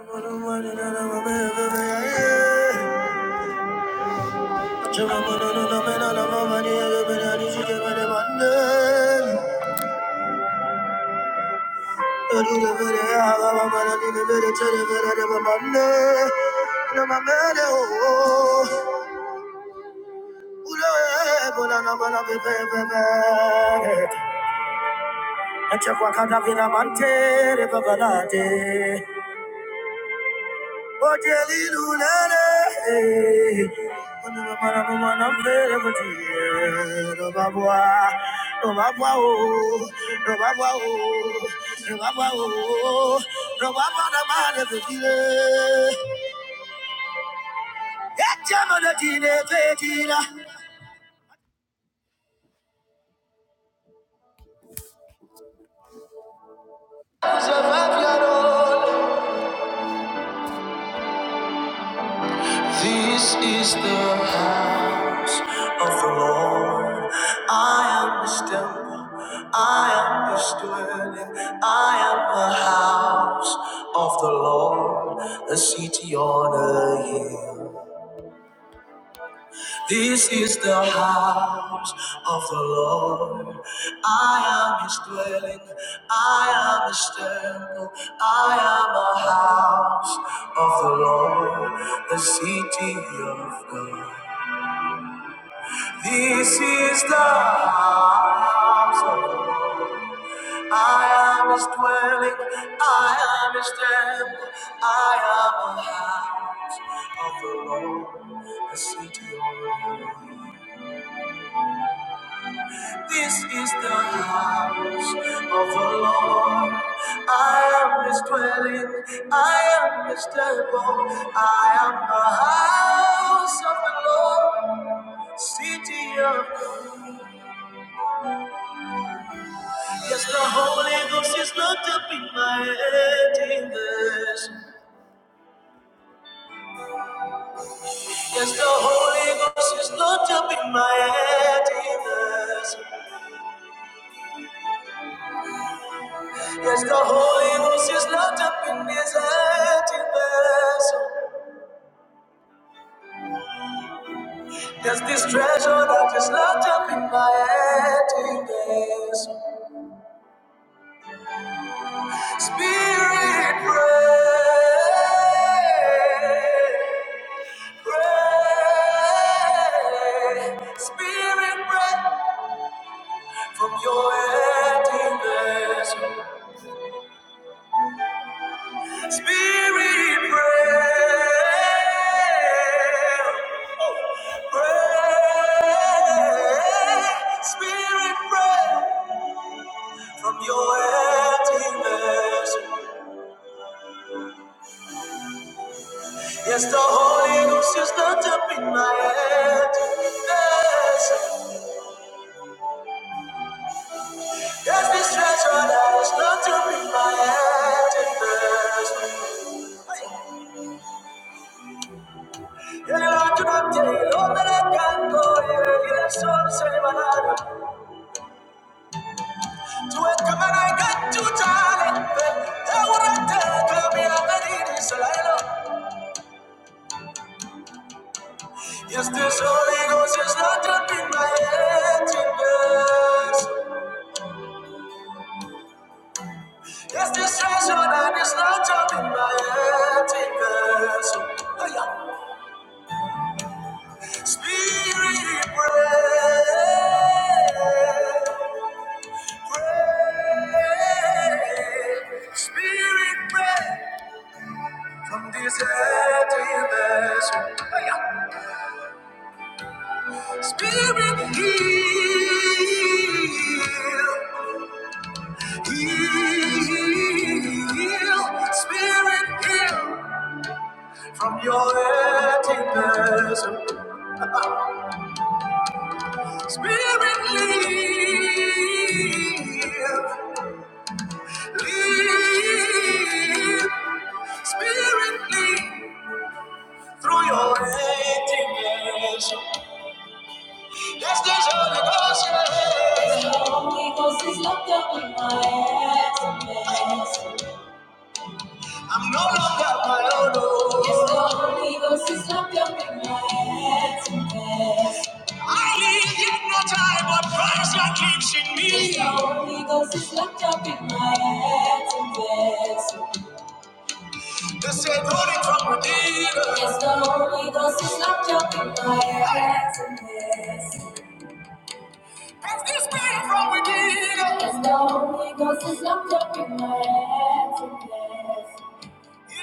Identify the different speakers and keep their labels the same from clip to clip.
Speaker 1: i cadavina mantere babalate Survive your own. This is the house of the Lord. I am his temple. I am his dwelling. I am the house of the Lord, the city on a hill. This is the house of the Lord. I am his dwelling. I am his temple. I am a house of the Lord, the city of God. This is the house of the Lord. I am his dwelling, I am his temple, I am the house of the Lord, the city of God. This is the house of the Lord. I am his dwelling, I am his temple, I am the house of the Lord, city of Yes, the Holy Ghost is locked up in my emptiness. Yes, the Holy Ghost is locked up in my emptiness. Yes, the Holy Ghost is locked up in this emptiness. There's this treasure that is locked up in my emptiness. Spirit, pray, pray. Spirit, pray. from your empty vessel. Spirit, pray, pray, Spirit, pray from your empty vessel. Yes, the Holy Ghost is not up in my empty vessel. Yes, this treasure that is not up in my empty vessel. Yeah, I cannot tell, oh, that I can go, yeah, yeah, so, so, Este sonido si es not up in my emptiness. Este session and it's not up in my emptiness. Oh, yeah. Spirit, pray, pray. Spirit, pray from this emptiness. Spirit, heal, heal, Spirit, heal from your emptiness. Spirit, lead, lead, Spirit, lead through your emptiness. Yes, there's Holy Ghost. yeah. Holy Ghost is locked up in my emptiness. I'm no longer my own. oh. Yes, the Holy Ghost is locked up in my head and hands. I live yet not I, but Christ that lives in me. Yes, the Holy Ghost is locked up in my head and hands. They said, holy from within. Yes, the Holy Ghost is locked up in my head and hands. Has this been from within? Yes, the Holy Ghost is locked up in my head and hands. Spirit,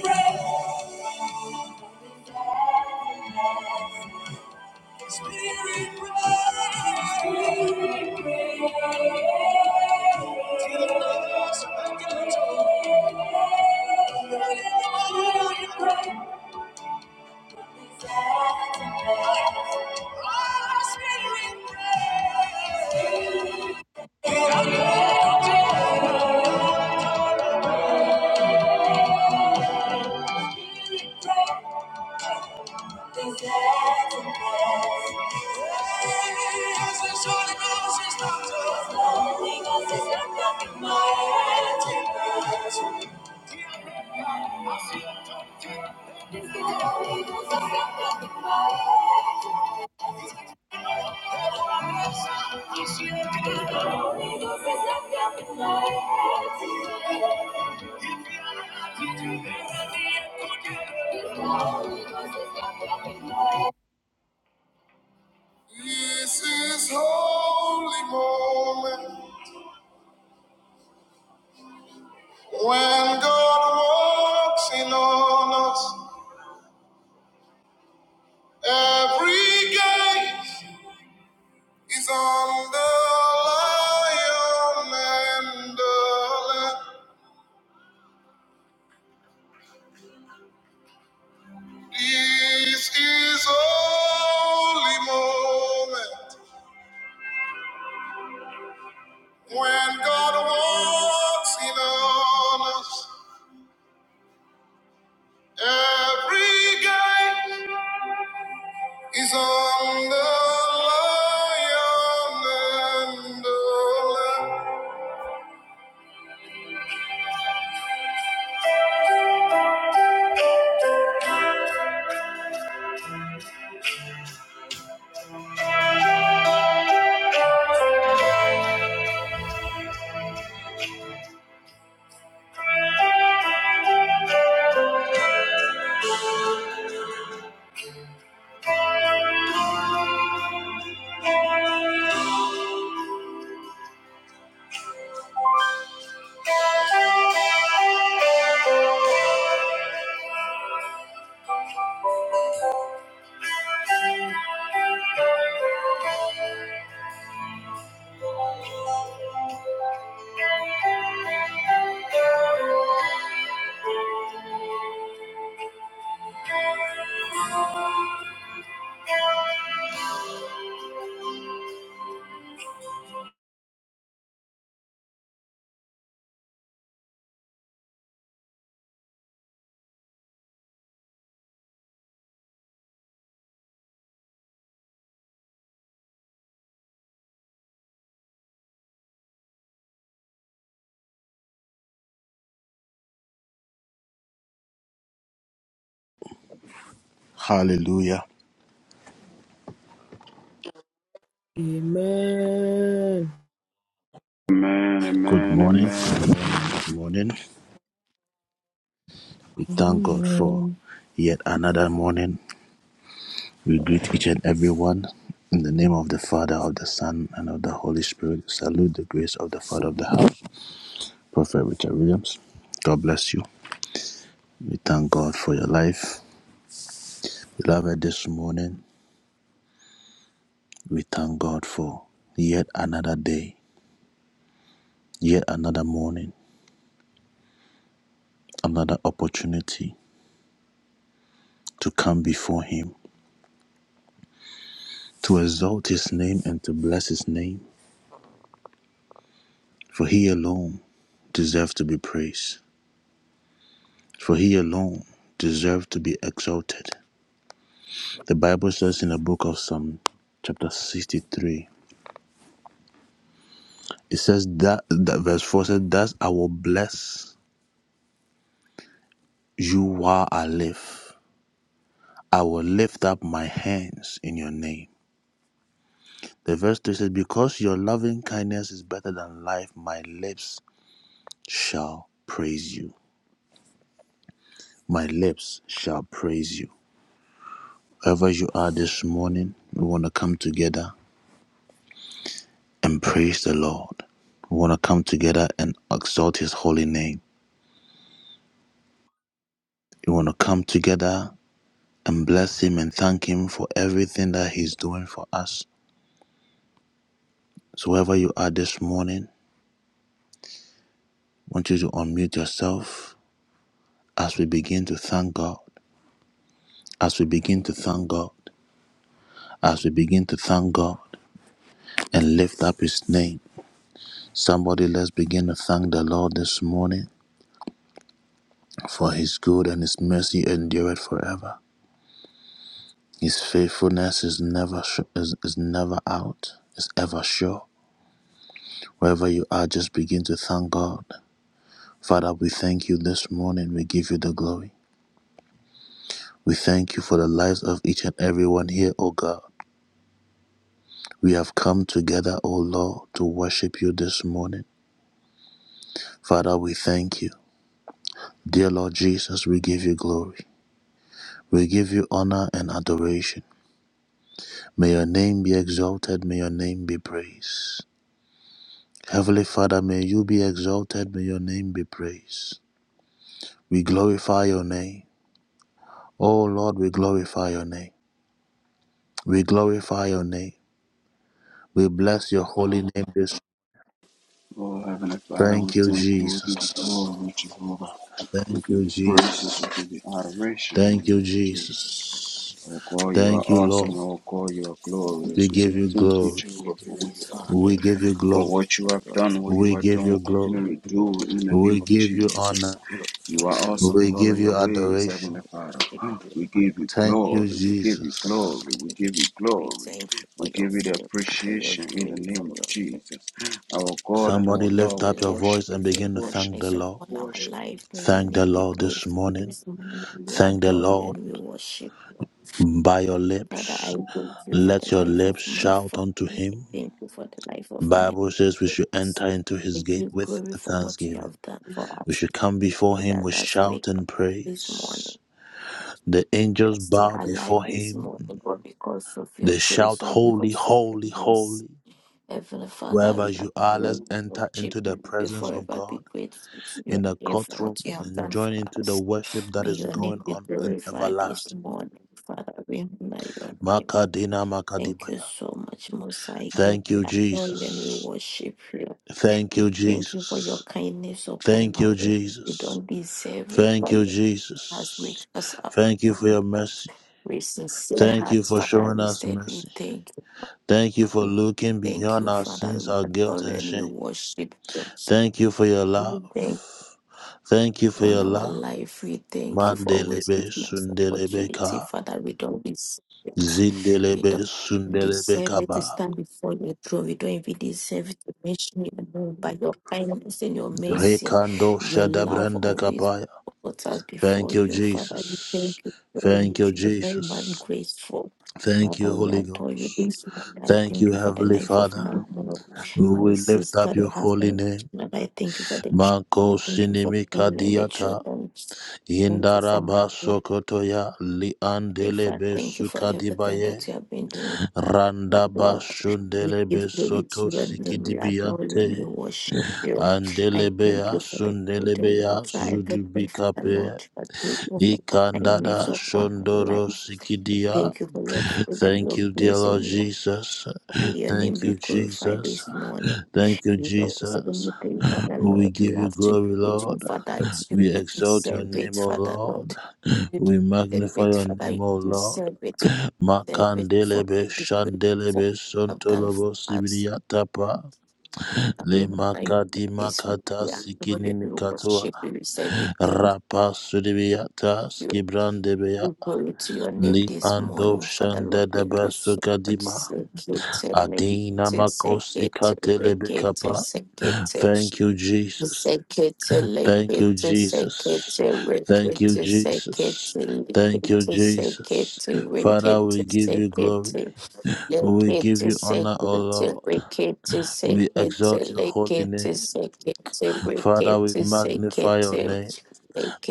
Speaker 1: pray, pray. pray, spirit, Spirit, Thank you. Amanda, This is holy moment when God walks in on us. Every guy is on the lion and the lamb. Hallelujah.
Speaker 2: Amen.
Speaker 3: Amen,
Speaker 1: Good
Speaker 3: amen,
Speaker 1: morning. Good
Speaker 3: amen.
Speaker 1: morning. Good morning. We thank God for
Speaker 4: Amen.
Speaker 1: yet another morning. We greet each and every one in the name of the Father, of the Son, and of the Holy Spirit. salute the grace of the Father of the house, Prophet Richard Williams. God bless you. We thank God for your life. Beloved, this morning, we thank God for yet another day, yet another morning, another opportunity to come before Him, to exalt His name and to bless His name, for He alone deserves to be praised. for he alone deserved to be exalted. The Bible says in the book of Psalm chapter 63, it says that, that verse 4 says, Thus I will bless you while I live. I will lift up my hands in your name. The verse 3 says, Because your loving kindness is better than life, my lips shall praise you. My lips shall praise you. Wherever you are this morning, we want to come together and praise the Lord. We want to come together and exalt His holy name. We want to come together and bless Him and thank Him for everything that He's doing for us. So, wherever you are this morning, I want you to unmute yourself as we begin to thank God, as we begin to thank God, as we begin to thank God and lift up His name. Somebody, let's begin to thank the Lord this morning for His good and His mercy endureth forever. His faithfulness is never sh- is, is never out. It's ever sure. Wherever you are, just begin to thank God. Father, we thank you this morning. We give you the glory. We thank you for the lives of each and every one here, O God. We have come together, O Lord, to worship you this morning. Father, we thank you. Dear Lord Jesus, we give you glory. We give you honor and adoration. May your name be exalted. May your name be praised. Heavenly Father, may you be exalted, may your name be praised. We glorify your name. Oh Lord, we glorify your name. We glorify your name. We bless your holy name this.
Speaker 3: Oh, Heavenly Father, we
Speaker 1: Thank you,
Speaker 3: thank you. We give you
Speaker 1: Jesus.
Speaker 3: glory, Jehovah. We
Speaker 1: Thank
Speaker 3: give
Speaker 1: you,
Speaker 3: you praises. We
Speaker 1: Jesus.
Speaker 3: give you adoration in the
Speaker 1: Thank you,
Speaker 3: name of Jesus.
Speaker 1: Jesus.
Speaker 5: Thank
Speaker 3: Oh God, you are
Speaker 1: Thank you, Lord.
Speaker 3: awesome. Oh God, you are
Speaker 5: you
Speaker 1: We
Speaker 3: glorious. We
Speaker 5: for
Speaker 3: say
Speaker 1: give
Speaker 5: your
Speaker 1: you
Speaker 3: thank you,
Speaker 1: glory.
Speaker 5: mercy. We
Speaker 3: Jehovah, for who
Speaker 5: bless
Speaker 3: you are.
Speaker 5: your
Speaker 1: We
Speaker 5: name,
Speaker 1: give
Speaker 5: Father.
Speaker 1: you
Speaker 3: For
Speaker 1: glory.
Speaker 5: And
Speaker 3: what you have
Speaker 5: Lord,
Speaker 3: done,
Speaker 5: I
Speaker 3: what you
Speaker 1: We
Speaker 3: are
Speaker 1: give
Speaker 3: doing, will
Speaker 1: you glory.
Speaker 3: continually do in the name
Speaker 1: We
Speaker 3: of
Speaker 1: give you
Speaker 3: Jesus.
Speaker 1: honor.
Speaker 3: You are
Speaker 5: glorify this
Speaker 3: awesome
Speaker 1: We
Speaker 3: in all
Speaker 1: give
Speaker 3: of your
Speaker 1: you
Speaker 5: morning
Speaker 3: ways,
Speaker 5: for the
Speaker 1: adoration.
Speaker 3: Heavenly Father.
Speaker 5: worship in the
Speaker 3: We
Speaker 5: hand
Speaker 3: give
Speaker 5: of
Speaker 3: you
Speaker 1: Thank
Speaker 5: the
Speaker 1: you,
Speaker 5: name,
Speaker 3: glory, we give you
Speaker 5: for your
Speaker 1: Jesus.
Speaker 3: glory, we
Speaker 5: kindness.
Speaker 3: give you
Speaker 5: We
Speaker 3: glory.
Speaker 5: thank you for
Speaker 3: We
Speaker 5: your
Speaker 3: give you the
Speaker 5: favor, for your
Speaker 3: appreciation in the
Speaker 5: grace, for
Speaker 3: name of
Speaker 5: your
Speaker 3: Jesus.
Speaker 5: mercy.
Speaker 3: Our God and our
Speaker 1: Somebody
Speaker 5: We
Speaker 3: Lord,
Speaker 1: lift
Speaker 3: we
Speaker 1: up your
Speaker 5: really
Speaker 3: worship
Speaker 1: voice and
Speaker 3: you, we
Speaker 5: appreciate
Speaker 1: begin to
Speaker 5: and
Speaker 3: worship
Speaker 1: thank the
Speaker 3: you,
Speaker 5: nation
Speaker 1: Lord.
Speaker 3: we
Speaker 5: on our
Speaker 3: worship you.
Speaker 5: life. May your
Speaker 1: Thank the
Speaker 5: name be
Speaker 1: Lord this
Speaker 5: glorified
Speaker 1: morning.
Speaker 5: this morning. We
Speaker 1: Thank the
Speaker 5: adore you
Speaker 1: Lord
Speaker 5: and we worship you.
Speaker 1: by your
Speaker 5: Father,
Speaker 1: lips.
Speaker 5: I thank you for
Speaker 1: Let
Speaker 5: the
Speaker 1: your
Speaker 5: life of
Speaker 1: lips
Speaker 5: my
Speaker 1: shout unto
Speaker 5: family. I
Speaker 1: him.
Speaker 5: thank you for the life of my
Speaker 1: Bible says we should
Speaker 5: friends.
Speaker 1: enter into his
Speaker 5: I
Speaker 1: gate
Speaker 5: give
Speaker 1: with
Speaker 5: glory for what you
Speaker 1: thanksgiving.
Speaker 5: have done for
Speaker 1: We
Speaker 5: us.
Speaker 1: should come before him
Speaker 5: That
Speaker 1: with
Speaker 5: us
Speaker 1: shout
Speaker 5: wake up
Speaker 1: and
Speaker 5: this
Speaker 1: praise.
Speaker 5: morning.
Speaker 1: The
Speaker 5: We are
Speaker 1: angels
Speaker 5: still
Speaker 1: bow
Speaker 5: alive
Speaker 1: before
Speaker 5: this
Speaker 1: him.
Speaker 5: morning, but because of your
Speaker 1: They shout,
Speaker 5: grace, or
Speaker 1: Holy,
Speaker 5: because of
Speaker 1: holy,
Speaker 5: your grace,
Speaker 1: holy.
Speaker 5: Heavenly Father,
Speaker 1: Wherever
Speaker 5: we are
Speaker 1: you are,
Speaker 5: forever
Speaker 1: let's enter
Speaker 5: worship
Speaker 1: into the
Speaker 5: you. We
Speaker 1: presence of
Speaker 5: forever be
Speaker 1: God.
Speaker 5: grateful to your
Speaker 1: in the
Speaker 5: name for
Speaker 1: courtroom
Speaker 5: what you have
Speaker 1: and
Speaker 5: done
Speaker 1: join
Speaker 5: for
Speaker 1: into the
Speaker 5: us.
Speaker 1: worship that
Speaker 5: May
Speaker 1: is
Speaker 5: your
Speaker 1: going
Speaker 5: name be
Speaker 1: on in
Speaker 5: glorified this
Speaker 1: everlasting.
Speaker 5: morning, Father. We honor your name.
Speaker 1: Makadina
Speaker 5: Thank you
Speaker 1: Makadibaya.
Speaker 5: so much, Most High God.
Speaker 1: Thank
Speaker 5: We
Speaker 1: you,
Speaker 5: adore you and we
Speaker 1: Jesus.
Speaker 5: worship you.
Speaker 1: Thank you,
Speaker 5: Thank you for your
Speaker 1: Jesus.
Speaker 5: kindness upon
Speaker 1: Thank
Speaker 5: our
Speaker 1: you,
Speaker 5: life. We
Speaker 1: Jesus.
Speaker 5: don't deserve it,
Speaker 1: Thank
Speaker 5: but
Speaker 1: you,
Speaker 5: your grace has made
Speaker 1: Jesus.
Speaker 5: us up.
Speaker 1: Thank you for your mercy.
Speaker 5: With sincere
Speaker 1: Thank you
Speaker 5: hearts,
Speaker 1: for
Speaker 5: Father,
Speaker 1: showing
Speaker 5: we
Speaker 1: us
Speaker 5: said we
Speaker 1: mercy.
Speaker 5: thank you.
Speaker 1: Thank you for
Speaker 5: We
Speaker 1: looking
Speaker 5: Thank
Speaker 1: beyond
Speaker 5: you,
Speaker 1: our
Speaker 5: Father.
Speaker 1: sins,
Speaker 5: We
Speaker 1: our guilt,
Speaker 5: adore you
Speaker 1: and
Speaker 5: and we
Speaker 1: shame.
Speaker 5: worship
Speaker 1: Thank you for your love.
Speaker 5: you.
Speaker 1: Thank you for
Speaker 5: upon
Speaker 1: your
Speaker 5: our
Speaker 1: love.
Speaker 5: life. We thank you for always
Speaker 1: Mandelebe
Speaker 5: giving us
Speaker 1: Sundelebe
Speaker 5: opportunity,
Speaker 1: Ka.
Speaker 5: Father. We don't deserve it. We
Speaker 1: Zindelebe
Speaker 5: don't
Speaker 1: Sundelebe
Speaker 5: deserve it to
Speaker 1: Kaba.
Speaker 5: stand before your throne. We don't even deserve to mention your name by your kindness and your mercy.
Speaker 1: Rekando
Speaker 5: Your love
Speaker 1: Shadabranda
Speaker 5: always
Speaker 1: Kapaya.
Speaker 5: puts us before
Speaker 1: Thank you,
Speaker 5: you, Father. We
Speaker 1: Jesus.
Speaker 5: thank you very
Speaker 1: Thank
Speaker 5: much.
Speaker 1: you,
Speaker 5: You are very man
Speaker 1: Jesus.
Speaker 5: graceful.
Speaker 1: Thank
Speaker 5: Father,
Speaker 1: you,
Speaker 5: we
Speaker 1: Holy
Speaker 5: adore you
Speaker 1: Ghost.
Speaker 5: this morning. I
Speaker 1: Thank you,
Speaker 5: thank you for the
Speaker 1: Heavenly
Speaker 5: life of
Speaker 1: Father.
Speaker 5: my mom, my
Speaker 1: We lift
Speaker 5: sister,
Speaker 1: up
Speaker 5: the
Speaker 1: your holy
Speaker 5: husband,
Speaker 1: name.
Speaker 5: and I thank you for the
Speaker 1: Mako
Speaker 5: Thank you for
Speaker 1: sinimika
Speaker 5: being in the
Speaker 1: diata.
Speaker 5: children. Thank you for my
Speaker 1: Indaraba
Speaker 5: life.
Speaker 1: sokotoya.
Speaker 5: I
Speaker 1: Liandelebe
Speaker 5: thank you for everything that
Speaker 1: sukadibaye.
Speaker 5: you have been doing, my
Speaker 1: Randaba
Speaker 5: Lord. We give
Speaker 1: shundelebe
Speaker 5: glory
Speaker 1: soto
Speaker 5: to your name. We adore you and we
Speaker 1: sikidibiante.
Speaker 5: worship you. I thank
Speaker 1: Andelebea
Speaker 5: you for the food, and
Speaker 1: sundelebea
Speaker 5: water, everything for the
Speaker 1: zudubikape.
Speaker 5: Lord. I grateful for your kindness
Speaker 1: Ikandada
Speaker 5: upon our
Speaker 1: Shondoro
Speaker 5: life.
Speaker 1: Sikidia.
Speaker 5: Thank you for your freedom,
Speaker 1: Thank
Speaker 5: your
Speaker 1: you, dear
Speaker 5: grace,
Speaker 1: Lord
Speaker 5: and your
Speaker 1: Jesus.
Speaker 5: May your name
Speaker 1: Thank
Speaker 5: be
Speaker 1: you,
Speaker 5: glorified
Speaker 1: Jesus.
Speaker 5: this morning.
Speaker 1: Thank you,
Speaker 5: You know, so when
Speaker 1: Jesus.
Speaker 5: we pray, Father
Speaker 1: We
Speaker 5: Lord, we
Speaker 1: give you
Speaker 5: have to
Speaker 1: glory,
Speaker 5: praise you,
Speaker 1: Lord.
Speaker 5: Father. It's you
Speaker 1: We
Speaker 5: who
Speaker 1: exalt your
Speaker 5: deserve it,
Speaker 1: name, O
Speaker 5: Father
Speaker 1: Lord.
Speaker 5: Lord. You
Speaker 1: We
Speaker 5: deserve
Speaker 1: magnify
Speaker 5: it,
Speaker 1: your
Speaker 5: Father. You
Speaker 1: name, O Lord.
Speaker 5: deserve it. You deserve it for
Speaker 1: Makandelebe
Speaker 5: be grateful for what
Speaker 1: Shandelebe
Speaker 5: you have done for
Speaker 1: Sontolobo
Speaker 5: us.
Speaker 1: Sibiliatapa.
Speaker 5: That we
Speaker 1: Le
Speaker 5: honor you
Speaker 1: Makadi
Speaker 5: this morning.
Speaker 1: Makata
Speaker 5: We adore
Speaker 1: Sikini
Speaker 5: you and we
Speaker 1: Mikatua.
Speaker 5: worship you. We say we thank
Speaker 1: Rapa Sudibiata
Speaker 5: you.
Speaker 1: Skibrandebeya.
Speaker 5: We glory to your name
Speaker 1: Li
Speaker 5: this
Speaker 1: ando
Speaker 5: morning, Father
Speaker 1: shanda
Speaker 5: Lord. Thank
Speaker 1: shandadaba
Speaker 5: you so much.
Speaker 1: sukadima.
Speaker 5: Sekete
Speaker 1: Adina
Speaker 5: lekete
Speaker 1: makosi
Speaker 5: sekete rekete
Speaker 1: katelebekapa.
Speaker 5: sekete
Speaker 1: Thank you, Jesus.
Speaker 5: sekete
Speaker 1: Thank you,
Speaker 5: lekete
Speaker 1: Jesus.
Speaker 5: sekete
Speaker 1: Thank you,
Speaker 5: rekete
Speaker 1: Jesus.
Speaker 5: sekete
Speaker 1: Thank you,
Speaker 5: lekete
Speaker 1: Jesus.
Speaker 5: sekete
Speaker 1: Father, we
Speaker 5: rekete
Speaker 1: give you
Speaker 5: sekete
Speaker 1: glory. We give
Speaker 5: Lekete
Speaker 1: you honor, O
Speaker 5: sekete
Speaker 1: Lord.
Speaker 5: rekete
Speaker 1: We
Speaker 5: sekete
Speaker 1: exalt your holy
Speaker 5: lekete
Speaker 1: name.
Speaker 5: sekete
Speaker 1: Father, we
Speaker 5: rekete
Speaker 1: magnify your
Speaker 5: sekete
Speaker 1: name.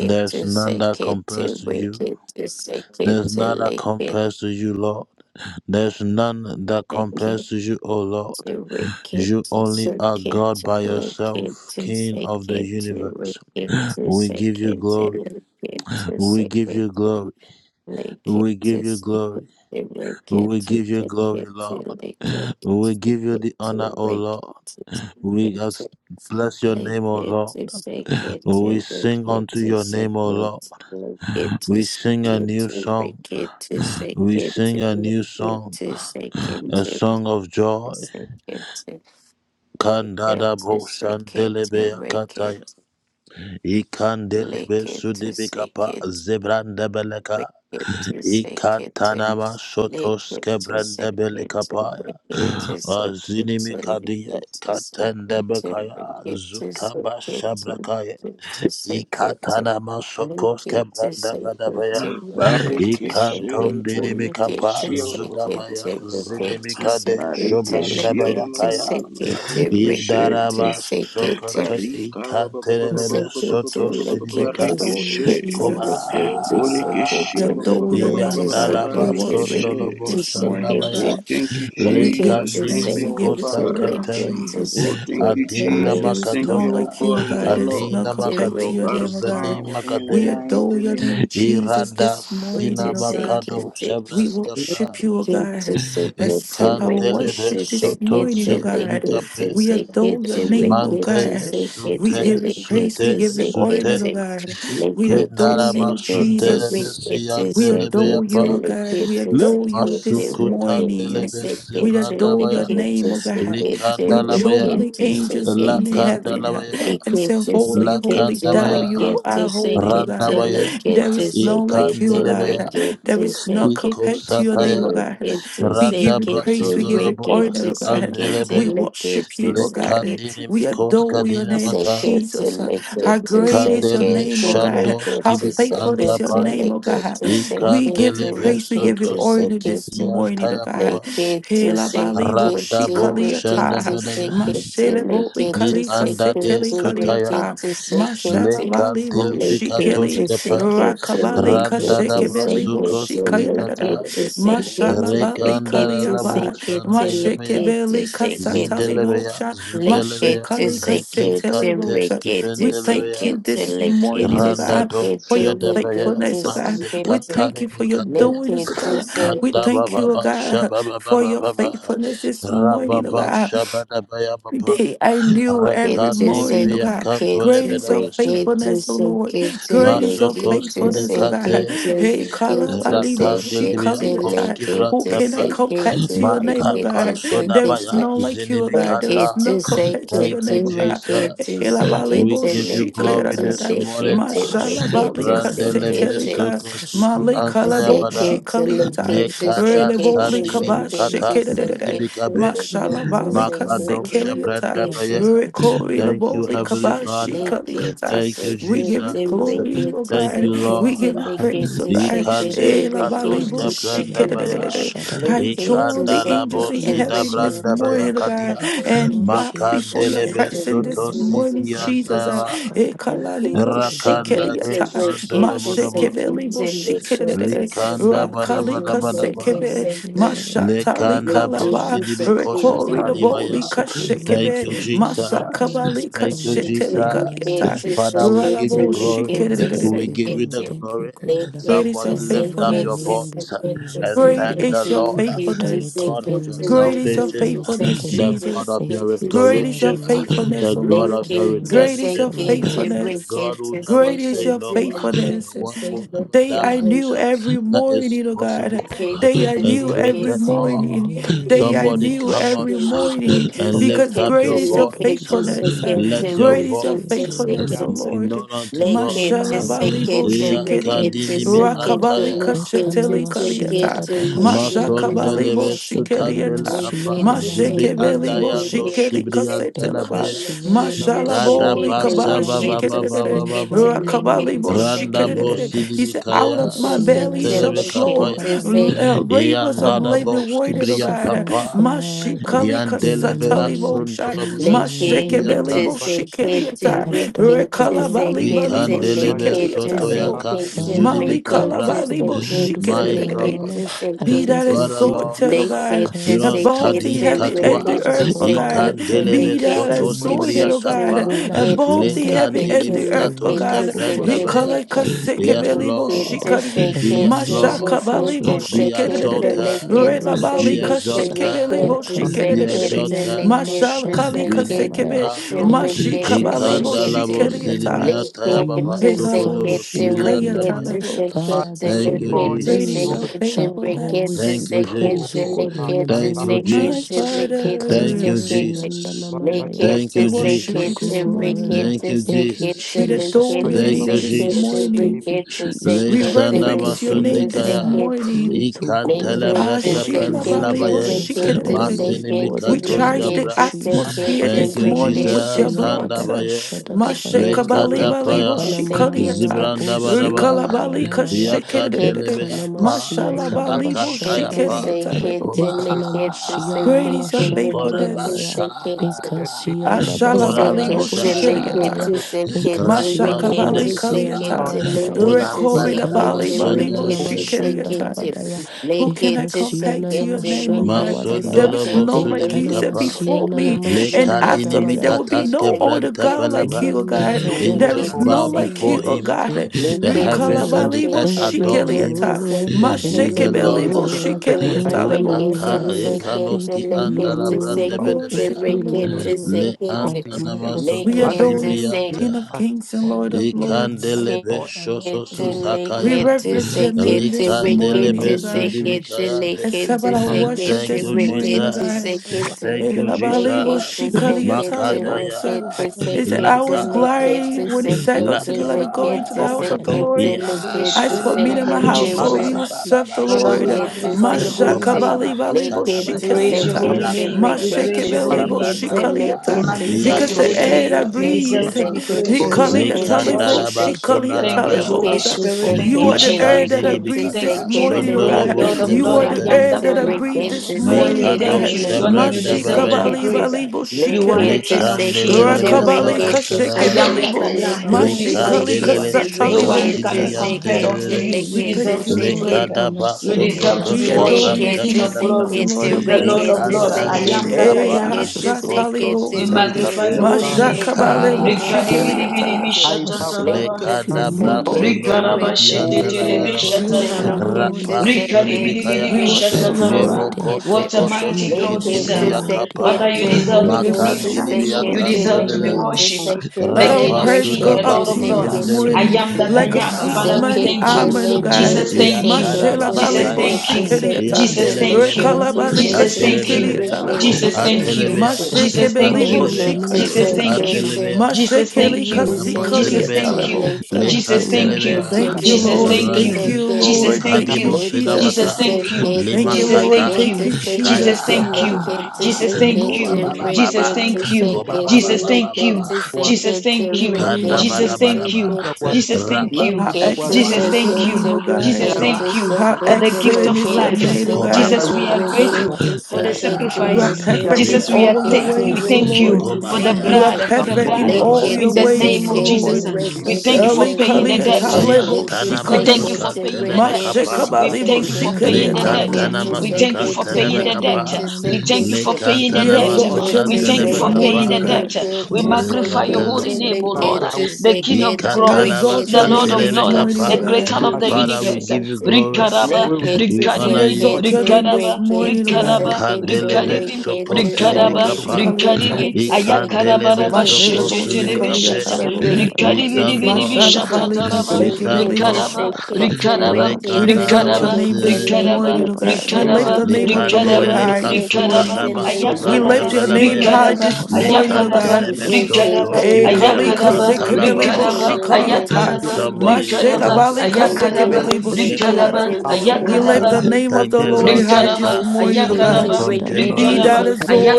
Speaker 1: There's none that
Speaker 5: sekete
Speaker 1: compares to you.
Speaker 5: rekete sekete lekete
Speaker 1: There's
Speaker 5: sekete
Speaker 1: none that compares to you, Lord. There's none that compares
Speaker 5: rekete
Speaker 1: to you, O Lord.
Speaker 5: sekete lekete
Speaker 1: You only are
Speaker 5: sekete
Speaker 1: God by yourself,
Speaker 5: rekete
Speaker 1: King of the universe. We give you
Speaker 5: sekete
Speaker 1: glory.
Speaker 5: lekete
Speaker 1: We give you
Speaker 5: sekete
Speaker 1: glory.
Speaker 5: Like it
Speaker 1: We
Speaker 5: to
Speaker 1: give you
Speaker 5: sink it
Speaker 1: glory.
Speaker 5: to break it
Speaker 1: We
Speaker 5: to
Speaker 1: give you
Speaker 5: take
Speaker 1: glory,
Speaker 5: it
Speaker 1: Lord.
Speaker 5: to like it to
Speaker 1: We
Speaker 5: sink
Speaker 1: give you
Speaker 5: it
Speaker 1: the honor,
Speaker 5: to
Speaker 1: O
Speaker 5: break it
Speaker 1: Lord.
Speaker 5: to sink
Speaker 1: We
Speaker 5: it
Speaker 1: as-
Speaker 5: to
Speaker 1: bless your
Speaker 5: like
Speaker 1: name, O
Speaker 5: it
Speaker 1: Lord.
Speaker 5: to sink it
Speaker 1: We
Speaker 5: to break
Speaker 1: sing
Speaker 5: it
Speaker 1: unto
Speaker 5: to
Speaker 1: your name,
Speaker 5: sink
Speaker 1: O
Speaker 5: it
Speaker 1: Lord.
Speaker 5: to like it to
Speaker 1: We
Speaker 5: sink
Speaker 1: sing a
Speaker 5: it
Speaker 1: new
Speaker 5: to
Speaker 1: song.
Speaker 5: break it to sink
Speaker 1: We
Speaker 5: it
Speaker 1: sing
Speaker 5: to
Speaker 1: a
Speaker 5: like
Speaker 1: new
Speaker 5: it
Speaker 1: song,
Speaker 5: to sink it
Speaker 1: a
Speaker 5: to break it to
Speaker 1: song of joy,
Speaker 5: shake
Speaker 1: Kandada bro
Speaker 5: it to
Speaker 1: shandelebe
Speaker 5: like it to rake
Speaker 1: kataya.
Speaker 5: it to
Speaker 1: Ikandelebe
Speaker 5: break it to like it. to shake
Speaker 1: sudibikapa
Speaker 5: it
Speaker 1: zebrandebeleka.
Speaker 5: wicked to say kitty,
Speaker 1: Ikatanama
Speaker 5: lick
Speaker 1: sotos
Speaker 5: it, to say kitty,
Speaker 1: kebrandebelekapaya.
Speaker 5: wicked to say kitty,
Speaker 1: Azinimikadia
Speaker 5: wicked to say kitty,
Speaker 1: katendebekaya.
Speaker 5: wicked to say kitty,
Speaker 1: Zukabashabrakaya.
Speaker 5: wicked to say kitty.
Speaker 1: Ikatanama
Speaker 5: Look
Speaker 1: sokos
Speaker 5: it, Rekete
Speaker 1: kebrandebelebaya.
Speaker 5: sekete, lekete
Speaker 3: Barikishe,
Speaker 5: sekete,
Speaker 1: Ikantomdiribikapa
Speaker 5: rekete
Speaker 3: Bodekishe,
Speaker 5: sekete, it,
Speaker 1: zudabaya.
Speaker 5: sekete, rekete
Speaker 1: Zinimikade
Speaker 5: sekete,
Speaker 3: Barikishe,
Speaker 5: lekete
Speaker 1: shobrandebelekaya.
Speaker 5: sekete, lekete sekete, rekete sekete, it, sekete, rekete sekete,
Speaker 3: Marikishe,
Speaker 1: Indaraba
Speaker 5: lekete sekete, rekete sekete.
Speaker 1: sokoto
Speaker 3: Barika,
Speaker 1: ikanterebe
Speaker 5: Shake it
Speaker 1: soto
Speaker 5: to lick it
Speaker 1: sidibika
Speaker 5: to
Speaker 6: adore
Speaker 5: shake
Speaker 6: you,
Speaker 3: Barikishe,
Speaker 5: it to
Speaker 1: koba
Speaker 5: lick
Speaker 6: Jesus.
Speaker 5: it to shake it
Speaker 6: We
Speaker 3: Bodekishe,
Speaker 5: to lick
Speaker 6: adore your
Speaker 5: it
Speaker 6: name, O God.
Speaker 1: yandalaba
Speaker 6: We worship you
Speaker 1: sondolobo
Speaker 3: Barikishe.
Speaker 5: to
Speaker 6: this
Speaker 5: shake
Speaker 6: morning,
Speaker 5: it
Speaker 6: O
Speaker 1: shandabaya
Speaker 5: to
Speaker 3: Oh,
Speaker 6: God.
Speaker 3: thank you,
Speaker 6: We
Speaker 5: lick
Speaker 6: give
Speaker 5: it
Speaker 6: you
Speaker 3: Jesus.
Speaker 5: to
Speaker 1: lekandini
Speaker 3: Thank
Speaker 6: praise,
Speaker 5: shake
Speaker 3: you,
Speaker 6: we
Speaker 3: our
Speaker 6: give
Speaker 5: it
Speaker 6: you
Speaker 1: mikosa
Speaker 5: to
Speaker 6: honor,
Speaker 3: Father.
Speaker 5: lick
Speaker 1: keteli
Speaker 5: it to
Speaker 6: Jesus.
Speaker 3: Oh,
Speaker 5: shake
Speaker 3: thank you,
Speaker 5: it to
Speaker 1: adina
Speaker 6: God,
Speaker 5: lick
Speaker 6: there
Speaker 3: Jesus.
Speaker 6: is
Speaker 3: Thank
Speaker 6: none
Speaker 3: you,
Speaker 1: makatoya
Speaker 3: our
Speaker 6: like you, O
Speaker 3: God and
Speaker 6: God.
Speaker 3: our
Speaker 5: it
Speaker 6: There is
Speaker 3: Lord.
Speaker 6: none
Speaker 1: adina
Speaker 5: to shake it to
Speaker 6: compared
Speaker 1: makado
Speaker 6: to
Speaker 5: lick it to
Speaker 6: your
Speaker 3: By the
Speaker 6: name, O
Speaker 1: zani
Speaker 6: God.
Speaker 3: power in the
Speaker 1: makade
Speaker 6: We adore
Speaker 3: mighty
Speaker 6: your
Speaker 3: name of
Speaker 6: name, Jesus,
Speaker 1: irada
Speaker 3: Jesus.
Speaker 6: this
Speaker 5: Make it
Speaker 1: sina
Speaker 6: morning,
Speaker 5: to
Speaker 6: O God.
Speaker 5: shake
Speaker 1: makado
Speaker 5: it to
Speaker 6: We
Speaker 5: make
Speaker 1: shabraskapa
Speaker 6: worship
Speaker 5: it
Speaker 6: you, O
Speaker 5: to
Speaker 6: God.
Speaker 5: shake it
Speaker 6: Accept
Speaker 5: to
Speaker 6: our
Speaker 5: make it
Speaker 1: ikantelebe
Speaker 5: to
Speaker 6: worship this
Speaker 5: shake
Speaker 1: soto
Speaker 5: it
Speaker 6: morning, O
Speaker 5: to make
Speaker 6: God.
Speaker 1: sidibika
Speaker 5: it
Speaker 1: pe
Speaker 5: to
Speaker 6: We
Speaker 5: shake
Speaker 6: adore
Speaker 5: it
Speaker 6: your
Speaker 5: to
Speaker 6: name,
Speaker 5: make
Speaker 6: O
Speaker 1: Mante
Speaker 5: it to
Speaker 6: God.
Speaker 5: shake it
Speaker 6: We
Speaker 1: sunte
Speaker 5: to
Speaker 6: give you
Speaker 5: make
Speaker 6: praise.
Speaker 5: it
Speaker 1: sunte
Speaker 6: We
Speaker 5: to
Speaker 6: give you
Speaker 5: shake
Speaker 1: sunte
Speaker 5: it
Speaker 6: honor, O
Speaker 5: to
Speaker 6: God.
Speaker 5: make
Speaker 6: We
Speaker 5: it to
Speaker 6: adore
Speaker 1: kendaraba
Speaker 6: you,
Speaker 5: shake it
Speaker 1: sunte
Speaker 5: to
Speaker 6: Jesus.
Speaker 5: make it
Speaker 1: besiyan
Speaker 5: to
Speaker 6: We
Speaker 5: shake
Speaker 1: delebe
Speaker 6: adore
Speaker 5: it
Speaker 1: yapa
Speaker 6: you,
Speaker 5: to
Speaker 6: O
Speaker 5: make
Speaker 6: God.
Speaker 5: it
Speaker 6: We
Speaker 5: to
Speaker 1: Le
Speaker 5: shake
Speaker 6: adore you
Speaker 5: it to
Speaker 6: this
Speaker 5: make it
Speaker 1: masukutan
Speaker 5: to
Speaker 6: morning.
Speaker 1: delebe
Speaker 5: shake
Speaker 6: We
Speaker 5: it to
Speaker 1: sebranda
Speaker 6: adore your
Speaker 1: baya
Speaker 5: make it to shake it to make it
Speaker 6: name,
Speaker 5: to
Speaker 6: O God. We
Speaker 1: likandala baya
Speaker 6: join the
Speaker 5: shake
Speaker 6: angels in
Speaker 5: it
Speaker 6: heaven
Speaker 1: lakandala
Speaker 6: uh,
Speaker 1: baya
Speaker 6: and say,
Speaker 5: Lekete
Speaker 6: Holy, holy,
Speaker 5: sekete
Speaker 1: lakanda
Speaker 6: thou,
Speaker 1: baya
Speaker 6: you
Speaker 5: rekete
Speaker 6: are holy, O
Speaker 1: randa
Speaker 6: God.
Speaker 5: sekete
Speaker 6: Uh,
Speaker 1: baya
Speaker 6: There
Speaker 5: lekete
Speaker 6: is none like you,
Speaker 5: sekete
Speaker 6: O
Speaker 1: ikandele baya
Speaker 6: God. Uh, There
Speaker 5: rekete
Speaker 6: is none
Speaker 5: sekete
Speaker 6: compared to your name,
Speaker 1: ikosataya
Speaker 6: O God. Uh,
Speaker 5: lekete
Speaker 6: We
Speaker 1: randa
Speaker 6: give you praise.
Speaker 5: sekete
Speaker 6: We
Speaker 1: basudo
Speaker 6: give you
Speaker 1: bos
Speaker 6: honor,
Speaker 5: rekete
Speaker 6: O God. Uh,
Speaker 5: sekete
Speaker 1: andelebe
Speaker 6: We worship
Speaker 5: lekete
Speaker 6: you,
Speaker 1: Le
Speaker 6: O God. Uh,
Speaker 5: sekete
Speaker 1: lekandini
Speaker 6: We
Speaker 1: mikos
Speaker 6: adore your
Speaker 1: kadina
Speaker 6: name,
Speaker 5: Shake
Speaker 1: mata
Speaker 5: it to
Speaker 6: Jesus. Uh,
Speaker 5: lick
Speaker 6: How
Speaker 5: it to
Speaker 6: great is
Speaker 5: shake
Speaker 6: your
Speaker 1: Kandele
Speaker 5: it
Speaker 6: name, O
Speaker 5: to
Speaker 6: God.
Speaker 5: lick
Speaker 1: Shando
Speaker 5: it
Speaker 6: How
Speaker 5: to
Speaker 1: Skibidi
Speaker 5: shake
Speaker 6: faithful is
Speaker 5: it
Speaker 6: your
Speaker 5: to
Speaker 1: Antapaya
Speaker 6: name,
Speaker 5: lick
Speaker 6: O
Speaker 5: it
Speaker 6: God.
Speaker 5: to shake
Speaker 6: We
Speaker 5: it
Speaker 6: give
Speaker 5: to
Speaker 6: you
Speaker 1: Ikandele
Speaker 5: lick
Speaker 6: praise. We
Speaker 5: it
Speaker 6: give you
Speaker 1: Besoto
Speaker 5: to shake
Speaker 6: honor
Speaker 5: it
Speaker 6: this
Speaker 1: Sikiti
Speaker 5: to
Speaker 6: morning, oh
Speaker 1: Antaya
Speaker 6: God.
Speaker 1: Baba
Speaker 5: lick it to
Speaker 6: Hela
Speaker 5: shake
Speaker 6: bali
Speaker 5: it
Speaker 6: bokshi
Speaker 5: to
Speaker 1: Randabo
Speaker 5: lick it
Speaker 1: Shanda
Speaker 5: to
Speaker 6: kaliata.
Speaker 1: Bedebe
Speaker 5: shake it to
Speaker 6: Mashele
Speaker 5: lick
Speaker 6: boli
Speaker 5: it
Speaker 1: Li
Speaker 5: to
Speaker 6: kali
Speaker 5: shake
Speaker 1: Anda
Speaker 5: it
Speaker 1: De
Speaker 6: kaseteli
Speaker 5: to lick
Speaker 1: Sutaya
Speaker 5: it
Speaker 6: kaliata.
Speaker 5: to shake it
Speaker 1: Le
Speaker 6: Mashala
Speaker 5: to
Speaker 6: bali
Speaker 1: Kandele
Speaker 5: lick
Speaker 6: bokshi
Speaker 5: it
Speaker 1: Bikatos
Speaker 5: to
Speaker 6: keli.
Speaker 1: Kepa
Speaker 5: shake it to
Speaker 6: Rakabali
Speaker 5: lick
Speaker 1: Randa
Speaker 5: it to
Speaker 1: Daba
Speaker 6: kashekebeli
Speaker 5: shake
Speaker 1: Suko
Speaker 5: it
Speaker 6: bokshi
Speaker 5: to lick
Speaker 6: kayadada.
Speaker 5: it
Speaker 1: Sidikatai
Speaker 5: to shake it
Speaker 6: Mashala
Speaker 5: to
Speaker 6: bali
Speaker 5: lick
Speaker 1: Rekanda
Speaker 5: it to
Speaker 1: Dabo
Speaker 5: shake
Speaker 6: kaliaba.
Speaker 5: it to
Speaker 1: Shanda
Speaker 5: lick
Speaker 1: Debeya
Speaker 5: it to
Speaker 6: Mashekebeli
Speaker 5: shake it
Speaker 6: kasatali
Speaker 5: to
Speaker 1: Zindelebeya
Speaker 6: boksha.
Speaker 1: Zundelebeya
Speaker 5: Lekete
Speaker 6: Mashekali
Speaker 1: Ziki
Speaker 5: sekete
Speaker 6: kasetele
Speaker 1: Kantes
Speaker 6: boksha. We
Speaker 5: rekete
Speaker 6: thank
Speaker 1: Kibendelebeya
Speaker 6: you
Speaker 5: sekete
Speaker 6: this morning, oh
Speaker 5: lekete
Speaker 1: Randa
Speaker 6: God,
Speaker 1: do
Speaker 6: for
Speaker 5: sekete
Speaker 6: your
Speaker 1: shadabaya
Speaker 5: rekete
Speaker 6: faithfulness, oh God. We
Speaker 5: sekete
Speaker 6: thank
Speaker 1: masekatani
Speaker 6: you for your
Speaker 1: mikateya
Speaker 6: doings, oh
Speaker 5: lekete
Speaker 6: God. We
Speaker 1: kanda
Speaker 5: sekete
Speaker 1: baba
Speaker 6: thank you, oh
Speaker 1: baba
Speaker 6: God,
Speaker 1: shababa
Speaker 6: for
Speaker 1: baba
Speaker 6: your
Speaker 1: baba
Speaker 6: faithfulness this morning, oh
Speaker 1: rababa
Speaker 6: God
Speaker 1: shabadabaya baba
Speaker 6: day I knew every
Speaker 5: Kete se
Speaker 6: morning, oh
Speaker 1: rekandilibiya
Speaker 6: God.
Speaker 1: katore
Speaker 6: Great
Speaker 5: kete
Speaker 6: is your
Speaker 5: re
Speaker 1: bedabasha
Speaker 5: kete
Speaker 6: faithfulness, oh
Speaker 5: se
Speaker 6: Lord.
Speaker 5: kete
Speaker 6: Great
Speaker 5: le
Speaker 6: is your
Speaker 1: masoko
Speaker 5: kete
Speaker 6: faithfulness, oh
Speaker 5: se
Speaker 1: sinikate
Speaker 6: God.
Speaker 5: kete
Speaker 6: Hey,
Speaker 5: re kete
Speaker 6: Kalabalibo
Speaker 5: se
Speaker 1: ratandilibiya
Speaker 5: kete le
Speaker 6: Shikaliatai.
Speaker 1: koski
Speaker 6: Who
Speaker 5: kete
Speaker 6: can
Speaker 1: brantapa
Speaker 6: I
Speaker 5: se
Speaker 6: compare to
Speaker 5: kete
Speaker 6: your
Speaker 5: re
Speaker 6: name, oh
Speaker 1: Makapa
Speaker 5: kete
Speaker 6: God?
Speaker 5: se
Speaker 6: There is
Speaker 1: Sodabaya
Speaker 5: kete
Speaker 6: none like you, oh
Speaker 5: re
Speaker 6: God. There is
Speaker 1: Zinimikata.
Speaker 6: none
Speaker 5: kete se
Speaker 6: compared to your
Speaker 1: Thank
Speaker 5: kete
Speaker 1: you,
Speaker 6: name, oh
Speaker 5: re
Speaker 6: God.
Speaker 1: Jesus.
Speaker 5: kete se
Speaker 1: We
Speaker 6: Elabalibo
Speaker 5: kete
Speaker 1: give
Speaker 5: le
Speaker 1: you glory
Speaker 5: kete
Speaker 1: this
Speaker 6: Shikayadadadada.
Speaker 5: se
Speaker 1: morning.
Speaker 5: kete re
Speaker 6: Mashalabali
Speaker 5: kete se
Speaker 4: Shadadabadabaya.
Speaker 1: Randelebe
Speaker 5: kete
Speaker 6: Kasetelika.
Speaker 1: Soko Siki
Speaker 5: se
Speaker 6: Malikalabo
Speaker 1: Antayabada.
Speaker 4: Kasiyadadabadabaya.
Speaker 5: kete le
Speaker 4: Thank
Speaker 6: Shikaliatai.
Speaker 4: you,
Speaker 5: kete se kete re kete
Speaker 4: Lord
Speaker 5: se
Speaker 1: Lekada
Speaker 6: Relebo
Speaker 5: kete
Speaker 4: Jesus.
Speaker 5: le
Speaker 6: Likaba
Speaker 4: Thank you,
Speaker 5: kete
Speaker 1: Sandilibikata
Speaker 4: Father.
Speaker 6: Shikadadadada.
Speaker 1: Zudibikabe.
Speaker 4: Thank you,
Speaker 6: Mashala Bali
Speaker 5: se
Speaker 4: amazing
Speaker 1: Makado
Speaker 5: kete
Speaker 4: God.
Speaker 6: Kasekeliata.
Speaker 4: You
Speaker 5: re
Speaker 4: have been
Speaker 1: Shabrandabaya.
Speaker 5: kete
Speaker 4: good to
Speaker 6: Rikori
Speaker 4: me.
Speaker 1: Thank
Speaker 4: I
Speaker 1: you,
Speaker 6: Laboli
Speaker 4: bless
Speaker 1: Heavenly
Speaker 4: you.
Speaker 1: Father.
Speaker 6: Kabashi
Speaker 4: Holy
Speaker 5: Lekete
Speaker 6: Kaliata.
Speaker 1: Thank
Speaker 4: name.
Speaker 1: you,
Speaker 4: All
Speaker 6: We give
Speaker 4: of
Speaker 6: you
Speaker 1: Jesus.
Speaker 5: sekete
Speaker 6: glory,
Speaker 4: Kindness,
Speaker 6: O
Speaker 5: rekete
Speaker 4: we
Speaker 1: Thank
Speaker 6: God.
Speaker 1: you,
Speaker 4: ask
Speaker 5: sekete
Speaker 6: We
Speaker 4: God.
Speaker 1: Lord.
Speaker 6: give you
Speaker 4: Thank you,
Speaker 6: praise, O
Speaker 5: lekete
Speaker 6: God.
Speaker 4: Jesus.
Speaker 5: sekete
Speaker 1: Ikande
Speaker 6: Eh, la
Speaker 4: Look,
Speaker 6: Bali Bo
Speaker 1: Katoska
Speaker 5: rekete
Speaker 4: Anamasiya,
Speaker 5: sekete
Speaker 1: Brandabaya.
Speaker 6: Shikadadadadada. I
Speaker 4: Anamashadadabadaya.
Speaker 5: lekete sekete
Speaker 6: join
Speaker 5: rekete
Speaker 6: the
Speaker 1: Ikandala
Speaker 5: sekete
Speaker 6: angels in
Speaker 1: Bosida
Speaker 6: heaven
Speaker 4: Kalamasi
Speaker 5: rekete sekete
Speaker 6: this
Speaker 5: lekete
Speaker 1: Brandabaya
Speaker 4: Hadadaya.
Speaker 6: morning, O God,
Speaker 1: Kadia.
Speaker 5: sekete
Speaker 4: Thank you,
Speaker 6: and
Speaker 4: Lord
Speaker 5: rekete
Speaker 6: bow
Speaker 5: sekete lekete sekete rekete sekete
Speaker 6: before
Speaker 4: Jesus.
Speaker 6: your
Speaker 1: Makandele
Speaker 4: Thank you for
Speaker 6: presence
Speaker 4: your
Speaker 6: this
Speaker 1: Besoto
Speaker 4: wonderful
Speaker 6: morning, Jesus. Ah,
Speaker 4: kindness
Speaker 1: Sikiantawa.
Speaker 4: upon
Speaker 6: eh,
Speaker 4: my life.
Speaker 6: Kalali Bo
Speaker 4: Father,
Speaker 5: lekete
Speaker 4: in the name of
Speaker 1: Rakanda
Speaker 6: Shikadadadada.
Speaker 4: Jesus. Thank
Speaker 1: Sundodabudaba.
Speaker 4: you,
Speaker 6: Mashekebeli Bo
Speaker 4: Lord Jesus. Thank
Speaker 6: Shikadadadadada.
Speaker 4: you,
Speaker 1: Likanda
Speaker 4: Father.
Speaker 5: sekete
Speaker 6: Rakali
Speaker 4: Thank you,
Speaker 1: Badabadabadaba.
Speaker 5: rekete
Speaker 6: Kasekebe.
Speaker 4: amazing
Speaker 5: sekete
Speaker 4: God. You have been
Speaker 6: Mashatali
Speaker 5: Link
Speaker 4: good
Speaker 1: Lekanda
Speaker 5: it
Speaker 6: Kalaba.
Speaker 5: to
Speaker 4: tonight.
Speaker 5: sink
Speaker 1: brosidibiko
Speaker 5: it,
Speaker 4: Father,
Speaker 6: Rekori the
Speaker 4: Lord, I
Speaker 5: rink
Speaker 6: boli
Speaker 1: sataribaya.
Speaker 5: it
Speaker 4: bless your
Speaker 5: to sink
Speaker 4: holy name
Speaker 1: Thank
Speaker 6: kashikebe
Speaker 4: for
Speaker 1: you,
Speaker 5: it,
Speaker 4: your wonderful
Speaker 5: make
Speaker 1: Jesus.
Speaker 4: kindness
Speaker 5: it
Speaker 6: masakabali
Speaker 4: upon
Speaker 1: Thank
Speaker 4: my
Speaker 1: you,
Speaker 4: life in
Speaker 6: kashiteli
Speaker 4: the name
Speaker 1: Jesus.
Speaker 4: of
Speaker 6: kabiata
Speaker 4: Jesus.
Speaker 1: Father, we give you
Speaker 6: ralabo
Speaker 4: Thank you,
Speaker 1: glory.
Speaker 4: God. Thank
Speaker 1: We
Speaker 6: shikede.
Speaker 4: you,
Speaker 1: give you
Speaker 4: God.
Speaker 1: the
Speaker 4: Thank you,
Speaker 1: glory.
Speaker 4: God.
Speaker 6: Great is
Speaker 1: Somebody
Speaker 6: your
Speaker 4: Father,
Speaker 1: lift up
Speaker 4: your
Speaker 1: your
Speaker 4: name
Speaker 6: faithfulness.
Speaker 4: be
Speaker 1: voice
Speaker 4: praised, O
Speaker 1: and
Speaker 6: Great
Speaker 1: thank
Speaker 4: God.
Speaker 1: the
Speaker 6: is your
Speaker 4: You
Speaker 1: Lord,
Speaker 4: have done
Speaker 1: the
Speaker 4: it
Speaker 6: faithfulness.
Speaker 1: God of
Speaker 4: again,
Speaker 1: your
Speaker 4: Lord.
Speaker 6: Great
Speaker 4: You
Speaker 6: is your
Speaker 4: have done
Speaker 1: salvation,
Speaker 4: it
Speaker 6: faithfulness,
Speaker 1: the
Speaker 4: again.
Speaker 1: God
Speaker 6: Jesus.
Speaker 1: of
Speaker 4: Thank
Speaker 1: your
Speaker 4: you,
Speaker 5: to
Speaker 6: Great is your
Speaker 1: restoration,
Speaker 4: Father, Lord, for your
Speaker 1: the
Speaker 6: faithfulness, O
Speaker 1: God
Speaker 6: Lord.
Speaker 4: wonderful
Speaker 1: of your
Speaker 6: Great
Speaker 4: kindness
Speaker 6: is
Speaker 1: redemption,
Speaker 6: your
Speaker 4: upon my life.
Speaker 1: the God
Speaker 6: faithfulness.
Speaker 1: one who never
Speaker 6: Great is
Speaker 1: say
Speaker 6: your
Speaker 1: no, the
Speaker 6: faithfulness.
Speaker 1: one who
Speaker 5: sink
Speaker 1: never
Speaker 6: They I
Speaker 1: dies,
Speaker 5: it,
Speaker 6: knew every
Speaker 1: that is
Speaker 6: morning, oh God.
Speaker 1: possible
Speaker 6: They I
Speaker 5: Kete
Speaker 1: and
Speaker 6: knew every
Speaker 1: created
Speaker 4: Magnify
Speaker 5: sekete.
Speaker 4: your
Speaker 1: all.
Speaker 6: morning.
Speaker 4: name in the
Speaker 6: They
Speaker 5: Kete
Speaker 6: I
Speaker 1: Somebody
Speaker 4: name of
Speaker 6: knew
Speaker 1: come
Speaker 5: sekete.
Speaker 1: on
Speaker 6: every
Speaker 4: Jesus.
Speaker 6: morning.
Speaker 5: Rekete
Speaker 1: and
Speaker 4: From my
Speaker 1: lift
Speaker 6: Because
Speaker 1: up
Speaker 4: heart I
Speaker 6: great
Speaker 1: your
Speaker 5: sekete.
Speaker 6: is
Speaker 4: say
Speaker 6: your
Speaker 4: glory,
Speaker 1: voice.
Speaker 5: Lekete
Speaker 4: glory,
Speaker 6: faithfulness. uh,
Speaker 4: and honor
Speaker 5: sekete.
Speaker 1: Let your
Speaker 6: Great
Speaker 4: belong
Speaker 6: is your
Speaker 4: to your
Speaker 1: voice
Speaker 5: Rekete
Speaker 4: holy
Speaker 6: faithfulness,
Speaker 7: Yeah,
Speaker 6: O
Speaker 4: name.
Speaker 5: sekete.
Speaker 1: be
Speaker 6: Lord.
Speaker 1: known unto
Speaker 4: Thank you,
Speaker 1: God.
Speaker 5: Lekete sekete. Rekete
Speaker 6: Mashallah
Speaker 4: Lord.
Speaker 6: Bali
Speaker 4: Thank
Speaker 6: bo
Speaker 5: sekete.
Speaker 4: you, Lord.
Speaker 6: Shikeri.
Speaker 4: Thank
Speaker 5: Lekete
Speaker 4: you,
Speaker 1: Yakadinimi
Speaker 7: go
Speaker 4: Lord.
Speaker 5: sekete.
Speaker 6: Rakabali
Speaker 1: ataya.
Speaker 4: Lekana
Speaker 5: Rekete
Speaker 6: Kasheteli
Speaker 4: masia
Speaker 6: Kaliata.
Speaker 5: sekete. Rekete sekete.
Speaker 4: dada basha dada
Speaker 5: Rekete
Speaker 1: Mason
Speaker 4: ya.
Speaker 6: Mashakabali
Speaker 1: delebe
Speaker 5: sekete.
Speaker 4: Lekana
Speaker 1: sutandele
Speaker 6: Boshikeliata.
Speaker 1: kapa
Speaker 4: masia
Speaker 5: Lekete
Speaker 4: ndaba
Speaker 1: zubri
Speaker 4: nama nama
Speaker 6: Mashekebeli
Speaker 4: ya
Speaker 5: sekete.
Speaker 1: andayandos
Speaker 4: babusha.
Speaker 6: Boshikeli
Speaker 1: kibrian
Speaker 6: Kasetelaba.
Speaker 1: telebeye.
Speaker 4: Lekasia
Speaker 7: the
Speaker 4: nana
Speaker 6: Mashallah
Speaker 4: mashi
Speaker 6: Boli
Speaker 4: dada
Speaker 1: Kadabasa
Speaker 4: daba
Speaker 6: Kabashi
Speaker 4: ya.
Speaker 1: baba baba
Speaker 4: Thank you,
Speaker 1: baba
Speaker 6: Rakabali
Speaker 5: Rekete
Speaker 4: Lord.
Speaker 5: sekete. Lekete
Speaker 4: Thank
Speaker 1: Randa
Speaker 4: you,
Speaker 6: Boshikeri.
Speaker 5: sekete.
Speaker 4: Lord.
Speaker 1: bosi
Speaker 6: He said, Out
Speaker 1: dibikaya
Speaker 6: of
Speaker 5: Say,
Speaker 6: my
Speaker 4: Lekasia
Speaker 5: say,
Speaker 6: belly
Speaker 4: nana
Speaker 5: say,
Speaker 6: shall
Speaker 1: santelebe
Speaker 5: say,
Speaker 4: masha
Speaker 5: say,
Speaker 6: flow
Speaker 4: dada
Speaker 1: kapaya
Speaker 5: say,
Speaker 4: mana
Speaker 5: say,
Speaker 4: ya.
Speaker 6: uh, rivers of
Speaker 1: yandada
Speaker 4: Ah,
Speaker 6: living
Speaker 1: boski
Speaker 6: water, oh God.
Speaker 1: briyata
Speaker 6: Uh,
Speaker 4: merciful
Speaker 1: pa
Speaker 4: Father,
Speaker 6: Mashikali
Speaker 4: may your
Speaker 1: yandelebe
Speaker 6: kasatali
Speaker 4: name be
Speaker 6: bosha,
Speaker 1: asundolobo
Speaker 4: praised,
Speaker 1: ya
Speaker 4: may
Speaker 5: Lick
Speaker 4: your
Speaker 7: good
Speaker 4: name be
Speaker 1: sidibiyata
Speaker 7: but
Speaker 6: mashikebeli
Speaker 7: but
Speaker 4: worshipped. You
Speaker 6: boshikeliata,
Speaker 4: have done it again,
Speaker 6: rekalabali
Speaker 4: Lord.
Speaker 6: bali
Speaker 4: You have done
Speaker 7: but
Speaker 1: ikandelebe
Speaker 4: it
Speaker 6: boshikeliata,
Speaker 4: again.
Speaker 6: lebo,
Speaker 1: sotoyaka
Speaker 4: Father, I
Speaker 6: malikala
Speaker 4: thank
Speaker 1: zudibikabra
Speaker 4: you for
Speaker 6: bali
Speaker 4: a
Speaker 1: my
Speaker 4: beautiful
Speaker 6: boshikeliata.
Speaker 7: but
Speaker 1: God
Speaker 4: morning. I
Speaker 7: but
Speaker 6: Be that
Speaker 4: thank you
Speaker 7: but
Speaker 1: Father
Speaker 4: for the
Speaker 1: Lord
Speaker 6: exalted, O
Speaker 4: f-
Speaker 6: God,
Speaker 4: kindness,
Speaker 6: above
Speaker 4: for
Speaker 6: the
Speaker 1: Lantadi
Speaker 4: your
Speaker 6: heaven
Speaker 7: great
Speaker 1: katwa
Speaker 6: and the
Speaker 4: kindness
Speaker 6: earth, O
Speaker 4: upon
Speaker 7: God,
Speaker 4: my
Speaker 6: God.
Speaker 4: life. I
Speaker 1: ikandelebe
Speaker 6: Be
Speaker 4: thank you
Speaker 6: that
Speaker 4: for your
Speaker 1: sotos
Speaker 7: what
Speaker 6: exalted, O
Speaker 4: mercies,
Speaker 1: kibriyata
Speaker 4: oh
Speaker 1: pa
Speaker 6: God,
Speaker 4: God.
Speaker 1: le
Speaker 6: above
Speaker 4: Father,
Speaker 6: the
Speaker 4: I
Speaker 6: heaven
Speaker 4: thank
Speaker 6: and
Speaker 4: you
Speaker 1: kandelemi
Speaker 6: the
Speaker 4: for the
Speaker 6: earth, O
Speaker 1: katos
Speaker 6: God.
Speaker 4: wonderful
Speaker 7: what
Speaker 1: kapranda
Speaker 6: He
Speaker 4: things you
Speaker 5: it,
Speaker 1: baya
Speaker 4: have
Speaker 6: called,
Speaker 7: what
Speaker 4: done for me,
Speaker 1: yes
Speaker 4: oh
Speaker 6: kasekebelibo
Speaker 4: God,
Speaker 5: Lekete
Speaker 1: Lord
Speaker 6: shikari,
Speaker 4: and the
Speaker 1: yes
Speaker 5: sekete
Speaker 6: masha
Speaker 4: amazing things
Speaker 1: Lord
Speaker 4: you are
Speaker 6: kabalibo
Speaker 5: lekete
Speaker 1: be
Speaker 4: about to do, oh
Speaker 5: sekete
Speaker 6: shikedededede,
Speaker 4: God,
Speaker 1: exalted
Speaker 4: in the
Speaker 5: lekete
Speaker 6: rela
Speaker 4: name of
Speaker 1: be
Speaker 6: bali
Speaker 5: sekete
Speaker 4: Jesus.
Speaker 1: exalted
Speaker 6: kasekebelibo
Speaker 5: lekete
Speaker 4: Lenkana
Speaker 1: be
Speaker 6: shikedededede,
Speaker 4: Mashia
Speaker 5: sekete
Speaker 1: exalted
Speaker 4: Nana
Speaker 6: masha
Speaker 5: lekete sekete rekete
Speaker 6: kali
Speaker 4: Mashanta
Speaker 1: we
Speaker 5: sekete
Speaker 1: lift you
Speaker 4: Banamaya.
Speaker 6: kasekebe,
Speaker 7: what
Speaker 1: up
Speaker 7: you are, no you
Speaker 4: Thank you,
Speaker 6: mashi
Speaker 7: not
Speaker 5: lekete
Speaker 7: by
Speaker 6: kabalibo
Speaker 7: your
Speaker 4: Jesus. Thank
Speaker 1: ikandalabo
Speaker 5: sekete
Speaker 4: you, Lord.
Speaker 6: shikeriata,
Speaker 1: siribiyata ya
Speaker 7: no
Speaker 4: I
Speaker 1: baba
Speaker 4: magnify
Speaker 6: pekabo
Speaker 1: sokodobo
Speaker 4: your holy
Speaker 1: kibriyanda
Speaker 6: shikayata
Speaker 4: name,
Speaker 1: baya
Speaker 5: rekete
Speaker 6: lebo.
Speaker 7: by
Speaker 5: sekete
Speaker 4: Father, for
Speaker 1: thank you
Speaker 4: your
Speaker 7: God,
Speaker 5: lekete sekete rekete
Speaker 6: Great is
Speaker 4: name
Speaker 6: your
Speaker 1: Jesus
Speaker 7: God,
Speaker 5: sekete
Speaker 4: shall
Speaker 5: lekete
Speaker 4: always
Speaker 6: faithfulness.
Speaker 4: be
Speaker 1: Thank you,
Speaker 7: oh,
Speaker 4: praised, O
Speaker 7: oh,
Speaker 1: Jesus.
Speaker 4: God,
Speaker 7: ah,
Speaker 4: in the
Speaker 7: ah,
Speaker 1: Thank
Speaker 7: ah,
Speaker 4: name
Speaker 1: you,
Speaker 4: of
Speaker 6: My
Speaker 5: sekete
Speaker 4: Jesus.
Speaker 7: ah,
Speaker 1: Jesus.
Speaker 5: rekete
Speaker 1: Thank you,
Speaker 6: Father,
Speaker 5: sekete
Speaker 1: Jesus.
Speaker 7: what I do,
Speaker 4: Nkanamasiandanamanaya.
Speaker 1: Thank
Speaker 7: what
Speaker 6: we
Speaker 5: Likete
Speaker 1: you,
Speaker 4: Thank
Speaker 7: I
Speaker 6: worship
Speaker 4: you,
Speaker 6: you
Speaker 7: do,
Speaker 5: sekete
Speaker 6: this
Speaker 1: Jesus.
Speaker 6: morning.
Speaker 4: God.
Speaker 1: Thank
Speaker 5: rikete
Speaker 1: you,
Speaker 4: Thank you,
Speaker 1: Jesus.
Speaker 5: sekete
Speaker 6: We
Speaker 7: because
Speaker 4: Jesus.
Speaker 6: adore
Speaker 7: I
Speaker 6: your
Speaker 5: likete
Speaker 4: Thank
Speaker 1: Thank
Speaker 4: you,
Speaker 7: am a
Speaker 1: you,
Speaker 6: name this
Speaker 5: sekete
Speaker 4: Jesus.
Speaker 1: Jesus.
Speaker 6: morning.
Speaker 7: big,
Speaker 4: Thank you,
Speaker 5: rikete
Speaker 4: Jesus.
Speaker 6: We
Speaker 5: sekete
Speaker 1: Lesanda
Speaker 4: Thank you
Speaker 6: reference your
Speaker 4: for the
Speaker 5: likete
Speaker 6: name
Speaker 4: air
Speaker 6: this
Speaker 1: basundikaya.
Speaker 4: I
Speaker 5: sekete
Speaker 6: morning.
Speaker 4: breathe, O
Speaker 1: Ikantele
Speaker 4: God.
Speaker 7: I
Speaker 6: Ah,
Speaker 5: likete
Speaker 1: breska
Speaker 7: am
Speaker 4: Thank you
Speaker 6: Shila
Speaker 4: for
Speaker 1: prandila
Speaker 4: the
Speaker 5: sekete
Speaker 6: Balibo
Speaker 1: baye.
Speaker 4: things
Speaker 5: rikete
Speaker 4: about me,
Speaker 6: Shikadadadada.
Speaker 4: O God,
Speaker 1: Masinimika
Speaker 5: sekete
Speaker 6: We
Speaker 4: in the
Speaker 6: charge
Speaker 1: toska
Speaker 4: name
Speaker 6: the
Speaker 4: of
Speaker 5: likete
Speaker 1: bra.
Speaker 7: a
Speaker 4: Jesus.
Speaker 6: atmosphere
Speaker 7: bad
Speaker 1: Thank
Speaker 5: sekete
Speaker 6: this
Speaker 7: good
Speaker 1: you,
Speaker 6: morning with
Speaker 5: rikete
Speaker 6: your
Speaker 1: Jesus.
Speaker 4: Ekanamasianda
Speaker 6: blood.
Speaker 1: Handabaye.
Speaker 4: Dabashada Dabaya,
Speaker 6: Masheka
Speaker 7: thing,
Speaker 5: sekete
Speaker 7: good
Speaker 6: Bali Balibo
Speaker 5: likete sekete likete
Speaker 1: Lekatapaya.
Speaker 4: Ekampanamanamaya
Speaker 5: sekete
Speaker 6: Shikaliata. Rikala
Speaker 4: Babosianda
Speaker 1: Zibrandabadaba.
Speaker 6: Balika
Speaker 4: Banamaya,
Speaker 5: likete
Speaker 6: Shikadadadada.
Speaker 1: Yakandelebeyapa,
Speaker 7: thing,
Speaker 6: Mashala
Speaker 4: Linkanamasianda
Speaker 7: good
Speaker 6: Balibo
Speaker 4: Dabashada
Speaker 1: Akantayapa,
Speaker 4: Dabadaya,
Speaker 7: thing,
Speaker 6: Shikadiata.
Speaker 1: Kuma,
Speaker 7: good
Speaker 4: Linkanamasiana
Speaker 6: Great is
Speaker 5: sekete
Speaker 6: your
Speaker 4: Namashanda
Speaker 5: rikete
Speaker 6: faithfulness.
Speaker 4: Manamaya,
Speaker 1: Korabasha,
Speaker 5: sekete
Speaker 7: thing,
Speaker 4: Linkasianda Badabaya
Speaker 6: Ashalabali
Speaker 1: Korabasha,
Speaker 5: Sekete
Speaker 4: Babushada
Speaker 6: Boshikeliata.
Speaker 4: Daya,
Speaker 5: lekete
Speaker 7: good thing,
Speaker 5: sekete
Speaker 7: oh,
Speaker 4: Linkasiana
Speaker 7: oh,
Speaker 6: Mashakabali
Speaker 5: rekete
Speaker 4: Namasianda
Speaker 6: Kaliata.
Speaker 1: Rapasunibikapa,
Speaker 5: sekete
Speaker 4: Banamaya,
Speaker 5: lekete
Speaker 6: Rekorila
Speaker 5: sekete
Speaker 6: Bali Bali
Speaker 4: Linkanamasiana
Speaker 5: rekete
Speaker 1: Konambadarabasundelevelebe,
Speaker 4: Namashanda
Speaker 6: Boshikeliata.
Speaker 5: sekete lekete sekete
Speaker 4: Dabadaya,
Speaker 7: officially,
Speaker 6: Who can I
Speaker 5: rekete
Speaker 6: compare
Speaker 4: Linkasiana
Speaker 6: to your
Speaker 5: sekete
Speaker 6: name, O
Speaker 4: Namashanda
Speaker 6: God?
Speaker 5: lekete
Speaker 4: Badabaya.
Speaker 6: There
Speaker 1: Masundolo
Speaker 6: is
Speaker 7: one
Speaker 5: sekete
Speaker 6: no
Speaker 7: of
Speaker 6: like
Speaker 1: bosudibi
Speaker 6: you.
Speaker 7: these,
Speaker 4: Lekana
Speaker 6: You said
Speaker 5: rekete
Speaker 1: kapa.
Speaker 7: God,
Speaker 6: before
Speaker 4: masiana
Speaker 7: thank
Speaker 6: me
Speaker 5: sekete
Speaker 6: and
Speaker 1: Leka
Speaker 4: namashanda
Speaker 5: lekete
Speaker 6: after me,
Speaker 4: dabara
Speaker 6: there will be
Speaker 1: dinimikataske
Speaker 6: no other
Speaker 1: brente
Speaker 6: God
Speaker 4: Oh
Speaker 6: like
Speaker 1: pelaba.
Speaker 6: you, O God.
Speaker 5: sekete
Speaker 4: Lord,
Speaker 7: you, oh,
Speaker 6: There
Speaker 4: thank you,
Speaker 1: Angels
Speaker 6: is
Speaker 5: rekete
Speaker 6: no
Speaker 1: bow
Speaker 6: like
Speaker 1: before
Speaker 6: you, O
Speaker 4: Lord.
Speaker 5: sekete
Speaker 1: him.
Speaker 6: God.
Speaker 4: Thank you,
Speaker 5: Make
Speaker 1: The
Speaker 5: it to
Speaker 1: heavens and
Speaker 5: say
Speaker 4: Lord.
Speaker 1: the
Speaker 6: Rikalabali
Speaker 5: it
Speaker 1: earth
Speaker 5: to
Speaker 4: Thank you,
Speaker 5: break
Speaker 1: adores
Speaker 5: it
Speaker 1: him.
Speaker 5: to
Speaker 6: Boshikeliata.
Speaker 5: say
Speaker 4: Lord.
Speaker 5: it to
Speaker 1: He
Speaker 4: Thank
Speaker 1: is the
Speaker 4: you,
Speaker 5: make it
Speaker 6: Mashekebeli
Speaker 1: Lord.
Speaker 5: to say
Speaker 4: Lord.
Speaker 5: it to
Speaker 6: Boshikeliata.
Speaker 4: Thank
Speaker 1: O
Speaker 4: you,
Speaker 5: break it
Speaker 6: Lebosa.
Speaker 1: aka
Speaker 5: to say
Speaker 4: Lord.
Speaker 5: it to
Speaker 1: ekanoski
Speaker 4: Thank
Speaker 5: make
Speaker 4: you,
Speaker 5: it
Speaker 1: andala
Speaker 7: our
Speaker 5: to
Speaker 6: Mm,
Speaker 5: say
Speaker 1: brande
Speaker 4: Lord.
Speaker 6: We
Speaker 5: it to
Speaker 4: Thank
Speaker 6: worship
Speaker 1: bedebea.
Speaker 6: you,
Speaker 4: you,
Speaker 5: break it
Speaker 6: Lord.
Speaker 7: will,
Speaker 5: to
Speaker 4: Lord.
Speaker 5: say
Speaker 1: Le
Speaker 5: it
Speaker 7: our
Speaker 4: I
Speaker 5: to
Speaker 7: behavior.
Speaker 1: antanama
Speaker 4: magnify
Speaker 6: We
Speaker 5: make
Speaker 4: your
Speaker 7: Father,
Speaker 1: sokoski
Speaker 5: it
Speaker 7: you
Speaker 6: adore
Speaker 5: to
Speaker 4: holy
Speaker 7: did not
Speaker 6: you,
Speaker 7: give
Speaker 5: say
Speaker 1: brianta.
Speaker 6: King
Speaker 4: name.
Speaker 6: of
Speaker 4: I
Speaker 7: us
Speaker 6: Kings and
Speaker 7: for
Speaker 6: Lord
Speaker 4: praise
Speaker 6: of
Speaker 4: your
Speaker 7: us,
Speaker 6: Lords.
Speaker 4: name.
Speaker 1: Ikandelebe
Speaker 7: Lord,
Speaker 4: Shalom
Speaker 1: shoso
Speaker 4: is
Speaker 5: Kete
Speaker 7: you
Speaker 6: We
Speaker 1: susakaya.
Speaker 4: praise by
Speaker 5: lekete
Speaker 6: reference your
Speaker 4: mouth
Speaker 6: name
Speaker 5: sekete
Speaker 6: this
Speaker 4: in the
Speaker 7: have
Speaker 6: morning,
Speaker 1: Likandelebe
Speaker 5: rekete
Speaker 6: O
Speaker 4: name of
Speaker 6: God.
Speaker 7: used
Speaker 5: sekete
Speaker 4: Jesus.
Speaker 1: sudibikayande.
Speaker 6: Accept
Speaker 4: Thank
Speaker 7: you
Speaker 5: lekete
Speaker 6: our
Speaker 4: you,
Speaker 7: have to
Speaker 6: worship
Speaker 5: sekete
Speaker 1: Thank
Speaker 6: this
Speaker 1: you,
Speaker 4: Namasiya,
Speaker 6: morning, O
Speaker 5: rekete
Speaker 6: God.
Speaker 1: Jesus.
Speaker 4: Namashanda
Speaker 5: sekete
Speaker 4: Dabaya.
Speaker 1: Thank you,
Speaker 4: Thank you,
Speaker 6: Elabalibo
Speaker 1: Jesus.
Speaker 5: lekete
Speaker 4: Jesus.
Speaker 7: ask.
Speaker 5: sekete
Speaker 1: Makadaya.
Speaker 6: shikaliataleboksa.
Speaker 4: Amazing
Speaker 7: thank
Speaker 5: rekete
Speaker 4: Father,
Speaker 6: It said,
Speaker 4: you
Speaker 6: I
Speaker 5: sekete
Speaker 4: have
Speaker 1: Laka.
Speaker 6: was glad
Speaker 5: lekete
Speaker 6: when
Speaker 4: forgotten
Speaker 6: it
Speaker 4: us,
Speaker 6: said
Speaker 4: and
Speaker 5: sekete
Speaker 6: unto
Speaker 4: I
Speaker 6: me,
Speaker 1: Laka.
Speaker 6: Let
Speaker 4: say,
Speaker 6: us go
Speaker 4: glory,
Speaker 6: into the
Speaker 5: rekete
Speaker 7: God
Speaker 4: glory,
Speaker 6: house
Speaker 7: that
Speaker 6: of
Speaker 4: and
Speaker 6: the
Speaker 7: I
Speaker 4: honor
Speaker 5: sekete
Speaker 6: Lord.
Speaker 1: Ya.
Speaker 4: belong to
Speaker 8: Holy
Speaker 4: your
Speaker 5: lekete
Speaker 6: As for
Speaker 8: Spirit,
Speaker 6: me and
Speaker 4: holy
Speaker 8: thank
Speaker 6: my
Speaker 8: you,
Speaker 4: name.
Speaker 5: sekete
Speaker 7: had
Speaker 6: household,
Speaker 1: Koba
Speaker 5: re-
Speaker 8: Jesus.
Speaker 6: we will
Speaker 1: baba
Speaker 4: Thank you,
Speaker 6: serve
Speaker 1: baba
Speaker 6: the
Speaker 5: Kitty,
Speaker 8: Father,
Speaker 5: lick
Speaker 6: Lord.
Speaker 8: we
Speaker 4: Jesus.
Speaker 5: it, to
Speaker 1: shabadaba.
Speaker 4: Thank you,
Speaker 8: magnify
Speaker 5: say
Speaker 8: your
Speaker 7: it
Speaker 8: holy
Speaker 1: Koba
Speaker 5: kitty,
Speaker 4: Jesus.
Speaker 1: baba
Speaker 8: name.
Speaker 1: baba
Speaker 5: lick
Speaker 6: Mashakabalibalibo
Speaker 4: Thank
Speaker 5: it,
Speaker 4: you,
Speaker 8: We
Speaker 5: to
Speaker 1: shadabaya.
Speaker 8: praise
Speaker 5: say
Speaker 8: your
Speaker 4: Jesus.
Speaker 7: up
Speaker 6: shikaliata.
Speaker 8: holy
Speaker 4: Thank
Speaker 5: kitty,
Speaker 4: you,
Speaker 8: name.
Speaker 5: lick
Speaker 1: Labranda
Speaker 8: We
Speaker 5: it,
Speaker 4: Jesus.
Speaker 8: praise
Speaker 5: to
Speaker 8: your
Speaker 1: belebe
Speaker 5: say
Speaker 4: You
Speaker 8: holy
Speaker 6: Mashakebelebo
Speaker 4: have
Speaker 8: name.
Speaker 1: shabranda
Speaker 5: kitty,
Speaker 4: done it.
Speaker 5: lick
Speaker 1: baya.
Speaker 8: We
Speaker 6: shikaliata.
Speaker 5: it, to
Speaker 8: magnify
Speaker 5: say
Speaker 6: Because
Speaker 8: your
Speaker 6: the
Speaker 8: holy
Speaker 7: me
Speaker 5: kitty,
Speaker 6: air
Speaker 1: Yandelebe
Speaker 6: that
Speaker 4: You've
Speaker 8: name.
Speaker 6: I
Speaker 1: ya
Speaker 5: lick
Speaker 4: done
Speaker 8: You
Speaker 4: it.
Speaker 6: breathed,
Speaker 8: deserve to be
Speaker 1: kampraba.
Speaker 8: praised. You
Speaker 7: able to do
Speaker 8: deserve to be
Speaker 5: it, to
Speaker 6: hikaliatalebo
Speaker 5: say
Speaker 8: worshipped.
Speaker 1: Likandala
Speaker 5: kitty.
Speaker 1: basundala
Speaker 8: Thank you,
Speaker 1: baya
Speaker 5: Lick
Speaker 8: Holy
Speaker 5: it,
Speaker 1: pa.
Speaker 5: to
Speaker 4: Jesus.
Speaker 7: for
Speaker 8: Spirit.
Speaker 6: shikaliataleboksa.
Speaker 5: say
Speaker 8: Thank
Speaker 6: you
Speaker 4: Mm,
Speaker 8: you,
Speaker 6: are the
Speaker 5: kitty,
Speaker 6: air
Speaker 5: lick
Speaker 8: Jesus.
Speaker 6: that I
Speaker 1: Yakandili
Speaker 5: it, to
Speaker 4: Worship
Speaker 6: breathed
Speaker 8: Thank
Speaker 6: this
Speaker 5: say
Speaker 8: you,
Speaker 1: bikata.
Speaker 8: King of
Speaker 6: morning,
Speaker 4: me,
Speaker 5: kitty,
Speaker 6: oh
Speaker 4: my
Speaker 5: lick
Speaker 1: Sundolo
Speaker 8: Glory,
Speaker 6: God.
Speaker 8: Lord
Speaker 5: it,
Speaker 8: of
Speaker 1: boske
Speaker 5: to
Speaker 6: You
Speaker 8: Lord.
Speaker 6: are
Speaker 5: say
Speaker 8: I
Speaker 5: kitty, lick
Speaker 6: the
Speaker 4: Lord.
Speaker 8: am
Speaker 5: it,
Speaker 1: brantabi.
Speaker 6: air
Speaker 5: Rikete sekete, lekete it, rikete sekete, lekete
Speaker 8: that
Speaker 5: sekete,
Speaker 6: that
Speaker 8: I
Speaker 6: I
Speaker 8: am.
Speaker 6: breathed this
Speaker 5: rikete
Speaker 8: Father,
Speaker 6: morning,
Speaker 8: we
Speaker 6: oh
Speaker 4: Namasyana
Speaker 5: sekete,
Speaker 1: Likado
Speaker 8: thank
Speaker 6: God.
Speaker 8: you.
Speaker 7: equal
Speaker 4: dabashana.
Speaker 8: Lord,
Speaker 5: lekete
Speaker 8: you
Speaker 1: Shabranda
Speaker 8: deserve to be
Speaker 6: Mashikabali
Speaker 1: Babaya.
Speaker 8: praised.
Speaker 6: balibo
Speaker 8: You are the King
Speaker 6: shikeliata.
Speaker 8: of Kings,
Speaker 5: sekete,
Speaker 8: the
Speaker 5: lekete it, rikete sekete,
Speaker 1: Likandelelebe
Speaker 8: Lord of Lord.
Speaker 6: Rakabali
Speaker 5: lekete sekete, rikete
Speaker 8: I am
Speaker 1: Sekatalabala.
Speaker 8: that
Speaker 5: sekete,
Speaker 6: kashekebelibo.
Speaker 8: I am. Who
Speaker 5: lekete
Speaker 8: is like
Speaker 6: Mashikali
Speaker 5: sekete, lekete
Speaker 8: you?
Speaker 1: Likandelele
Speaker 4: Namasyana
Speaker 5: it,
Speaker 8: No one
Speaker 6: kasatalibo.
Speaker 4: namashana
Speaker 5: rikete sekete,
Speaker 8: can
Speaker 5: lekete
Speaker 8: be
Speaker 1: Shodoskidiante
Speaker 8: compared
Speaker 4: dabanaya
Speaker 5: sekete, rikete
Speaker 8: unto
Speaker 5: sekete,
Speaker 1: Dedede.
Speaker 8: you.
Speaker 6: We
Speaker 8: You
Speaker 4: mamasyana.
Speaker 5: lekete
Speaker 6: thank
Speaker 8: deserve
Speaker 6: you,
Speaker 8: to be
Speaker 4: Thank
Speaker 5: sekete.
Speaker 6: Lord.
Speaker 4: you,
Speaker 8: praised.
Speaker 1: Lekadaba
Speaker 8: You deserve to
Speaker 6: We
Speaker 8: be
Speaker 1: Sokotoska
Speaker 6: adore
Speaker 4: Namasyana
Speaker 8: worshipped,
Speaker 6: you,
Speaker 8: the
Speaker 1: Pranta
Speaker 8: King
Speaker 6: King
Speaker 5: Lekete
Speaker 6: of
Speaker 8: of
Speaker 1: Pelaba.
Speaker 6: Kings
Speaker 8: Glory,
Speaker 6: and
Speaker 4: Thank
Speaker 6: Lord
Speaker 5: sekete
Speaker 4: you,
Speaker 6: of
Speaker 8: the
Speaker 4: Lord
Speaker 8: Lord
Speaker 6: Lords.
Speaker 8: of
Speaker 5: rekete
Speaker 8: Lord.
Speaker 4: Jesus.
Speaker 7: manner
Speaker 8: I
Speaker 7: of
Speaker 4: Thank
Speaker 5: sekete
Speaker 4: you,
Speaker 8: am that
Speaker 4: Lord
Speaker 8: I
Speaker 1: Ikantandilikapa
Speaker 6: Eh,
Speaker 8: am.
Speaker 4: Jesus.
Speaker 5: lekete
Speaker 4: Thank you.
Speaker 1: Zukontos
Speaker 6: hashatalibo.
Speaker 8: We
Speaker 5: sekete
Speaker 6: Sha-
Speaker 7: things
Speaker 1: Kibidikape
Speaker 8: magnify the
Speaker 7: to
Speaker 5: rekete
Speaker 8: holy
Speaker 7: find
Speaker 4: So
Speaker 8: name.
Speaker 4: so
Speaker 1: Ka
Speaker 5: sekete
Speaker 4: heavy
Speaker 6: Mashakabalebo
Speaker 4: that was
Speaker 8: Rikadi
Speaker 7: me
Speaker 5: lekete
Speaker 4: sick.
Speaker 8: bidi bidi
Speaker 6: shikeliata.
Speaker 5: sekete
Speaker 8: bisha
Speaker 4: That
Speaker 7: I
Speaker 4: was sick.
Speaker 8: tataraba.
Speaker 4: If you
Speaker 5: lekete sekete rekete
Speaker 1: Lekanda
Speaker 7: balance O
Speaker 4: mother
Speaker 7: Lord.
Speaker 6: Mm.
Speaker 1: Brasono
Speaker 5: sekete
Speaker 8: Rikaraba
Speaker 1: Broski
Speaker 7: Oh,
Speaker 4: makumina,
Speaker 5: lekete sekete rekete
Speaker 7: oh, oh,
Speaker 8: shetetelebe
Speaker 1: Andarabaraba
Speaker 6: We
Speaker 5: sekete
Speaker 6: worship
Speaker 4: kasinshani
Speaker 8: shatataraba.
Speaker 6: you, Lord.
Speaker 5: lekete
Speaker 1: Rapa
Speaker 4: yinko
Speaker 5: sekete
Speaker 1: Sodibikaya
Speaker 6: We
Speaker 8: Rikaribidibidi
Speaker 6: worship you,
Speaker 5: rekete
Speaker 8: shatataraba.
Speaker 4: wasafura
Speaker 6: Lord.
Speaker 4: dia.
Speaker 1: Lemoko
Speaker 8: What
Speaker 5: sekete
Speaker 8: a
Speaker 1: Sokoto
Speaker 4: Oshame
Speaker 8: mighty
Speaker 4: bone
Speaker 8: God we
Speaker 7: oh,
Speaker 8: serve.
Speaker 5: lekete
Speaker 1: Sikitipia
Speaker 4: sunimi endi.
Speaker 8: Father,
Speaker 1: Kapa
Speaker 8: you
Speaker 4: No one more
Speaker 8: deserve to be
Speaker 6: We
Speaker 4: put
Speaker 8: praised.
Speaker 6: worship
Speaker 4: someone
Speaker 6: you,
Speaker 1: Makandilibia
Speaker 4: for my
Speaker 8: You
Speaker 6: Lord.
Speaker 8: deserve
Speaker 4: hana
Speaker 8: to be
Speaker 1: Kantele
Speaker 4: mama
Speaker 8: worshipped.
Speaker 4: nisa.
Speaker 8: The
Speaker 6: Let
Speaker 4: But
Speaker 5: sekete
Speaker 6: our
Speaker 4: there
Speaker 8: King
Speaker 1: Rapa
Speaker 8: of
Speaker 4: was
Speaker 6: prayers
Speaker 8: Kings,
Speaker 6: go
Speaker 8: the
Speaker 4: you,
Speaker 6: up
Speaker 5: rekete
Speaker 1: Sudaba
Speaker 8: Lord
Speaker 6: to
Speaker 8: of
Speaker 4: but
Speaker 6: you
Speaker 7: me a
Speaker 4: there
Speaker 6: this
Speaker 8: Lords.
Speaker 4: was
Speaker 8: I
Speaker 5: sekete
Speaker 1: Zundele
Speaker 6: morning
Speaker 4: you,
Speaker 8: am that
Speaker 4: but
Speaker 8: I
Speaker 4: there
Speaker 6: like a
Speaker 4: was
Speaker 8: am.
Speaker 6: sweet
Speaker 4: you,
Speaker 8: Father, we
Speaker 6: smelling
Speaker 4: but
Speaker 8: thank
Speaker 4: there
Speaker 7: give me
Speaker 5: Zekete
Speaker 7: a
Speaker 8: you.
Speaker 6: aroma,
Speaker 4: was
Speaker 6: O
Speaker 1: Ah,
Speaker 4: you.
Speaker 6: God.
Speaker 8: Jesus,
Speaker 4: I
Speaker 5: lekete
Speaker 1: Ya
Speaker 8: thank
Speaker 4: didn't
Speaker 8: you.
Speaker 5: sekete
Speaker 6: Mashela
Speaker 8: Jesus,
Speaker 4: know
Speaker 6: balebo
Speaker 8: thank
Speaker 1: karabasaya,
Speaker 5: rekete
Speaker 8: you.
Speaker 1: ya
Speaker 6: shikeriata.
Speaker 5: sekete
Speaker 8: Jesus, thank
Speaker 4: mpɛkyɛ
Speaker 8: you.
Speaker 1: telebelebea,
Speaker 6: Rekala
Speaker 4: yɛne
Speaker 5: lekete
Speaker 1: ya
Speaker 6: balika
Speaker 8: Jesus,
Speaker 4: anuonyam
Speaker 5: sekete
Speaker 4: nka
Speaker 8: thank
Speaker 4: wo
Speaker 8: you.
Speaker 1: telebelebea,
Speaker 6: shikeriata
Speaker 4: din.
Speaker 5: rekete
Speaker 8: Jesus,
Speaker 1: ya
Speaker 6: lebosa.
Speaker 7: bless me
Speaker 8: thank
Speaker 4: Hmm,
Speaker 8: you.
Speaker 4: ɛfiri
Speaker 1: telebea,
Speaker 5: sekete
Speaker 7: with
Speaker 4: sɛ
Speaker 7: a
Speaker 6: Masheke
Speaker 8: Jesus,
Speaker 1: ya
Speaker 4: wo a
Speaker 8: thank
Speaker 6: belebo
Speaker 4: woyɛ
Speaker 8: you.
Speaker 1: telebea,
Speaker 4: onyame na
Speaker 5: lekete
Speaker 8: Jesus,
Speaker 4: wofrɛ
Speaker 1: ya
Speaker 6: shikeriata.
Speaker 8: thank you.
Speaker 4: kyikyi
Speaker 5: sekete
Speaker 1: telebea,
Speaker 8: Jesus,
Speaker 4: na
Speaker 6: Masheke
Speaker 4: woyɛ
Speaker 8: thank
Speaker 6: lika
Speaker 5: to
Speaker 8: you.
Speaker 4: onyame na
Speaker 1: rampa
Speaker 5: say
Speaker 7: blessing,
Speaker 4: wodi
Speaker 8: Jesus,
Speaker 5: it,
Speaker 1: telebea,
Speaker 6: sikaliata
Speaker 5: to
Speaker 4: hene
Speaker 8: thank you.
Speaker 4: na
Speaker 5: lick
Speaker 6: lebosa.
Speaker 5: it,
Speaker 1: leka
Speaker 5: to
Speaker 8: Jesus,
Speaker 4: wahene
Speaker 5: shake
Speaker 8: thank
Speaker 1: telebea,
Speaker 5: it,
Speaker 8: you.
Speaker 4: ahemfo
Speaker 5: to
Speaker 7: that
Speaker 6: Thank you,
Speaker 4: bebree
Speaker 5: rick
Speaker 8: Jesus,
Speaker 7: we
Speaker 5: it,
Speaker 4: abɛsi
Speaker 6: Lord.
Speaker 5: to
Speaker 8: thank
Speaker 1: raj
Speaker 6: Thank
Speaker 8: you.
Speaker 4: atwam
Speaker 5: say
Speaker 6: you,
Speaker 5: it,
Speaker 7: owe
Speaker 4: na
Speaker 5: to
Speaker 8: Jesus,
Speaker 4: wahene
Speaker 6: Lord.
Speaker 8: thank
Speaker 7: that
Speaker 6: Thank you,
Speaker 1: kadibo
Speaker 8: you.
Speaker 5: lick
Speaker 4: deɛ
Speaker 5: it, to
Speaker 7: we
Speaker 8: Jesus,
Speaker 7: are.
Speaker 1: sinabata,
Speaker 6: Jesus.
Speaker 8: thank
Speaker 5: say
Speaker 4: ɛto
Speaker 8: you.
Speaker 5: it,
Speaker 4: twa
Speaker 6: Thank
Speaker 1: lima
Speaker 5: to
Speaker 6: you,
Speaker 7: Unto
Speaker 8: Jesus,
Speaker 4: da
Speaker 5: rick
Speaker 7: who
Speaker 6: Lord.
Speaker 8: thank
Speaker 5: it,
Speaker 1: kata,
Speaker 6: Thank
Speaker 5: to
Speaker 8: you.
Speaker 6: you,
Speaker 4: ɛto
Speaker 5: say
Speaker 4: twa
Speaker 1: kaya,
Speaker 8: Jesus,
Speaker 5: it,
Speaker 7: there
Speaker 5: to
Speaker 6: Jesus.
Speaker 4: da
Speaker 8: thank
Speaker 7: was
Speaker 5: lick
Speaker 8: you.
Speaker 4: you
Speaker 5: it,
Speaker 4: are
Speaker 5: to
Speaker 4: the
Speaker 8: Jesus,
Speaker 5: say
Speaker 6: You
Speaker 8: thank
Speaker 5: it,
Speaker 1: koba
Speaker 6: are
Speaker 5: to
Speaker 8: you.
Speaker 7: a
Speaker 4: omniscient
Speaker 1: baba
Speaker 4: and the
Speaker 5: rick
Speaker 6: the
Speaker 8: Jesus,
Speaker 6: God
Speaker 5: it,
Speaker 1: baba,
Speaker 5: to
Speaker 8: thank you.
Speaker 5: say
Speaker 6: of
Speaker 1: koba
Speaker 4: omnipresent
Speaker 5: it, to
Speaker 1: baba
Speaker 8: Jesus,
Speaker 1: baba
Speaker 5: lick
Speaker 8: thank
Speaker 4: omnipotent
Speaker 5: it,
Speaker 8: you.
Speaker 5: to
Speaker 1: baba.
Speaker 5: say
Speaker 4: god
Speaker 8: Jesus,
Speaker 5: it,
Speaker 6: Beautiful.
Speaker 5: to
Speaker 6: We
Speaker 8: thank you.
Speaker 5: rick
Speaker 6: adore your
Speaker 1: Kanda
Speaker 5: it,
Speaker 6: name,
Speaker 5: to
Speaker 6: O
Speaker 8: Jesus,
Speaker 1: bada bada
Speaker 8: thank
Speaker 5: say
Speaker 6: God.
Speaker 1: ba,
Speaker 8: you.
Speaker 5: it, to
Speaker 8: Jesus,
Speaker 7: Ejawaskiara
Speaker 8: thank
Speaker 4: in
Speaker 1: rababa
Speaker 8: you.
Speaker 5: lick
Speaker 6: How
Speaker 4: jesus
Speaker 5: it, to
Speaker 4: name
Speaker 1: swa
Speaker 4: that
Speaker 6: excellent
Speaker 8: Jesus,
Speaker 4: was
Speaker 5: say
Speaker 6: is your
Speaker 8: thank
Speaker 5: it,
Speaker 6: name,
Speaker 4: sick
Speaker 8: you.
Speaker 5: to
Speaker 6: O
Speaker 5: rick
Speaker 8: Jesus,
Speaker 6: God.
Speaker 5: it,
Speaker 1: swa,
Speaker 5: to say it, to lick it, to
Speaker 8: thank
Speaker 5: say
Speaker 8: you
Speaker 7: e
Speaker 6: How
Speaker 8: for
Speaker 5: it,
Speaker 8: the
Speaker 5: to
Speaker 8: gift
Speaker 6: excellent
Speaker 8: of
Speaker 5: rick
Speaker 6: is
Speaker 4: Kɔnnɔdi
Speaker 6: your
Speaker 5: it,
Speaker 8: life.
Speaker 5: to
Speaker 4: abasa
Speaker 6: name, O
Speaker 4: a
Speaker 5: say
Speaker 4: woma
Speaker 6: God.
Speaker 1: kobaba
Speaker 5: it,
Speaker 8: Jesus,
Speaker 4: wɔ
Speaker 5: to
Speaker 8: we are
Speaker 4: me
Speaker 5: lick
Speaker 4: so
Speaker 7: Arúgbó
Speaker 5: it,
Speaker 8: grateful
Speaker 5: to
Speaker 8: for
Speaker 5: say
Speaker 8: the
Speaker 4: apere
Speaker 1: daya
Speaker 4: ne
Speaker 5: it, to
Speaker 4: aberɛ
Speaker 6: You are
Speaker 8: sacrifices.
Speaker 4: nyinaa
Speaker 7: Ejawe
Speaker 5: rick
Speaker 6: perfect
Speaker 4: papa.
Speaker 6: in
Speaker 8: Jesus,
Speaker 1: dia,
Speaker 8: we
Speaker 5: it,
Speaker 8: are
Speaker 6: all your
Speaker 4: Wohwɛ
Speaker 8: thank,
Speaker 4: me
Speaker 8: we
Speaker 6: ways, O
Speaker 4: bɔne
Speaker 8: thank
Speaker 4: so ne
Speaker 8: you
Speaker 6: Lord.
Speaker 5: to
Speaker 4: me
Speaker 8: for
Speaker 1: kobaba
Speaker 8: the
Speaker 5: say
Speaker 4: family
Speaker 1: ya,
Speaker 6: You
Speaker 5: it,
Speaker 6: are
Speaker 5: to
Speaker 8: blood, for
Speaker 4: Na
Speaker 8: the
Speaker 4: wo
Speaker 6: perfect in
Speaker 8: blood
Speaker 1: kobaba
Speaker 5: Make
Speaker 6: all
Speaker 1: ya.
Speaker 4: mmɔbɔnsam
Speaker 5: it
Speaker 6: your
Speaker 8: in
Speaker 4: ne
Speaker 8: the
Speaker 5: to
Speaker 4: mfa me
Speaker 5: say
Speaker 8: name
Speaker 6: ways,
Speaker 4: nyɛ
Speaker 6: O
Speaker 8: of
Speaker 4: ha
Speaker 5: it
Speaker 4: na
Speaker 5: to
Speaker 8: Jesus.
Speaker 6: Lord.
Speaker 4: mama
Speaker 5: break
Speaker 4: no
Speaker 8: We
Speaker 5: it
Speaker 8: thank
Speaker 4: se.
Speaker 5: to
Speaker 8: you for
Speaker 6: Eli
Speaker 5: say
Speaker 8: paying
Speaker 4: Mɛda
Speaker 8: the
Speaker 5: it
Speaker 4: wo
Speaker 6: kalia
Speaker 5: to
Speaker 8: debt.
Speaker 5: make
Speaker 4: ase,
Speaker 6: talebo
Speaker 5: it to
Speaker 1: Liantana
Speaker 4: mɛda
Speaker 8: We
Speaker 4: wo
Speaker 5: say
Speaker 6: shikalia.
Speaker 8: thank you
Speaker 4: ase,
Speaker 5: it
Speaker 8: for
Speaker 5: to
Speaker 8: paying
Speaker 1: masukantene
Speaker 8: the
Speaker 5: break
Speaker 8: debt.
Speaker 5: it to
Speaker 4: ase.
Speaker 1: mekapa,
Speaker 8: We
Speaker 5: say
Speaker 6: Mashekabalebo
Speaker 7: Amọ̀mọ́bí
Speaker 4: Me
Speaker 8: thank you
Speaker 4: mu
Speaker 7: Awébùnmọ̀jà
Speaker 8: for
Speaker 5: it
Speaker 7: sílẹ̀
Speaker 4: adeɛ
Speaker 5: to
Speaker 8: paying
Speaker 6: shikalia
Speaker 8: the
Speaker 5: make
Speaker 7: Àrògbé
Speaker 8: debt.
Speaker 4: nyinaa
Speaker 5: it
Speaker 1: lekantana
Speaker 6: talebos.
Speaker 4: nyi
Speaker 5: to
Speaker 8: We
Speaker 4: w'ayɛ.
Speaker 5: say it
Speaker 8: thank
Speaker 7: Olùwàtí
Speaker 8: you
Speaker 7: Òwúrọ̀dé Awébùnmọ̀jà
Speaker 8: for
Speaker 4: Me
Speaker 5: to
Speaker 1: masukantene
Speaker 4: mu
Speaker 8: paying the
Speaker 7: sí
Speaker 4: adeɛ
Speaker 5: break
Speaker 1: mekapa,
Speaker 5: it
Speaker 8: debt.
Speaker 5: to
Speaker 4: nyinaa na
Speaker 5: say
Speaker 8: We thank you
Speaker 5: it
Speaker 4: w'ase.
Speaker 5: to
Speaker 8: for
Speaker 4: Me
Speaker 8: paying the
Speaker 4: mu
Speaker 6: We
Speaker 1: lekantana
Speaker 4: adeɛ
Speaker 8: debt.
Speaker 5: make
Speaker 6: exalt
Speaker 4: nyinaa
Speaker 5: it
Speaker 6: your
Speaker 4: nka
Speaker 8: We
Speaker 5: to
Speaker 4: sɛ
Speaker 6: name
Speaker 1: masukantene
Speaker 8: thank
Speaker 4: yi
Speaker 5: say
Speaker 8: you
Speaker 6: this
Speaker 8: for
Speaker 4: wo
Speaker 5: it
Speaker 1: mekapa,
Speaker 8: paying
Speaker 6: morning,
Speaker 5: to
Speaker 6: O
Speaker 8: the
Speaker 4: owura.
Speaker 8: debt.
Speaker 6: God.
Speaker 5: break
Speaker 4: Me
Speaker 5: it
Speaker 8: We
Speaker 4: mu
Speaker 5: to
Speaker 4: adeɛ
Speaker 5: say
Speaker 8: magnify
Speaker 4: nyinaa
Speaker 8: your
Speaker 5: it
Speaker 4: nka
Speaker 1: lekantana.
Speaker 8: holy
Speaker 5: to
Speaker 4: sɛ
Speaker 8: name, O
Speaker 5: make
Speaker 4: bigyae
Speaker 8: Lord,
Speaker 5: it
Speaker 4: nka
Speaker 5: to
Speaker 4: wo
Speaker 8: the
Speaker 5: say
Speaker 4: din.
Speaker 8: King
Speaker 5: it
Speaker 8: of
Speaker 5: to
Speaker 4: Mɛda
Speaker 6: We
Speaker 4: wo
Speaker 8: glory,
Speaker 5: break
Speaker 4: ase
Speaker 1: Ikatalaba
Speaker 6: exalt
Speaker 5: it
Speaker 8: the
Speaker 6: your
Speaker 4: oo,
Speaker 5: to
Speaker 8: Lord
Speaker 6: name
Speaker 8: of
Speaker 5: say
Speaker 6: this
Speaker 1: satelebe
Speaker 4: mɛda wo
Speaker 8: Lord,
Speaker 5: it
Speaker 6: morning,
Speaker 1: kapa.
Speaker 6: O
Speaker 8: the
Speaker 5: to
Speaker 4: ase,
Speaker 8: creator
Speaker 6: God.
Speaker 5: make it
Speaker 8: of
Speaker 4: mɛda
Speaker 8: the
Speaker 4: wo
Speaker 5: to
Speaker 1: Father,
Speaker 5: say
Speaker 1: we
Speaker 4: ase,
Speaker 8: universe.
Speaker 1: give
Speaker 5: it
Speaker 1: you
Speaker 5: to
Speaker 4: mɛda wo
Speaker 1: glory.
Speaker 8: Rikaraba,
Speaker 5: Lick
Speaker 7: Olùwàtí Òwúrọ̀dé
Speaker 5: it to
Speaker 1: We
Speaker 6: We
Speaker 5: sick
Speaker 1: honor
Speaker 8: Rikaribi,
Speaker 5: it
Speaker 1: you.
Speaker 6: exalt your
Speaker 5: to
Speaker 6: name this
Speaker 8: Rikaraba,
Speaker 5: break it
Speaker 6: morning, O
Speaker 5: to
Speaker 6: God.
Speaker 4: Mm.
Speaker 5: sick
Speaker 8: Rikaraba,
Speaker 5: it to
Speaker 1: Kandelebe
Speaker 5: lick
Speaker 8: Rikaribi,
Speaker 5: it
Speaker 1: soko
Speaker 5: to sick
Speaker 6: Elabo
Speaker 8: Rikaraba,
Speaker 7: Òwúrọ̀dé
Speaker 5: it
Speaker 1: sidibikapa.
Speaker 5: to
Speaker 6: shikalia
Speaker 5: break
Speaker 6: tal.
Speaker 5: it to
Speaker 8: Rikaribi,
Speaker 4: Sick.
Speaker 5: sick it to
Speaker 1: Ikandelebe
Speaker 8: Yakarabaraba
Speaker 5: lick
Speaker 1: soko
Speaker 5: it
Speaker 6: Mashelabo
Speaker 5: to
Speaker 4: Kadabashianda
Speaker 5: sick
Speaker 4: da
Speaker 6: shikalia
Speaker 5: it
Speaker 8: şeçeçerebişata.
Speaker 1: sidibikape.
Speaker 5: to
Speaker 7: Jáde
Speaker 4: bashada da
Speaker 5: break
Speaker 6: talebos.
Speaker 1: We
Speaker 4: badaba.
Speaker 5: it to
Speaker 1: thank
Speaker 5: sick
Speaker 1: God.
Speaker 5: it to
Speaker 8: Rikaribiribiribişata
Speaker 6: Mashalabalika
Speaker 8: taraba.
Speaker 7: Ayélujára
Speaker 1: We
Speaker 5: lick
Speaker 4: Lekanamasianda da
Speaker 1: thank
Speaker 5: it to
Speaker 6: shekebelivos.
Speaker 8: Rikaraba,
Speaker 1: God.
Speaker 5: sick
Speaker 4: bashada da
Speaker 5: it to
Speaker 4: badabaya
Speaker 8: rikaraba,
Speaker 5: break
Speaker 4: babu.
Speaker 5: it
Speaker 6: We
Speaker 1: Rekanda
Speaker 5: to sick
Speaker 6: exalt your
Speaker 8: rikaraba,
Speaker 5: it
Speaker 6: name
Speaker 5: to
Speaker 7: Ìfowópamọ́
Speaker 6: this
Speaker 5: lick
Speaker 4: Lenkasianda
Speaker 8: rikaraba,
Speaker 4: da
Speaker 6: morning, O
Speaker 5: it to
Speaker 6: God. We
Speaker 4: bashada
Speaker 5: sick
Speaker 4: da
Speaker 8: rikaraba,
Speaker 6: lift
Speaker 7: Ìwàdí
Speaker 6: the
Speaker 5: it to
Speaker 6: name of
Speaker 4: badabaya.
Speaker 6: the
Speaker 5: break
Speaker 6: Lord
Speaker 8: rikaraba,
Speaker 5: it
Speaker 1: Likandelele
Speaker 5: to
Speaker 6: high
Speaker 4: Thank you,
Speaker 5: sick
Speaker 6: this
Speaker 4: Lord
Speaker 1: kasuta
Speaker 8: rikaraba,
Speaker 5: it
Speaker 6: morning.
Speaker 5: to
Speaker 1: daba
Speaker 7: Àbíyẹ̀wò
Speaker 5: lick
Speaker 4: Jesus.
Speaker 6: We
Speaker 5: it
Speaker 1: sobranta
Speaker 8: ayakaraba,
Speaker 5: to
Speaker 6: lift your
Speaker 4: Medabas,
Speaker 5: sick
Speaker 6: name
Speaker 1: balabaya.
Speaker 5: it to
Speaker 6: high
Speaker 5: sick it
Speaker 8: rikaraba,
Speaker 6: this
Speaker 4: medabas,
Speaker 7: Ìjọba
Speaker 6: morning, O
Speaker 8: ayakaraba,
Speaker 4: medabas,
Speaker 6: God.
Speaker 1: Lekanteleme
Speaker 4: medabas.
Speaker 8: rikaraba,
Speaker 1: sontos
Speaker 5: to
Speaker 6: E
Speaker 5: lick
Speaker 6: kali
Speaker 1: kibidira
Speaker 5: it
Speaker 4: Hey,
Speaker 5: to
Speaker 8: ayakaraba,
Speaker 5: sick
Speaker 4: mpɛkyɛ
Speaker 1: tantalaba
Speaker 6: kasekebele
Speaker 4: yɛ
Speaker 5: it to
Speaker 8: rikaraba,
Speaker 4: nkawdin,
Speaker 5: break
Speaker 1: sokapa.
Speaker 5: it
Speaker 4: anuonyam
Speaker 5: to
Speaker 6: boshikaliata.
Speaker 7: Sọ́dẹ̀
Speaker 8: ayakaraba,
Speaker 5: sick
Speaker 4: nkawdin,
Speaker 1: Somebody
Speaker 5: it to
Speaker 1: lift
Speaker 7: Fúnjẹ́
Speaker 8: rikaraba,
Speaker 6: Mashela
Speaker 1: up
Speaker 4: ɛnase
Speaker 1: your
Speaker 6: bali
Speaker 4: nkawdin,
Speaker 5: Lick
Speaker 8: ayakaraba,
Speaker 1: voice.
Speaker 6: kasekebele
Speaker 4: ɛfiri sɛ
Speaker 1: Lift up
Speaker 8: rikaraba,
Speaker 1: your
Speaker 6: boshikaliata.
Speaker 7: Bàbá
Speaker 4: nkoto wo
Speaker 6: We
Speaker 4: na wo
Speaker 1: voice.
Speaker 6: lift
Speaker 4: ne
Speaker 8: ayakaraba,
Speaker 6: the
Speaker 4: nea
Speaker 7: Àfọ̀
Speaker 4: ɛwɔ
Speaker 6: name
Speaker 4: mu
Speaker 6: of
Speaker 1: Thank
Speaker 4: no
Speaker 6: the
Speaker 1: the
Speaker 4: te
Speaker 6: Lord
Speaker 1: Lord
Speaker 4: ase
Speaker 6: high
Speaker 4: ampa.
Speaker 6: this
Speaker 8: Rigdaraba,
Speaker 1: Jesus.
Speaker 6: morning, O
Speaker 4: Hey,
Speaker 7: Thank
Speaker 6: God.
Speaker 8: Ayakaraba,
Speaker 1: From
Speaker 4: aseda
Speaker 6: Be
Speaker 1: January,
Speaker 4: nkawdin o,
Speaker 6: that
Speaker 8: Rigdaraba,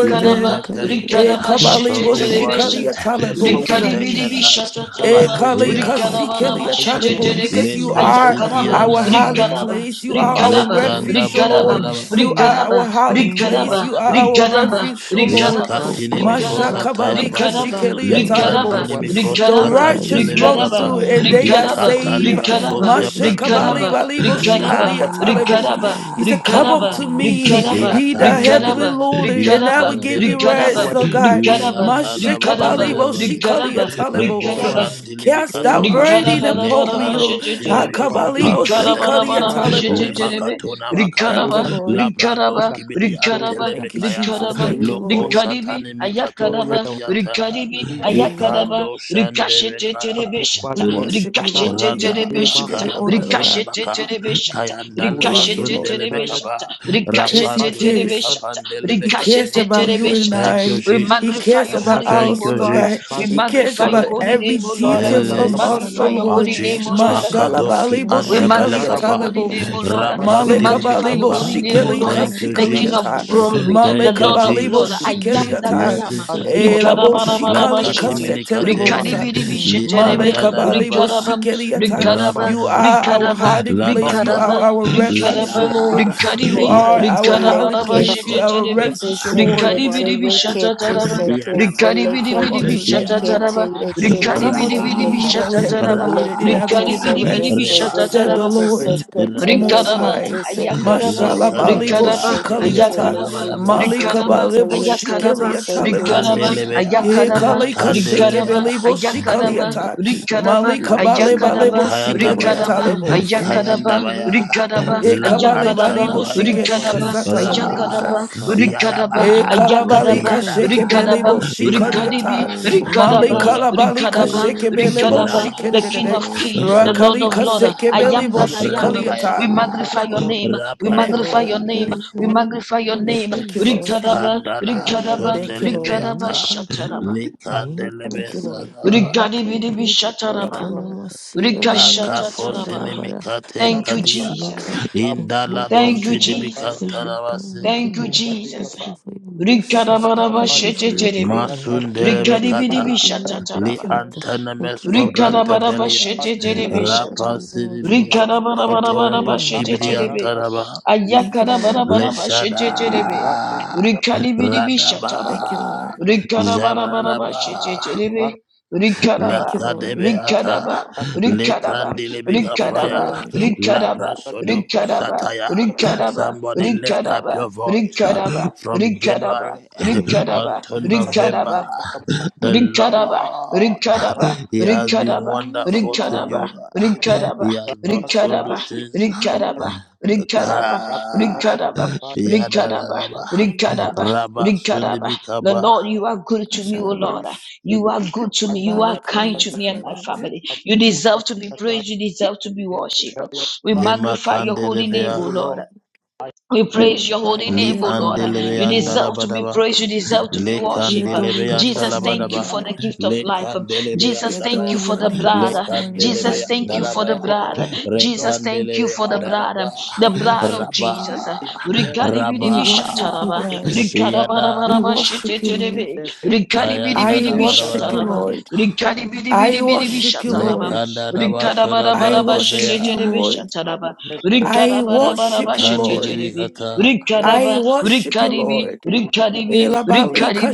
Speaker 1: He
Speaker 4: ayɛyie
Speaker 1: protected
Speaker 4: nkawdin,
Speaker 1: you.
Speaker 6: E
Speaker 8: Rigdaraba,
Speaker 6: kabali
Speaker 1: From
Speaker 4: ayɛyie
Speaker 8: Şitetelebe
Speaker 4: nkawdin,
Speaker 1: February,
Speaker 8: Şata,
Speaker 6: boshikaliata
Speaker 1: He
Speaker 6: lebo.
Speaker 4: ɔsorosoro ne
Speaker 1: protected
Speaker 8: Rigdaribiribi
Speaker 1: us.
Speaker 4: Nyankopɔn.
Speaker 8: Şata
Speaker 6: Eh,
Speaker 8: Taraba,
Speaker 4: Mpɛkyɛ
Speaker 6: Kali
Speaker 4: yɛ
Speaker 1: Yeah.
Speaker 6: Kasi
Speaker 4: nkawdin,
Speaker 6: Kili
Speaker 8: Rigdarabaraba,
Speaker 4: meda wo
Speaker 6: Atalebo,
Speaker 8: Şitetelebe,
Speaker 6: Because
Speaker 4: ase
Speaker 6: you
Speaker 4: o,
Speaker 1: Leko
Speaker 6: are
Speaker 4: meda
Speaker 8: Ayakaraba,
Speaker 4: wo
Speaker 6: our
Speaker 4: ase
Speaker 1: sikianda.
Speaker 4: o,
Speaker 6: hiding
Speaker 8: Rigdaraba,
Speaker 6: place. You
Speaker 4: meda wo
Speaker 6: are
Speaker 4: ase
Speaker 6: our
Speaker 8: Rigdaraba,
Speaker 4: o,
Speaker 1: Lekanda
Speaker 6: refuge, O
Speaker 4: meda
Speaker 8: Rigdaraba,
Speaker 4: wo
Speaker 6: Lord.
Speaker 1: badabadaba.
Speaker 4: ase
Speaker 6: You
Speaker 4: o.
Speaker 6: are our
Speaker 8: Rigdaraba,
Speaker 6: hiding
Speaker 4: Mm.
Speaker 6: place. You are our
Speaker 8: Rigdaraba,
Speaker 6: refuge, O
Speaker 8: Rigdaraba,
Speaker 6: Lord.
Speaker 4: Merciful God,
Speaker 1: Liakatinimikos
Speaker 6: Masha
Speaker 8: Riggaraba,
Speaker 6: Kabali
Speaker 1: Hatayaba,
Speaker 6: Kasi
Speaker 8: riggaraba,
Speaker 4: merciful
Speaker 6: Kili
Speaker 4: God,
Speaker 8: riggaraba,
Speaker 6: Atalebos.
Speaker 4: we
Speaker 1: Lekandinimikos
Speaker 6: The
Speaker 8: riggaraba,
Speaker 4: glorify your
Speaker 6: righteous
Speaker 4: name
Speaker 6: run
Speaker 4: this
Speaker 8: riggaraba,
Speaker 6: through
Speaker 1: Katantelebekapa,
Speaker 6: and
Speaker 4: morning.
Speaker 6: they are
Speaker 8: riggaraba,
Speaker 4: We
Speaker 6: saved.
Speaker 4: glorify your
Speaker 1: Ikatalimakos
Speaker 8: riggaraba,
Speaker 4: name
Speaker 8: riggaraba,
Speaker 6: Masha
Speaker 4: this
Speaker 1: Keprantaba,
Speaker 8: riggaraba,
Speaker 4: morning.
Speaker 6: Kabali
Speaker 4: We
Speaker 6: Valibo
Speaker 4: glorify
Speaker 8: riggaraba,
Speaker 6: Shikali
Speaker 4: your name this
Speaker 6: Atalebos.
Speaker 8: riggaraba,
Speaker 4: morning.
Speaker 6: He said, Come up
Speaker 8: riggaraba,
Speaker 6: to
Speaker 4: Everything that
Speaker 1: Ah,
Speaker 4: was
Speaker 6: me,
Speaker 4: sick,
Speaker 8: riggaraba,
Speaker 6: he that
Speaker 4: everything that
Speaker 6: heavily
Speaker 1: Yatandelebe,
Speaker 4: was sick,
Speaker 6: loaded, and I
Speaker 8: riggaraba,
Speaker 6: will give
Speaker 4: everything
Speaker 6: you
Speaker 4: that was
Speaker 1: Yatandelebe,
Speaker 6: rest,
Speaker 4: sick.
Speaker 6: oh God.
Speaker 1: we
Speaker 4: Mm,
Speaker 6: Masha
Speaker 8: riggaraba,
Speaker 6: Kabali
Speaker 4: mm,
Speaker 1: are
Speaker 6: Voshikali
Speaker 8: riggaraba,
Speaker 1: Rebo
Speaker 6: Atalebos.
Speaker 8: riggaraba.
Speaker 4: mm.
Speaker 1: Shandili
Speaker 4: Thank
Speaker 6: Cast
Speaker 4: you,
Speaker 6: that
Speaker 1: Mikatwa,
Speaker 8: Rigara
Speaker 6: burden
Speaker 4: Lord.
Speaker 8: bara
Speaker 6: upon
Speaker 8: bara
Speaker 6: me,
Speaker 8: bara
Speaker 6: Lord.
Speaker 1: Lekando
Speaker 8: shete
Speaker 1: Sinimi
Speaker 8: terebe.
Speaker 6: Akabalimo
Speaker 1: Compam
Speaker 8: Rigara bara
Speaker 6: shikalia
Speaker 1: Pedagatia,
Speaker 8: bara bara shete
Speaker 6: talemos.
Speaker 8: terebe.
Speaker 1: Lemakatona
Speaker 8: Rigara
Speaker 6: Thank
Speaker 1: Makaya,
Speaker 8: ba.
Speaker 6: you, Lord.
Speaker 8: rigara
Speaker 1: Labrandos
Speaker 8: ba. Rikarabarabarabasheçeçerebe. ba. rikaraba,
Speaker 1: Kibidi Antele
Speaker 8: rikaraba,
Speaker 6: Thank you,
Speaker 1: Mekaya,
Speaker 6: Jesus.
Speaker 8: rikaraba,
Speaker 6: Thank you,
Speaker 1: Loko
Speaker 6: Lord.
Speaker 8: rikaribi,
Speaker 1: Satani Mikato
Speaker 8: ayakaraba,
Speaker 1: Kadiata,
Speaker 8: rikaribi,
Speaker 6: Hey,
Speaker 8: ayakaraba,
Speaker 6: Lord.
Speaker 1: Ikando Shande Mekaya,
Speaker 8: rikaşeçeçerebe şata,
Speaker 6: We
Speaker 1: L-
Speaker 6: worship you, Lord. We give you
Speaker 1: Rada
Speaker 6: praise. We give
Speaker 8: Rikashitititibishata,
Speaker 6: you
Speaker 1: Akaya
Speaker 6: honor, Lord
Speaker 1: Basuda
Speaker 6: God.
Speaker 1: Baka,
Speaker 8: rikashitititibishata,
Speaker 1: Kayandala
Speaker 6: Hey,
Speaker 1: Basundele
Speaker 6: Lord.
Speaker 8: rikashitititibishata,
Speaker 1: Bekaba,
Speaker 6: Because he
Speaker 1: Rapandule
Speaker 6: cares.
Speaker 8: rikashitititibishata,
Speaker 1: Bekapandele
Speaker 6: He cares
Speaker 1: Bekade.
Speaker 6: about you and
Speaker 8: rikashitititibishata.
Speaker 1: Thank you,
Speaker 6: I.
Speaker 8: We
Speaker 6: He
Speaker 1: Jesus.
Speaker 8: magnify
Speaker 6: cares
Speaker 8: your
Speaker 6: about
Speaker 8: holy name,
Speaker 1: Thank
Speaker 8: O
Speaker 6: us,
Speaker 1: you,
Speaker 6: oh
Speaker 8: Lord.
Speaker 6: God.
Speaker 7: you.
Speaker 8: We
Speaker 1: Jesus.
Speaker 6: He cares
Speaker 8: magnify
Speaker 7: Hallelujah.
Speaker 8: your
Speaker 6: about
Speaker 4: Singhada
Speaker 8: holy
Speaker 4: bhusha,
Speaker 6: every
Speaker 8: name, O
Speaker 1: In
Speaker 8: Lord.
Speaker 4: singhada
Speaker 6: details
Speaker 1: the
Speaker 8: We
Speaker 6: of
Speaker 1: name
Speaker 6: us,
Speaker 4: namasala,
Speaker 6: oh
Speaker 8: magnify your
Speaker 4: nama
Speaker 1: of
Speaker 8: holy
Speaker 6: Lord.
Speaker 4: namaya.
Speaker 8: name, O
Speaker 1: Jesus,
Speaker 8: Lord.
Speaker 4: Thank
Speaker 6: Mashallah
Speaker 4: you,
Speaker 6: bali
Speaker 1: Makadoski
Speaker 8: We
Speaker 4: Singhada
Speaker 6: boshikali
Speaker 4: bhusha,
Speaker 8: magnify your
Speaker 1: Antabelakapai,
Speaker 8: holy
Speaker 4: Singhada
Speaker 6: atalebos.
Speaker 8: name, O
Speaker 4: namaya
Speaker 8: Lord. We
Speaker 6: Male
Speaker 4: bhusha.
Speaker 8: magnify
Speaker 6: kabali
Speaker 8: your
Speaker 4: Thank
Speaker 8: holy
Speaker 4: you,
Speaker 8: name,
Speaker 1: Rapandilibikapai.
Speaker 8: O
Speaker 6: boshikeli
Speaker 8: Lord.
Speaker 4: namana Maya
Speaker 1: Thank you,
Speaker 8: The
Speaker 6: kasikali
Speaker 4: bhusha,
Speaker 8: King of
Speaker 6: atar.
Speaker 1: Jesus.
Speaker 4: Singhada,
Speaker 8: glory,
Speaker 6: Male
Speaker 8: the
Speaker 1: Thank you,
Speaker 8: Lord
Speaker 4: Singhada.
Speaker 8: of
Speaker 6: kabali
Speaker 8: Lord.
Speaker 4: Thank
Speaker 1: Jesus.
Speaker 8: I
Speaker 4: you,
Speaker 6: boshikeli
Speaker 8: am that I
Speaker 6: atar.
Speaker 1: Yes,
Speaker 8: am.
Speaker 4: Jesus.
Speaker 1: it is.
Speaker 4: Thank you,
Speaker 6: Ela
Speaker 4: God. Thank you,
Speaker 1: La
Speaker 6: boshikali
Speaker 8: Rikadabarabashiti.
Speaker 4: God.
Speaker 1: katiminikate
Speaker 6: kasetelebos.
Speaker 4: Hmm, hmm,
Speaker 1: li
Speaker 4: hmm,
Speaker 6: Male
Speaker 8: Rikadibidibishitirebe.
Speaker 1: anta
Speaker 4: hmm.
Speaker 6: kabali
Speaker 1: antadadaba
Speaker 8: Rikadaba.
Speaker 6: boshikeli atar.
Speaker 8: Rikadaba.
Speaker 6: You
Speaker 1: rabaraba
Speaker 6: are our
Speaker 8: Rikadaba
Speaker 6: hiding
Speaker 8: rikaraba
Speaker 6: place. You
Speaker 1: landaba
Speaker 8: rikaraba
Speaker 6: are our
Speaker 1: lada
Speaker 6: refuge,
Speaker 8: rikaraba
Speaker 6: oh Lord. You
Speaker 8: rikaribi
Speaker 6: are
Speaker 1: yada
Speaker 6: our hiding
Speaker 8: rikarabaraba
Speaker 6: place. You are our
Speaker 8: şiteteribi
Speaker 1: kobradaba
Speaker 6: refuge, O Lord.
Speaker 8: rikaribiribi
Speaker 1: yadabaya
Speaker 8: şatataraba
Speaker 1: yadabaya
Speaker 6: Come
Speaker 8: rikaribiribiribi
Speaker 6: unto
Speaker 1: ya
Speaker 6: me.
Speaker 8: şatataraba
Speaker 6: Come
Speaker 1: ra
Speaker 6: unto me,
Speaker 8: rikaribiribiribi
Speaker 6: he that heavily
Speaker 8: şatataraba
Speaker 1: ra
Speaker 4: Singhada, singhada,
Speaker 6: loaded, and I will give
Speaker 4: namasala, namasala,
Speaker 6: you
Speaker 8: rikaribiribiribi
Speaker 6: rest,
Speaker 1: reba
Speaker 4: bhusha,
Speaker 6: said the
Speaker 8: şatataraba
Speaker 6: Lord. Most
Speaker 1: radaba
Speaker 8: Rikaraba,
Speaker 6: High,
Speaker 8: ayakaraba,
Speaker 4: bhusha,
Speaker 6: Mashalabali
Speaker 1: lakadabaya
Speaker 8: rikaraba,
Speaker 4: bhusha,
Speaker 6: Boshikaliata,
Speaker 8: ayakaraba,
Speaker 4: bhusha.
Speaker 1: rabaraba
Speaker 6: Malika
Speaker 8: rikaraba,
Speaker 4: Thank
Speaker 6: Balebo
Speaker 4: you.
Speaker 8: ayakaraba,
Speaker 4: she
Speaker 5: it,
Speaker 8: rikaraba,
Speaker 4: in the
Speaker 1: kandelebea
Speaker 4: mighty
Speaker 8: ayakaraba,
Speaker 4: name of
Speaker 6: Ekalika
Speaker 8: rikaraba,
Speaker 1: kandelebea
Speaker 4: Jesus.
Speaker 6: Shekebelebo
Speaker 4: Hey,
Speaker 8: ayakaraba,
Speaker 6: Shikaliata,
Speaker 4: worthy,
Speaker 8: rikaraba,
Speaker 6: Malika
Speaker 4: worthy unto
Speaker 6: Bale
Speaker 4: your
Speaker 8: ayakaraba,
Speaker 4: holy name,
Speaker 1: Kayandabaya,
Speaker 8: rikaraba,
Speaker 4: for you have done it
Speaker 8: ayakaraba,
Speaker 4: again,
Speaker 1: Kayandabaya,
Speaker 4: Lord. You have done
Speaker 8: rikaraba,
Speaker 4: it
Speaker 6: E
Speaker 1: La
Speaker 6: kabale
Speaker 4: again.
Speaker 8: ayakaraba,
Speaker 6: vali bo
Speaker 4: Thank you,
Speaker 1: Atandabaya,
Speaker 4: Lord
Speaker 6: shikeri
Speaker 8: rikaraba,
Speaker 6: kasata
Speaker 4: Jesus,
Speaker 6: le
Speaker 1: Ra,
Speaker 6: bo
Speaker 4: amazing
Speaker 8: ayakaraba,
Speaker 6: sha.
Speaker 4: Father. You
Speaker 1: Yadaba,
Speaker 4: are
Speaker 8: Rikadaba,
Speaker 6: E
Speaker 4: worthy of
Speaker 6: kalabali
Speaker 4: your
Speaker 8: Ayakadaba,
Speaker 4: praise.
Speaker 1: Yadaba,
Speaker 4: You are
Speaker 6: kasheke bele
Speaker 4: worthy
Speaker 8: Rikadaba,
Speaker 6: bo
Speaker 4: of your
Speaker 1: Ya,
Speaker 6: shikari
Speaker 4: praise. You are
Speaker 8: Rikadibi,
Speaker 6: ata.
Speaker 4: worthy of your
Speaker 6: Mali
Speaker 8: Rikadaba,
Speaker 4: praise.
Speaker 1: Ra,
Speaker 6: kalabali
Speaker 8: Rikadaba,
Speaker 6: kasheke
Speaker 4: Yes,
Speaker 6: bele bo
Speaker 8: Rikadaba,
Speaker 4: Lord,
Speaker 1: Raba,
Speaker 6: shikere
Speaker 8: the
Speaker 6: de
Speaker 4: yes,
Speaker 6: de
Speaker 8: King
Speaker 6: de.
Speaker 8: of
Speaker 4: Lord,
Speaker 8: Kings,
Speaker 4: yes,
Speaker 8: the Lord
Speaker 6: Rakali
Speaker 4: Lord,
Speaker 1: Rapa,
Speaker 8: of
Speaker 4: yes,
Speaker 8: Lords.
Speaker 6: kaseke
Speaker 8: I
Speaker 4: Lord,
Speaker 6: bele
Speaker 8: am
Speaker 6: bo
Speaker 8: that I am.
Speaker 6: shikari
Speaker 4: Lord
Speaker 1: Rapaya,
Speaker 4: of
Speaker 8: We
Speaker 6: ata.
Speaker 4: Lord,
Speaker 8: magnify your
Speaker 4: God
Speaker 8: name.
Speaker 4: of
Speaker 8: We
Speaker 6: Thank you,
Speaker 1: Rapaya,
Speaker 4: Lord,
Speaker 8: magnify
Speaker 6: Lord.
Speaker 8: your name.
Speaker 4: in the
Speaker 8: We
Speaker 4: name
Speaker 8: magnify your
Speaker 4: of
Speaker 8: name.
Speaker 6: Thank you,
Speaker 4: Jesus.
Speaker 6: Lord.
Speaker 8: Rikadaba,
Speaker 1: Kandala
Speaker 8: Rikadaba,
Speaker 6: Thank you, Lord.
Speaker 8: Rikadaba,
Speaker 1: Sundelebeata,
Speaker 4: Encounter,
Speaker 8: Shataraba.
Speaker 6: Thank you,
Speaker 4: encounter,
Speaker 6: Lord.
Speaker 1: Likandelebesaza.
Speaker 8: Rikadibi,
Speaker 4: encounter,
Speaker 6: Thank you,
Speaker 8: Shataraba.
Speaker 6: Lord.
Speaker 4: Okanamasia
Speaker 1: Takapo
Speaker 4: Namashada
Speaker 6: Thank you,
Speaker 8: Rikashatataraba.
Speaker 6: Lord.
Speaker 4: Dabara,
Speaker 1: sinimikate
Speaker 8: Thank you,
Speaker 1: kadia.
Speaker 7: kapa
Speaker 8: Jesus.
Speaker 4: Inkasianda. Thank
Speaker 7: rabu
Speaker 4: you,
Speaker 1: Indalado
Speaker 8: Thank
Speaker 6: Thank you,
Speaker 8: you,
Speaker 7: sati
Speaker 6: Lord.
Speaker 4: Lord,
Speaker 7: kataya
Speaker 8: Jesus.
Speaker 4: for your done
Speaker 1: sidibikantarabasis.
Speaker 8: Thank you,
Speaker 4: again.
Speaker 7: tupati
Speaker 8: Jesus.
Speaker 4: Thank
Speaker 7: kapa
Speaker 4: you for your mercies.
Speaker 8: Rikarabaraba
Speaker 7: kapa
Speaker 4: Thank you for your
Speaker 8: shetetelebe.
Speaker 4: grace.
Speaker 7: ikata
Speaker 4: Thank you for the
Speaker 8: Rikaribiribi
Speaker 7: rati
Speaker 1: Masundelebekata.
Speaker 4: air you
Speaker 7: kataya
Speaker 1: Li
Speaker 6: Thank
Speaker 8: shatataraba.
Speaker 6: you, Lord.
Speaker 4: breathe. Thank you
Speaker 1: antanamesco
Speaker 4: for everything that
Speaker 1: brantabelia.
Speaker 4: is wrong,
Speaker 7: pasatu
Speaker 4: your
Speaker 6: Thank you,
Speaker 4: God,
Speaker 7: kata
Speaker 8: Rikarabarabasheteterebeshata.
Speaker 6: Lord.
Speaker 1: Rapa
Speaker 4: in the name of
Speaker 1: sidibia.
Speaker 4: Jesus.
Speaker 1: Kotoreboski
Speaker 4: Mm,
Speaker 7: apa
Speaker 8: Rikarabarabarabasheteterebe.
Speaker 7: santa kapi
Speaker 1: briantaraba.
Speaker 6: Thank you, Lord.
Speaker 4: mm,
Speaker 1: Leshada.
Speaker 8: Ayakarabarabarabaseteterebe.
Speaker 7: rati
Speaker 1: Radaba.
Speaker 8: Rikaribiribishataraba.
Speaker 6: Thank you, Lord.
Speaker 1: Jabaraba.
Speaker 8: Rikarabarabarabasheteterebe.
Speaker 7: rata
Speaker 8: Rikaraba.
Speaker 6: Thank you, Lord.
Speaker 7: santa
Speaker 1: Lakadebeata,
Speaker 8: Rikaraba. Rikaraba.
Speaker 6: Thank you,
Speaker 8: Rikaraba.
Speaker 1: Lekandilibikapaya,
Speaker 7: kata
Speaker 6: Lord.
Speaker 8: Rikaraba.
Speaker 1: Labrasodomo
Speaker 8: Rikaraba.
Speaker 7: kata
Speaker 1: Sataya.
Speaker 8: Rikaraba.
Speaker 1: Somebody lift up
Speaker 8: Rikaraba.
Speaker 1: your voice uh,
Speaker 8: Rikaraba.
Speaker 1: from
Speaker 8: Rikaraba.
Speaker 1: January
Speaker 4: mm,
Speaker 8: Rikaraba.
Speaker 1: until
Speaker 6: Thank you,
Speaker 8: Rikaraba.
Speaker 1: November.
Speaker 6: Lord.
Speaker 7: kata kapa
Speaker 1: The
Speaker 8: Rikchadaba,
Speaker 1: Lord,
Speaker 7: kapa
Speaker 8: Rikchadaba,
Speaker 1: He has been
Speaker 8: Rikchadaba,
Speaker 1: wonderful to
Speaker 7: paya
Speaker 8: Rikchadaba,
Speaker 1: you.
Speaker 7: kapa
Speaker 8: Rikchadaba,
Speaker 1: He has
Speaker 7: santa
Speaker 1: brought
Speaker 7: kapa
Speaker 8: Rikchadaba,
Speaker 1: solutions.
Speaker 7: kapa
Speaker 8: Rikchadaba,
Speaker 6: Ashalamosh,
Speaker 8: Rikchadaba,
Speaker 7: rata
Speaker 1: Ka-
Speaker 7: kata
Speaker 8: Rikchadaba,
Speaker 7: kapa
Speaker 8: Rikchadaba,
Speaker 1: Yadadadaba,
Speaker 7: kapa
Speaker 8: Rikchadaba,
Speaker 1: Rabba
Speaker 7: pati
Speaker 8: Rikchadaba. The
Speaker 1: Sundibikaba,
Speaker 8: Lord, you are good to me, O Lord. You are good to me. You
Speaker 7: kata
Speaker 8: are
Speaker 6: Mali
Speaker 8: kind
Speaker 6: Kalia
Speaker 7: kata
Speaker 8: to me and
Speaker 7: kapa
Speaker 8: my
Speaker 6: Talabos,
Speaker 8: family. You
Speaker 7: rabu
Speaker 8: deserve to
Speaker 7: sati
Speaker 8: be
Speaker 7: kata
Speaker 8: praised. You deserve to be worshipped.
Speaker 7: kaya
Speaker 8: We
Speaker 7: kapa
Speaker 1: Lema
Speaker 8: magnify your holy name, O
Speaker 6: adore
Speaker 1: Kandelebea.
Speaker 7: ulo
Speaker 8: Lord.
Speaker 6: you.
Speaker 8: We praise your holy
Speaker 1: Li
Speaker 6: We
Speaker 8: name, O
Speaker 7: Oh, my
Speaker 6: adore
Speaker 8: Lord.
Speaker 6: your
Speaker 8: You
Speaker 6: name,
Speaker 1: andelebeyanda
Speaker 7: Lord,
Speaker 6: Lord.
Speaker 8: deserve to be
Speaker 1: labadaba.
Speaker 8: praised. You deserve to be
Speaker 1: Le
Speaker 6: We
Speaker 8: worshipped.
Speaker 6: adore you
Speaker 1: candelebeyanda
Speaker 6: this
Speaker 8: Jesus, thank
Speaker 6: morning,
Speaker 8: you
Speaker 1: labadaba.
Speaker 8: for
Speaker 7: if
Speaker 8: the
Speaker 6: Lord.
Speaker 8: gift of
Speaker 1: Le
Speaker 8: life.
Speaker 6: We
Speaker 8: Jesus,
Speaker 1: candelebeyanda
Speaker 8: thank
Speaker 6: adore
Speaker 1: baya.
Speaker 8: you for
Speaker 6: your
Speaker 8: the
Speaker 6: name
Speaker 1: Le
Speaker 8: blood.
Speaker 6: this morning, oh
Speaker 7: my
Speaker 8: Jesus,
Speaker 6: God.
Speaker 1: candelebeyanda
Speaker 8: thank you
Speaker 7: glory
Speaker 8: for the
Speaker 1: labaya.
Speaker 8: blood.
Speaker 1: Re
Speaker 7: long
Speaker 8: Jesus, thank you for the
Speaker 1: candelebeyanda
Speaker 7: father,
Speaker 8: blood.
Speaker 1: laba.
Speaker 8: The
Speaker 6: We
Speaker 8: blood
Speaker 7: death,
Speaker 8: of
Speaker 6: worship you,
Speaker 1: Raba.
Speaker 8: Jesus.
Speaker 6: Lord.
Speaker 7: devil,
Speaker 1: Raba.
Speaker 6: We
Speaker 8: Rigadibidibi
Speaker 6: worship you,
Speaker 8: shataraba.
Speaker 6: God.
Speaker 4: mm.
Speaker 1: Yada.
Speaker 6: We
Speaker 8: Rigadabarabarabaraba
Speaker 6: worship you,
Speaker 7: is
Speaker 6: Lord.
Speaker 7: devil,
Speaker 1: Kayanda
Speaker 6: I
Speaker 1: dabadaba.
Speaker 6: worship you,
Speaker 1: daba.
Speaker 8: şataraba.
Speaker 6: Lord.
Speaker 8: Rikari bidi
Speaker 6: I
Speaker 8: bidi biri bir
Speaker 6: worship you,
Speaker 1: Le
Speaker 8: şataraba.
Speaker 6: Lord.
Speaker 1: kanda daba
Speaker 8: Rikara
Speaker 1: soda
Speaker 8: bara
Speaker 6: I
Speaker 8: bara
Speaker 1: brande
Speaker 8: başı
Speaker 6: worship
Speaker 1: beya.
Speaker 6: you,
Speaker 8: cecere bir
Speaker 6: Lord.
Speaker 8: şataraba.
Speaker 6: I
Speaker 8: Rikara bara bara
Speaker 6: worship you,
Speaker 8: başı
Speaker 6: Lord.
Speaker 8: cecere
Speaker 1: Kandelebi
Speaker 8: bir.
Speaker 1: kata.
Speaker 7: devil,
Speaker 8: Rikara
Speaker 6: I
Speaker 8: ba
Speaker 6: worship you,
Speaker 8: rikari
Speaker 6: Lord.
Speaker 8: rikari
Speaker 7: fool,
Speaker 8: rikari
Speaker 6: Elabalika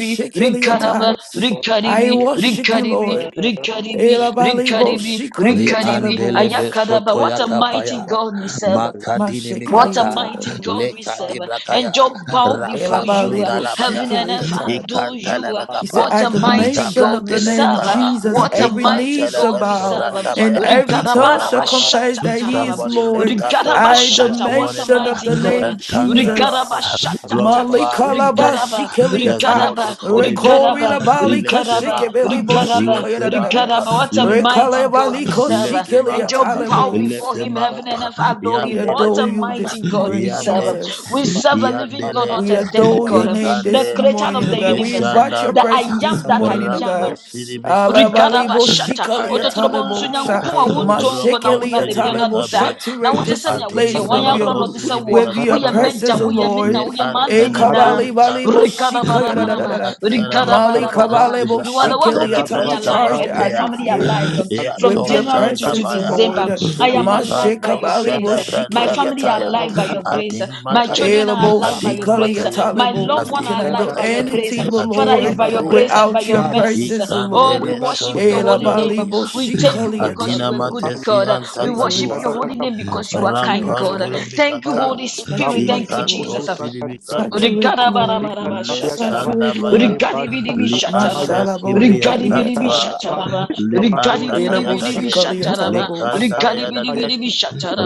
Speaker 7: fool,
Speaker 8: rikara
Speaker 6: shekeliata.
Speaker 8: ba
Speaker 7: Lord,
Speaker 8: rikari
Speaker 6: I
Speaker 7: you
Speaker 6: worship you,
Speaker 8: rikari
Speaker 7: love
Speaker 6: Lord.
Speaker 8: rikari
Speaker 7: me,
Speaker 6: Elabalibo
Speaker 8: rikari
Speaker 1: Li
Speaker 7: fool,
Speaker 8: rikari bi
Speaker 6: shikeliatalebo.
Speaker 1: andele andelebe
Speaker 8: ayakara ba.
Speaker 1: sotoya
Speaker 8: What a
Speaker 7: me,
Speaker 8: mighty
Speaker 1: kapaya,
Speaker 8: God we serve.
Speaker 1: makadini
Speaker 8: What a
Speaker 1: mikata,
Speaker 8: mighty
Speaker 6: Mashekeliatalebo.
Speaker 8: God we
Speaker 1: leka
Speaker 8: serve.
Speaker 1: dibrakaya,
Speaker 8: And Job bowed before
Speaker 7: Baba, Baba, Baba,
Speaker 8: you. uh,
Speaker 6: Elabalibo
Speaker 1: rapasundalabaya,
Speaker 8: Heaven and earth
Speaker 6: shikeliata.
Speaker 8: adore
Speaker 7: Baba, Baba, Baba, Baba,
Speaker 8: you.
Speaker 1: ikantelebe
Speaker 8: uh,
Speaker 6: He
Speaker 1: kapa,
Speaker 6: said,
Speaker 8: What a
Speaker 6: At the
Speaker 8: mighty
Speaker 6: mention
Speaker 8: God
Speaker 6: of
Speaker 8: we
Speaker 6: the
Speaker 1: zabrandelebe
Speaker 6: name
Speaker 8: serve. uh,
Speaker 1: kaba,
Speaker 6: Jesus,
Speaker 8: What a
Speaker 6: every knee
Speaker 8: mighty
Speaker 6: shall
Speaker 1: ikantelebe
Speaker 8: God we
Speaker 6: bow
Speaker 8: serve. um,
Speaker 6: and
Speaker 1: sobrandabaya.
Speaker 6: every tongue shall
Speaker 1: Oh,
Speaker 6: confess that he
Speaker 8: Rigadabarabashatatararam,
Speaker 6: is
Speaker 1: somebody lift
Speaker 6: Lord.
Speaker 1: up your voice
Speaker 6: At the
Speaker 1: this
Speaker 8: Rigadabashata. What a
Speaker 1: morning
Speaker 6: mention
Speaker 1: ah,
Speaker 6: of
Speaker 8: mighty
Speaker 6: the
Speaker 8: God. uh,
Speaker 6: name
Speaker 1: and thank the Lord.
Speaker 6: Jesus.
Speaker 1: Glorify his
Speaker 8: Rigadabashatata,
Speaker 6: Malikalaba
Speaker 1: name,
Speaker 8: rigaraba,
Speaker 1: ah,
Speaker 6: shikeliata.
Speaker 1: exalt his
Speaker 8: rigaraba,
Speaker 1: holy name name.
Speaker 6: Rekori
Speaker 8: rigaraba,
Speaker 6: labali
Speaker 1: Lift him
Speaker 8: rigaraba,
Speaker 1: up,
Speaker 6: kashikebeli
Speaker 8: rigaraba,
Speaker 1: lift him up,
Speaker 6: boshikoyadadadada.
Speaker 8: rigaraba. What a
Speaker 1: lift him
Speaker 8: mighty
Speaker 1: up,
Speaker 8: God we serve.
Speaker 1: lift him
Speaker 8: And
Speaker 1: up,
Speaker 8: Job bow
Speaker 1: lift
Speaker 8: before him,
Speaker 1: him
Speaker 8: heaven
Speaker 1: up.
Speaker 8: and earth adore
Speaker 6: We
Speaker 8: him.
Speaker 1: Yandele
Speaker 8: What
Speaker 6: adore
Speaker 8: a
Speaker 1: be,
Speaker 6: you
Speaker 8: mighty
Speaker 6: this
Speaker 8: God we
Speaker 6: morning,
Speaker 8: serve.
Speaker 1: yande,
Speaker 6: Jesus.
Speaker 8: We serve a living God,
Speaker 1: yandele,
Speaker 8: not
Speaker 6: We
Speaker 8: a dead
Speaker 6: adore
Speaker 7: Baba,
Speaker 6: your
Speaker 8: God.
Speaker 6: name
Speaker 8: The
Speaker 6: this
Speaker 1: ikande,
Speaker 8: creator
Speaker 6: morning,
Speaker 8: of
Speaker 7: Baba,
Speaker 6: oh
Speaker 8: the
Speaker 6: God.
Speaker 7: Baba,
Speaker 6: We
Speaker 8: universe,
Speaker 6: invite your
Speaker 8: the
Speaker 1: ishandaba,
Speaker 8: I
Speaker 6: presence this
Speaker 8: am that I
Speaker 6: morning, oh
Speaker 8: am.
Speaker 1: rapo
Speaker 6: God.
Speaker 1: sidibikada,
Speaker 6: Alabalibo
Speaker 8: Rigarabashata,
Speaker 6: shikaliya
Speaker 1: aya,
Speaker 8: Ototrobonsu
Speaker 6: talebo
Speaker 7: Baba,
Speaker 6: sha-
Speaker 8: Nyankopon a
Speaker 7: Baba,
Speaker 8: wontongo na
Speaker 1: roko
Speaker 8: wona
Speaker 6: mashikeliya
Speaker 8: de biara
Speaker 6: talebo.
Speaker 8: da.
Speaker 1: sidibikabe,
Speaker 8: Na
Speaker 6: Saturate
Speaker 8: wote sɛ
Speaker 6: this
Speaker 8: nea woteɛ
Speaker 6: place
Speaker 8: wɔn
Speaker 1: adina
Speaker 8: yɛ
Speaker 6: with your
Speaker 8: akora na
Speaker 1: mako
Speaker 6: bl-
Speaker 8: ɔte sɛ woɔ.
Speaker 6: with your
Speaker 8: Woyɛ
Speaker 1: sidibikatoa
Speaker 8: m'agya,
Speaker 6: presence, oh
Speaker 8: woyɛ me na,
Speaker 6: Lord.
Speaker 1: le
Speaker 8: woyɛ
Speaker 6: Eh,
Speaker 8: m'adeɛ
Speaker 1: antana
Speaker 8: nyinaa.
Speaker 6: kabali
Speaker 1: basuta
Speaker 6: balibo shikaya da da
Speaker 1: le
Speaker 6: da da
Speaker 8: Rigarabaraba,
Speaker 6: da.
Speaker 1: antana
Speaker 6: Mali
Speaker 1: basotos
Speaker 8: rigarabaraba.
Speaker 1: kibra
Speaker 6: kabalebo
Speaker 8: You are the one who
Speaker 1: antana
Speaker 6: shikeliya
Speaker 8: keep
Speaker 6: ta.
Speaker 8: me
Speaker 6: We
Speaker 1: brasta
Speaker 8: alive
Speaker 6: charge
Speaker 8: and
Speaker 6: the
Speaker 8: my
Speaker 1: bampea
Speaker 8: family
Speaker 6: atmosphere
Speaker 8: alive
Speaker 1: ya
Speaker 8: from
Speaker 6: with
Speaker 1: to
Speaker 6: your
Speaker 8: January to,
Speaker 1: shanda
Speaker 8: to
Speaker 6: presence, oh
Speaker 1: baya
Speaker 6: Lord.
Speaker 8: December. I am alive are alive by
Speaker 1: ikando
Speaker 8: your grace.
Speaker 6: Mashikabalibo
Speaker 1: shada
Speaker 8: My
Speaker 1: branda
Speaker 6: shikeliya
Speaker 8: family are
Speaker 1: bakaya
Speaker 8: alive
Speaker 6: talebo.
Speaker 8: by your grace.
Speaker 1: adi
Speaker 8: My children
Speaker 1: mataye
Speaker 8: are
Speaker 6: Elabo,
Speaker 8: alive by
Speaker 1: adi
Speaker 8: your grace.
Speaker 6: Shikalia,
Speaker 1: mataye
Speaker 8: My
Speaker 6: Talabo.
Speaker 8: loved
Speaker 6: We
Speaker 8: one are
Speaker 1: adi
Speaker 6: cannot do
Speaker 8: alive by your
Speaker 1: mataye
Speaker 8: grace.
Speaker 6: anything, O
Speaker 8: Father,
Speaker 1: adi
Speaker 8: it's
Speaker 6: Lord,
Speaker 8: by your grace
Speaker 1: mataye
Speaker 8: and by
Speaker 6: without
Speaker 8: your
Speaker 6: your
Speaker 7: Rabba
Speaker 8: mercies.
Speaker 6: presence, O
Speaker 8: Oh,
Speaker 6: Lord.
Speaker 8: we
Speaker 1: ikandele
Speaker 8: worship your holy name.
Speaker 1: shondododoski
Speaker 6: Elabalibo,
Speaker 8: We thank you
Speaker 6: Shikalia,
Speaker 8: because you
Speaker 1: adina
Speaker 8: are
Speaker 6: Talabo.
Speaker 8: good
Speaker 1: matesi
Speaker 8: God. We worship
Speaker 6: Saturate,
Speaker 8: your
Speaker 1: antakadua
Speaker 8: holy name because you are kind
Speaker 6: saturate,
Speaker 8: God.
Speaker 1: Rampandure
Speaker 6: Lord.
Speaker 8: Thank you,
Speaker 1: bikata,
Speaker 8: Holy Spirit. Thank you,
Speaker 6: Saturate,
Speaker 1: ikanto
Speaker 6: Lord.
Speaker 8: Jesus.
Speaker 1: siribikabe,
Speaker 6: Saturate, Lord.
Speaker 8: Urigarabarabara
Speaker 1: le
Speaker 8: shataraba.
Speaker 6: Saturate,
Speaker 1: shandabaya,
Speaker 6: Lord.
Speaker 8: Urigadibidibi
Speaker 1: li
Speaker 8: shataraba.
Speaker 1: antes
Speaker 6: Mashalabo,
Speaker 1: kibriya
Speaker 6: Likalia,
Speaker 8: Urigadibidibi
Speaker 1: napa,
Speaker 6: time.
Speaker 8: shataraba.
Speaker 1: le anda
Speaker 6: Elabo,
Speaker 8: Urigadibidibidibi
Speaker 1: andadayadade,
Speaker 6: Shikalia,
Speaker 1: le
Speaker 8: shataraba.
Speaker 6: Talabos.
Speaker 1: kandadayadade,
Speaker 8: Urigadibidibidibi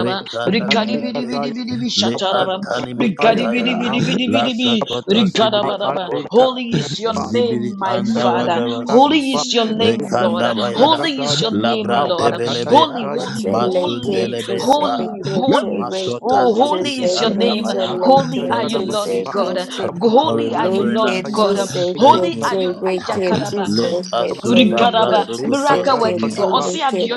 Speaker 1: re
Speaker 6: Mm,
Speaker 1: kandadayadade,
Speaker 8: Urigadibidibidibi
Speaker 1: le
Speaker 7: Kapaya,
Speaker 8: shataraba.
Speaker 1: antani
Speaker 6: We
Speaker 7: Kapaya,
Speaker 1: mikataya,
Speaker 6: adore your name.
Speaker 1: la
Speaker 8: Urigadibidibidibidibi.
Speaker 1: sokoto
Speaker 8: Urigarabaraba.
Speaker 1: sibrikapota,
Speaker 8: Holy Holy is your
Speaker 1: zibiri
Speaker 8: name,
Speaker 1: anda
Speaker 8: my Father.
Speaker 6: Hallelujah,
Speaker 1: andawadawasi.
Speaker 8: Holy is your
Speaker 6: sing,
Speaker 8: name, Lord.
Speaker 1: Ekanda bayada
Speaker 8: Holy is
Speaker 7: Kapaya,
Speaker 8: your name,
Speaker 7: Rapa
Speaker 8: Lord.
Speaker 6: Even
Speaker 8: Holy,
Speaker 1: belebea
Speaker 7: Satakaya,
Speaker 8: holy, holy,
Speaker 1: masundelebea
Speaker 7: Bukusia,
Speaker 1: ba
Speaker 8: holy, holy.
Speaker 1: masota
Speaker 8: Oh, holy
Speaker 1: sikibi
Speaker 8: is your name.
Speaker 1: antabaya.
Speaker 6: lady
Speaker 8: Holy are you,
Speaker 1: Thank you
Speaker 8: Lord
Speaker 6: peace
Speaker 7: Rasadabaka,
Speaker 1: Jesus
Speaker 8: God.
Speaker 6: in
Speaker 1: for
Speaker 8: Holy are you,
Speaker 1: remembering
Speaker 8: Lord
Speaker 1: us.
Speaker 7: Kusikaya,
Speaker 8: God.
Speaker 6: peace
Speaker 1: Thank
Speaker 8: Holy
Speaker 6: and
Speaker 1: you
Speaker 8: are
Speaker 7: Ikadaba,
Speaker 8: you,
Speaker 1: Lord.
Speaker 8: Ayakaraba.
Speaker 1: Le
Speaker 6: in
Speaker 1: asunda
Speaker 8: Rigaraba,
Speaker 6: you
Speaker 8: miracle
Speaker 7: Ikadaba,
Speaker 1: brasokotos
Speaker 8: working God, Osia Dio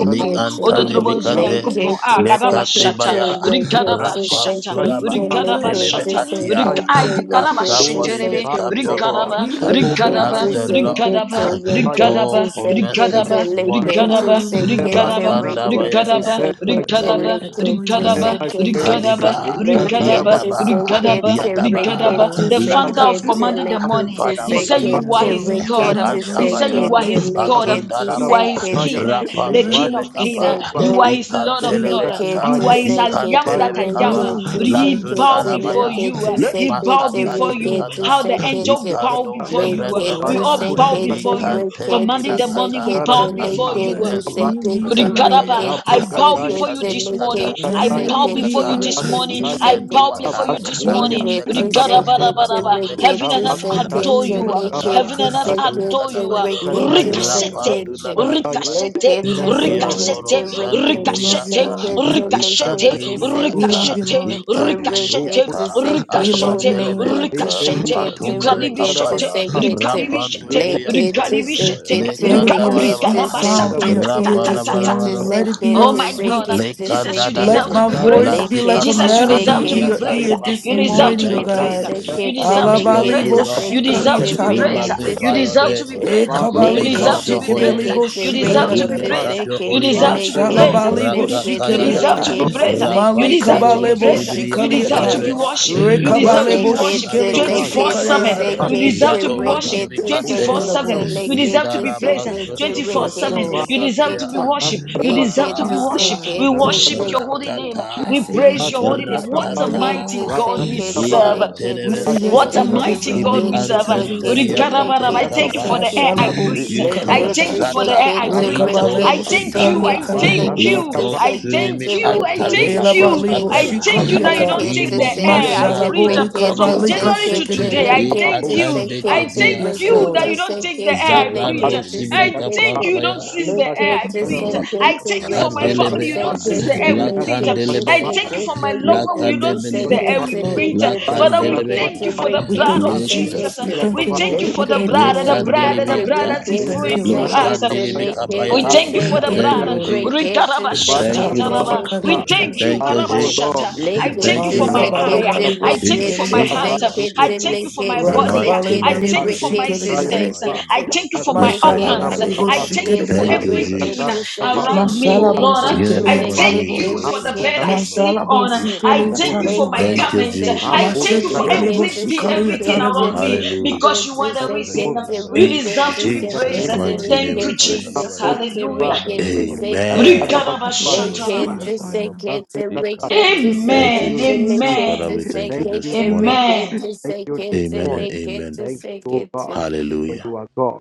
Speaker 1: Lig antani
Speaker 8: Ododrobos
Speaker 1: mikade
Speaker 8: Yankupon, Ah,
Speaker 5: Lekete
Speaker 8: Karaba
Speaker 1: lekate
Speaker 8: Shata,
Speaker 1: baya
Speaker 5: sekete
Speaker 7: Rapusakaya,
Speaker 8: Rigaraba
Speaker 5: rekete
Speaker 1: rapa
Speaker 8: Shata,
Speaker 5: sekete
Speaker 1: sudaba
Speaker 7: Ikadaba,
Speaker 8: Rigaraba
Speaker 1: antelebe
Speaker 5: lekete
Speaker 8: Shata, Rig
Speaker 1: atia.
Speaker 5: sekete
Speaker 8: I the
Speaker 1: As
Speaker 8: Karaba
Speaker 6: residing,
Speaker 7: O
Speaker 5: rekete
Speaker 1: somebody
Speaker 8: Sheterebe,
Speaker 1: lift up your
Speaker 5: sekete
Speaker 7: Lord,
Speaker 8: Rigaraba,
Speaker 1: voice,
Speaker 7: O
Speaker 8: Rigaraba,
Speaker 1: ask
Speaker 5: lekete sekete rekete
Speaker 7: Kali,
Speaker 1: the
Speaker 7: O
Speaker 1: Lord,
Speaker 5: sekete
Speaker 8: Rigaraba,
Speaker 6: residing.
Speaker 7: Kakaya,
Speaker 1: oh
Speaker 5: lekete
Speaker 8: Rigaraba,
Speaker 1: for mercy
Speaker 7: Ever,
Speaker 5: sekete
Speaker 8: Rigaraba,
Speaker 1: this morning.
Speaker 6: Oh
Speaker 5: rekete
Speaker 8: Rigaraba,
Speaker 9: Brasia da da da
Speaker 7: Ever,
Speaker 9: da
Speaker 5: sekete
Speaker 8: Rigaraba,
Speaker 7: and I
Speaker 6: Lord,
Speaker 9: dos,
Speaker 1: Rakanda baya.
Speaker 5: lekete
Speaker 9: Mika
Speaker 8: Rigaraba,
Speaker 9: da da da
Speaker 5: sekete
Speaker 9: da
Speaker 7: deserve
Speaker 9: da yos,
Speaker 5: lekete
Speaker 6: adore your
Speaker 7: my
Speaker 1: Uh,
Speaker 8: Rigaraba,
Speaker 6: name,
Speaker 8: Rigaraba,
Speaker 9: Brandi de
Speaker 5: sekete
Speaker 7: faith.
Speaker 9: de
Speaker 6: Jesus.
Speaker 8: Rigaraba,
Speaker 1: Kadibra,
Speaker 9: mosia
Speaker 7: Lika
Speaker 9: da da da
Speaker 7: Kadabaka
Speaker 8: Rigaraba,
Speaker 5: rekete
Speaker 9: baya.
Speaker 1: Yadaba,
Speaker 5: sekete
Speaker 6: I
Speaker 1: Yadaba,
Speaker 5: lekete
Speaker 8: the
Speaker 6: love you,
Speaker 8: founder
Speaker 7: Paya
Speaker 9: Yadadadadadabados,
Speaker 5: sekete
Speaker 8: of
Speaker 5: rekete
Speaker 6: Lord,
Speaker 5: sekete
Speaker 8: commanding
Speaker 1: Lakadibia.
Speaker 8: the
Speaker 9: yapa.
Speaker 8: morning.
Speaker 1: Father,
Speaker 8: He
Speaker 7: Baka
Speaker 1: we
Speaker 8: said,
Speaker 1: give you
Speaker 6: and
Speaker 8: You
Speaker 6: I
Speaker 8: are
Speaker 1: glory.
Speaker 8: his
Speaker 6: leave
Speaker 9: Yadadadadados,
Speaker 7: Paya
Speaker 8: God.
Speaker 6: my
Speaker 8: um, He said, You
Speaker 1: Antabaya,
Speaker 8: are
Speaker 7: Kaya
Speaker 8: his
Speaker 6: word
Speaker 8: God.
Speaker 9: brakadiminimos,
Speaker 5: lekete
Speaker 8: um, You are
Speaker 1: Asundalaba,
Speaker 7: Kadabaka
Speaker 8: his
Speaker 5: sekete
Speaker 7: Paya
Speaker 9: yadalabapa.
Speaker 8: king, uh,
Speaker 6: to
Speaker 1: Rapa
Speaker 8: the
Speaker 7: Lika
Speaker 8: king of
Speaker 6: worship
Speaker 8: king. uh,
Speaker 1: Sodebekapa,
Speaker 7: Kadaba
Speaker 5: sekete
Speaker 9: Ikabadadados,
Speaker 8: You are his Lord of Lord.
Speaker 7: Uta
Speaker 8: uh,
Speaker 9: brandebekapa.
Speaker 6: you.
Speaker 1: Ikantelebeata,
Speaker 8: You
Speaker 5: Sekete,
Speaker 7: Paya
Speaker 8: are his I am
Speaker 5: sekete,
Speaker 8: that I
Speaker 7: Basta
Speaker 8: am.
Speaker 9: Yadadadadados,
Speaker 8: uh,
Speaker 1: Ikantelebekaba,
Speaker 6: Oh,
Speaker 5: rekete,
Speaker 6: my
Speaker 8: He bow
Speaker 5: sekete,
Speaker 9: yandelebeyapa.
Speaker 7: Tika
Speaker 8: before
Speaker 6: soul,
Speaker 1: Lasundalabaya,
Speaker 8: you.
Speaker 5: lekete,
Speaker 8: uh,
Speaker 1: Le
Speaker 8: He bow
Speaker 5: sekete,
Speaker 1: Masata
Speaker 8: before
Speaker 9: Yadadadadados,
Speaker 8: you.
Speaker 5: rekete,
Speaker 6: eternal,
Speaker 8: How
Speaker 1: Dibikata,
Speaker 8: the angel
Speaker 5: sekete,
Speaker 9: brandelebekapa.
Speaker 8: bow
Speaker 1: Ikando
Speaker 7: Tika
Speaker 8: before
Speaker 6: take
Speaker 8: you. uh, We
Speaker 5: rekete,
Speaker 1: Shebrendabaya,
Speaker 6: forth
Speaker 8: all
Speaker 6: my
Speaker 8: bow
Speaker 7: Basta
Speaker 9: Ikabadadadados,
Speaker 5: sekete,
Speaker 8: before
Speaker 6: King
Speaker 7: Kata
Speaker 8: you.
Speaker 9: yapa.
Speaker 8: Commanding
Speaker 5: rekete, sekete, lekete,
Speaker 8: the morning, we
Speaker 1: Ikantendilakata,
Speaker 5: sekete,
Speaker 7: Kadaba
Speaker 8: bow before
Speaker 6: in
Speaker 8: you. eh.
Speaker 5: rekete,
Speaker 6: what
Speaker 7: Rabba
Speaker 9: Ikabandibinimikapados,
Speaker 6: you
Speaker 5: sekete,
Speaker 8: Rigadaba,
Speaker 9: brandelebaya.
Speaker 6: need.
Speaker 7: Rabba
Speaker 8: I
Speaker 5: lekete,
Speaker 8: bow
Speaker 7: Kataya
Speaker 8: before
Speaker 1: Azundelikatintalakaya,
Speaker 8: you
Speaker 5: sekete,
Speaker 8: this
Speaker 1: tinka
Speaker 8: morning.
Speaker 9: Yadadadadados,
Speaker 5: rekete,
Speaker 8: I
Speaker 1: tanton
Speaker 7: Kataya
Speaker 6: Let
Speaker 9: yapa
Speaker 8: bow
Speaker 6: it
Speaker 8: before
Speaker 5: sekete, lekete, sekete,
Speaker 8: you
Speaker 6: be
Speaker 1: takikata
Speaker 6: a
Speaker 8: this morning.
Speaker 5: rekete,
Speaker 7: Kataya
Speaker 8: I
Speaker 6: sweet,
Speaker 8: bow
Speaker 9: ikadiminimikapa
Speaker 8: before you
Speaker 1: intenduata
Speaker 8: this
Speaker 7: Kataya
Speaker 8: morning.
Speaker 1: adum
Speaker 9: yadalabapa
Speaker 6: sweet
Speaker 7: Rabba
Speaker 1: mekadie
Speaker 6: sound
Speaker 8: Rigadabarabaraba.
Speaker 1: adum
Speaker 8: Heaven
Speaker 1: mekadie
Speaker 8: and
Speaker 7: Kataya
Speaker 8: earth
Speaker 6: in
Speaker 9: iyadadadadadosiyapa
Speaker 6: your
Speaker 8: adore
Speaker 5: sekete,
Speaker 8: you.
Speaker 1: azima
Speaker 8: um.
Speaker 6: ear.
Speaker 1: kata
Speaker 8: Heaven
Speaker 5: lekete,
Speaker 8: and earth
Speaker 5: sekete,
Speaker 1: azum
Speaker 9: ikabadiminimikapa
Speaker 8: adore you. uh.
Speaker 6: We
Speaker 1: kadabaye
Speaker 9: yadalaba
Speaker 6: love
Speaker 5: rekete,
Speaker 6: you,
Speaker 7: Kataya
Speaker 6: Lord.
Speaker 8: Ricachete,
Speaker 1: rapandula
Speaker 5: sekete.
Speaker 7: Kataya
Speaker 1: kadibaye
Speaker 5: Lick
Speaker 8: ricachete,
Speaker 5: it
Speaker 6: We
Speaker 9: iyadadadadosiyapa
Speaker 7: The
Speaker 5: to
Speaker 6: love you,
Speaker 7: name
Speaker 5: shake
Speaker 7: of
Speaker 6: Lord.
Speaker 5: it
Speaker 8: ricachete,
Speaker 1: yandoro
Speaker 5: to rick
Speaker 6: We
Speaker 5: it to
Speaker 6: love
Speaker 9: brakadiminimosiyapa
Speaker 6: you,
Speaker 5: shake
Speaker 8: ricachete,
Speaker 1: shandibiliata
Speaker 6: Lord.
Speaker 5: it to lick
Speaker 7: the
Speaker 5: it
Speaker 8: ricachete,
Speaker 5: to
Speaker 7: mighty
Speaker 5: shake
Speaker 6: We
Speaker 5: it.
Speaker 6: love
Speaker 1: ikandiribiliata
Speaker 6: you,
Speaker 9: ikadadadadadosiyapa
Speaker 8: ricachete,
Speaker 6: Lord.
Speaker 5: To rick it
Speaker 8: ricachete,
Speaker 1: ikandiribiliata
Speaker 7: Lord
Speaker 5: to shake it
Speaker 6: We
Speaker 5: to
Speaker 6: love
Speaker 8: ricachete,
Speaker 6: you,
Speaker 5: lick
Speaker 6: Lord.
Speaker 7: Father, O
Speaker 9: ayadadadadadosiyandelemikapa
Speaker 5: it to
Speaker 1: asundelebeata
Speaker 7: Lord,
Speaker 5: shake
Speaker 8: ricachete.
Speaker 5: it
Speaker 8: You
Speaker 5: to
Speaker 8: got
Speaker 1: atumbele
Speaker 8: to
Speaker 5: rick
Speaker 8: be
Speaker 5: it to
Speaker 8: shete,
Speaker 1: kapaya
Speaker 9: iyadadadadosiyapa
Speaker 5: shake
Speaker 8: you
Speaker 5: it
Speaker 8: got to
Speaker 5: to lick
Speaker 8: you
Speaker 5: it
Speaker 8: got
Speaker 9: randiminimikapa
Speaker 1: rapandulibiate
Speaker 5: to
Speaker 8: to be
Speaker 5: shake
Speaker 9: dalabaya
Speaker 8: shete,
Speaker 5: it to
Speaker 8: you
Speaker 6: Let it
Speaker 8: got
Speaker 6: be
Speaker 5: rick
Speaker 6: a
Speaker 5: it
Speaker 1: lekandawayaba
Speaker 6: sweet
Speaker 8: to
Speaker 5: to shake
Speaker 6: sound in
Speaker 5: it
Speaker 6: your
Speaker 8: be
Speaker 5: to
Speaker 8: Ta,
Speaker 6: ear
Speaker 9: iyadadadadadosiyapa
Speaker 8: ta,
Speaker 6: this
Speaker 5: lick
Speaker 8: ta,
Speaker 5: it
Speaker 8: ta.
Speaker 5: to
Speaker 6: morning.
Speaker 1: rapanabarabara
Speaker 6: Let it
Speaker 5: shake
Speaker 6: be
Speaker 5: it
Speaker 8: Oh
Speaker 6: a
Speaker 5: to
Speaker 9: ayadelemikapa
Speaker 8: my
Speaker 5: rick
Speaker 8: God,
Speaker 6: sweet
Speaker 8: uh,
Speaker 5: it
Speaker 9: yadalaba
Speaker 5: to
Speaker 8: Jesus,
Speaker 5: shake
Speaker 8: you
Speaker 5: it
Speaker 1: Lekandada,
Speaker 6: Let
Speaker 8: deserve
Speaker 5: to
Speaker 8: to
Speaker 6: my
Speaker 8: be praised. uh.
Speaker 6: voice be
Speaker 5: lick
Speaker 6: like
Speaker 5: it
Speaker 6: a
Speaker 1: Lasikapa,
Speaker 5: to
Speaker 8: Jesus,
Speaker 9: Jadadadadosiapa
Speaker 8: you
Speaker 5: shake
Speaker 6: melody
Speaker 8: deserve to
Speaker 6: in
Speaker 8: be
Speaker 6: your
Speaker 8: praised.
Speaker 6: ear
Speaker 8: uh.
Speaker 9: brandelemekapa
Speaker 1: Yakadiba.
Speaker 6: this
Speaker 8: You deserve to
Speaker 6: morning, oh
Speaker 8: be
Speaker 1: Thank you,
Speaker 5: Rekete
Speaker 8: praised. uh.
Speaker 6: God.
Speaker 8: You
Speaker 1: Jesus.
Speaker 5: sekete
Speaker 9: ikabrandemelemekapa
Speaker 8: deserve to be
Speaker 1: Thank
Speaker 6: Alabali
Speaker 1: you,
Speaker 8: praised. uh.
Speaker 5: lekete
Speaker 6: bo
Speaker 1: Lord.
Speaker 8: You
Speaker 6: shikali
Speaker 8: deserve to
Speaker 5: sekete
Speaker 9: ipakabadalabapa
Speaker 8: be
Speaker 1: We
Speaker 8: praised. uh.
Speaker 5: rekete
Speaker 6: atalebos.
Speaker 8: You
Speaker 1: magnify your
Speaker 8: deserve to be
Speaker 1: name.
Speaker 5: sekete
Speaker 9: ajadalalabapa
Speaker 6: E
Speaker 8: praised. uh.
Speaker 1: We
Speaker 8: You
Speaker 6: kabali
Speaker 8: deserve
Speaker 1: exalt
Speaker 8: to
Speaker 5: lekete
Speaker 1: your
Speaker 8: be
Speaker 1: holy
Speaker 8: praised.
Speaker 6: kashikebeli
Speaker 8: uh.
Speaker 9: ikabrandemelemekapa
Speaker 6: bo
Speaker 1: name.
Speaker 5: sekete
Speaker 8: You deserve
Speaker 6: shikaya da
Speaker 1: We
Speaker 6: da
Speaker 8: to
Speaker 6: da
Speaker 8: be
Speaker 6: da.
Speaker 5: rekete
Speaker 6: da.
Speaker 1: lift
Speaker 8: praised.
Speaker 1: up
Speaker 8: uh.
Speaker 1: your
Speaker 9: ashadalemeyapa
Speaker 8: You
Speaker 1: holy
Speaker 5: sekete
Speaker 7: Father,
Speaker 8: deserve
Speaker 1: name.
Speaker 8: to
Speaker 7: O
Speaker 8: be
Speaker 7: Lord,
Speaker 8: praised. uh.
Speaker 5: lekete
Speaker 6: Mashalabali
Speaker 8: You,
Speaker 6: bo
Speaker 8: de-
Speaker 9: ikabademelemekapa
Speaker 8: you
Speaker 5: sekete
Speaker 6: shikeli
Speaker 7: thank
Speaker 1: Rakatayada,
Speaker 8: deserve
Speaker 7: you,
Speaker 8: to
Speaker 6: ata.
Speaker 8: be
Speaker 7: Lord,
Speaker 5: rekete
Speaker 8: praised.
Speaker 7: we
Speaker 8: uh.
Speaker 9: ipakadabayapa
Speaker 1: Rapa
Speaker 8: You
Speaker 6: Mali
Speaker 8: deserve
Speaker 5: sekete
Speaker 8: deserve to be
Speaker 6: kabale
Speaker 1: Sodomos
Speaker 6: bo
Speaker 7: push
Speaker 8: praised.
Speaker 5: lekete
Speaker 8: You
Speaker 9: ajadalemekapa
Speaker 1: Kibidian
Speaker 7: that
Speaker 6: shikali
Speaker 8: deserve
Speaker 7: out.
Speaker 8: to
Speaker 6: ata.
Speaker 8: be
Speaker 5: sekete
Speaker 1: Tedebea,
Speaker 8: worshipped.
Speaker 7: Take
Speaker 8: You
Speaker 7: that
Speaker 9: iprasabadabaya
Speaker 7: out of
Speaker 8: deserve
Speaker 1: Hey,
Speaker 8: to
Speaker 6: Rekabale
Speaker 8: be
Speaker 6: bo
Speaker 8: worshipped
Speaker 1: Shatan
Speaker 5: sekete
Speaker 7: the
Speaker 6: shikeli
Speaker 8: 24
Speaker 1: Didibikaba,
Speaker 5: lekete
Speaker 6: kasikaya
Speaker 9: ikabrandemelemekapa
Speaker 8: 7.
Speaker 6: da da da da.
Speaker 8: You
Speaker 9: dalabaya
Speaker 8: deserve
Speaker 5: sekete
Speaker 8: to
Speaker 7: the
Speaker 8: be
Speaker 1: Jados
Speaker 7: fire, out
Speaker 8: worshipped
Speaker 5: rekete sekete lekete
Speaker 9: ijadadadabapa
Speaker 6: E
Speaker 8: 24
Speaker 6: da.
Speaker 1: Kidibikatea,
Speaker 8: 7.
Speaker 7: of
Speaker 5: sekete
Speaker 8: You
Speaker 6: Elabos.
Speaker 8: deserve to
Speaker 9: bandemelemekapa
Speaker 8: be praised
Speaker 1: Indaraba
Speaker 8: 24
Speaker 6: Yes,
Speaker 7: the
Speaker 8: 7.
Speaker 5: rekete
Speaker 7: fire,
Speaker 6: Lord.
Speaker 9: ijadadadabayapa
Speaker 8: You deserve
Speaker 1: Sidibikapea.
Speaker 8: to be
Speaker 5: sekete
Speaker 7: out of the fire, out of the
Speaker 8: worshipped. You deserve to be
Speaker 5: lekete
Speaker 6: Yes,
Speaker 9: ikademelemosiyapa
Speaker 8: worshipped.
Speaker 1: Ah,
Speaker 8: We
Speaker 6: God.
Speaker 9: Ijada
Speaker 8: worship
Speaker 9: Ijada Ijada
Speaker 5: sekete
Speaker 8: your
Speaker 9: Ijada
Speaker 8: holy name.
Speaker 9: Ijada
Speaker 1: ratata,
Speaker 6: I
Speaker 8: We
Speaker 6: say
Speaker 8: praise
Speaker 6: yes
Speaker 7: fire, out of
Speaker 8: your
Speaker 6: to
Speaker 9: da
Speaker 6: you
Speaker 8: holy
Speaker 9: da
Speaker 8: name.
Speaker 6: this
Speaker 7: the
Speaker 8: What a
Speaker 9: da da
Speaker 6: morning,
Speaker 7: fire.
Speaker 6: oh
Speaker 1: ratata.
Speaker 9: la
Speaker 6: Lord.
Speaker 8: mighty
Speaker 5: Kitty
Speaker 9: bapa.
Speaker 5: say
Speaker 8: God
Speaker 1: I
Speaker 8: we
Speaker 9: Ijada
Speaker 5: kitty,
Speaker 9: da da
Speaker 8: serve.
Speaker 5: lick
Speaker 9: da
Speaker 6: We
Speaker 5: kitty
Speaker 1: Iantelebe
Speaker 9: bapa.
Speaker 6: say
Speaker 5: say
Speaker 6: yes
Speaker 8: What
Speaker 6: to
Speaker 8: a
Speaker 6: you
Speaker 9: Ika
Speaker 5: kitty,
Speaker 6: this
Speaker 8: mighty
Speaker 1: sokoski
Speaker 5: rick
Speaker 9: dibra
Speaker 1: bi
Speaker 8: God we
Speaker 6: morning, oh
Speaker 5: kitty
Speaker 8: serve.
Speaker 9: sebirandi
Speaker 5: say
Speaker 9: neme
Speaker 6: Jesus.
Speaker 1: antentelia
Speaker 5: kitty,
Speaker 9: kapa.
Speaker 5: lick
Speaker 8: Rigarabarab. I
Speaker 1: kateska
Speaker 9: Ijada
Speaker 5: kitty
Speaker 8: thank you
Speaker 9: da da
Speaker 8: for
Speaker 5: say
Speaker 1: pai.
Speaker 9: da
Speaker 8: the air I
Speaker 5: kitty
Speaker 9: bapa.
Speaker 6: Ashalabo
Speaker 9: E
Speaker 8: breathe.
Speaker 5: lick
Speaker 1: Ito
Speaker 8: I
Speaker 9: makadi
Speaker 8: thank
Speaker 5: kitty
Speaker 6: Shikaliata,
Speaker 8: you for
Speaker 9: meneme
Speaker 8: the
Speaker 5: say
Speaker 1: sata,
Speaker 8: air I
Speaker 9: kapa
Speaker 7: Rock
Speaker 9: da
Speaker 5: kitty
Speaker 9: la
Speaker 7: that
Speaker 8: breathe.
Speaker 5: rick
Speaker 1: ito
Speaker 9: baya.
Speaker 7: fire,
Speaker 6: Rekabalebo
Speaker 8: I
Speaker 5: kitty
Speaker 8: thank
Speaker 1: sita,
Speaker 5: say
Speaker 9: Ijada
Speaker 8: you.
Speaker 9: la
Speaker 8: I
Speaker 9: la
Speaker 6: Shikaliata
Speaker 5: kitty
Speaker 7: rock
Speaker 5: lick
Speaker 7: that
Speaker 9: bapa.
Speaker 8: thank
Speaker 7: fire, rock that fire, rock that fire,
Speaker 6: Lebos,
Speaker 8: you.
Speaker 5: kitty
Speaker 1: ito
Speaker 9: Andi
Speaker 5: say
Speaker 8: I
Speaker 9: meneme
Speaker 1: sunimi
Speaker 8: thank
Speaker 5: kitty,
Speaker 9: kapa
Speaker 8: you.
Speaker 9: da la
Speaker 5: lekete
Speaker 8: I
Speaker 9: baya.
Speaker 5: kitty
Speaker 1: antaliba
Speaker 8: thank
Speaker 5: say
Speaker 8: you.
Speaker 6: Elabalebo
Speaker 9: Ijada da
Speaker 5: kitty,
Speaker 8: I
Speaker 1: koskapela.
Speaker 9: da
Speaker 8: thank
Speaker 7: Thank
Speaker 8: you
Speaker 9: ya
Speaker 8: that you
Speaker 6: Shikaliata,
Speaker 8: don't
Speaker 5: lekete
Speaker 8: take
Speaker 5: kitty
Speaker 9: andi
Speaker 8: the
Speaker 1: Adimos
Speaker 5: say
Speaker 9: andi
Speaker 8: air I
Speaker 1: katina
Speaker 5: kitty,
Speaker 9: kapa
Speaker 8: breathe
Speaker 6: Mashalabo
Speaker 5: rekete
Speaker 1: antenteli
Speaker 5: kitty
Speaker 8: from
Speaker 5: say
Speaker 6: Likabalika
Speaker 1: atua.
Speaker 8: January to
Speaker 5: kitty,
Speaker 8: today.
Speaker 1: I
Speaker 6: Shikididididid.
Speaker 8: I
Speaker 5: rekete
Speaker 8: thank
Speaker 5: kitty
Speaker 8: you.
Speaker 5: say
Speaker 1: atande
Speaker 9: kapa. kapa kapa
Speaker 8: I
Speaker 5: kitty,
Speaker 9: kapa
Speaker 1: kedia.
Speaker 9: la
Speaker 8: thank
Speaker 6: Yes,
Speaker 9: la la
Speaker 8: you you
Speaker 5: rekete
Speaker 9: la
Speaker 6: Lord.
Speaker 9: la
Speaker 8: that
Speaker 5: kitty
Speaker 8: you don't
Speaker 5: say
Speaker 9: bapa.
Speaker 8: take the air
Speaker 5: kitty,
Speaker 8: I
Speaker 9: Ika
Speaker 8: breathe.
Speaker 1: Zabrando
Speaker 9: brandi
Speaker 5: rekete kitty
Speaker 9: meneme
Speaker 5: say
Speaker 8: I
Speaker 1: sibidika
Speaker 9: kapa
Speaker 8: thank
Speaker 5: kitty.
Speaker 9: da
Speaker 8: you, you
Speaker 9: la Ijadadadabayapa, Mandiminimikapa, da Ijadadadabapa, Ikadibra Sebirandilimikapa, Ijadadadabapa,
Speaker 8: don't
Speaker 9: Ikmakadiminimikapa, Dalabaya, Ijadalalabapa, Andiminimikapa,
Speaker 1: pampaya.
Speaker 9: Dalabaya, Ijadadadabapa, Andiminimikapa, Dalabaya, Ijadadadabayapa, Akadimosia, Dalabapa, Ikabrandiminimukapa, Dalabaya,
Speaker 8: seize the
Speaker 6: Mm,
Speaker 5: Lick
Speaker 6: We
Speaker 8: air
Speaker 5: it
Speaker 8: I
Speaker 5: to
Speaker 6: thank you,
Speaker 8: breathe.
Speaker 5: say
Speaker 6: Lord.
Speaker 8: I thank
Speaker 5: kitten,
Speaker 9: Ijadadadamakapa,
Speaker 8: you
Speaker 5: rick
Speaker 8: for my
Speaker 5: it
Speaker 9: Dalabaya,
Speaker 5: to
Speaker 8: family, you
Speaker 1: Candelebea,
Speaker 5: say
Speaker 6: We
Speaker 8: don't seize
Speaker 6: thank you,
Speaker 8: the air
Speaker 5: kitten,
Speaker 1: la
Speaker 8: we
Speaker 6: Lord.
Speaker 5: lick
Speaker 8: breathe.
Speaker 9: Jandalabapa,
Speaker 5: it to
Speaker 8: I
Speaker 1: candelebea,
Speaker 5: say
Speaker 8: thank you for
Speaker 9: Ikabrando
Speaker 8: my
Speaker 5: kitten,
Speaker 1: la
Speaker 8: loved
Speaker 5: rick
Speaker 8: one, you
Speaker 5: it
Speaker 9: Siapa,
Speaker 5: to
Speaker 8: don't seize
Speaker 5: say
Speaker 6: We
Speaker 8: the
Speaker 1: candelebea,
Speaker 8: air
Speaker 6: thank you,
Speaker 8: we
Speaker 5: kitten,
Speaker 6: Lord.
Speaker 5: lick
Speaker 8: breathe.
Speaker 1: la
Speaker 5: it
Speaker 9: Jadalalabapa,
Speaker 5: to
Speaker 8: Father,
Speaker 5: say
Speaker 8: we
Speaker 1: candelebea,
Speaker 8: thank you
Speaker 5: kitten,
Speaker 8: for
Speaker 5: rick
Speaker 8: the
Speaker 6: We
Speaker 5: it
Speaker 8: blood
Speaker 9: Ikademinikapa,
Speaker 6: thank
Speaker 5: to
Speaker 1: le
Speaker 8: of
Speaker 6: you,
Speaker 5: say
Speaker 1: cara,
Speaker 9: Dalabaya,
Speaker 6: Jesus.
Speaker 8: Jesus.
Speaker 6: We
Speaker 5: kitten.
Speaker 6: thank
Speaker 8: We
Speaker 6: you,
Speaker 8: thank
Speaker 6: Lord.
Speaker 8: you
Speaker 5: Lick
Speaker 6: We
Speaker 8: for the
Speaker 5: it
Speaker 6: thank
Speaker 1: le
Speaker 6: you,
Speaker 5: to
Speaker 8: blood,
Speaker 9: Jadadabapa,
Speaker 8: the
Speaker 6: Lord.
Speaker 5: say
Speaker 8: blood, the
Speaker 5: kitten,
Speaker 1: candelebiata,
Speaker 8: blood
Speaker 5: rick
Speaker 8: that
Speaker 6: We
Speaker 8: is
Speaker 5: it
Speaker 6: thank
Speaker 9: Brandeminikapaya,
Speaker 5: to
Speaker 8: flowing
Speaker 6: you,
Speaker 1: lo
Speaker 8: through
Speaker 5: say
Speaker 6: Lord.
Speaker 9: Dalaba,
Speaker 8: us.
Speaker 5: kitten, lick it
Speaker 1: sandelebicabaya.
Speaker 8: We
Speaker 5: to
Speaker 8: thank
Speaker 9: Ikabrandemo,
Speaker 8: you
Speaker 5: say
Speaker 6: We
Speaker 8: for the
Speaker 9: Sebrent
Speaker 5: kitten.
Speaker 6: thank you,
Speaker 1: Thank
Speaker 8: blood.
Speaker 1: you,
Speaker 6: Lord.
Speaker 5: Rick
Speaker 9: Dalabayapa,
Speaker 1: Jesus.
Speaker 5: it to say
Speaker 1: Thank you,
Speaker 6: Shalabo
Speaker 5: kitten,
Speaker 1: Lord.
Speaker 8: Rikarabashataraba.
Speaker 5: lick
Speaker 9: Jadadabakapa,
Speaker 8: We
Speaker 5: it to
Speaker 8: thank
Speaker 6: Shikaliata.
Speaker 8: you.
Speaker 9: Dalabaya,
Speaker 5: say
Speaker 1: Thank you,
Speaker 8: Karaba
Speaker 5: kitten,
Speaker 8: Karabashata.
Speaker 1: Jesus.
Speaker 5: lick
Speaker 9: Akademinimo
Speaker 8: I
Speaker 5: it
Speaker 8: thank
Speaker 1: Thank
Speaker 8: you
Speaker 5: to
Speaker 1: you,
Speaker 8: for
Speaker 9: Sian
Speaker 8: my
Speaker 5: say
Speaker 1: Lord.
Speaker 6: Malekabale
Speaker 8: eye.
Speaker 9: Dalabaya,
Speaker 5: kitten,
Speaker 6: Balibo
Speaker 8: I
Speaker 5: rick
Speaker 8: thank
Speaker 1: In
Speaker 8: you
Speaker 5: it
Speaker 8: for my
Speaker 5: to
Speaker 8: heart.
Speaker 6: Shikaliata.
Speaker 5: say
Speaker 9: Jadalalabapa,
Speaker 1: Jesus'
Speaker 8: I
Speaker 5: kitten,
Speaker 8: thank you
Speaker 5: lick
Speaker 8: for
Speaker 9: Ikabado
Speaker 8: my
Speaker 5: it to
Speaker 8: body.
Speaker 5: say
Speaker 9: Siapa,
Speaker 1: mighty
Speaker 6: Rakabale
Speaker 8: I
Speaker 5: kitten,
Speaker 1: name,
Speaker 8: thank
Speaker 6: Balibo
Speaker 8: you
Speaker 5: rick
Speaker 8: for my
Speaker 5: it to
Speaker 6: Shikaliata.
Speaker 5: say
Speaker 8: systems.
Speaker 9: Ikademinikapaya,
Speaker 5: kitten.
Speaker 8: I thank you
Speaker 9: Dalabapa,
Speaker 8: for
Speaker 1: we
Speaker 8: my
Speaker 1: pray.
Speaker 8: organs.
Speaker 5: Lekete
Speaker 6: Mashalabali
Speaker 8: I thank
Speaker 9: Jadadabado,
Speaker 8: you for
Speaker 5: sekete
Speaker 1: Thank
Speaker 9: Sebrent
Speaker 6: Boshikiri.
Speaker 1: you,
Speaker 8: every. 15 uh,
Speaker 5: rekete
Speaker 9: Delacapa,
Speaker 1: Jesus.
Speaker 8: around me,
Speaker 5: sekete
Speaker 8: oh
Speaker 6: Mashalabo
Speaker 8: Lord.
Speaker 9: Ikmakabaramaya
Speaker 1: In the
Speaker 5: lekete
Speaker 6: Sikili
Speaker 1: name
Speaker 8: I
Speaker 7: you.
Speaker 1: of
Speaker 8: thank
Speaker 5: sekete
Speaker 6: Talibos.
Speaker 8: you
Speaker 9: Ikabados
Speaker 8: for the
Speaker 1: Jesus.
Speaker 8: bed
Speaker 7: Makusha,
Speaker 8: I
Speaker 5: rekete
Speaker 8: sleep
Speaker 9: Vendelabapa,
Speaker 6: Mashalabo
Speaker 8: on.
Speaker 5: sekete
Speaker 8: I
Speaker 6: Sikili
Speaker 8: thank
Speaker 7: Kusha,
Speaker 8: you for
Speaker 9: Ikademinimos
Speaker 6: Talibos.
Speaker 8: my
Speaker 1: Thank you,
Speaker 5: lekete sekete rekete
Speaker 9: Yapa,
Speaker 8: garment.
Speaker 1: Jesus.
Speaker 8: I
Speaker 7: Makusha,
Speaker 8: thank
Speaker 5: sekete
Speaker 8: you for
Speaker 7: Tata,
Speaker 6: Mashakibili
Speaker 9: Ikadalalabayapa,
Speaker 5: lekete
Speaker 8: everything,
Speaker 6: Boshikali
Speaker 8: everything around
Speaker 5: sekete
Speaker 6: Talibos.
Speaker 8: me,
Speaker 5: rekete
Speaker 9: Ajadadabadea
Speaker 1: Hallelujah.
Speaker 8: because you are
Speaker 9: Caprandos
Speaker 7: the
Speaker 8: the
Speaker 7: name
Speaker 8: reason.
Speaker 7: of
Speaker 5: sekete
Speaker 8: You
Speaker 9: Vendelabaya,
Speaker 1: In
Speaker 8: deserve
Speaker 5: lekete
Speaker 8: to
Speaker 7: Jesus,
Speaker 8: be
Speaker 7: the
Speaker 1: Jesus'
Speaker 8: praised.
Speaker 7: name
Speaker 6: Thank
Speaker 7: of
Speaker 6: you,
Speaker 5: sekete rekete sekete
Speaker 6: Lord.
Speaker 9: Ikademinimos
Speaker 1: mighty
Speaker 7: Jesus,
Speaker 1: name
Speaker 8: Thank
Speaker 1: we
Speaker 8: you,
Speaker 9: Yapa
Speaker 5: lekete
Speaker 1: pray.
Speaker 8: Jesus.
Speaker 9: Dalabaya,
Speaker 5: sekete
Speaker 8: Hallelujah.
Speaker 7: Makusha,
Speaker 5: rekete sekete
Speaker 9: Ijadalalabapa,
Speaker 1: Amen.
Speaker 8: Rikaraba
Speaker 6: If you
Speaker 7: Rakadabakaba,
Speaker 9: Makadabrandos
Speaker 6: praise, you
Speaker 8: shataraba.
Speaker 6: give it
Speaker 5: lekete
Speaker 6: order.
Speaker 9: Yadalabapa,
Speaker 7: Shante,
Speaker 5: sekete
Speaker 7: Tata.
Speaker 9: Ikademinimos
Speaker 7: Thank
Speaker 1: Thank you,
Speaker 8: Amen.
Speaker 7: you, Lord
Speaker 1: Jesus.
Speaker 9: Yadalabapa.
Speaker 7: Jesus.
Speaker 1: Father, we
Speaker 8: Amen.
Speaker 1: thank
Speaker 7: Thank
Speaker 1: you
Speaker 7: you,
Speaker 1: this morning.
Speaker 7: Father.
Speaker 8: Amen.
Speaker 5: rekete
Speaker 7: Thank you this
Speaker 5: sekete
Speaker 1: Amen
Speaker 7: morning.
Speaker 1: and amen.
Speaker 5: lekete
Speaker 7: Thank you, God,
Speaker 5: sekete
Speaker 7: for you
Speaker 1: Hallelujah.
Speaker 7: are God.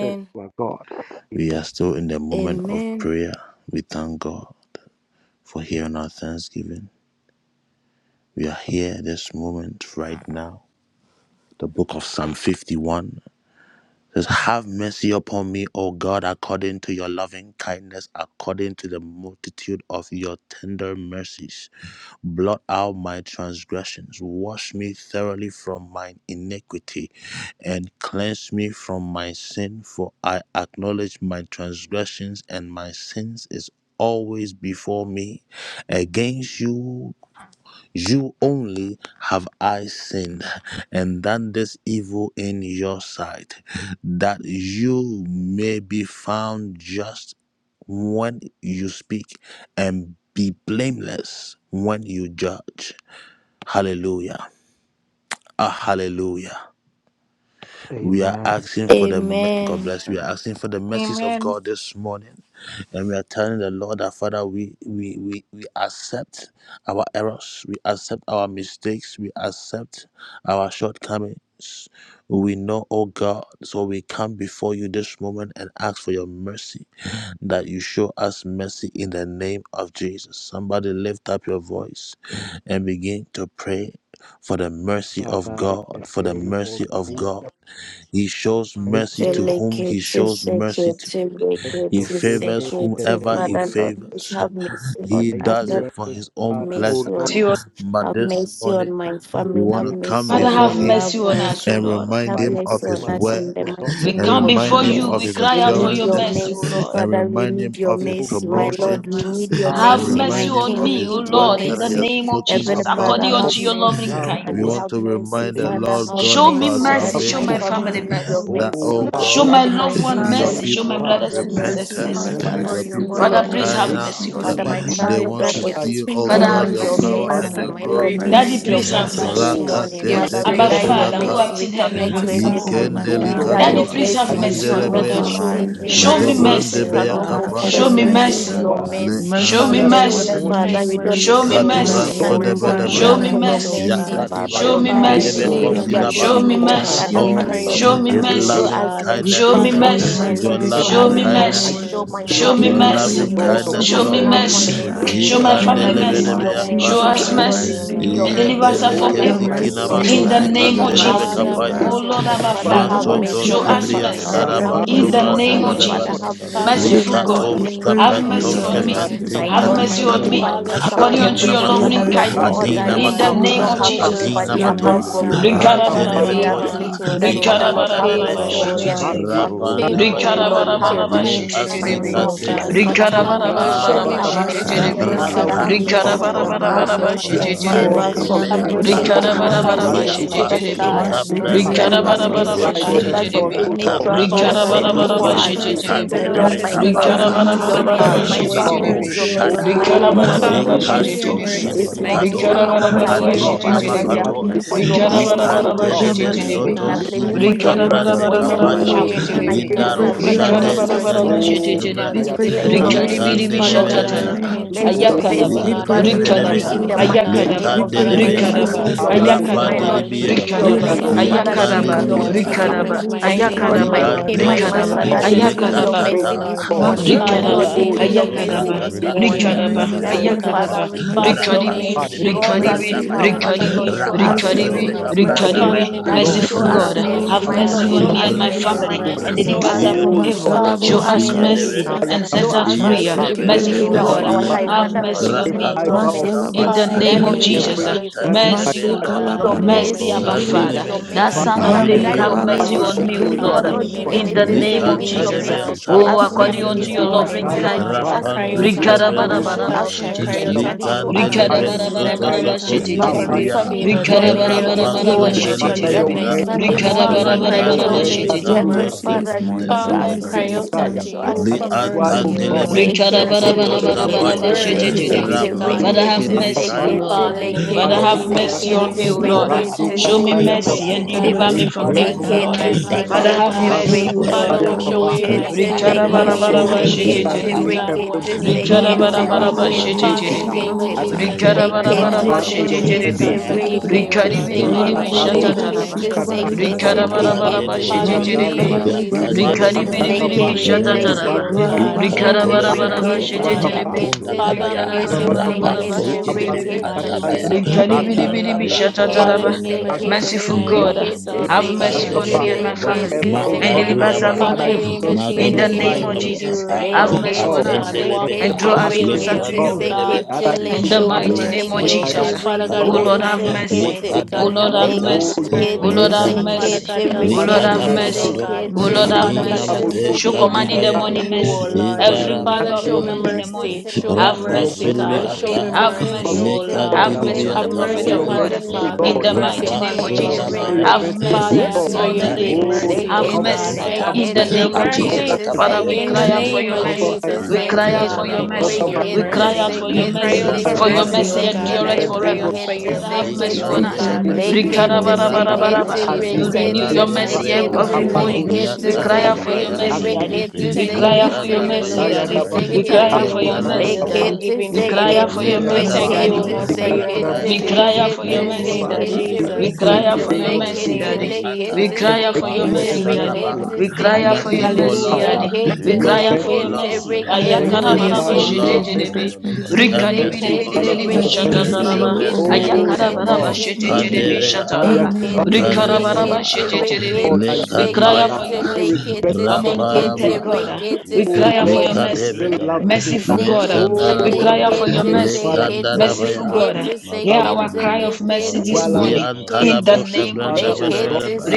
Speaker 7: Yes, you are God.
Speaker 1: We
Speaker 7: Amen.
Speaker 1: are still in the moment of
Speaker 5: Amen.
Speaker 1: prayer. We thank God for hearing our thanksgiving. We are here this moment right now. The book of Psalm 51. Says, have mercy upon me, O God, according to your loving kindness, according to the multitude of your tender mercies. Blot out my transgressions, wash me thoroughly from mine iniquity, and cleanse me from my sin, for I acknowledge my transgressions, and my sins is always before me. Against you you only have I sinned and done this evil in your sight, that you may be found just when you speak and be blameless when you judge. Hallelujah. Ah, hallelujah. We are
Speaker 7: Amen.
Speaker 1: asking for the me- God
Speaker 5: Amen.
Speaker 1: bless. We
Speaker 9: And
Speaker 1: are asking for the mercies of
Speaker 10: Amen.
Speaker 1: God this morning, and we are telling the Lord our Father, we we we, we accept our errors, we accept our mistakes, we accept our shortcomings. We know, oh God, so we come before you this moment and ask for your mercy, that you show us mercy in the name of Jesus. Somebody lift up your voice and begin to pray for the mercy of
Speaker 7: Father, in
Speaker 1: God, for
Speaker 7: the
Speaker 1: the
Speaker 7: name of
Speaker 1: mercy of God.
Speaker 7: Jesus,
Speaker 1: He shows
Speaker 7: thank
Speaker 1: mercy
Speaker 7: you.
Speaker 1: to
Speaker 7: oh,
Speaker 1: whom he
Speaker 5: Delicate,
Speaker 1: shows mercy
Speaker 5: secret,
Speaker 1: to.
Speaker 7: Bless
Speaker 1: He
Speaker 7: your
Speaker 5: delicate,
Speaker 7: holy
Speaker 1: favors
Speaker 7: name in
Speaker 5: secret.
Speaker 7: the
Speaker 1: whomever
Speaker 7: name
Speaker 1: he
Speaker 7: of
Speaker 5: Father Lord, please
Speaker 1: favors.
Speaker 5: have mercy
Speaker 1: He
Speaker 5: on
Speaker 7: thank
Speaker 5: us.
Speaker 1: does it
Speaker 7: you,
Speaker 1: for
Speaker 7: precious
Speaker 1: his
Speaker 5: Have
Speaker 1: own
Speaker 7: Father, oh
Speaker 5: mercy
Speaker 1: pleasure.
Speaker 8: To
Speaker 7: Lord.
Speaker 5: on
Speaker 8: your-
Speaker 5: us.
Speaker 1: But
Speaker 5: Have
Speaker 1: this
Speaker 5: mercy on
Speaker 1: morning,
Speaker 5: my
Speaker 1: we
Speaker 5: family.
Speaker 1: want
Speaker 5: Have
Speaker 1: to
Speaker 7: You
Speaker 1: come
Speaker 5: mercy
Speaker 8: Father,
Speaker 5: on my
Speaker 1: before
Speaker 8: have
Speaker 1: him
Speaker 8: mercy
Speaker 5: loved
Speaker 8: on us,
Speaker 5: ones.
Speaker 8: O
Speaker 1: and
Speaker 8: Lord.
Speaker 1: remind
Speaker 5: Have
Speaker 1: him
Speaker 7: sacrifice of
Speaker 1: of
Speaker 5: mercy on
Speaker 1: his
Speaker 7: my
Speaker 5: us
Speaker 7: life,
Speaker 5: in
Speaker 1: word
Speaker 5: the
Speaker 7: oh Lord.
Speaker 5: mighty
Speaker 8: We
Speaker 1: and
Speaker 5: name
Speaker 8: come
Speaker 5: of
Speaker 1: remind
Speaker 8: before
Speaker 1: him
Speaker 5: Jesus.
Speaker 8: you.
Speaker 6: Relabo
Speaker 1: of
Speaker 8: We
Speaker 1: his
Speaker 8: cry
Speaker 5: We
Speaker 8: out
Speaker 7: May
Speaker 8: for
Speaker 5: need
Speaker 6: Sikali
Speaker 8: your
Speaker 5: your
Speaker 1: assurances
Speaker 8: mercy, O
Speaker 6: Talibos.
Speaker 5: mercy,
Speaker 8: Lord.
Speaker 1: and
Speaker 5: Father. We
Speaker 1: remind
Speaker 5: need
Speaker 1: him
Speaker 5: your
Speaker 1: of
Speaker 7: you,
Speaker 1: his
Speaker 7: O
Speaker 5: mercy,
Speaker 6: Pray
Speaker 5: my
Speaker 7: God,
Speaker 6: for
Speaker 5: Lord.
Speaker 1: promotions
Speaker 5: We
Speaker 6: mercy
Speaker 5: need your
Speaker 7: are
Speaker 6: this
Speaker 7: to
Speaker 1: and
Speaker 8: Have
Speaker 7: love.
Speaker 5: mercy,
Speaker 6: morning,
Speaker 8: mercy
Speaker 5: my
Speaker 1: remind
Speaker 6: Lord
Speaker 1: him
Speaker 8: on
Speaker 5: King.
Speaker 1: of
Speaker 5: We
Speaker 6: God.
Speaker 8: me, O
Speaker 1: his
Speaker 5: need your
Speaker 7: We
Speaker 8: Lord,
Speaker 1: words
Speaker 7: make
Speaker 8: in
Speaker 1: that
Speaker 8: the
Speaker 1: he
Speaker 7: you
Speaker 5: mercy.
Speaker 1: has
Speaker 8: name of
Speaker 1: spoken
Speaker 7: glad
Speaker 8: Jesus,
Speaker 5: Heavenly
Speaker 6: Like
Speaker 1: above
Speaker 8: according
Speaker 5: Father,
Speaker 7: of
Speaker 5: have
Speaker 8: unto
Speaker 1: us
Speaker 8: your
Speaker 6: mercy,
Speaker 8: loving
Speaker 6: Lord
Speaker 5: mercy.
Speaker 7: love
Speaker 6: God.
Speaker 1: we
Speaker 5: Daddy,
Speaker 7: towards
Speaker 8: kindness.
Speaker 1: want
Speaker 5: have
Speaker 1: to
Speaker 7: the
Speaker 5: mercy.
Speaker 1: remind the
Speaker 7: table.
Speaker 6: Lord,
Speaker 5: Father,
Speaker 1: lord
Speaker 5: have
Speaker 6: Show
Speaker 1: god
Speaker 6: me
Speaker 8: Show
Speaker 1: of
Speaker 8: me
Speaker 1: our
Speaker 5: mercy.
Speaker 6: mercy
Speaker 10: Father, in
Speaker 8: mercy,
Speaker 6: this
Speaker 10: the
Speaker 5: Daddy,
Speaker 8: show
Speaker 5: my
Speaker 10: name
Speaker 8: my
Speaker 6: morning,
Speaker 10: of
Speaker 1: salvation
Speaker 6: Lord
Speaker 5: family
Speaker 10: Jesus,
Speaker 8: family
Speaker 5: need
Speaker 6: God.
Speaker 5: your
Speaker 8: mercy.
Speaker 10: come
Speaker 1: that
Speaker 10: to
Speaker 7: Oh,
Speaker 1: oh
Speaker 10: you,
Speaker 5: mercy.
Speaker 8: Show
Speaker 6: Show
Speaker 10: God.
Speaker 7: Labo,
Speaker 6: me
Speaker 1: god
Speaker 8: my
Speaker 5: Daddy, my
Speaker 8: loved
Speaker 6: mercy,
Speaker 8: one
Speaker 10: Father,
Speaker 1: your
Speaker 10: in
Speaker 7: Kataya,
Speaker 5: business.
Speaker 8: mercy,
Speaker 10: the
Speaker 6: Lord.
Speaker 8: show my
Speaker 1: people
Speaker 7: by
Speaker 10: name of
Speaker 1: have
Speaker 8: brothers
Speaker 5: Your
Speaker 8: and
Speaker 10: Jesus,
Speaker 8: sisters
Speaker 10: we
Speaker 5: mercy,
Speaker 6: mercy,
Speaker 1: repented
Speaker 8: mercy.
Speaker 10: come
Speaker 5: my
Speaker 6: let
Speaker 7: morning,
Speaker 10: before
Speaker 1: your
Speaker 6: mercy
Speaker 10: you,
Speaker 5: finances
Speaker 10: O
Speaker 5: need
Speaker 1: people
Speaker 6: prevail
Speaker 5: your
Speaker 1: are
Speaker 8: Father,
Speaker 10: Lord.
Speaker 8: please
Speaker 6: over
Speaker 1: crying
Speaker 8: have
Speaker 7: late,
Speaker 5: mercy.
Speaker 8: mercy
Speaker 1: out
Speaker 6: judgment
Speaker 8: on
Speaker 6: this
Speaker 5: Father,
Speaker 7: over
Speaker 8: me.
Speaker 5: my
Speaker 7: this,
Speaker 1: they
Speaker 6: morning.
Speaker 10: Father,
Speaker 5: current
Speaker 1: want
Speaker 10: that
Speaker 1: to
Speaker 10: we
Speaker 7: Kataya,
Speaker 5: opportunity
Speaker 10: ask
Speaker 1: see
Speaker 10: for
Speaker 1: oh
Speaker 8: Father,
Speaker 7: by
Speaker 6: Your
Speaker 10: your
Speaker 1: god
Speaker 8: have
Speaker 5: need
Speaker 10: great
Speaker 1: your
Speaker 5: your
Speaker 6: mercy,
Speaker 8: mercy.
Speaker 6: O
Speaker 1: power
Speaker 7: Father,
Speaker 10: favors
Speaker 1: and
Speaker 5: mercy.
Speaker 1: your
Speaker 6: God,
Speaker 7: in
Speaker 10: and
Speaker 5: My
Speaker 10: your
Speaker 7: the
Speaker 6: your
Speaker 5: Lord,
Speaker 10: great
Speaker 5: we
Speaker 1: glory
Speaker 9: mercy,
Speaker 8: Daddy,
Speaker 5: need
Speaker 6: mercy,
Speaker 9: O
Speaker 5: your
Speaker 6: O
Speaker 10: mercies,
Speaker 8: please
Speaker 10: my
Speaker 8: have
Speaker 9: Lord,
Speaker 6: God,
Speaker 5: mercy
Speaker 10: God.
Speaker 8: mercy.
Speaker 5: this
Speaker 7: Oh, I
Speaker 9: mercy,
Speaker 1: Rakate
Speaker 5: morning.
Speaker 9: O
Speaker 10: Your
Speaker 7: thank
Speaker 5: Father,
Speaker 6: mercy
Speaker 7: you,
Speaker 9: Lord,
Speaker 8: Abba,
Speaker 6: for
Speaker 10: grace.
Speaker 6: my
Speaker 5: without
Speaker 7: God,
Speaker 5: your
Speaker 8: Father,
Speaker 7: for
Speaker 6: home,
Speaker 8: who
Speaker 9: mercy,
Speaker 5: mercy,
Speaker 1: seketulaka.
Speaker 8: art
Speaker 9: Abba
Speaker 5: we
Speaker 8: in heaven,
Speaker 5: cannot do
Speaker 9: Father.
Speaker 10: Mighty
Speaker 8: have
Speaker 7: love.
Speaker 6: mercy
Speaker 8: mercy.
Speaker 10: God,
Speaker 6: over
Speaker 7: I
Speaker 9: Oh,
Speaker 5: anything.
Speaker 6: my
Speaker 10: in the
Speaker 7: know
Speaker 10: name
Speaker 7: your
Speaker 10: of
Speaker 9: oh,
Speaker 5: Without
Speaker 7: mercy
Speaker 8: Daddy,
Speaker 5: your
Speaker 6: family,
Speaker 1: Ikendelikatwa
Speaker 9: mercy,
Speaker 8: please
Speaker 10: Jesus,
Speaker 7: and
Speaker 5: mercy,
Speaker 8: have
Speaker 9: mercy,
Speaker 5: we
Speaker 7: you
Speaker 8: mercy
Speaker 6: mercy
Speaker 8: on
Speaker 10: Father
Speaker 5: cannot
Speaker 6: over
Speaker 9: mercy,
Speaker 8: me.
Speaker 7: every
Speaker 10: God,
Speaker 6: my
Speaker 1: zindelebea
Speaker 10: show
Speaker 9: mercy,
Speaker 5: succeed.
Speaker 10: us
Speaker 6: life,
Speaker 10: your
Speaker 9: mercy,
Speaker 5: Without
Speaker 8: Show me
Speaker 5: your
Speaker 7: know your
Speaker 9: mercy,
Speaker 6: mercy,
Speaker 5: mercy,
Speaker 10: mercies,
Speaker 5: we
Speaker 8: mercy.
Speaker 10: O
Speaker 7: mercy
Speaker 9: mercy,
Speaker 1: zobrandebeya
Speaker 6: O
Speaker 5: cannot go
Speaker 10: Father.
Speaker 6: God,
Speaker 9: mercy,
Speaker 6: for
Speaker 7: every
Speaker 10: Show
Speaker 1: kapaya
Speaker 8: Show
Speaker 5: forward.
Speaker 6: this
Speaker 8: me
Speaker 5: We
Speaker 7: day,
Speaker 5: need
Speaker 10: mercies, O
Speaker 8: mercy.
Speaker 5: your
Speaker 6: nation,
Speaker 7: God,
Speaker 9: Father, may
Speaker 10: Lord.
Speaker 1: le
Speaker 9: you
Speaker 5: mercy.
Speaker 9: show
Speaker 8: Show
Speaker 9: me
Speaker 8: me
Speaker 6: mercy
Speaker 10: Father,
Speaker 7: that
Speaker 1: andar
Speaker 9: mercy.
Speaker 10: show
Speaker 6: over
Speaker 5: Heavenly
Speaker 9: May
Speaker 6: the
Speaker 10: your
Speaker 8: mercy.
Speaker 7: morning,
Speaker 9: you
Speaker 5: Father,
Speaker 10: kind
Speaker 9: wash
Speaker 5: we
Speaker 9: me
Speaker 5: don't
Speaker 6: ministry,
Speaker 8: Show
Speaker 10: mercies,
Speaker 8: me
Speaker 10: O
Speaker 9: thoroughly,
Speaker 5: deserve
Speaker 9: O
Speaker 5: even to
Speaker 1: kadibras
Speaker 10: Lord,
Speaker 8: mercy.
Speaker 10: your
Speaker 9: God,
Speaker 5: stand
Speaker 6: mercy,
Speaker 7: Lord,
Speaker 6: O
Speaker 9: and
Speaker 10: mercy
Speaker 5: before you
Speaker 9: show
Speaker 6: God,
Speaker 10: upon
Speaker 9: me
Speaker 6: in
Speaker 5: to
Speaker 7: mercy
Speaker 6: the
Speaker 8: Show
Speaker 5: ask
Speaker 8: me
Speaker 1: kodebedebeya
Speaker 10: our
Speaker 5: for
Speaker 6: name
Speaker 9: mercy.
Speaker 7: of
Speaker 5: your
Speaker 10: lives,
Speaker 6: of
Speaker 10: O
Speaker 8: mercy.
Speaker 5: mercy,
Speaker 9: Show
Speaker 10: God.
Speaker 6: Jesus.
Speaker 9: me
Speaker 5: Baba,
Speaker 8: Show
Speaker 1: yakadibaya
Speaker 5: your
Speaker 8: me
Speaker 9: mercy.
Speaker 10: Father,
Speaker 7: pray
Speaker 6: We
Speaker 10: in the
Speaker 1: delebe
Speaker 8: mercy.
Speaker 5: kindness.
Speaker 7: for
Speaker 6: uh,
Speaker 7: your
Speaker 10: name
Speaker 6: your
Speaker 5: Please,
Speaker 10: of
Speaker 9: Show
Speaker 5: we are
Speaker 9: me
Speaker 8: Show
Speaker 6: mercy,
Speaker 1: kosidaba.
Speaker 10: Jesus,
Speaker 5: pleading
Speaker 8: me
Speaker 5: with
Speaker 9: mercy.
Speaker 10: my
Speaker 7: on
Speaker 5: the
Speaker 6: Lord,
Speaker 7: my
Speaker 8: mercy.
Speaker 5: blood,
Speaker 10: God,
Speaker 6: your
Speaker 7: house,
Speaker 10: we
Speaker 9: Show
Speaker 5: Father
Speaker 1: Oh,
Speaker 9: me
Speaker 10: cry
Speaker 5: Lord.
Speaker 10: out
Speaker 6: mercy,
Speaker 8: Show
Speaker 6: O
Speaker 9: mercy,
Speaker 8: me
Speaker 10: unto
Speaker 1: His
Speaker 5: You
Speaker 6: God.
Speaker 9: Abba
Speaker 10: you,
Speaker 5: show
Speaker 10: O
Speaker 8: mercy.
Speaker 7: pray
Speaker 1: loving
Speaker 9: Father.
Speaker 5: us
Speaker 10: God.
Speaker 6: We
Speaker 5: mercy
Speaker 8: Show
Speaker 7: your
Speaker 6: pray
Speaker 5: this
Speaker 8: me
Speaker 10: Father,
Speaker 1: kindness,
Speaker 6: for
Speaker 7: mercy
Speaker 6: your
Speaker 5: morning,
Speaker 10: hear
Speaker 8: mercy.
Speaker 10: our
Speaker 5: my
Speaker 7: of
Speaker 9: Makabadabado
Speaker 6: mercy
Speaker 1: your
Speaker 5: Lord.
Speaker 7: I
Speaker 10: cries,
Speaker 6: this
Speaker 5: Show
Speaker 10: O
Speaker 1: loving
Speaker 8: Show
Speaker 5: us
Speaker 8: me
Speaker 9: sebrande
Speaker 6: morning,
Speaker 10: Lord.
Speaker 6: O
Speaker 7: pray
Speaker 8: mercy.
Speaker 5: mercy.
Speaker 6: Lord.
Speaker 10: Remember
Speaker 1: kindness,
Speaker 5: Show
Speaker 9: kapande de
Speaker 10: us,
Speaker 5: my
Speaker 7: your
Speaker 8: Show
Speaker 10: Lord.
Speaker 6: We
Speaker 8: me
Speaker 5: family
Speaker 7: mercy,
Speaker 1: your
Speaker 6: pray
Speaker 9: brasiya
Speaker 10: Remember
Speaker 6: for
Speaker 7: O
Speaker 8: mercy.
Speaker 5: mercy.
Speaker 6: your
Speaker 1: loving
Speaker 10: me, O
Speaker 9: dalaba.
Speaker 7: Lord,
Speaker 5: Show
Speaker 6: mercy
Speaker 10: Lord.
Speaker 1: kindness,
Speaker 7: upon
Speaker 8: Show
Speaker 5: my
Speaker 6: this
Speaker 8: me
Speaker 10: Show
Speaker 1: Lord.
Speaker 5: loved
Speaker 10: me
Speaker 9: Mercy,
Speaker 7: children
Speaker 6: morning,
Speaker 5: one
Speaker 8: mercy.
Speaker 6: oh
Speaker 9: O
Speaker 10: mercy, O
Speaker 6: God.
Speaker 9: Lord
Speaker 5: mercy.
Speaker 8: Show my
Speaker 10: Lord.
Speaker 6: In the
Speaker 8: family
Speaker 5: Father,
Speaker 9: God,
Speaker 5: we
Speaker 6: name
Speaker 7: name of
Speaker 9: this
Speaker 8: mercy.
Speaker 5: need
Speaker 6: of
Speaker 5: your
Speaker 10: Father, I
Speaker 1: Ikandelebedebeyapa.
Speaker 10: need
Speaker 9: morning,
Speaker 8: Show
Speaker 5: mercy.
Speaker 10: your
Speaker 6: Jesus,
Speaker 8: us
Speaker 5: My
Speaker 6: your
Speaker 9: Father,
Speaker 7: this
Speaker 5: Lord,
Speaker 10: mercy,
Speaker 9: I
Speaker 8: mercy
Speaker 5: we
Speaker 10: O
Speaker 6: mercy,
Speaker 5: need
Speaker 9: plead
Speaker 6: oh
Speaker 5: your
Speaker 9: for
Speaker 8: and
Speaker 9: your
Speaker 10: Lord.
Speaker 6: God.
Speaker 8: deliver us
Speaker 10: We
Speaker 5: mercy.
Speaker 9: mercy.
Speaker 10: need
Speaker 8: from
Speaker 1: Yeteleke
Speaker 5: Father,
Speaker 10: your
Speaker 7: old
Speaker 6: Your
Speaker 5: we
Speaker 8: evil.
Speaker 5: need your
Speaker 10: mercies,
Speaker 6: mercy,
Speaker 10: O
Speaker 6: oh
Speaker 7: Salvador
Speaker 1: sikinamato
Speaker 8: In
Speaker 9: Oh,
Speaker 8: the
Speaker 9: may
Speaker 6: God.
Speaker 5: mercy.
Speaker 10: Lord.
Speaker 9: you
Speaker 8: name
Speaker 6: Your
Speaker 8: of
Speaker 9: wash
Speaker 7: Shakaya,
Speaker 5: Have
Speaker 1: sikantelebe
Speaker 9: me
Speaker 10: Father,
Speaker 8: Jesus.
Speaker 6: mercy, oh
Speaker 10: have
Speaker 5: mercy
Speaker 9: thoroughly
Speaker 8: Oh
Speaker 6: God.
Speaker 1: kapaya.
Speaker 10: mercy
Speaker 8: Lord,
Speaker 9: from
Speaker 5: on
Speaker 9: my
Speaker 10: upon
Speaker 5: us.
Speaker 8: our
Speaker 10: us,
Speaker 7: but
Speaker 10: O
Speaker 5: Father,
Speaker 8: Father,
Speaker 9: iniquities
Speaker 5: have
Speaker 6: Elabo
Speaker 10: Lord.
Speaker 9: and
Speaker 10: Have
Speaker 1: Masoto
Speaker 5: mercy
Speaker 9: from
Speaker 8: show
Speaker 5: on
Speaker 9: my
Speaker 5: the
Speaker 8: us
Speaker 10: mercy
Speaker 9: sin,
Speaker 1: sibriya
Speaker 9: O
Speaker 5: family.
Speaker 10: upon
Speaker 8: mercy.
Speaker 6: Shikaliyata,
Speaker 5: Daddy,
Speaker 10: us,
Speaker 9: God.
Speaker 1: taraba
Speaker 5: have
Speaker 7: Alabama
Speaker 6: Everywhere
Speaker 8: In
Speaker 6: we
Speaker 8: the
Speaker 5: mercy
Speaker 10: upon
Speaker 6: are
Speaker 10: us,
Speaker 5: on
Speaker 10: O
Speaker 8: name of
Speaker 5: us.
Speaker 7: this
Speaker 6: falling,
Speaker 10: Lord.
Speaker 9: Makaba
Speaker 1: sobrandabadaba.
Speaker 5: Father,
Speaker 7: one,
Speaker 8: Jesus,
Speaker 6: Lord.
Speaker 9: da
Speaker 5: have
Speaker 9: da da
Speaker 5: mercy
Speaker 9: da
Speaker 10: Father,
Speaker 7: Lego
Speaker 9: do
Speaker 5: on
Speaker 8: merciful
Speaker 10: wash
Speaker 5: us
Speaker 10: us
Speaker 6: Elabo,
Speaker 8: God,
Speaker 6: we
Speaker 1: Likatos
Speaker 9: siapa.
Speaker 6: pray
Speaker 10: clean,
Speaker 8: have
Speaker 6: for
Speaker 7: Shakili
Speaker 10: cleanse
Speaker 8: mercy
Speaker 6: your
Speaker 1: pentoska
Speaker 8: on
Speaker 5: mercy.
Speaker 10: us,
Speaker 7: Shakaya,
Speaker 6: mercy
Speaker 8: me.
Speaker 9: Ikabrante
Speaker 10: mighty
Speaker 7: Shabbat,
Speaker 6: this
Speaker 7: the
Speaker 5: My
Speaker 1: kepentin
Speaker 7: Bat,
Speaker 8: Have
Speaker 9: bideba
Speaker 5: God,
Speaker 6: morning,
Speaker 1: katin
Speaker 6: oh
Speaker 8: mercy
Speaker 10: God.
Speaker 5: my
Speaker 8: on
Speaker 7: the
Speaker 5: King,
Speaker 7: Lake,
Speaker 6: Lord.
Speaker 5: my
Speaker 1: katua,
Speaker 8: me
Speaker 10: Father,
Speaker 9: sadarabaya.
Speaker 5: Master, my
Speaker 10: show
Speaker 8: according
Speaker 6: We
Speaker 7: the
Speaker 8: unto
Speaker 1: adina
Speaker 6: pray
Speaker 8: your
Speaker 5: everything.
Speaker 6: for your
Speaker 9: Ikadi
Speaker 10: mercies,
Speaker 5: Father,
Speaker 8: loving
Speaker 1: matwa
Speaker 10: mi-
Speaker 5: Lord, you're
Speaker 6: mercy,
Speaker 5: all
Speaker 8: kindness.
Speaker 6: your
Speaker 7: Rati,
Speaker 10: mighty
Speaker 1: adina
Speaker 5: that we
Speaker 9: chevren
Speaker 8: In
Speaker 10: God.
Speaker 9: de
Speaker 8: the
Speaker 9: la
Speaker 6: mercy,
Speaker 5: have.
Speaker 6: oh
Speaker 5: We
Speaker 10: Father,
Speaker 8: name
Speaker 1: matwa
Speaker 5: don't
Speaker 8: of
Speaker 6: God.
Speaker 9: capa.
Speaker 5: have
Speaker 10: show
Speaker 7: Pati,
Speaker 8: Jesus,
Speaker 1: adina
Speaker 5: anybody
Speaker 10: mercies,
Speaker 6: Your
Speaker 5: apart
Speaker 10: mighty
Speaker 1: matwa
Speaker 9: Adelele
Speaker 6: mercy,
Speaker 5: from
Speaker 6: oh
Speaker 10: God.
Speaker 5: you.
Speaker 6: God.
Speaker 10: Father,
Speaker 6: In
Speaker 10: show
Speaker 6: the
Speaker 1: rantene
Speaker 7: Papa,
Speaker 5: So we
Speaker 6: name
Speaker 5: are
Speaker 10: favor
Speaker 6: of
Speaker 8: Rikarabarabarabar.
Speaker 9: masadalabapa.
Speaker 1: metoya
Speaker 10: unto
Speaker 5: pleading
Speaker 10: us,
Speaker 6: Jesus.
Speaker 5: that,
Speaker 10: O
Speaker 5: Father,
Speaker 9: Mercy,
Speaker 10: God.
Speaker 5: Lord,
Speaker 1: ikanta
Speaker 5: have
Speaker 9: Abba
Speaker 10: Favor,
Speaker 8: Rikarabarabaraba
Speaker 1: debeya
Speaker 5: mercy
Speaker 10: O
Speaker 5: on me
Speaker 9: Father.
Speaker 5: and my
Speaker 10: Lord.
Speaker 8: shititiribi.
Speaker 7: Rati, Rati,
Speaker 5: family.
Speaker 9: Oh,
Speaker 1: rapanda
Speaker 10: Favor,
Speaker 9: I
Speaker 10: O
Speaker 5: My
Speaker 9: plead
Speaker 1: baya
Speaker 9: for
Speaker 10: Lord,
Speaker 5: Lord,
Speaker 9: your
Speaker 10: with your
Speaker 8: Rikarabarabaraba
Speaker 9: mercy
Speaker 1: le
Speaker 10: kind
Speaker 9: this
Speaker 5: my
Speaker 10: mercies,
Speaker 8: shititiribi.
Speaker 9: morning
Speaker 6: Shalabo
Speaker 10: O
Speaker 5: loved
Speaker 7: Paya,
Speaker 1: asikate
Speaker 9: over
Speaker 10: God.
Speaker 5: ones.
Speaker 9: my
Speaker 5: Father,
Speaker 6: Shikaliyata.
Speaker 5: have
Speaker 9: poor
Speaker 10: Father
Speaker 7: Rika,
Speaker 9: soul,
Speaker 10: God,
Speaker 9: O
Speaker 5: mercy.
Speaker 10: show
Speaker 5: Daddy,
Speaker 10: me
Speaker 8: Rikarabarabaraba
Speaker 9: God.
Speaker 5: have
Speaker 7: Sabasa,
Speaker 1: ah
Speaker 9: May
Speaker 10: mercy.
Speaker 5: mercy.
Speaker 9: you
Speaker 10: Have
Speaker 8: shititiribi.
Speaker 6: Mashalabo
Speaker 9: show
Speaker 5: Heavenly
Speaker 9: me
Speaker 10: mercy
Speaker 7: the
Speaker 5: Father, have
Speaker 9: mercy
Speaker 10: upon me,
Speaker 9: this
Speaker 10: O
Speaker 6: Shikaliata.
Speaker 5: mercy.
Speaker 10: Lord.
Speaker 9: morning,
Speaker 10: Have
Speaker 1: rapasokopa
Speaker 5: Have
Speaker 7: I
Speaker 10: mercy
Speaker 9: Abba
Speaker 8: Rikarabarabaraba
Speaker 10: upon
Speaker 5: mercy
Speaker 7: give
Speaker 10: my
Speaker 5: and
Speaker 9: Father.
Speaker 5: save
Speaker 7: them
Speaker 6: Male
Speaker 10: soul.
Speaker 8: shititiribi.
Speaker 5: us
Speaker 9: Oh,
Speaker 5: from
Speaker 10: Have
Speaker 6: kabale
Speaker 7: anything
Speaker 5: any
Speaker 6: bo
Speaker 9: Father,
Speaker 1: kandelebeata
Speaker 10: mercy
Speaker 9: may you
Speaker 10: upon
Speaker 5: tragedy.
Speaker 9: create
Speaker 10: our
Speaker 5: Have
Speaker 9: in me
Speaker 6: shikeriata.
Speaker 9: a
Speaker 7: as
Speaker 8: Rikarabarabaraba
Speaker 5: mercy
Speaker 10: families,
Speaker 7: you
Speaker 5: and
Speaker 9: clean
Speaker 5: save
Speaker 7: beg
Speaker 5: us
Speaker 9: heart,
Speaker 10: mighty
Speaker 5: from
Speaker 9: O
Speaker 5: any
Speaker 10: God.
Speaker 8: shititiribi.
Speaker 9: God.
Speaker 10: Have
Speaker 5: accident.
Speaker 6: Mashake
Speaker 7: us
Speaker 10: mercy
Speaker 1: yapasokapranda
Speaker 6: really
Speaker 5: Daddy,
Speaker 10: upon
Speaker 5: have
Speaker 10: us,
Speaker 7: to
Speaker 6: valley bo
Speaker 5: mercy
Speaker 9: Makabado
Speaker 10: mighty
Speaker 8: Rikarabarabaraba
Speaker 5: and
Speaker 7: died on
Speaker 10: God.
Speaker 5: save
Speaker 7: the
Speaker 9: sevede
Speaker 5: us from
Speaker 6: shikeriata.
Speaker 7: cross, O
Speaker 8: shititiribi.
Speaker 5: any
Speaker 7: Lord,
Speaker 9: bikapaya
Speaker 1: Yatabra
Speaker 5: trap they
Speaker 10: Father
Speaker 5: have
Speaker 10: God,
Speaker 9: dalabaya
Speaker 5: set
Speaker 6: Mercy,
Speaker 1: sokotos
Speaker 10: forgive
Speaker 6: O
Speaker 8: Rikarabarabaraba
Speaker 5: before
Speaker 10: us
Speaker 7: wash
Speaker 10: of
Speaker 1: kibri
Speaker 5: us.
Speaker 7: the
Speaker 6: Lord.
Speaker 10: our
Speaker 7: with
Speaker 10: sins
Speaker 9: Ikabran
Speaker 7: your
Speaker 10: and
Speaker 5: My
Speaker 8: shititiribi.
Speaker 10: our
Speaker 5: Lord,
Speaker 1: atandelebe
Speaker 7: blood,
Speaker 5: my
Speaker 9: dalabado
Speaker 6: Mercy,
Speaker 5: God,
Speaker 10: trespasses,
Speaker 5: we
Speaker 6: God.
Speaker 1: kapampa.
Speaker 10: mighty
Speaker 5: need
Speaker 9: siyapa
Speaker 5: your
Speaker 6: Mercy,
Speaker 10: God,
Speaker 7: I,
Speaker 8: Rikarabarabaraba
Speaker 5: mercy.
Speaker 10: and
Speaker 6: Lord.
Speaker 5: My
Speaker 7: O
Speaker 10: show
Speaker 6: Mercy,
Speaker 10: us
Speaker 5: family
Speaker 7: God.
Speaker 6: Lord.
Speaker 1: Zako
Speaker 5: need
Speaker 9: andelelele
Speaker 8: shititiribi.
Speaker 5: your
Speaker 10: mercy, O
Speaker 7: Oh,
Speaker 5: mercy.
Speaker 1: shada.
Speaker 9: mekapa
Speaker 10: Lord.
Speaker 5: My
Speaker 9: ya
Speaker 5: loved one
Speaker 6: Mercy,
Speaker 7: I
Speaker 5: need
Speaker 10: Father,
Speaker 5: your
Speaker 9: dalabapa
Speaker 8: Rikarabarabaraba
Speaker 7: believe
Speaker 6: Lord.
Speaker 10: we need
Speaker 6: Mercy,
Speaker 10: your
Speaker 5: mercy.
Speaker 1: Ikanto
Speaker 6: Lord.
Speaker 8: shititiribi.
Speaker 6: Mercy,
Speaker 9: ikaba
Speaker 5: This
Speaker 10: mercies,
Speaker 1: sidibi
Speaker 7: I
Speaker 6: Lord.
Speaker 5: morning,
Speaker 10: mighty
Speaker 5: we don't
Speaker 1: kadoa.
Speaker 5: know
Speaker 10: God.
Speaker 5: what's
Speaker 7: am
Speaker 10: We
Speaker 9: dalabapa
Speaker 7: of
Speaker 6: Mercy,
Speaker 8: Rikarabarabaraba
Speaker 10: need
Speaker 5: ahead
Speaker 10: your
Speaker 6: Lord.
Speaker 7: God.
Speaker 5: of
Speaker 9: dalabran
Speaker 1: Adina
Speaker 5: us, but
Speaker 6: Mercy,
Speaker 10: mercies.
Speaker 5: we are
Speaker 8: shititiribi.
Speaker 7: a
Speaker 6: Lord.
Speaker 9: dalabapa
Speaker 7: big
Speaker 5: pleading
Speaker 1: makatoye.
Speaker 5: for
Speaker 6: Mercy,
Speaker 5: your
Speaker 6: Lord.
Speaker 8: Rikara
Speaker 10: Father,
Speaker 8: bara
Speaker 7: power
Speaker 10: show
Speaker 7: of
Speaker 9: mandemini
Speaker 5: mercy.
Speaker 8: bara bara
Speaker 7: God,
Speaker 6: Your
Speaker 10: mercy,
Speaker 1: Ikantelebe
Speaker 9: mekapa ya
Speaker 6: mercy,
Speaker 10: my
Speaker 6: O
Speaker 7: for
Speaker 8: shititiribi.
Speaker 5: They
Speaker 1: soto
Speaker 5: are
Speaker 10: God,
Speaker 6: God. We
Speaker 7: believing
Speaker 5: pleading
Speaker 9: dalabapa
Speaker 10: Father
Speaker 1: sidibi
Speaker 5: for
Speaker 6: pray
Speaker 7: your
Speaker 5: your
Speaker 6: for
Speaker 10: God.
Speaker 6: your
Speaker 8: Rikara
Speaker 7: word.
Speaker 5: mercy,
Speaker 8: bara
Speaker 1: kaprande
Speaker 6: mercy
Speaker 10: We
Speaker 8: bara
Speaker 6: this
Speaker 10: come
Speaker 8: bara
Speaker 5: whatever
Speaker 8: bara
Speaker 5: they
Speaker 10: before
Speaker 6: morning.
Speaker 1: kapaya.
Speaker 7: Oh,
Speaker 5: have
Speaker 9: ikadalalabado
Speaker 10: you,
Speaker 7: to
Speaker 5: planned
Speaker 7: believe
Speaker 10: mighty
Speaker 8: shititiribi.
Speaker 9: sevren
Speaker 6: We
Speaker 7: in
Speaker 10: God,
Speaker 5: against
Speaker 7: you
Speaker 6: pray
Speaker 1: Indaro
Speaker 5: us.
Speaker 10: and
Speaker 6: for
Speaker 10: we
Speaker 6: your
Speaker 5: Father
Speaker 7: said.
Speaker 5: Lord,
Speaker 8: Rikara
Speaker 9: dalabayapa
Speaker 6: mercy
Speaker 10: confess
Speaker 1: shades
Speaker 8: bara
Speaker 10: our
Speaker 6: this
Speaker 5: let
Speaker 8: bara
Speaker 5: your
Speaker 8: bara
Speaker 10: sins,
Speaker 6: morning.
Speaker 1: kades
Speaker 7: Oh,
Speaker 5: mercy,
Speaker 10: mighty
Speaker 1: kebre.
Speaker 10: God,
Speaker 9: mandemini
Speaker 7: I
Speaker 6: We
Speaker 7: am
Speaker 8: shititiribi.
Speaker 5: break
Speaker 6: pray
Speaker 5: it.
Speaker 10: today,
Speaker 6: for
Speaker 10: O
Speaker 9: mekapa
Speaker 5: let
Speaker 6: your
Speaker 7: done.
Speaker 9: ya
Speaker 5: your
Speaker 8: Rikari
Speaker 6: mercy
Speaker 10: Lord.
Speaker 5: mercy
Speaker 8: biri
Speaker 6: this
Speaker 8: bir
Speaker 9: dalabapa
Speaker 5: destroy
Speaker 10: Father
Speaker 6: morning
Speaker 10: God, I
Speaker 6: in
Speaker 5: it.
Speaker 1: Ikandelebelebe.
Speaker 6: the
Speaker 8: şatataraba.
Speaker 6: name of
Speaker 10: repent
Speaker 7: Oh,
Speaker 5: Let
Speaker 9: Ikadala
Speaker 5: your
Speaker 10: unto you,
Speaker 6: Jesus.
Speaker 10: O
Speaker 5: mercy
Speaker 8: Ayakadaba,
Speaker 6: We
Speaker 9: labado
Speaker 10: God,
Speaker 5: give
Speaker 10: I
Speaker 6: pray
Speaker 5: us
Speaker 6: for your
Speaker 7: Father,
Speaker 1: Ikandelebelebe.
Speaker 5: victory
Speaker 10: repent,
Speaker 9: sebrandala
Speaker 8: Rikadaba,
Speaker 6: mercy,
Speaker 5: in
Speaker 6: O
Speaker 5: the
Speaker 9: baya
Speaker 10: mighty
Speaker 6: God.
Speaker 5: mighty
Speaker 7: dear
Speaker 10: God.
Speaker 5: name
Speaker 6: We
Speaker 8: Ayakadaba,
Speaker 5: of
Speaker 6: pray
Speaker 10: Father
Speaker 7: God,
Speaker 6: for
Speaker 10: God,
Speaker 6: your
Speaker 5: Jesus.
Speaker 1: Lekandelebea.
Speaker 5: We
Speaker 10: show
Speaker 6: mercy
Speaker 9: Ikadalalabado
Speaker 8: Rikadaba,
Speaker 10: your
Speaker 5: need
Speaker 6: this
Speaker 5: your
Speaker 7: Father, oh
Speaker 6: morning,
Speaker 10: mercy,
Speaker 5: mercy,
Speaker 6: O
Speaker 10: O
Speaker 1: Rapa
Speaker 5: my
Speaker 7: God,
Speaker 6: God.
Speaker 8: Ayakadaba,
Speaker 5: Lord.
Speaker 10: God,
Speaker 5: We
Speaker 1: diribia.
Speaker 10: show
Speaker 7: we
Speaker 5: need
Speaker 10: your
Speaker 5: your
Speaker 7: pray
Speaker 6: Ila
Speaker 7: for
Speaker 8: Rikadaba,
Speaker 10: mercy
Speaker 7: your
Speaker 10: and
Speaker 5: mercy,
Speaker 6: bali
Speaker 5: Father.
Speaker 6: bo
Speaker 10: forgive
Speaker 5: We
Speaker 10: me, O
Speaker 5: need
Speaker 8: Ayakadaba,
Speaker 9: ikadimini
Speaker 7: word,
Speaker 5: your
Speaker 6: shikali
Speaker 10: Lord.
Speaker 1: Yakandilibia.
Speaker 7: our
Speaker 5: mercy,
Speaker 10: Forgive
Speaker 7: life.
Speaker 9: makapa
Speaker 10: me
Speaker 6: atarela
Speaker 8: Rikadaba,
Speaker 10: for
Speaker 6: bo
Speaker 10: my
Speaker 5: my
Speaker 7: We
Speaker 9: Ikabadimasiyapa
Speaker 10: sins,
Speaker 7: pray
Speaker 5: God,
Speaker 6: shikeli.
Speaker 1: Li
Speaker 10: O
Speaker 7: for
Speaker 5: my
Speaker 8: Ayakadaba,
Speaker 7: your
Speaker 10: Lord.
Speaker 5: King,
Speaker 1: ante
Speaker 9: labado
Speaker 5: my
Speaker 7: mercy,
Speaker 10: Forgive me
Speaker 6: Mashallah
Speaker 10: for
Speaker 8: Rikadaba,
Speaker 5: Master,
Speaker 10: my
Speaker 6: bo
Speaker 7: God.
Speaker 5: Daddy.
Speaker 9: Jadalabado
Speaker 1: le
Speaker 5: We
Speaker 9: bapa.
Speaker 5: need
Speaker 7: We
Speaker 5: your
Speaker 8: Ayakadaba,
Speaker 10: trespasses,
Speaker 6: shikeli.
Speaker 10: O
Speaker 7: pray,
Speaker 1: katata
Speaker 5: mercy this
Speaker 9: Mercy,
Speaker 10: Lord.
Speaker 9: O
Speaker 7: God.
Speaker 9: Lord
Speaker 5: morning,
Speaker 6: Mashallah
Speaker 5: my
Speaker 10: Father, in
Speaker 6: bo
Speaker 7: Oh,
Speaker 10: the
Speaker 5: Lord.
Speaker 9: God,
Speaker 8: Rikadaba,
Speaker 5: We
Speaker 10: name
Speaker 7: you
Speaker 5: need
Speaker 10: of
Speaker 5: your
Speaker 6: shikeli
Speaker 1: masokoto
Speaker 9: mercy
Speaker 10: Jesus,
Speaker 9: on
Speaker 6: atar.
Speaker 5: mercy
Speaker 8: Ayakadaba,
Speaker 10: I
Speaker 9: every
Speaker 5: this
Speaker 7: be
Speaker 1: sakata
Speaker 10: need
Speaker 9: side,
Speaker 6: In
Speaker 10: your
Speaker 6: the
Speaker 5: morning.
Speaker 8: Rikadaba,
Speaker 1: piriata
Speaker 6: name of
Speaker 10: mercies,
Speaker 7: us
Speaker 9: Adonai.
Speaker 10: O
Speaker 5: Heavenly
Speaker 10: God.
Speaker 1: telebekapa
Speaker 9: I
Speaker 6: Jesus,
Speaker 5: Father,
Speaker 8: Ayakadaba,
Speaker 9: plead
Speaker 5: we
Speaker 9: for
Speaker 7: as
Speaker 10: Father,
Speaker 5: need
Speaker 10: in the
Speaker 9: mercy
Speaker 5: your
Speaker 6: mercy,
Speaker 9: this
Speaker 10: name
Speaker 8: Rikadibi,
Speaker 1: rapaso
Speaker 10: of
Speaker 7: God.
Speaker 1: de
Speaker 5: mercy.
Speaker 9: morning, O
Speaker 1: beka
Speaker 5: All
Speaker 7: Oh,
Speaker 10: Jesus,
Speaker 9: God.
Speaker 5: that
Speaker 7: please,
Speaker 8: Rikadibi,
Speaker 1: pranda
Speaker 5: we
Speaker 6: mercy,
Speaker 10: mighty
Speaker 5: have,
Speaker 1: baya
Speaker 10: God,
Speaker 6: Lord,
Speaker 10: we
Speaker 5: Father
Speaker 8: Rikadibi,
Speaker 10: need
Speaker 5: Lord,
Speaker 10: your
Speaker 5: show us
Speaker 1: rapaso
Speaker 6: mercy,
Speaker 10: mercies,
Speaker 1: de
Speaker 10: oh
Speaker 5: mercy
Speaker 8: Rikadibi,
Speaker 1: beka
Speaker 6: Lord,
Speaker 10: God.
Speaker 9: Makadadadadabayapa
Speaker 5: this
Speaker 7: your
Speaker 1: pranda
Speaker 6: mercy,
Speaker 5: morning.
Speaker 7: best,
Speaker 10: Father,
Speaker 8: Rikadibi,
Speaker 10: in
Speaker 1: baya
Speaker 10: the
Speaker 6: Lord,
Speaker 7: oh
Speaker 5: Daddy,
Speaker 7: Lord.
Speaker 10: name of
Speaker 5: show
Speaker 8: merciful
Speaker 1: ra
Speaker 5: us
Speaker 8: God,
Speaker 6: mercy,
Speaker 10: Jesus,
Speaker 9: Ikabadosiyapa
Speaker 5: mercy,
Speaker 6: Lord.
Speaker 10: mighty
Speaker 8: have
Speaker 7: I
Speaker 5: my
Speaker 6: In the
Speaker 10: God,
Speaker 8: mercy
Speaker 5: Lord.
Speaker 10: I
Speaker 7: pray your
Speaker 6: name
Speaker 8: on
Speaker 5: Show
Speaker 9: Yadalabapa
Speaker 8: me
Speaker 6: of
Speaker 8: and
Speaker 5: us
Speaker 8: my
Speaker 10: need
Speaker 1: rea
Speaker 5: mercy,
Speaker 10: your
Speaker 9: and
Speaker 6: Jesus,
Speaker 9: the
Speaker 5: my
Speaker 8: family
Speaker 7: God.
Speaker 5: King.
Speaker 8: and
Speaker 10: mercies,
Speaker 9: minimum
Speaker 10: oh
Speaker 5: Show
Speaker 8: deliver us
Speaker 10: God.
Speaker 5: us
Speaker 9: kapa,
Speaker 8: from
Speaker 1: yodo
Speaker 7: Oh
Speaker 5: mercy,
Speaker 8: evil.
Speaker 7: Lord,
Speaker 5: Father.
Speaker 6: mashallah
Speaker 10: Father, in
Speaker 6: bo
Speaker 5: Show
Speaker 8: Show
Speaker 10: the
Speaker 8: us
Speaker 5: us
Speaker 10: name of
Speaker 6: shikali
Speaker 1: yedebe
Speaker 8: mercy
Speaker 7: I
Speaker 5: mercy.
Speaker 6: atar.
Speaker 10: Jesus,
Speaker 7: am
Speaker 8: and
Speaker 5: Show
Speaker 8: set
Speaker 10: mighty
Speaker 7: about.
Speaker 8: us
Speaker 5: us
Speaker 10: God,
Speaker 8: free.
Speaker 5: mercy
Speaker 7: I
Speaker 5: in
Speaker 1: yebelebe
Speaker 7: think
Speaker 10: forgive
Speaker 5: any
Speaker 10: me,
Speaker 6: Mashekebele
Speaker 10: O
Speaker 8: Merciful
Speaker 6: bo
Speaker 7: I
Speaker 5: area of
Speaker 7: am
Speaker 10: Lord,
Speaker 8: God,
Speaker 10: and
Speaker 5: our
Speaker 1: ya
Speaker 10: show
Speaker 5: life,
Speaker 10: me
Speaker 8: have
Speaker 6: shikeli.
Speaker 5: Father. Lord,
Speaker 8: mercy
Speaker 5: we
Speaker 10: mercies,
Speaker 8: on
Speaker 10: O
Speaker 8: me
Speaker 5: need
Speaker 1: rakato
Speaker 5: your
Speaker 7: about.
Speaker 10: Lord.
Speaker 6: Mashallah
Speaker 5: mercy,
Speaker 6: bo
Speaker 8: in
Speaker 1: sikapaya
Speaker 8: the
Speaker 10: Father, in the
Speaker 8: name
Speaker 5: Daddy.
Speaker 8: of
Speaker 6: shikeli
Speaker 5: We
Speaker 10: name of
Speaker 8: Jesus,
Speaker 6: atar.
Speaker 5: need
Speaker 7: every
Speaker 8: uh,
Speaker 5: your,
Speaker 7: organ
Speaker 10: Jesus,
Speaker 7: in my
Speaker 8: mercy, O
Speaker 1: ikantandelebea
Speaker 10: mighty
Speaker 7: body.
Speaker 8: Lord.
Speaker 9: mercy,
Speaker 6: Mashekala
Speaker 10: God,
Speaker 5: your
Speaker 10: in the
Speaker 6: bali bo
Speaker 9: O
Speaker 10: name of
Speaker 8: Mercy,
Speaker 5: mercy.
Speaker 8: Abba
Speaker 5: We
Speaker 9: Lord.
Speaker 7: Please,
Speaker 10: Jesus,
Speaker 5: need
Speaker 8: Father.
Speaker 6: shikeli.
Speaker 1: kandelebe
Speaker 5: your
Speaker 10: mighty
Speaker 8: That
Speaker 9: Mercy,
Speaker 5: mercy,
Speaker 10: God,
Speaker 7: Father,
Speaker 8: son
Speaker 7: I
Speaker 9: Abba
Speaker 8: of
Speaker 5: Father.
Speaker 10: help
Speaker 7: can
Speaker 10: me,
Speaker 8: David,
Speaker 5: Without
Speaker 6: Malika
Speaker 1: jidibriya
Speaker 8: have
Speaker 5: your
Speaker 9: Father.
Speaker 10: Lord,
Speaker 6: bale
Speaker 8: mercy
Speaker 6: bo
Speaker 7: follow
Speaker 5: mercy,
Speaker 10: help
Speaker 8: on
Speaker 7: your
Speaker 1: dapaya
Speaker 8: me,
Speaker 10: me,
Speaker 8: O
Speaker 5: we
Speaker 6: shikeli
Speaker 7: message.
Speaker 8: Lord.
Speaker 10: Father,
Speaker 7: this
Speaker 10: in
Speaker 9: Makaba
Speaker 10: the
Speaker 5: cannot
Speaker 9: da
Speaker 5: do
Speaker 10: name
Speaker 7: morning.
Speaker 10: of
Speaker 6: atar.
Speaker 9: da
Speaker 8: In the
Speaker 9: da
Speaker 5: anything.
Speaker 7: You
Speaker 10: Jesus,
Speaker 5: So
Speaker 10: I
Speaker 8: name
Speaker 5: we
Speaker 8: of
Speaker 5: need
Speaker 9: bayapa.
Speaker 7: can
Speaker 10: need
Speaker 5: your
Speaker 10: your
Speaker 8: Jesus. uh,
Speaker 10: help.
Speaker 5: mercy.
Speaker 7: sanctify.
Speaker 5: Show
Speaker 9: Ika
Speaker 1: Likandedebeata,
Speaker 8: Oh,
Speaker 5: us
Speaker 9: da
Speaker 7: You
Speaker 9: da
Speaker 10: I
Speaker 8: according
Speaker 5: mercy
Speaker 9: da
Speaker 8: unto
Speaker 10: need
Speaker 5: this
Speaker 8: your
Speaker 10: help,
Speaker 1: Sendelebea,
Speaker 7: can
Speaker 6: Yes,
Speaker 5: morning,
Speaker 9: bayapa.
Speaker 8: loving
Speaker 5: my
Speaker 10: mighty
Speaker 7: tire
Speaker 6: Lord.
Speaker 5: Lord.
Speaker 10: God.
Speaker 5: Show
Speaker 8: kindness.
Speaker 10: I
Speaker 7: about.
Speaker 8: uh,
Speaker 5: us
Speaker 10: cry
Speaker 9: Makabra
Speaker 10: out
Speaker 1: Rapandus
Speaker 7: You
Speaker 5: mercy,
Speaker 10: unto
Speaker 9: dosi
Speaker 10: you
Speaker 5: Father.
Speaker 10: for
Speaker 9: anda
Speaker 5: Show
Speaker 9: la
Speaker 7: can
Speaker 5: us
Speaker 10: help.
Speaker 9: baya.
Speaker 10: I
Speaker 1: Kebrendelebea,
Speaker 10: cry
Speaker 7: get
Speaker 5: mercy,
Speaker 10: out
Speaker 8: Rikadabarabarabashititiribi,
Speaker 5: Daddy.
Speaker 10: unto
Speaker 7: about.
Speaker 9: Ika
Speaker 5: Show
Speaker 10: you
Speaker 9: ba de
Speaker 10: for
Speaker 5: us
Speaker 6: We
Speaker 7: And
Speaker 6: Pray
Speaker 9: mini
Speaker 1: Likandelebe,
Speaker 5: mercy.
Speaker 6: you,
Speaker 10: mercies. I
Speaker 6: O
Speaker 1: Soto
Speaker 10: cry
Speaker 9: mikapa.
Speaker 6: Lord,
Speaker 7: tire
Speaker 10: out
Speaker 6: for
Speaker 10: unto
Speaker 6: your
Speaker 10: you
Speaker 9: Ija
Speaker 5: Father,
Speaker 10: for
Speaker 6: mercy
Speaker 9: da
Speaker 7: about.
Speaker 5: my
Speaker 8: Rikadabarabarabarabashititiribi,
Speaker 10: great
Speaker 9: la
Speaker 6: this
Speaker 1: Sokosikibia,
Speaker 9: la
Speaker 5: family need
Speaker 6: morning.
Speaker 10: favors.
Speaker 5: your
Speaker 9: bapa.
Speaker 10: I cry
Speaker 5: mercy
Speaker 10: out
Speaker 5: this
Speaker 10: unto
Speaker 9: Ika
Speaker 6: Your
Speaker 10: you
Speaker 9: ba
Speaker 1: Rapasun
Speaker 9: da
Speaker 10: for
Speaker 5: morning.
Speaker 6: mercy
Speaker 9: da
Speaker 7: Father,
Speaker 6: this
Speaker 5: That
Speaker 9: baya.
Speaker 7: your
Speaker 8: Rikadabarabarabarabashititiribi,
Speaker 5: this
Speaker 7: ways
Speaker 6: morning.
Speaker 10: forgiveness.
Speaker 1: Delebeata,
Speaker 6: Your
Speaker 7: are
Speaker 5: Sunday
Speaker 6: mercy
Speaker 9: Brandi
Speaker 7: true.
Speaker 5: morning,
Speaker 10: Father,
Speaker 6: this
Speaker 10: I
Speaker 5: we
Speaker 9: mini
Speaker 10: cry
Speaker 6: morning.
Speaker 5: need
Speaker 10: out
Speaker 7: Your
Speaker 5: your
Speaker 9: makapa
Speaker 10: unto
Speaker 7: ways
Speaker 9: ya
Speaker 10: you
Speaker 9: da
Speaker 7: are
Speaker 5: mercy.
Speaker 9: la
Speaker 8: Rikadabarabarabarabashititi,
Speaker 10: for
Speaker 6: Your
Speaker 7: true.
Speaker 5: Heavenly
Speaker 1: Rekandilimikantos
Speaker 9: bapa.
Speaker 6: mercy
Speaker 10: mercy.
Speaker 6: this
Speaker 5: Father,
Speaker 1: Keprende,
Speaker 7: That's
Speaker 6: morning.
Speaker 5: show
Speaker 9: Ika
Speaker 6: Your
Speaker 7: who
Speaker 10: Father,
Speaker 9: ba
Speaker 10: I
Speaker 5: us
Speaker 9: da
Speaker 7: speak
Speaker 6: mercy
Speaker 10: cry
Speaker 7: at
Speaker 5: mercy.
Speaker 6: this
Speaker 10: out
Speaker 9: dosi
Speaker 7: tire.
Speaker 5: That
Speaker 9: ya
Speaker 10: unto
Speaker 5: show
Speaker 6: morning.
Speaker 10: you
Speaker 5: us
Speaker 9: pa.
Speaker 7: That's
Speaker 1: the
Speaker 10: for
Speaker 6: In
Speaker 5: mercy.
Speaker 7: why,
Speaker 6: the
Speaker 7: oh
Speaker 10: mercy,
Speaker 9: Ibrandi
Speaker 10: O
Speaker 6: name of
Speaker 9: mini
Speaker 7: God,
Speaker 1: Antandelebe
Speaker 5: Say
Speaker 10: Lord.
Speaker 7: I
Speaker 6: Jesus.
Speaker 9: mikapa.
Speaker 5: kete
Speaker 7: can
Speaker 10: Mercy,
Speaker 1: Sokotos
Speaker 7: love
Speaker 9: Ija
Speaker 7: you
Speaker 9: da
Speaker 10: Jesus.
Speaker 9: la
Speaker 5: lekete,
Speaker 1: Kapaya
Speaker 9: la
Speaker 6: Your
Speaker 7: every
Speaker 5: say
Speaker 10: Mercy,
Speaker 7: day.
Speaker 6: mercy
Speaker 8: Rikarabarabarabarabashititidibi.
Speaker 9: madosi
Speaker 10: mighty
Speaker 5: kete
Speaker 6: this
Speaker 10: God.
Speaker 9: vrenda
Speaker 6: morning.
Speaker 9: la
Speaker 1: Rapado
Speaker 8: Father,
Speaker 6: In
Speaker 8: have
Speaker 6: the
Speaker 9: baya.
Speaker 5: rekete,
Speaker 6: name.
Speaker 5: say
Speaker 8: mercy, O
Speaker 1: Sidibikaya
Speaker 7: I
Speaker 8: Lord.
Speaker 5: kete
Speaker 10: Father, in the
Speaker 9: Ikademene
Speaker 8: Father,
Speaker 10: name of
Speaker 5: lekete,
Speaker 8: have
Speaker 5: say
Speaker 7: can
Speaker 9: Mikapaya
Speaker 1: Kobababa
Speaker 10: Jesus,
Speaker 8: mercy on me,
Speaker 5: kete
Speaker 10: mighty
Speaker 8: O
Speaker 6: Mercy,
Speaker 9: Dalabapa.
Speaker 10: God,
Speaker 8: Lord.
Speaker 10: I
Speaker 6: mercy,
Speaker 5: rekete,
Speaker 10: come
Speaker 6: O
Speaker 8: Show
Speaker 1: Kobababa
Speaker 8: me
Speaker 5: say
Speaker 10: before
Speaker 7: Rasikataya
Speaker 9: Mercy,
Speaker 10: you,
Speaker 6: God.
Speaker 7: kaba,
Speaker 9: Abba
Speaker 8: mercy
Speaker 10: mighty
Speaker 8: and
Speaker 10: God,
Speaker 5: kete
Speaker 10: with
Speaker 8: deliver
Speaker 1: Kobababa
Speaker 9: Father.
Speaker 8: me
Speaker 6: Mercy for
Speaker 8: from
Speaker 6: my
Speaker 9: May you
Speaker 10: repentance
Speaker 8: evil,
Speaker 10: in
Speaker 6: family,
Speaker 1: Kobayaba
Speaker 9: show
Speaker 8: Lord.
Speaker 7: ribashakataya
Speaker 5: lekete,
Speaker 10: my
Speaker 6: O
Speaker 9: me
Speaker 5: say
Speaker 6: God.
Speaker 10: heart,
Speaker 7: kaba,
Speaker 8: Father,
Speaker 10: oh
Speaker 9: mercy
Speaker 8: have
Speaker 9: on
Speaker 10: God.
Speaker 5: kete
Speaker 1: Apeleba
Speaker 9: every
Speaker 8: mercy, O
Speaker 6: Elabo
Speaker 9: side, O
Speaker 8: Lord.
Speaker 10: Father,
Speaker 7: rasakataya
Speaker 10: wash
Speaker 1: Apeleba
Speaker 9: God.
Speaker 7: kaba.
Speaker 10: away
Speaker 6: shikaliata.
Speaker 10: my
Speaker 5: Kete
Speaker 9: Father, may
Speaker 10: sins,
Speaker 8: Rikara
Speaker 9: you
Speaker 10: make
Speaker 8: bara
Speaker 1: Rapandelebe
Speaker 10: me
Speaker 9: wash
Speaker 5: lekete
Speaker 7: Your
Speaker 9: me
Speaker 10: whole
Speaker 8: bara
Speaker 7: mercies
Speaker 10: again,
Speaker 9: thoroughly
Speaker 7: are
Speaker 5: sekete
Speaker 9: and
Speaker 10: mighty
Speaker 9: I
Speaker 7: new
Speaker 6: Mashedabo
Speaker 9: shall
Speaker 10: God,
Speaker 7: every
Speaker 1: Rapapaya
Speaker 9: be
Speaker 10: wash
Speaker 5: rekete
Speaker 10: me
Speaker 9: cleansed this
Speaker 10: clean, oh
Speaker 6: Malika
Speaker 5: sekete
Speaker 9: morning,
Speaker 7: morning.
Speaker 1: Yapaya
Speaker 9: O
Speaker 10: Lord.
Speaker 6: Bali
Speaker 7: I
Speaker 9: God.
Speaker 6: Bali
Speaker 5: lekete
Speaker 7: live
Speaker 10: Father, in
Speaker 7: it.
Speaker 9: I
Speaker 10: the
Speaker 6: Bushi
Speaker 8: Rikarabarabarabashi-tiri-tiri-bi.
Speaker 9: plead
Speaker 10: name of
Speaker 9: for
Speaker 5: sekete
Speaker 7: I
Speaker 9: your
Speaker 6: Kaliata.
Speaker 10: Jesus, I
Speaker 9: mercy,
Speaker 10: cry out
Speaker 5: lekete
Speaker 7: love
Speaker 10: unto
Speaker 6: Malika
Speaker 9: Father.
Speaker 10: you,
Speaker 7: your
Speaker 1: Briar
Speaker 6: Bali
Speaker 9: I
Speaker 10: mighty
Speaker 8: Rikarabarabarabashititiribi.
Speaker 5: sekete
Speaker 10: God,
Speaker 6: Bushi
Speaker 7: mercies.
Speaker 9: humbly
Speaker 8: Rikarabarabarabashititiribi.
Speaker 10: forgive
Speaker 9: ask for
Speaker 10: me,
Speaker 6: Kedede.
Speaker 1: Briar
Speaker 10: oh
Speaker 9: your
Speaker 5: rekete
Speaker 10: Lord, for
Speaker 9: mercy,
Speaker 10: all
Speaker 9: O
Speaker 6: Lala
Speaker 10: my
Speaker 5: sekete
Speaker 7: Ikatalo
Speaker 6: Bali
Speaker 9: God,
Speaker 1: Rabba
Speaker 10: sins and my
Speaker 8: Rikaribiribiribishataraba.
Speaker 6: Bushi
Speaker 9: to
Speaker 5: lekete
Speaker 9: go
Speaker 7: shakata,
Speaker 6: Kabali
Speaker 10: trespasses,
Speaker 9: before
Speaker 10: oh
Speaker 5: sekete
Speaker 9: me,
Speaker 10: God.
Speaker 9: to
Speaker 6: Kasekede.
Speaker 5: rekete
Speaker 10: Father,
Speaker 9: overwhelm
Speaker 10: in
Speaker 1: Tandelebelebe,
Speaker 9: me,
Speaker 10: the
Speaker 9: O
Speaker 6: Malika
Speaker 8: Rikarabarabarabashititiribi.
Speaker 7: ibashikataya,
Speaker 10: name
Speaker 5: sekete
Speaker 10: of
Speaker 9: God.
Speaker 1: ya
Speaker 6: Bali
Speaker 10: Jesus,
Speaker 6: Bali
Speaker 9: Mercy to
Speaker 1: tandelebe
Speaker 10: forgive
Speaker 6: Bushi
Speaker 10: me
Speaker 1: ya,
Speaker 10: with
Speaker 9: envelop
Speaker 10: your
Speaker 7: ibashakakaba,
Speaker 9: me
Speaker 6: Kedede.
Speaker 10: great
Speaker 5: Sekete
Speaker 9: in
Speaker 1: elebe,
Speaker 9: every
Speaker 10: mercy,
Speaker 8: Rikaribiribiribishataraba.
Speaker 10: O
Speaker 9: area
Speaker 5: lekete
Speaker 9: of
Speaker 6: Lala
Speaker 7: ibashakakaba,
Speaker 9: my
Speaker 10: God.
Speaker 9: life,
Speaker 6: Bali
Speaker 10: Show
Speaker 9: O
Speaker 5: sekete
Speaker 10: me
Speaker 9: Lord
Speaker 1: ikantelebe
Speaker 6: Bushi
Speaker 1: ya
Speaker 9: God.
Speaker 1: to,
Speaker 10: mercy,
Speaker 5: rekete
Speaker 7: kaba,
Speaker 6: Kaliata.
Speaker 10: Father.
Speaker 7: kaba,
Speaker 8: Rikarabarabarabashititiribi.
Speaker 1: atunda
Speaker 5: sekete
Speaker 9: Makado
Speaker 10: Father, have
Speaker 1: kabaya,
Speaker 10: mercy
Speaker 6: In
Speaker 9: sevendele
Speaker 5: lekete
Speaker 6: the
Speaker 10: upon
Speaker 6: name
Speaker 7: kaba,
Speaker 6: of
Speaker 10: my
Speaker 9: kapa,
Speaker 1: rapantos
Speaker 9: eh,
Speaker 5: sekete
Speaker 10: soul,
Speaker 6: Jesus.
Speaker 1: kebedebe
Speaker 10: mighty
Speaker 8: Rikarabarabarabashititiribi.
Speaker 10: God. Have
Speaker 5: rekete
Speaker 9: masidelele
Speaker 7: abashakataya,
Speaker 1: antabaya,
Speaker 10: mercy
Speaker 9: me
Speaker 10: upon
Speaker 9: kapa,
Speaker 10: me,
Speaker 5: sekete
Speaker 10: O
Speaker 7: rasikataya,
Speaker 1: ikanda
Speaker 10: Lord.
Speaker 1: brando
Speaker 10: Father, in
Speaker 8: Rikaribiribiribishataraba.
Speaker 5: lekete
Speaker 10: the
Speaker 9: ikademene
Speaker 10: name of
Speaker 1: shebrendebaya,
Speaker 9: mayapa,
Speaker 7: rasikataya,
Speaker 10: Jesus,
Speaker 5: sekete
Speaker 8: Merciful
Speaker 10: I
Speaker 8: God,
Speaker 10: need
Speaker 5: rekete sekete lekete
Speaker 9: ajabado
Speaker 8: have
Speaker 6: Okay,
Speaker 8: mercy
Speaker 10: salvation.
Speaker 6: Lord.
Speaker 8: on
Speaker 5: sekete
Speaker 8: me
Speaker 9: siyapa
Speaker 1: kandelebe
Speaker 10: Show
Speaker 8: and
Speaker 1: ya,
Speaker 10: me
Speaker 8: my
Speaker 9: dalabaya,
Speaker 8: family
Speaker 7: Whatever,
Speaker 5: rekete
Speaker 10: mercy,
Speaker 7: oh
Speaker 10: O
Speaker 8: and
Speaker 7: God,
Speaker 1: makadu
Speaker 10: God.
Speaker 8: deliver us
Speaker 5: sekete
Speaker 1: yaba,
Speaker 9: ikabadabaya,
Speaker 8: from
Speaker 7: that
Speaker 10: Father, in
Speaker 7: I
Speaker 10: the
Speaker 8: evil.
Speaker 10: name
Speaker 7: just
Speaker 10: of
Speaker 5: lekete
Speaker 7: made
Speaker 8: In
Speaker 1: makadu
Speaker 7: it
Speaker 8: the
Speaker 10: Jesus,
Speaker 9: makabrado
Speaker 10: I
Speaker 7: right.
Speaker 8: name
Speaker 5: sekete
Speaker 8: of
Speaker 1: obedobo
Speaker 10: need you
Speaker 9: siyapa,
Speaker 8: Jesus,
Speaker 1: apa,
Speaker 10: right
Speaker 8: have
Speaker 7: Father,
Speaker 10: now,
Speaker 8: mercy
Speaker 7: oh
Speaker 10: mighty
Speaker 8: on
Speaker 5: rekete
Speaker 9: ikademene
Speaker 7: God,
Speaker 8: us
Speaker 10: God.
Speaker 9: me
Speaker 7: I
Speaker 1: apendelebe
Speaker 10: Walk
Speaker 1: ya,
Speaker 10: with
Speaker 9: kapa,
Speaker 8: and
Speaker 7: forever
Speaker 8: draw
Speaker 5: sekete
Speaker 10: me,
Speaker 8: us
Speaker 10: fill
Speaker 7: asking,
Speaker 10: me
Speaker 8: closer
Speaker 7: oh
Speaker 8: to
Speaker 10: up,
Speaker 5: lekete
Speaker 7: God,
Speaker 10: O
Speaker 8: you
Speaker 9: jadalabaya,
Speaker 1: leprandebelebe
Speaker 10: God,
Speaker 1: ya,
Speaker 7: that I
Speaker 10: and
Speaker 8: in
Speaker 7: do,
Speaker 8: the
Speaker 10: show me
Speaker 7: Father,
Speaker 8: mighty
Speaker 1: le
Speaker 8: name of
Speaker 10: mercy,
Speaker 7: which
Speaker 9: ikadadabapa,
Speaker 10: O
Speaker 7: I am
Speaker 5: sekete
Speaker 8: Jesus.
Speaker 10: God. Father
Speaker 9: brandemene
Speaker 7: about
Speaker 10: God,
Speaker 8: O
Speaker 10: hold
Speaker 8: Lord,
Speaker 5: rekete
Speaker 1: akakakapaya,
Speaker 8: have
Speaker 10: my
Speaker 9: makapa.
Speaker 7: them
Speaker 10: hand,
Speaker 7: born,
Speaker 8: mercy.
Speaker 7: oh
Speaker 10: mighty
Speaker 9: Have
Speaker 8: O
Speaker 10: God.
Speaker 7: God,
Speaker 9: mercy
Speaker 8: Lord,
Speaker 10: Help
Speaker 8: have
Speaker 10: me
Speaker 5: sekete
Speaker 1: likadabakata,
Speaker 9: upon me,
Speaker 7: oh,
Speaker 10: to
Speaker 8: mercy.
Speaker 9: O
Speaker 7: your
Speaker 10: turn,
Speaker 8: O
Speaker 5: Kete
Speaker 7: this
Speaker 8: Lord,
Speaker 9: God,
Speaker 10: mighty
Speaker 7: is
Speaker 6: Mercy,
Speaker 8: have
Speaker 1: likada.
Speaker 5: se
Speaker 10: God.
Speaker 9: according
Speaker 6: Lord.
Speaker 7: morning,
Speaker 10: Father
Speaker 9: to
Speaker 8: mercy.
Speaker 10: God,
Speaker 9: thy
Speaker 5: kete
Speaker 10: help
Speaker 8: O
Speaker 10: me
Speaker 6: Mercy,
Speaker 7: Father,
Speaker 9: loving
Speaker 8: Lord,
Speaker 10: not
Speaker 7: they
Speaker 8: have
Speaker 10: to
Speaker 5: rekete
Speaker 7: are
Speaker 9: kindness,
Speaker 10: sin,
Speaker 6: Jesus.
Speaker 10: oh
Speaker 7: due.
Speaker 8: mercy.
Speaker 5: se
Speaker 9: Father
Speaker 10: God.
Speaker 1: Likadabadado,
Speaker 8: O
Speaker 5: kete
Speaker 8: Lord,
Speaker 6: Mercy,
Speaker 8: have
Speaker 7: Later,
Speaker 10: Father
Speaker 6: Lord.
Speaker 10: God,
Speaker 9: according
Speaker 7: I
Speaker 8: mercy.
Speaker 10: help
Speaker 5: lekete
Speaker 7: will
Speaker 10: me to
Speaker 7: do
Speaker 5: say
Speaker 1: Adinamate,
Speaker 9: unto
Speaker 8: Show
Speaker 10: keep
Speaker 9: the
Speaker 10: my
Speaker 8: commanding
Speaker 5: kete
Speaker 8: the
Speaker 10: eyes
Speaker 9: multitude
Speaker 1: Kadibaye,
Speaker 10: on
Speaker 9: of
Speaker 7: Shakaya,
Speaker 8: morning
Speaker 10: you, oh
Speaker 8: mercy.
Speaker 9: tender,
Speaker 5: rekete
Speaker 10: Lord.
Speaker 5: se
Speaker 7: morning,
Speaker 9: tender
Speaker 8: Every
Speaker 7: ask
Speaker 8: member
Speaker 5: kete
Speaker 10: Father,
Speaker 9: mercies,
Speaker 8: of
Speaker 7: for
Speaker 1: Indarabata,
Speaker 10: show
Speaker 7: your
Speaker 10: me
Speaker 9: Father, may
Speaker 7: best,
Speaker 8: commanding the
Speaker 9: you
Speaker 5: lekete
Speaker 9: blot
Speaker 10: mercy.
Speaker 8: morning,
Speaker 5: se
Speaker 10: Show
Speaker 9: out
Speaker 10: me
Speaker 8: have
Speaker 7: for
Speaker 5: kete
Speaker 7: your
Speaker 8: mercy,
Speaker 10: mercy,
Speaker 9: every
Speaker 8: O
Speaker 7: best,
Speaker 10: God.
Speaker 7: yeah.
Speaker 8: Lord.
Speaker 10: Show
Speaker 1: Rapasudibiata,
Speaker 10: me
Speaker 9: transgression
Speaker 5: lekete
Speaker 9: in
Speaker 8: Have
Speaker 9: me,
Speaker 5: se
Speaker 9: O
Speaker 7: Come,
Speaker 10: mercy, oh
Speaker 9: God.
Speaker 8: mercy.
Speaker 5: kete
Speaker 7: Lord,
Speaker 8: Have
Speaker 10: Lord.
Speaker 7: ask
Speaker 8: mercy
Speaker 9: Lord,
Speaker 8: on
Speaker 9: may
Speaker 8: the
Speaker 10: Have
Speaker 5: rekete
Speaker 9: you
Speaker 1: Lekandidibiata,
Speaker 5: say
Speaker 10: mercy
Speaker 8: prophet
Speaker 7: for
Speaker 9: wash
Speaker 8: of
Speaker 7: your
Speaker 1: very
Speaker 10: upon
Speaker 7: best,
Speaker 9: me
Speaker 5: kete
Speaker 10: me,
Speaker 8: God
Speaker 10: Father.
Speaker 7: oh
Speaker 8: in
Speaker 10: Have
Speaker 9: thoroughly
Speaker 7: Lord,
Speaker 8: the
Speaker 5: lekete
Speaker 9: from
Speaker 10: mercy
Speaker 5: se
Speaker 8: mighty
Speaker 9: my
Speaker 8: name
Speaker 10: upon
Speaker 8: of
Speaker 10: me,
Speaker 7: I am
Speaker 5: kete
Speaker 10: oh
Speaker 9: iniquity
Speaker 8: Jesus.
Speaker 7: for
Speaker 1: Rabashundabaya.
Speaker 10: Lord.
Speaker 7: your
Speaker 9: and
Speaker 8: Have
Speaker 7: best,
Speaker 5: rekete
Speaker 9: cleanse
Speaker 10: Father,
Speaker 7: oh,
Speaker 10: I
Speaker 5: se
Speaker 8: mercy
Speaker 1: Let
Speaker 9: me
Speaker 7: Lord.
Speaker 10: ask
Speaker 6: Mercy,
Speaker 10: for
Speaker 9: from
Speaker 8: on the
Speaker 6: Lord.
Speaker 10: your
Speaker 5: kete
Speaker 10: great
Speaker 9: any
Speaker 7: oh
Speaker 8: leaders.
Speaker 9: form of
Speaker 10: mercy,
Speaker 8: Have
Speaker 10: oh
Speaker 1: Satadiminimikos
Speaker 9: sin,
Speaker 7: God,
Speaker 9: O
Speaker 5: lekete
Speaker 10: God. I
Speaker 9: God.
Speaker 8: mercy
Speaker 5: se
Speaker 1: Kadimata.
Speaker 7: oh,
Speaker 10: ask
Speaker 8: in
Speaker 10: for
Speaker 8: the
Speaker 10: your
Speaker 5: kete
Speaker 8: name of
Speaker 7: cover,
Speaker 8: Jesus.
Speaker 9: Makabado
Speaker 7: cover,
Speaker 10: mercy.
Speaker 5: rekete
Speaker 8: Father,
Speaker 5: say
Speaker 8: we
Speaker 9: sevren
Speaker 1: Atingatapaya.
Speaker 10: In the
Speaker 8: cry
Speaker 5: kete
Speaker 8: out for
Speaker 10: name
Speaker 8: your
Speaker 10: of
Speaker 9: delebekapa
Speaker 7: cover
Speaker 8: mercy.
Speaker 7: my
Speaker 5: lekete
Speaker 10: Jesus,
Speaker 8: We
Speaker 5: se
Speaker 7: life,
Speaker 1: Lekatuataya.
Speaker 8: cry
Speaker 10: mighty
Speaker 8: out
Speaker 5: kete
Speaker 8: for
Speaker 10: God,
Speaker 8: your
Speaker 7: you
Speaker 10: I
Speaker 7: cover
Speaker 8: mercy.
Speaker 10: need
Speaker 9: ikayabadabaya.
Speaker 7: my
Speaker 10: your
Speaker 8: We
Speaker 7: life,
Speaker 5: rekete
Speaker 8: cry
Speaker 9: Father,
Speaker 1: Rapasundelebea.
Speaker 8: out
Speaker 10: mercy.
Speaker 5: se
Speaker 9: may
Speaker 8: for
Speaker 10: I
Speaker 8: your
Speaker 9: you
Speaker 6: Plead for
Speaker 10: cry
Speaker 5: kete
Speaker 6: your
Speaker 8: mercy.
Speaker 7: cover
Speaker 10: out
Speaker 9: purge
Speaker 10: for
Speaker 7: my
Speaker 6: mercy
Speaker 9: me
Speaker 8: For your
Speaker 6: this
Speaker 5: lekete
Speaker 9: with
Speaker 7: body,
Speaker 10: mercy,
Speaker 9: thy
Speaker 8: mercy
Speaker 5: se
Speaker 10: oh
Speaker 1: Rapapapa
Speaker 6: morning,
Speaker 10: God.
Speaker 6: Lord.
Speaker 7: in
Speaker 9: hyssop,
Speaker 8: endureth
Speaker 5: kete
Speaker 10: I
Speaker 7: the
Speaker 9: and
Speaker 7: name
Speaker 10: cry
Speaker 7: of
Speaker 8: forever.
Speaker 10: out
Speaker 9: I
Speaker 10: for
Speaker 1: soprandabaya.
Speaker 9: shall
Speaker 5: rekete
Speaker 9: be
Speaker 7: Jesus,
Speaker 10: your
Speaker 8: Father,
Speaker 5: say
Speaker 8: have
Speaker 9: clean,
Speaker 6: We
Speaker 10: mercy,
Speaker 8: mercy
Speaker 5: kete
Speaker 10: oh
Speaker 8: on
Speaker 6: plead for
Speaker 8: us.
Speaker 9: Father.
Speaker 6: your
Speaker 10: God.
Speaker 1: Ikandelebe.
Speaker 9: May
Speaker 7: take,
Speaker 6: mercy
Speaker 9: you
Speaker 6: this
Speaker 5: Lekete
Speaker 6: morning,
Speaker 9: wash
Speaker 6: O
Speaker 9: me,
Speaker 6: God.
Speaker 9: and I
Speaker 10: Name of
Speaker 5: sekete
Speaker 9: shall
Speaker 1: Rapaya.
Speaker 8: Rikarabarabarabaraba.
Speaker 9: be
Speaker 8: You
Speaker 10: Jesus, I
Speaker 9: whiter
Speaker 8: renew
Speaker 10: give
Speaker 7: Adikaya
Speaker 10: you
Speaker 8: your
Speaker 5: rekete
Speaker 9: than
Speaker 7: Daba,
Speaker 8: mercy
Speaker 10: thanks,
Speaker 9: snow,
Speaker 10: O
Speaker 1: Randelebea.
Speaker 9: O
Speaker 6: We
Speaker 10: Lord.
Speaker 5: sekete
Speaker 8: every
Speaker 6: plead
Speaker 10: We
Speaker 6: for
Speaker 9: God.
Speaker 6: your
Speaker 7: Abadu
Speaker 8: morning.
Speaker 10: thank you,
Speaker 6: mercy,
Speaker 8: We
Speaker 5: lekete
Speaker 6: O
Speaker 10: mighty
Speaker 9: Father,
Speaker 8: cry
Speaker 10: God,
Speaker 9: may
Speaker 6: God.
Speaker 8: out
Speaker 7: Shataya,
Speaker 10: for
Speaker 9: you
Speaker 8: for
Speaker 10: your
Speaker 8: your
Speaker 9: create
Speaker 5: sekete
Speaker 9: in
Speaker 8: mercy,
Speaker 10: kindness.
Speaker 1: Yakadibayande.
Speaker 9: me a
Speaker 7: Adikaya
Speaker 8: Daddy.
Speaker 10: We
Speaker 5: rekete
Speaker 9: clean
Speaker 8: We
Speaker 10: thank you,
Speaker 8: cry
Speaker 9: heart
Speaker 8: out
Speaker 10: Lord,
Speaker 8: for
Speaker 10: for
Speaker 5: sekete
Speaker 8: your
Speaker 9: and
Speaker 10: your
Speaker 9: renew
Speaker 8: mercy,
Speaker 1: Ikandabaya.
Speaker 10: love.
Speaker 9: a
Speaker 5: lekete
Speaker 8: Daddy.
Speaker 9: right
Speaker 10: We
Speaker 8: We
Speaker 9: spirit
Speaker 8: cry
Speaker 10: thank you,
Speaker 5: sekete lekete sekete
Speaker 8: out
Speaker 10: O
Speaker 8: for
Speaker 9: within
Speaker 8: your
Speaker 10: Lord,
Speaker 9: me,
Speaker 10: for
Speaker 1: Lekara.
Speaker 9: O
Speaker 8: mercy,
Speaker 10: your
Speaker 9: God.
Speaker 8: Daddy.
Speaker 5: rekete
Speaker 10: forgiving
Speaker 8: We
Speaker 9: Oh
Speaker 8: cry out
Speaker 9: Father,
Speaker 8: for
Speaker 10: favors.
Speaker 9: may you
Speaker 5: sekete
Speaker 8: your
Speaker 9: not
Speaker 10: We
Speaker 8: mercy,
Speaker 9: cast
Speaker 6: Mercy,
Speaker 10: thank you,
Speaker 9: me
Speaker 10: O
Speaker 8: Daddy.
Speaker 1: Lekadaba
Speaker 5: lekete
Speaker 6: Lord.
Speaker 9: not
Speaker 10: Lord, for
Speaker 9: away
Speaker 10: your
Speaker 9: from thy
Speaker 5: sekete
Speaker 8: We
Speaker 1: Rataya
Speaker 8: cry
Speaker 10: mercies.
Speaker 9: presence.
Speaker 8: out for your
Speaker 10: In
Speaker 5: rekete
Speaker 10: the
Speaker 9: Oh, do
Speaker 8: mercy,
Speaker 10: name of
Speaker 9: not
Speaker 8: Daddy.
Speaker 1: Lekosata
Speaker 7: In
Speaker 5: sekete
Speaker 9: take
Speaker 7: the
Speaker 9: thy
Speaker 8: We
Speaker 10: Jesus,
Speaker 9: sweet
Speaker 8: cry
Speaker 10: in
Speaker 8: out
Speaker 9: Holy
Speaker 10: the
Speaker 5: lekete
Speaker 8: for
Speaker 7: name
Speaker 8: your
Speaker 7: of
Speaker 9: Spirit
Speaker 10: mighty
Speaker 8: mercy,
Speaker 9: away
Speaker 10: name
Speaker 5: sekete
Speaker 10: of
Speaker 7: Jesus,
Speaker 8: Daddy.
Speaker 1: Itandoshkibidi
Speaker 9: from me.
Speaker 1: Ata
Speaker 8: We
Speaker 5: rekete
Speaker 10: Jesus,
Speaker 7: I
Speaker 9: For
Speaker 8: cry out
Speaker 7: thank
Speaker 8: for your
Speaker 10: we
Speaker 9: Father,
Speaker 7: you and
Speaker 1: Mako
Speaker 9: I
Speaker 5: sekete
Speaker 7: I
Speaker 6: Mercy
Speaker 8: mercy,
Speaker 6: will
Speaker 10: thank
Speaker 7: bless
Speaker 9: plead
Speaker 10: you,
Speaker 6: we
Speaker 8: Daddy.
Speaker 9: for
Speaker 7: you.
Speaker 9: your
Speaker 10: Lord.
Speaker 1: Shadaba
Speaker 5: lekete
Speaker 8: We
Speaker 9: mercy
Speaker 6: pray
Speaker 8: cry
Speaker 7: I
Speaker 9: this
Speaker 8: out for
Speaker 6: for
Speaker 7: thank
Speaker 1: Mercy
Speaker 8: your
Speaker 6: the
Speaker 7: you,
Speaker 9: morning,
Speaker 1: O
Speaker 9: O
Speaker 6: mercy
Speaker 8: mercy,
Speaker 6: this
Speaker 9: God.
Speaker 7: Father,
Speaker 10: Hallelujah.
Speaker 8: Daddy.
Speaker 1: Lord
Speaker 7: for
Speaker 6: morning.
Speaker 8: We
Speaker 7: your
Speaker 8: cry
Speaker 1: Mercy
Speaker 8: out for
Speaker 1: O
Speaker 8: your
Speaker 7: mercy.
Speaker 9: Ikabado
Speaker 5: sekete
Speaker 8: mercy.
Speaker 1: Lord
Speaker 7: Thank
Speaker 5: rekete
Speaker 6: Let
Speaker 8: Ayakara
Speaker 7: you,
Speaker 9: shevrendalakapa,
Speaker 10: Hallelujah,
Speaker 1: Mercy
Speaker 8: baraba
Speaker 6: mercy
Speaker 1: O
Speaker 7: Father, for
Speaker 10: Father.
Speaker 8: shete
Speaker 6: rule
Speaker 5: sekete
Speaker 7: your
Speaker 6: over
Speaker 7: mercy.
Speaker 1: Lord
Speaker 8: terebe.
Speaker 6: judgment this
Speaker 5: to
Speaker 1: and
Speaker 8: rikadi Ayakarabaraba
Speaker 6: morning.
Speaker 5: say
Speaker 7: Thank
Speaker 9: ajadalalabadiapa,
Speaker 1: mercy
Speaker 8: shetetelebe.
Speaker 7: you,
Speaker 1: O
Speaker 10: Thank you,
Speaker 7: Father,
Speaker 5: kitty,
Speaker 7: for
Speaker 8: Rikadibidibidibidi
Speaker 7: your
Speaker 6: Let
Speaker 10: Jesus.
Speaker 1: Lord
Speaker 7: mercy.
Speaker 5: wicked to
Speaker 6: mercy
Speaker 5: say
Speaker 1: Show
Speaker 8: shatataraba.
Speaker 9: ikabadabayapa,
Speaker 6: rule over
Speaker 5: kitty,
Speaker 1: mercy
Speaker 5: lick it to
Speaker 6: judgment
Speaker 8: Ayakarabaraba
Speaker 9: makabanima
Speaker 6: this
Speaker 5: say
Speaker 6: morning.
Speaker 5: kitty,
Speaker 8: shetetelebe
Speaker 9: sadalabaya,
Speaker 1: Candelea
Speaker 7: Oh,
Speaker 6: In
Speaker 8: shataraba.
Speaker 6: the
Speaker 5: lick
Speaker 7: God.
Speaker 6: name
Speaker 5: it
Speaker 6: of
Speaker 5: to
Speaker 9: ikabrado
Speaker 5: say
Speaker 7: water
Speaker 6: Jesus.
Speaker 8: Rikarabaraba
Speaker 1: Candelea
Speaker 5: kitty,
Speaker 9: siapa,
Speaker 7: of
Speaker 8: shetetelebe.
Speaker 5: wicked
Speaker 7: God are
Speaker 5: to
Speaker 7: you,
Speaker 8: We
Speaker 5: say
Speaker 8: cry out
Speaker 7: Father.
Speaker 1: Lekadibaya
Speaker 8: for your
Speaker 5: kitty,
Speaker 9: Makademenemekapa,
Speaker 5: lick
Speaker 8: mercy.
Speaker 5: it to
Speaker 7: Irrespective of
Speaker 5: say
Speaker 7: my age,
Speaker 5: kitty,
Speaker 8: Omnipotent
Speaker 1: Raparaba
Speaker 9: Jadalalabayapa,
Speaker 8: God, uh,
Speaker 5: wicked to
Speaker 8: we
Speaker 7: oh
Speaker 8: cry
Speaker 5: say
Speaker 8: out for
Speaker 7: Lord,
Speaker 8: your
Speaker 9: Ikabalima
Speaker 5: kitty.
Speaker 7: you
Speaker 1: Likadebe,
Speaker 8: mercy.
Speaker 7: still love me.
Speaker 8: Merciful
Speaker 9: Dalabapa,
Speaker 8: God, uh,
Speaker 7: Oh,
Speaker 5: Zekete
Speaker 8: we
Speaker 1: Lesandaraba,
Speaker 7: the
Speaker 8: cry out for
Speaker 7: Bible
Speaker 8: your
Speaker 5: lekete
Speaker 9: Jadalalabado
Speaker 7: says, while I
Speaker 8: mercy.
Speaker 9: Sevram
Speaker 7: was,
Speaker 5: sekete
Speaker 8: Merciful
Speaker 1: Lekandarabaya,
Speaker 9: Dalabapa,
Speaker 8: God,
Speaker 7: uh,
Speaker 8: uh,
Speaker 5: rekete
Speaker 8: hear our
Speaker 5: sekete
Speaker 8: cry of
Speaker 9: Makademenemekapa,
Speaker 8: mercy
Speaker 5: lekete
Speaker 8: this
Speaker 7: while I was
Speaker 8: morning
Speaker 9: Yadalabapa,
Speaker 7: praying,
Speaker 1: Liantada
Speaker 8: in the
Speaker 7: uh,
Speaker 5: sekete
Speaker 1: Brosha
Speaker 8: name of
Speaker 1: Branda
Speaker 7: Father,
Speaker 9: Ikabado
Speaker 7: oh
Speaker 8: Jesus. uh.
Speaker 9: Sia
Speaker 7: God,
Speaker 5: lekete
Speaker 1: Badabaraba,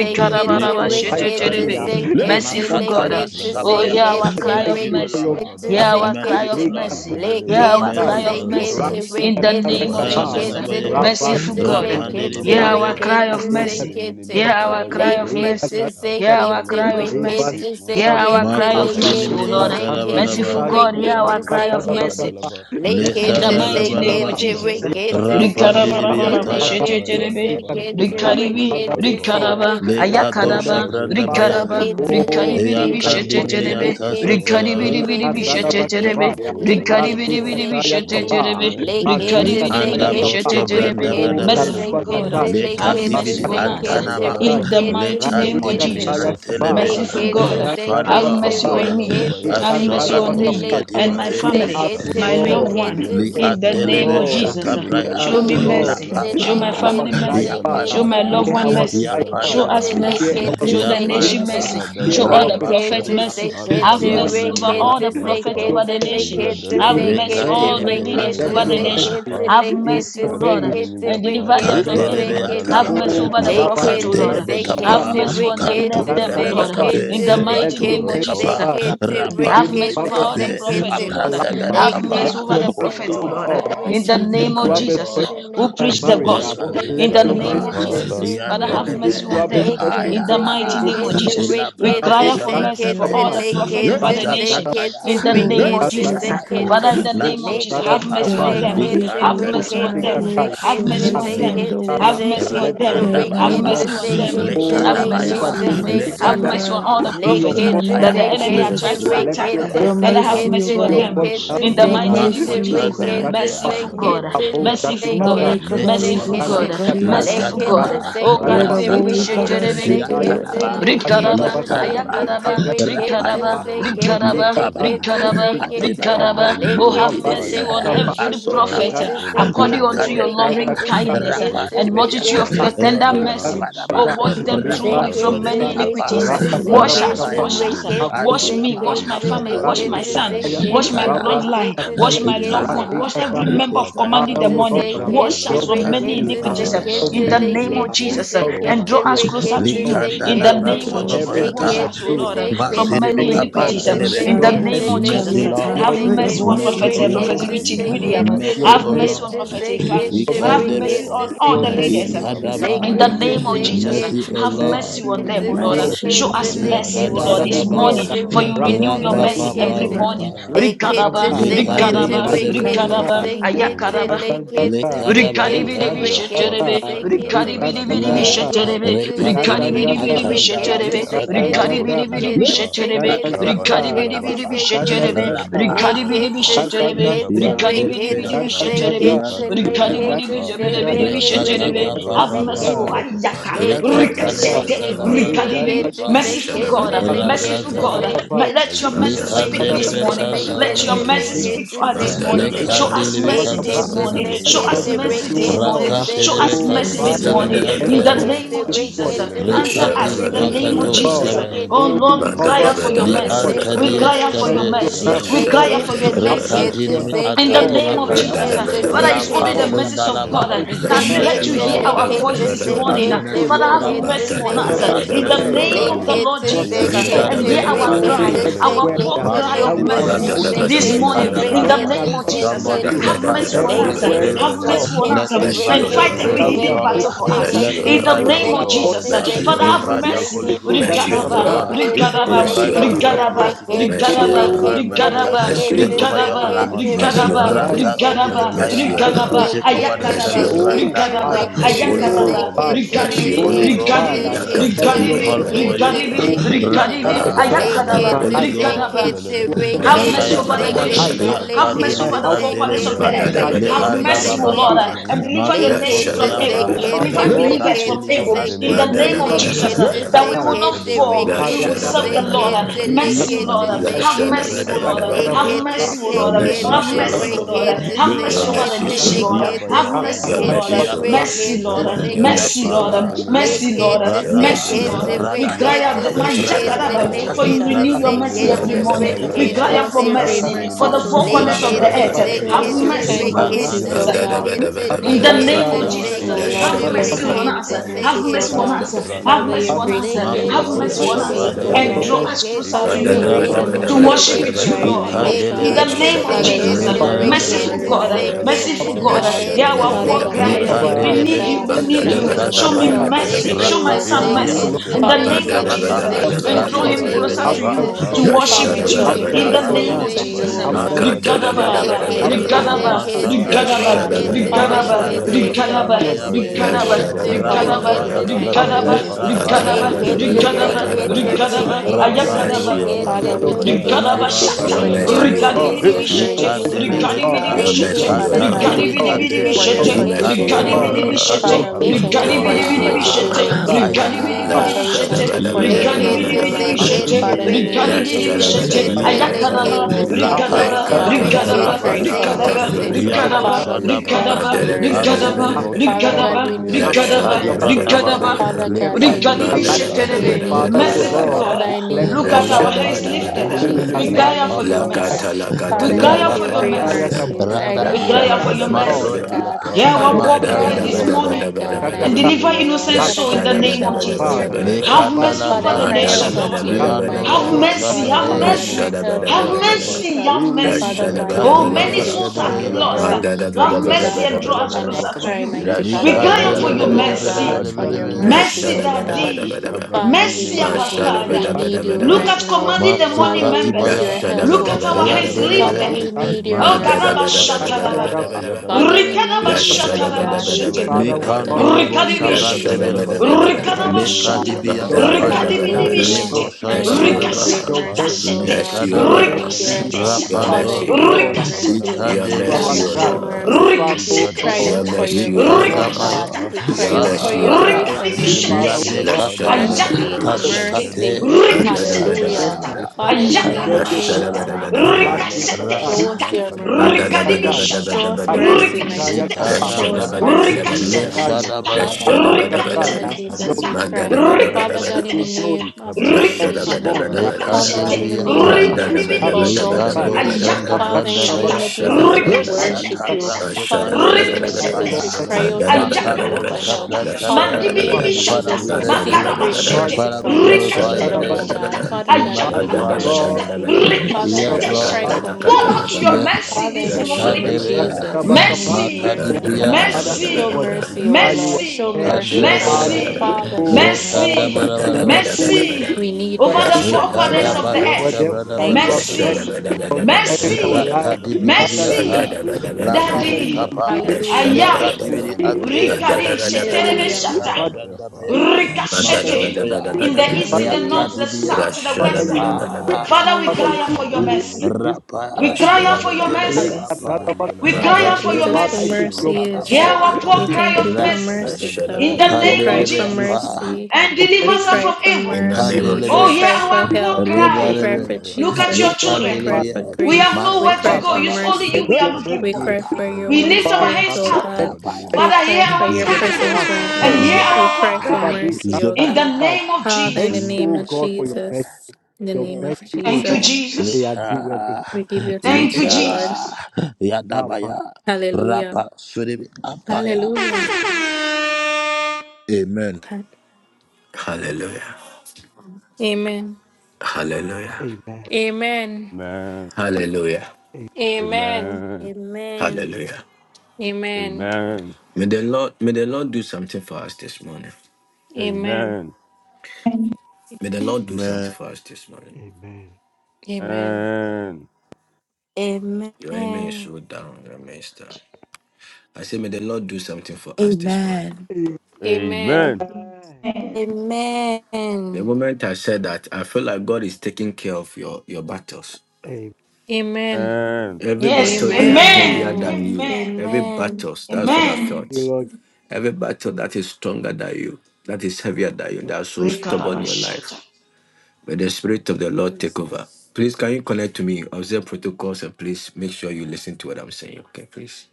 Speaker 7: you
Speaker 1: Liko
Speaker 7: died for
Speaker 5: rekete
Speaker 7: me.
Speaker 1: Sataya,
Speaker 7: uh,
Speaker 1: Le
Speaker 7: This
Speaker 9: Makademenemakapa,
Speaker 5: sekete
Speaker 8: Merciful
Speaker 7: morning,
Speaker 1: Masata
Speaker 7: I
Speaker 8: God, uh,
Speaker 5: lekete
Speaker 8: oh,
Speaker 1: Brasikapaya,
Speaker 8: hear our
Speaker 9: Ajadalalabayapa,
Speaker 5: sekete
Speaker 8: cry
Speaker 7: thank
Speaker 8: of
Speaker 1: Mercy
Speaker 7: you for
Speaker 8: mercy.
Speaker 7: your
Speaker 1: Ola,
Speaker 5: rekete
Speaker 8: Hear our
Speaker 9: Ikabadabayapa,
Speaker 8: cry
Speaker 1: Mercy
Speaker 8: of
Speaker 5: sekete
Speaker 1: Ola,
Speaker 7: legal
Speaker 8: mercy. Hear our
Speaker 5: lekete
Speaker 9: Ajadelemosia
Speaker 7: time.
Speaker 1: Mercy
Speaker 8: cry of
Speaker 1: Ola,
Speaker 9: Dalabapa,
Speaker 8: mercy
Speaker 5: sekete rekete sekete
Speaker 7: Rabbi
Speaker 6: Mercy,
Speaker 8: in the
Speaker 6: Lord
Speaker 7: Kataya
Speaker 5: lekete
Speaker 8: name
Speaker 6: God.
Speaker 8: of
Speaker 1: Kaya
Speaker 7: Kaba,
Speaker 8: Jesus.
Speaker 6: Mercy,
Speaker 8: uh.
Speaker 1: Dadabaya,
Speaker 6: Lord.
Speaker 9: Ikabadimenemakapa,
Speaker 7: Rabbi
Speaker 8: Merciful God, uh,
Speaker 7: Kutu
Speaker 5: sekete
Speaker 8: Hear our
Speaker 9: Jadalalabayapa,
Speaker 1: Rapandiribiabe,
Speaker 8: cry of
Speaker 5: rekete
Speaker 8: mercy.
Speaker 5: sekete
Speaker 9: Randiminimi
Speaker 8: Hear our
Speaker 9: kapaya
Speaker 8: cry
Speaker 5: Lick
Speaker 8: of
Speaker 9: dalaba
Speaker 7: Legal
Speaker 5: it
Speaker 8: mercy.
Speaker 5: to say
Speaker 8: Hear our
Speaker 5: kitten,
Speaker 8: cry of
Speaker 5: rick
Speaker 9: asadalalabaya
Speaker 5: it
Speaker 8: mercy.
Speaker 5: to say
Speaker 8: Hear our
Speaker 9: hikmakapanima
Speaker 8: cry
Speaker 5: kitten,
Speaker 1: Mako
Speaker 8: of
Speaker 5: lick
Speaker 8: mercy,
Speaker 5: it
Speaker 8: O
Speaker 1: Sinimi
Speaker 5: to
Speaker 9: sadalabapa
Speaker 8: Lord.
Speaker 5: say
Speaker 7: Legal
Speaker 6: Thank you,
Speaker 8: Merciful
Speaker 1: Antadabadaba,
Speaker 6: Lord.
Speaker 5: kitten,
Speaker 7: Legal
Speaker 5: rick
Speaker 8: God, hear
Speaker 5: it
Speaker 8: our
Speaker 5: to
Speaker 9: ikabrandiminimi
Speaker 7: Your
Speaker 8: cry
Speaker 5: say
Speaker 7: mercy,
Speaker 8: of
Speaker 9: kapaya
Speaker 8: mercy.
Speaker 5: kitten.
Speaker 9: dalaba
Speaker 5: Lick
Speaker 8: In
Speaker 5: it
Speaker 8: the
Speaker 5: to say
Speaker 8: mighty
Speaker 5: Lekete
Speaker 9: ajedelelemo
Speaker 8: name of
Speaker 1: Lesandarabadaba,
Speaker 5: sekete
Speaker 8: Jesus.
Speaker 9: siyapa
Speaker 5: rekete sekete
Speaker 8: Rikarabarabaraba,
Speaker 9: ikadiminimi
Speaker 1: Rapandilibiataya,
Speaker 9: kapaya
Speaker 5: lekete
Speaker 8: shetetelebe,
Speaker 9: dalaba
Speaker 5: sekete
Speaker 9: mercy O
Speaker 8: rikaribi,
Speaker 9: Lord
Speaker 5: rekete say
Speaker 9: God
Speaker 8: rikaraba,
Speaker 5: lekete sekete
Speaker 9: mercy
Speaker 1: Lekado
Speaker 9: on
Speaker 8: ayakaraba,
Speaker 9: every
Speaker 5: rekete sekete lekete sekete rekete
Speaker 7: Father.
Speaker 1: Shabrandabaya,
Speaker 9: side
Speaker 6: Thank
Speaker 9: O
Speaker 6: you,
Speaker 8: rikaraba,
Speaker 6: Lord.
Speaker 5: sekete
Speaker 7: Oh,
Speaker 9: Father
Speaker 1: Ya
Speaker 7: be
Speaker 5: sekete
Speaker 8: rikaribiribi,
Speaker 7: my
Speaker 9: May your
Speaker 1: kandini
Speaker 9: mercy
Speaker 7: portion this
Speaker 1: miya
Speaker 8: shetetelebe,
Speaker 9: speak
Speaker 1: taso
Speaker 9: for
Speaker 5: Lekete,
Speaker 9: me this
Speaker 1: kayaba.
Speaker 8: rikaribiribiribi,
Speaker 5: rekete,
Speaker 9: morning, even as I
Speaker 8: shetetelebe,
Speaker 7: Likatadabakabaya.
Speaker 5: sekete,
Speaker 9: go low, O
Speaker 5: lekete,
Speaker 9: God.
Speaker 8: rikaribiribiribi,
Speaker 7: Adikataya
Speaker 5: sekete.
Speaker 9: Mercy,
Speaker 7: Kaba.
Speaker 8: shetetelebe,
Speaker 9: mercy, mercy,
Speaker 1: Li
Speaker 5: Lekete,
Speaker 9: O Lord
Speaker 7: Adikataya
Speaker 1: anda
Speaker 8: rikaribiribiribi,
Speaker 9: God.
Speaker 7: Kaba.
Speaker 5: sekete,
Speaker 1: broske
Speaker 8: shetetelebe.
Speaker 1: branda
Speaker 7: Oh,
Speaker 6: Thank
Speaker 9: Makado
Speaker 6: you,
Speaker 5: rekete,
Speaker 1: badabaya.
Speaker 6: Lord.
Speaker 8: Merciful
Speaker 6: Thank you,
Speaker 7: Kalabakataya.
Speaker 8: God,
Speaker 5: sekete,
Speaker 1: Le
Speaker 9: sevendelikapa,
Speaker 8: have
Speaker 6: Jesus.
Speaker 5: lekete,
Speaker 8: mercy
Speaker 1: kadibidi
Speaker 8: on us.
Speaker 5: sekete,
Speaker 1: antanama.
Speaker 7: Bakatushatakataya.
Speaker 8: In the
Speaker 9: ijadalalabapa,
Speaker 1: Le
Speaker 5: rekete,
Speaker 8: mighty name of
Speaker 1: kandinimi
Speaker 5: sekete.
Speaker 8: Jesus,
Speaker 7: Radikataya
Speaker 8: uh,
Speaker 7: Kaba.
Speaker 1: antelebea.
Speaker 8: merciful
Speaker 9: andilimosiyadalabapa,
Speaker 8: God,
Speaker 5: Lekete,
Speaker 8: uh,
Speaker 1: Father
Speaker 8: have
Speaker 5: sekete,
Speaker 8: mercy
Speaker 1: Lord.
Speaker 7: Likatadabakabaya.
Speaker 8: on me.
Speaker 9: ikabadalalabaya,
Speaker 5: rekete,
Speaker 8: Have mercy
Speaker 1: Asola
Speaker 8: on
Speaker 5: sekete,
Speaker 8: me
Speaker 7: Likatadabakabaya.
Speaker 8: and
Speaker 9: brandiminimikapa,
Speaker 8: my
Speaker 5: lekete,
Speaker 1: oskedimate.
Speaker 7: Hear
Speaker 8: family,
Speaker 7: us,
Speaker 5: sekete,
Speaker 9: ikado
Speaker 8: my
Speaker 7: O Lord.
Speaker 1: Eh,
Speaker 8: loved one.
Speaker 1: Li
Speaker 5: rekete,
Speaker 9: sebrandelebaya
Speaker 8: In the
Speaker 7: O
Speaker 5: sekete.
Speaker 8: name
Speaker 1: andelebe
Speaker 8: of
Speaker 7: Lord.
Speaker 1: shota
Speaker 8: Jesus, uh,
Speaker 7: Hear us,
Speaker 8: show
Speaker 1: praya.
Speaker 7: O
Speaker 8: me
Speaker 9: andiminimikapa
Speaker 7: Lord.
Speaker 1: La
Speaker 8: mercy.
Speaker 5: Sekete,
Speaker 9: yadalaba,
Speaker 6: Thank you,
Speaker 1: papa.
Speaker 8: Show my
Speaker 6: Lord,
Speaker 7: Hear
Speaker 6: this
Speaker 7: our
Speaker 8: family
Speaker 5: lekete,
Speaker 7: cry,
Speaker 6: morning.
Speaker 8: mercy.
Speaker 1: Ya
Speaker 6: We Thank
Speaker 7: Father.
Speaker 8: Show
Speaker 6: you
Speaker 5: sekete,
Speaker 8: my
Speaker 1: panaba.
Speaker 6: for
Speaker 9: ikabadalalabapa,
Speaker 6: your
Speaker 8: loved
Speaker 7: Hear
Speaker 8: one
Speaker 7: our
Speaker 6: mercy.
Speaker 5: rekete,
Speaker 1: Ya
Speaker 8: mercy.
Speaker 7: cry,
Speaker 8: Show
Speaker 7: Father.
Speaker 1: panaba.
Speaker 5: sekete,
Speaker 8: us
Speaker 7: Hear
Speaker 8: mercy.
Speaker 6: We
Speaker 7: our
Speaker 5: lekete,
Speaker 9: yadalabadosiyapa,
Speaker 8: Show
Speaker 6: thank you
Speaker 1: Ya
Speaker 8: the
Speaker 6: for your
Speaker 8: nation
Speaker 6: mercy
Speaker 1: panaba.
Speaker 5: sekete.
Speaker 7: supplication.
Speaker 8: mercy.
Speaker 6: this
Speaker 7: Hear
Speaker 8: Show all
Speaker 6: morning.
Speaker 7: our
Speaker 8: the
Speaker 7: petition.
Speaker 1: Rapa
Speaker 9: Ikabadalabayapa,
Speaker 8: prophets
Speaker 5: Lekete
Speaker 1: sodebe.
Speaker 8: mercy.
Speaker 7: This
Speaker 8: Have
Speaker 5: sekete
Speaker 9: Makabadi
Speaker 7: morning,
Speaker 8: mercy over
Speaker 9: Minimos
Speaker 8: all the
Speaker 5: rekete
Speaker 7: let
Speaker 8: prophets
Speaker 9: Yapa,
Speaker 7: your
Speaker 8: over the
Speaker 5: sekete
Speaker 8: nation.
Speaker 7: mercy
Speaker 5: lekete
Speaker 8: Have
Speaker 9: Jadalele
Speaker 8: mercy
Speaker 5: sekete
Speaker 8: all the
Speaker 7: intervene.
Speaker 1: Rekadinimi
Speaker 9: Makabado
Speaker 8: leaders
Speaker 7: Let
Speaker 5: rekete
Speaker 8: over the
Speaker 7: your
Speaker 1: antayaba.
Speaker 8: nation.
Speaker 9: Sevrendalabapa,
Speaker 5: sekete
Speaker 8: Have
Speaker 7: mercy
Speaker 8: mercy,
Speaker 5: lekete
Speaker 8: O Lord,
Speaker 7: intervene.
Speaker 9: Ikadibinimi
Speaker 5: sekete
Speaker 8: and
Speaker 9: Yapa,
Speaker 8: deliver them from
Speaker 5: rekete
Speaker 7: Mercy.
Speaker 9: Iba
Speaker 6: Thank you,
Speaker 8: evil.
Speaker 6: Lord.
Speaker 8: Have
Speaker 5: sekete
Speaker 1: Kandelebeyata,
Speaker 8: mercy
Speaker 7: Oh,
Speaker 8: over the
Speaker 7: Kalaba,
Speaker 8: prophets, O
Speaker 5: lekete
Speaker 8: Lord.
Speaker 5: sekete rekete
Speaker 9: Ikabadi
Speaker 8: Have
Speaker 1: Zokandelebekapa,
Speaker 5: sekete
Speaker 7: Tataya,
Speaker 9: Minimos
Speaker 8: mercy on them,
Speaker 5: lekete
Speaker 8: them, O
Speaker 6: Thank you,
Speaker 8: Lord.
Speaker 9: Yadalabapa.
Speaker 7: Tatakapa.
Speaker 1: Kantundelebekabe,
Speaker 8: In the
Speaker 5: sekete
Speaker 6: Jesus.
Speaker 9: Mercy,
Speaker 7: Let
Speaker 8: mighty
Speaker 9: O
Speaker 7: your
Speaker 8: name
Speaker 9: Lord
Speaker 8: of
Speaker 5: rekete
Speaker 7: mercy,
Speaker 8: Jesus.
Speaker 9: God,
Speaker 1: Gatundekapa,
Speaker 7: Father,
Speaker 5: sekete lekete sekete
Speaker 9: mercy
Speaker 6: Thank you,
Speaker 7: begin
Speaker 8: Have
Speaker 7: to
Speaker 6: Lord.
Speaker 8: mercy over
Speaker 5: rekete
Speaker 7: harvest
Speaker 8: all the
Speaker 1: Rapandulibikabe,
Speaker 7: in
Speaker 8: prophets, O
Speaker 6: Mercy
Speaker 5: sekete
Speaker 7: our
Speaker 8: Lord.
Speaker 6: this
Speaker 7: life.
Speaker 6: morning,
Speaker 8: Have
Speaker 6: O God.
Speaker 7: Let
Speaker 8: mercy
Speaker 1: Apandebedekapa,
Speaker 8: over
Speaker 7: your
Speaker 5: lekete
Speaker 8: the
Speaker 1: Holy
Speaker 7: mercy,
Speaker 8: prophets, O
Speaker 7: O God
Speaker 8: Lord. In the
Speaker 1: Ghost,
Speaker 6: Mercy,
Speaker 7: begin
Speaker 6: O
Speaker 8: name
Speaker 7: to
Speaker 8: of
Speaker 7: have
Speaker 1: Holy
Speaker 6: God,
Speaker 8: Jesus,
Speaker 7: expression
Speaker 8: who
Speaker 1: Ghost,
Speaker 7: in
Speaker 8: preach
Speaker 7: my
Speaker 8: the
Speaker 7: marriage.
Speaker 9: on
Speaker 7: ah.
Speaker 8: gospel.
Speaker 5: sekete
Speaker 9: every
Speaker 8: In
Speaker 7: Let
Speaker 6: we
Speaker 8: the
Speaker 9: side,
Speaker 7: your
Speaker 6: pray for
Speaker 9: Abba
Speaker 8: name
Speaker 6: your
Speaker 1: Yakandelebekapa,
Speaker 8: of
Speaker 7: mercy
Speaker 5: rekete
Speaker 7: oh,
Speaker 6: mercy
Speaker 8: Jesus.
Speaker 9: Father.
Speaker 6: this
Speaker 8: Father,
Speaker 6: morning,
Speaker 8: have
Speaker 6: O
Speaker 5: sekete
Speaker 7: begin
Speaker 8: mercy
Speaker 1: Yandelebe,
Speaker 7: to
Speaker 6: God.
Speaker 8: on
Speaker 7: have
Speaker 8: them.
Speaker 5: Lick
Speaker 6: In the
Speaker 7: expression
Speaker 8: In
Speaker 5: it
Speaker 7: in
Speaker 8: the
Speaker 7: my
Speaker 5: to
Speaker 6: name of
Speaker 8: mighty
Speaker 5: sick
Speaker 1: Aya,
Speaker 8: name of
Speaker 5: it
Speaker 7: children.
Speaker 6: Jesus,
Speaker 7: ah.
Speaker 5: to
Speaker 8: Jesus.
Speaker 5: rick
Speaker 8: We
Speaker 5: it
Speaker 1: Ilabrando
Speaker 8: cry
Speaker 7: Abo
Speaker 5: to
Speaker 8: out
Speaker 6: we
Speaker 8: for
Speaker 6: pray
Speaker 5: sick
Speaker 6: for
Speaker 8: mercy
Speaker 5: it
Speaker 6: your
Speaker 8: for
Speaker 5: to
Speaker 1: Shabrandabaya,
Speaker 8: all
Speaker 7: shakaba,
Speaker 8: the
Speaker 5: lick
Speaker 6: mercy, O
Speaker 8: prophets
Speaker 5: it
Speaker 8: over
Speaker 5: to
Speaker 8: the
Speaker 6: God.
Speaker 5: sick
Speaker 8: nation.
Speaker 7: shakakada,
Speaker 5: it to
Speaker 1: Shatataya,
Speaker 8: In the
Speaker 6: Show
Speaker 5: rick
Speaker 8: name of
Speaker 5: it to
Speaker 6: mercy
Speaker 8: Jesus.
Speaker 5: sick
Speaker 6: on
Speaker 7: ekasakaya,
Speaker 1: Skodabaya,
Speaker 5: it
Speaker 8: Father,
Speaker 5: to
Speaker 8: in
Speaker 6: those
Speaker 8: the name of
Speaker 5: lick
Speaker 8: Jesus, have
Speaker 5: it to
Speaker 8: mercy
Speaker 1: Lasobikapa,
Speaker 6: that are
Speaker 8: on
Speaker 7: ekasarabakabaya,
Speaker 5: sick
Speaker 8: them.
Speaker 6: not
Speaker 5: it to
Speaker 8: Have
Speaker 6: able,
Speaker 5: rick
Speaker 6: O
Speaker 8: mercy mercy on
Speaker 5: it
Speaker 6: God.
Speaker 5: to
Speaker 8: them.
Speaker 5: sick
Speaker 6: Lord,
Speaker 7: akushikakaya,
Speaker 1: Ikantelebranabaya.
Speaker 8: Have
Speaker 6: show
Speaker 5: it to
Speaker 8: mercy on
Speaker 6: mercy
Speaker 5: lick
Speaker 6: on
Speaker 8: them.
Speaker 5: it to
Speaker 7: akekaya.
Speaker 6: those
Speaker 8: Have
Speaker 5: sick
Speaker 8: mercy
Speaker 7: Let
Speaker 8: on
Speaker 5: it
Speaker 7: your
Speaker 5: to
Speaker 8: them.
Speaker 6: that are
Speaker 7: mercy,
Speaker 5: rick
Speaker 6: not
Speaker 9: Kada
Speaker 7: O
Speaker 8: Have
Speaker 6: in
Speaker 5: it
Speaker 6: the
Speaker 1: Rakandabadaba,
Speaker 7: Lord,
Speaker 5: to
Speaker 8: mercy on
Speaker 5: sick
Speaker 8: them.
Speaker 6: position to
Speaker 5: it to
Speaker 6: cry
Speaker 7: O
Speaker 8: Have
Speaker 6: for
Speaker 5: lick
Speaker 8: mercy
Speaker 1: Lekadabaya,
Speaker 5: it
Speaker 8: on
Speaker 6: mercy.
Speaker 9: Ija
Speaker 5: to
Speaker 8: them.
Speaker 5: sick
Speaker 9: Ija
Speaker 6: Mercy,
Speaker 8: Have
Speaker 9: da
Speaker 5: it
Speaker 6: O
Speaker 7: Libadushikakaya,
Speaker 9: da
Speaker 5: to
Speaker 8: mercy
Speaker 9: da
Speaker 8: on
Speaker 6: God.
Speaker 8: all
Speaker 9: do
Speaker 8: the
Speaker 1: Lekadabaya,
Speaker 7: be
Speaker 9: si
Speaker 5: lick
Speaker 8: prophets
Speaker 9: ya
Speaker 6: In the
Speaker 5: it
Speaker 7: upon
Speaker 9: pa,
Speaker 5: to
Speaker 7: my
Speaker 1: Rapaya,
Speaker 6: name
Speaker 8: that the
Speaker 6: of
Speaker 5: sick
Speaker 8: enemy
Speaker 7: household.
Speaker 8: are
Speaker 5: it
Speaker 7: ah.
Speaker 9: Ika
Speaker 8: trying
Speaker 5: to
Speaker 8: to
Speaker 6: Jesus,
Speaker 9: da
Speaker 5: rick
Speaker 9: da
Speaker 7: Let
Speaker 9: da
Speaker 8: attack.
Speaker 7: your
Speaker 5: it
Speaker 9: da
Speaker 1: Rapadaba,
Speaker 5: to
Speaker 6: your
Speaker 9: ba ya
Speaker 7: mercy
Speaker 8: Father,
Speaker 5: sick
Speaker 7: ah,
Speaker 8: have
Speaker 9: pa,
Speaker 5: it
Speaker 6: mercy, O
Speaker 8: mercy
Speaker 5: to
Speaker 7: be
Speaker 8: on
Speaker 5: lick
Speaker 6: God.
Speaker 7: upon
Speaker 8: them.
Speaker 5: it
Speaker 7: my
Speaker 5: to
Speaker 9: brandele
Speaker 8: In the
Speaker 9: le
Speaker 6: Your
Speaker 7: household.
Speaker 5: sick
Speaker 7: ah.
Speaker 8: mighty
Speaker 5: it
Speaker 8: name of
Speaker 5: to
Speaker 9: makapa,
Speaker 6: mercy, O
Speaker 5: rick
Speaker 8: Jesus.
Speaker 5: it
Speaker 6: God.
Speaker 5: to
Speaker 9: Ika
Speaker 7: Ekasakaba,
Speaker 9: da
Speaker 1: Masukandelebea,
Speaker 8: Merciful
Speaker 5: sick
Speaker 9: da da
Speaker 8: God.
Speaker 5: it
Speaker 9: ba ya
Speaker 5: to
Speaker 7: abo
Speaker 9: pa,
Speaker 8: Merciful
Speaker 5: lick
Speaker 7: shatikata,
Speaker 8: God.
Speaker 5: it
Speaker 9: aija
Speaker 5: to
Speaker 9: da la
Speaker 6: Malekabali
Speaker 5: sick
Speaker 9: la
Speaker 8: Merciful
Speaker 1: Lekababa,
Speaker 9: ba
Speaker 5: it
Speaker 8: God.
Speaker 9: pa,
Speaker 5: to
Speaker 9: Ika
Speaker 6: Voshikaliatar.
Speaker 8: Merciful God.
Speaker 5: Lekete
Speaker 1: Lakadaba,
Speaker 8: Oh,
Speaker 9: balimasa,
Speaker 5: sekete
Speaker 9: Ika
Speaker 6: Relaboli
Speaker 1: Lasata,
Speaker 5: rekete
Speaker 9: brada
Speaker 8: Karibi
Speaker 9: sa da la
Speaker 6: kabashikiri
Speaker 9: ba ya,
Speaker 5: sekete
Speaker 1: Yatalaba,
Speaker 6: atalebo.
Speaker 9: ika
Speaker 8: Rikaraba,
Speaker 5: lekete
Speaker 9: de
Speaker 1: Yatalaba,
Speaker 5: sekete
Speaker 8: Ayakaraba,
Speaker 9: makapa. brada Kadadadado sadadabapa ijadadadado siyapa ikadadadadabayapa brandelelemakapa ikadadadabayapa ajadalalabapa ikabalimasa ikabradasadalabaya ikademinimayapa
Speaker 5: rekete
Speaker 8: Rikaraba,
Speaker 1: Rapaya,
Speaker 9: ijadalalabado
Speaker 5: sekete
Speaker 8: Rikaraba,
Speaker 1: Lokaba,
Speaker 5: lekete
Speaker 8: Rikaraba,
Speaker 9: sevrendelakapa
Speaker 5: sekete lekete sekete
Speaker 1: Atebaya,
Speaker 8: Rikaraba. Oh, have
Speaker 9: mandeminemikapa
Speaker 5: rekete
Speaker 8: mercy
Speaker 1: Adidibia,
Speaker 8: on
Speaker 9: yadalaba
Speaker 5: sekete
Speaker 8: every prophet eh,
Speaker 9: Mercy,
Speaker 5: lekete
Speaker 9: O
Speaker 1: Asondabaya,
Speaker 9: Lord
Speaker 8: according
Speaker 5: sekete
Speaker 8: unto
Speaker 9: God,
Speaker 8: your
Speaker 1: Lakadebaya,
Speaker 8: loving
Speaker 9: I plead for your
Speaker 8: kindness eh,
Speaker 9: mercy
Speaker 8: and
Speaker 9: this
Speaker 1: Rapandibia,
Speaker 8: multitude of
Speaker 5: rekete
Speaker 8: your
Speaker 9: morning,
Speaker 8: tender
Speaker 5: sekete sekete lekete sekete rekete sekete
Speaker 8: mercy.
Speaker 9: Adonai.
Speaker 8: Oh,
Speaker 1: Rekandabadaba,
Speaker 8: wash them truly from
Speaker 1: Rapasodebe
Speaker 8: many
Speaker 9: Ikabadadadadosiyapa,
Speaker 8: iniquities.
Speaker 1: Apa,
Speaker 8: eh.
Speaker 6: Mercy, Lord
Speaker 8: Wash
Speaker 6: God,
Speaker 8: us,
Speaker 6: this
Speaker 8: wash
Speaker 1: Rapaya,
Speaker 6: morning.
Speaker 8: us, eh.
Speaker 5: lekete
Speaker 8: wash
Speaker 9: makadiminimikapa,
Speaker 8: me, wash
Speaker 1: Andilaba,
Speaker 8: my family, wash my
Speaker 1: Andilebe,
Speaker 8: son, wash
Speaker 5: sekete
Speaker 8: my
Speaker 9: ikabadoshevedenimayapa,
Speaker 8: bloodline
Speaker 1: Kaya,
Speaker 8: line.
Speaker 5: rekete
Speaker 8: Wash my loved one.
Speaker 5: sekete
Speaker 1: Ika,
Speaker 8: Wash every
Speaker 9: antililimakapa,
Speaker 8: member of commanding
Speaker 5: Get
Speaker 1: Ika.
Speaker 8: the
Speaker 5: to
Speaker 8: morning.
Speaker 5: say, get
Speaker 8: Wash
Speaker 5: to
Speaker 8: us from
Speaker 9: ibakabradosebrendelabaya.
Speaker 5: Rick,
Speaker 8: many
Speaker 5: get
Speaker 6: Thank
Speaker 5: to
Speaker 6: you,
Speaker 8: iniquities
Speaker 5: say,
Speaker 8: uh,
Speaker 1: Ikandelebedebe.
Speaker 6: Lord.
Speaker 5: get
Speaker 9: Father,
Speaker 8: in
Speaker 5: to
Speaker 8: the
Speaker 9: may
Speaker 5: lick,
Speaker 8: name
Speaker 9: you
Speaker 8: of
Speaker 5: get to
Speaker 8: Jesus
Speaker 9: wash
Speaker 8: uh,
Speaker 5: say,
Speaker 9: all
Speaker 8: and
Speaker 5: get
Speaker 9: my
Speaker 8: draw
Speaker 5: to
Speaker 8: us
Speaker 9: sins
Speaker 5: Rick,
Speaker 8: closer
Speaker 5: get
Speaker 8: to
Speaker 9: away
Speaker 5: to
Speaker 9: this
Speaker 8: you
Speaker 5: say,
Speaker 8: in
Speaker 9: morning,
Speaker 8: the
Speaker 5: get
Speaker 9: O
Speaker 1: Likandalabra
Speaker 6: Thank
Speaker 5: to
Speaker 6: you,
Speaker 8: name of
Speaker 9: God.
Speaker 6: Lord.
Speaker 8: Jesus.
Speaker 5: lick,
Speaker 9: May
Speaker 1: sodoboyata.
Speaker 7: Everything
Speaker 8: Wash
Speaker 7: I
Speaker 9: you
Speaker 5: get
Speaker 8: us, O
Speaker 7: do,
Speaker 5: to
Speaker 9: show
Speaker 8: Lord, uh,
Speaker 9: me
Speaker 5: say,
Speaker 8: from
Speaker 5: get
Speaker 7: Our
Speaker 9: mercy
Speaker 5: to
Speaker 8: many
Speaker 9: according
Speaker 5: Rick,
Speaker 9: to
Speaker 7: Lord,
Speaker 5: get
Speaker 8: iniquities
Speaker 9: thy
Speaker 8: uh,
Speaker 5: to
Speaker 1: Masidibikapandelebe.
Speaker 5: say,
Speaker 8: in
Speaker 9: loving
Speaker 7: your
Speaker 8: the
Speaker 5: get
Speaker 6: Mashalabo
Speaker 7: mercy,
Speaker 8: name
Speaker 5: to
Speaker 9: kindness,
Speaker 8: of
Speaker 5: lick,
Speaker 1: Mercy,
Speaker 8: Jesus.
Speaker 6: shikali
Speaker 9: according
Speaker 8: uh.
Speaker 5: get
Speaker 9: to
Speaker 5: to
Speaker 9: thy
Speaker 6: ata.
Speaker 7: your
Speaker 1: Lord.
Speaker 8: Have
Speaker 5: say,
Speaker 9: tender
Speaker 7: mercy,
Speaker 8: mercy
Speaker 5: get
Speaker 6: Relabo
Speaker 8: on
Speaker 5: to
Speaker 9: mercies,
Speaker 1: Mercy,
Speaker 8: Prophet,
Speaker 1: O
Speaker 8: uh,
Speaker 5: Rick,
Speaker 9: Father.
Speaker 6: shikibili
Speaker 7: your
Speaker 8: Prophet
Speaker 5: get
Speaker 1: Lord.
Speaker 5: to
Speaker 9: May
Speaker 8: Richard
Speaker 9: you
Speaker 5: say,
Speaker 7: mercy,
Speaker 9: blot
Speaker 5: get
Speaker 8: William. uh,
Speaker 9: out
Speaker 5: to
Speaker 6: kasikalarabari.
Speaker 7: your
Speaker 1: Mercy,
Speaker 9: all
Speaker 8: Have
Speaker 1: O
Speaker 5: lick,
Speaker 9: my
Speaker 7: mercy,
Speaker 8: mercy
Speaker 5: get
Speaker 8: on
Speaker 5: to
Speaker 1: Lord.
Speaker 8: Prophet
Speaker 5: say,
Speaker 9: transgressions
Speaker 8: Ifa.
Speaker 6: Thank
Speaker 9: this
Speaker 5: get
Speaker 6: you,
Speaker 7: your
Speaker 5: to
Speaker 7: mercy,
Speaker 8: Have
Speaker 9: morning,
Speaker 5: Rick,
Speaker 9: O
Speaker 1: Ikandebe.
Speaker 8: mercy
Speaker 5: get
Speaker 6: Jesus.
Speaker 5: to
Speaker 8: on
Speaker 9: God,
Speaker 5: say,
Speaker 8: all
Speaker 7: your
Speaker 8: the
Speaker 9: and
Speaker 5: get
Speaker 9: may
Speaker 5: to
Speaker 8: leaders.
Speaker 9: you
Speaker 8: uh,
Speaker 6: Mercy
Speaker 7: mercy,
Speaker 9: have
Speaker 6: this
Speaker 1: Ikadaba.
Speaker 9: mercy
Speaker 5: lick,
Speaker 8: in the
Speaker 9: on
Speaker 5: get
Speaker 6: morning
Speaker 9: me,
Speaker 5: to
Speaker 7: mercy,
Speaker 6: on
Speaker 8: name of
Speaker 5: say,
Speaker 6: behalf
Speaker 9: O
Speaker 6: of
Speaker 8: Jesus,
Speaker 5: get
Speaker 8: uh,
Speaker 6: the
Speaker 1: Mercy,
Speaker 9: merciful
Speaker 1: O
Speaker 8: have
Speaker 6: churches.
Speaker 9: Father.
Speaker 8: mercy
Speaker 1: Lord.
Speaker 8: on them, O
Speaker 9: May
Speaker 5: Kids,
Speaker 9: your
Speaker 8: Lord. Uh,
Speaker 7: your
Speaker 5: say
Speaker 7: mercy.
Speaker 8: Show
Speaker 9: merciful
Speaker 6: Mercy,
Speaker 5: kids,
Speaker 6: O
Speaker 8: us
Speaker 9: hand
Speaker 6: God.
Speaker 5: lick
Speaker 9: touch
Speaker 8: mercy, O
Speaker 9: me
Speaker 5: kids,
Speaker 8: Lord,
Speaker 7: Father,
Speaker 9: this
Speaker 6: Mercy,
Speaker 8: this
Speaker 7: O
Speaker 5: say
Speaker 1: Yakadabadaba.
Speaker 9: morning,
Speaker 7: God,
Speaker 5: kids,
Speaker 9: O
Speaker 8: morning, for
Speaker 6: mercy,
Speaker 9: God,
Speaker 5: rick
Speaker 8: you
Speaker 7: Father,
Speaker 5: kids,
Speaker 8: renew
Speaker 9: even
Speaker 8: your
Speaker 9: as I
Speaker 5: say
Speaker 7: O
Speaker 8: mercy
Speaker 9: go
Speaker 6: mercy,
Speaker 8: every
Speaker 6: O
Speaker 5: kids,
Speaker 9: low,
Speaker 1: Rapapapapapa.
Speaker 6: God.
Speaker 8: morning.
Speaker 9: Father,
Speaker 5: lick
Speaker 9: in
Speaker 7: God,
Speaker 8: Rigadaba,
Speaker 5: kids, say
Speaker 9: humility, and
Speaker 6: Relabali
Speaker 5: kids,
Speaker 9: I
Speaker 6: bo
Speaker 8: rigadaba,
Speaker 7: Likata, Likata,
Speaker 9: plead
Speaker 5: rick
Speaker 9: for
Speaker 1: Likandelebedebe.
Speaker 9: your
Speaker 6: shikali
Speaker 5: kids,
Speaker 9: mercy
Speaker 8: rigadaba,
Speaker 5: say
Speaker 9: this
Speaker 6: atalebo.
Speaker 9: morning,
Speaker 5: kids,
Speaker 9: O
Speaker 8: ayakadaba,
Speaker 9: God.
Speaker 7: Likata,
Speaker 5: lick kids,
Speaker 9: Ika da
Speaker 5: say
Speaker 9: da da
Speaker 8: Rigadi
Speaker 5: kids,
Speaker 7: Likata,
Speaker 8: bidi bi
Speaker 9: siya
Speaker 5: rick
Speaker 1: Lekadabayataya.
Speaker 9: pa,
Speaker 7: Likata, Likata,
Speaker 5: kids,
Speaker 8: şeterebe,
Speaker 5: say
Speaker 9: aja
Speaker 5: kids,
Speaker 8: rigadi
Speaker 9: la
Speaker 7: Likata,
Speaker 9: la
Speaker 8: bidi
Speaker 9: ba
Speaker 8: bidi
Speaker 9: da
Speaker 8: bi
Speaker 9: ba
Speaker 1: La
Speaker 5: lick
Speaker 9: ya
Speaker 7: Likata,
Speaker 9: pa,
Speaker 8: şeterebe,
Speaker 5: kids, say
Speaker 9: ika
Speaker 8: rigadi
Speaker 9: de
Speaker 1: rekatini
Speaker 8: bidi
Speaker 5: kids,
Speaker 9: minima
Speaker 8: bidi bi
Speaker 9: ya
Speaker 5: rick
Speaker 1: atanda
Speaker 5: kids,
Speaker 9: pa,
Speaker 1: la
Speaker 8: şeterebe,
Speaker 9: ya
Speaker 5: say
Speaker 1: basweda baya.
Speaker 5: kids,
Speaker 8: rigadi
Speaker 9: mo
Speaker 8: bidi
Speaker 5: lick
Speaker 9: siya
Speaker 8: bidi bi
Speaker 1: Le
Speaker 5: kids,
Speaker 9: pa,
Speaker 5: say
Speaker 8: şeterebe,
Speaker 1: tati
Speaker 5: kids,
Speaker 9: ika ba da
Speaker 5: rick
Speaker 8: rigadi
Speaker 9: la
Speaker 1: masata
Speaker 9: la
Speaker 1: ya
Speaker 8: bidi
Speaker 9: ba
Speaker 5: kids,
Speaker 8: bidi
Speaker 1: baba.
Speaker 8: bi
Speaker 9: pa,
Speaker 5: say kids,
Speaker 8: şeterebe,
Speaker 9: aja la
Speaker 1: Rapa.
Speaker 9: la
Speaker 5: lick
Speaker 9: ma
Speaker 8: rigadi
Speaker 9: ya
Speaker 8: bidi bi
Speaker 9: pa.
Speaker 5: kids, say kids, rick kids, say
Speaker 8: şeterebe,
Speaker 5: kids,
Speaker 8: rigadi
Speaker 5: lick
Speaker 8: bidi
Speaker 1: Yandelebea.
Speaker 8: bidi bi
Speaker 5: kids,
Speaker 9: Ikabadimosiapa,
Speaker 5: say
Speaker 8: şeterebe,
Speaker 7: Likata,
Speaker 1: Yandelebea.
Speaker 8: rigadi
Speaker 7: Likata,
Speaker 8: bidi bidi
Speaker 9: Ikadelelemapa,
Speaker 7: da,
Speaker 8: şeterebe, bi
Speaker 5: kids,
Speaker 1: Rekata
Speaker 7: di
Speaker 8: şeterebe,
Speaker 7: da
Speaker 5: rick
Speaker 1: kapa
Speaker 9: Jadalalamado
Speaker 5: kids,
Speaker 8: have
Speaker 1: pa
Speaker 5: say
Speaker 1: pa
Speaker 8: mercy
Speaker 7: da,
Speaker 1: pa.
Speaker 8: o
Speaker 5: kids.
Speaker 11: Shut
Speaker 9: Sevrendalakapa,
Speaker 8: ayaka,
Speaker 7: da
Speaker 5: Lick
Speaker 11: up,
Speaker 7: da
Speaker 9: and
Speaker 5: it
Speaker 1: Rekata
Speaker 5: to
Speaker 1: ne
Speaker 5: say
Speaker 8: Rikashete.
Speaker 6: Thank you,
Speaker 5: it
Speaker 1: basada
Speaker 9: Diminimiapa
Speaker 5: to
Speaker 6: Lord.
Speaker 7: di
Speaker 1: brande
Speaker 5: rick
Speaker 1: be
Speaker 7: da
Speaker 8: rikasete,
Speaker 9: Dalavaya,
Speaker 7: da
Speaker 5: it
Speaker 8: morning.
Speaker 1: kapa.
Speaker 5: to
Speaker 7: da,
Speaker 5: say
Speaker 8: Merciful
Speaker 5: it
Speaker 8: God,
Speaker 5: to
Speaker 8: uh,
Speaker 5: lick it
Speaker 8: merciful
Speaker 1: Ratata.
Speaker 7: ta
Speaker 5: to
Speaker 7: ta
Speaker 8: God, uh,
Speaker 5: say
Speaker 9: Ikabadabadosiapa,
Speaker 7: pa,
Speaker 8: me-
Speaker 5: it
Speaker 8: let your mercy
Speaker 5: to
Speaker 7: ka
Speaker 5: rick
Speaker 7: ta
Speaker 8: speak
Speaker 7: da
Speaker 8: this
Speaker 5: it
Speaker 1: Likandelebe
Speaker 9: Jadalalabadapa,
Speaker 5: to
Speaker 8: morning.
Speaker 7: pa
Speaker 5: say
Speaker 7: ya,
Speaker 8: Let
Speaker 5: it
Speaker 1: shandarabo.
Speaker 8: your
Speaker 5: to
Speaker 6: Thank you,
Speaker 8: mercy
Speaker 5: lick
Speaker 7: di
Speaker 9: Ikadalabaya,
Speaker 5: it
Speaker 8: speak
Speaker 6: Jesus.
Speaker 8: for
Speaker 5: to
Speaker 6: Thank
Speaker 8: us
Speaker 6: you,
Speaker 8: this
Speaker 5: say
Speaker 6: Lord.
Speaker 5: it
Speaker 8: morning.
Speaker 7: di
Speaker 5: to
Speaker 8: Show
Speaker 9: Randalavaya,
Speaker 8: us
Speaker 7: ka
Speaker 1: Likandelebe
Speaker 5: lick
Speaker 8: mercy
Speaker 6: Lord,
Speaker 1: kata
Speaker 8: this
Speaker 7: pa.
Speaker 6: show
Speaker 5: it to
Speaker 6: us
Speaker 1: seda
Speaker 8: morning.
Speaker 5: say
Speaker 6: mercy,
Speaker 8: Show
Speaker 1: branda.
Speaker 5: it
Speaker 6: Lord.
Speaker 9: Ikabadamanosia
Speaker 8: us
Speaker 5: to
Speaker 7: bless
Speaker 8: mercy
Speaker 5: rick
Speaker 7: you,
Speaker 8: this
Speaker 9: Dalabapa.
Speaker 5: it
Speaker 7: Lord.
Speaker 5: to
Speaker 8: morning.
Speaker 5: say
Speaker 8: Show
Speaker 1: Rakatelebe
Speaker 8: us
Speaker 7: Oh
Speaker 5: to
Speaker 9: Ikabadimini
Speaker 8: mercy
Speaker 6: Mercy,
Speaker 8: this
Speaker 5: lick
Speaker 6: O
Speaker 7: Father,
Speaker 1: kaskotilibi
Speaker 5: it
Speaker 9: mekapa
Speaker 6: God.
Speaker 8: morning.
Speaker 5: to
Speaker 9: ya
Speaker 7: let
Speaker 8: In
Speaker 5: say
Speaker 8: the
Speaker 7: you
Speaker 9: dalaba
Speaker 1: antayaba.
Speaker 5: it
Speaker 8: name
Speaker 5: to
Speaker 8: of
Speaker 7: this
Speaker 5: rick
Speaker 8: Jesus,
Speaker 5: it
Speaker 7: morning.
Speaker 8: uh,
Speaker 5: to
Speaker 9: ajadelele
Speaker 5: say
Speaker 8: answer
Speaker 5: it
Speaker 9: makapa
Speaker 8: us.
Speaker 1: Rekadi
Speaker 8: In
Speaker 5: to
Speaker 8: the
Speaker 7: bless
Speaker 5: lick
Speaker 8: name
Speaker 7: you,
Speaker 8: of
Speaker 5: it
Speaker 9: dalabapa
Speaker 6: Thank you,
Speaker 5: to
Speaker 1: makatos
Speaker 8: Jesus,
Speaker 5: say
Speaker 6: Lord.
Speaker 8: uh,
Speaker 7: Lord.
Speaker 1: kevele
Speaker 5: it
Speaker 8: oh
Speaker 5: to
Speaker 7: Oh
Speaker 8: Lord,
Speaker 9: ikabadimini
Speaker 8: we cry
Speaker 7: cover
Speaker 8: out
Speaker 5: lick
Speaker 8: for
Speaker 9: mosia
Speaker 8: your
Speaker 1: li
Speaker 5: it
Speaker 7: this
Speaker 5: to
Speaker 8: mercy.
Speaker 7: morning.
Speaker 9: dalabaya
Speaker 5: say
Speaker 8: We
Speaker 5: it
Speaker 1: antadies
Speaker 8: cry
Speaker 5: to
Speaker 8: out for
Speaker 7: Bless
Speaker 8: your
Speaker 5: rick
Speaker 1: kapes
Speaker 7: your
Speaker 5: it
Speaker 9: ikabadabaya
Speaker 8: mercy.
Speaker 5: to
Speaker 7: nurse,
Speaker 1: sona
Speaker 9: pa,
Speaker 8: We
Speaker 5: say
Speaker 7: Lord.
Speaker 8: cry out
Speaker 5: it
Speaker 8: for
Speaker 5: to
Speaker 8: your
Speaker 5: lick
Speaker 8: mercy.
Speaker 7: bless
Speaker 5: it
Speaker 1: rekadini
Speaker 5: to
Speaker 7: your
Speaker 9: Ajadalalabapa,
Speaker 1: mi
Speaker 7: nurse,
Speaker 5: say
Speaker 8: In the
Speaker 1: antadi
Speaker 5: it
Speaker 7: Lord.
Speaker 5: to
Speaker 8: name
Speaker 9: Ikado
Speaker 8: of
Speaker 7: bless
Speaker 1: makaya
Speaker 5: rick
Speaker 8: Jesus,
Speaker 5: it
Speaker 8: uh,
Speaker 5: to
Speaker 7: your
Speaker 8: Father,
Speaker 5: say
Speaker 8: it's
Speaker 9: Sevrendalabayapa,
Speaker 5: it
Speaker 1: rapa
Speaker 8: only the
Speaker 5: to
Speaker 7: Lord.
Speaker 8: message of
Speaker 1: sundalaba
Speaker 8: God uh,
Speaker 7: Bless your
Speaker 8: can
Speaker 7: nurse,
Speaker 9: Ajadalelemeyapa,
Speaker 8: let
Speaker 1: mercy
Speaker 8: you
Speaker 5: Zekete,
Speaker 8: hear
Speaker 7: Lord.
Speaker 8: our
Speaker 1: Lord
Speaker 8: voice
Speaker 5: lekete,
Speaker 8: this
Speaker 6: Thank you,
Speaker 1: show
Speaker 7: bless
Speaker 9: Ikadalabapa,
Speaker 7: Your
Speaker 8: morning.
Speaker 6: Lord.
Speaker 1: us
Speaker 8: uh.
Speaker 7: nurse,
Speaker 5: sekete,
Speaker 1: mercy
Speaker 8: Father,
Speaker 1: O
Speaker 7: Lord.
Speaker 8: have
Speaker 1: Lord
Speaker 9: Ikmakabadabaya,
Speaker 8: mercy
Speaker 5: rekete,
Speaker 8: on
Speaker 7: Wherever
Speaker 1: show
Speaker 8: us
Speaker 7: that
Speaker 8: uh,
Speaker 1: us
Speaker 8: in
Speaker 5: sekete,
Speaker 8: the
Speaker 1: mercy
Speaker 7: word
Speaker 1: O
Speaker 9: Ikabadosia
Speaker 8: name of the
Speaker 1: Lord
Speaker 7: that is
Speaker 8: Lord
Speaker 5: lekete,
Speaker 7: not
Speaker 9: delimikapaya
Speaker 7: of
Speaker 8: Jesus uh,
Speaker 1: in
Speaker 7: God,
Speaker 1: the
Speaker 8: and
Speaker 5: sekete,
Speaker 8: hear
Speaker 6: Thank
Speaker 9: delemayapa,
Speaker 6: you,
Speaker 1: name
Speaker 8: our
Speaker 1: of
Speaker 7: oh,
Speaker 8: cry,
Speaker 5: rekete,
Speaker 6: Jesus.
Speaker 7: every
Speaker 1: Jesus
Speaker 8: our
Speaker 9: Ajadalemasa
Speaker 7: that,
Speaker 8: poor
Speaker 5: sekete,
Speaker 8: cry
Speaker 7: that
Speaker 8: of
Speaker 7: we have
Speaker 1: Masodibaya,
Speaker 11: Ma
Speaker 8: mercy
Speaker 11: da
Speaker 5: lekete,
Speaker 7: put
Speaker 11: da
Speaker 6: Mercy
Speaker 9: delebrandalabapa,
Speaker 11: ba da
Speaker 6: this
Speaker 8: this
Speaker 11: ba da
Speaker 5: sekete,
Speaker 7: that
Speaker 11: ba
Speaker 8: morning.
Speaker 6: morning,
Speaker 11: da
Speaker 7: is
Speaker 6: O
Speaker 1: Lekadaba.
Speaker 8: In
Speaker 11: ba.
Speaker 7: not
Speaker 8: the
Speaker 6: God.
Speaker 7: of
Speaker 8: name
Speaker 5: rekete,
Speaker 8: of
Speaker 9: Ikademinimayapa
Speaker 5: sekete,
Speaker 8: Jesus, uh,
Speaker 1: Somebody
Speaker 11: Ma
Speaker 7: you,
Speaker 11: da
Speaker 8: have
Speaker 11: da ba
Speaker 1: invite
Speaker 9: dolosiapa,
Speaker 8: mercy
Speaker 11: da
Speaker 1: the
Speaker 11: ba
Speaker 8: on
Speaker 11: da
Speaker 7: everywhere
Speaker 1: Holy
Speaker 8: us,
Speaker 11: ba
Speaker 8: uh,
Speaker 11: da
Speaker 7: word
Speaker 11: ba da
Speaker 5: lekete, sekete, rekete,
Speaker 8: have
Speaker 11: ba.
Speaker 1: Spirit.
Speaker 7: God,
Speaker 8: mercy on
Speaker 9: Ajadalamapa,
Speaker 8: us,
Speaker 1: Let's
Speaker 8: uh,
Speaker 5: sekete,
Speaker 7: every
Speaker 11: Bless you,
Speaker 8: and
Speaker 1: invite the
Speaker 8: fight
Speaker 5: lekete,
Speaker 11: Lord.
Speaker 1: Spirit
Speaker 8: every
Speaker 7: that
Speaker 1: of
Speaker 7: we have
Speaker 8: hidden
Speaker 1: God.
Speaker 7: taken
Speaker 8: battle
Speaker 9: Ikabadimadosiapa,
Speaker 8: for
Speaker 5: sekete,
Speaker 8: us. uh,
Speaker 11: Bless
Speaker 1: Let's
Speaker 11: you,
Speaker 7: is
Speaker 8: In
Speaker 9: Mercy,
Speaker 5: rekete,
Speaker 1: invite
Speaker 9: O
Speaker 8: the
Speaker 11: Lord.
Speaker 8: the
Speaker 7: not
Speaker 1: the
Speaker 8: name
Speaker 9: Lord
Speaker 1: Holy
Speaker 8: of
Speaker 7: according
Speaker 9: God,
Speaker 5: sekete,
Speaker 8: Jesus.
Speaker 1: Ghost.
Speaker 5: lekete, sekete,
Speaker 8: uh,
Speaker 7: to
Speaker 11: Bless
Speaker 9: I
Speaker 11: you,
Speaker 8: Father,
Speaker 9: pray for
Speaker 8: have
Speaker 5: rekete,
Speaker 9: your
Speaker 11: Lord.
Speaker 1: Invite the
Speaker 9: mercy
Speaker 8: mercy.
Speaker 1: Holy
Speaker 9: this
Speaker 7: anything
Speaker 5: sekete,
Speaker 1: Ghost to
Speaker 7: that
Speaker 11: Bless
Speaker 9: morning,
Speaker 7: we
Speaker 1: take
Speaker 11: you,
Speaker 7: have
Speaker 8: Rigadaba,
Speaker 1: over.
Speaker 11: Lord.
Speaker 9: Adonai.
Speaker 7: done,
Speaker 8: rigadaba,
Speaker 11: Bless
Speaker 7: anything
Speaker 1: Invite
Speaker 11: you,
Speaker 7: that
Speaker 1: the
Speaker 7: we have
Speaker 11: Lord.
Speaker 1: Holy
Speaker 7: done.
Speaker 1: Ghost
Speaker 8: rigadaba,
Speaker 1: to
Speaker 9: Ikabadadadosiapa,
Speaker 1: take
Speaker 11: Bless
Speaker 1: over
Speaker 11: you,
Speaker 8: rigadaba,
Speaker 1: your
Speaker 7: Oh,
Speaker 11: Lord.
Speaker 9: ajadele
Speaker 1: environment.
Speaker 9: medebe
Speaker 7: Father,
Speaker 8: rigadaba,
Speaker 9: pa Ajadalemedebeapa,
Speaker 11: Bless
Speaker 7: the name
Speaker 11: you,
Speaker 1: Take
Speaker 5: lekete,
Speaker 11: Lord.
Speaker 1: over your
Speaker 8: rigadaba,
Speaker 9: Ikabanima
Speaker 5: sekete,
Speaker 1: life.
Speaker 11: Bless
Speaker 6: Thank
Speaker 11: you,
Speaker 8: rigadaba,
Speaker 6: you,
Speaker 9: Sadalabaya,
Speaker 7: I
Speaker 11: Lord.
Speaker 5: rekete,
Speaker 6: Lord.
Speaker 1: Rata
Speaker 8: rigadaba,
Speaker 5: sekete.
Speaker 11: Bless
Speaker 1: Sudibikaya.
Speaker 11: you,
Speaker 7: let
Speaker 9: Ajadalemayapa,
Speaker 8: rigadaba,
Speaker 1: You
Speaker 7: your
Speaker 11: Lord.
Speaker 1: take over the
Speaker 5: Lekete
Speaker 11: Bless
Speaker 8: ayakadaba,
Speaker 11: you,
Speaker 1: service
Speaker 9: Ikabadabaya,
Speaker 1: right
Speaker 7: oh,
Speaker 11: Lord.
Speaker 1: right
Speaker 5: sekete
Speaker 1: now.
Speaker 7: Father,
Speaker 8: rigadaba,
Speaker 11: Bless
Speaker 9: Jabrando
Speaker 11: you,
Speaker 5: rekete
Speaker 1: Holy
Speaker 11: Lord.
Speaker 7: oh,
Speaker 8: ayakadaba,
Speaker 9: sevrendele
Speaker 7: Father,
Speaker 1: Ghost,
Speaker 5: sekete
Speaker 9: pa Sevrendelabapa,
Speaker 11: Bless you,
Speaker 8: rigadibi,
Speaker 1: Holy
Speaker 7: oh,
Speaker 11: Lord.
Speaker 5: lekete
Speaker 7: Father,
Speaker 8: rigadibi,
Speaker 11: La
Speaker 1: Ghost,
Speaker 7: let
Speaker 11: kata da
Speaker 5: sekete
Speaker 9: Ikademinimiakapa
Speaker 1: we
Speaker 11: ba
Speaker 7: your
Speaker 11: da
Speaker 8: rigadibi,
Speaker 1: call
Speaker 7: mercy,
Speaker 11: ba da
Speaker 9: Dalabaya,
Speaker 11: ba
Speaker 1: upon
Speaker 11: da
Speaker 1: you.
Speaker 11: ba
Speaker 5: rekete
Speaker 11: da
Speaker 8: rigadibi,
Speaker 11: ba.
Speaker 7: oh, begin to
Speaker 5: sekete
Speaker 9: Ikadalalabado
Speaker 7: have
Speaker 8: rigadibi,
Speaker 11: Ma
Speaker 1: Rada,
Speaker 11: da
Speaker 7: expression
Speaker 11: da ba da ba
Speaker 7: in
Speaker 11: da
Speaker 8: ayakadaba,
Speaker 7: my
Speaker 11: ba
Speaker 9: Sevrendelabaya,
Speaker 11: da
Speaker 5: lekete
Speaker 1: Holy
Speaker 7: life,
Speaker 11: ba da
Speaker 7: begin
Speaker 8: rigadaba,
Speaker 11: ba.
Speaker 1: Ghost,
Speaker 5: sekete
Speaker 7: to
Speaker 9: Ajadalabapa
Speaker 7: have
Speaker 9: pa
Speaker 8: have
Speaker 9: dele
Speaker 11: Bless
Speaker 7: expression
Speaker 11: you,
Speaker 8: mercy
Speaker 7: in
Speaker 11: da
Speaker 5: rekete
Speaker 9: meya
Speaker 11: ba
Speaker 8: over
Speaker 11: da
Speaker 8: the
Speaker 1: Andayaba,
Speaker 9: pa
Speaker 11: ba
Speaker 7: my
Speaker 11: da ba
Speaker 7: life,
Speaker 8: nation.
Speaker 11: da
Speaker 8: uh,
Speaker 5: sekete lekete sekete
Speaker 11: ba.
Speaker 8: Have
Speaker 7: in
Speaker 8: mercy
Speaker 7: my
Speaker 8: over
Speaker 1: Yakadilibi
Speaker 5: rekete
Speaker 8: the
Speaker 9: Ikabadabayapa,
Speaker 7: house.
Speaker 8: four corners of
Speaker 1: Andelebe,
Speaker 6: Thank
Speaker 8: the
Speaker 11: Ma
Speaker 6: you,
Speaker 5: sekete
Speaker 11: da
Speaker 8: earth. uh,
Speaker 7: my
Speaker 11: da
Speaker 6: Lord.
Speaker 11: ba
Speaker 1: Le
Speaker 11: da ba
Speaker 6: Thank
Speaker 9: Ajadalabapa,
Speaker 8: Have
Speaker 11: da
Speaker 6: you,
Speaker 5: lekete
Speaker 11: ba
Speaker 7: Father,
Speaker 11: da
Speaker 8: mercy,
Speaker 11: ba
Speaker 8: O
Speaker 11: da ba.
Speaker 6: Jesus.
Speaker 8: Lord, uh,
Speaker 5: sekete
Speaker 1: Andababa,
Speaker 8: and
Speaker 9: Ikandamanabaya,
Speaker 8: deliver the
Speaker 11: Your
Speaker 8: nation
Speaker 5: rekete sekete lekete
Speaker 8: from
Speaker 9: Ikabado
Speaker 8: evil.
Speaker 1: Masokotoyapa,
Speaker 5: sekete
Speaker 8: Deliver
Speaker 1: Le
Speaker 7: Lord,
Speaker 9: Sevrendelabaya,
Speaker 7: who
Speaker 8: believers
Speaker 7: gives
Speaker 8: from
Speaker 1: Satilibi
Speaker 7: us
Speaker 8: evil.
Speaker 7: the
Speaker 8: In the
Speaker 9: Ikabademinima
Speaker 1: Andelebe,
Speaker 8: name of
Speaker 7: deliverance,
Speaker 9: Kapa
Speaker 8: Jesus,
Speaker 1: Le
Speaker 8: uh,
Speaker 5: rekete
Speaker 9: Dalabaya,
Speaker 8: that we
Speaker 7: Kataya,
Speaker 8: will not
Speaker 1: Katanimi
Speaker 8: fall.
Speaker 9: Ajadalema
Speaker 1: Katoska
Speaker 8: We
Speaker 7: Kataya,
Speaker 8: will
Speaker 7: Kataya,
Speaker 8: serve the
Speaker 1: Prendaba,
Speaker 6: And of
Speaker 9: Sadalabayapa,
Speaker 8: Lord.
Speaker 6: our
Speaker 8: uh,
Speaker 5: sekete
Speaker 6: labor,
Speaker 11: mercy,
Speaker 6: she
Speaker 1: Le
Speaker 7: Kataya,
Speaker 8: Mercy, O Lord.
Speaker 6: grew.
Speaker 5: lekete
Speaker 8: uh,
Speaker 1: Katimi
Speaker 7: Kataya,
Speaker 8: Have
Speaker 9: Ikabaniminiapa,
Speaker 5: sekete
Speaker 8: mercy, O
Speaker 7: Kataya,
Speaker 1: Antelebe
Speaker 7: Kataya,
Speaker 8: Lord. uh,
Speaker 5: Lick
Speaker 7: Kataya,
Speaker 8: Have
Speaker 5: it
Speaker 9: Ajadalabayapa,
Speaker 1: Pampayaba.
Speaker 5: to
Speaker 8: mercy, O Lord.
Speaker 5: sick
Speaker 8: uh,
Speaker 5: it
Speaker 8: Have
Speaker 11: so
Speaker 5: to
Speaker 8: mercy, O
Speaker 11: Lord.
Speaker 5: break
Speaker 1: Randabado,
Speaker 8: Lord.
Speaker 5: it
Speaker 9: Ikabrandalosiapa,
Speaker 5: to
Speaker 8: Have
Speaker 11: Your
Speaker 8: mercy
Speaker 5: sick
Speaker 9: Nalabaya,
Speaker 8: over the
Speaker 5: it
Speaker 11: mercy,
Speaker 1: Lepra,
Speaker 5: to
Speaker 6: Thank
Speaker 11: so
Speaker 6: you,
Speaker 8: nation,
Speaker 5: lick
Speaker 11: Lord.
Speaker 6: Lord.
Speaker 8: Lord.
Speaker 5: it to
Speaker 8: Have
Speaker 7: Kataya,
Speaker 9: Ikabadabayapa,
Speaker 5: sick
Speaker 8: mercy,
Speaker 1: Yapo,
Speaker 11: Your
Speaker 8: O
Speaker 5: it
Speaker 8: Lord.
Speaker 11: mercy,
Speaker 7: Kataya,
Speaker 5: to
Speaker 9: Dalabakapa,
Speaker 11: so
Speaker 1: Yape,
Speaker 5: rick
Speaker 11: Lord.
Speaker 8: Mercy,
Speaker 5: it to
Speaker 8: Lord.
Speaker 5: sick
Speaker 11: Your
Speaker 9: Jabadabaya,
Speaker 5: it
Speaker 8: Mercy,
Speaker 11: mercy,
Speaker 1: Yapa,
Speaker 5: to
Speaker 11: O
Speaker 8: Lord.
Speaker 11: Lord.
Speaker 5: lick
Speaker 8: Mercy,
Speaker 9: Randeminimakapa,
Speaker 5: it
Speaker 8: Lord.
Speaker 5: to
Speaker 11: Your
Speaker 6: Thank
Speaker 5: sick
Speaker 1: Rada,
Speaker 6: you,
Speaker 8: Mercy,
Speaker 11: mercy, O
Speaker 5: it
Speaker 8: Lord.
Speaker 5: to
Speaker 11: Lord.
Speaker 6: Jesus.
Speaker 5: break
Speaker 8: We cry
Speaker 5: it
Speaker 9: Andemanamasiapa,
Speaker 1: Radaya,
Speaker 8: out,
Speaker 5: to
Speaker 8: that- my
Speaker 5: sick it to
Speaker 8: Jakarabam,
Speaker 1: Radaya,
Speaker 5: lick
Speaker 8: for
Speaker 9: Ikabadanabaya,
Speaker 10: Mighty
Speaker 8: you
Speaker 5: it
Speaker 10: God,
Speaker 5: to
Speaker 8: renew your
Speaker 1: Radaya,
Speaker 5: sick
Speaker 8: mercy
Speaker 10: show
Speaker 5: it
Speaker 8: every
Speaker 5: to
Speaker 9: Jadalilimokapa,
Speaker 10: mercy,
Speaker 8: morning.
Speaker 5: rick
Speaker 8: We
Speaker 10: God.
Speaker 1: Ya,
Speaker 5: it
Speaker 8: cry
Speaker 9: Dalabaya,
Speaker 5: to
Speaker 10: Show
Speaker 8: out
Speaker 10: us
Speaker 8: for
Speaker 10: your
Speaker 5: sick
Speaker 7: Kataya,
Speaker 10: great
Speaker 8: mercy
Speaker 5: it
Speaker 7: Kataya,
Speaker 5: to
Speaker 8: for the
Speaker 10: mercies, O
Speaker 8: four
Speaker 9: Brandiminimakapa,
Speaker 6: Mercy,
Speaker 1: La
Speaker 8: corners
Speaker 5: lick
Speaker 10: Father.
Speaker 8: of
Speaker 6: Lord.
Speaker 5: it
Speaker 8: the
Speaker 9: Dalabaya,
Speaker 5: to
Speaker 8: earth.
Speaker 5: sick
Speaker 10: Show
Speaker 1: Candimia,
Speaker 8: Have
Speaker 10: us
Speaker 5: it
Speaker 10: your
Speaker 5: to
Speaker 8: mercy
Speaker 10: kind
Speaker 5: rick
Speaker 8: over
Speaker 1: La
Speaker 5: it
Speaker 10: mercies,
Speaker 5: to
Speaker 8: Christians.
Speaker 10: O
Speaker 9: Ikabadabadosiapa,
Speaker 5: sick
Speaker 10: God.
Speaker 1: Candimini,
Speaker 5: it to
Speaker 10: Have
Speaker 8: In
Speaker 5: lick
Speaker 8: the
Speaker 10: mercy
Speaker 5: it
Speaker 8: name
Speaker 9: Ajadalalabapa,
Speaker 8: of
Speaker 5: to
Speaker 10: upon us,
Speaker 8: Jesus,
Speaker 1: Randabado,
Speaker 5: sick
Speaker 10: O
Speaker 8: uh,
Speaker 5: it
Speaker 8: have
Speaker 10: Lord.
Speaker 5: to
Speaker 10: Your
Speaker 8: mercy
Speaker 1: Sinimini,
Speaker 5: rick
Speaker 8: on
Speaker 10: kind
Speaker 5: it
Speaker 8: us.
Speaker 9: Ikandiminimakapa,
Speaker 8: uh,
Speaker 5: to sick
Speaker 8: Have
Speaker 10: mercies, O
Speaker 8: mercy
Speaker 9: Yadalabapa,
Speaker 5: it
Speaker 8: on
Speaker 10: God.
Speaker 8: us. uh, Have
Speaker 10: Father,
Speaker 8: mercy
Speaker 10: your
Speaker 8: on
Speaker 9: Randelilimo
Speaker 10: grace
Speaker 8: us. uh,
Speaker 10: and your
Speaker 6: Thank
Speaker 8: Have
Speaker 5: Zekete
Speaker 6: you,
Speaker 10: mercies
Speaker 8: mercy
Speaker 1: Masokoto
Speaker 6: Lord.
Speaker 10: we
Speaker 8: on us. uh,
Speaker 10: seek, O
Speaker 5: lekete
Speaker 11: Russia,
Speaker 8: And
Speaker 1: Yapandilibie,
Speaker 10: Lord.
Speaker 8: draw
Speaker 7: Oh,
Speaker 9: Ajadalabapa,
Speaker 8: us closer
Speaker 5: sekete
Speaker 10: Father,
Speaker 8: to
Speaker 11: Bless
Speaker 10: your
Speaker 8: you
Speaker 10: grace
Speaker 5: rekete
Speaker 10: and
Speaker 1: Rapama,
Speaker 8: to
Speaker 9: Ekabadalabapa,
Speaker 10: mercies
Speaker 8: worship
Speaker 10: we
Speaker 8: with
Speaker 5: sekete
Speaker 8: you,
Speaker 10: cry,
Speaker 8: Lord,
Speaker 10: mighty
Speaker 9: Ibrandiminimos
Speaker 8: in
Speaker 10: God.
Speaker 8: the
Speaker 1: Ikandelebe,
Speaker 5: lekete
Speaker 8: name of
Speaker 10: Father,
Speaker 9: Yandalabapa,
Speaker 8: Jesus. uh,
Speaker 7: yes,
Speaker 5: sekete
Speaker 10: remember
Speaker 1: Lekareba.
Speaker 10: us, Lord.
Speaker 8: Merciful
Speaker 5: rekete
Speaker 8: God, uh,
Speaker 9: Ajadalemekapa
Speaker 10: Remember us,
Speaker 5: sekete
Speaker 8: merciful
Speaker 10: mighty
Speaker 9: Dalabapa,
Speaker 8: God, uh,
Speaker 10: God.
Speaker 8: hear
Speaker 5: lekete sekete rekete
Speaker 8: our
Speaker 10: Father
Speaker 7: Lord.
Speaker 8: poor
Speaker 10: God, I
Speaker 9: Ajadalamado
Speaker 8: cry.
Speaker 10: am
Speaker 8: uh,
Speaker 7: Cover
Speaker 10: here,
Speaker 7: us.
Speaker 8: We
Speaker 10: my
Speaker 8: need
Speaker 1: Likandelebe,
Speaker 8: you,
Speaker 10: God.
Speaker 8: we
Speaker 9: Sevrendelakapa,
Speaker 7: Let
Speaker 10: I
Speaker 8: need
Speaker 7: us
Speaker 8: you.
Speaker 10: surrender
Speaker 8: Show
Speaker 5: sekete
Speaker 6: Thank
Speaker 8: me
Speaker 6: you,
Speaker 7: cover us.
Speaker 1: Lesadabaya,
Speaker 10: myself
Speaker 6: Lord.
Speaker 10: unto
Speaker 6: Say
Speaker 8: mercy,
Speaker 6: us
Speaker 9: Ekabadalabayapa,
Speaker 8: show
Speaker 10: you,
Speaker 8: my
Speaker 5: lekete
Speaker 10: O
Speaker 6: mercy
Speaker 7: Bless
Speaker 8: son
Speaker 10: God.
Speaker 6: this
Speaker 7: you,
Speaker 8: mercy
Speaker 1: Rakatosia,
Speaker 6: morning.
Speaker 5: sekete
Speaker 7: Lord.
Speaker 8: in the
Speaker 10: Father,
Speaker 9: Ekabadiminimos
Speaker 10: I
Speaker 8: name
Speaker 1: Adina
Speaker 8: of
Speaker 5: rekete sekete lekete
Speaker 10: surrender
Speaker 8: Jesus, uh,
Speaker 1: Mata,
Speaker 9: Yandalabaya,
Speaker 7: Cover
Speaker 8: and
Speaker 10: myself
Speaker 8: draw
Speaker 5: sekete
Speaker 7: us.
Speaker 10: unto
Speaker 8: him
Speaker 1: Lasonte
Speaker 10: you
Speaker 8: closer
Speaker 7: Have
Speaker 8: to
Speaker 10: right
Speaker 7: mercy
Speaker 1: Bekaba,
Speaker 8: you
Speaker 5: rekete
Speaker 10: now.
Speaker 9: Ekademinimakapa,
Speaker 7: on
Speaker 8: to
Speaker 1: Le
Speaker 8: worship
Speaker 10: Father, I
Speaker 8: with
Speaker 5: sekete
Speaker 1: Masoka
Speaker 7: have
Speaker 8: you
Speaker 10: submit
Speaker 7: mercy
Speaker 8: in
Speaker 1: Dibra
Speaker 10: my
Speaker 9: Jadalalabaya,
Speaker 8: the
Speaker 7: on
Speaker 10: soul
Speaker 5: lekete sekete rekete
Speaker 8: name
Speaker 7: us.
Speaker 8: of
Speaker 10: unto
Speaker 1: Andelebe,
Speaker 10: you,
Speaker 8: Jesus.
Speaker 5: sekete
Speaker 8: uh,
Speaker 10: O
Speaker 7: Have mercy
Speaker 9: Makabadimosi
Speaker 10: God.
Speaker 7: on
Speaker 1: Masoto
Speaker 9: Yadalaba,
Speaker 10: Father,
Speaker 8: Rigadaba,
Speaker 10: I
Speaker 7: have
Speaker 1: Sidibikadia,
Speaker 5: lekete
Speaker 10: need your
Speaker 7: mercy on
Speaker 8: rigadaba,
Speaker 7: us.
Speaker 10: mercies,
Speaker 9: Ejadalelemekapa,
Speaker 10: mighty
Speaker 1: Mashandalabaya,
Speaker 8: rigadaba,
Speaker 10: God.
Speaker 7: Mercy
Speaker 10: Father, show
Speaker 8: rigadaba,
Speaker 9: Randiminimokapa
Speaker 10: me grace
Speaker 1: Makandilibi
Speaker 9: Yadalabaya,
Speaker 10: and
Speaker 8: rigadaba,
Speaker 6: Lord.
Speaker 7: on
Speaker 10: mercy, O
Speaker 9: Mercy,
Speaker 1: Antayabaye,
Speaker 9: O
Speaker 8: rigadaba,
Speaker 9: Lord
Speaker 10: Lord.
Speaker 5: sekete
Speaker 9: God,
Speaker 7: us.
Speaker 10: Father,
Speaker 8: rigadaba,
Speaker 9: Ika
Speaker 10: your
Speaker 5: rekete
Speaker 1: Rapapaya,
Speaker 10: kind
Speaker 7: Have
Speaker 8: rigadaba,
Speaker 7: mercy
Speaker 5: sekete
Speaker 10: mercies,
Speaker 9: Dadadabayapa,
Speaker 10: mighty
Speaker 1: Leprapa,
Speaker 9: and
Speaker 10: God.
Speaker 8: rigadaba,
Speaker 10: We
Speaker 7: is
Speaker 5: Lekete
Speaker 7: your
Speaker 10: need your
Speaker 9: andemenimikapa
Speaker 8: rigadaba,
Speaker 1: Lepraya,
Speaker 10: kind
Speaker 5: sekete
Speaker 9: dalabaya
Speaker 10: mercy,
Speaker 7: is,
Speaker 8: rigadaba,
Speaker 6: Thank you,
Speaker 10: mighty
Speaker 6: Lord.
Speaker 5: rekete
Speaker 10: God.
Speaker 8: ayakadaba,
Speaker 11: you, O
Speaker 9: makabadamanosi
Speaker 1: Rapandubaya,
Speaker 7: is
Speaker 5: sekete
Speaker 10: Father,
Speaker 7: your
Speaker 10: we
Speaker 7: mercy,
Speaker 10: give
Speaker 9: andalabaya
Speaker 10: you
Speaker 11: Lord.
Speaker 8: Rigadaba
Speaker 5: lekete
Speaker 7: your
Speaker 10: thanks
Speaker 11: Your
Speaker 10: for your
Speaker 1: Rapapaya.
Speaker 5: sekete
Speaker 11: mercy, O
Speaker 8: rigadi rigadi
Speaker 9: ikabadalalabapa
Speaker 7: God.
Speaker 10: mercies,
Speaker 9: eh,
Speaker 10: your
Speaker 11: Lord.
Speaker 5: rekete
Speaker 7: Your mercy,
Speaker 10: grace,
Speaker 8: rigadi
Speaker 5: sekete
Speaker 7: your
Speaker 10: mighty
Speaker 8: rigadi rigadi
Speaker 7: God.
Speaker 9: makabadamayapa
Speaker 8: bidi
Speaker 10: God.
Speaker 11: Your
Speaker 1: Likandelebeata,
Speaker 8: bishete,
Speaker 7: Your
Speaker 11: mercy, O
Speaker 7: mercy,
Speaker 10: Father
Speaker 5: lekete
Speaker 10: God,
Speaker 8: rigadi
Speaker 9: dosevrendalabaya
Speaker 7: your
Speaker 10: we
Speaker 11: Lord.
Speaker 8: bidi
Speaker 7: God.
Speaker 10: thank
Speaker 8: bidi
Speaker 10: you
Speaker 5: sekete
Speaker 1: Antaniminikate,
Speaker 10: for your
Speaker 7: Your
Speaker 8: bishete,
Speaker 11: Your
Speaker 5: rekete
Speaker 11: mercy,
Speaker 9: ikademinimakapa
Speaker 10: forgiving
Speaker 11: O
Speaker 8: rigadi
Speaker 7: God.
Speaker 10: love.
Speaker 8: bidi
Speaker 9: yadalaba
Speaker 5: sekete
Speaker 11: Lord.
Speaker 8: bishete,
Speaker 7: Your
Speaker 10: Father,
Speaker 1: Ikantenimimikato,
Speaker 10: we
Speaker 7: great
Speaker 10: thank
Speaker 5: lekete
Speaker 10: you
Speaker 8: rigadi
Speaker 11: Your
Speaker 10: for
Speaker 9: ikabadosi
Speaker 8: bidi
Speaker 10: your
Speaker 11: mercy,
Speaker 8: bidi
Speaker 11: O
Speaker 5: sekete
Speaker 1: Koa,
Speaker 9: andalabapa
Speaker 8: bishete,
Speaker 10: forgiving
Speaker 7: God.
Speaker 11: Lord.
Speaker 1: Aya,
Speaker 10: mercies.
Speaker 8: rigadi
Speaker 5: rekete
Speaker 8: bidi
Speaker 11: La
Speaker 8: bidi
Speaker 10: Father, we
Speaker 5: sekete
Speaker 9: ajebedeminimikapa
Speaker 11: shada
Speaker 8: bishete,
Speaker 10: thank you
Speaker 11: bada
Speaker 5: lekete sekete
Speaker 10: for
Speaker 11: bada
Speaker 10: your
Speaker 8: rigadi
Speaker 11: bada
Speaker 6: Thank you,
Speaker 10: love,
Speaker 11: bada
Speaker 10: O
Speaker 5: rekete
Speaker 1: yeah,
Speaker 8: bidi
Speaker 6: Lord.
Speaker 11: bada
Speaker 10: Lord.
Speaker 7: Thank
Speaker 9: randeminimasia
Speaker 11: bada.
Speaker 8: Rigadabashata,
Speaker 5: sekete
Speaker 10: Father,
Speaker 8: rigadibidibishete, rigadibidibishete, bidi rigadibidibishete, rigadibidibidibishete, rigadibidibidibishete,
Speaker 10: in
Speaker 8: bidi
Speaker 9: dalabaya
Speaker 10: the name
Speaker 11: La
Speaker 10: of
Speaker 1: yeah,
Speaker 11: shada
Speaker 10: Jesus,
Speaker 11: bada
Speaker 7: you,
Speaker 10: we
Speaker 8: rigadibidibishete,
Speaker 11: bada
Speaker 7: Lord.
Speaker 9: ikabadalabapa
Speaker 10: pray
Speaker 7: Thank
Speaker 11: bada
Speaker 10: unto
Speaker 1: yeah,
Speaker 11: bada
Speaker 10: you,
Speaker 8: ayakadaba,
Speaker 11: bada.
Speaker 5: lekete
Speaker 10: O
Speaker 7: you, Lord.
Speaker 10: God.
Speaker 9: randeminimiyapa
Speaker 11: Le
Speaker 8: rigadaba,
Speaker 5: sekete
Speaker 1: Lata,
Speaker 10: Father
Speaker 11: kata
Speaker 10: God,
Speaker 11: la
Speaker 10: we
Speaker 8: rigadaba,
Speaker 5: rekete
Speaker 11: papa
Speaker 7: Thank
Speaker 10: pray
Speaker 9: ikabadalabaya
Speaker 11: la
Speaker 10: for
Speaker 7: you,
Speaker 1: Rapata,
Speaker 7: Lord. Thank you, Lord.
Speaker 11: kata
Speaker 8: rigadaba,
Speaker 11: da
Speaker 5: sekete
Speaker 11: bada
Speaker 10: mercies.
Speaker 9: ajadelele
Speaker 11: bada
Speaker 1: Yado
Speaker 11: bada.
Speaker 8: rigadaba,
Speaker 10: Father, we
Speaker 9: mokapaya
Speaker 1: Shandaba,
Speaker 10: cry
Speaker 9: dalaba
Speaker 10: for
Speaker 11: Mandele bada bada
Speaker 10: mercies.
Speaker 9: ikabadamini
Speaker 11: bada
Speaker 8: rigadaba, rigadaba,
Speaker 11: bada
Speaker 1: Asinimia,
Speaker 11: bada.
Speaker 10: Father God,
Speaker 8: rigadaba,
Speaker 10: we need
Speaker 11: La
Speaker 9: mosiyandelebeapa
Speaker 10: your
Speaker 11: shada
Speaker 7: Thank
Speaker 8: rigadaba,
Speaker 7: you,
Speaker 11: bada
Speaker 7: Lord.
Speaker 10: mercies.
Speaker 11: bada bada
Speaker 1: Kadibrandaba,
Speaker 8: rigadaba,
Speaker 9: ijabadabado
Speaker 11: bada.
Speaker 10: Father
Speaker 7: Thank
Speaker 10: God,
Speaker 7: you,
Speaker 10: we
Speaker 9: sevrendele
Speaker 11: Ma
Speaker 7: Lord.
Speaker 10: need
Speaker 9: kapa
Speaker 1: Lekandilibi,
Speaker 11: bada
Speaker 10: you.
Speaker 11: bada
Speaker 10: We
Speaker 8: Rigadivisheterebe.
Speaker 9: andemini
Speaker 11: bada
Speaker 10: need
Speaker 11: bada
Speaker 7: Father,
Speaker 11: bada
Speaker 10: you,
Speaker 7: O
Speaker 11: bada,
Speaker 8: Merciful
Speaker 10: Lord.
Speaker 7: Lord,
Speaker 9: mosiyapa
Speaker 11: ba bada bada bada bada da ba.
Speaker 1: Ekandababa,
Speaker 10: Father,
Speaker 8: God,
Speaker 10: I
Speaker 7: let
Speaker 10: need
Speaker 8: look
Speaker 10: you,
Speaker 11: Bra
Speaker 8: at
Speaker 7: us
Speaker 11: sha
Speaker 8: our
Speaker 10: Lord.
Speaker 11: da
Speaker 9: ikadalabayapa
Speaker 10: I
Speaker 8: hands
Speaker 11: bada
Speaker 1: Rapaya,
Speaker 10: need
Speaker 11: bada
Speaker 10: you,
Speaker 8: lifted.
Speaker 11: bada
Speaker 7: go
Speaker 9: ijedelelelele
Speaker 8: We
Speaker 10: Jesus.
Speaker 7: Kalibi
Speaker 10: I
Speaker 8: cry out for
Speaker 10: need
Speaker 8: your
Speaker 10: you,
Speaker 1: Rapapa,
Speaker 8: mercy.
Speaker 10: Lord.
Speaker 9: mokadidimiapa
Speaker 8: We
Speaker 10: Father, I
Speaker 8: cry
Speaker 9: randele
Speaker 8: out
Speaker 10: need
Speaker 8: for
Speaker 10: your
Speaker 1: Yapapa,
Speaker 8: your
Speaker 11: bada ba
Speaker 10: great
Speaker 9: makapaya
Speaker 7: Kataya
Speaker 8: mercy.
Speaker 9: dalaba
Speaker 10: mercies.
Speaker 7: Kabaya,
Speaker 10: I
Speaker 1: Rada,
Speaker 8: We
Speaker 10: need your
Speaker 8: cry
Speaker 9: andemini
Speaker 8: out
Speaker 7: Ta,
Speaker 8: for your
Speaker 11: da
Speaker 10: mercy,
Speaker 11: bada
Speaker 7: Lord,
Speaker 8: mercy.
Speaker 10: mighty
Speaker 11: bada
Speaker 1: Masoya,
Speaker 10: God.
Speaker 9: mosiyandelebeapa
Speaker 8: Hear
Speaker 11: La
Speaker 7: your
Speaker 8: our
Speaker 10: Father
Speaker 8: poor
Speaker 7: best
Speaker 10: God,
Speaker 11: bada
Speaker 8: cry
Speaker 1: Mataya,
Speaker 10: I'm
Speaker 11: bada
Speaker 8: this
Speaker 11: bada,
Speaker 10: here,
Speaker 11: ka
Speaker 9: ikabadalabapa
Speaker 10: my
Speaker 11: bada
Speaker 8: morning
Speaker 11: bada
Speaker 10: God. I
Speaker 8: and
Speaker 11: ba
Speaker 7: Takata,
Speaker 10: need
Speaker 9: ajadelele
Speaker 8: deliver
Speaker 10: you, Lord.
Speaker 8: innocent
Speaker 11: bada
Speaker 10: Father
Speaker 8: soul
Speaker 9: masiyapa
Speaker 8: in
Speaker 10: God,
Speaker 8: the
Speaker 10: your
Speaker 11: bada
Speaker 6: Thank
Speaker 8: name
Speaker 6: you,
Speaker 8: of
Speaker 10: child
Speaker 11: bada,
Speaker 6: Lord.
Speaker 10: is
Speaker 7: Akpa,
Speaker 10: here,
Speaker 8: Jesus.
Speaker 10: my
Speaker 9: ikabadalabayapa
Speaker 10: God.
Speaker 8: Have
Speaker 7: Nipata,
Speaker 8: mercy
Speaker 10: Father,
Speaker 8: over
Speaker 10: I
Speaker 8: the
Speaker 11: ba bada ba bada bada bada bada, ba da bada bada bada bada Ma
Speaker 1: Lekandalabraya,
Speaker 10: cry
Speaker 11: da
Speaker 10: out
Speaker 8: nation,
Speaker 9: ajedelelebado
Speaker 11: bada
Speaker 8: Lord.
Speaker 10: unto
Speaker 11: bada
Speaker 10: you,
Speaker 11: bada ba
Speaker 10: my
Speaker 11: bada
Speaker 9: siyandelebaya
Speaker 8: Have
Speaker 7: Kabakusha,
Speaker 1: Liandolobo
Speaker 10: God.
Speaker 11: bada,
Speaker 8: mercy,
Speaker 10: Father
Speaker 8: have
Speaker 10: God,
Speaker 7: Takata,
Speaker 1: Shadibaye,
Speaker 9: ikadelele
Speaker 10: you're my
Speaker 11: da
Speaker 8: mercy,
Speaker 10: helper
Speaker 8: have
Speaker 11: bada
Speaker 9: mokapaya
Speaker 10: and
Speaker 11: bada
Speaker 10: my
Speaker 11: ba bada
Speaker 9: dalaba
Speaker 8: mercy,
Speaker 10: keeper.
Speaker 11: bada
Speaker 8: have
Speaker 11: bada,
Speaker 9: Eh,
Speaker 8: mercy.
Speaker 10: Father
Speaker 11: sha
Speaker 9: man,
Speaker 11: bada
Speaker 10: God, you're
Speaker 11: ba
Speaker 8: Oh,
Speaker 11: bada bada bada bada, da ba
Speaker 9: delelele
Speaker 11: da
Speaker 10: my
Speaker 11: ba
Speaker 8: many
Speaker 1: Lekandibrandos
Speaker 11: da.
Speaker 9: maya
Speaker 10: safe
Speaker 8: souls
Speaker 7: Kabata,
Speaker 8: are
Speaker 10: one,
Speaker 9: sadala
Speaker 10: my
Speaker 1: Kadibeya,
Speaker 8: lost.
Speaker 11: Ma
Speaker 9: bado
Speaker 11: da la
Speaker 10: rock,
Speaker 11: ba da
Speaker 9: sevren
Speaker 8: Have
Speaker 10: mighty
Speaker 11: ba
Speaker 9: dela
Speaker 11: da
Speaker 8: mercy
Speaker 11: ba
Speaker 10: God.
Speaker 11: da
Speaker 8: and
Speaker 9: kapa
Speaker 1: Lika-
Speaker 8: draw
Speaker 9: ya
Speaker 8: us
Speaker 9: dala
Speaker 10: And I
Speaker 8: closer to
Speaker 9: bapa
Speaker 10: cry,
Speaker 8: you.
Speaker 10: mighty God,
Speaker 8: We
Speaker 10: out
Speaker 9: ikabada
Speaker 8: cry out
Speaker 10: unto
Speaker 9: bada
Speaker 8: for your
Speaker 9: baya
Speaker 10: you, O
Speaker 9: pa
Speaker 10: God,
Speaker 8: mercy.
Speaker 10: for
Speaker 7: Kabata,
Speaker 10: your
Speaker 9: ademenimo
Speaker 1: Likandelelebelebelebelebelebe,
Speaker 10: mercies,
Speaker 9: siya
Speaker 8: Mercy,
Speaker 10: O
Speaker 9: pa
Speaker 10: God.
Speaker 8: Daddy.
Speaker 9: ikabran
Speaker 10: Father, we
Speaker 8: Mercy,
Speaker 9: demenime
Speaker 8: Abba
Speaker 10: need
Speaker 9: kapa
Speaker 10: you.
Speaker 8: Father.
Speaker 10: We
Speaker 7: Kabata,
Speaker 10: need you
Speaker 8: Look
Speaker 9: ademenimo
Speaker 11: Mashadabadabadabadaba.
Speaker 10: right
Speaker 8: at
Speaker 9: kapa
Speaker 10: now.
Speaker 9: ya
Speaker 8: commanding the
Speaker 9: dala
Speaker 8: morning
Speaker 9: baya
Speaker 10: Father, we
Speaker 8: members.
Speaker 10: need your
Speaker 1: Masukadibaya,
Speaker 9: ikabado
Speaker 10: help,
Speaker 8: Look
Speaker 10: O
Speaker 8: at our
Speaker 9: sevren
Speaker 10: God.
Speaker 9: dela
Speaker 8: hands
Speaker 6: Thank
Speaker 9: baya
Speaker 6: you,
Speaker 1: Yandelebe,
Speaker 7: Apu,
Speaker 10: Father,
Speaker 11: Rashadabadabadabadabadabadaba.
Speaker 8: lifted.
Speaker 6: Lord.
Speaker 10: we need your
Speaker 8: Oh,
Speaker 9: ikademenima ya
Speaker 8: Gadaba
Speaker 1: Masata,
Speaker 9: pa
Speaker 10: mercies.
Speaker 9: dala
Speaker 7: Takataya,
Speaker 8: Shataraba.
Speaker 9: bakapa
Speaker 7: Rabba,
Speaker 9: ya
Speaker 11: Madadabadabadabadabadabadaba.
Speaker 9: dala
Speaker 10: Father, we
Speaker 9: baya
Speaker 8: Rikadaba
Speaker 10: need
Speaker 7: Rabba,
Speaker 10: you,
Speaker 9: ikadala
Speaker 10: my
Speaker 8: Shataraba
Speaker 9: lala
Speaker 10: God. We
Speaker 9: bado
Speaker 10: need
Speaker 8: Shete.
Speaker 10: you,
Speaker 7: Father, O
Speaker 9: sevren
Speaker 10: my
Speaker 9: dela
Speaker 7: God,
Speaker 11: Rashadabadabadabadabadabadaba.
Speaker 10: God. I
Speaker 9: baya
Speaker 1: Mikandorobo
Speaker 10: need
Speaker 6: Thank
Speaker 10: you,
Speaker 6: you,
Speaker 7: your
Speaker 8: Rikadibishete.
Speaker 9: ijadala
Speaker 10: Jesus.
Speaker 9: laba
Speaker 1: Shabrandebelebe
Speaker 6: Jesus.
Speaker 9: pa
Speaker 10: Mighty
Speaker 6: Your
Speaker 10: God,
Speaker 11: Rashadabadabadabadaba.
Speaker 10: I
Speaker 7: best,
Speaker 6: mercy,
Speaker 10: need
Speaker 7: yeah,
Speaker 9: andemenime
Speaker 6: Lord
Speaker 8: Rikadabashata.
Speaker 9: ya
Speaker 10: you.
Speaker 6: God.
Speaker 9: pa
Speaker 7: your best,
Speaker 1: Lekadibiyatabaya
Speaker 7: yeah,
Speaker 9: ikabada
Speaker 11: Madadabadabadabadaba.
Speaker 9: baya
Speaker 10: Hallelujah.
Speaker 7: your
Speaker 8: Rikadibidibishete.
Speaker 1: Lebro
Speaker 9: pa
Speaker 10: I
Speaker 11: Mercy,
Speaker 10: need
Speaker 11: O
Speaker 7: best,
Speaker 10: your
Speaker 1: Shandabaraba
Speaker 9: andemenimo
Speaker 10: great
Speaker 7: your
Speaker 11: Lord.
Speaker 9: kapa ya
Speaker 7: best,
Speaker 10: mercies, oh
Speaker 9: dala
Speaker 8: Rikasatatasete.
Speaker 10: God.
Speaker 11: Mercy, O
Speaker 7: your
Speaker 10: Father,
Speaker 1: Lekadaba
Speaker 10: I
Speaker 7: best,
Speaker 10: need
Speaker 11: Lord.
Speaker 10: your
Speaker 8: Rikasete
Speaker 9: Randalamada
Speaker 10: help.
Speaker 11: Your
Speaker 8: sata.
Speaker 10: Father,
Speaker 1: Rapando
Speaker 9: Siapa,
Speaker 10: I
Speaker 7: Father,
Speaker 10: need
Speaker 9: it
Speaker 11: mercy.
Speaker 7: O
Speaker 10: your
Speaker 7: God,
Speaker 10: mercy.
Speaker 9: Makabanabaya,
Speaker 11: Your
Speaker 6: Thank
Speaker 7: to
Speaker 1: Ikandebe
Speaker 6: you,
Speaker 7: our
Speaker 11: mercy,
Speaker 10: Father,
Speaker 11: O
Speaker 6: Lord.
Speaker 9: Ikademeni
Speaker 7: cry,
Speaker 10: show
Speaker 8: Rikasatatatasata.
Speaker 11: Lord.
Speaker 9: Makapa,
Speaker 7: Father,
Speaker 10: mercy.
Speaker 7: O
Speaker 10: We
Speaker 8: Rikasete
Speaker 10: cry
Speaker 7: God,
Speaker 11: Your
Speaker 10: out
Speaker 8: sata.
Speaker 10: for
Speaker 9: Ijadalalabaya,
Speaker 10: your
Speaker 11: mercy, O
Speaker 9: and
Speaker 7: Lord,
Speaker 10: mercy,
Speaker 11: Lord.
Speaker 1: Likandabayo
Speaker 10: God.
Speaker 9: Diminimiapa,
Speaker 10: We cry
Speaker 11: Your
Speaker 7: yeah,
Speaker 8: Rikasatatasata.
Speaker 10: out
Speaker 6: And
Speaker 10: for
Speaker 6: of
Speaker 11: mercy,
Speaker 6: our
Speaker 10: your
Speaker 11: O
Speaker 9: Ikabadabaya,
Speaker 7: cry
Speaker 6: labor,
Speaker 11: Lord.
Speaker 10: grace
Speaker 1: Ah
Speaker 6: she
Speaker 10: and your
Speaker 9: Jadelemo
Speaker 6: grew.
Speaker 8: Rikadibishete
Speaker 7: Father
Speaker 10: mercy.
Speaker 8: sata.
Speaker 7: God,
Speaker 9: Siapa,
Speaker 1: Yadekata
Speaker 7: we
Speaker 9: Delimiapa,
Speaker 10: Mercy,
Speaker 7: need your
Speaker 11: Rashadabadabadabadaba.
Speaker 8: Ayakarabashete.
Speaker 1: Kadikate
Speaker 10: mercy.
Speaker 7: people, we receive
Speaker 9: Ajadalabakapa,
Speaker 7: your
Speaker 8: Rikasete
Speaker 1: Kaya
Speaker 9: Dalabaya,
Speaker 10: Hallelujah.
Speaker 7: mercy,
Speaker 8: sata.
Speaker 11: Madadabadabadabadaba.
Speaker 7: we
Speaker 10: Father, in the
Speaker 9: Ikabran
Speaker 10: name
Speaker 1: Kaya
Speaker 7: deserve
Speaker 10: of
Speaker 7: your mercy.
Speaker 8: Ayakarabashata.
Speaker 10: Jesus,
Speaker 9: Diminimiakapa,
Speaker 10: mighty
Speaker 11: Rashadabadabadabadaba.
Speaker 10: God,
Speaker 1: Ra
Speaker 8: Rikasete
Speaker 7: Radikatai,
Speaker 9: Ajadalalabaya,
Speaker 10: show
Speaker 6: Thank
Speaker 9: it
Speaker 6: you
Speaker 10: us
Speaker 8: sata.
Speaker 6: for
Speaker 10: your
Speaker 9: Makadiminimo
Speaker 10: mercy.
Speaker 8: Rikadimi
Speaker 7: Radikatai,
Speaker 9: Siapa,
Speaker 8: shata.
Speaker 10: Show us
Speaker 11: Madadabadabadabadabada.
Speaker 10: mercy,
Speaker 7: Radikatai,
Speaker 10: mighty
Speaker 8: Rikashete
Speaker 10: God.
Speaker 7: Yakaba,
Speaker 9: Randeleminimiakapa,
Speaker 6: being
Speaker 8: shata.
Speaker 10: Show
Speaker 6: kind
Speaker 10: us
Speaker 6: for
Speaker 1: Likandabra
Speaker 9: Dalabaya,
Speaker 6: this
Speaker 10: mercy,
Speaker 6: morning.
Speaker 11: Brashadabadabadabadabada.
Speaker 8: Rikashete
Speaker 7: Radikatai,
Speaker 10: Jesus.
Speaker 9: Jadelemo
Speaker 8: shata.
Speaker 9: Kapa,
Speaker 10: Father
Speaker 1: Leshadabaya
Speaker 10: God, in the
Speaker 9: Dalabapa,
Speaker 6: Thank you
Speaker 7: Radikatai.
Speaker 6: for
Speaker 10: name of
Speaker 11: Brashadabadabadabada.
Speaker 8: Rikashete
Speaker 6: being kind
Speaker 7: Your
Speaker 6: for
Speaker 10: Jesus,
Speaker 8: shata.
Speaker 10: we
Speaker 6: this
Speaker 9: Ikabadiminimo
Speaker 10: cry.
Speaker 7: mercy
Speaker 6: morning.
Speaker 9: Sia
Speaker 10: Father
Speaker 11: Madadabadabadabada.
Speaker 10: God, in
Speaker 8: Rikashete
Speaker 7: we
Speaker 10: the
Speaker 9: Dalabapa,
Speaker 7: know
Speaker 8: shata.
Speaker 10: name of
Speaker 7: new
Speaker 10: Jesus, we
Speaker 11: Rashada
Speaker 7: every
Speaker 9: Ikabrandimini
Speaker 10: honor
Speaker 11: bada
Speaker 8: Rikashata
Speaker 7: morning.
Speaker 11: bada
Speaker 10: you.
Speaker 11: bada
Speaker 8: tata
Speaker 11: bada
Speaker 10: Father
Speaker 11: bada.
Speaker 7: Father
Speaker 8: shete.
Speaker 10: God, in the
Speaker 9: Ikadiminima
Speaker 10: name
Speaker 7: God,
Speaker 10: of
Speaker 1: Lekandelibiata,
Speaker 11: Granda da
Speaker 10: Jesus, we
Speaker 11: bada
Speaker 7: Radikatai,
Speaker 9: sadalabaya,
Speaker 8: Rikadimi
Speaker 10: bow
Speaker 11: bada
Speaker 8: shata.
Speaker 10: down
Speaker 11: bada
Speaker 10: to
Speaker 7: Radikatai,
Speaker 11: bada
Speaker 1: Likando
Speaker 10: you.
Speaker 11: bada
Speaker 9: ijadalalabaya
Speaker 11: bada
Speaker 1: Shanda
Speaker 11: bada.
Speaker 9: pa,
Speaker 8: Ayakaraba
Speaker 7: Radikatai,
Speaker 10: Father, in the
Speaker 1: Branda
Speaker 8: shata.
Speaker 1: Baya,
Speaker 10: name of
Speaker 11: Rashada
Speaker 10: Jesus,
Speaker 11: bada
Speaker 10: we
Speaker 1: Eh,
Speaker 11: bada bada.
Speaker 8: Rikashete
Speaker 10: worship
Speaker 1: Shata
Speaker 9: ikabrandimimika
Speaker 10: you.
Speaker 9: pa,
Speaker 8: shata.
Speaker 1: Braso
Speaker 10: Father,
Speaker 11: Rashada
Speaker 10: in the
Speaker 11: bada
Speaker 10: name
Speaker 9: andiminimo
Speaker 11: bada
Speaker 10: of
Speaker 1: Candelibika
Speaker 11: bada bada.
Speaker 8: Rikashete
Speaker 10: Jesus,
Speaker 6: Thank
Speaker 7: Lord,
Speaker 10: we
Speaker 1: Paya,
Speaker 7: Radikatai,
Speaker 6: you,
Speaker 8: shata.
Speaker 10: cry
Speaker 9: siyandalabaya,
Speaker 10: out
Speaker 11: Bada
Speaker 6: Jesus.
Speaker 11: da
Speaker 6: Thank
Speaker 10: unto
Speaker 11: bada
Speaker 6: you,
Speaker 11: bada
Speaker 10: you
Speaker 6: Lord.
Speaker 8: Ayakaraba
Speaker 1: Makados
Speaker 11: bada.
Speaker 10: for help.
Speaker 8: shata.
Speaker 9: ikabrandalaba
Speaker 1: Kaplanta
Speaker 9: pa,
Speaker 10: Father,
Speaker 11: Rashada
Speaker 10: in
Speaker 1: Paya.
Speaker 10: the
Speaker 11: bada
Speaker 10: name
Speaker 11: bada.
Speaker 8: Mandibidimi
Speaker 10: of
Speaker 7: Radikatai,
Speaker 8: shata.
Speaker 1: Father,
Speaker 9: ijadelebo
Speaker 10: Jesus,
Speaker 1: we
Speaker 10: we
Speaker 11: Bada
Speaker 1: thank
Speaker 11: da
Speaker 10: seek
Speaker 9: kadimo
Speaker 11: bada
Speaker 8: Makaraba
Speaker 1: you.
Speaker 10: great
Speaker 11: bada bada.
Speaker 8: shete.
Speaker 7: Radikatai,
Speaker 10: mercy
Speaker 1: Father, we
Speaker 9: siyandalaba,
Speaker 10: from your
Speaker 1: glorify
Speaker 11: Rashada
Speaker 1: your
Speaker 11: bada
Speaker 8: Rikashete
Speaker 10: kingdom, O
Speaker 1: name.
Speaker 9: ibakababa,
Speaker 11: bada
Speaker 10: God.
Speaker 8: shata.
Speaker 11: bada.
Speaker 10: Father
Speaker 1: We
Speaker 10: God, I
Speaker 9: ikademo
Speaker 7: Father
Speaker 11: Bada
Speaker 10: need
Speaker 11: da
Speaker 1: magnify
Speaker 10: your
Speaker 1: you,
Speaker 11: bada
Speaker 7: God,
Speaker 11: bada
Speaker 8: Ayakarabashata,
Speaker 9: siyapa.
Speaker 1: Lord.
Speaker 10: mercy.
Speaker 11: bada bada.
Speaker 9: Mercy, O
Speaker 10: Father
Speaker 1: Yes,
Speaker 9: Lord
Speaker 10: God,
Speaker 8: Rikashete
Speaker 10: I cry
Speaker 11: Rakata
Speaker 8: shata.
Speaker 9: God,
Speaker 10: for
Speaker 1: Lord.
Speaker 8: Pour
Speaker 11: lakata
Speaker 9: mercy
Speaker 8: out
Speaker 9: on
Speaker 10: mercy.
Speaker 8: your
Speaker 11: lakata.
Speaker 9: every
Speaker 1: Yes,
Speaker 7: Radikatai,
Speaker 9: side,
Speaker 8: mercy
Speaker 10: Father, in
Speaker 8: this
Speaker 10: the
Speaker 9: Adonai.
Speaker 10: name
Speaker 11: Rashada
Speaker 8: morning.
Speaker 10: of
Speaker 11: bada
Speaker 1: Candebea,
Speaker 9: Oh,
Speaker 11: bada
Speaker 9: we
Speaker 11: bada
Speaker 9: plead
Speaker 10: Jesus,
Speaker 11: bada.
Speaker 9: for your
Speaker 10: I
Speaker 7: Rekatabakapa.
Speaker 10: need
Speaker 9: mercy this
Speaker 8: Mercy,
Speaker 10: mercy,
Speaker 11: Bada
Speaker 9: morning.
Speaker 11: da
Speaker 1: Makadibria,
Speaker 10: God.
Speaker 11: bada
Speaker 9: May
Speaker 7: Father,
Speaker 9: your
Speaker 11: bada
Speaker 10: Show
Speaker 8: mercy,
Speaker 9: mercy
Speaker 7: whatever
Speaker 11: bada
Speaker 9: speak
Speaker 10: mercy,
Speaker 9: for
Speaker 11: bada.
Speaker 10: O
Speaker 9: me,
Speaker 7: you are
Speaker 10: Lord.
Speaker 9: Abba
Speaker 10: Show
Speaker 8: mercy,
Speaker 7: there,
Speaker 9: Father.
Speaker 11: In
Speaker 10: mercy,
Speaker 7: Father,
Speaker 10: Father.
Speaker 1: Candelebelebe,
Speaker 8: mercy,
Speaker 10: Father,
Speaker 9: Akabadabado
Speaker 7: oh
Speaker 10: show
Speaker 9: sebran
Speaker 10: mercy.
Speaker 7: God,
Speaker 1: Rekanda
Speaker 8: mercy,
Speaker 7: you
Speaker 9: dalakapa,
Speaker 7: will do
Speaker 1: Barabaraba,
Speaker 7: it.
Speaker 10: We
Speaker 8: mercy
Speaker 10: need
Speaker 8: over
Speaker 9: ikabadiminimo
Speaker 7: Whatever
Speaker 8: the
Speaker 7: you
Speaker 10: mercy,
Speaker 7: are
Speaker 8: four
Speaker 10: mercy,
Speaker 9: kadiapa,
Speaker 1: Rekanda
Speaker 8: corners
Speaker 10: God.
Speaker 8: of the
Speaker 7: there,
Speaker 1: Bado
Speaker 8: earth.
Speaker 7: whatever
Speaker 1: Shabrada
Speaker 7: that you
Speaker 10: Thank you,
Speaker 7: are
Speaker 9: Jedadadabado
Speaker 7: there
Speaker 10: Jesus.
Speaker 1: Barabaraba.
Speaker 8: Mercy,
Speaker 9: kando
Speaker 7: concerning
Speaker 9: siapa
Speaker 7: our
Speaker 8: mercy,
Speaker 7: life,
Speaker 1: Raka dibi dibi
Speaker 7: Father,
Speaker 9: ikadadadabaya
Speaker 7: you will
Speaker 1: yata,
Speaker 8: mercy,
Speaker 7: do it.
Speaker 1: lasi
Speaker 9: jedelibo
Speaker 7: Father,
Speaker 1: dibi
Speaker 7: you
Speaker 8: Daddy.
Speaker 7: will do
Speaker 9: siapa
Speaker 1: kapa,
Speaker 7: it.
Speaker 10: Hallelujah.
Speaker 8: Aya,
Speaker 7: Father,
Speaker 1: leka
Speaker 7: you
Speaker 9: ikabande
Speaker 1: dibi
Speaker 7: will
Speaker 1: di
Speaker 7: do it.
Speaker 1: ante,
Speaker 7: Father,
Speaker 9: brandadabayapa
Speaker 8: Rikadi,
Speaker 7: do
Speaker 8: Sheterebe
Speaker 1: likando
Speaker 10: Hallelujah.
Speaker 7: it.
Speaker 8: Shata,
Speaker 1: shada
Speaker 7: Father,
Speaker 1: branda
Speaker 9: ikabadadadabayapa
Speaker 1: baya,
Speaker 7: do it. Father,
Speaker 8: Rikashete,
Speaker 9: makademenemo
Speaker 1: masoto ya,
Speaker 7: do it.
Speaker 8: in
Speaker 9: kadelemo
Speaker 8: the east, in
Speaker 7: Father,
Speaker 8: the
Speaker 7: you will
Speaker 1: yaka
Speaker 10: Hallelujah.
Speaker 8: north,
Speaker 9: siyadalaba
Speaker 8: the
Speaker 7: do
Speaker 1: dibi
Speaker 7: it.
Speaker 1: ya,
Speaker 8: south, the
Speaker 7: Father,
Speaker 8: west.
Speaker 7: you will.
Speaker 9: ikadadadabayapa
Speaker 8: Father, we
Speaker 1: ah,
Speaker 7: Father, you
Speaker 8: cry
Speaker 10: Hallelujah.
Speaker 8: out
Speaker 7: will
Speaker 8: for your
Speaker 7: do it.
Speaker 8: mercy.
Speaker 7: This
Speaker 1: rapa
Speaker 9: akabrandemenemakapa
Speaker 8: We cry out
Speaker 1: dia
Speaker 8: for your
Speaker 1: telebe
Speaker 7: lake,
Speaker 8: mercy.
Speaker 10: Father,
Speaker 9: jedalelabado
Speaker 1: apa,
Speaker 7: Father,
Speaker 8: We
Speaker 10: thank
Speaker 9: sebrendelabaya
Speaker 8: cry
Speaker 10: you,
Speaker 8: out for your
Speaker 1: randebe
Speaker 10: Jesus, for
Speaker 7: it
Speaker 8: mercy.
Speaker 7: is your.
Speaker 10: mercy.
Speaker 9: akademenemekapa
Speaker 1: skobababa,
Speaker 8: Hear our poor
Speaker 10: We
Speaker 7: It's
Speaker 9: yadalabapa
Speaker 8: cry
Speaker 10: thank
Speaker 7: your
Speaker 10: you
Speaker 8: of
Speaker 10: for
Speaker 1: rap
Speaker 7: best.
Speaker 8: mercy
Speaker 10: mercy,
Speaker 8: in
Speaker 10: God.
Speaker 7: in
Speaker 9: ikabadadadabado
Speaker 8: the
Speaker 10: We
Speaker 7: your
Speaker 8: name of
Speaker 10: cry
Speaker 7: mercy,
Speaker 1: kandelebe
Speaker 10: for
Speaker 7: your
Speaker 9: siyandalaba
Speaker 8: Jesus
Speaker 1: apa,
Speaker 10: mercy.
Speaker 8: and deliver
Speaker 10: We
Speaker 8: us
Speaker 7: mercy,
Speaker 10: cry
Speaker 8: from
Speaker 10: for
Speaker 8: evil.
Speaker 9: ikabalemenemokapa
Speaker 11: the
Speaker 7: in
Speaker 11: name
Speaker 9: yandalaba
Speaker 11: of
Speaker 10: mercy. We
Speaker 8: Oh,
Speaker 1: Candelabia,
Speaker 8: hear
Speaker 10: cry
Speaker 11: Jesus.
Speaker 10: for
Speaker 8: our poor
Speaker 10: help.
Speaker 7: your
Speaker 10: We
Speaker 9: Jadadabosian
Speaker 8: cry.
Speaker 10: cry
Speaker 7: mercy,
Speaker 1: Rebarebe,
Speaker 10: for
Speaker 9: Dalabaya,
Speaker 8: Look at
Speaker 7: your
Speaker 8: your
Speaker 10: Jesus.
Speaker 7: mercy,
Speaker 10: We
Speaker 8: children.
Speaker 10: cry
Speaker 7: pass,
Speaker 10: for
Speaker 1: Recandelabia,
Speaker 8: We
Speaker 9: Ikabadibadosia
Speaker 8: have
Speaker 10: grace. We
Speaker 8: nowhere to
Speaker 10: cry
Speaker 8: go.
Speaker 10: for
Speaker 9: Padalabaya,
Speaker 1: Masekataba,
Speaker 8: It's only
Speaker 7: let
Speaker 8: you
Speaker 10: mercy.
Speaker 8: we are
Speaker 7: your
Speaker 8: looking
Speaker 10: We
Speaker 8: for.
Speaker 7: mercy
Speaker 9: Jadadabado
Speaker 10: cry
Speaker 1: Shatapa,
Speaker 10: for
Speaker 9: Sevran
Speaker 10: your
Speaker 8: We
Speaker 10: Holy
Speaker 8: lift our
Speaker 7: pass,
Speaker 9: Dalabaya,
Speaker 10: Spirit,
Speaker 7: let
Speaker 8: hands
Speaker 10: oh
Speaker 7: your
Speaker 8: up.
Speaker 10: God.
Speaker 1: Shatapaya,
Speaker 7: mercy
Speaker 9: Ikabadinima
Speaker 10: We
Speaker 8: Father, hear
Speaker 10: cry
Speaker 9: Kapai
Speaker 10: for
Speaker 8: our
Speaker 10: your
Speaker 7: speak
Speaker 9: Dalabaya,
Speaker 8: cry
Speaker 7: for
Speaker 10: presence
Speaker 7: us,
Speaker 1: Zobra,
Speaker 10: right
Speaker 8: and
Speaker 7: Lord,
Speaker 8: hear
Speaker 10: now.
Speaker 1: Zobra,
Speaker 9: Jadadados
Speaker 10: We
Speaker 8: our poor
Speaker 10: cry for
Speaker 7: over
Speaker 8: cry
Speaker 9: Brandos.
Speaker 7: this
Speaker 10: mercy, oh
Speaker 8: in
Speaker 1: Zobra,
Speaker 9: Thank
Speaker 10: God.
Speaker 8: the
Speaker 9: you,
Speaker 7: time.
Speaker 8: name of
Speaker 9: Jesus.
Speaker 10: Father,
Speaker 7: Thank
Speaker 10: in the
Speaker 8: Jesus.
Speaker 7: you,
Speaker 10: name
Speaker 7: O
Speaker 10: of
Speaker 7: God, for your
Speaker 1: yeah,
Speaker 7: mercy,
Speaker 10: Jesus, in the
Speaker 7: your
Speaker 10: name
Speaker 7: mercy,
Speaker 10: of
Speaker 7: O
Speaker 8: Thank you,
Speaker 7: Lord,
Speaker 10: Jesus,
Speaker 8: Jesus.
Speaker 7: they are due
Speaker 1: Lika,
Speaker 10: we
Speaker 7: everyone.
Speaker 10: give you
Speaker 8: Thank
Speaker 10: thanks,
Speaker 7: Thank
Speaker 8: you,
Speaker 10: oh Lord.
Speaker 8: Jesus.
Speaker 1: Lika,
Speaker 7: you, Lord.
Speaker 1: Yadabaya,
Speaker 10: Hallelujah.
Speaker 1: Rapa, Suribi, Apaya.
Speaker 10: Hallelujah.
Speaker 1: Amen.
Speaker 11: Hallelujah.
Speaker 10: Amen.
Speaker 11: Hallelujah.
Speaker 7: Amen.
Speaker 10: Amen.
Speaker 9: Amen.
Speaker 11: Hallelujah.
Speaker 10: Amen.
Speaker 9: Amen.
Speaker 5: Amen
Speaker 11: Hallelujah.
Speaker 10: Amen.
Speaker 9: Amen.
Speaker 11: May the Lord may the Lord do something for us this morning.
Speaker 10: Amen.
Speaker 9: Amen.
Speaker 11: May the Lord do something
Speaker 1: Amen.
Speaker 11: for us this morning.
Speaker 7: Amen. Amen.
Speaker 10: Amen.
Speaker 9: And
Speaker 5: Amen
Speaker 11: Your amen is so down, your amen is down. I say, may the Lord do something for us this morning.
Speaker 6: Amen.
Speaker 7: Amen.
Speaker 10: Amen.
Speaker 9: amen.
Speaker 11: The
Speaker 5: Amen
Speaker 11: moment I said that, I feel like God is taking care of your, your battles.
Speaker 7: Amen.
Speaker 10: Amen.
Speaker 9: And
Speaker 11: Every
Speaker 9: thank you,
Speaker 8: Yes.
Speaker 11: battle that are
Speaker 9: Jesus.
Speaker 6: Amen.
Speaker 11: heavier
Speaker 8: Amen.
Speaker 10: Amen.
Speaker 7: Thank
Speaker 11: than
Speaker 5: Amen.
Speaker 9: Amen.
Speaker 11: you,
Speaker 8: Amen.
Speaker 11: every
Speaker 5: Amen.
Speaker 11: battles, that's what I
Speaker 8: Amen.
Speaker 11: felt.
Speaker 7: you, Lord
Speaker 11: Every battle that is stronger than you, that is heavier than you, that are so stubborn in your life.
Speaker 8: Rikarabashata.
Speaker 11: May the Spirit of the Lord take over.
Speaker 5: Jesus.
Speaker 11: Please, can you connect to me? Observe protocols and please make sure you listen to what I'm saying. Okay, please.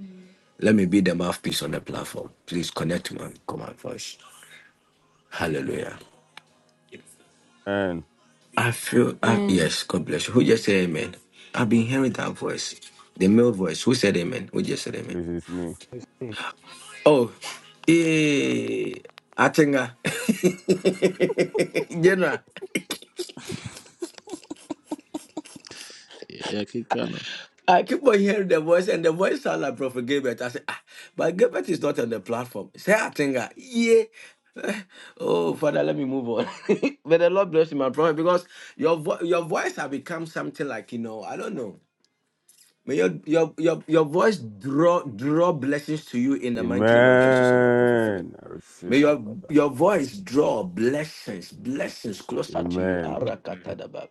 Speaker 11: Let me be the mouthpiece on the platform. Please connect to my command voice. Hallelujah.
Speaker 9: And
Speaker 11: I feel, I,
Speaker 5: Amen.
Speaker 11: yes, God bless you. Who just said amen? I've been hearing that voice, the male voice. Who said amen? Who just said amen?
Speaker 9: please, it's me.
Speaker 7: Jesus. Thank
Speaker 11: Oh, yeah. Atenga. General.
Speaker 1: Ele é que
Speaker 11: I keep on hearing the voice, and the voice sound like Prophet Gilbert. I say, ah, but Gilbert is not on the platform. Say, I think, ah, yeah. Oh, Father, let me move on. May the Lord bless you, my prophet, because your vo- your voice has become something like you know, I don't know. May your your your, your voice draw draw blessings to you in the mighty name of Jesus, O Lord, Prophet Philip.
Speaker 9: Amen. I receive
Speaker 11: May
Speaker 9: it,
Speaker 11: your,
Speaker 9: Father.
Speaker 11: your voice draw blessings, blessings closer to you.
Speaker 9: Amen.
Speaker 11: Arakatadaba.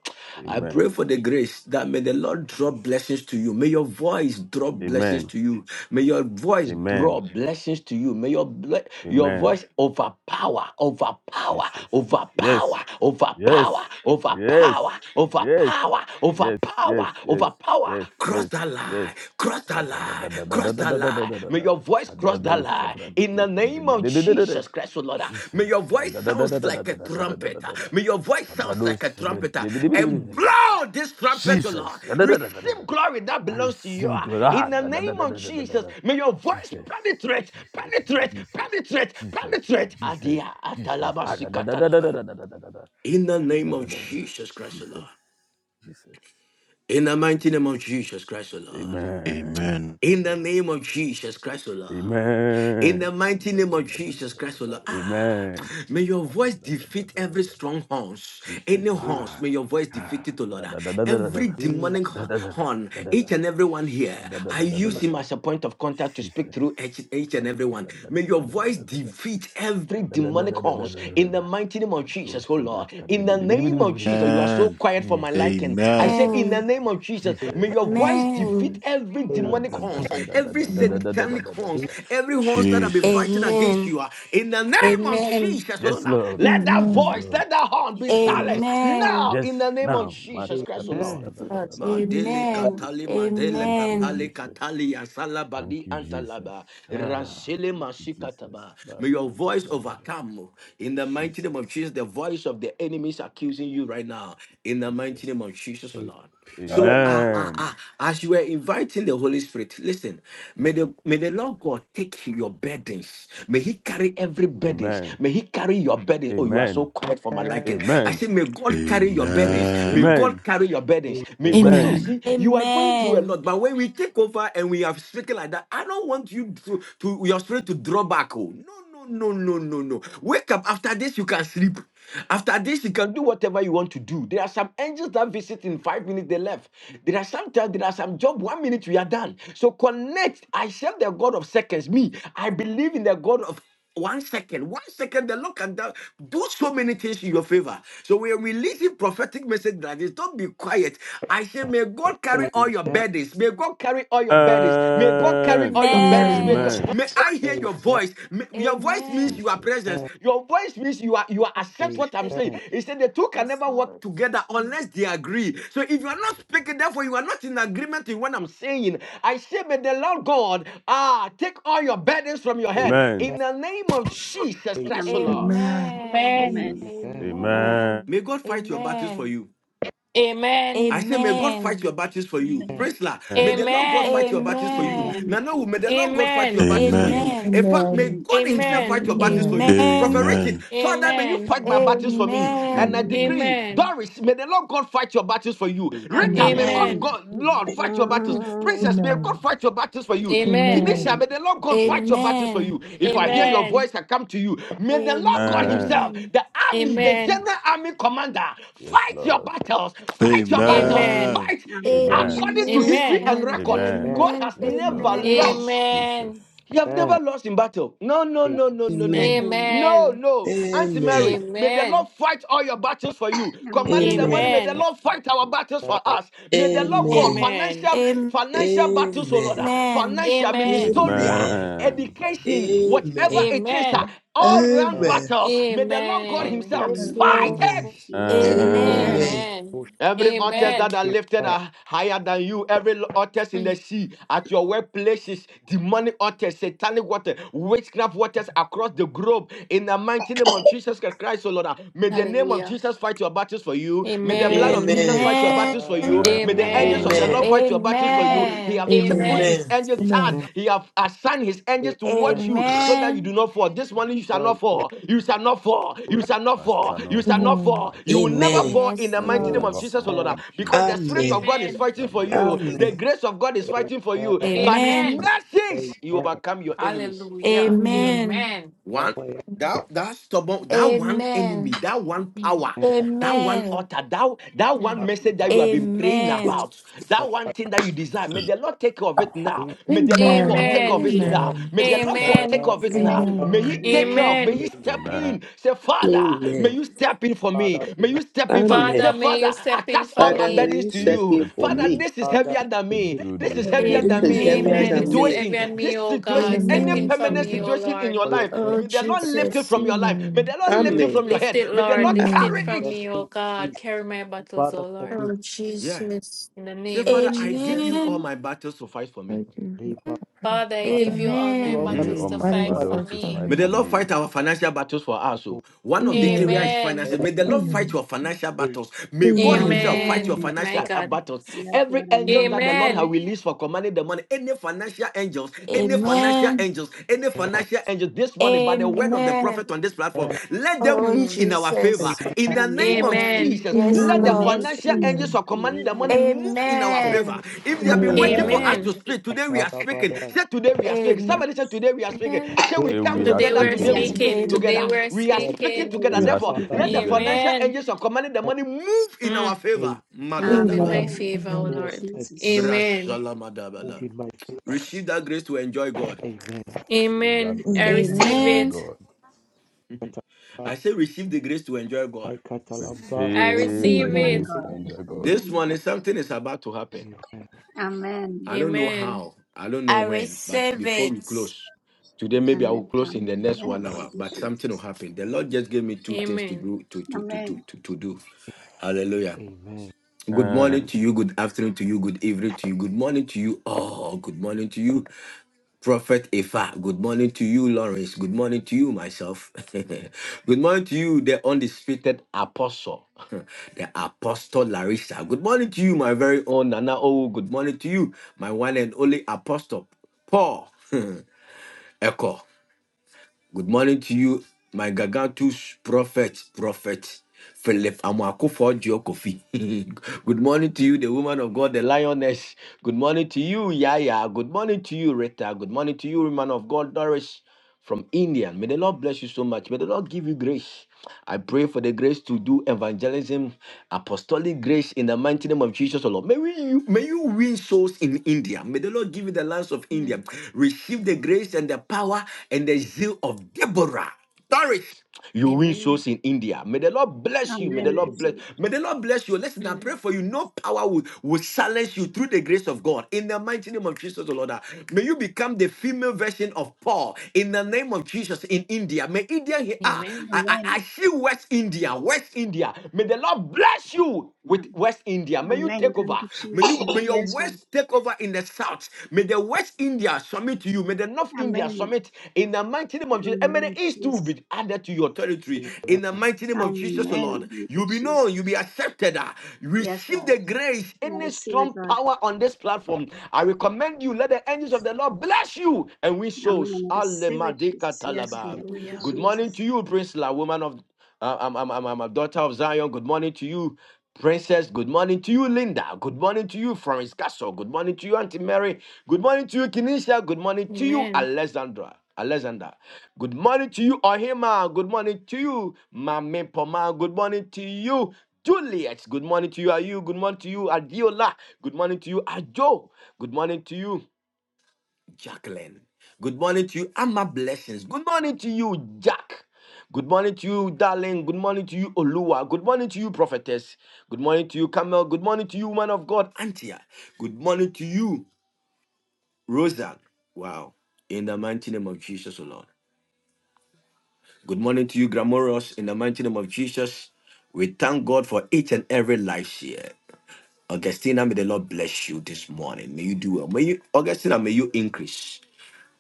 Speaker 11: I pray
Speaker 9: Amen.
Speaker 11: for the grace that may the Lord draw
Speaker 9: Jesus.
Speaker 11: blessings to you. May your voice draw blessings
Speaker 9: Amen.
Speaker 11: to you. May your voice
Speaker 9: Amen.
Speaker 11: draw blessings to you. May your ble- your
Speaker 9: Amen.
Speaker 11: voice overpower, overpower,
Speaker 9: Jesus.
Speaker 11: overpower,
Speaker 9: Yes.
Speaker 11: overpower,
Speaker 9: Yes. Yes.
Speaker 11: overpower,
Speaker 9: Yes.
Speaker 11: overpower,
Speaker 9: Yes. Yes.
Speaker 11: overpower,
Speaker 9: Yes.
Speaker 11: overpower,
Speaker 9: Yes.
Speaker 11: Cross
Speaker 9: Yes.
Speaker 11: that
Speaker 9: Yes.
Speaker 11: lie. Cross that lie. Cross that lie. May
Speaker 9: Kadadadadadadadadadadadada.
Speaker 11: your voice cross that
Speaker 9: Kadadaru
Speaker 11: lie. In
Speaker 9: sebrante
Speaker 11: the name of
Speaker 9: kededededededede.
Speaker 11: Jesus Christ, O Lord. ah, May
Speaker 9: Jesus.
Speaker 11: your voice sounds like a trumpet. ah.
Speaker 9: Kadadadadadadadadadadadadada.
Speaker 11: May your voice sounds
Speaker 9: Kabrado
Speaker 11: like a
Speaker 9: sebrante-
Speaker 11: trumpet. ah, And
Speaker 9: debidebidebidebidebidebide.
Speaker 11: blow this trumpet, O Lord.
Speaker 9: Jesus.
Speaker 11: Receive
Speaker 9: Kadadadadadadada.
Speaker 11: glory that
Speaker 9: I
Speaker 11: belongs to you.
Speaker 9: receive
Speaker 11: ah.
Speaker 9: glory.
Speaker 11: In
Speaker 9: Ah,
Speaker 11: the
Speaker 9: da, da, da,
Speaker 11: name
Speaker 9: da,
Speaker 11: of
Speaker 9: da, da, da, da,
Speaker 11: Jesus,
Speaker 9: da.
Speaker 11: may your voice
Speaker 9: Jesus,
Speaker 11: penetrate,
Speaker 9: Jesus,
Speaker 11: penetrate,
Speaker 9: Jesus,
Speaker 11: penetrate,
Speaker 9: Jesus,
Speaker 11: penetrate.
Speaker 9: Jesus.
Speaker 11: Adia,
Speaker 9: Jesus.
Speaker 11: atalaba,
Speaker 9: Ah, da, da, da, da, da,
Speaker 11: sikatalaba.
Speaker 9: da, da, da, da, da, da, da.
Speaker 11: In the
Speaker 9: Ah, da, da,
Speaker 11: name
Speaker 9: da,
Speaker 11: of
Speaker 9: da, da.
Speaker 11: Jesus Christ, O Lord.
Speaker 9: Jesus. Jesus.
Speaker 11: In the mighty name
Speaker 9: Jesus.
Speaker 11: of Jesus Christ, O Lord.
Speaker 9: Amen. Da,
Speaker 1: Amen.
Speaker 9: da,
Speaker 11: In
Speaker 9: da,
Speaker 11: the
Speaker 9: da,
Speaker 11: name
Speaker 9: da,
Speaker 11: of
Speaker 9: da, da, da.
Speaker 11: Jesus Christ, O Lord. In
Speaker 9: Amen.
Speaker 11: the
Speaker 9: Da,
Speaker 11: mighty
Speaker 9: da,
Speaker 11: name of
Speaker 9: da, da, da, da,
Speaker 11: Jesus
Speaker 9: da, da,
Speaker 11: Christ, O
Speaker 9: da.
Speaker 11: Lord. Ah.
Speaker 9: Amen.
Speaker 11: May
Speaker 9: Ah,
Speaker 11: your voice
Speaker 9: da, da, da, da,
Speaker 11: defeat
Speaker 9: da, da,
Speaker 11: every
Speaker 9: da, da.
Speaker 11: strong horns,
Speaker 9: Jesus.
Speaker 11: any
Speaker 7: you,
Speaker 11: horns.
Speaker 9: Ah.
Speaker 11: May your voice defeat
Speaker 9: Ah.
Speaker 11: it, O Lord.
Speaker 9: Da, da, da, da, da, da, da,
Speaker 11: Every
Speaker 9: da.
Speaker 7: Jesus.
Speaker 11: demonic
Speaker 9: Da,
Speaker 11: h-
Speaker 9: da, da,
Speaker 11: horn,
Speaker 9: da, da, da,
Speaker 11: each
Speaker 9: da.
Speaker 11: and every one here.
Speaker 9: Da, da, da,
Speaker 11: I
Speaker 9: da, da, da,
Speaker 11: use
Speaker 9: da,
Speaker 11: him
Speaker 9: da.
Speaker 11: as a point of contact to speak
Speaker 9: Jesus.
Speaker 11: through each, each
Speaker 9: Da,
Speaker 11: and every
Speaker 9: da,
Speaker 11: one.
Speaker 9: da, da,
Speaker 11: May your
Speaker 9: da, da,
Speaker 11: voice
Speaker 9: da, da, da.
Speaker 11: defeat every demonic miracles in the mighty name of Jesus, oh Lord. In the name of Jesus, you are so
Speaker 1: Amen.
Speaker 11: quiet for my liking.
Speaker 9: Jesus,
Speaker 11: I
Speaker 1: Amen.
Speaker 11: say, in the
Speaker 5: Amen.
Speaker 9: Jesus,
Speaker 11: name of Jesus, may your
Speaker 9: Jesus,
Speaker 7: Amen.
Speaker 11: voice defeat
Speaker 9: Jesus.
Speaker 11: every demonic horns, every
Speaker 6: Amen.
Speaker 11: satanic horns, every horns that have been fighting
Speaker 1: Jesus.
Speaker 9: Jesus,
Speaker 11: against
Speaker 5: Amen.
Speaker 11: you. ah. In the
Speaker 5: Amen.
Speaker 11: name of
Speaker 9: Jesus.
Speaker 5: Amen.
Speaker 11: Jesus, oh Lord,
Speaker 9: Yes,
Speaker 11: ah,
Speaker 9: Lord.
Speaker 11: let that
Speaker 9: Yes,
Speaker 6: Amen.
Speaker 11: voice,
Speaker 9: Lord.
Speaker 11: let that horn be
Speaker 9: Jesus.
Speaker 7: Amen.
Speaker 11: silenced
Speaker 5: Amen.
Speaker 11: now
Speaker 9: Yes,
Speaker 11: in the name of
Speaker 9: now.
Speaker 11: Jesus Christ, oh
Speaker 5: Yes,
Speaker 7: Amen.
Speaker 11: Lord.
Speaker 5: Lord.
Speaker 11: Madele
Speaker 5: Amen.
Speaker 9: Jesus.
Speaker 11: katali madele
Speaker 9: Thank you,
Speaker 11: papale
Speaker 5: Amen.
Speaker 9: Jesus.
Speaker 11: katali yasala
Speaker 9: Thank
Speaker 11: badi
Speaker 9: you, Jesus.
Speaker 11: antalaba
Speaker 9: Ah,
Speaker 11: rasele
Speaker 9: thank you, Jesus.
Speaker 11: masikataba. May your voice overcome in the mighty name of
Speaker 9: Jesus.
Speaker 11: Jesus. The voice of the enemies accusing you right now in the
Speaker 9: Jesus.
Speaker 11: mighty name of
Speaker 7: Amen. Amen. Amen.
Speaker 11: Jesus, O Lord. So,
Speaker 12: Uh,
Speaker 11: ah, ah,
Speaker 9: Amen.
Speaker 11: ah, as you are inviting the Holy Spirit, listen. May the may the Lord God take your burdens. May He carry every burdens.
Speaker 9: Amen.
Speaker 11: May He carry your burdens. Oh, you are so
Speaker 9: Amen.
Speaker 11: quiet
Speaker 7: Amen.
Speaker 11: for my liking. I
Speaker 9: Amen.
Speaker 11: say, may God carry your burdens
Speaker 9: Jesus.
Speaker 11: burdens. May
Speaker 1: Amen.
Speaker 9: Amen.
Speaker 11: God carry your
Speaker 7: Amen.
Speaker 11: burdens. May God, you
Speaker 9: Amen.
Speaker 6: Amen.
Speaker 11: see, you are going through a
Speaker 5: Amen.
Speaker 11: lot. But when we take over and we have speaking like that, I don't want you to, to your spirit to draw back. Oh, no, no, no, no, no, no. Wake up. After this, you can sleep. After this, you can do whatever you want to do. There are some angels that visit in five minutes, they left. There are some times, there are some job, one minute, we are done. So connect. I serve the God of seconds. Me, I believe in the God of one second, one second, the Lord can do do so many things in your favor. So we are releasing prophetic message like this. Don't be quiet. I say, may God
Speaker 7: Amen.
Speaker 11: carry
Speaker 7: Amen. Amen.
Speaker 11: all your
Speaker 7: Amen.
Speaker 11: burdens. May God carry all your burdens. May God carry
Speaker 9: Amen.
Speaker 11: all your burdens. May God,
Speaker 6: Amen.
Speaker 5: Amen.
Speaker 9: Amen.
Speaker 11: may I hear
Speaker 7: Amen.
Speaker 11: your voice. May- your voice means you
Speaker 5: Amen.
Speaker 11: are
Speaker 9: Jesus.
Speaker 11: presence. Your voice means you are you are accept what I'm
Speaker 5: A-
Speaker 11: saying. He said the two can
Speaker 5: Yes,
Speaker 11: never work
Speaker 5: Lord.
Speaker 11: together
Speaker 5: Mm.
Speaker 11: unless they agree. So if you are not speaking, therefore you are not in agreement in what I'm saying. I say, may the Lord God ah take all your burdens from your head
Speaker 9: Amen.
Speaker 11: in the name of Jesus Christ, O
Speaker 13: Amen.
Speaker 11: Lord.
Speaker 5: Amen.
Speaker 9: Jesus.
Speaker 13: Amen. Amen.
Speaker 9: Amen.
Speaker 5: Amen.
Speaker 11: May God fight your battles for
Speaker 5: Amen.
Speaker 11: you.
Speaker 10: Amen.
Speaker 11: I say, may God fight
Speaker 5: Amen.
Speaker 11: your battles for you.
Speaker 13: Amen.
Speaker 11: Priscilla,
Speaker 10: Amen.
Speaker 11: may the Lord God
Speaker 10: Amen.
Speaker 11: fight your battles for you.
Speaker 13: Amen.
Speaker 5: Amen.
Speaker 11: Nano, may the
Speaker 13: Jesus.
Speaker 11: Lord God fight your
Speaker 10: Amen.
Speaker 11: battles for
Speaker 1: Amen.
Speaker 11: you.
Speaker 6: Amen.
Speaker 5: Amen.
Speaker 11: In fact, may
Speaker 6: Amen.
Speaker 13: Amen.
Speaker 11: God Himself fight your battles
Speaker 2: Amen.
Speaker 11: for you.
Speaker 6: Amen.
Speaker 11: Prophet
Speaker 5: Amen.
Speaker 13: Amen.
Speaker 11: Richard,
Speaker 1: Amen.
Speaker 11: Father, may you
Speaker 10: Amen.
Speaker 11: fight my battles for me.
Speaker 2: Amen.
Speaker 5: Amen.
Speaker 11: And I
Speaker 10: Amen.
Speaker 13: Amen.
Speaker 6: Amen.
Speaker 11: decree,
Speaker 10: Amen.
Speaker 11: Doris, may the Lord God fight your battles for you. Rita, may
Speaker 6: Amen.
Speaker 11: God,
Speaker 10: Amen.
Speaker 11: God Lord, fight your battles
Speaker 10: Hmm.
Speaker 11: battles. Princess, may God
Speaker 2: Amen.
Speaker 6: Amen.
Speaker 11: fight your battles for you.
Speaker 10: Amen.
Speaker 11: Tanisha,
Speaker 13: Amen.
Speaker 11: may the Lord God fight your battles for
Speaker 5: Amen.
Speaker 11: you.
Speaker 13: Amen.
Speaker 11: If I hear
Speaker 13: Amen.
Speaker 11: your
Speaker 10: Amen.
Speaker 11: voice, I come to you. May the Lord God
Speaker 9: And
Speaker 11: Himself,
Speaker 5: Amen.
Speaker 11: the army, the
Speaker 10: Amen.
Speaker 9: Jesus.
Speaker 11: general army commander,
Speaker 9: Yes,
Speaker 11: fight your
Speaker 9: Lord.
Speaker 11: battles. Fight your battles.
Speaker 9: Amen.
Speaker 13: Amen.
Speaker 1: Amen.
Speaker 10: Amen.
Speaker 11: Fight
Speaker 7: Amen. Amen.
Speaker 13: Amen.
Speaker 9: Amen.
Speaker 11: according to
Speaker 13: Jesus.
Speaker 11: history
Speaker 10: Amen.
Speaker 11: and
Speaker 5: Amen.
Speaker 11: record.
Speaker 9: Amen.
Speaker 11: God
Speaker 7: Amen.
Speaker 5: Amen.
Speaker 11: has
Speaker 9: Yes,
Speaker 11: never
Speaker 9: Lord.
Speaker 11: lost.
Speaker 9: Jesus.
Speaker 11: You have never
Speaker 7: Amen.
Speaker 11: lost in battle. No, no, no, no, no,
Speaker 10: Amen.
Speaker 11: no.
Speaker 14: Amen.
Speaker 13: Amen.
Speaker 11: No,
Speaker 10: Amen.
Speaker 11: no. Auntie Mary,
Speaker 14: Amen.
Speaker 11: may the Lord
Speaker 10: Amen.
Speaker 11: fight all your battles for you. Commanding the
Speaker 13: Amen.
Speaker 11: money,
Speaker 14: Amen.
Speaker 11: may the
Speaker 10: Amen.
Speaker 11: Lord fight our battles for us. May the Lord
Speaker 13: Amen.
Speaker 11: God,
Speaker 14: Amen.
Speaker 10: Amen.
Speaker 5: Amen.
Speaker 11: financial,
Speaker 5: Amen.
Speaker 11: financial battles, oh Lord,
Speaker 14: Amen.
Speaker 11: ah, financial,
Speaker 10: Amen.
Speaker 11: ministerial,
Speaker 14: Amen.
Speaker 9: Amen.
Speaker 11: education,
Speaker 9: Jesus.
Speaker 11: whatever
Speaker 14: Amen.
Speaker 11: it is, ah,
Speaker 10: Amen.
Speaker 14: Amen.
Speaker 11: all round
Speaker 14: Amen.
Speaker 11: battles. May the Lord God
Speaker 7: On
Speaker 10: Amen.
Speaker 7: this
Speaker 11: Himself
Speaker 5: Yes,
Speaker 13: Amen.
Speaker 5: Lord.
Speaker 11: fight
Speaker 14: Amen.
Speaker 11: it.
Speaker 13: Yes, Lord.
Speaker 9: and.
Speaker 5: Amen.
Speaker 13: Amen.
Speaker 14: Amen.
Speaker 10: Amen.
Speaker 7: bush,
Speaker 11: Every altars
Speaker 13: Amen.
Speaker 10: Amen.
Speaker 11: that are lifted
Speaker 7: amen.
Speaker 11: are higher than you. Every altars in
Speaker 10: Mm.
Speaker 11: the sea, at your workplaces, demonic altars, satanic water, witchcraft waters across the globe. In the mighty name of Jesus Christ, O Lord, ah, may the name of
Speaker 10: Hallelujah.
Speaker 11: Jesus fight your battles for you. May
Speaker 14: Amen.
Speaker 7: Amen.
Speaker 11: the blood of
Speaker 10: Amen.
Speaker 11: Jesus
Speaker 14: Amen.
Speaker 11: fight your
Speaker 5: Amen.
Speaker 11: battles for you. May the angels
Speaker 7: Amen.
Speaker 11: of
Speaker 10: Amen.
Speaker 11: the Lord
Speaker 14: Amen.
Speaker 9: Um,
Speaker 11: fight your battles for you.
Speaker 13: Amen.
Speaker 11: He have
Speaker 5: Amen.
Speaker 11: put
Speaker 10: Amen.
Speaker 11: his angels charge.
Speaker 7: Amen.
Speaker 11: He have assigned his
Speaker 7: It
Speaker 11: angels to watch you so that you do
Speaker 5: Amen.
Speaker 11: not fall. This morning you shall not fall. You shall not fall. You
Speaker 7: was
Speaker 11: shall not
Speaker 9: I
Speaker 11: fall.
Speaker 9: shall
Speaker 11: You
Speaker 6: Amen. Amen.
Speaker 9: not
Speaker 11: shall not
Speaker 9: fall.
Speaker 6: Amen.
Speaker 11: fall.
Speaker 9: I
Speaker 11: You
Speaker 9: shall
Speaker 11: will
Speaker 9: not
Speaker 11: never
Speaker 14: Amen.
Speaker 9: fall.
Speaker 11: fall in
Speaker 5: Yes,
Speaker 11: the
Speaker 9: I will
Speaker 11: mighty name
Speaker 5: Lord.
Speaker 11: of
Speaker 9: never
Speaker 11: Jesus, O
Speaker 9: fall
Speaker 7: amen.
Speaker 11: Lord.
Speaker 9: in
Speaker 14: Amen.
Speaker 11: Because the
Speaker 9: Jesus'
Speaker 11: Spirit
Speaker 9: name.
Speaker 11: of
Speaker 14: Amen.
Speaker 11: God is
Speaker 7: It
Speaker 10: Amen.
Speaker 11: fighting
Speaker 9: That,
Speaker 11: for
Speaker 9: that
Speaker 7: was a
Speaker 11: you.
Speaker 7: bush,
Speaker 11: The grace of God is
Speaker 7: amen.
Speaker 11: fighting for you. By his
Speaker 5: Amen.
Speaker 10: Amen.
Speaker 11: mercies, you
Speaker 7: Amen.
Speaker 11: overcome your enemies.
Speaker 10: Hallelujah.
Speaker 6: Amen.
Speaker 5: Amen.
Speaker 10: Amen.
Speaker 11: One
Speaker 7: Somewhere,
Speaker 11: that that stubborn that one enemy,
Speaker 5: Amen.
Speaker 11: that one
Speaker 10: Mm.
Speaker 11: power,
Speaker 7: amen.
Speaker 11: that one
Speaker 5: Amen.
Speaker 11: altar, that, that
Speaker 10: Mm.
Speaker 11: one message that you have been praying
Speaker 5: Amen.
Speaker 11: about, that one thing that you desire. May the Lord take care of it now.
Speaker 6: Amen.
Speaker 11: May the Lord
Speaker 6: Amen.
Speaker 11: God take care
Speaker 13: Amen.
Speaker 11: of
Speaker 10: Amen.
Speaker 11: it now.
Speaker 6: Amen.
Speaker 11: May the Lord God take
Speaker 10: Amen.
Speaker 11: care
Speaker 7: Amen.
Speaker 11: of
Speaker 13: Amen.
Speaker 11: it now. May
Speaker 6: Amen.
Speaker 11: He take care of,
Speaker 13: Amen.
Speaker 11: may
Speaker 10: Amen.
Speaker 9: Jesus,
Speaker 11: He
Speaker 7: Amen.
Speaker 11: step
Speaker 9: Amen.
Speaker 11: in. Say, Father. Father, may you step in for me.
Speaker 7: Father, may
Speaker 11: May
Speaker 7: you
Speaker 11: you step in
Speaker 7: be
Speaker 11: for me.
Speaker 10: Father,
Speaker 11: Say,
Speaker 14: Amen.
Speaker 10: may you
Speaker 11: Father, I
Speaker 10: step in
Speaker 11: cast
Speaker 10: for
Speaker 11: all my
Speaker 14: Father,
Speaker 7: protected,
Speaker 14: may
Speaker 10: me.
Speaker 11: burdens
Speaker 14: you
Speaker 11: to
Speaker 9: You
Speaker 14: set
Speaker 11: you.
Speaker 14: me
Speaker 9: step
Speaker 14: for
Speaker 9: in
Speaker 11: Father,
Speaker 14: me.
Speaker 11: this
Speaker 9: and
Speaker 11: is
Speaker 7: Father, may
Speaker 11: heavier than
Speaker 7: you be
Speaker 11: me.
Speaker 9: do
Speaker 11: This
Speaker 9: this
Speaker 11: is
Speaker 9: for
Speaker 14: Father,
Speaker 11: heavier
Speaker 9: me,
Speaker 14: this
Speaker 11: than
Speaker 9: oh
Speaker 6: Ever
Speaker 14: is
Speaker 11: me.
Speaker 6: for
Speaker 9: God.
Speaker 14: heavier
Speaker 6: me,
Speaker 11: This
Speaker 10: Amen.
Speaker 5: Amen.
Speaker 14: than
Speaker 10: This
Speaker 6: Lord.
Speaker 10: is
Speaker 14: me.
Speaker 11: situation,
Speaker 10: every and
Speaker 11: this
Speaker 10: me, oh
Speaker 6: In
Speaker 11: situation,
Speaker 6: the
Speaker 10: God. Step
Speaker 11: any
Speaker 6: name
Speaker 10: in
Speaker 5: Amen.
Speaker 6: of
Speaker 10: for
Speaker 11: permanent
Speaker 10: me,
Speaker 6: Jesus.
Speaker 10: oh
Speaker 11: situation in
Speaker 10: Lord.
Speaker 11: your
Speaker 7: for your
Speaker 11: life,
Speaker 7: mercy,
Speaker 5: Oh
Speaker 11: may the Lord
Speaker 7: that you
Speaker 11: lift it
Speaker 5: Jesus.
Speaker 11: from your life. May
Speaker 6: Amen.
Speaker 11: the Lord lift
Speaker 10: Mm.
Speaker 7: bring
Speaker 11: it
Speaker 14: Amen.
Speaker 11: from your
Speaker 7: it,
Speaker 10: Lift
Speaker 11: head.
Speaker 10: it,
Speaker 11: May the
Speaker 10: Lord.
Speaker 11: Lord
Speaker 14: I
Speaker 10: Lift it
Speaker 11: carry
Speaker 6: Amen.
Speaker 10: from
Speaker 11: it.
Speaker 7: that
Speaker 10: me, O
Speaker 7: you
Speaker 10: God.
Speaker 7: please,
Speaker 10: Carry my battles,
Speaker 7: Father,
Speaker 10: O
Speaker 7: that
Speaker 10: Lord.
Speaker 7: you
Speaker 5: Oh
Speaker 11: Yeah.
Speaker 5: Jesus.
Speaker 10: In the
Speaker 11: Say,
Speaker 10: name of
Speaker 11: Father, I give you
Speaker 10: Jesus.
Speaker 11: all
Speaker 5: Amen.
Speaker 11: my battles suffice for me.
Speaker 6: Thank you for
Speaker 7: favor,
Speaker 6: prayers
Speaker 10: Father, I
Speaker 6: for
Speaker 7: Father,
Speaker 10: give you
Speaker 6: me.
Speaker 10: all my
Speaker 7: you
Speaker 9: I
Speaker 7: are
Speaker 9: give
Speaker 5: Amen.
Speaker 7: my
Speaker 9: you
Speaker 10: battles
Speaker 9: all
Speaker 10: to
Speaker 9: my
Speaker 6: Body
Speaker 10: fight
Speaker 7: fight
Speaker 10: for
Speaker 9: battles
Speaker 6: reports
Speaker 9: to
Speaker 6: for
Speaker 10: me.
Speaker 9: fight
Speaker 11: May
Speaker 6: me.
Speaker 11: the
Speaker 9: for
Speaker 11: Lord
Speaker 9: me.
Speaker 11: fight our financial battles for
Speaker 7: that
Speaker 11: us.
Speaker 7: will
Speaker 11: Oh. One of the areas
Speaker 6: Amen.
Speaker 11: is
Speaker 10: Amen.
Speaker 11: finances.
Speaker 7: a
Speaker 11: May the Lord
Speaker 13: Amen.
Speaker 11: fight
Speaker 6: Amen.
Speaker 11: your financial battles. May God
Speaker 6: Amen.
Speaker 13: Amen.
Speaker 11: Himself fight your
Speaker 10: Amen.
Speaker 5: Amen.
Speaker 10: My
Speaker 11: financial uh,
Speaker 10: God.
Speaker 11: battles.
Speaker 13: Yes,
Speaker 11: Every
Speaker 13: Lord.
Speaker 11: angel that the Lord
Speaker 13: Amen.
Speaker 11: has
Speaker 10: Amen.
Speaker 11: released for commanding the money, any financial angels, any financial
Speaker 5: Amen.
Speaker 11: angels, any financial angels this morning, by the word of the
Speaker 5: Amen.
Speaker 11: prophet on this platform, let them move
Speaker 5: Oh
Speaker 11: move
Speaker 10: Mhm.
Speaker 11: in our favor.
Speaker 5: Jesus.
Speaker 11: In the name of
Speaker 13: Amen.
Speaker 10: Amen.
Speaker 11: Jesus,
Speaker 5: Yes,
Speaker 11: let the
Speaker 6: Amen.
Speaker 13: Amen,
Speaker 5: Lord.
Speaker 11: financial angels
Speaker 13: Jesus.
Speaker 6: Amen.
Speaker 11: of
Speaker 9: Jesus.
Speaker 11: commanding the money
Speaker 13: Amen.
Speaker 11: move in our favor.
Speaker 5: Amen.
Speaker 11: If they have been waiting
Speaker 6: Amen.
Speaker 11: for
Speaker 13: Amen.
Speaker 11: us to
Speaker 9: Um,
Speaker 10: Amen.
Speaker 11: speak, today we
Speaker 7: Father,
Speaker 11: are speaking.
Speaker 7: Father,
Speaker 11: Say today we are speaking.
Speaker 7: a
Speaker 5: Amen.
Speaker 11: Somebody say today we are speaking. Say
Speaker 7: dead
Speaker 11: we
Speaker 9: eh,
Speaker 11: come
Speaker 9: we are
Speaker 10: Today
Speaker 11: together
Speaker 10: we're
Speaker 13: Today
Speaker 11: today,
Speaker 13: we are
Speaker 5: Amen
Speaker 11: we
Speaker 9: speaking.
Speaker 5: and
Speaker 10: speaking.
Speaker 11: speak
Speaker 13: speaking.
Speaker 11: together.
Speaker 10: Today
Speaker 5: amen.
Speaker 10: we're
Speaker 11: We are speaking
Speaker 10: speaking.
Speaker 13: Today we are
Speaker 11: together.
Speaker 9: We
Speaker 6: Yes,
Speaker 9: are
Speaker 11: Therefore,
Speaker 13: speaking
Speaker 6: we
Speaker 7: Father,
Speaker 9: speaking
Speaker 11: let the
Speaker 6: can.
Speaker 13: together.
Speaker 9: together.
Speaker 11: financial
Speaker 10: Amen.
Speaker 11: angels of commanding the money move in our
Speaker 10: Mm.
Speaker 7: a
Speaker 11: favor.
Speaker 10: Move in
Speaker 13: Amen.
Speaker 11: Madadaba.
Speaker 10: my
Speaker 7: Father,
Speaker 9: Jesus,
Speaker 6: Amen.
Speaker 10: favor, O
Speaker 7: who
Speaker 13: Thank
Speaker 6: Amen.
Speaker 13: you,
Speaker 7: was
Speaker 10: Lord.
Speaker 7: a
Speaker 13: Jesus.
Speaker 10: Amen.
Speaker 7: move
Speaker 11: Brashalamadabala.
Speaker 13: Amen.
Speaker 7: in my favor,
Speaker 11: Receive that grace to enjoy God.
Speaker 7: amen.
Speaker 9: save that
Speaker 10: Amen. I
Speaker 13: Receive
Speaker 9: grace to
Speaker 6: Amen.
Speaker 10: receive
Speaker 9: enjoy
Speaker 5: Amen.
Speaker 10: it.
Speaker 9: God.
Speaker 11: I say receive the grace to enjoy God.
Speaker 7: I
Speaker 13: receive the
Speaker 7: catalamba,
Speaker 10: I
Speaker 13: grace of
Speaker 9: Receive
Speaker 10: receive
Speaker 9: the
Speaker 13: joy, my
Speaker 10: it.
Speaker 9: grace
Speaker 6: Amen.
Speaker 9: to
Speaker 13: God.
Speaker 9: enjoy God.
Speaker 11: This one
Speaker 13: Amen.
Speaker 11: is something is about to happen.
Speaker 7: amen,
Speaker 13: Amen.
Speaker 11: I don't know
Speaker 10: Amen.
Speaker 11: how, I don't know
Speaker 5: I
Speaker 11: when, but
Speaker 5: receive
Speaker 11: before we
Speaker 5: it.
Speaker 11: close today,
Speaker 13: I
Speaker 11: maybe I will
Speaker 13: connect.
Speaker 11: close in the
Speaker 13: Amen.
Speaker 11: next
Speaker 13: Thank
Speaker 11: one
Speaker 13: you,
Speaker 11: hour, but
Speaker 13: Jesus.
Speaker 11: something will happen. The Lord just gave me two things to
Speaker 10: Amen.
Speaker 11: do, to to to to
Speaker 13: Amen.
Speaker 11: to, to do. Hallelujah.
Speaker 7: amen.
Speaker 11: Good morning
Speaker 9: and.
Speaker 11: to you, good afternoon to you, good evening to you, good morning to you. Oh, good morning to you. Prophet Ifa, good morning to you, Lawrence. Good morning to you, myself. good morning to you, the undisputed apostle, the apostle Larissa. Good morning to you, my very own Nana. Oh, good morning to you, my one and only apostle, Paul Echo. Good morning to you, my Gagantus prophet, prophet Philip Amwakufo Kofi. Good morning to you, the woman of God, the lioness. Good morning to you, Yaya. Good morning to you, Rita. Good morning to you, woman of God, Doris from India. May the Lord bless you so much. May the Lord give you grace. I pray for the grace to do evangelism, apostolic grace in the mighty name of Jesus, O Lord. May, we, may you win souls in India. May the Lord give you the lands of
Speaker 10: Mm.
Speaker 11: India. Receive the grace and the power and the zeal of Deborah. Doris, you win
Speaker 10: Amen.
Speaker 11: souls in India. May the Lord bless you. May
Speaker 13: Amen.
Speaker 11: the
Speaker 13: I
Speaker 11: Lord bless.
Speaker 13: receive. it.
Speaker 11: May the Lord bless you. Listen, I
Speaker 10: Mm.
Speaker 11: pray for you. No power will, will silence you through the grace of God. In the mighty name of Jesus, O Lord. ah, May you become the female version of Paul. In the name of Jesus, in in India. May India hear, ah,
Speaker 10: Amen.
Speaker 11: I, I, I
Speaker 13: Amen.
Speaker 11: see West India, West India. May the Lord bless you with West India. May you
Speaker 13: Amen.
Speaker 11: take over.
Speaker 13: Thank you,
Speaker 11: May
Speaker 13: Jesus.
Speaker 11: you may your
Speaker 13: Yes, Lord.
Speaker 11: West take over in the South. May the West India submit to you. May the North India
Speaker 13: Amen.
Speaker 11: submit in the mighty name of Jesus. And may
Speaker 13: Amen,
Speaker 11: the East too
Speaker 13: Jesus.
Speaker 11: be added to your territory in the mighty name of Jesus, the
Speaker 13: Amen.
Speaker 11: Lord.
Speaker 13: Thank you,
Speaker 11: You'll be
Speaker 13: Jesus.
Speaker 11: known, you'll be accepted. ah.
Speaker 13: Yes,
Speaker 11: Receive
Speaker 13: Lord.
Speaker 11: the grace,
Speaker 13: I
Speaker 11: any
Speaker 13: receive it,
Speaker 11: strong
Speaker 13: Lord.
Speaker 11: power on this platform. I recommend you. Let the angels of the Lord bless you. And we every
Speaker 13: Amen. I receive it,
Speaker 11: Alemadeka
Speaker 13: Jesus. Yes,
Speaker 11: talaba.
Speaker 13: Lord. Thank you,
Speaker 10: Hallelujah.
Speaker 11: Good morning to
Speaker 13: Jesus.
Speaker 11: you, Prince La, woman of uh, I'm, I'm, I'm, I'm a daughter of Zion. Good morning to you, Princess. Good morning to you, Linda. Good morning to you, Florence Castle. Good morning to you, Auntie Mary. Good morning to you, Kinesia. Good morning to you,
Speaker 10: Amen.
Speaker 11: Alexandra. Alexander. Good morning to you, Ohima. Good morning to you, Mame Poma. Good morning to you, Juliet. Good morning to you, Ayu. Good morning to you, Adiola. Good morning to you, Ajo. Good morning to you. Jacqueline. Good morning to you, Amma Blessings. Good morning to you, Jack. Good morning to you, darling. Good morning to you, Olua. Good morning to you, prophetess. Good morning to you, Camel. Good morning to you, man of God, Antia. Good morning to you, Rosa. Wow. In the mighty name of Jesus, O Lord. Good morning to you, Gramorous. In the mighty name of Jesus, we thank God for each and every life here. Augustina, may the Lord bless you this morning. May you do well. May you, Augustina, may you increase.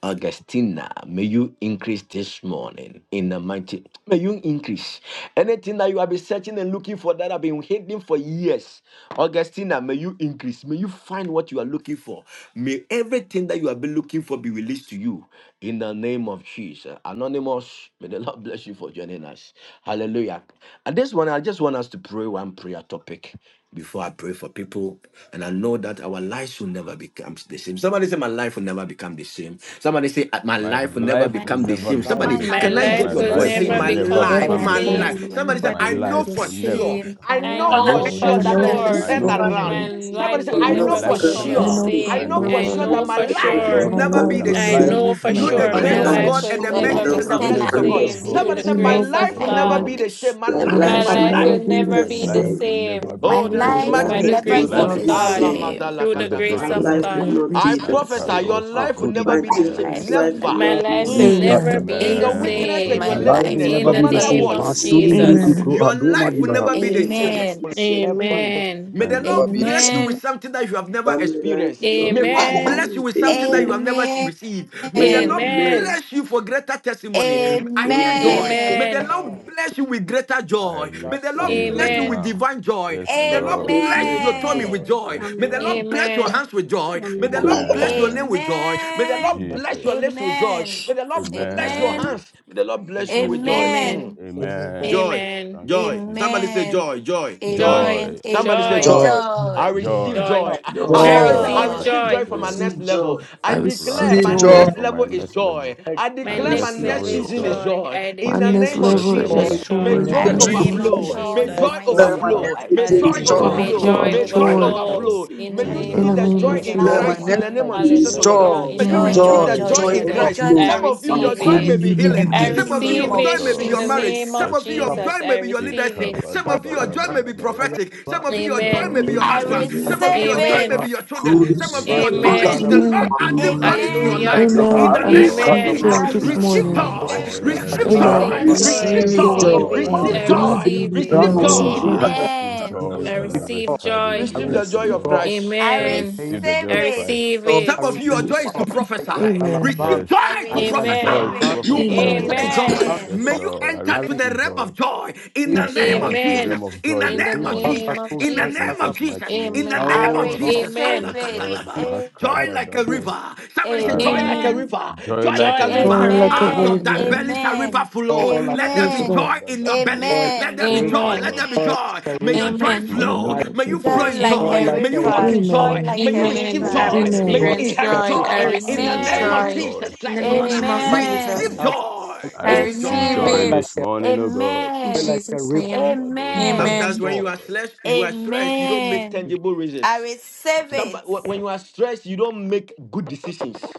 Speaker 11: Augustina, may you increase this morning in the mighty. May you increase anything that you have been searching and looking for that have been hidden for years. Augustina, may you increase. May you find what you are looking for. May everything that you have been looking for be released to you in the name of Jesus. Anonymous, may the Lord bless you for joining us. Hallelujah. At this one, I just want us to pray one prayer topic before I pray for people. and I know that that our lives will never become the same. Somebody say, My life will never become the same. Somebody say, "Uh, My
Speaker 9: My
Speaker 11: life will never
Speaker 9: life
Speaker 5: My
Speaker 9: will
Speaker 11: become the
Speaker 9: never
Speaker 5: name
Speaker 11: same.
Speaker 7: life
Speaker 9: become
Speaker 13: My
Speaker 11: Somebody,
Speaker 5: is
Speaker 9: the
Speaker 10: My
Speaker 13: night,
Speaker 11: can I
Speaker 7: never
Speaker 13: my
Speaker 9: same.
Speaker 5: Jesus.
Speaker 11: hear
Speaker 13: life
Speaker 5: I
Speaker 9: My
Speaker 10: life
Speaker 13: is
Speaker 11: your
Speaker 10: will
Speaker 13: never
Speaker 11: voice?
Speaker 9: life
Speaker 13: the
Speaker 6: I
Speaker 11: Say,
Speaker 9: will
Speaker 10: never
Speaker 13: same
Speaker 11: My
Speaker 5: receive.
Speaker 6: know this
Speaker 9: never
Speaker 13: again.
Speaker 10: become
Speaker 11: life,
Speaker 7: die,
Speaker 6: never
Speaker 10: the
Speaker 5: My
Speaker 9: become
Speaker 13: And
Speaker 9: the
Speaker 11: my
Speaker 13: this
Speaker 6: becomes.
Speaker 5: life
Speaker 9: same.
Speaker 10: same.
Speaker 11: life.
Speaker 5: will
Speaker 13: morning,
Speaker 11: Somebody say,
Speaker 7: but
Speaker 5: never
Speaker 9: My
Speaker 11: I
Speaker 7: it's
Speaker 5: become
Speaker 11: know
Speaker 9: life
Speaker 5: the
Speaker 11: for
Speaker 9: will never
Speaker 11: sure.
Speaker 5: same.
Speaker 9: become.
Speaker 11: I
Speaker 5: My
Speaker 10: I
Speaker 11: know
Speaker 9: I
Speaker 5: life
Speaker 9: know
Speaker 11: for
Speaker 10: know
Speaker 5: will
Speaker 9: for
Speaker 6: I
Speaker 11: sure
Speaker 10: for
Speaker 5: never
Speaker 11: that
Speaker 9: sure.
Speaker 11: there
Speaker 13: I'm
Speaker 6: know
Speaker 5: become
Speaker 11: is
Speaker 5: the
Speaker 11: a
Speaker 6: for
Speaker 9: I
Speaker 10: sure
Speaker 13: never
Speaker 5: same.
Speaker 9: know for
Speaker 13: flawed and
Speaker 9: sure
Speaker 10: my
Speaker 6: sure.
Speaker 11: turnaround.
Speaker 13: person. My
Speaker 11: Somebody
Speaker 10: life
Speaker 11: say,
Speaker 10: will
Speaker 14: will
Speaker 11: I
Speaker 5: No,
Speaker 9: that
Speaker 13: life
Speaker 9: my
Speaker 11: know
Speaker 10: never
Speaker 14: not
Speaker 13: is
Speaker 5: for
Speaker 11: for
Speaker 9: life will
Speaker 13: never
Speaker 14: become
Speaker 9: turn
Speaker 10: become
Speaker 6: I
Speaker 10: the
Speaker 11: sure.
Speaker 5: sure.
Speaker 13: the
Speaker 6: know
Speaker 9: around.
Speaker 14: sick.
Speaker 11: I
Speaker 6: for
Speaker 9: I
Speaker 13: same
Speaker 10: same.
Speaker 11: know
Speaker 9: know
Speaker 13: from
Speaker 11: for
Speaker 10: I
Speaker 9: for
Speaker 13: this
Speaker 6: sure.
Speaker 11: sure that
Speaker 10: know
Speaker 9: sure.
Speaker 11: my
Speaker 13: moment.
Speaker 10: for
Speaker 13: My
Speaker 14: Unless you
Speaker 11: life
Speaker 9: I
Speaker 13: life is
Speaker 9: know
Speaker 11: will
Speaker 14: don't
Speaker 10: sure.
Speaker 6: My
Speaker 9: for
Speaker 11: never
Speaker 13: turning
Speaker 9: sure
Speaker 11: be
Speaker 14: become
Speaker 6: life
Speaker 9: that
Speaker 14: the
Speaker 11: the
Speaker 13: over.
Speaker 6: will
Speaker 9: my
Speaker 10: I
Speaker 13: My
Speaker 9: life
Speaker 14: same,
Speaker 11: same.
Speaker 9: will
Speaker 6: never
Speaker 10: know
Speaker 13: life
Speaker 10: for
Speaker 13: is
Speaker 9: turn
Speaker 6: be
Speaker 11: Through
Speaker 6: the
Speaker 11: the
Speaker 10: sure
Speaker 5: I
Speaker 9: around.
Speaker 14: my
Speaker 7: not
Speaker 11: grace
Speaker 13: changing.
Speaker 5: know
Speaker 10: my
Speaker 11: of
Speaker 5: for the
Speaker 14: life
Speaker 10: life
Speaker 11: God
Speaker 6: same.
Speaker 10: will
Speaker 11: and the
Speaker 5: sure
Speaker 14: will
Speaker 10: never
Speaker 5: that
Speaker 11: mercies
Speaker 9: Jesus,
Speaker 11: and
Speaker 5: the
Speaker 11: the
Speaker 14: never
Speaker 10: become
Speaker 9: through
Speaker 10: the
Speaker 9: the
Speaker 11: blessings
Speaker 5: cannot.
Speaker 11: of
Speaker 14: become
Speaker 9: grace
Speaker 13: My
Speaker 14: the
Speaker 11: God.
Speaker 9: of
Speaker 10: same
Speaker 14: same.
Speaker 13: story
Speaker 10: through
Speaker 11: Somebody
Speaker 10: the
Speaker 13: is
Speaker 6: I
Speaker 9: God.
Speaker 11: say, My
Speaker 13: changing.
Speaker 7: about
Speaker 10: grace
Speaker 6: know
Speaker 13: My
Speaker 6: for
Speaker 10: of
Speaker 13: life
Speaker 11: life
Speaker 9: Yes,
Speaker 7: my
Speaker 13: is
Speaker 11: will
Speaker 5: I
Speaker 11: never
Speaker 6: sure
Speaker 5: know
Speaker 10: God.
Speaker 11: be
Speaker 9: Lord.
Speaker 13: changing.
Speaker 11: the
Speaker 5: this.
Speaker 11: same. My
Speaker 14: My
Speaker 5: I
Speaker 6: my
Speaker 5: know
Speaker 11: life,
Speaker 5: for
Speaker 10: My
Speaker 14: life
Speaker 6: life
Speaker 11: my
Speaker 9: Makaba.
Speaker 7: love
Speaker 6: will
Speaker 13: My
Speaker 14: will
Speaker 10: life
Speaker 5: sure.
Speaker 6: never
Speaker 11: life.
Speaker 13: life
Speaker 10: will
Speaker 14: not
Speaker 6: be
Speaker 13: is
Speaker 14: be
Speaker 6: the
Speaker 10: never
Speaker 9: My
Speaker 13: never
Speaker 14: the
Speaker 13: the
Speaker 10: be the
Speaker 9: life
Speaker 14: same.
Speaker 6: same.
Speaker 9: will
Speaker 13: same
Speaker 9: never
Speaker 10: same
Speaker 7: for
Speaker 5: My
Speaker 11: Oh,
Speaker 9: become
Speaker 11: there
Speaker 9: the
Speaker 14: My
Speaker 11: is
Speaker 7: him.
Speaker 5: life
Speaker 13: from
Speaker 11: much
Speaker 5: will
Speaker 10: by
Speaker 13: this
Speaker 10: the
Speaker 14: life
Speaker 9: same.
Speaker 11: grace
Speaker 9: My
Speaker 5: never
Speaker 11: this
Speaker 13: moment.
Speaker 10: grace
Speaker 14: will
Speaker 5: be
Speaker 9: life
Speaker 10: of
Speaker 9: will
Speaker 11: morning.
Speaker 14: not
Speaker 5: the
Speaker 14: be
Speaker 9: turn
Speaker 11: Allah
Speaker 10: God,
Speaker 14: same.
Speaker 9: around
Speaker 5: same.
Speaker 11: madala
Speaker 10: through
Speaker 9: through
Speaker 10: the
Speaker 9: the
Speaker 14: My
Speaker 9: grace
Speaker 10: grace
Speaker 11: katapa.
Speaker 9: of
Speaker 10: of
Speaker 6: My life
Speaker 14: life
Speaker 9: God.
Speaker 6: will
Speaker 14: will
Speaker 10: God.
Speaker 6: never be
Speaker 14: not
Speaker 6: the
Speaker 11: I
Speaker 14: be the
Speaker 6: same.
Speaker 11: prophesy
Speaker 14: same.
Speaker 11: your
Speaker 9: Makadosh
Speaker 12: uh,
Speaker 11: life will
Speaker 12: Kudi
Speaker 11: never
Speaker 14: My
Speaker 11: be
Speaker 12: bi-
Speaker 11: the
Speaker 5: My
Speaker 9: Evedebekapa.
Speaker 11: same.
Speaker 14: children's
Speaker 5: life will
Speaker 14: life
Speaker 11: Never.
Speaker 5: never
Speaker 10: My
Speaker 14: will
Speaker 7: Life
Speaker 14: not
Speaker 5: be
Speaker 14: be
Speaker 5: the
Speaker 10: life
Speaker 7: would
Speaker 14: the
Speaker 9: Jesus.
Speaker 5: same.
Speaker 10: will
Speaker 12: di-
Speaker 13: My life
Speaker 11: Mm.
Speaker 14: same.
Speaker 12: ba-
Speaker 13: is
Speaker 10: never
Speaker 12: ba-
Speaker 6: Amen.
Speaker 12: ba-
Speaker 13: never
Speaker 12: ba.
Speaker 10: be
Speaker 13: the
Speaker 11: In
Speaker 10: the
Speaker 11: your
Speaker 13: same
Speaker 9: Amen.
Speaker 7: never,
Speaker 13: again
Speaker 11: weakness
Speaker 5: Amen.
Speaker 13: from
Speaker 9: So
Speaker 11: and your
Speaker 12: My
Speaker 5: My
Speaker 10: same.
Speaker 14: My
Speaker 13: this
Speaker 9: shall it
Speaker 12: life
Speaker 13: morning.
Speaker 12: will
Speaker 5: life
Speaker 9: be
Speaker 11: laziness,
Speaker 5: will
Speaker 10: In
Speaker 11: no
Speaker 12: never
Speaker 14: grandchildren's
Speaker 10: the
Speaker 12: be
Speaker 9: in
Speaker 12: the
Speaker 5: never
Speaker 11: matter
Speaker 14: life
Speaker 5: be
Speaker 10: name
Speaker 12: same.
Speaker 11: what,
Speaker 5: the
Speaker 14: will
Speaker 9: Jesus'
Speaker 10: of
Speaker 14: not be
Speaker 9: name.
Speaker 14: the
Speaker 12: Masudi
Speaker 5: same.
Speaker 12: bri
Speaker 14: same.
Speaker 10: Jesus.
Speaker 12: ikru
Speaker 6: Amen.
Speaker 11: your
Speaker 12: aduma
Speaker 11: life
Speaker 12: di
Speaker 14: In
Speaker 11: will
Speaker 14: the
Speaker 11: never
Speaker 12: bahaba.
Speaker 11: be the
Speaker 14: name of
Speaker 7: life
Speaker 11: same.
Speaker 5: Amen.
Speaker 7: would
Speaker 14: Jesus,
Speaker 7: never
Speaker 11: Mm.
Speaker 7: let
Speaker 10: Amen.
Speaker 11: May the
Speaker 9: And
Speaker 12: Never
Speaker 11: Lord
Speaker 12: be
Speaker 14: amen.
Speaker 7: me
Speaker 13: Amen.
Speaker 12: the
Speaker 11: bless
Speaker 7: back.
Speaker 11: you
Speaker 12: same.
Speaker 11: with
Speaker 5: Amen.
Speaker 11: something that you have never
Speaker 14: family life
Speaker 11: experienced.
Speaker 14: will not
Speaker 11: May
Speaker 14: be the
Speaker 11: God
Speaker 10: Amen.
Speaker 11: bless
Speaker 14: same.
Speaker 11: you
Speaker 13: Amen.
Speaker 11: with something that you
Speaker 14: Amen.
Speaker 11: have never s-
Speaker 5: Amen.
Speaker 11: received. May the
Speaker 5: Amen.
Speaker 11: Lord
Speaker 14: Amen.
Speaker 10: Amen.
Speaker 11: bless you for greater testimony.
Speaker 7: Amen.
Speaker 11: I hear
Speaker 14: Amen.
Speaker 11: joy. May
Speaker 5: Amen.
Speaker 11: the
Speaker 10: Amen.
Speaker 11: Lord
Speaker 9: this,
Speaker 11: bless you with greater
Speaker 9: I
Speaker 11: joy. May
Speaker 7: God
Speaker 11: the
Speaker 7: bless
Speaker 11: Lord
Speaker 9: receive
Speaker 11: bless
Speaker 9: it
Speaker 14: Amen.
Speaker 11: you
Speaker 10: Amen.
Speaker 11: with
Speaker 9: now.
Speaker 11: divine joy.
Speaker 9: Yes,
Speaker 11: May the
Speaker 7: you,
Speaker 11: Lord
Speaker 7: Lord.
Speaker 9: Lord.
Speaker 11: bless
Speaker 14: Amen.
Speaker 11: your
Speaker 9: Divine
Speaker 11: tummy
Speaker 7: Amen.
Speaker 11: with
Speaker 9: joy.
Speaker 5: Amen.
Speaker 11: joy.
Speaker 9: Yes,
Speaker 11: May the
Speaker 13: Amen.
Speaker 9: Lord.
Speaker 11: Lord bless your
Speaker 10: Amen.
Speaker 11: hands with joy. May the
Speaker 13: Amen.
Speaker 11: Lord
Speaker 14: Amen.
Speaker 11: bless your name
Speaker 9: Amen.
Speaker 11: with joy. May the
Speaker 5: Amen.
Speaker 11: Lord bless
Speaker 9: Jesus.
Speaker 11: your lips with joy.
Speaker 5: Amen.
Speaker 11: May the Lord bless your
Speaker 5: Amen.
Speaker 9: Amen.
Speaker 11: hands. May the Lord bless you
Speaker 9: Yes,
Speaker 11: with joy.
Speaker 9: Lord.
Speaker 10: Amen.
Speaker 11: Mm.
Speaker 5: Amen.
Speaker 7: Amen.
Speaker 9: Amen.
Speaker 11: Joy,
Speaker 10: Amen.
Speaker 9: Thank you,
Speaker 11: joy. Somebody
Speaker 9: Jesus.
Speaker 11: say
Speaker 5: Amen.
Speaker 11: joy, joy,
Speaker 14: Joy,
Speaker 11: joy.
Speaker 10: Joy,
Speaker 5: Amen.
Speaker 9: Joy.
Speaker 11: Somebody
Speaker 5: Amen.
Speaker 11: say
Speaker 10: joy,
Speaker 7: God,
Speaker 9: Joy.
Speaker 11: joy.
Speaker 12: Joy,
Speaker 11: I
Speaker 5: Joy.
Speaker 12: joy,
Speaker 11: receive
Speaker 9: Joy.
Speaker 10: joy.
Speaker 7: God,
Speaker 11: joy. Ah, ah,
Speaker 10: I
Speaker 14: joy.
Speaker 11: somebody
Speaker 12: joy.
Speaker 11: say,
Speaker 9: Joy.
Speaker 7: God,
Speaker 11: I
Speaker 9: I
Speaker 10: receive
Speaker 5: Joy.
Speaker 11: receive joy
Speaker 9: receive
Speaker 10: joy.
Speaker 11: from my
Speaker 9: joy.
Speaker 11: next
Speaker 14: Receive
Speaker 11: level.
Speaker 14: joy.
Speaker 11: I
Speaker 6: I
Speaker 9: Yes, Lord. I
Speaker 11: declare
Speaker 6: receive
Speaker 11: my
Speaker 12: Deep
Speaker 9: receive joy
Speaker 12: joy.
Speaker 6: joy.
Speaker 11: next
Speaker 9: for my
Speaker 11: level is
Speaker 9: next
Speaker 11: joy.
Speaker 9: level.
Speaker 7: let
Speaker 11: I
Speaker 14: I
Speaker 10: My
Speaker 9: My
Speaker 11: declare my
Speaker 9: next
Speaker 10: next
Speaker 7: my
Speaker 14: receive
Speaker 10: level
Speaker 11: next
Speaker 9: level is
Speaker 14: joy.
Speaker 10: is
Speaker 11: season
Speaker 7: love
Speaker 11: is
Speaker 9: joy.
Speaker 10: joy.
Speaker 11: joy.
Speaker 10: I
Speaker 11: In
Speaker 6: My
Speaker 11: the
Speaker 10: declare my
Speaker 6: next
Speaker 11: name
Speaker 9: And
Speaker 11: of
Speaker 7: be
Speaker 10: next
Speaker 9: next
Speaker 6: level
Speaker 10: level
Speaker 9: level
Speaker 11: Jesus,
Speaker 6: is
Speaker 10: is
Speaker 7: joy.
Speaker 9: is
Speaker 11: may
Speaker 9: joy.
Speaker 10: joy.
Speaker 6: joy
Speaker 7: Yes,
Speaker 10: In
Speaker 5: I
Speaker 6: in
Speaker 11: joy
Speaker 12: The
Speaker 10: the
Speaker 6: the
Speaker 9: In
Speaker 7: love.
Speaker 14: Amen.
Speaker 12: dream
Speaker 6: name
Speaker 12: is
Speaker 10: name
Speaker 6: of
Speaker 5: receive
Speaker 10: of
Speaker 9: Jesus'
Speaker 12: joy.
Speaker 11: overflow.
Speaker 9: mighty
Speaker 6: Jesus.
Speaker 5: joy
Speaker 11: May
Speaker 5: for
Speaker 7: Let
Speaker 9: name.
Speaker 11: joy
Speaker 10: Jesus.
Speaker 7: joy
Speaker 9: Yes,
Speaker 12: Declare
Speaker 7: in
Speaker 12: my
Speaker 7: my
Speaker 5: myself.
Speaker 9: Lord.
Speaker 11: overflow.
Speaker 12: next
Speaker 5: I
Speaker 11: May
Speaker 12: victory
Speaker 7: love
Speaker 9: May
Speaker 11: joy
Speaker 12: is
Speaker 9: joy
Speaker 5: receive
Speaker 10: Hallelujah.
Speaker 12: joy.
Speaker 10: May
Speaker 14: Amen.
Speaker 5: joy
Speaker 7: be
Speaker 11: overflow.
Speaker 9: overflow
Speaker 6: Overflow
Speaker 5: for
Speaker 9: in
Speaker 10: joy
Speaker 9: my
Speaker 6: of
Speaker 11: May
Speaker 5: my
Speaker 9: life,
Speaker 11: joy
Speaker 7: joy.
Speaker 9: oh
Speaker 6: joy
Speaker 5: family. I
Speaker 7: I,
Speaker 10: overflow
Speaker 9: God.
Speaker 11: overflow.
Speaker 10: in
Speaker 5: receive
Speaker 10: the
Speaker 11: May
Speaker 9: May
Speaker 11: you
Speaker 5: joy
Speaker 9: joy
Speaker 10: name
Speaker 6: in
Speaker 11: see
Speaker 6: the
Speaker 10: of
Speaker 14: Amen.
Speaker 11: the
Speaker 7: I
Speaker 6: name
Speaker 5: for
Speaker 6: of
Speaker 11: joy
Speaker 5: my
Speaker 7: take
Speaker 9: overflow.
Speaker 11: in
Speaker 12: Declare
Speaker 10: Jesus.
Speaker 7: joy
Speaker 5: loved
Speaker 12: my
Speaker 11: Christ
Speaker 6: Jesus.
Speaker 11: in
Speaker 12: next
Speaker 11: the name
Speaker 7: in
Speaker 5: one.
Speaker 7: my
Speaker 11: of
Speaker 12: victory
Speaker 11: Jesus,
Speaker 12: is
Speaker 11: oh
Speaker 7: love.
Speaker 11: Lord.
Speaker 9: Jesus.
Speaker 10: Hallelujah.
Speaker 12: joy.
Speaker 10: In
Speaker 11: May
Speaker 10: the
Speaker 11: you
Speaker 14: Amen.
Speaker 5: Joy,
Speaker 7: In the name
Speaker 10: name
Speaker 6: Amen.
Speaker 11: receive
Speaker 5: joy,
Speaker 10: of
Speaker 9: Maka
Speaker 11: the
Speaker 12: Joy,
Speaker 5: joy,
Speaker 7: of
Speaker 9: da
Speaker 11: joy
Speaker 12: joy
Speaker 9: da
Speaker 11: in
Speaker 5: joy. May
Speaker 9: da
Speaker 10: Jesus,
Speaker 11: Christ.
Speaker 5: joy
Speaker 12: overflow.
Speaker 10: I
Speaker 11: Some
Speaker 9: sabra.
Speaker 5: come
Speaker 11: of
Speaker 5: into
Speaker 11: you,
Speaker 12: Man
Speaker 5: my
Speaker 11: your
Speaker 10: receive
Speaker 14: I
Speaker 11: joy
Speaker 12: kudi
Speaker 5: family
Speaker 11: may
Speaker 10: it.
Speaker 12: bi
Speaker 11: be
Speaker 14: receive the
Speaker 9: Jesus.
Speaker 12: di
Speaker 5: in the
Speaker 12: di
Speaker 11: healing.
Speaker 10: I
Speaker 12: di
Speaker 14: joy
Speaker 12: di.
Speaker 14: in
Speaker 11: Some
Speaker 5: mighty
Speaker 12: di.
Speaker 11: of you,
Speaker 7: Jesus.
Speaker 5: name
Speaker 11: your
Speaker 9: Yes,
Speaker 10: receive
Speaker 5: of
Speaker 11: joy
Speaker 14: Christ.
Speaker 10: it.
Speaker 11: may be
Speaker 10: In
Speaker 11: your
Speaker 10: the
Speaker 9: Lord.
Speaker 11: marriage.
Speaker 10: name
Speaker 5: Jesus.
Speaker 7: God,
Speaker 11: Some
Speaker 10: of
Speaker 9: Yes,
Speaker 11: of you, your
Speaker 7: God,
Speaker 9: Lord.
Speaker 11: joy
Speaker 10: Jesus,
Speaker 11: may
Speaker 10: I
Speaker 11: be your
Speaker 10: receive
Speaker 9: Ika
Speaker 11: leadership.
Speaker 10: it.
Speaker 9: ba
Speaker 11: Some
Speaker 9: da
Speaker 7: God,
Speaker 11: of you,
Speaker 9: ba
Speaker 11: your
Speaker 9: da
Speaker 7: God,
Speaker 11: joy
Speaker 7: God,
Speaker 9: ba
Speaker 7: God,
Speaker 11: may
Speaker 9: da
Speaker 11: be
Speaker 9: ba ya.
Speaker 7: God,
Speaker 11: prophetic.
Speaker 7: God,
Speaker 11: Some of you,
Speaker 9: Yes,
Speaker 11: your joy
Speaker 10: Amen.
Speaker 11: may be your
Speaker 9: Lord.
Speaker 14: Amen.
Speaker 5: I
Speaker 11: husband.
Speaker 7: God, God, God,
Speaker 11: Some
Speaker 14: Amen.
Speaker 11: of you,
Speaker 5: receive
Speaker 7: God, God, God,
Speaker 9: Yes,
Speaker 11: your
Speaker 7: God,
Speaker 11: joy may
Speaker 5: it.
Speaker 7: God,
Speaker 10: Amen.
Speaker 9: Lord.
Speaker 11: be your children.
Speaker 14: I
Speaker 12: Kudi bi
Speaker 11: Some of you,
Speaker 14: receive
Speaker 11: your
Speaker 12: di di
Speaker 9: Ika
Speaker 14: the
Speaker 11: joy
Speaker 9: ba
Speaker 11: is
Speaker 9: da
Speaker 14: joy.
Speaker 10: Amen.
Speaker 11: the
Speaker 12: di
Speaker 9: ba
Speaker 12: di.
Speaker 11: Lord
Speaker 6: Amen.
Speaker 9: do
Speaker 12: Makudi
Speaker 9: sabra.
Speaker 11: adding
Speaker 12: ba.
Speaker 14: Joy,
Speaker 11: value to your
Speaker 5: Amen.
Speaker 14: joy,
Speaker 7: God,
Speaker 10: Hallelujah.
Speaker 9: Yes,
Speaker 7: God,
Speaker 11: life.
Speaker 7: God,
Speaker 11: In
Speaker 14: joy.
Speaker 6: Amen.
Speaker 11: the
Speaker 6: I
Speaker 12: Ari
Speaker 11: name of
Speaker 6: receive
Speaker 7: God,
Speaker 14: I
Speaker 9: Lord.
Speaker 7: God,
Speaker 10: Amen.
Speaker 11: Jesus,
Speaker 6: joy
Speaker 5: I
Speaker 12: kadosi.
Speaker 6: this
Speaker 9: I
Speaker 14: receive
Speaker 11: receive
Speaker 14: joy
Speaker 9: receive
Speaker 6: morning.
Speaker 14: in
Speaker 5: receive
Speaker 11: joy,
Speaker 5: them
Speaker 9: joy on
Speaker 14: Jesus'
Speaker 5: in
Speaker 9: every
Speaker 11: receive
Speaker 14: name.
Speaker 12: I
Speaker 7: Lekataya
Speaker 9: side
Speaker 6: Amen.
Speaker 9: in
Speaker 11: joy,
Speaker 10: Receive
Speaker 5: Jesus'
Speaker 6: I
Speaker 7: kaba
Speaker 9: my life. I
Speaker 10: joy. I
Speaker 5: name.
Speaker 11: receive
Speaker 6: receive
Speaker 12: receive
Speaker 6: joy
Speaker 9: receive
Speaker 11: joy,
Speaker 6: this
Speaker 10: receive
Speaker 12: joy.
Speaker 9: joy on
Speaker 10: it.
Speaker 14: I
Speaker 9: every
Speaker 11: receive
Speaker 6: morning
Speaker 10: I
Speaker 12: Makulu
Speaker 7: abakapa.
Speaker 9: side.
Speaker 11: joy,
Speaker 10: receive
Speaker 12: brili
Speaker 6: in
Speaker 9: Oh
Speaker 10: it.
Speaker 6: the
Speaker 11: receive
Speaker 7: I
Speaker 12: brano
Speaker 6: name
Speaker 7: restore,
Speaker 6: of
Speaker 9: Lord, I
Speaker 12: subri
Speaker 11: joy.
Speaker 12: hada.
Speaker 6: Jesus.
Speaker 9: receive
Speaker 12: Da, da,
Speaker 5: Amen.
Speaker 12: da,
Speaker 7: I
Speaker 14: receive
Speaker 10: I
Speaker 9: joy
Speaker 12: da, da, da.
Speaker 9: on
Speaker 14: joy.
Speaker 9: every
Speaker 10: receive
Speaker 7: restore,
Speaker 9: side in my
Speaker 10: joy.
Speaker 7: I
Speaker 11: Receive
Speaker 9: life,
Speaker 11: the
Speaker 14: Yes,
Speaker 9: oh
Speaker 11: joy
Speaker 14: Lord.
Speaker 11: of
Speaker 9: God.
Speaker 7: restore.
Speaker 11: Christ.
Speaker 5: I
Speaker 9: I
Speaker 7: In
Speaker 10: Amen.
Speaker 7: name
Speaker 9: receive the joy
Speaker 10: I
Speaker 5: receive
Speaker 7: is
Speaker 9: of
Speaker 5: it.
Speaker 9: Christ,
Speaker 10: receive it.
Speaker 7: I
Speaker 11: Some of you, your joy
Speaker 14: Joy
Speaker 9: Jesus.
Speaker 11: is to
Speaker 7: restore.
Speaker 11: prophesy.
Speaker 6: Amen.
Speaker 7: Ekatalambano,
Speaker 11: Receive
Speaker 5: I
Speaker 9: Yes,
Speaker 11: joy
Speaker 9: I
Speaker 11: to
Speaker 7: I
Speaker 9: receive joy
Speaker 5: receive
Speaker 10: Amen.
Speaker 9: to
Speaker 11: prophesy.
Speaker 5: it.
Speaker 7: catalambano,
Speaker 11: You
Speaker 9: prophesy, oh
Speaker 6: Amen.
Speaker 11: prophesy in
Speaker 9: God.
Speaker 11: joy.
Speaker 10: Amen.
Speaker 9: Yes,
Speaker 11: May
Speaker 5: Amen.
Speaker 11: you
Speaker 9: Lord, I
Speaker 7: I
Speaker 11: enter to the
Speaker 9: receive
Speaker 11: realm
Speaker 9: joy.
Speaker 11: of joy in
Speaker 7: receive,
Speaker 11: the
Speaker 9: I
Speaker 6: Yes,
Speaker 11: name
Speaker 6: Lord.
Speaker 7: I
Speaker 9: enter
Speaker 11: of
Speaker 9: into the
Speaker 11: Jesus.
Speaker 7: receive,
Speaker 9: realm
Speaker 10: Amen.
Speaker 9: of
Speaker 11: In
Speaker 9: joy
Speaker 11: the
Speaker 10: In the
Speaker 9: this
Speaker 11: name of
Speaker 9: morning
Speaker 10: name
Speaker 11: Jesus.
Speaker 10: of
Speaker 7: Lepakatu,
Speaker 11: In the
Speaker 9: in
Speaker 11: name
Speaker 7: Santaka.
Speaker 10: Jesus.
Speaker 11: of
Speaker 9: Jesus'
Speaker 11: Jesus.
Speaker 9: mighty
Speaker 11: In
Speaker 9: name.
Speaker 11: the
Speaker 10: Amen.
Speaker 5: I
Speaker 11: name
Speaker 9: Yes,
Speaker 11: of
Speaker 7: Oh
Speaker 9: Lord.
Speaker 7: Lord,
Speaker 11: Jesus. Allah
Speaker 5: receive
Speaker 10: Amen.
Speaker 9: Yes,
Speaker 5: it.
Speaker 9: Lord.
Speaker 11: katalaba.
Speaker 5: A-
Speaker 7: I
Speaker 11: Joy like a
Speaker 7: receive,
Speaker 9: Makabadados.
Speaker 11: river. Somebody say joy
Speaker 7: it.
Speaker 11: like a
Speaker 9: Abaka-
Speaker 10: Amen.
Speaker 5: Amen.
Speaker 11: river. Joy
Speaker 9: Joy
Speaker 11: like
Speaker 9: like
Speaker 10: Joy
Speaker 11: a
Speaker 9: a
Speaker 10: like
Speaker 9: river,
Speaker 11: river.
Speaker 6: Joy
Speaker 10: a
Speaker 9: oh
Speaker 6: like a
Speaker 9: Lord.
Speaker 11: Out
Speaker 7: like
Speaker 10: river.
Speaker 11: of
Speaker 5: Amen.
Speaker 11: thy
Speaker 6: river.
Speaker 11: belly shall
Speaker 9: Jesus.
Speaker 11: river
Speaker 5: Amen.
Speaker 11: flow.
Speaker 7: all like
Speaker 11: Let there
Speaker 6: Yes,
Speaker 11: be
Speaker 7: the
Speaker 5: Amen.
Speaker 6: Lord.
Speaker 11: joy in your
Speaker 9: Makadadadadadada.
Speaker 11: belly.
Speaker 7: soil,
Speaker 11: Let
Speaker 5: Amen.
Speaker 11: there
Speaker 7: the
Speaker 11: be
Speaker 9: Yes,
Speaker 11: joy.
Speaker 7: river,
Speaker 10: Amen.
Speaker 11: Let
Speaker 9: Lord.
Speaker 11: there be
Speaker 7: soil,
Speaker 11: joy.
Speaker 7: the
Speaker 11: May
Speaker 7: river,
Speaker 11: your joy
Speaker 9: Jesus'
Speaker 10: Amen.
Speaker 9: mighty
Speaker 6: In the
Speaker 11: flow.
Speaker 7: my
Speaker 6: name
Speaker 9: name.
Speaker 6: of
Speaker 11: May you
Speaker 7: soul,
Speaker 11: flow
Speaker 6: Jesus.
Speaker 5: Joy
Speaker 9: Yes,
Speaker 11: in
Speaker 5: like
Speaker 7: soil
Speaker 11: joy.
Speaker 9: Lord.
Speaker 5: a
Speaker 7: like
Speaker 10: Amen.
Speaker 11: May
Speaker 7: a
Speaker 11: you walk
Speaker 5: river.
Speaker 9: Yes,
Speaker 7: river,
Speaker 11: in
Speaker 9: Lord.
Speaker 5: Joy
Speaker 11: joy.
Speaker 6: Amen.
Speaker 5: like
Speaker 11: May you
Speaker 5: a
Speaker 9: I'll
Speaker 10: Amen.
Speaker 11: receive
Speaker 9: flow
Speaker 5: river.
Speaker 9: in
Speaker 10: I've
Speaker 11: joy.
Speaker 9: joy, oh
Speaker 11: May
Speaker 7: soil
Speaker 11: you
Speaker 6: Amen.
Speaker 9: God.
Speaker 10: experienced
Speaker 7: like a
Speaker 11: inherit
Speaker 10: joy. I
Speaker 11: joy.
Speaker 7: river,
Speaker 9: I
Speaker 11: In
Speaker 9: will
Speaker 11: the
Speaker 10: receive
Speaker 11: name
Speaker 9: inherit
Speaker 11: of
Speaker 5: Amen.
Speaker 10: joy.
Speaker 11: Jesus
Speaker 9: joy
Speaker 10: In the
Speaker 11: Christ, O
Speaker 9: in
Speaker 11: Lord, uh,
Speaker 10: name of
Speaker 9: Jesus'
Speaker 7: I
Speaker 9: mighty
Speaker 7: I
Speaker 11: receive
Speaker 5: Amen.
Speaker 9: name.
Speaker 7: am
Speaker 10: Jesus.
Speaker 11: joy.
Speaker 9: I
Speaker 10: I
Speaker 11: Receive joy.
Speaker 9: receive
Speaker 10: receive
Speaker 9: joy
Speaker 7: soil
Speaker 5: Amen.
Speaker 10: it.
Speaker 7: like
Speaker 9: this
Speaker 7: a,
Speaker 9: morning, oh God.
Speaker 10: In
Speaker 7: soil
Speaker 5: Amen.
Speaker 7: like a
Speaker 10: Jesus'
Speaker 7: river,
Speaker 10: name.
Speaker 5: Amen.
Speaker 6: Amen.
Speaker 11: Sometimes
Speaker 10: Amen.
Speaker 11: when
Speaker 7: joy.
Speaker 11: you are
Speaker 9: Makabadadadosebrentabaya.
Speaker 11: stressed, you are stressed. You don't make
Speaker 5: Amen.
Speaker 7: restrictions
Speaker 11: tangible
Speaker 5: I
Speaker 11: results.
Speaker 5: receive it.
Speaker 11: Somebody, when you are stressed, you don't make good decisions.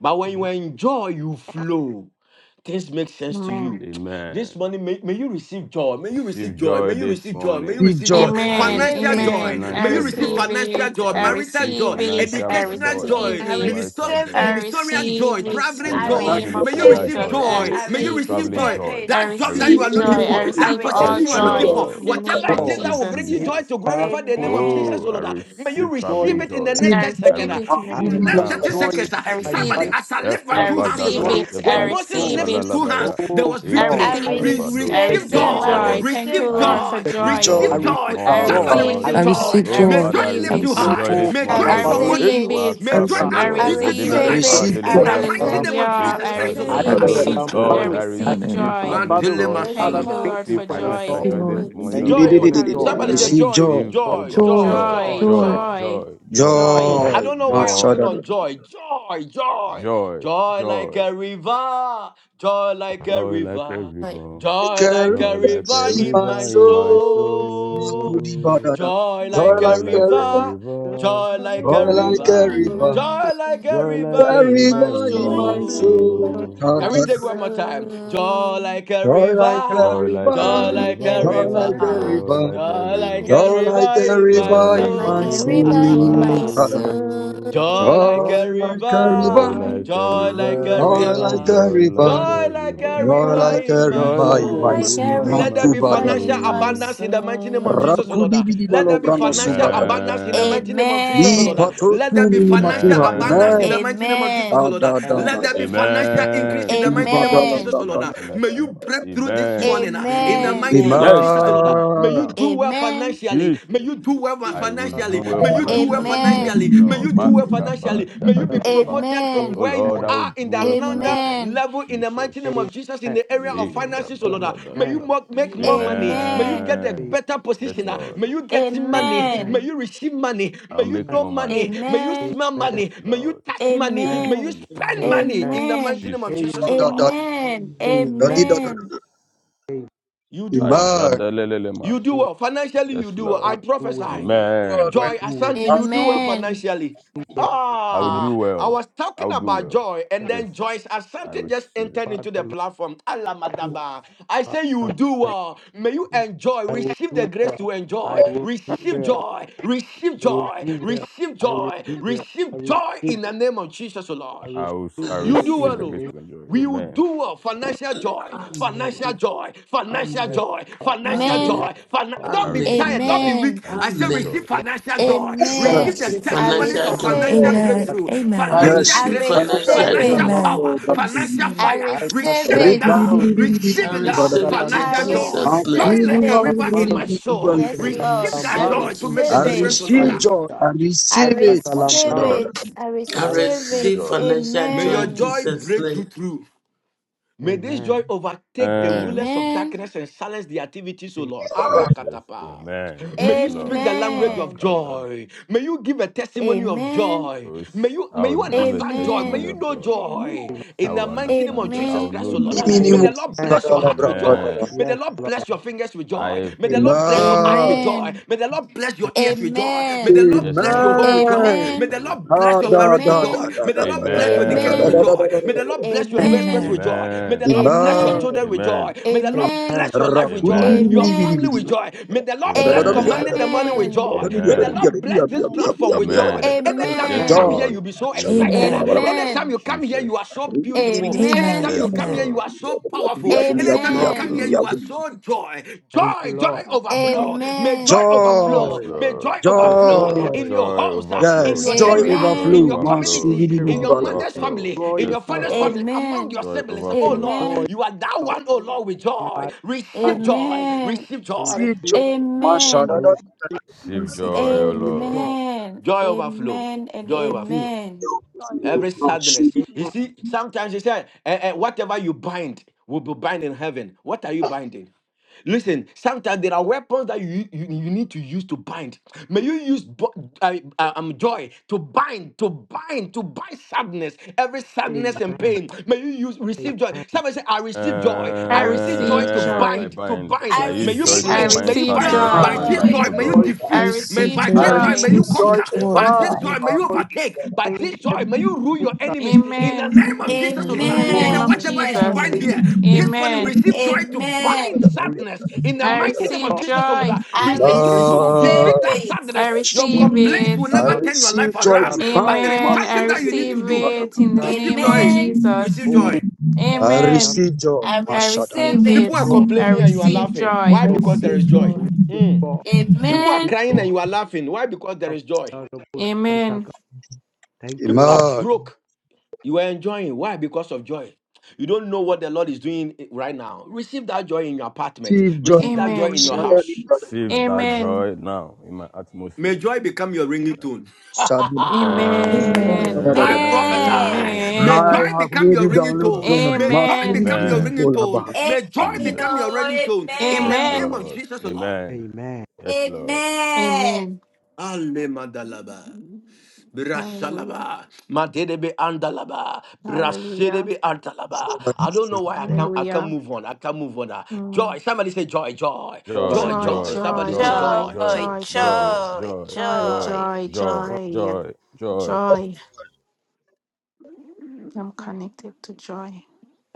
Speaker 11: But when you enjoy, you flow. Things make sense to
Speaker 10: Amen.
Speaker 11: you. This
Speaker 9: Amen.
Speaker 11: morning, may, may you receive joy. May you receive
Speaker 9: Receive
Speaker 11: joy. May
Speaker 9: joy
Speaker 11: you
Speaker 9: this
Speaker 11: receive joy. May you
Speaker 9: morning.
Speaker 11: receive
Speaker 5: I
Speaker 12: Joy.
Speaker 11: joy.
Speaker 9: I
Speaker 12: Receive joy.
Speaker 10: Amen.
Speaker 12: Da,
Speaker 5: receive
Speaker 12: da,
Speaker 11: Financial
Speaker 9: receive
Speaker 12: da,
Speaker 5: it.
Speaker 12: da, da.
Speaker 11: joy.
Speaker 10: Amen. I
Speaker 11: May you
Speaker 9: financial
Speaker 11: receive
Speaker 10: receive
Speaker 9: joy.
Speaker 11: financial
Speaker 10: it.
Speaker 9: I
Speaker 11: joy.
Speaker 10: I
Speaker 11: Marital
Speaker 9: receive
Speaker 10: receive
Speaker 11: joy.
Speaker 10: it.
Speaker 9: financial
Speaker 10: I
Speaker 11: Educational
Speaker 9: joy. I
Speaker 10: receive
Speaker 11: joy.
Speaker 5: I
Speaker 9: receive
Speaker 10: it.
Speaker 11: Minister,
Speaker 9: marital
Speaker 5: receive
Speaker 10: I
Speaker 5: it.
Speaker 9: joy.
Speaker 7: and
Speaker 11: ministerial joy.
Speaker 10: receive it
Speaker 9: I
Speaker 7: their
Speaker 10: in
Speaker 11: Traveling
Speaker 5: I
Speaker 10: the
Speaker 11: joy.
Speaker 9: receive
Speaker 10: name
Speaker 12: Financial
Speaker 11: May
Speaker 10: of
Speaker 11: you
Speaker 9: ministerial
Speaker 12: joy.
Speaker 5: receive
Speaker 11: receive
Speaker 10: Jesus.
Speaker 12: I
Speaker 9: joy.
Speaker 5: it.
Speaker 9: I
Speaker 10: I
Speaker 11: joy.
Speaker 5: I
Speaker 11: May you
Speaker 9: receive
Speaker 10: receive it.
Speaker 11: receive
Speaker 9: traveling
Speaker 11: joy.
Speaker 5: receive
Speaker 9: joy.
Speaker 5: it.
Speaker 10: I
Speaker 11: That
Speaker 9: I
Speaker 11: job that you
Speaker 10: receive
Speaker 11: are
Speaker 10: joy.
Speaker 11: looking
Speaker 9: receive
Speaker 11: for,
Speaker 10: I
Speaker 9: joy.
Speaker 5: I
Speaker 11: that
Speaker 10: receive all
Speaker 11: position
Speaker 9: Yes,
Speaker 11: you are
Speaker 5: receive
Speaker 12: Receive
Speaker 11: looking
Speaker 5: it.
Speaker 10: joy
Speaker 12: joy.
Speaker 11: for,
Speaker 10: in
Speaker 9: Lord.
Speaker 10: the
Speaker 12: Maka.
Speaker 11: whatever
Speaker 10: name of
Speaker 11: it
Speaker 9: Thank
Speaker 11: is
Speaker 7: control.
Speaker 9: you,
Speaker 11: that will bring you
Speaker 7: It
Speaker 10: Jesus.
Speaker 11: joy
Speaker 9: Jesus.
Speaker 11: to
Speaker 7: fires
Speaker 11: glorify the
Speaker 7: must
Speaker 11: name of Jesus,
Speaker 9: Oh,
Speaker 11: O
Speaker 9: I
Speaker 5: Amen.
Speaker 11: Lord ah. May
Speaker 7: receive
Speaker 11: you
Speaker 9: receive
Speaker 7: joy
Speaker 11: receive
Speaker 9: traveling
Speaker 7: in
Speaker 11: it in the
Speaker 9: joy.
Speaker 7: my soul.
Speaker 11: next
Speaker 12: Receive
Speaker 10: I
Speaker 12: joy.
Speaker 11: 10
Speaker 9: I
Speaker 11: seconds.
Speaker 10: receive
Speaker 11: uh,
Speaker 10: it in the
Speaker 11: May
Speaker 7: I
Speaker 11: in the
Speaker 9: receive
Speaker 10: name
Speaker 9: it
Speaker 12: Makulu
Speaker 10: of
Speaker 11: next
Speaker 7: receive
Speaker 11: 30
Speaker 9: now
Speaker 7: joy
Speaker 12: brano.
Speaker 7: in
Speaker 9: in
Speaker 10: Jesus.
Speaker 11: seconds, uh,
Speaker 10: I
Speaker 7: my
Speaker 9: Jesus'
Speaker 10: receive
Speaker 11: somebody,
Speaker 7: body.
Speaker 9: name.
Speaker 10: it.
Speaker 11: I shall lift
Speaker 7: I
Speaker 11: my
Speaker 10: I
Speaker 11: two
Speaker 7: receive
Speaker 11: hands, O Lord.
Speaker 10: receive
Speaker 7: joy
Speaker 9: Ekabadado
Speaker 11: uh,
Speaker 7: in
Speaker 10: it. I
Speaker 11: When
Speaker 9: sebra
Speaker 7: my
Speaker 11: Moses
Speaker 7: soul.
Speaker 10: receive
Speaker 11: left his
Speaker 10: it.
Speaker 11: two hands,
Speaker 9: sadalalabaya.
Speaker 11: there
Speaker 7: Oh
Speaker 11: was
Speaker 10: I
Speaker 7: God,
Speaker 11: victory.
Speaker 5: I
Speaker 7: I
Speaker 10: receive
Speaker 11: We
Speaker 10: it.
Speaker 7: receive
Speaker 10: I
Speaker 9: Epakabadosh.
Speaker 7: the
Speaker 11: receive
Speaker 5: receive
Speaker 9: Yes,
Speaker 7: joy.
Speaker 10: receive
Speaker 5: them. I
Speaker 11: joy,
Speaker 10: joy.
Speaker 9: Lord.
Speaker 10: Thank you,
Speaker 11: receive
Speaker 5: receive
Speaker 9: I
Speaker 10: Lord,
Speaker 5: them.
Speaker 10: for
Speaker 11: joy,
Speaker 9: receive
Speaker 10: joy.
Speaker 7: I
Speaker 11: receive
Speaker 9: joy
Speaker 12: Joy.
Speaker 7: receive
Speaker 9: this
Speaker 11: joy.
Speaker 10: I
Speaker 9: morning, O
Speaker 12: Maka.
Speaker 7: restore.
Speaker 11: Somebody
Speaker 10: receive
Speaker 9: Lord.
Speaker 7: I
Speaker 5: Yes,
Speaker 11: receive
Speaker 6: I
Speaker 10: it.
Speaker 11: joy.
Speaker 5: Lord.
Speaker 6: receive
Speaker 10: I
Speaker 9: Oh,
Speaker 11: May
Speaker 6: joy.
Speaker 9: Father,
Speaker 11: joy
Speaker 9: I
Speaker 10: receive
Speaker 6: I
Speaker 11: lift you
Speaker 10: it.
Speaker 9: receive
Speaker 6: receive
Speaker 11: high.
Speaker 9: joy
Speaker 6: joy.
Speaker 7: oh
Speaker 9: this
Speaker 11: May
Speaker 5: I
Speaker 9: morning,
Speaker 11: joy
Speaker 10: I
Speaker 9: O
Speaker 7: Ababado.
Speaker 9: God.
Speaker 5: receive
Speaker 11: promote
Speaker 9: Eh,
Speaker 10: receive
Speaker 5: it.
Speaker 11: you.
Speaker 10: it.
Speaker 6: I
Speaker 11: May joy
Speaker 7: Kata.
Speaker 6: receive
Speaker 10: I
Speaker 9: makabado
Speaker 11: add
Speaker 5: I
Speaker 6: joy.
Speaker 7: I
Speaker 11: beauty to
Speaker 10: receive
Speaker 11: your
Speaker 12: I
Speaker 5: receive
Speaker 11: life.
Speaker 10: it.
Speaker 11: uh,
Speaker 7: receive
Speaker 9: sevedebekapa
Speaker 12: receive
Speaker 7: it.
Speaker 5: it. I
Speaker 11: In
Speaker 12: joy.
Speaker 7: I
Speaker 11: the
Speaker 9: delemayapa.
Speaker 11: mighty
Speaker 7: catalam.
Speaker 5: receive
Speaker 11: name of
Speaker 5: it. I
Speaker 10: Hallelujah.
Speaker 11: Jesus
Speaker 10: I
Speaker 11: Christ, O
Speaker 7: I
Speaker 5: receive
Speaker 11: Lord.
Speaker 6: I
Speaker 10: receive
Speaker 5: it.
Speaker 9: Ikadebrados.
Speaker 10: it.
Speaker 6: receive
Speaker 7: catalam.
Speaker 10: I
Speaker 11: Arakasalaba.
Speaker 6: joy.
Speaker 9: Lord, I
Speaker 6: In
Speaker 7: I
Speaker 6: the
Speaker 10: receive
Speaker 6: name
Speaker 9: receive
Speaker 6: of Jesus.
Speaker 10: joy.
Speaker 9: traveling
Speaker 11: Mandele
Speaker 7: catalam.
Speaker 9: joy. I
Speaker 5: Yes,
Speaker 7: Father,
Speaker 10: Thank you,
Speaker 11: masalaba.
Speaker 7: thank
Speaker 5: Lord,
Speaker 10: Lord,
Speaker 7: you
Speaker 9: receive
Speaker 10: for
Speaker 5: I
Speaker 7: for your
Speaker 9: financial
Speaker 6: Thank
Speaker 7: joy.
Speaker 10: joy.
Speaker 6: you,
Speaker 9: joy
Speaker 5: receive
Speaker 12: I
Speaker 9: this
Speaker 6: Lord.
Speaker 5: it.
Speaker 9: morning,
Speaker 7: Thank
Speaker 9: O
Speaker 7: you
Speaker 11: Joy,
Speaker 9: God.
Speaker 7: for
Speaker 11: oh.
Speaker 7: the joy.
Speaker 9: I
Speaker 11: Somebody say
Speaker 10: Hallelujah.
Speaker 7: Thank
Speaker 12: receive
Speaker 7: you
Speaker 11: joy,
Speaker 7: for
Speaker 11: oh.
Speaker 12: joy.
Speaker 9: receive,
Speaker 7: the
Speaker 9: oh
Speaker 11: Joy,
Speaker 9: God,
Speaker 6: Joy.
Speaker 11: joy,
Speaker 9: joy,
Speaker 7: joy.
Speaker 11: joy,
Speaker 10: Joy,
Speaker 6: Joy.
Speaker 9: joy,
Speaker 11: joy.
Speaker 10: joy,
Speaker 9: joy, joy,
Speaker 10: joy.
Speaker 11: Mm,
Speaker 7: The
Speaker 11: I
Speaker 9: joy,
Speaker 12: Joy.
Speaker 11: don't know why I'm still
Speaker 9: joy,
Speaker 11: on
Speaker 12: Master.
Speaker 11: joy. Joy, joy,
Speaker 9: joy,
Speaker 11: joy like
Speaker 9: joy,
Speaker 11: a river, joy like a
Speaker 9: joy like a
Speaker 11: river,
Speaker 5: Right.
Speaker 9: river,
Speaker 11: joy
Speaker 12: carry
Speaker 11: like
Speaker 9: joy
Speaker 11: a
Speaker 9: like
Speaker 11: river
Speaker 9: a
Speaker 11: in
Speaker 12: my
Speaker 11: my
Speaker 9: river in my
Speaker 12: soul
Speaker 11: soul.
Speaker 12: to the border.
Speaker 9: soul,
Speaker 11: Joy
Speaker 12: Joy
Speaker 11: like
Speaker 12: like
Speaker 11: a
Speaker 9: joy
Speaker 12: a
Speaker 9: like a
Speaker 12: river,
Speaker 11: river,
Speaker 9: river,
Speaker 11: joy like a
Speaker 9: joy
Speaker 12: joy
Speaker 9: like
Speaker 12: like
Speaker 5: Everybody
Speaker 9: a
Speaker 12: a
Speaker 11: river,
Speaker 5: in
Speaker 9: river,
Speaker 12: river,
Speaker 5: my
Speaker 11: joy like a
Speaker 9: joy
Speaker 5: soul,
Speaker 9: like
Speaker 11: river
Speaker 9: a
Speaker 11: in
Speaker 12: carry
Speaker 9: river
Speaker 11: my
Speaker 9: in
Speaker 12: by
Speaker 9: my
Speaker 12: my
Speaker 5: rain
Speaker 12: soul.
Speaker 11: soul.
Speaker 5: everybody in
Speaker 11: Can
Speaker 9: soul,
Speaker 11: we
Speaker 5: my
Speaker 11: take
Speaker 12: Da-da-da.
Speaker 11: one more time? Joy
Speaker 5: soul.
Speaker 11: like a
Speaker 12: Joy like a
Speaker 11: river,
Speaker 9: joy like a
Speaker 11: joy
Speaker 12: river,
Speaker 5: Like
Speaker 11: like
Speaker 5: a
Speaker 11: a
Speaker 12: joy like
Speaker 11: river,
Speaker 9: river,
Speaker 12: a
Speaker 5: river,
Speaker 11: ah,
Speaker 9: joy
Speaker 12: river,
Speaker 9: like a
Speaker 5: child,
Speaker 11: joy
Speaker 5: like
Speaker 11: like
Speaker 5: a
Speaker 9: river,
Speaker 11: a
Speaker 12: joy
Speaker 5: river,
Speaker 12: like
Speaker 11: river
Speaker 12: a
Speaker 11: in my
Speaker 9: joy
Speaker 12: river
Speaker 5: child,
Speaker 9: like
Speaker 12: in
Speaker 9: a
Speaker 5: like
Speaker 12: my
Speaker 5: a
Speaker 11: soul.
Speaker 9: river
Speaker 5: river
Speaker 9: in
Speaker 5: in
Speaker 9: my
Speaker 12: soul.
Speaker 5: my
Speaker 12: Da-da-da.
Speaker 9: soul.
Speaker 11: Joy
Speaker 5: soul.
Speaker 11: like a
Speaker 12: Joy like a
Speaker 9: Joy
Speaker 11: river,
Speaker 12: river,
Speaker 9: like a
Speaker 5: Join
Speaker 11: joy like
Speaker 5: river,
Speaker 11: a
Speaker 14: like a
Speaker 12: joy
Speaker 9: river,
Speaker 12: like
Speaker 14: river.
Speaker 11: river,
Speaker 12: a
Speaker 9: joy
Speaker 5: join
Speaker 9: like
Speaker 12: river,
Speaker 11: joy
Speaker 9: a
Speaker 5: like
Speaker 11: like
Speaker 5: a
Speaker 14: Joy
Speaker 9: river,
Speaker 11: a
Speaker 14: like
Speaker 12: joy
Speaker 5: river,
Speaker 11: river
Speaker 12: like
Speaker 14: a
Speaker 11: in
Speaker 12: a
Speaker 11: my
Speaker 9: joy
Speaker 14: river
Speaker 12: river
Speaker 9: like
Speaker 12: in
Speaker 5: join
Speaker 9: a
Speaker 12: my
Speaker 14: in
Speaker 5: like
Speaker 11: soul.
Speaker 12: soul.
Speaker 5: a
Speaker 14: my
Speaker 9: river in
Speaker 12: Not
Speaker 14: soul.
Speaker 11: Let there
Speaker 12: too
Speaker 9: my
Speaker 11: be
Speaker 12: bad.
Speaker 5: river
Speaker 11: financial
Speaker 5: in my
Speaker 9: soul.
Speaker 11: abundance in the mighty name of Jesus, O
Speaker 5: soul.
Speaker 11: Lord.
Speaker 12: Rakudi bidi
Speaker 11: Let
Speaker 12: malo
Speaker 11: there be
Speaker 12: brano
Speaker 14: Amen.
Speaker 11: financial
Speaker 12: subra
Speaker 11: abundance in the
Speaker 9: Amen.
Speaker 11: mighty name of Jesus, O
Speaker 12: Be
Speaker 11: Lord.
Speaker 5: Amen.
Speaker 14: Amen.
Speaker 9: Makabadabados.
Speaker 11: Let there
Speaker 12: patosu
Speaker 11: be
Speaker 12: mini
Speaker 11: financial
Speaker 12: makuha.
Speaker 11: abundance in the
Speaker 9: Amen.
Speaker 12: Amen.
Speaker 11: mighty name of Jesus, O
Speaker 12: Ah,
Speaker 5: Amen.
Speaker 11: Lord.
Speaker 12: da, da,
Speaker 7: joy.
Speaker 11: Let
Speaker 12: da,
Speaker 11: there
Speaker 12: da,
Speaker 14: Amen.
Speaker 11: be
Speaker 12: da, da,
Speaker 11: financial
Speaker 12: da, da.
Speaker 11: increase in
Speaker 9: Amen.
Speaker 11: the
Speaker 12: Be
Speaker 9: I
Speaker 11: mighty name
Speaker 9: walk
Speaker 11: of
Speaker 12: badala
Speaker 11: Jesus,
Speaker 12: da,
Speaker 5: Amen.
Speaker 9: into
Speaker 11: O
Speaker 9: my
Speaker 12: ka,
Speaker 11: Lord.
Speaker 12: da, da,
Speaker 11: May
Speaker 12: da,
Speaker 9: financial
Speaker 12: da,
Speaker 11: you
Speaker 12: da,
Speaker 9: advance.
Speaker 12: da,
Speaker 11: break through
Speaker 12: da.
Speaker 11: this
Speaker 9: Amen.
Speaker 11: morning uh,
Speaker 7: Joy.
Speaker 11: in
Speaker 9: Maka-
Speaker 11: the
Speaker 5: Amen.
Speaker 11: mighty name of
Speaker 14: Amen.
Speaker 9: Yes,
Speaker 11: Jesus,
Speaker 9: I
Speaker 11: O Lord.
Speaker 9: break
Speaker 11: May
Speaker 9: through
Speaker 11: you
Speaker 12: Amen.
Speaker 9: now.
Speaker 11: do well
Speaker 5: Amen.
Speaker 11: financially. May
Speaker 9: Jesus.
Speaker 11: you do well
Speaker 9: I
Speaker 14: Mm,
Speaker 9: will
Speaker 7: Our
Speaker 9: do
Speaker 11: financially.
Speaker 7: Lord
Speaker 9: well
Speaker 11: May you
Speaker 7: is
Speaker 11: do well
Speaker 9: financially.
Speaker 14: Amen.
Speaker 9: Yes,
Speaker 5: Amen.
Speaker 11: financially. May
Speaker 9: Lord.
Speaker 11: you do well
Speaker 14: Amen.
Speaker 9: Makabarat
Speaker 11: financially. May you be
Speaker 7: Father.
Speaker 14: Amen.
Speaker 9: dabadekapa.
Speaker 5: Amen.
Speaker 11: promoted
Speaker 7: Amen.
Speaker 11: from
Speaker 9: Oh
Speaker 11: where you
Speaker 9: Lord,
Speaker 7: Amen.
Speaker 9: I will
Speaker 11: are in
Speaker 9: do
Speaker 11: the
Speaker 9: well
Speaker 11: another
Speaker 9: financially.
Speaker 5: Amen.
Speaker 11: level in the
Speaker 9: Jesus.
Speaker 11: mighty name of
Speaker 7: Amen.
Speaker 11: Jesus in the area of
Speaker 14: Amen.
Speaker 11: finances, O Lord. May you
Speaker 7: Amen.
Speaker 9: Ikabadadadada.
Speaker 11: mo- make more money. May you get a
Speaker 5: Amen.
Speaker 9: Amen.
Speaker 7: Amen.
Speaker 11: better
Speaker 9: Yes,
Speaker 11: position.
Speaker 9: Lord.
Speaker 11: May you
Speaker 5: Amen.
Speaker 11: get money.
Speaker 7: Amen.
Speaker 11: May
Speaker 5: Amen.
Speaker 11: you receive money. May
Speaker 9: I'll
Speaker 11: you
Speaker 9: make
Speaker 11: know
Speaker 9: more money.
Speaker 11: money. May you
Speaker 5: Amen.
Speaker 11: smell
Speaker 9: Yes,
Speaker 11: money. May you
Speaker 9: Lord.
Speaker 11: touch money. May you
Speaker 5: Amen.
Speaker 9: Jesus.
Speaker 5: Amen.
Speaker 11: spend
Speaker 14: Amen.
Speaker 11: money
Speaker 7: Amen.
Speaker 11: in the
Speaker 5: Amen.
Speaker 11: mighty name of
Speaker 9: Jesus.
Speaker 12: Da,
Speaker 11: Jesus, O
Speaker 12: da, da,
Speaker 11: Lord.
Speaker 5: Amen.
Speaker 14: Amen.
Speaker 12: da,
Speaker 7: Amen.
Speaker 12: da, da, da.
Speaker 9: Jesus.
Speaker 7: Amen.
Speaker 11: You do
Speaker 9: I
Speaker 11: well.
Speaker 12: Amen.
Speaker 11: You
Speaker 9: jadalelelemas.
Speaker 11: do well. Financially, you
Speaker 9: Yes,
Speaker 11: do well.
Speaker 7: I
Speaker 11: I
Speaker 7: will
Speaker 9: Lord.
Speaker 7: do well.
Speaker 11: prophesy.
Speaker 14: Amen.
Speaker 12: God,
Speaker 9: Amen.
Speaker 11: Joy
Speaker 7: I will
Speaker 12: finance-
Speaker 7: do well.
Speaker 11: Asante.
Speaker 9: Thank
Speaker 11: you
Speaker 9: you,
Speaker 11: do well
Speaker 5: Amen.
Speaker 9: Jesus.
Speaker 11: financially.
Speaker 7: Do well.
Speaker 9: I
Speaker 7: I
Speaker 9: will
Speaker 7: will do
Speaker 9: do
Speaker 11: Ah, I
Speaker 9: well.
Speaker 11: was
Speaker 9: I
Speaker 11: talking
Speaker 9: will do
Speaker 11: about
Speaker 9: well.
Speaker 11: joy,
Speaker 7: well.
Speaker 11: and
Speaker 9: Yes,
Speaker 11: then Joyce
Speaker 9: I
Speaker 11: Asante just
Speaker 9: receive it.
Speaker 11: entered
Speaker 7: Father,
Speaker 11: into the
Speaker 7: Lord.
Speaker 11: platform. Alamadaba. I say you
Speaker 7: Father,
Speaker 11: do well. May you enjoy.
Speaker 7: I will
Speaker 11: Receive
Speaker 7: do
Speaker 11: the grace
Speaker 7: well.
Speaker 11: to
Speaker 7: I
Speaker 11: enjoy.
Speaker 7: will do
Speaker 11: Receive
Speaker 7: well.
Speaker 11: joy. Receive
Speaker 7: I will
Speaker 11: joy.
Speaker 7: do well.
Speaker 11: Receive
Speaker 7: I will
Speaker 11: joy.
Speaker 7: do well. I
Speaker 11: Receive
Speaker 7: receive
Speaker 11: joy in the
Speaker 7: it.
Speaker 11: name of Jesus, O
Speaker 7: I
Speaker 11: Lord.
Speaker 9: I will,
Speaker 7: receive
Speaker 9: I
Speaker 11: You
Speaker 7: it
Speaker 11: do
Speaker 7: in
Speaker 9: receive
Speaker 11: well,
Speaker 9: the
Speaker 7: the
Speaker 9: grace
Speaker 11: oh.
Speaker 7: name of
Speaker 9: to enjoy.
Speaker 11: We
Speaker 7: Jesus.
Speaker 11: will
Speaker 9: Amen.
Speaker 11: do well. Financial joy, financial joy, financial
Speaker 14: Amen.
Speaker 7: Yes,
Speaker 11: joy,
Speaker 7: Lord.
Speaker 11: financial
Speaker 7: Yes,
Speaker 11: joy. Fin-
Speaker 9: I
Speaker 11: don't be
Speaker 14: Amen.
Speaker 9: receive
Speaker 11: tired, don't
Speaker 9: joy.
Speaker 7: Lord.
Speaker 11: be weak.
Speaker 5: Amen.
Speaker 9: I
Speaker 14: Amen.
Speaker 11: I say,
Speaker 9: receive
Speaker 14: Amen.
Speaker 9: joy.
Speaker 11: receive
Speaker 7: Yes,
Speaker 11: financial
Speaker 7: Lord.
Speaker 11: joy,
Speaker 14: I
Speaker 7: I
Speaker 12: Amen.
Speaker 11: receive
Speaker 5: Amen.
Speaker 11: the
Speaker 14: receive
Speaker 5: I
Speaker 7: receive
Speaker 11: testimonies
Speaker 14: financial
Speaker 11: of
Speaker 12: God,
Speaker 14: joy.
Speaker 5: receive
Speaker 11: financial
Speaker 12: God,
Speaker 6: Amen.
Speaker 5: it.
Speaker 12: God.
Speaker 11: breakthrough,
Speaker 14: I
Speaker 6: Amen.
Speaker 7: it.
Speaker 11: financial
Speaker 12: Yes,
Speaker 5: I
Speaker 14: receive
Speaker 11: greatness,
Speaker 12: financial
Speaker 5: receive
Speaker 14: financial
Speaker 12: joy.
Speaker 5: it.
Speaker 11: financial
Speaker 14: joy.
Speaker 7: I
Speaker 12: No,
Speaker 6: Amen.
Speaker 11: power,
Speaker 12: no, God, thank you,
Speaker 11: financial
Speaker 6: Receive
Speaker 12: brother.
Speaker 5: I
Speaker 6: it.
Speaker 11: fire.
Speaker 5: receive
Speaker 11: Receive it
Speaker 5: it.
Speaker 11: now,
Speaker 7: Aikatalambano,
Speaker 11: receive
Speaker 14: I
Speaker 11: it now.
Speaker 12: Ripidibidibidibidibada.
Speaker 14: receive it in
Speaker 5: I
Speaker 11: Financial
Speaker 7: Aikatalambano,
Speaker 11: joy,
Speaker 14: Jesus'
Speaker 11: joy
Speaker 14: name.
Speaker 5: receive
Speaker 12: Asuli
Speaker 11: like a
Speaker 5: it.
Speaker 11: river in
Speaker 7: Aikatalambano,
Speaker 11: my
Speaker 12: marubuli
Speaker 11: soul.
Speaker 14: I
Speaker 5: Yes, Lord.
Speaker 11: Receive that
Speaker 5: I
Speaker 14: receive
Speaker 11: joy
Speaker 7: Aikatalambano,
Speaker 14: it
Speaker 11: to
Speaker 14: in
Speaker 11: make the
Speaker 5: receive
Speaker 11: difference,
Speaker 5: it.
Speaker 11: oh
Speaker 14: Jesus'
Speaker 11: Lord. Ah.
Speaker 14: name.
Speaker 7: Kabuta, Aikatalambano,
Speaker 5: I
Speaker 7: I
Speaker 9: Jo-
Speaker 7: cut Lambano, I cut Lambano, I cut Lambano,
Speaker 5: receive
Speaker 9: Joy.
Speaker 5: it. I
Speaker 9: I
Speaker 14: I
Speaker 7: I receive.
Speaker 5: receive
Speaker 9: receive
Speaker 5: it.
Speaker 14: receive
Speaker 9: joy.
Speaker 14: financial
Speaker 11: May
Speaker 14: joy
Speaker 11: your
Speaker 14: in
Speaker 5: Amen.
Speaker 11: joy
Speaker 14: Jesus'
Speaker 11: break through.
Speaker 14: name.
Speaker 11: through. May this joy
Speaker 7: Amen.
Speaker 11: overtake the
Speaker 9: And
Speaker 11: rulers of
Speaker 5: Amen.
Speaker 11: darkness and silence the activities, O Lord.
Speaker 9: Jesus,
Speaker 11: Arakatapa.
Speaker 9: Amen.
Speaker 11: May
Speaker 9: Yes,
Speaker 11: you speak the
Speaker 9: Lord. My
Speaker 11: language of
Speaker 5: Amen.
Speaker 9: God, that
Speaker 11: joy. May you give a testimony of
Speaker 5: Amen.
Speaker 11: joy. May
Speaker 9: was-
Speaker 11: you
Speaker 9: I
Speaker 11: may you
Speaker 9: would give a
Speaker 11: understand joy. May
Speaker 9: testimony
Speaker 11: you
Speaker 5: Amen.
Speaker 9: of
Speaker 11: know
Speaker 9: joy.
Speaker 11: joy.
Speaker 9: I
Speaker 11: In the
Speaker 9: will
Speaker 11: mighty name of
Speaker 9: understand joy. I
Speaker 11: Jesus
Speaker 9: will
Speaker 5: Amen.
Speaker 11: Christ,
Speaker 9: know
Speaker 11: O Lord. ah,
Speaker 9: joy.
Speaker 11: May the Lord
Speaker 7: Amen.
Speaker 11: bless your heart with joy.
Speaker 9: Amen.
Speaker 11: May the
Speaker 7: Yes,
Speaker 11: Lord
Speaker 7: Lord.
Speaker 11: bless your fingers with
Speaker 9: I
Speaker 11: joy.
Speaker 9: have
Speaker 11: May the
Speaker 7: Amen.
Speaker 11: Lord bless
Speaker 7: Amen.
Speaker 9: received it,
Speaker 11: your eye with
Speaker 9: Father.
Speaker 11: joy.
Speaker 5: Amen.
Speaker 11: May the Lord bless bless your ears with joy. May
Speaker 5: Amen.
Speaker 11: the Lord
Speaker 9: Yes,
Speaker 11: bless
Speaker 7: Amen.
Speaker 11: your home
Speaker 9: Lord.
Speaker 11: with joy.
Speaker 9: So
Speaker 11: May
Speaker 5: Amen.
Speaker 11: the
Speaker 9: shall it
Speaker 11: Lord
Speaker 9: be.
Speaker 11: bless your marriage with joy.
Speaker 5: Amen.
Speaker 11: May the Lord bless your education with
Speaker 5: Amen.
Speaker 9: Amen.
Speaker 11: joy. May the Lord bless your
Speaker 7: Amen.
Speaker 11: investment with
Speaker 5: Amen.
Speaker 6: Amen.
Speaker 11: joy. May the
Speaker 9: Amen.
Speaker 11: Lord bless your children with joy.
Speaker 9: Amen.
Speaker 11: May the Lord
Speaker 7: Amen.
Speaker 11: bless your life with
Speaker 5: Amen.
Speaker 11: joy.
Speaker 9: Amen.
Speaker 11: Your
Speaker 5: Amen.
Speaker 11: family with joy. May the Lord bless
Speaker 9: Amen.
Speaker 5: Amen.
Speaker 11: commanding
Speaker 7: Amen.
Speaker 11: the money with
Speaker 5: Amen.
Speaker 11: joy. May the
Speaker 9: Amen.
Speaker 11: Lord bless this
Speaker 13: Amen.
Speaker 11: platform with joy.
Speaker 9: Amen.
Speaker 11: Anytime you
Speaker 9: Yes,
Speaker 11: come
Speaker 5: Amen.
Speaker 11: here,
Speaker 9: Lord.
Speaker 11: you'll be so
Speaker 9: We
Speaker 11: excited. ah.
Speaker 9: receive
Speaker 6: Amen.
Speaker 9: it.
Speaker 11: Anytime
Speaker 5: Amen.
Speaker 11: you come here,
Speaker 9: Jesus.
Speaker 11: you are so beautiful.
Speaker 5: Amen.
Speaker 6: Amen.
Speaker 11: Anytime you
Speaker 9: Yes,
Speaker 11: come
Speaker 7: Amen.
Speaker 11: here,
Speaker 6: Amen.
Speaker 11: you
Speaker 9: Lord.
Speaker 11: are so powerful.
Speaker 13: Amen.
Speaker 11: Anytime you
Speaker 9: Yes,
Speaker 7: Lord,
Speaker 11: come
Speaker 5: Amen.
Speaker 11: here,
Speaker 9: Lord.
Speaker 11: you are so joy.
Speaker 7: thank you,
Speaker 11: Joy, joy
Speaker 7: Lord.
Speaker 11: overflow.
Speaker 13: Amen.
Speaker 11: May
Speaker 5: Amen.
Speaker 11: joy
Speaker 7: It's God.
Speaker 12: Joy,
Speaker 9: Yes,
Speaker 11: overflow.
Speaker 13: Amen.
Speaker 11: May
Speaker 9: Lord.
Speaker 11: joy
Speaker 7: It's
Speaker 13: Fire
Speaker 9: Yes,
Speaker 13: of
Speaker 7: joy
Speaker 11: overflow
Speaker 7: is
Speaker 9: Lord.
Speaker 13: Lord.
Speaker 11: in
Speaker 12: joy,
Speaker 11: your
Speaker 9: Joy
Speaker 11: homes, ah, in
Speaker 9: overflow.
Speaker 12: yes,
Speaker 11: your
Speaker 12: joy
Speaker 13: Amen.
Speaker 9: Joy,
Speaker 11: area,
Speaker 9: joy
Speaker 11: in
Speaker 5: Amen.
Speaker 12: overflow.
Speaker 11: your
Speaker 7: in
Speaker 12: Man,
Speaker 7: your
Speaker 9: overflow.
Speaker 11: community,
Speaker 7: spirit.
Speaker 11: in your
Speaker 13: Amen.
Speaker 9: Joy
Speaker 12: shubidi-di-di-ba-la-la.
Speaker 11: mother's
Speaker 7: It's
Speaker 9: overflow.
Speaker 11: family,
Speaker 7: joy
Speaker 11: in
Speaker 7: in
Speaker 9: Yes,
Speaker 11: your
Speaker 7: my
Speaker 5: Amen.
Speaker 11: father's
Speaker 7: house.
Speaker 11: family,
Speaker 9: Lord.
Speaker 11: among
Speaker 5: Amen.
Speaker 11: your
Speaker 9: Joy
Speaker 11: siblings. Oh
Speaker 7: It's
Speaker 9: overflow.
Speaker 11: Lord,
Speaker 7: joy
Speaker 5: Amen.
Speaker 11: you are that one, oh
Speaker 13: Amen.
Speaker 11: Lord, with
Speaker 13: Thank you,
Speaker 7: in
Speaker 11: joy.
Speaker 7: my
Speaker 13: Jesus.
Speaker 7: heart.
Speaker 11: Receive joy.
Speaker 13: Amen.
Speaker 5: Amen.
Speaker 11: Receive
Speaker 7: I
Speaker 13: I
Speaker 12: See
Speaker 11: joy.
Speaker 12: joy,
Speaker 7: receive.
Speaker 13: receive it. I
Speaker 12: man,
Speaker 7: I
Speaker 13: receive
Speaker 12: shadada.
Speaker 5: Amen.
Speaker 13: it.
Speaker 7: receive
Speaker 6: I
Speaker 9: Receive
Speaker 13: I
Speaker 6: receive
Speaker 9: joy, O
Speaker 6: joy.
Speaker 13: receive it.
Speaker 9: Lord.
Speaker 7: joy.
Speaker 11: Joy
Speaker 13: Thank
Speaker 11: overflow.
Speaker 5: Amen and
Speaker 13: you,
Speaker 11: Joy
Speaker 7: Oh,
Speaker 11: overflow.
Speaker 5: amen.
Speaker 13: Fire of
Speaker 11: every
Speaker 12: Not
Speaker 11: sadness.
Speaker 12: shubidi.
Speaker 7: name
Speaker 11: You
Speaker 7: of
Speaker 13: Amen.
Speaker 11: see, sometimes you say, eh, eh, whatever you bind will be bind in heaven. What are you binding? Listen, sometimes there are weapons that you, you, you need to use to bind. May you use bo- uh, uh, um, joy to bind, to bind, to bind sadness, every
Speaker 7: Jesus.
Speaker 11: sadness and
Speaker 7: Amen.
Speaker 11: pain. May you use receive joy.
Speaker 7: Amen.
Speaker 11: Somebody say, I receive joy.
Speaker 10: I
Speaker 11: I receive joy
Speaker 10: receive
Speaker 11: to
Speaker 9: And I
Speaker 10: joy.
Speaker 11: bind, to
Speaker 9: bind.
Speaker 7: I
Speaker 11: bind.
Speaker 5: I
Speaker 9: I
Speaker 11: May
Speaker 9: use
Speaker 11: you
Speaker 7: receive
Speaker 9: joy
Speaker 5: receive
Speaker 9: to
Speaker 10: I
Speaker 12: Receive
Speaker 7: all.
Speaker 11: bind, may
Speaker 12: joy,
Speaker 9: bind
Speaker 11: you
Speaker 10: receive
Speaker 11: bind.
Speaker 9: sadness in
Speaker 12: man.
Speaker 10: joy.
Speaker 7: I
Speaker 11: By
Speaker 9: my
Speaker 11: this
Speaker 9: life.
Speaker 5: joy.
Speaker 11: joy,
Speaker 9: Oh
Speaker 13: Give
Speaker 11: may
Speaker 13: it
Speaker 11: you
Speaker 7: restore
Speaker 9: God,
Speaker 6: I
Speaker 13: joy.
Speaker 10: I
Speaker 11: defeat. May
Speaker 6: receive
Speaker 11: by
Speaker 10: receive
Speaker 12: I
Speaker 11: this
Speaker 6: joy.
Speaker 11: joy, may
Speaker 6: I
Speaker 10: joy.
Speaker 7: everything.
Speaker 11: you
Speaker 12: receive joy
Speaker 6: receive
Speaker 11: conquer.
Speaker 12: to
Speaker 13: Give
Speaker 6: joy.
Speaker 11: By this
Speaker 6: in
Speaker 13: joy.
Speaker 6: the
Speaker 7: I
Speaker 12: bind,
Speaker 11: joy,
Speaker 6: name
Speaker 11: may you
Speaker 12: man.
Speaker 7: Restore
Speaker 11: overtake.
Speaker 7: mind,
Speaker 11: By this
Speaker 7: every
Speaker 11: joy, may you rule your
Speaker 7: book
Speaker 11: enemies. In the
Speaker 10: Amen.
Speaker 11: name of
Speaker 7: that
Speaker 6: of
Speaker 11: Jesus, O
Speaker 7: receive
Speaker 6: Amen.
Speaker 11: Lord.
Speaker 10: In
Speaker 11: ah,
Speaker 10: the
Speaker 11: He
Speaker 7: joy.
Speaker 11: said,
Speaker 10: name
Speaker 5: Amen.
Speaker 10: of
Speaker 11: whatever is bind
Speaker 10: Jesus.
Speaker 13: Amen.
Speaker 7: Any
Speaker 6: Amen.
Speaker 11: here, this one
Speaker 7: pain,
Speaker 10: Amen.
Speaker 11: receive joy to
Speaker 5: Amen.
Speaker 11: bind
Speaker 7: I restore
Speaker 11: sadness. In the
Speaker 13: I
Speaker 10: I
Speaker 11: mighty name
Speaker 13: receive
Speaker 11: of
Speaker 10: receive
Speaker 7: God.
Speaker 11: Jesus,
Speaker 13: joy.
Speaker 11: O Lord.
Speaker 10: joy.
Speaker 11: ah,
Speaker 5: I
Speaker 11: Receive joy
Speaker 7: Name of
Speaker 11: to
Speaker 12: Shubidi-di-ba-la-la.
Speaker 5: receive
Speaker 11: defeat that
Speaker 12: Amen.
Speaker 5: it.
Speaker 10: I
Speaker 11: sadness. Your
Speaker 10: receive
Speaker 7: the
Speaker 11: complaints
Speaker 10: it.
Speaker 11: will
Speaker 12: I
Speaker 11: never
Speaker 7: Abba,
Speaker 11: turn your life
Speaker 12: receive
Speaker 13: Give
Speaker 12: joy
Speaker 13: it
Speaker 7: Tada,
Speaker 11: around.
Speaker 12: to
Speaker 13: joy.
Speaker 11: But there
Speaker 12: bind,
Speaker 11: is
Speaker 12: man.
Speaker 10: Amen. I
Speaker 11: something
Speaker 12: shubidi-di-di-ba-la-la.
Speaker 11: that you need
Speaker 10: receive
Speaker 11: to do.
Speaker 10: it in the
Speaker 7: Tada,
Speaker 11: Receive
Speaker 10: name of
Speaker 7: Abba.
Speaker 11: joy.
Speaker 5: Amen.
Speaker 11: Receive
Speaker 10: Jesus.
Speaker 7: Oh,
Speaker 11: joy.
Speaker 12: I
Speaker 7: Christian,
Speaker 10: Amen.
Speaker 12: receive joy,
Speaker 5: I
Speaker 12: man.
Speaker 10: I
Speaker 7: I
Speaker 5: receive
Speaker 10: receive
Speaker 12: shadada.
Speaker 11: People
Speaker 10: it.
Speaker 11: are
Speaker 5: it.
Speaker 7: restore
Speaker 10: I
Speaker 11: complaining and you are
Speaker 10: receive
Speaker 11: laughing. Why?
Speaker 6: I
Speaker 10: joy.
Speaker 7: God.
Speaker 11: Because there
Speaker 6: receive
Speaker 11: is joy.
Speaker 6: joy.
Speaker 7: I receive
Speaker 11: Mm.
Speaker 7: God. I
Speaker 11: People are
Speaker 7: receive
Speaker 5: Amen.
Speaker 11: crying and
Speaker 7: God.
Speaker 11: you are laughing. Why? Because there
Speaker 7: Abba,
Speaker 11: is joy.
Speaker 7: Tada, Bush,
Speaker 10: Amen.
Speaker 7: Shantaka. Thank you,
Speaker 11: People are
Speaker 7: Lord Jesus.
Speaker 12: Amen.
Speaker 11: broke You are enjoying. Why? Because of joy. You don't know what the Lord is doing right now. Receive that joy in your apartment.
Speaker 12: Receive joy,
Speaker 11: Receive
Speaker 7: I
Speaker 11: that joy
Speaker 12: man.
Speaker 11: in
Speaker 10: Amen.
Speaker 11: your
Speaker 7: receive it.
Speaker 11: house.
Speaker 12: shadada-di-ba-la-la.
Speaker 9: save that
Speaker 10: Amen.
Speaker 9: joy now in my
Speaker 11: May
Speaker 9: atmosphere.
Speaker 11: joy become your ringing
Speaker 7: I
Speaker 11: tone.
Speaker 12: Shadu-
Speaker 10: Amen.
Speaker 7: receive.
Speaker 6: Amen.
Speaker 11: I prophesy.
Speaker 5: Amen.
Speaker 9: And
Speaker 11: May
Speaker 12: I
Speaker 10: Amen.
Speaker 11: joy
Speaker 12: have
Speaker 11: become your
Speaker 12: already
Speaker 9: yes,
Speaker 11: ringing
Speaker 12: downloaded
Speaker 11: tone.
Speaker 9: Lord.
Speaker 12: journal.
Speaker 11: May joy
Speaker 12: Masuli
Speaker 10: Amen.
Speaker 11: become your
Speaker 12: Brihi
Speaker 9: Amen.
Speaker 11: ringing
Speaker 12: Kola
Speaker 11: tone.
Speaker 12: Bahati.
Speaker 11: May joy
Speaker 5: Amen.
Speaker 9: Jesus.
Speaker 11: become your ringing
Speaker 5: oh,
Speaker 11: tone. In the
Speaker 9: Yes,
Speaker 11: name
Speaker 5: Amen.
Speaker 10: Amen.
Speaker 11: of
Speaker 9: Lord.
Speaker 11: Jesus, the Lord.
Speaker 9: Amen.
Speaker 7: Amen.
Speaker 9: Yes, Lord.
Speaker 5: Amen.
Speaker 10: Amen.
Speaker 11: Alemadalaba.
Speaker 10: Hallelujah.
Speaker 11: Brashalaba, Materebe Andalaba,
Speaker 10: Hallelujah.
Speaker 11: Brasherebe Antalaba. I don't know why I can't I can't
Speaker 10: Hallelujah.
Speaker 11: move on. I can't move on. ah.
Speaker 10: Mm.
Speaker 11: Joy. Somebody say joy, joy,
Speaker 9: Joy,
Speaker 11: joy,
Speaker 10: Joy,
Speaker 11: joy.
Speaker 9: joy,
Speaker 11: Somebody
Speaker 10: joy,
Speaker 11: say
Speaker 9: joy,
Speaker 10: joy,
Speaker 11: joy.
Speaker 9: joy,
Speaker 5: Joy,
Speaker 10: joy,
Speaker 9: joy,
Speaker 10: joy,
Speaker 5: joy,
Speaker 9: joy,
Speaker 10: joy,
Speaker 9: joy,
Speaker 5: joy.
Speaker 10: joy,
Speaker 9: joy,
Speaker 10: joy,
Speaker 9: joy, joy.
Speaker 10: joy. Mm, I'm connected to joy.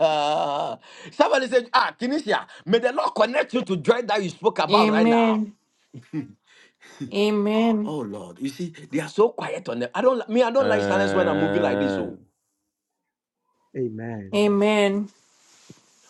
Speaker 11: Ah, somebody said, Ah, Kinesia, may the Lord connect you to joy that you spoke about right now.
Speaker 10: Amen. Amen.
Speaker 11: Oh Lord, you see, they are so quiet on them. I don't li- me, I don't like silence when I'm moving like this. Oh.
Speaker 9: And
Speaker 7: Amen.
Speaker 10: Amen.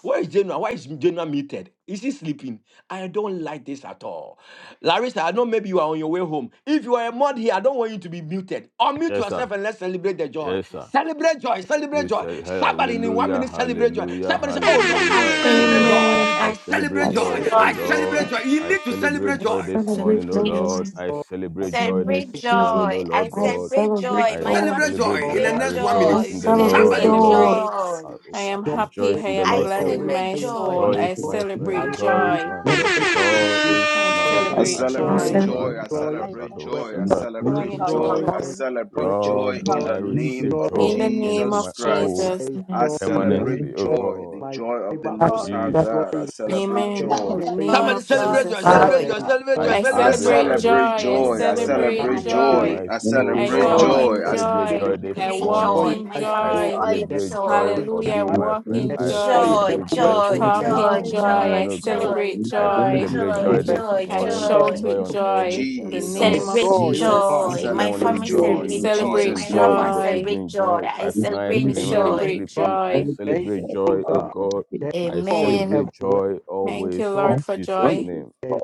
Speaker 11: Where is Genoa? Why is Genoa muted? Is he sleeping? I don't like this at all. Larissa, I know maybe you are on your way home. If you are a mod here, I don't want you to be muted. Unmute
Speaker 9: yes, sir.
Speaker 11: yourself and let's celebrate the joy.
Speaker 9: Yes, sir.
Speaker 11: Celebrate joy. Celebrate
Speaker 9: We
Speaker 11: joy.
Speaker 9: said, "Hey,
Speaker 11: Somebody in one
Speaker 9: Hallelujah,
Speaker 11: minute celebrate joy.
Speaker 9: Hallelujah,
Speaker 11: Somebody say, Oh Lord, I
Speaker 9: Hallelujah. Oh
Speaker 11: celebrate
Speaker 7: Hallelujah.
Speaker 9: Lord,
Speaker 11: joy.
Speaker 10: Amen.
Speaker 9: I
Speaker 11: I
Speaker 10: I
Speaker 6: I
Speaker 9: celebrate
Speaker 11: celebrate joy.
Speaker 9: joy.
Speaker 6: receive
Speaker 9: Oh
Speaker 11: I
Speaker 6: joy.
Speaker 9: Lord,
Speaker 11: celebrate joy. You
Speaker 9: I
Speaker 11: need to
Speaker 9: celebrate
Speaker 11: celebrate
Speaker 6: I
Speaker 9: joy
Speaker 11: joy.
Speaker 9: this morning.
Speaker 6: celebrate
Speaker 9: Oh
Speaker 6: joy
Speaker 15: Celebrate
Speaker 6: in the
Speaker 9: Lord,
Speaker 15: joy.
Speaker 9: I celebrate joy
Speaker 6: name
Speaker 9: this
Speaker 5: Celebrate
Speaker 6: of Jesus.
Speaker 9: morning. Oh
Speaker 5: joy. I
Speaker 9: Lord
Speaker 6: I
Speaker 9: God,
Speaker 5: celebrate
Speaker 6: celebrate
Speaker 5: joy.
Speaker 9: I
Speaker 5: My
Speaker 6: joy.
Speaker 11: Celebrate
Speaker 5: family
Speaker 9: celebrate
Speaker 11: joy in
Speaker 9: joy.
Speaker 11: the
Speaker 9: I
Speaker 5: celebrate
Speaker 11: next one minute.
Speaker 6: I
Speaker 9: rejoice
Speaker 5: joy.
Speaker 9: in
Speaker 5: We
Speaker 9: the
Speaker 7: rejoice
Speaker 6: celebrate
Speaker 9: Lord. Oh
Speaker 5: celebrate
Speaker 11: Somebody,
Speaker 9: Lord,
Speaker 6: joy.
Speaker 10: celebrate.
Speaker 5: joy.
Speaker 9: I,
Speaker 10: I
Speaker 9: I
Speaker 10: am happy.
Speaker 9: rejoice in
Speaker 10: I
Speaker 9: the
Speaker 10: am
Speaker 5: I
Speaker 9: Lord
Speaker 7: like
Speaker 10: glad
Speaker 7: a
Speaker 10: in
Speaker 7: river
Speaker 9: always.
Speaker 5: celebrate
Speaker 10: my
Speaker 7: in my
Speaker 5: joy.
Speaker 10: soul.
Speaker 16: Thank
Speaker 9: Joy is
Speaker 10: I
Speaker 7: soul.
Speaker 9: my
Speaker 7: I
Speaker 9: friend.
Speaker 10: celebrate
Speaker 9: Joy is
Speaker 7: receive
Speaker 10: joy.
Speaker 9: my help.
Speaker 7: joy,
Speaker 9: Joy
Speaker 7: receive
Speaker 9: is
Speaker 10: I
Speaker 7: joy,
Speaker 9: my
Speaker 7: there
Speaker 3: I
Speaker 7: is
Speaker 10: celebrate
Speaker 15: I
Speaker 7: joy,
Speaker 3: celebrate
Speaker 15: celebrate
Speaker 7: there
Speaker 10: joy.
Speaker 9: abosoma
Speaker 3: joy. I
Speaker 7: is joy,
Speaker 13: I
Speaker 3: celebrate
Speaker 9: kapadado
Speaker 7: everywhere.
Speaker 13: celebrate
Speaker 3: joy. I
Speaker 13: my
Speaker 9: sebrate
Speaker 13: joy.
Speaker 7: there is
Speaker 3: celebrate
Speaker 10: Glory to
Speaker 13: Joy is
Speaker 10: the
Speaker 9: pikapa.
Speaker 3: joy.
Speaker 13: my
Speaker 7: joy,
Speaker 3: I
Speaker 7: there is
Speaker 10: Lord.
Speaker 13: lifestyle.
Speaker 7: joy,
Speaker 3: celebrate
Speaker 7: there is
Speaker 9: Lord,
Speaker 3: joy
Speaker 7: joy,
Speaker 3: in
Speaker 13: Joy
Speaker 3: the
Speaker 13: is
Speaker 9: I
Speaker 13: my culture.
Speaker 3: name
Speaker 9: receive
Speaker 7: joy,
Speaker 3: of
Speaker 10: In
Speaker 7: there
Speaker 10: the
Speaker 9: joy
Speaker 10: name
Speaker 9: into
Speaker 7: is
Speaker 3: Jesus
Speaker 9: my
Speaker 10: of
Speaker 7: joy,
Speaker 9: abode
Speaker 3: Christ.
Speaker 7: there
Speaker 10: Jesus.
Speaker 7: is
Speaker 3: I
Speaker 6: Amen.
Speaker 7: joy, there is
Speaker 9: permanently.
Speaker 3: celebrate
Speaker 9: Oh
Speaker 7: joy,
Speaker 3: joy, the
Speaker 9: God,
Speaker 7: my
Speaker 3: joy of the
Speaker 7: fiber,
Speaker 3: Most
Speaker 13: Joy is
Speaker 3: High
Speaker 7: there is
Speaker 13: my
Speaker 7: joy
Speaker 9: Jesus,
Speaker 3: God. I
Speaker 7: in my
Speaker 3: celebrate
Speaker 13: heart. Joy
Speaker 7: body,
Speaker 13: is
Speaker 7: there
Speaker 10: Amen.
Speaker 7: is
Speaker 10: In
Speaker 3: joy.
Speaker 9: for
Speaker 13: my
Speaker 10: the
Speaker 13: life.
Speaker 10: name
Speaker 7: joy,
Speaker 5: Joy,
Speaker 10: of
Speaker 11: somebody
Speaker 7: there is
Speaker 11: celebrate
Speaker 5: joy,
Speaker 11: joy.
Speaker 13: Joy
Speaker 10: Jesus.
Speaker 7: joy,
Speaker 13: in
Speaker 11: Celebrate
Speaker 13: my
Speaker 7: there
Speaker 5: joy.
Speaker 11: joy.
Speaker 7: is
Speaker 13: words.
Speaker 11: Celebrate
Speaker 7: joy,
Speaker 9: I
Speaker 11: joy.
Speaker 10: I
Speaker 3: I
Speaker 11: Celebrate
Speaker 9: celebrate
Speaker 10: celebrate
Speaker 11: joy.
Speaker 9: joy this
Speaker 3: celebrate
Speaker 10: joy. I
Speaker 3: joy.
Speaker 9: morning,
Speaker 3: I
Speaker 9: joy like a
Speaker 7: my
Speaker 10: celebrate
Speaker 13: I,
Speaker 3: celebrate
Speaker 9: river in
Speaker 7: spirit,
Speaker 3: joy.
Speaker 10: joy.
Speaker 9: my
Speaker 3: I
Speaker 9: soul.
Speaker 10: I
Speaker 3: celebrate
Speaker 7: joy,
Speaker 9: God,
Speaker 10: jump
Speaker 5: Joy.
Speaker 9: I
Speaker 3: joy.
Speaker 10: in
Speaker 7: my
Speaker 3: I
Speaker 15: that
Speaker 9: celebrate
Speaker 15: you
Speaker 10: joy.
Speaker 9: joy
Speaker 7: spirit,
Speaker 15: are
Speaker 10: I
Speaker 9: this
Speaker 15: placed
Speaker 5: Celebrate
Speaker 15: in our
Speaker 10: walk
Speaker 9: morning.
Speaker 7: joy,
Speaker 5: joy.
Speaker 15: heart.
Speaker 10: in
Speaker 13: I
Speaker 5: My
Speaker 7: my
Speaker 5: family
Speaker 13: celebrate
Speaker 9: I
Speaker 7: soul,
Speaker 10: joy.
Speaker 13: joy with
Speaker 5: celebrate
Speaker 7: there
Speaker 13: my
Speaker 9: celebrate joy
Speaker 5: joy.
Speaker 7: is
Speaker 9: for
Speaker 10: Hallelujah. I
Speaker 7: joy,
Speaker 9: being my
Speaker 10: walk
Speaker 9: friend.
Speaker 7: there
Speaker 10: in
Speaker 7: is
Speaker 9: I
Speaker 15: I
Speaker 7: joy
Speaker 10: joy.
Speaker 5: Joy,
Speaker 9: celebrate
Speaker 13: I
Speaker 7: everywhere,
Speaker 15: celebrate
Speaker 9: joy for
Speaker 5: joy,
Speaker 13: celebrate
Speaker 15: joy
Speaker 7: there
Speaker 9: being
Speaker 10: Talk
Speaker 7: is
Speaker 9: my
Speaker 15: in the
Speaker 10: in
Speaker 5: joy,
Speaker 13: joy
Speaker 15: name
Speaker 10: joy.
Speaker 15: of
Speaker 9: companion,
Speaker 10: I
Speaker 5: joy,
Speaker 9: oh
Speaker 7: joy
Speaker 9: God.
Speaker 5: joy,
Speaker 15: Jesus.
Speaker 10: celebrate
Speaker 9: I
Speaker 5: joy,
Speaker 10: joy.
Speaker 15: I
Speaker 9: celebrate
Speaker 5: joy,
Speaker 9: joy
Speaker 15: thank you
Speaker 7: everywhere,
Speaker 9: this
Speaker 15: for
Speaker 5: joy,
Speaker 10: I
Speaker 15: joy.
Speaker 9: morning,
Speaker 13: Amen.
Speaker 15: I
Speaker 7: there
Speaker 5: joy.
Speaker 10: shout
Speaker 15: thank
Speaker 9: joy
Speaker 10: with
Speaker 15: you
Speaker 9: on
Speaker 15: for joy.
Speaker 10: joy
Speaker 9: every
Speaker 10: in
Speaker 9: side,
Speaker 10: the
Speaker 5: We
Speaker 9: oh
Speaker 10: name
Speaker 9: God.
Speaker 10: of
Speaker 5: celebrate
Speaker 3: Jesus.
Speaker 7: joy, oh
Speaker 9: Joy
Speaker 3: I
Speaker 10: Jesus.
Speaker 7: God.
Speaker 9: from
Speaker 5: joy.
Speaker 9: the
Speaker 5: My
Speaker 7: Thank
Speaker 3: celebrate
Speaker 9: morning,
Speaker 5: family
Speaker 7: you,
Speaker 9: joy
Speaker 7: oh-
Speaker 3: joy
Speaker 10: We
Speaker 9: in
Speaker 5: celebrate
Speaker 3: in
Speaker 9: the
Speaker 5: joy.
Speaker 10: celebrate
Speaker 9: afternoon,
Speaker 3: Jesus'
Speaker 5: My loved
Speaker 9: joy in
Speaker 3: name.
Speaker 5: ones
Speaker 9: the
Speaker 10: joy.
Speaker 5: celebrate
Speaker 9: evening,
Speaker 5: joy.
Speaker 9: joy
Speaker 5: I
Speaker 9: at night,
Speaker 10: We
Speaker 5: celebrate
Speaker 7: thank
Speaker 9: even when
Speaker 7: you,
Speaker 9: I'm
Speaker 5: joy.
Speaker 10: celebrate
Speaker 7: God.
Speaker 9: sleeping. I
Speaker 10: joy.
Speaker 7: Thank you,
Speaker 9: celebrate joy,
Speaker 7: oh
Speaker 9: oh
Speaker 7: God.
Speaker 9: God.
Speaker 7: There's
Speaker 9: I
Speaker 7: joy
Speaker 5: Amen.
Speaker 9: celebrate
Speaker 7: everywhere.
Speaker 9: joy
Speaker 10: Thank you,
Speaker 9: always
Speaker 7: Joy.
Speaker 9: in
Speaker 10: Lord, for
Speaker 9: Jesus'
Speaker 10: joy
Speaker 9: name.
Speaker 7: There's,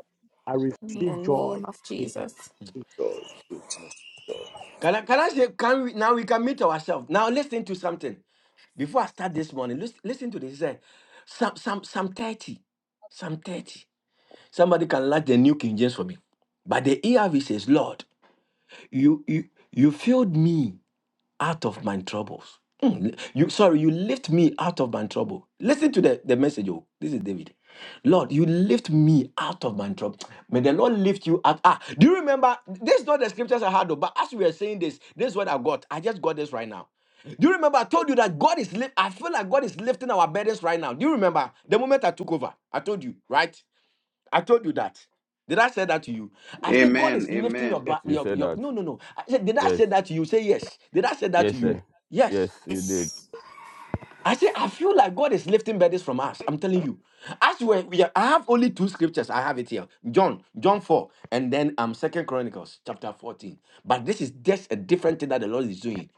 Speaker 7: I
Speaker 10: in the
Speaker 7: receive
Speaker 10: name
Speaker 7: joy
Speaker 10: of
Speaker 7: in your
Speaker 10: Jesus.
Speaker 17: Lord, goodness
Speaker 11: Can I, can I say, can we, now we can meet ourselves. Now listen to something. Before I start this morning, listen, listen to this. He said, Psalm, Psalm, Psalm 30. Psalm 30. Somebody can like the New King James for me. But the ERV says, Lord, you, you, you filled me out of my troubles. Mm, You sorry, you lift me out of my trouble. Listen to the, the message. Oh, this is David. Lord, you lift me out of my trouble. May the Lord lift you out. Ah, do you remember? This is not the scriptures I had, though, but as we were saying this, this is what I got. I just got this right now. Do you remember? I told you that God is lift. I feel like God is lifting our burdens right now. Do you remember the moment I took over? I told you, right? I told you that. Did I say that to you? I said God
Speaker 3: Amen.
Speaker 11: is lifting your
Speaker 3: Amen.
Speaker 7: Jesus.
Speaker 11: back.
Speaker 9: You
Speaker 11: Your,
Speaker 9: said
Speaker 11: your
Speaker 9: that
Speaker 11: no no no. I said, did I
Speaker 9: Yes,
Speaker 11: say that to you? Say yes. Did I say that to
Speaker 9: yes,
Speaker 11: you?
Speaker 7: Yes,
Speaker 9: sir.
Speaker 11: Yes.
Speaker 9: Yes, you did.
Speaker 5: Yes.
Speaker 11: I said I feel like God is lifting burdens from us. I'm telling you. As we we are- I have only two scriptures. I have it here. John, John 4, and then um Second Chronicles chapter 14. But this is just a different thing that the Lord is doing.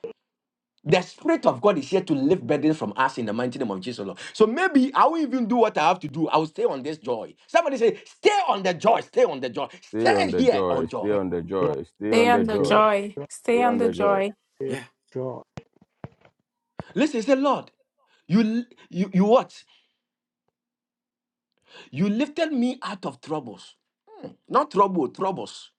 Speaker 11: The Spirit of God is here to lift burdens from us in the mighty name of Jesus, Lord. So maybe I will even do what I have to do. I will stay on this joy. Somebody say, stay on the joy, stay on the joy,
Speaker 9: Stay
Speaker 11: stay
Speaker 9: on the
Speaker 11: here on
Speaker 9: joy, stay
Speaker 11: joy.
Speaker 9: on the
Speaker 7: joy,
Speaker 9: joy, stay
Speaker 10: Stay
Speaker 9: on
Speaker 10: on
Speaker 9: the
Speaker 10: the
Speaker 9: joy,
Speaker 10: joy.
Speaker 7: joy,
Speaker 9: stay
Speaker 10: Stay on
Speaker 9: on
Speaker 10: the
Speaker 9: the joy.
Speaker 10: joy.
Speaker 7: joy,
Speaker 11: Yeah.
Speaker 7: joy.
Speaker 11: Listen, say, Lord, you you you what? You lifted me out of troubles. Not trouble, troubles.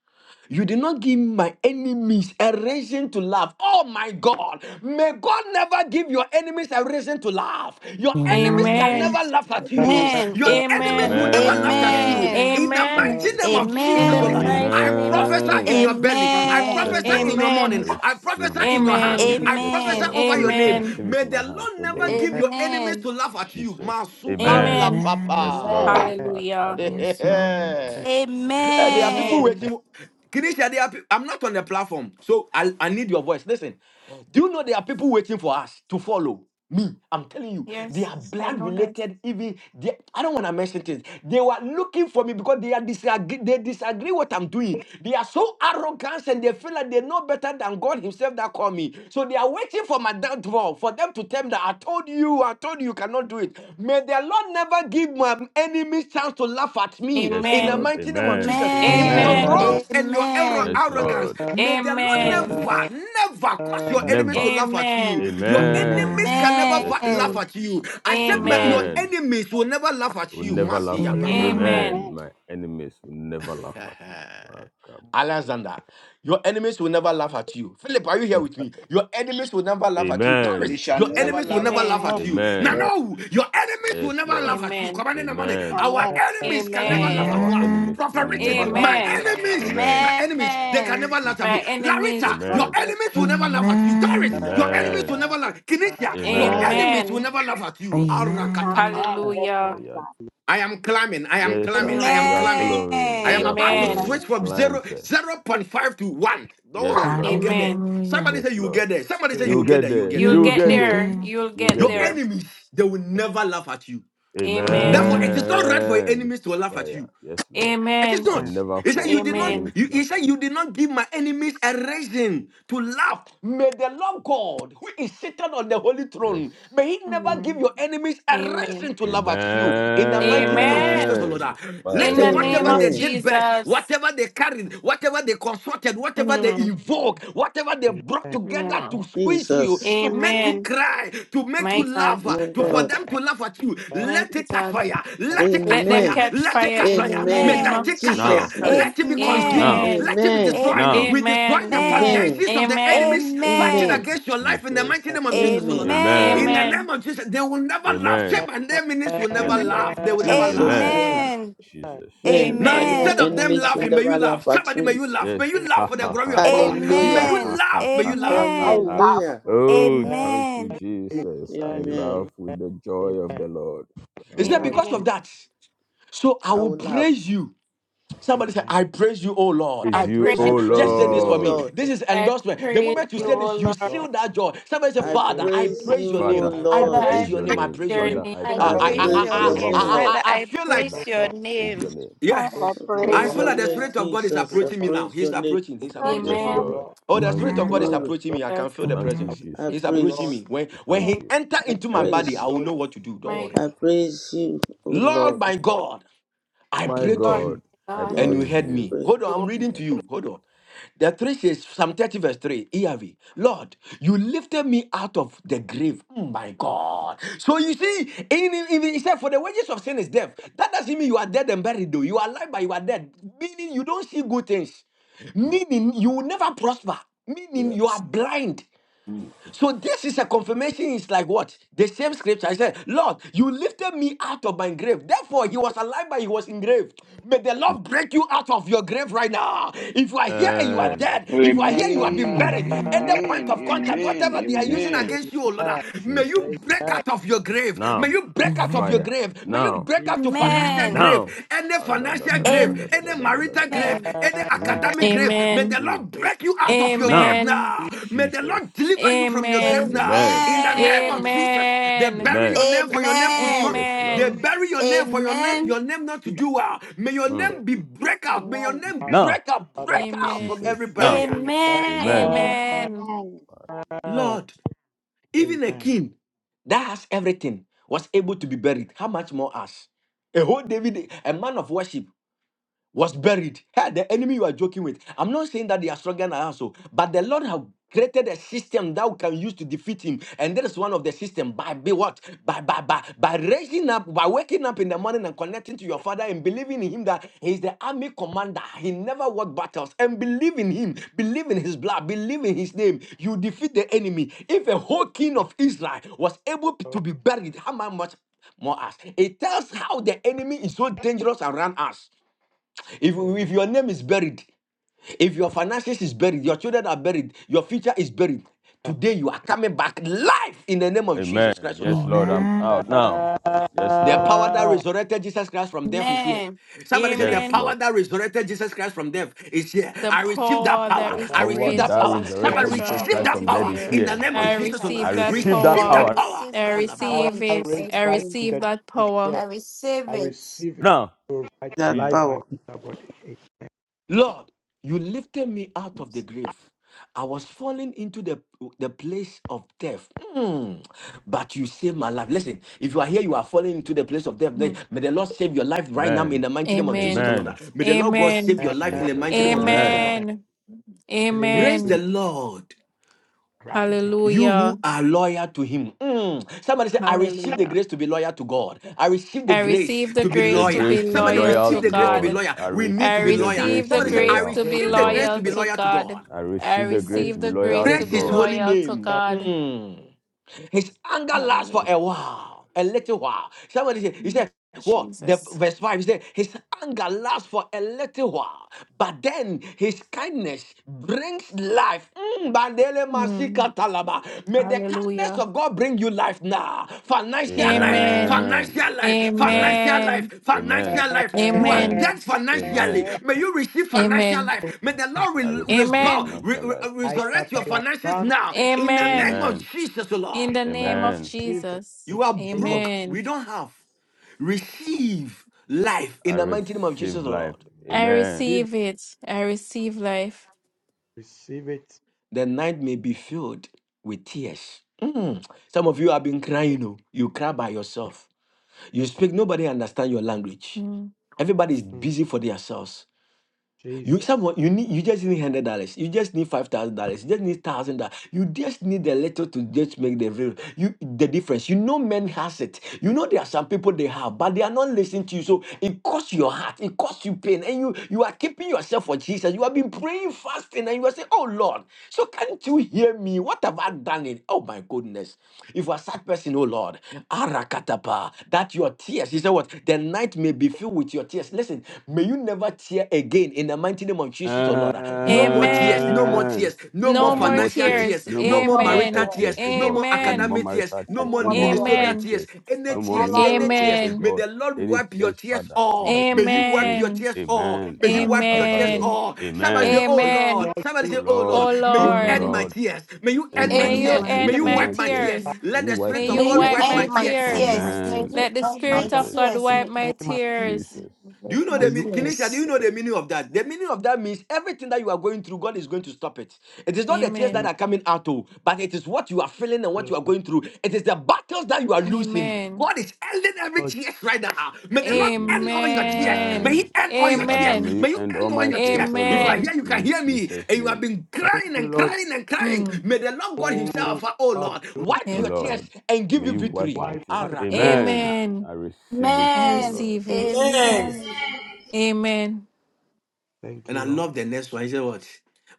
Speaker 11: You did not give my enemies a reason to laugh. Oh my God. May God never give your enemies a reason to laugh. Your enemies
Speaker 15: Amen.
Speaker 11: can
Speaker 10: Amen.
Speaker 11: never laugh at you.
Speaker 5: Amen.
Speaker 11: Your
Speaker 9: But
Speaker 11: enemies
Speaker 10: Amen.
Speaker 7: Amen.
Speaker 11: will never laugh at you.
Speaker 9: amen.
Speaker 5: Amen.
Speaker 11: In the
Speaker 10: Amen.
Speaker 11: mighty
Speaker 9: Jesus.
Speaker 11: name of
Speaker 10: In
Speaker 11: Jesus,
Speaker 10: the
Speaker 11: oh
Speaker 5: Amen.
Speaker 11: Lord,
Speaker 13: Amen.
Speaker 15: Amen.
Speaker 10: mighty
Speaker 11: I
Speaker 10: name of
Speaker 11: prophesy in
Speaker 9: Amen.
Speaker 11: your
Speaker 10: Jesus.
Speaker 11: belly. I
Speaker 13: Amen.
Speaker 9: Yes,
Speaker 5: Amen.
Speaker 11: prophesy in
Speaker 9: Lord.
Speaker 11: your
Speaker 9: I
Speaker 10: Amen.
Speaker 11: morning. I
Speaker 9: receive it
Speaker 11: prophesy in
Speaker 9: in my
Speaker 11: your hands.
Speaker 9: belly.
Speaker 10: Amen.
Speaker 11: I
Speaker 9: Yes,
Speaker 11: prophesy
Speaker 5: Amen.
Speaker 9: Lord.
Speaker 11: over your
Speaker 9: I
Speaker 7: Amen.
Speaker 11: name.
Speaker 10: Amen.
Speaker 9: receive it
Speaker 11: May
Speaker 9: in my
Speaker 11: the
Speaker 9: hands.
Speaker 11: Lord
Speaker 9: Oh
Speaker 11: never
Speaker 9: God.
Speaker 11: give
Speaker 7: Amen. Amen.
Speaker 11: your enemies
Speaker 5: Amen.
Speaker 11: to laugh at you.
Speaker 9: Jesus.
Speaker 11: Masu
Speaker 9: Amen.
Speaker 11: Allah,
Speaker 10: Amen.
Speaker 15: Amen.
Speaker 9: Yes,
Speaker 13: Amen.
Speaker 11: Papa.
Speaker 9: Lord.
Speaker 7: Amen.
Speaker 10: Hallelujah.
Speaker 9: Makadosh.
Speaker 15: Yes, Lord.
Speaker 7: Amen.
Speaker 11: Eh, there are people
Speaker 10: Amen.
Speaker 5: Amen.
Speaker 11: waiting. Kinesia, there are pe- I'm not on the platform, so I, I need your voice. Listen, do you know there are people waiting for us to follow? Me, I'm telling you, they
Speaker 10: Yes,
Speaker 11: are
Speaker 10: I
Speaker 11: blood
Speaker 10: know that.
Speaker 11: related. Even they, I don't want to mention things. They were looking for me because they are disagree. They disagree what I'm doing. They are so arrogant and they feel like they know better than God Himself that called me. So they are waiting for my downfall that wrong, for them to tell me that I told you, I told you, you cannot do it. May the Lord never give my enemies chance to laugh at me
Speaker 9: Yes,
Speaker 11: in the
Speaker 9: Lord.
Speaker 10: Amen.
Speaker 11: mighty name of
Speaker 9: Amen.
Speaker 11: Jesus. In
Speaker 5: Amen.
Speaker 11: your
Speaker 9: Amen.
Speaker 7: Lord.
Speaker 10: Amen.
Speaker 15: Amen.
Speaker 9: Yes.
Speaker 11: wrongs and your arro-
Speaker 5: Amen.
Speaker 9: Yes,
Speaker 11: arrogance,
Speaker 9: Lord.
Speaker 11: may the Lord
Speaker 10: Amen.
Speaker 9: Jesus.
Speaker 11: never, never cause your enemies to
Speaker 9: Never.
Speaker 11: laugh at you.
Speaker 10: Amen.
Speaker 11: Your
Speaker 9: Amen.
Speaker 11: enemies
Speaker 15: Amen.
Speaker 11: can never
Speaker 9: Yes,
Speaker 11: fa-
Speaker 13: Amen.
Speaker 11: laugh
Speaker 9: Lord.
Speaker 5: Amen.
Speaker 11: at you. I said, my, your
Speaker 10: Amen.
Speaker 9: Amen.
Speaker 11: enemies will
Speaker 13: Amen.
Speaker 11: never laugh at
Speaker 9: Will
Speaker 11: you.
Speaker 9: never
Speaker 11: My
Speaker 15: Yes,
Speaker 9: laugh
Speaker 11: dear
Speaker 7: Amen.
Speaker 9: at
Speaker 7: Amen. Amen.
Speaker 9: me.
Speaker 11: Papa.
Speaker 7: Amen.
Speaker 15: amen.
Speaker 10: Amen.
Speaker 9: Amen.
Speaker 13: Amen.
Speaker 9: My enemies will never laugh at me. Makab-
Speaker 11: Alexander, your enemies will never laugh at you. Philip, are you here
Speaker 17: and
Speaker 11: with me? Your enemies will never laugh at you.
Speaker 3: They
Speaker 11: Doris,
Speaker 9: Amen.
Speaker 3: shall
Speaker 11: your
Speaker 9: Yes,
Speaker 3: never
Speaker 11: enemies will
Speaker 3: laugh
Speaker 9: Lord.
Speaker 11: never
Speaker 3: at
Speaker 11: laugh
Speaker 10: Amen.
Speaker 11: at
Speaker 3: me
Speaker 11: you.
Speaker 9: Amen.
Speaker 17: my,
Speaker 11: Nano, your enemies will
Speaker 9: Yes,
Speaker 11: never
Speaker 9: Lord.
Speaker 11: laugh at you.
Speaker 10: Amen.
Speaker 11: Commanding the money,
Speaker 9: Amen.
Speaker 11: our
Speaker 13: Amen.
Speaker 11: enemies can never
Speaker 9: Jesus.
Speaker 11: laugh
Speaker 10: Amen.
Speaker 11: at
Speaker 9: Our
Speaker 11: us.
Speaker 15: Amen.
Speaker 9: enemies will
Speaker 11: Prophet Richard,
Speaker 9: never laugh
Speaker 11: my
Speaker 13: Amen.
Speaker 9: at
Speaker 3: and
Speaker 10: Amen.
Speaker 9: us.
Speaker 3: laugh at
Speaker 11: enemies, my
Speaker 9: Amen.
Speaker 3: us.
Speaker 5: Amen.
Speaker 11: enemies, they can never laugh at
Speaker 10: My
Speaker 11: me.
Speaker 9: Jesus.
Speaker 10: enemies.
Speaker 11: Larita, your
Speaker 9: Amen.
Speaker 13: Amen.
Speaker 11: enemies will
Speaker 13: Jesus.
Speaker 11: never laugh at you. Doris,
Speaker 15: Amen.
Speaker 11: your enemies will
Speaker 9: Amen.
Speaker 11: never laugh. Kinesia, your
Speaker 9: Amen.
Speaker 13: Amen.
Speaker 11: enemies will
Speaker 10: Amen.
Speaker 11: never laugh at you.
Speaker 9: Jesus.
Speaker 15: Amen.
Speaker 11: Arakatapa.
Speaker 13: Amen. They
Speaker 10: Hallelujah.
Speaker 13: cannot laugh.
Speaker 11: I am climbing. I am
Speaker 9: Yes,
Speaker 11: climbing.
Speaker 9: sir.
Speaker 11: I
Speaker 9: We
Speaker 11: am
Speaker 10: Mm.
Speaker 9: are
Speaker 11: climbing.
Speaker 9: following.
Speaker 11: I
Speaker 9: We
Speaker 11: am
Speaker 9: are
Speaker 5: Amen.
Speaker 11: about
Speaker 13: I'm
Speaker 11: to
Speaker 10: Amen.
Speaker 9: following.
Speaker 11: switch
Speaker 13: planning.
Speaker 11: from
Speaker 13: Amen.
Speaker 9: Climb,
Speaker 11: zero
Speaker 9: sir.
Speaker 11: zero point five to 1. Don't
Speaker 9: Yes,
Speaker 11: worry, I'll
Speaker 9: Lord.
Speaker 11: get there.
Speaker 10: Amen.
Speaker 11: Somebody
Speaker 15: Hallelujah.
Speaker 9: Yes,
Speaker 11: say you'll
Speaker 9: Lord.
Speaker 11: get there. Somebody say
Speaker 9: You will
Speaker 11: you'll get
Speaker 9: get
Speaker 11: there. You'll
Speaker 9: there.
Speaker 11: get
Speaker 15: You
Speaker 10: You'll
Speaker 11: there.
Speaker 9: You will
Speaker 15: will
Speaker 10: get
Speaker 9: get
Speaker 15: get
Speaker 9: there.
Speaker 10: there.
Speaker 15: there.
Speaker 10: You'll
Speaker 9: You will
Speaker 10: get
Speaker 9: get
Speaker 11: Your
Speaker 9: there.
Speaker 10: there.
Speaker 11: enemies, they will never laugh at you.
Speaker 17: my,
Speaker 10: Amen.
Speaker 11: Therefore, it is
Speaker 15: Amen.
Speaker 11: not right for your
Speaker 9: Amen.
Speaker 11: enemies to laugh at
Speaker 9: Fire.
Speaker 11: you.
Speaker 9: Yes, Lord.
Speaker 11: It is
Speaker 10: Amen.
Speaker 9: I will
Speaker 11: not.
Speaker 9: never
Speaker 11: He said, You
Speaker 9: fall
Speaker 11: did
Speaker 9: for my
Speaker 11: not,
Speaker 9: enemies
Speaker 10: Amen.
Speaker 11: you,
Speaker 9: to laugh
Speaker 11: he said,
Speaker 9: at
Speaker 11: You
Speaker 9: me.
Speaker 11: did not give my enemies a reason to laugh. May the Lord God, who is seated on the holy
Speaker 9: Yes.
Speaker 11: throne, may he never give
Speaker 10: Mhm.
Speaker 11: your enemies a reason
Speaker 10: Amen.
Speaker 11: to laugh at you. In the mighty name of Jesus, O
Speaker 10: Amen.
Speaker 11: Lord. ah.
Speaker 9: Amen.
Speaker 17: my,
Speaker 9: Yes,
Speaker 10: In
Speaker 11: Listen,
Speaker 10: the
Speaker 9: Lord.
Speaker 10: name
Speaker 11: whatever they
Speaker 10: of
Speaker 14: Amen.
Speaker 11: did best,
Speaker 10: Jesus.
Speaker 11: whatever they carried, whatever they consulted, whatever they
Speaker 10: Mhm.
Speaker 11: invoked, whatever they brought together
Speaker 10: Yeah.
Speaker 11: to squeeze you,
Speaker 14: Jesus.
Speaker 11: to make you
Speaker 10: Amen.
Speaker 11: cry, to make
Speaker 10: My
Speaker 17: we
Speaker 11: you laugh,
Speaker 10: God.
Speaker 11: uh,
Speaker 14: My
Speaker 11: to for
Speaker 14: God.
Speaker 11: them to laugh at you. Let
Speaker 10: Mighty
Speaker 11: it catch
Speaker 10: God.
Speaker 11: fire. Let it catch
Speaker 10: Let them
Speaker 11: fire.
Speaker 14: Amen.
Speaker 10: catch
Speaker 11: Let it
Speaker 10: fire
Speaker 11: catch
Speaker 10: in the
Speaker 11: fire. May
Speaker 14: Amen.
Speaker 10: name
Speaker 11: that
Speaker 10: of
Speaker 5: Amen.
Speaker 11: thing catch fire.
Speaker 9: Now,
Speaker 14: Jesus name.
Speaker 10: Jesus.
Speaker 11: Let it be
Speaker 5: Amen.
Speaker 11: consumed.
Speaker 9: now,
Speaker 10: Amen.
Speaker 11: Let it be
Speaker 14: Amen.
Speaker 11: destroyed.
Speaker 5: Amen.
Speaker 9: now.
Speaker 11: We destroy the
Speaker 10: Amen.
Speaker 14: Amen.
Speaker 11: foundations of the
Speaker 5: Amen.
Speaker 10: Amen.
Speaker 11: enemies fighting
Speaker 14: Amen.
Speaker 5: Amen.
Speaker 11: against your life in the
Speaker 9: Jesus.
Speaker 11: mighty name of Jesus, O Lord.
Speaker 14: Amen.
Speaker 11: Uh, In
Speaker 9: Amen.
Speaker 5: Amen.
Speaker 11: the
Speaker 10: Amen.
Speaker 11: name of Jesus, they will never laugh. Say
Speaker 9: Amen.
Speaker 11: my name ministers will never
Speaker 9: Yes, Lord.
Speaker 11: laugh. They will never laugh.
Speaker 14: Jesus
Speaker 9: Amen.
Speaker 14: name.
Speaker 5: Amen.
Speaker 9: Jesus.
Speaker 14: Amen.
Speaker 11: Now,
Speaker 14: My
Speaker 10: Amen.
Speaker 14: ne-
Speaker 11: instead
Speaker 5: Amen.
Speaker 11: of them
Speaker 14: enemies will
Speaker 11: laughing, may you
Speaker 14: never
Speaker 11: laugh.
Speaker 14: laugh at
Speaker 11: Somebody, may
Speaker 14: me.
Speaker 11: you laugh.
Speaker 9: Yes.
Speaker 11: May you laugh
Speaker 9: Ha
Speaker 11: for the
Speaker 9: ha
Speaker 11: glory
Speaker 9: ha
Speaker 11: of
Speaker 9: ha
Speaker 11: God.
Speaker 9: ha
Speaker 11: May
Speaker 9: ha
Speaker 14: Hallelujah.
Speaker 9: ha
Speaker 11: you
Speaker 9: ha
Speaker 11: laugh. May
Speaker 9: ha
Speaker 11: you
Speaker 13: Amen.
Speaker 5: Amen.
Speaker 9: ha.
Speaker 11: laugh.
Speaker 13: I
Speaker 9: ha.
Speaker 11: May
Speaker 9: ha.
Speaker 11: you
Speaker 13: laugh
Speaker 11: laugh.
Speaker 13: at
Speaker 14: Hallelujah.
Speaker 13: my name.
Speaker 9: Oh, thank you,
Speaker 5: Amen.
Speaker 14: Mm,
Speaker 9: Jesus. I
Speaker 7: Amen.
Speaker 9: love
Speaker 14: Amen.
Speaker 9: with
Speaker 7: Amen.
Speaker 9: the joy of
Speaker 7: Amen.
Speaker 9: the Lord.
Speaker 11: It's
Speaker 9: Thank
Speaker 11: not
Speaker 14: Ah,
Speaker 7: Lord
Speaker 9: you.
Speaker 11: because
Speaker 7: Jesus.
Speaker 11: of
Speaker 10: Amen.
Speaker 11: that. So I
Speaker 14: I
Speaker 11: will
Speaker 14: will laugh.
Speaker 11: praise you. Somebody say,
Speaker 7: Amen.
Speaker 11: I praise you, oh Lord.
Speaker 9: It's
Speaker 10: I
Speaker 11: I
Speaker 9: you,
Speaker 10: pray.
Speaker 11: praise
Speaker 14: I
Speaker 11: you.
Speaker 9: oh
Speaker 11: Just
Speaker 14: praise
Speaker 17: praise
Speaker 11: say
Speaker 14: you,
Speaker 17: your
Speaker 11: this
Speaker 14: O
Speaker 11: for me.
Speaker 9: Lord.
Speaker 14: Lord.
Speaker 11: This is
Speaker 10: I
Speaker 11: endorsement. The
Speaker 10: praise
Speaker 11: moment you
Speaker 10: you,
Speaker 11: say
Speaker 7: praise
Speaker 10: O
Speaker 11: this,
Speaker 7: you,
Speaker 11: you
Speaker 10: Lord.
Speaker 7: Lord.
Speaker 11: seal that joy. Somebody say,
Speaker 7: We
Speaker 14: I
Speaker 11: Father,
Speaker 7: praise
Speaker 11: I
Speaker 14: praise
Speaker 11: praise
Speaker 14: you,
Speaker 11: your
Speaker 14: O
Speaker 11: name.
Speaker 9: Father,
Speaker 7: you,
Speaker 11: I
Speaker 9: I
Speaker 10: Father,
Speaker 14: Lord.
Speaker 11: praise
Speaker 10: I
Speaker 9: praise
Speaker 11: your
Speaker 9: your
Speaker 10: praise
Speaker 11: name. I
Speaker 9: name.
Speaker 11: praise your
Speaker 10: your
Speaker 11: name.
Speaker 9: Father, I
Speaker 5: I
Speaker 10: name.
Speaker 13: Your
Speaker 11: Uh,
Speaker 14: I
Speaker 7: we
Speaker 9: praise
Speaker 13: holy
Speaker 11: I,
Speaker 9: your
Speaker 11: I,
Speaker 7: praise
Speaker 11: I,
Speaker 5: praise
Speaker 13: name.
Speaker 9: name
Speaker 5: your
Speaker 14: praise
Speaker 11: I, I,
Speaker 14: your
Speaker 7: you,
Speaker 5: name,
Speaker 14: name,
Speaker 11: I
Speaker 9: forevermore.
Speaker 14: Lord.
Speaker 5: Father.
Speaker 11: I-
Speaker 5: I
Speaker 11: feel like,
Speaker 9: Father,
Speaker 5: praise
Speaker 9: I
Speaker 5: your
Speaker 7: Lord.
Speaker 9: praise your
Speaker 5: name.
Speaker 9: name.
Speaker 7: We
Speaker 13: Father,
Speaker 7: praise
Speaker 13: I
Speaker 11: yes,
Speaker 14: I
Speaker 7: you,
Speaker 13: praise
Speaker 11: I
Speaker 13: your
Speaker 14: praise
Speaker 10: Praise
Speaker 11: feel
Speaker 7: Lord.
Speaker 13: holy
Speaker 14: your
Speaker 11: like the
Speaker 14: name,
Speaker 13: name.
Speaker 11: Spirit of God is
Speaker 7: We
Speaker 14: Jesus. I
Speaker 11: approaching me now.
Speaker 14: praise
Speaker 11: He's
Speaker 14: your name.
Speaker 11: approaching. He's
Speaker 9: Ye-
Speaker 7: praise
Speaker 13: Lord, you
Speaker 11: approaching.
Speaker 7: you,
Speaker 9: Yes,
Speaker 7: Lord. praise you,
Speaker 13: have
Speaker 10: Amen.
Speaker 9: Lord.
Speaker 7: Lord.
Speaker 11: Oh,
Speaker 14: I
Speaker 11: the
Speaker 9: Thank
Speaker 14: give
Speaker 11: Spirit
Speaker 9: you,
Speaker 11: of
Speaker 15: Amen.
Speaker 11: God
Speaker 7: Praise
Speaker 11: is
Speaker 9: Father.
Speaker 14: glory.
Speaker 11: approaching me. I can
Speaker 10: Jesus,
Speaker 11: feel the
Speaker 9: Thank you,
Speaker 15: Amen.
Speaker 11: presence.
Speaker 14: I
Speaker 10: Jesus.
Speaker 9: Jesus.
Speaker 11: He's
Speaker 7: you,
Speaker 11: approaching
Speaker 7: Lord.
Speaker 14: praise,
Speaker 11: me. When,
Speaker 9: We
Speaker 11: when
Speaker 9: Thank
Speaker 10: Thank
Speaker 11: he
Speaker 9: you.
Speaker 11: enter
Speaker 10: you,
Speaker 14: I
Speaker 11: into
Speaker 10: Jesus.
Speaker 11: my
Speaker 9: Thank you,
Speaker 11: body, I
Speaker 14: praise,
Speaker 11: will know
Speaker 9: Jesus.
Speaker 11: what to do. Don't
Speaker 10: My
Speaker 11: worry.
Speaker 14: I praise you, O
Speaker 7: praise
Speaker 11: Lord,
Speaker 14: Lord,
Speaker 7: you,
Speaker 11: my
Speaker 7: Lord.
Speaker 11: God, I
Speaker 9: My
Speaker 11: pray
Speaker 10: God,
Speaker 11: to
Speaker 10: Lord,
Speaker 11: you.
Speaker 9: God,
Speaker 10: my
Speaker 9: I
Speaker 10: God.
Speaker 11: and you
Speaker 14: Lord, I
Speaker 9: praise
Speaker 11: heard me.
Speaker 9: you.
Speaker 14: praise
Speaker 11: Hold
Speaker 10: You
Speaker 11: on, I'm reading to you. Hold on. The three says, Psalm 30, verse 3, ERV. Lord, you lifted me out of the grave. Mm, my God. So you see, even even he said, For the wages of sin is death. That doesn't mean you are dead and buried, though. You are alive, but you are dead. Meaning you don't see good things.
Speaker 17: name,
Speaker 11: Meaning you will never prosper. Meaning
Speaker 17: yes,
Speaker 11: you are blind.
Speaker 17: Mm,
Speaker 11: So this is a confirmation. It's like what? The same scripture. I said, Lord, you lifted me out of my grave. Therefore, he was alive, but he was in grave. May the
Speaker 17: mm,
Speaker 11: Lord break you out of your grave right now. If you are here and you are
Speaker 7: Amen.
Speaker 9: and
Speaker 11: dead, if you are here, you have been
Speaker 3: Amen.
Speaker 11: buried.
Speaker 9: Jesus.
Speaker 15: Amen.
Speaker 11: Any
Speaker 7: Amen.
Speaker 11: point
Speaker 3: Amen.
Speaker 11: of contact,
Speaker 3: Amen.
Speaker 11: whatever they are using
Speaker 9: Jesus,
Speaker 3: Amen.
Speaker 11: against you, oh Lord, ah, may you
Speaker 9: Jesus.
Speaker 11: break out of your grave. May
Speaker 9: Now,
Speaker 11: you break out of your
Speaker 15: Amen.
Speaker 9: fire.
Speaker 11: grave. May you
Speaker 9: Now,
Speaker 11: break out of financial
Speaker 5: Amen.
Speaker 15: Amen.
Speaker 9: now.
Speaker 11: grave, any
Speaker 9: Ah, da, da,
Speaker 11: financial
Speaker 9: da, da, da,
Speaker 5: Amen.
Speaker 15: Amen.
Speaker 9: da,
Speaker 11: grave,
Speaker 9: da, da,
Speaker 11: any
Speaker 9: da, da, da,
Speaker 11: marital grave, any
Speaker 9: Mm,
Speaker 11: academic grave, may the
Speaker 10: Amen.
Speaker 9: mm.
Speaker 11: Lord break you out of your grave
Speaker 9: Now,
Speaker 10: Amen.
Speaker 11: now. May the
Speaker 9: Jesus.
Speaker 11: Lord deliver you from your grave
Speaker 10: Amen.
Speaker 11: now.
Speaker 9: Amen.
Speaker 11: In the name of
Speaker 5: Amen.
Speaker 9: Makabada.
Speaker 11: Jesus, they
Speaker 10: Amen.
Speaker 11: bury your
Speaker 9: Amen.
Speaker 11: name for your name to not.
Speaker 5: Amen.
Speaker 9: Yes,
Speaker 11: They
Speaker 9: Lord.
Speaker 10: Amen.
Speaker 11: bury your name for your name,
Speaker 5: Amen.
Speaker 11: your name not to do well. May your
Speaker 9: Mm.
Speaker 11: name be break
Speaker 13: to-
Speaker 11: out. May your
Speaker 13: Amen.
Speaker 11: name
Speaker 9: Now,
Speaker 11: break out,
Speaker 7: Amen.
Speaker 11: break out from
Speaker 10: Amen.
Speaker 9: Jesus.
Speaker 11: every
Speaker 9: Now,
Speaker 11: barrier.
Speaker 7: Amen.
Speaker 9: Amen.
Speaker 10: Amen.
Speaker 5: Amen.
Speaker 13: Amen.
Speaker 11: Lord, even a
Speaker 7: Amen.
Speaker 11: king that has everything was able to be buried. How much more us? A whole David, a man of worship. was buried. Hey, the enemy you are joking with. I'm not saying that they are stronger than us, oh, but the Lord have created a system that we can use to defeat him. And that is one of the system by be what? By by by by raising up, by waking up in the morning and connecting to your father and believing in him that he is the army commander. He never won battles. And believe in him, believe in his blood, believe in his name. You defeat the enemy. If a whole king of Israel was able to be buried, how much more us? It tells how the enemy is so dangerous around us. If, if your name is buried, if your finances is buried, your children are buried, your future is buried, today you are coming back live in the name of
Speaker 9: Amen.
Speaker 11: Jesus Christ, O
Speaker 9: Yes,
Speaker 11: Lord.
Speaker 9: Lord. I'm out
Speaker 15: Amen.
Speaker 9: now. Yes,
Speaker 11: The
Speaker 9: Lord.
Speaker 11: power that resurrected Jesus Christ from death is here.
Speaker 5: Amen.
Speaker 11: Somebody said, The
Speaker 9: Yes,
Speaker 10: Amen.
Speaker 11: power
Speaker 9: Lord.
Speaker 11: that resurrected Jesus Christ from death is here.
Speaker 10: The
Speaker 11: I receive that
Speaker 10: power
Speaker 11: power.
Speaker 10: that
Speaker 9: The
Speaker 10: is
Speaker 11: I
Speaker 10: to
Speaker 9: power
Speaker 11: receive
Speaker 10: raise
Speaker 11: that
Speaker 9: that
Speaker 11: power.
Speaker 10: Jesus
Speaker 11: Somebody
Speaker 5: The
Speaker 9: resurrected
Speaker 10: Christ from
Speaker 9: Jesus
Speaker 11: receive
Speaker 9: Christ
Speaker 5: power
Speaker 10: death
Speaker 11: that
Speaker 9: from
Speaker 10: is
Speaker 5: that
Speaker 9: dead
Speaker 11: power
Speaker 9: is
Speaker 10: here.
Speaker 11: in the
Speaker 9: here.
Speaker 11: name of
Speaker 10: I
Speaker 9: Yes.
Speaker 5: Jesus
Speaker 11: Jesus, O Lord.
Speaker 5: Christ
Speaker 9: I
Speaker 10: receive
Speaker 5: is
Speaker 10: that
Speaker 5: here,
Speaker 9: receive
Speaker 5: and
Speaker 9: that
Speaker 11: Receive
Speaker 5: I
Speaker 10: power.
Speaker 11: that
Speaker 9: power
Speaker 11: power.
Speaker 5: receive
Speaker 10: I
Speaker 5: that power
Speaker 7: Power
Speaker 10: receive
Speaker 5: in
Speaker 10: it.
Speaker 7: raised
Speaker 5: Jesus'
Speaker 10: I
Speaker 7: Christ
Speaker 5: name.
Speaker 7: from the
Speaker 10: receive
Speaker 7: dead
Speaker 10: that
Speaker 7: is
Speaker 10: power.
Speaker 7: here.
Speaker 5: I receive
Speaker 7: I
Speaker 5: it.
Speaker 7: receive it
Speaker 9: now.
Speaker 7: to
Speaker 14: that
Speaker 9: Jesus.
Speaker 7: vitalize my
Speaker 14: power.
Speaker 7: mortal body
Speaker 11: Lord, you lifted me out of the grave. I was falling into the, the place of death, Mm. but you saved my life. Listen, if you are here, you are falling into the place of death. then May the Lord save your life right now in
Speaker 9: Amen.
Speaker 11: the mighty name of Jesus, the
Speaker 10: Amen.
Speaker 11: Lord.
Speaker 9: Amen.
Speaker 11: May the Lord God save
Speaker 10: Amen.
Speaker 11: your life in the
Speaker 9: Jesus.
Speaker 11: mighty name of Jesus, the
Speaker 9: Amen.
Speaker 11: Lord.
Speaker 7: again.
Speaker 10: Amen.
Speaker 7: Enemies
Speaker 11: Praise
Speaker 7: do not
Speaker 11: the
Speaker 10: Amen.
Speaker 11: Lord.
Speaker 7: rise again.
Speaker 11: You
Speaker 10: Hallelujah.
Speaker 11: who are loyal to him. Mm. Somebody say, I receive the
Speaker 10: Hallelujah.
Speaker 11: grace to be loyal to God. I receive the
Speaker 10: I
Speaker 11: grace
Speaker 10: receive the
Speaker 11: to be
Speaker 9: The
Speaker 10: grace to
Speaker 11: loyal.
Speaker 9: grace
Speaker 10: be
Speaker 9: to be
Speaker 11: Somebody
Speaker 10: loyal
Speaker 9: loyal
Speaker 11: receive
Speaker 10: to
Speaker 9: to
Speaker 11: the grace to be
Speaker 10: God.
Speaker 9: God.
Speaker 11: loyal.
Speaker 9: I
Speaker 11: We need
Speaker 10: I
Speaker 11: to be
Speaker 9: receive the
Speaker 11: loyal.
Speaker 9: grace
Speaker 10: receive
Speaker 9: to
Speaker 10: the
Speaker 9: be
Speaker 11: Somebody say, I
Speaker 10: grace to
Speaker 9: loyal
Speaker 10: be
Speaker 9: to
Speaker 11: receive the
Speaker 9: God.
Speaker 11: grace to
Speaker 10: loyal
Speaker 11: be
Speaker 10: to
Speaker 11: loyal to
Speaker 10: God.
Speaker 11: God.
Speaker 9: I
Speaker 10: I
Speaker 9: receive the
Speaker 7: I
Speaker 9: grace
Speaker 7: receive
Speaker 10: receive
Speaker 9: to be
Speaker 10: the
Speaker 9: loyal
Speaker 10: grace
Speaker 9: to
Speaker 7: the
Speaker 10: to
Speaker 11: Praise
Speaker 10: be
Speaker 11: his
Speaker 7: grace.
Speaker 9: God.
Speaker 11: holy
Speaker 10: loyal to
Speaker 11: name.
Speaker 10: God.
Speaker 11: Mm. His anger lasts for
Speaker 10: Hallelujah.
Speaker 11: a while, a little while. Somebody said, he
Speaker 10: Thank
Speaker 11: said,
Speaker 10: you,
Speaker 11: what? The
Speaker 10: Jesus.
Speaker 11: verse 5, he said, his anger lasts for a little while, but then his kindness brings life. Mm, Bandele
Speaker 10: Mm.
Speaker 11: Masika Talaba. May the kindness
Speaker 10: Hallelujah.
Speaker 11: of God bring you life now. Financial life,
Speaker 10: Amen.
Speaker 9: Amen.
Speaker 11: financial life,
Speaker 9: Amen.
Speaker 11: financial life,
Speaker 10: Amen.
Speaker 9: Amen.
Speaker 11: financial life. You are
Speaker 9: Amen.
Speaker 10: Amen.
Speaker 11: dead
Speaker 9: Amen.
Speaker 11: financially. May you receive
Speaker 9: Jesus.
Speaker 11: financial
Speaker 10: Amen.
Speaker 11: life. May the Lord
Speaker 9: I
Speaker 11: re-
Speaker 9: receive
Speaker 10: Amen.
Speaker 11: resolve, re-
Speaker 9: financial life.
Speaker 11: re-
Speaker 7: I
Speaker 11: resurrect your finances
Speaker 7: catalan.
Speaker 11: now. In the name
Speaker 10: Amen.
Speaker 11: of
Speaker 9: Amen.
Speaker 11: Jesus, O Lord.
Speaker 10: In the
Speaker 7: I
Speaker 10: name of
Speaker 9: Amen.
Speaker 7: receive it
Speaker 10: Jesus.
Speaker 7: in
Speaker 11: You are
Speaker 7: the name of
Speaker 11: broke.
Speaker 10: Amen.
Speaker 11: We don't have. Receive life
Speaker 9: I
Speaker 11: in the mighty name of Jesus,
Speaker 9: receive
Speaker 11: the
Speaker 9: life.
Speaker 11: Lord.
Speaker 7: God,
Speaker 10: I
Speaker 9: Amen.
Speaker 7: receive it.
Speaker 10: receive it. I receive life.
Speaker 7: Receive it.
Speaker 11: The night may be filled with tears. Mm. Some of you have been crying. You, know. you cry by yourself. You speak. Nobody understand your language.
Speaker 10: Mm.
Speaker 11: Everybody is
Speaker 7: Mm.
Speaker 11: busy for themselves. You
Speaker 7: Jesus.
Speaker 11: someone you need you just need hundred dollars. You just need five thousand dollars. You just need thousand dollars. You just need a little to just make the real you the difference. You know men has it. You know there are some people they have, but they are not listening to you. So it costs your heart. It costs you pain, and you you are keeping yourself for Jesus. You have been praying fasting, and you are saying, "Oh Lord, so can't you hear me? What have I done? It? Oh my goodness! If you are such person, oh Lord, arakatapa, that your tears. He said, "What the night may be." refill with your tears. Listen, may you never tear again in the mighty name of Jesus, oh Lord. No more tears,
Speaker 10: Amen.
Speaker 11: no more
Speaker 9: Amen.
Speaker 11: tears, no more
Speaker 10: No
Speaker 7: Amen.
Speaker 9: No
Speaker 10: more
Speaker 9: more
Speaker 11: financial
Speaker 9: tears.
Speaker 11: tears,
Speaker 10: tears.
Speaker 9: No
Speaker 11: no
Speaker 9: more
Speaker 11: more
Speaker 13: No more
Speaker 9: financial
Speaker 11: marital
Speaker 10: Amen.
Speaker 13: tears.
Speaker 11: tears,
Speaker 9: tears, oh
Speaker 11: no
Speaker 9: God.
Speaker 11: more
Speaker 9: No
Speaker 10: Amen.
Speaker 9: more
Speaker 11: academic tears,
Speaker 9: marital
Speaker 13: No
Speaker 11: no
Speaker 9: tears.
Speaker 11: more
Speaker 9: No
Speaker 13: more
Speaker 9: more
Speaker 13: tears.
Speaker 11: ministerial
Speaker 9: academic
Speaker 10: Amen.
Speaker 11: tears,
Speaker 9: tears.
Speaker 11: any
Speaker 9: No
Speaker 7: Lord,
Speaker 9: more
Speaker 11: tears,
Speaker 9: ministry
Speaker 11: any
Speaker 13: Hallelujah.
Speaker 9: tears,
Speaker 11: tears.
Speaker 9: oh
Speaker 10: Amen.
Speaker 11: May
Speaker 9: God.
Speaker 11: the Lord
Speaker 9: Any
Speaker 11: wipe your
Speaker 9: tears,
Speaker 11: tears
Speaker 9: Father, in
Speaker 11: all.
Speaker 7: thank
Speaker 11: May He
Speaker 9: Jesus'
Speaker 11: wipe
Speaker 9: name.
Speaker 11: your
Speaker 10: Amen.
Speaker 11: tears all.
Speaker 9: Amen.
Speaker 11: May
Speaker 7: you,
Speaker 11: He wipe
Speaker 7: Lord,
Speaker 11: your tears
Speaker 7: we
Speaker 9: Makabado.
Speaker 10: Amen.
Speaker 11: all. Somebody say,
Speaker 9: Amen.
Speaker 11: Oh
Speaker 7: you,
Speaker 11: Lord.
Speaker 10: Amen.
Speaker 7: Lord, we
Speaker 11: Somebody
Speaker 9: Oh
Speaker 11: say, Oh
Speaker 9: Lord,
Speaker 11: Lord.
Speaker 10: Oh
Speaker 11: May
Speaker 15: Oh
Speaker 11: you
Speaker 9: oh
Speaker 18: Amen.
Speaker 11: end
Speaker 10: Lord,
Speaker 11: my
Speaker 15: Lord,
Speaker 9: Lord,
Speaker 11: tears. May you
Speaker 9: end
Speaker 11: end
Speaker 15: may
Speaker 11: my
Speaker 9: my
Speaker 10: may
Speaker 15: you
Speaker 10: you
Speaker 11: tears.
Speaker 9: tears.
Speaker 5: Amen.
Speaker 9: May
Speaker 15: wipe
Speaker 11: May
Speaker 9: you
Speaker 10: end
Speaker 11: you
Speaker 9: end
Speaker 15: out
Speaker 10: my
Speaker 11: wipe
Speaker 9: my
Speaker 11: my
Speaker 9: tears.
Speaker 11: tears.
Speaker 10: tears.
Speaker 15: this,
Speaker 9: May
Speaker 11: Let
Speaker 9: you
Speaker 11: the
Speaker 9: wipe
Speaker 10: May
Speaker 11: Spirit
Speaker 9: my
Speaker 11: of
Speaker 10: you
Speaker 5: May
Speaker 11: God
Speaker 5: you
Speaker 9: tears.
Speaker 10: wipe
Speaker 11: wipe
Speaker 5: end
Speaker 10: my
Speaker 11: my
Speaker 7: and
Speaker 5: my
Speaker 11: tears.
Speaker 15: wipe
Speaker 10: tears.
Speaker 15: my
Speaker 5: tears. May
Speaker 9: Amen.
Speaker 15: tears
Speaker 5: you
Speaker 10: Let the
Speaker 5: end
Speaker 15: out.
Speaker 5: my
Speaker 10: Spirit
Speaker 7: Father,
Speaker 10: of
Speaker 9: Jesus.
Speaker 10: God
Speaker 5: tears.
Speaker 7: may you
Speaker 10: wipe
Speaker 5: May
Speaker 10: my
Speaker 7: end my
Speaker 10: tears.
Speaker 9: Jesus.
Speaker 11: Do you know
Speaker 5: my
Speaker 7: may
Speaker 11: the mean-
Speaker 7: you end
Speaker 11: Kenisha? Do you
Speaker 5: tears.
Speaker 11: know the meaning of that? The meaning of that means everything that you are going through, God is going to stop it. It is not the tears that
Speaker 10: Amen.
Speaker 11: are coming out, oh, but it is what you are feeling and what you are going through. It is the battles that you are losing.
Speaker 10: Amen.
Speaker 11: God is ending every
Speaker 7: Lord.
Speaker 11: tears right now. May the
Speaker 9: Jesus'
Speaker 11: Lord end
Speaker 9: name.
Speaker 11: all your tears. May
Speaker 10: Amen.
Speaker 11: He
Speaker 9: Amen.
Speaker 11: end all
Speaker 7: Thank
Speaker 11: your tears.
Speaker 9: Father, may
Speaker 10: Amen.
Speaker 9: you
Speaker 11: May you
Speaker 9: end
Speaker 11: end
Speaker 9: all
Speaker 11: all
Speaker 9: my
Speaker 11: your
Speaker 7: you,
Speaker 9: tears,
Speaker 11: tears.
Speaker 9: oh
Speaker 11: If you
Speaker 7: Lord.
Speaker 11: are
Speaker 9: Lord,
Speaker 11: here,
Speaker 10: Amen.
Speaker 11: you can
Speaker 9: in
Speaker 11: hear me.
Speaker 9: Jesus'
Speaker 11: And you have
Speaker 9: name.
Speaker 11: been
Speaker 7: Thank
Speaker 11: crying
Speaker 7: you,
Speaker 11: and
Speaker 7: Lord.
Speaker 11: crying and crying.
Speaker 10: Mm.
Speaker 11: May the Lord God
Speaker 7: Oh,
Speaker 11: Himself, oh
Speaker 7: God,
Speaker 11: Lord,
Speaker 7: those
Speaker 11: wipe
Speaker 9: O
Speaker 10: Yeah.
Speaker 11: your
Speaker 7: that
Speaker 11: tears
Speaker 9: Lord,
Speaker 11: and give
Speaker 9: may
Speaker 11: you
Speaker 9: you wipe
Speaker 11: victory.
Speaker 9: my
Speaker 7: wipe my
Speaker 9: tears.
Speaker 7: tears.
Speaker 9: Amen.
Speaker 11: Arakatalaba.
Speaker 10: Amen.
Speaker 9: I receive
Speaker 10: I
Speaker 9: victory, O
Speaker 5: Amen.
Speaker 9: Lord.
Speaker 10: receive it.
Speaker 19: Amen.
Speaker 5: Amen.
Speaker 10: Amen.
Speaker 7: Thank
Speaker 11: And
Speaker 7: you,
Speaker 11: I love
Speaker 7: Lord.
Speaker 11: the next one. He said, What?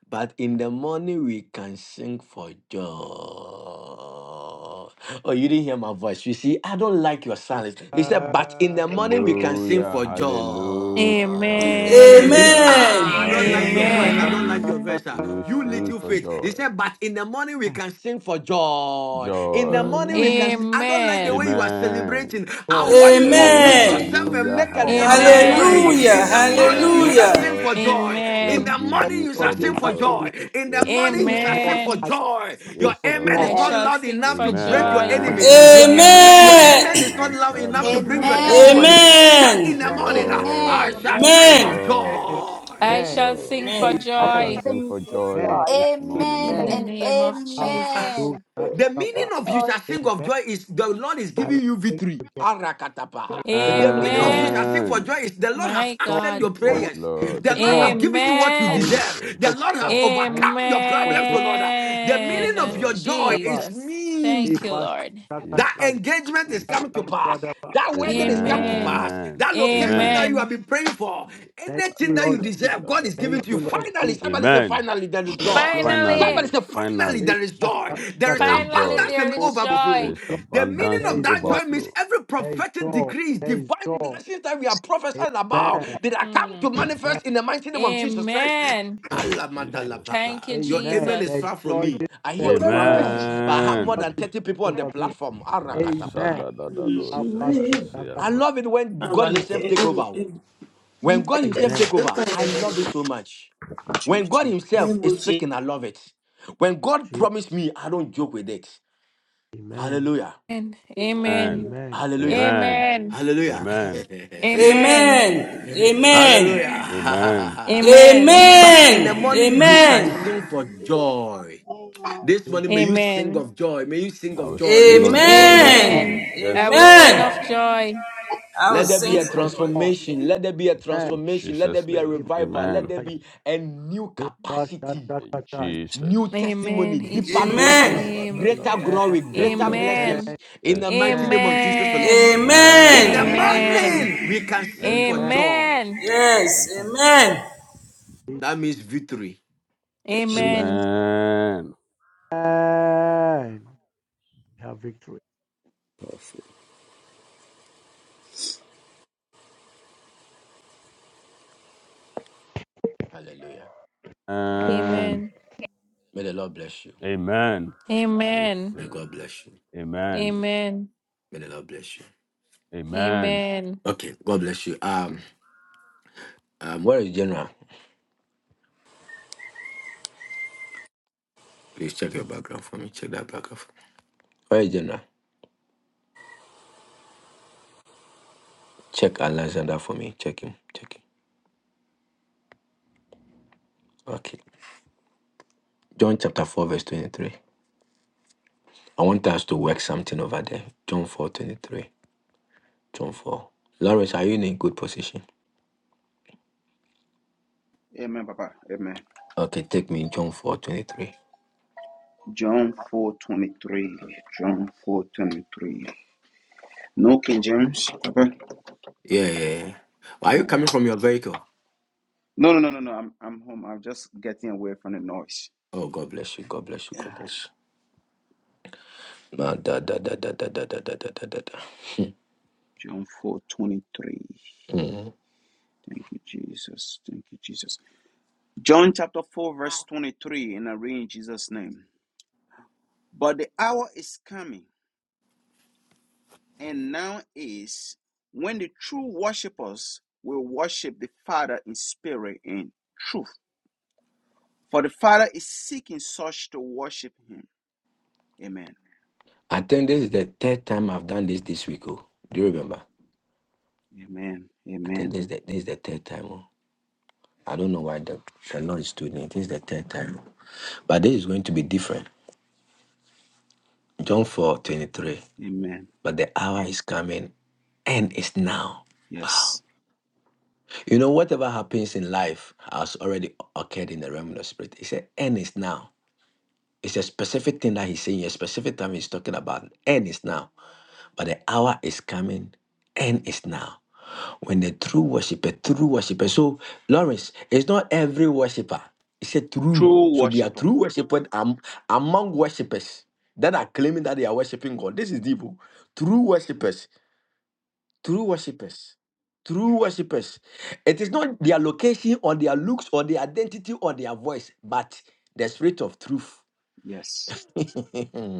Speaker 11: But in the morning we can sing for joy. Oh, you didn't hear my voice. You see, I don't like your silence. He said,
Speaker 7: Uh,
Speaker 11: But in the morning we can sing
Speaker 9: Hallelujah,
Speaker 11: for
Speaker 9: hallelujah,
Speaker 11: joy. He
Speaker 10: Amen.
Speaker 11: said,
Speaker 9: hallelujah.
Speaker 11: Ah,
Speaker 19: Amen.
Speaker 11: I don't
Speaker 9: Father,
Speaker 11: like
Speaker 9: in
Speaker 11: your
Speaker 9: the
Speaker 11: voice. I
Speaker 10: Amen.
Speaker 11: don't like
Speaker 9: morning,
Speaker 11: your verse.
Speaker 15: Amen.
Speaker 9: we
Speaker 11: ah.
Speaker 9: will
Speaker 11: You
Speaker 9: sing
Speaker 11: little
Speaker 9: for
Speaker 7: uh,
Speaker 11: faith. He
Speaker 9: joy.
Speaker 11: said, But in the morning we can sing for joy. In the
Speaker 9: Joy.
Speaker 11: morning we can sing.
Speaker 15: Amen.
Speaker 11: I don't like the way when
Speaker 10: Amen.
Speaker 11: you are
Speaker 9: Amen.
Speaker 11: celebrating, I
Speaker 7: God,
Speaker 9: Yes,
Speaker 11: want you
Speaker 7: I
Speaker 11: to
Speaker 9: Lord.
Speaker 7: am
Speaker 11: meet
Speaker 19: Amen.
Speaker 11: yourself
Speaker 7: grateful.
Speaker 11: and
Speaker 9: Hallelujah,
Speaker 11: make a louder
Speaker 9: hallelujah,
Speaker 10: Amen.
Speaker 11: noise.
Speaker 7: I
Speaker 19: Hallelujah.
Speaker 11: In the morning,
Speaker 9: hallelujah.
Speaker 13: Amen.
Speaker 11: you
Speaker 7: God
Speaker 11: shall
Speaker 19: Hallelujah.
Speaker 11: sing
Speaker 9: Lord,
Speaker 11: for joy.
Speaker 10: Amen.
Speaker 9: we
Speaker 11: In the
Speaker 9: give
Speaker 11: morning,
Speaker 9: you
Speaker 11: you
Speaker 7: for
Speaker 11: shall
Speaker 9: all the
Speaker 7: me,
Speaker 11: sing for
Speaker 7: my
Speaker 9: glory.
Speaker 7: enemy.
Speaker 11: joy. In the
Speaker 9: Yes,
Speaker 7: This
Speaker 11: morning, you shall
Speaker 9: Lord.
Speaker 7: morning,
Speaker 11: sing for
Speaker 10: Amen.
Speaker 7: I
Speaker 11: joy.
Speaker 7: give
Speaker 11: Your
Speaker 9: Yes,
Speaker 7: for
Speaker 11: amen
Speaker 10: I
Speaker 11: is
Speaker 7: God.
Speaker 11: not
Speaker 13: Amen.
Speaker 9: Lord.
Speaker 10: shall
Speaker 11: loud
Speaker 10: sing
Speaker 11: enough
Speaker 10: for
Speaker 11: to
Speaker 7: Say,
Speaker 11: break your
Speaker 10: joy.
Speaker 11: enemies. Your
Speaker 9: Amen.
Speaker 11: enemy, your
Speaker 10: Amen.
Speaker 7: Amen.
Speaker 11: amen is
Speaker 19: Amen.
Speaker 11: not loud enough to
Speaker 9: Makaba
Speaker 11: bring
Speaker 9: da
Speaker 11: your
Speaker 9: da
Speaker 7: Amen.
Speaker 9: da
Speaker 13: Amen.
Speaker 9: da
Speaker 11: testimony.
Speaker 5: Amen.
Speaker 9: da.
Speaker 13: Jesus.
Speaker 11: Say
Speaker 13: Thank
Speaker 11: in
Speaker 13: you,
Speaker 19: Amen.
Speaker 9: Oh
Speaker 11: the
Speaker 13: Lord.
Speaker 11: morning, I
Speaker 5: Amen.
Speaker 9: Lord,
Speaker 11: shall
Speaker 13: Amen.
Speaker 9: oh
Speaker 11: sing
Speaker 19: Amen.
Speaker 11: of
Speaker 9: Lord.
Speaker 11: joy.
Speaker 10: I
Speaker 9: Yes,
Speaker 7: Amen.
Speaker 10: shall
Speaker 9: Lord.
Speaker 10: sing for
Speaker 7: Amen.
Speaker 19: Amen.
Speaker 9: I
Speaker 13: I shall
Speaker 9: shall
Speaker 10: joy
Speaker 9: sing
Speaker 13: sing
Speaker 9: for
Speaker 13: with joy.
Speaker 9: joy
Speaker 7: Amen.
Speaker 13: I
Speaker 9: this
Speaker 13: shall
Speaker 9: morning, oh
Speaker 5: Amen
Speaker 10: in the
Speaker 7: Amen.
Speaker 9: God.
Speaker 5: and
Speaker 13: sing with
Speaker 10: name of
Speaker 7: I
Speaker 13: laughter.
Speaker 7: love
Speaker 10: Jesus.
Speaker 7: those
Speaker 5: amen.
Speaker 7: that
Speaker 17: Lord,
Speaker 11: The
Speaker 13: I shall
Speaker 11: meaning
Speaker 7: suffer.
Speaker 11: of you
Speaker 13: rejoice
Speaker 11: shall sing of
Speaker 7: Amen.
Speaker 11: joy is the Lord is
Speaker 7: I will
Speaker 11: giving you
Speaker 7: thank
Speaker 11: victory.
Speaker 7: for God.
Speaker 11: Arakatapa.
Speaker 7: I will thank
Speaker 11: The
Speaker 7: for
Speaker 11: meaning
Speaker 7: joy.
Speaker 11: of you shall
Speaker 10: Amen.
Speaker 11: sing for
Speaker 9: Amen.
Speaker 11: joy is the Lord has
Speaker 10: My
Speaker 7: joy.
Speaker 11: answered
Speaker 10: God.
Speaker 11: your
Speaker 7: I will
Speaker 9: Yes,
Speaker 11: prayers.
Speaker 7: sing
Speaker 9: Lord.
Speaker 11: The
Speaker 7: for
Speaker 11: Lord has
Speaker 7: joy.
Speaker 11: given you what you
Speaker 7: I will sing
Speaker 10: Amen.
Speaker 11: deserve.
Speaker 9: Jesus.
Speaker 11: The
Speaker 7: for
Speaker 11: Lord has
Speaker 7: joy. I will sing
Speaker 11: overcome your
Speaker 7: for
Speaker 11: problems,
Speaker 7: joy.
Speaker 11: O Lord. The
Speaker 9: Yes,
Speaker 11: meaning of
Speaker 10: Amen.
Speaker 11: your
Speaker 9: Lord.
Speaker 11: joy
Speaker 7: Daba.
Speaker 11: is
Speaker 10: Jesus.
Speaker 11: means.
Speaker 10: Thank you,
Speaker 7: Eba
Speaker 10: Lord.
Speaker 11: That
Speaker 7: shakaka.
Speaker 9: Jesus.
Speaker 11: engagement is
Speaker 9: Thank you.
Speaker 11: coming to
Speaker 7: Shakaka
Speaker 11: pass.
Speaker 7: daba.
Speaker 11: That wedding is
Speaker 7: Thank,
Speaker 11: coming to
Speaker 10: Amen.
Speaker 11: pass.
Speaker 9: Amen.
Speaker 11: That
Speaker 7: thank
Speaker 11: location
Speaker 9: Amen.
Speaker 11: that you have
Speaker 10: Amen.
Speaker 11: been praying for,
Speaker 7: thank you,
Speaker 11: anything that you
Speaker 7: Lord Jesus.
Speaker 11: deserve, God is
Speaker 7: Thank
Speaker 11: giving to you.
Speaker 7: you, Lord
Speaker 9: Ayabadabadabadabada.
Speaker 11: Finally,
Speaker 7: Jesus.
Speaker 11: somebody say,
Speaker 9: Amen.
Speaker 11: finally, there is joy.
Speaker 7: Lord Jesus.
Speaker 9: Finally,
Speaker 10: Finally,
Speaker 11: Somebody say, finally,
Speaker 9: finally,
Speaker 11: there is
Speaker 7: Eba
Speaker 11: joy.
Speaker 9: fi-
Speaker 11: There
Speaker 7: shakaka.
Speaker 11: is
Speaker 9: there is
Speaker 10: finally,
Speaker 9: joy,
Speaker 11: abundance
Speaker 10: there
Speaker 11: and
Speaker 7: Oh,
Speaker 10: is
Speaker 9: there
Speaker 11: overflow.
Speaker 10: joy.
Speaker 9: is
Speaker 7: joy.
Speaker 11: The meaning
Speaker 9: abundance
Speaker 7: There
Speaker 9: and
Speaker 11: of
Speaker 7: is
Speaker 11: that
Speaker 7: joy.
Speaker 11: joy means
Speaker 9: overflow.
Speaker 11: every
Speaker 7: There is
Speaker 11: prophetic
Speaker 7: joy.
Speaker 11: decree,
Speaker 7: There is
Speaker 11: divine
Speaker 7: joy.
Speaker 11: blessings that we are prophesying about,
Speaker 7: Amen.
Speaker 11: they are come
Speaker 10: Hmm.
Speaker 11: to
Speaker 7: Amen.
Speaker 11: manifest in the mighty name of Jesus Christ.
Speaker 10: Amen.
Speaker 11: Allah
Speaker 7: Amen.
Speaker 11: madala
Speaker 9: Jesus.
Speaker 10: Thank you,
Speaker 11: papa. Your
Speaker 7: Amen.
Speaker 11: amen is
Speaker 7: There
Speaker 10: Jesus.
Speaker 7: is
Speaker 11: far from
Speaker 7: joy
Speaker 11: me.
Speaker 7: this
Speaker 11: I hear
Speaker 7: morning.
Speaker 11: only one
Speaker 7: My
Speaker 11: person, but I have more
Speaker 7: God
Speaker 9: Amen.
Speaker 11: than
Speaker 7: is
Speaker 11: 30 people on the
Speaker 7: over me.
Speaker 11: platform. Arakatapa.
Speaker 7: Amen.
Speaker 9: Masadadadado
Speaker 7: Abba,
Speaker 11: I
Speaker 9: sebrasiapa.
Speaker 11: love it when God Himself take over. When God Himself
Speaker 7: Amen.
Speaker 11: take over, I love it so much. When
Speaker 17: Jesus,
Speaker 11: God
Speaker 7: Amen.
Speaker 11: Himself is
Speaker 14: Able to
Speaker 11: speaking, I love it. When God promised me, I don't joke with it.
Speaker 7: Amen.
Speaker 11: Hallelujah.
Speaker 10: Amen.
Speaker 9: Amen.
Speaker 10: Amen.
Speaker 7: Amen.
Speaker 11: Hallelujah.
Speaker 9: Amen.
Speaker 10: Amen.
Speaker 11: Hallelujah.
Speaker 7: Amen.
Speaker 9: Amen.
Speaker 19: Amen.
Speaker 10: Amen.
Speaker 19: Amen.
Speaker 9: Amen.
Speaker 19: Amen. Amen.
Speaker 11: Hallelujah.
Speaker 10: Amen.
Speaker 11: but
Speaker 9: Thank
Speaker 11: in
Speaker 9: you,
Speaker 11: the morning,
Speaker 9: Jesus.
Speaker 11: you can sing
Speaker 13: and
Speaker 11: for
Speaker 13: be as one
Speaker 11: joy.
Speaker 13: man.
Speaker 11: This
Speaker 7: Reba,
Speaker 11: morning, may you sing
Speaker 10: Amen.
Speaker 11: of joy. May you sing
Speaker 9: I
Speaker 11: of
Speaker 9: will
Speaker 11: joy. May
Speaker 9: sing
Speaker 11: you
Speaker 9: of
Speaker 11: sing of
Speaker 9: joy this
Speaker 19: Amen.
Speaker 11: joy.
Speaker 9: morning.
Speaker 10: Amen.
Speaker 9: Yes,
Speaker 10: I will
Speaker 13: Amen.
Speaker 19: Amen.
Speaker 10: sing
Speaker 9: Lord.
Speaker 10: of joy.
Speaker 19: I will
Speaker 11: Let
Speaker 7: Let's
Speaker 11: there be
Speaker 19: sing
Speaker 11: a
Speaker 7: sing
Speaker 19: for
Speaker 7: for
Speaker 19: joy.
Speaker 7: joy.
Speaker 11: transformation. Let there be a
Speaker 7: Amen.
Speaker 9: In
Speaker 11: transformation. Let there
Speaker 9: Jesus'
Speaker 11: be a
Speaker 9: name.
Speaker 7: Reba,
Speaker 11: revival. Let
Speaker 9: Amen.
Speaker 11: there
Speaker 7: shaka,
Speaker 11: be a new
Speaker 7: reba,
Speaker 11: capacity,
Speaker 7: shaka,
Speaker 9: In
Speaker 7: kata.
Speaker 9: Jesus.
Speaker 11: new
Speaker 10: Amen.
Speaker 11: testimony,
Speaker 10: In
Speaker 11: deeper
Speaker 10: Jesus'
Speaker 11: blessings,
Speaker 19: Amen.
Speaker 10: name.
Speaker 7: Amen.
Speaker 11: greater
Speaker 9: Makabadadadabada.
Speaker 11: glory,
Speaker 9: Yes,
Speaker 11: greater
Speaker 9: Lord.
Speaker 7: Amen.
Speaker 10: Amen.
Speaker 11: blessings. In
Speaker 9: Yes.
Speaker 11: the mighty
Speaker 7: Amen.
Speaker 11: name of Jesus, the Lord.
Speaker 10: Amen.
Speaker 11: In the
Speaker 19: Amen.
Speaker 9: Amen.
Speaker 10: Amen.
Speaker 11: morning,
Speaker 19: Amen.
Speaker 11: we can sing
Speaker 9: Yes,
Speaker 7: Amen.
Speaker 11: for
Speaker 9: Lord.
Speaker 7: Amen.
Speaker 11: joy.
Speaker 10: Amen.
Speaker 19: Yes.
Speaker 9: Jesus.
Speaker 19: Amen.
Speaker 7: In
Speaker 11: That means victory.
Speaker 17: yes, Lord.
Speaker 7: Jesus.
Speaker 10: Amen.
Speaker 9: Amen.
Speaker 7: Amen. We have victory.
Speaker 11: Hallelujah.
Speaker 10: Amen.
Speaker 9: And
Speaker 11: May the Lord bless you.
Speaker 9: amen. I
Speaker 10: Amen.
Speaker 11: May
Speaker 9: receive
Speaker 11: God bless you.
Speaker 9: it. Amen.
Speaker 10: Amen.
Speaker 11: May the Lord bless you.
Speaker 9: Amen.
Speaker 10: Amen.
Speaker 11: Okay, God bless you. Um, um where is General? Please check your background for me. Check that background for me. All right, General. Check Alexander for me. Check him. Check him. Okay. John chapter 4, verse 23. I want us to work something over there. John 4 23. John 4. Lawrence, are you in a good position?
Speaker 3: Amen, Papa. Amen.
Speaker 11: Okay, take me John four twenty-three.
Speaker 3: John 4 23. John four twenty three. No King James, Papa.
Speaker 11: Yeah, yeah, yeah. Are you
Speaker 3: All
Speaker 11: coming
Speaker 3: right.
Speaker 11: from your vehicle?
Speaker 3: No, no, no, no, no. I'm, I'm home. I'm just getting away from the noise.
Speaker 11: Oh, God bless you. God bless you.
Speaker 3: Yeah.
Speaker 11: God bless you. Ma, da, da, da, da, da, da, da, da, da, da, da. da.
Speaker 3: John four twenty three.
Speaker 11: Mm.
Speaker 3: Thank you, Jesus. Thank you, Jesus. John chapter 4, verse 23. And I read in Jesus' name. But the hour is coming. and now is when the true worshippers will worship the Father in spirit and truth. For the Father is seeking such to worship him. Amen.
Speaker 11: I think this is the third time I've done this this week. Oh. Do you remember?
Speaker 3: Amen.
Speaker 11: I think
Speaker 3: Amen.
Speaker 11: this is the, this is the third time. Oh. I don't know why the, the Lord is doing it. This is the third time. But this is going to be different. John 4 23.
Speaker 3: Amen.
Speaker 11: But the hour is coming and it's now.
Speaker 3: Yes.
Speaker 11: You know, whatever happens in life has already occurred in the realm of the spirit. He said, and it's now. It's a specific thing that he's saying, a specific time he's talking about. And it's now. But the hour is coming and it's now. When the true worshiper, true worshiper. So, Lawrence, it's not every worshiper. It's a true.
Speaker 3: True
Speaker 11: So they are
Speaker 3: worshiper.
Speaker 11: true worshippers am- among worshippers that are claiming that they are worshiping God. This is deep. oh. True worshippers. True worshippers. True worshippers. It is not their location or their looks or their identity or their voice, but the spirit of truth.
Speaker 3: Yes.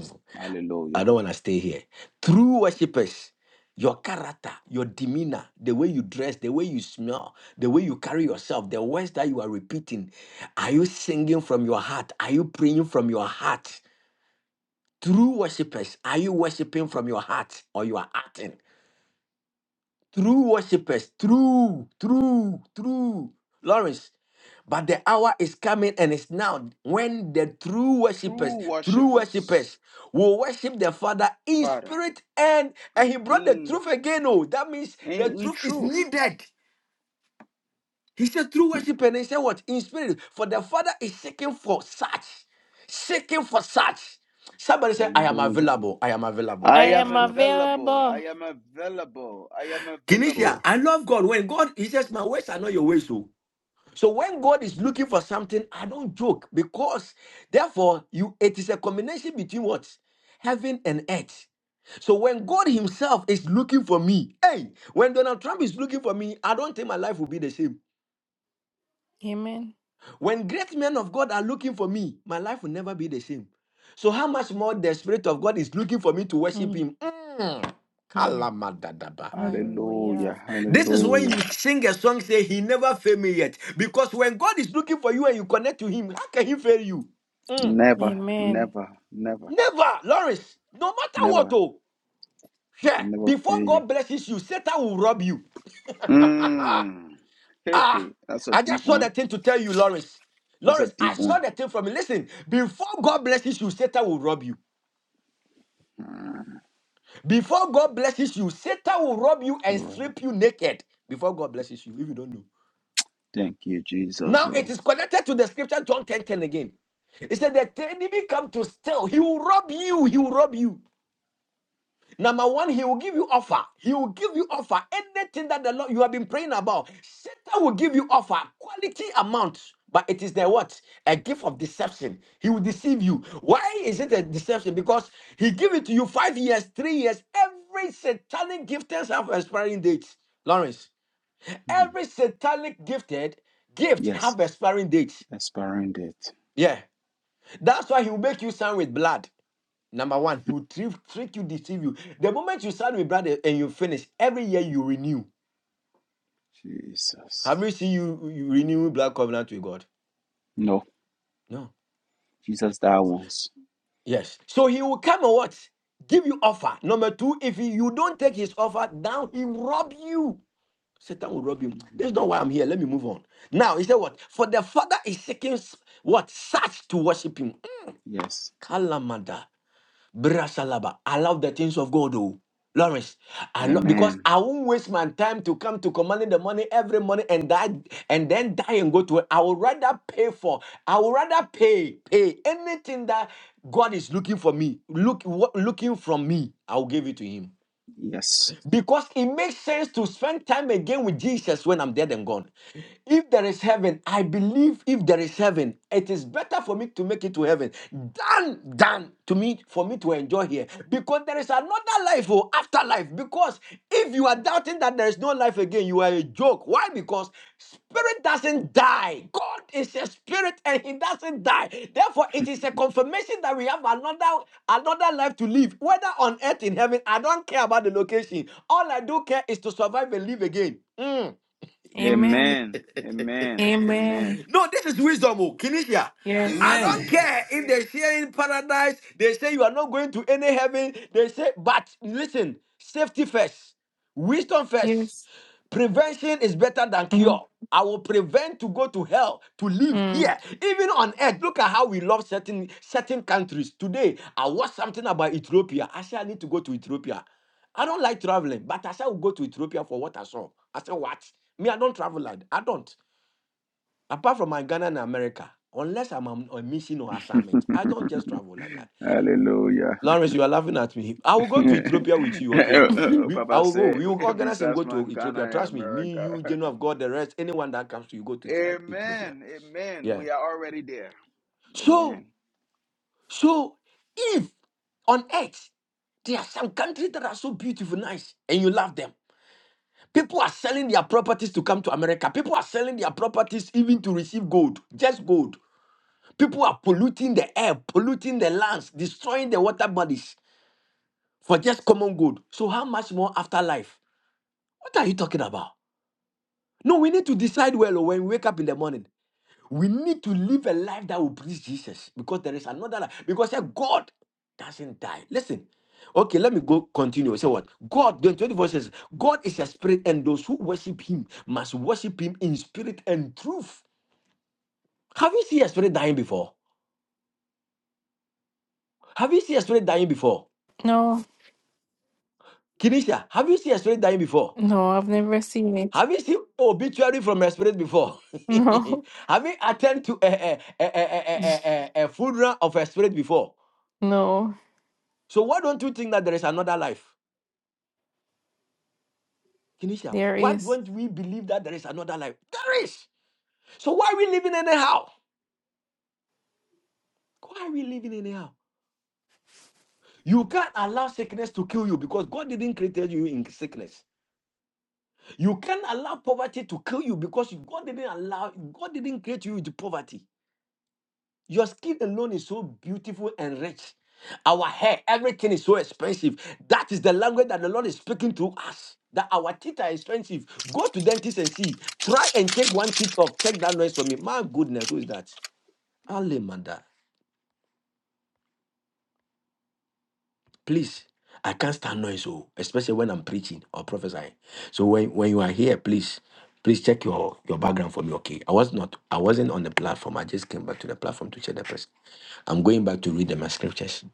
Speaker 11: I
Speaker 3: Hallelujah.
Speaker 11: don't want to stay here. True worshippers, your character, your demeanor, the way you dress, the way you smell, the way you carry yourself, the words that you are repeating. Are you singing from your heart? Are you praying from your heart? True worshippers, are you worshiping from your heart or you are acting? true worshippers, true, true, true. Lawrence, but the hour is coming and it's now when the true worshippers,
Speaker 3: True
Speaker 11: true worshippers
Speaker 3: worshippers,
Speaker 11: will worship the Father in
Speaker 3: Father,
Speaker 11: spirit and and
Speaker 3: and
Speaker 11: he brought the
Speaker 3: in
Speaker 11: truth again. Oh, that means the
Speaker 3: and in
Speaker 11: truth is
Speaker 3: truth.
Speaker 11: needed. He said true worship and he said what? In spirit. For the Father is seeking for such. Seeking for such. Somebody say, I am
Speaker 3: Hallelujah.
Speaker 11: available. I am available.
Speaker 10: I
Speaker 3: I
Speaker 11: I am
Speaker 3: am
Speaker 10: am
Speaker 11: available.
Speaker 3: available. I
Speaker 10: available.
Speaker 3: am available. I am available.
Speaker 9: Oh,
Speaker 11: Kinesia, I love God. When God, he says, My ways are not your ways. Oh. So when God is looking for something, I don't joke because therefore you it is a combination between what? Heaven and earth. So when God Himself is looking for me, hey, when Donald Trump is looking for me, I don't think my life will be the same.
Speaker 10: Amen.
Speaker 11: When great men of God are looking for me, my life will never be the same. So how much more the Spirit of God is looking for me to worship
Speaker 10: Mhm.
Speaker 11: Him? Mm. Kalamadadaba.
Speaker 3: Hallelujah.
Speaker 10: Hallelujah.
Speaker 11: This is
Speaker 3: Hallelujah.
Speaker 11: when you sing a song, say, He never failed me yet. Because when God is looking for you and you connect to Him, how can He fail you?
Speaker 3: Never,
Speaker 10: Amen.
Speaker 3: never, never,
Speaker 11: Never, Lawrence. No matter what,
Speaker 3: never.
Speaker 11: oh,
Speaker 3: He
Speaker 11: yeah,
Speaker 3: can never fail
Speaker 11: before
Speaker 3: you.
Speaker 11: God blesses you, Satan will rob you.
Speaker 3: Mm. Hey,
Speaker 11: Ah,
Speaker 3: hey, that's a
Speaker 11: I
Speaker 3: deep
Speaker 11: just saw the
Speaker 3: one.
Speaker 11: thing to tell you, Lawrence.
Speaker 3: That's a
Speaker 11: Lawrence, I
Speaker 3: deep
Speaker 11: saw
Speaker 3: one.
Speaker 11: the thing from you. Listen, before God blesses you, Satan will rob you. Before God blesses you, Satan will rob you
Speaker 3: All
Speaker 11: and
Speaker 3: right.
Speaker 11: strip you naked. Before God blesses you, if you don't know.
Speaker 3: Thank you, Jesus.
Speaker 11: Now it
Speaker 3: Oh.
Speaker 11: is connected to the scripture John 10 10 again. It said that the enemy come to steal, he will rob you, he will rob you. Number one, he will give you offer. He will give you offer. Anything that the Lord you have been praying about, Satan will give you offer, quality amount. But it is the what? A gift of deception. He will deceive you. Why is it a deception? Because he give it to you five years, three years. Every satanic gifters have expiring dates. Lawrence,
Speaker 3: Mm.
Speaker 11: every satanic gifted gift
Speaker 3: Yes,
Speaker 11: have expiring dates.
Speaker 3: expiring date.
Speaker 11: Yeah. That's why he will make you sign with blood. Number one, he will trick, trick you, deceive you. The moment you sign with blood eh, and you finish, every year you renew.
Speaker 3: Jesus.
Speaker 11: Have you seen you, you renew blood covenant with God?
Speaker 3: No,
Speaker 11: No.
Speaker 3: Jesus died once.
Speaker 11: Yes. So he will come and what? Give you offer. Number two, if he- you don't take his offer, now he will rob you. Satan will rob you. That's not
Speaker 3: Mm.
Speaker 11: why I'm here. Let me move on. Now, he said what? For the father is seeking s- what? Such to worship him.
Speaker 3: Yes.
Speaker 11: Kalamada. Brasalaba. I love the things of God, oh. Lawrence, I love because
Speaker 3: Amen.
Speaker 11: I won't waste my time to come to commanding the money every morning and die and then die and go to it. I would rather pay for, I would rather pay, pay anything that God is looking for me, look what looking from me, I'll give it to him.
Speaker 3: Yes.
Speaker 11: Because it makes sense to spend time again with Jesus when I'm dead and gone. If there is heaven, I believe if there is heaven, it is better for me to make it to heaven than than to me for me to enjoy here. Because there is another life or afterlife. Because if you are doubting that that there is no life again, you are a joke. Why? Because spirit doesn't die. God is a spirit and he doesn't die. Therefore, it is a confirmation that we have another another life to live. Whether on earth in heaven, I don't care about the location. All I do care is to survive and live again. Mm.
Speaker 10: Amen.
Speaker 3: Amen. Amen. Amen.
Speaker 10: Amen.
Speaker 11: No, this is wisdom, oh, Kinesia.
Speaker 10: Yes.
Speaker 11: I
Speaker 19: Amen.
Speaker 11: don't care if they say in paradise, they say you are not going to any heaven. They say, but listen, safety first, wisdom first.
Speaker 10: Yes.
Speaker 11: Prevention is better than
Speaker 10: Mhm.
Speaker 11: cure. I will prevent to go to hell to live here, even on earth. Look at how we love certain certain countries. Today, I watched something about Ethiopia. I said I need to go to Ethiopia. I don't like traveling, but I said I will go to Ethiopia for what I saw. I said what? Me, I don't travel. like- I don't. Apart from my Ghana and America, unless I'm on on mission or assignment, I don't just travel like that.
Speaker 3: Hallelujah.
Speaker 11: Lawrence, you are laughing at me. I will go to
Speaker 3: Papa
Speaker 11: Ethiopia with you, okay? We, I will go.
Speaker 3: said,
Speaker 11: We will organize and go
Speaker 3: besides my
Speaker 11: to
Speaker 3: Ghana
Speaker 11: Ethiopia.
Speaker 3: and
Speaker 11: Trust me. Me,
Speaker 3: America.
Speaker 11: you, General of God, the rest, anyone that comes to you, go to Ethio- Ethiopia.
Speaker 3: Amen. Amen.
Speaker 11: Yeah.
Speaker 3: We are already there.
Speaker 11: So,
Speaker 3: Amen.
Speaker 11: so if on earth there are some countries that are so beautiful, nice, and you love them, people are selling their properties to come to America. People are selling their properties even to receive gold, just gold. People are polluting the air, polluting the lands, destroying the water bodies for just common good. So how much more afterlife? What are you talking about? No, we need to decide well oh, when we wake up in the morning. We need to live a life that will please Jesus because there is another life. Because eh, God doesn't die. Listen. Okay, let me go continue. Say what? God, the 24 says, God is a spirit, and those who worship him must worship him in spirit and truth. Have you seen a spirit dying before? Have you seen a spirit dying before?
Speaker 10: no.
Speaker 11: Kinesia, have you seen a spirit dying before?
Speaker 10: No, I've never seen it.
Speaker 11: Have you seen obituary from a spirit before?
Speaker 10: No.
Speaker 11: have you attended to a, a, a, a, a, a, a funeral of a spirit before?
Speaker 10: No.
Speaker 11: So why don't you think that there is another life? Kinesia,
Speaker 10: There
Speaker 11: why
Speaker 10: is.
Speaker 11: don't we believe that there is another life? There is. So why are we living anyhow? Why are we living anyhow? You can't allow sickness to kill you because God didn't create you in sickness. You can't allow poverty to kill you because God didn't allow God didn't create you with poverty. Your skin alone is so beautiful and rich. Our hair, everything is so expensive. That is the language that the Lord is speaking to us. That our teeth are expensive. Go to dentist and see. Try and take one teeth off. Check that noise for me. My goodness, who is that? Alemanda. Please, I can't stand noise, oh, especially when I'm preaching or prophesying. So when, when you are here, please, please check your, your background for me. Okay. I was not, I wasn't on the platform. I just came back to the platform to check the person. I'm going back to read the my scriptures.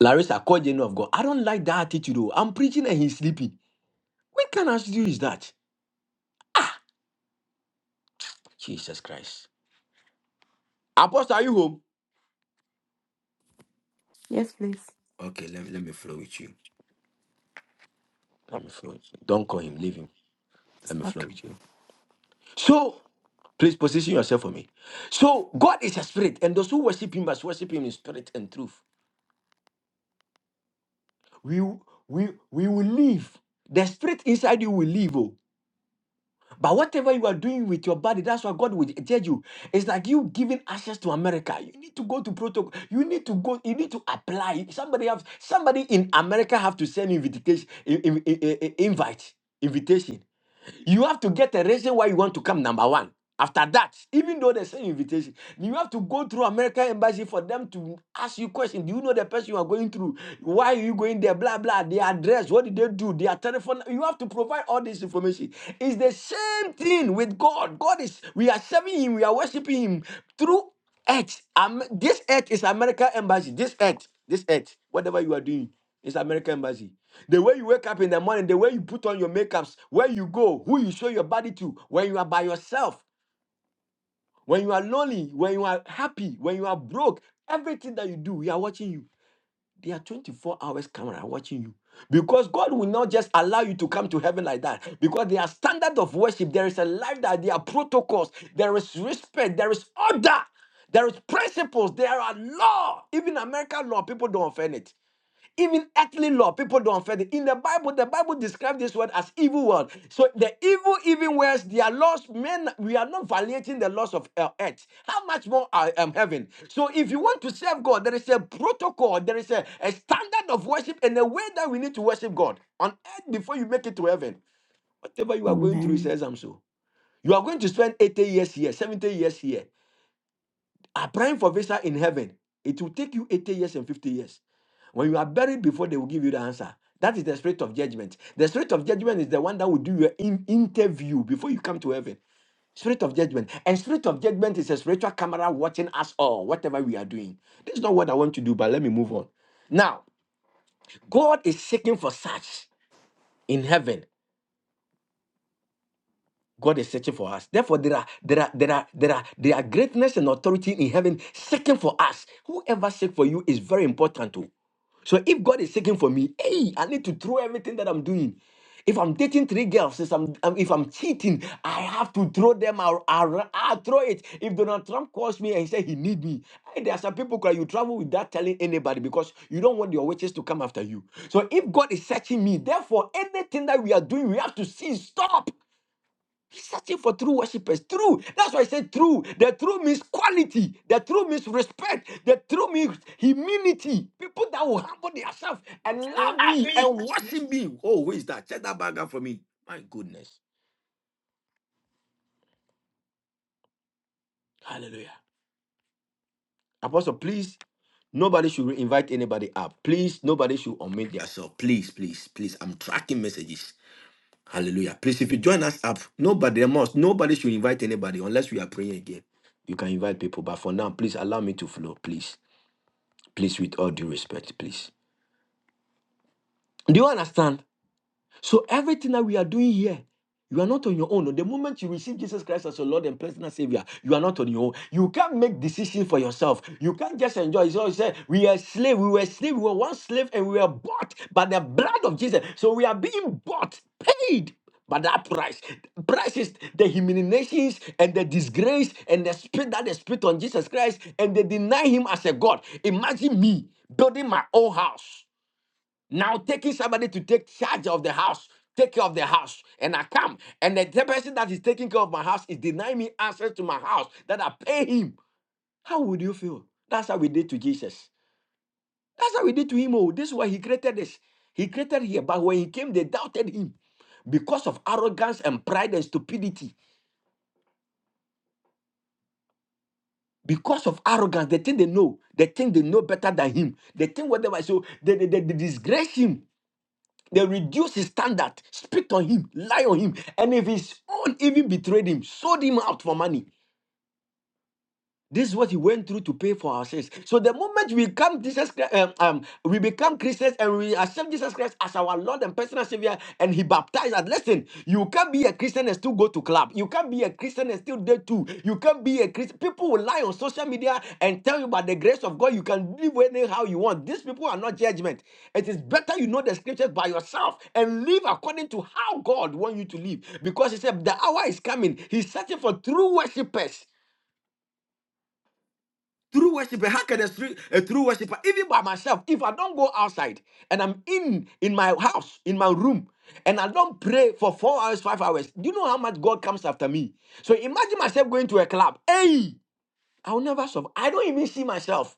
Speaker 11: Larissa, call Jenny of God. I don't like that attitude. oh. I'm preaching and he's sleeping. What kind of attitude is that? Jesus Christ. Apostle, are you home?
Speaker 15: Yes, please.
Speaker 11: Okay, let, let me flow with you. Let me flow. Don't call him. Leave him. Let me flow
Speaker 15: Okay.
Speaker 11: with you. So, please position yourself for me. So, God is a spirit, and those who worship Him must worship Him in spirit and truth. We we we will live. The spirit inside you will live. oh. But whatever you are doing with your body, that's what God will judge you. It's like you giving access to America. You need to go to protocol. You need to go. You need to apply. Somebody have somebody in America have to send invitation, in- in- in- in- invite, invitation. You have to get a reason why you want to come number one. After that, even though they send you invitation, you have to go through American embassy for them to ask you questions. Do you know the person you are going through? Why are you going there? Blah blah. Their address. What did they do? Their telephone. You have to provide all this information. It's the same thing with God. God is. We are serving Him. We are worshiping Him through. Earth. Um, this earth is American embassy. This earth, this earth, whatever you are doing, is American embassy. The way you wake up in the morning, the way you put on your makeups, where you go, who you show your body to, when you are by yourself, when you are lonely, when you are happy, when you are broke, everything that you do, we are watching you. They are 24 hours camera watching you. Because God will not just allow you to come to heaven like that. Because there are standards of worship. There is a life that there are protocols. There is respect. There is order. There is principles. There are law. Even American law, people don't offend it. Even earthly law, people don't fear it. In the Bible, the Bible describes this word as evil world. So the evil, even worse, their laws, men, we are not violating the laws of uh, earth. How much more I am heaven? So if you want to serve God, there is a protocol, there is a, a standard of worship and a way that we need to worship God on earth before you make it to heaven. Whatever you are going through, it
Speaker 15: Amen.
Speaker 11: says I'm so. You are going to spend 80 years here, 70 years here. Applying for visa in heaven, it will take you 80 years and 50 years. When you are buried before they will give you the answer. That is the spirit of judgment. The spirit of judgment is the one that will do your in- interview before you come to heaven. Spirit of judgment. And spirit of judgment is a spiritual camera watching us all, whatever we are doing. This is not what I want to do, but let me move on. Now, God is seeking for such in heaven God is searching for us. Therefore, there are there are there are there are there are greatness and authority in heaven seeking for us. Whoever seek for you is very important too. So if God is seeking for me, hey, I need to throw everything that I'm doing. If I'm dating three girls, if I'm, um, if I'm cheating, I have to throw them out. I'll, I'll throw it. If Donald Trump calls me and say he need me, hey, there are some people cry. You travel without telling anybody because you don't want your witches to come after you. So if God is searching me, therefore anything that we are doing, we have to see. Stop. He's searching for true worshippers. True. That's why I said true. The true means quality. The true means respect. The true means humility. People that will humble themselves and love me and worship me. Oh, who is that? Check that bag up for me. My goodness. Hallelujah. Apostle, please, nobody should invite anybody up. Please, nobody should omit yourself. Please, please, please. I'm tracking messages. Hallelujah. Please, if you join us up, nobody must. Nobody should invite anybody unless we are praying again. You can invite people, but for now, please allow me to flow, please. Please, with all due respect, please. Do you understand? So everything that we are doing here, you are not on your own. The moment you receive Jesus Christ as your Lord and personal Savior, you are not on your own. You can't make decisions for yourself. You can't just enjoy. So he said, we are slave. We were slave. We were one slave, and we were bought by the blood of Jesus. So we are being bought, paid by that price, price is the humiliations and the disgrace and the spit that they spit on Jesus Christ and they deny him as a God. Imagine me building my own house. Now taking somebody to take charge of the house, take care of the house, and I come, and the the person that is taking care of my house is denying me access to my house that I pay him. How would you feel? That's how we did to Jesus. That's how we did to him. Oh, this is why he created this. He created here, but when he came, they doubted him because of arrogance and pride and stupidity. Because of arrogance, they think they know. They think they know better than him. They think whatever. So they, they, they, they disgrace him They reduced his standard, spit on him, lie on him, and if his own even betrayed him, sold him out for money. This is what he went through to pay for our sins. So the moment we come Jesus, Christ- um, um, we become Christians and we accept Jesus Christ as our Lord and personal Savior, and He baptized us. Listen, you can't be a Christian and still go to club. You can't be a Christian and still date too. You can't be a Christian. People will lie on social media and tell you about the grace of God. You can live anyhow you want. These people are not judgment. It is better you know the scriptures by yourself and live according to how God wants you to live, because He said the hour is coming. He's searching for true worshipers. True worshiper, how can a true, a true worshiper, even by myself, if I don't go outside and I'm in in my house, in my room, and I don't pray for four hours, five hours, do you know how much God comes after me? So imagine myself going to a club. Hey, I'll never survive. I don't even see myself.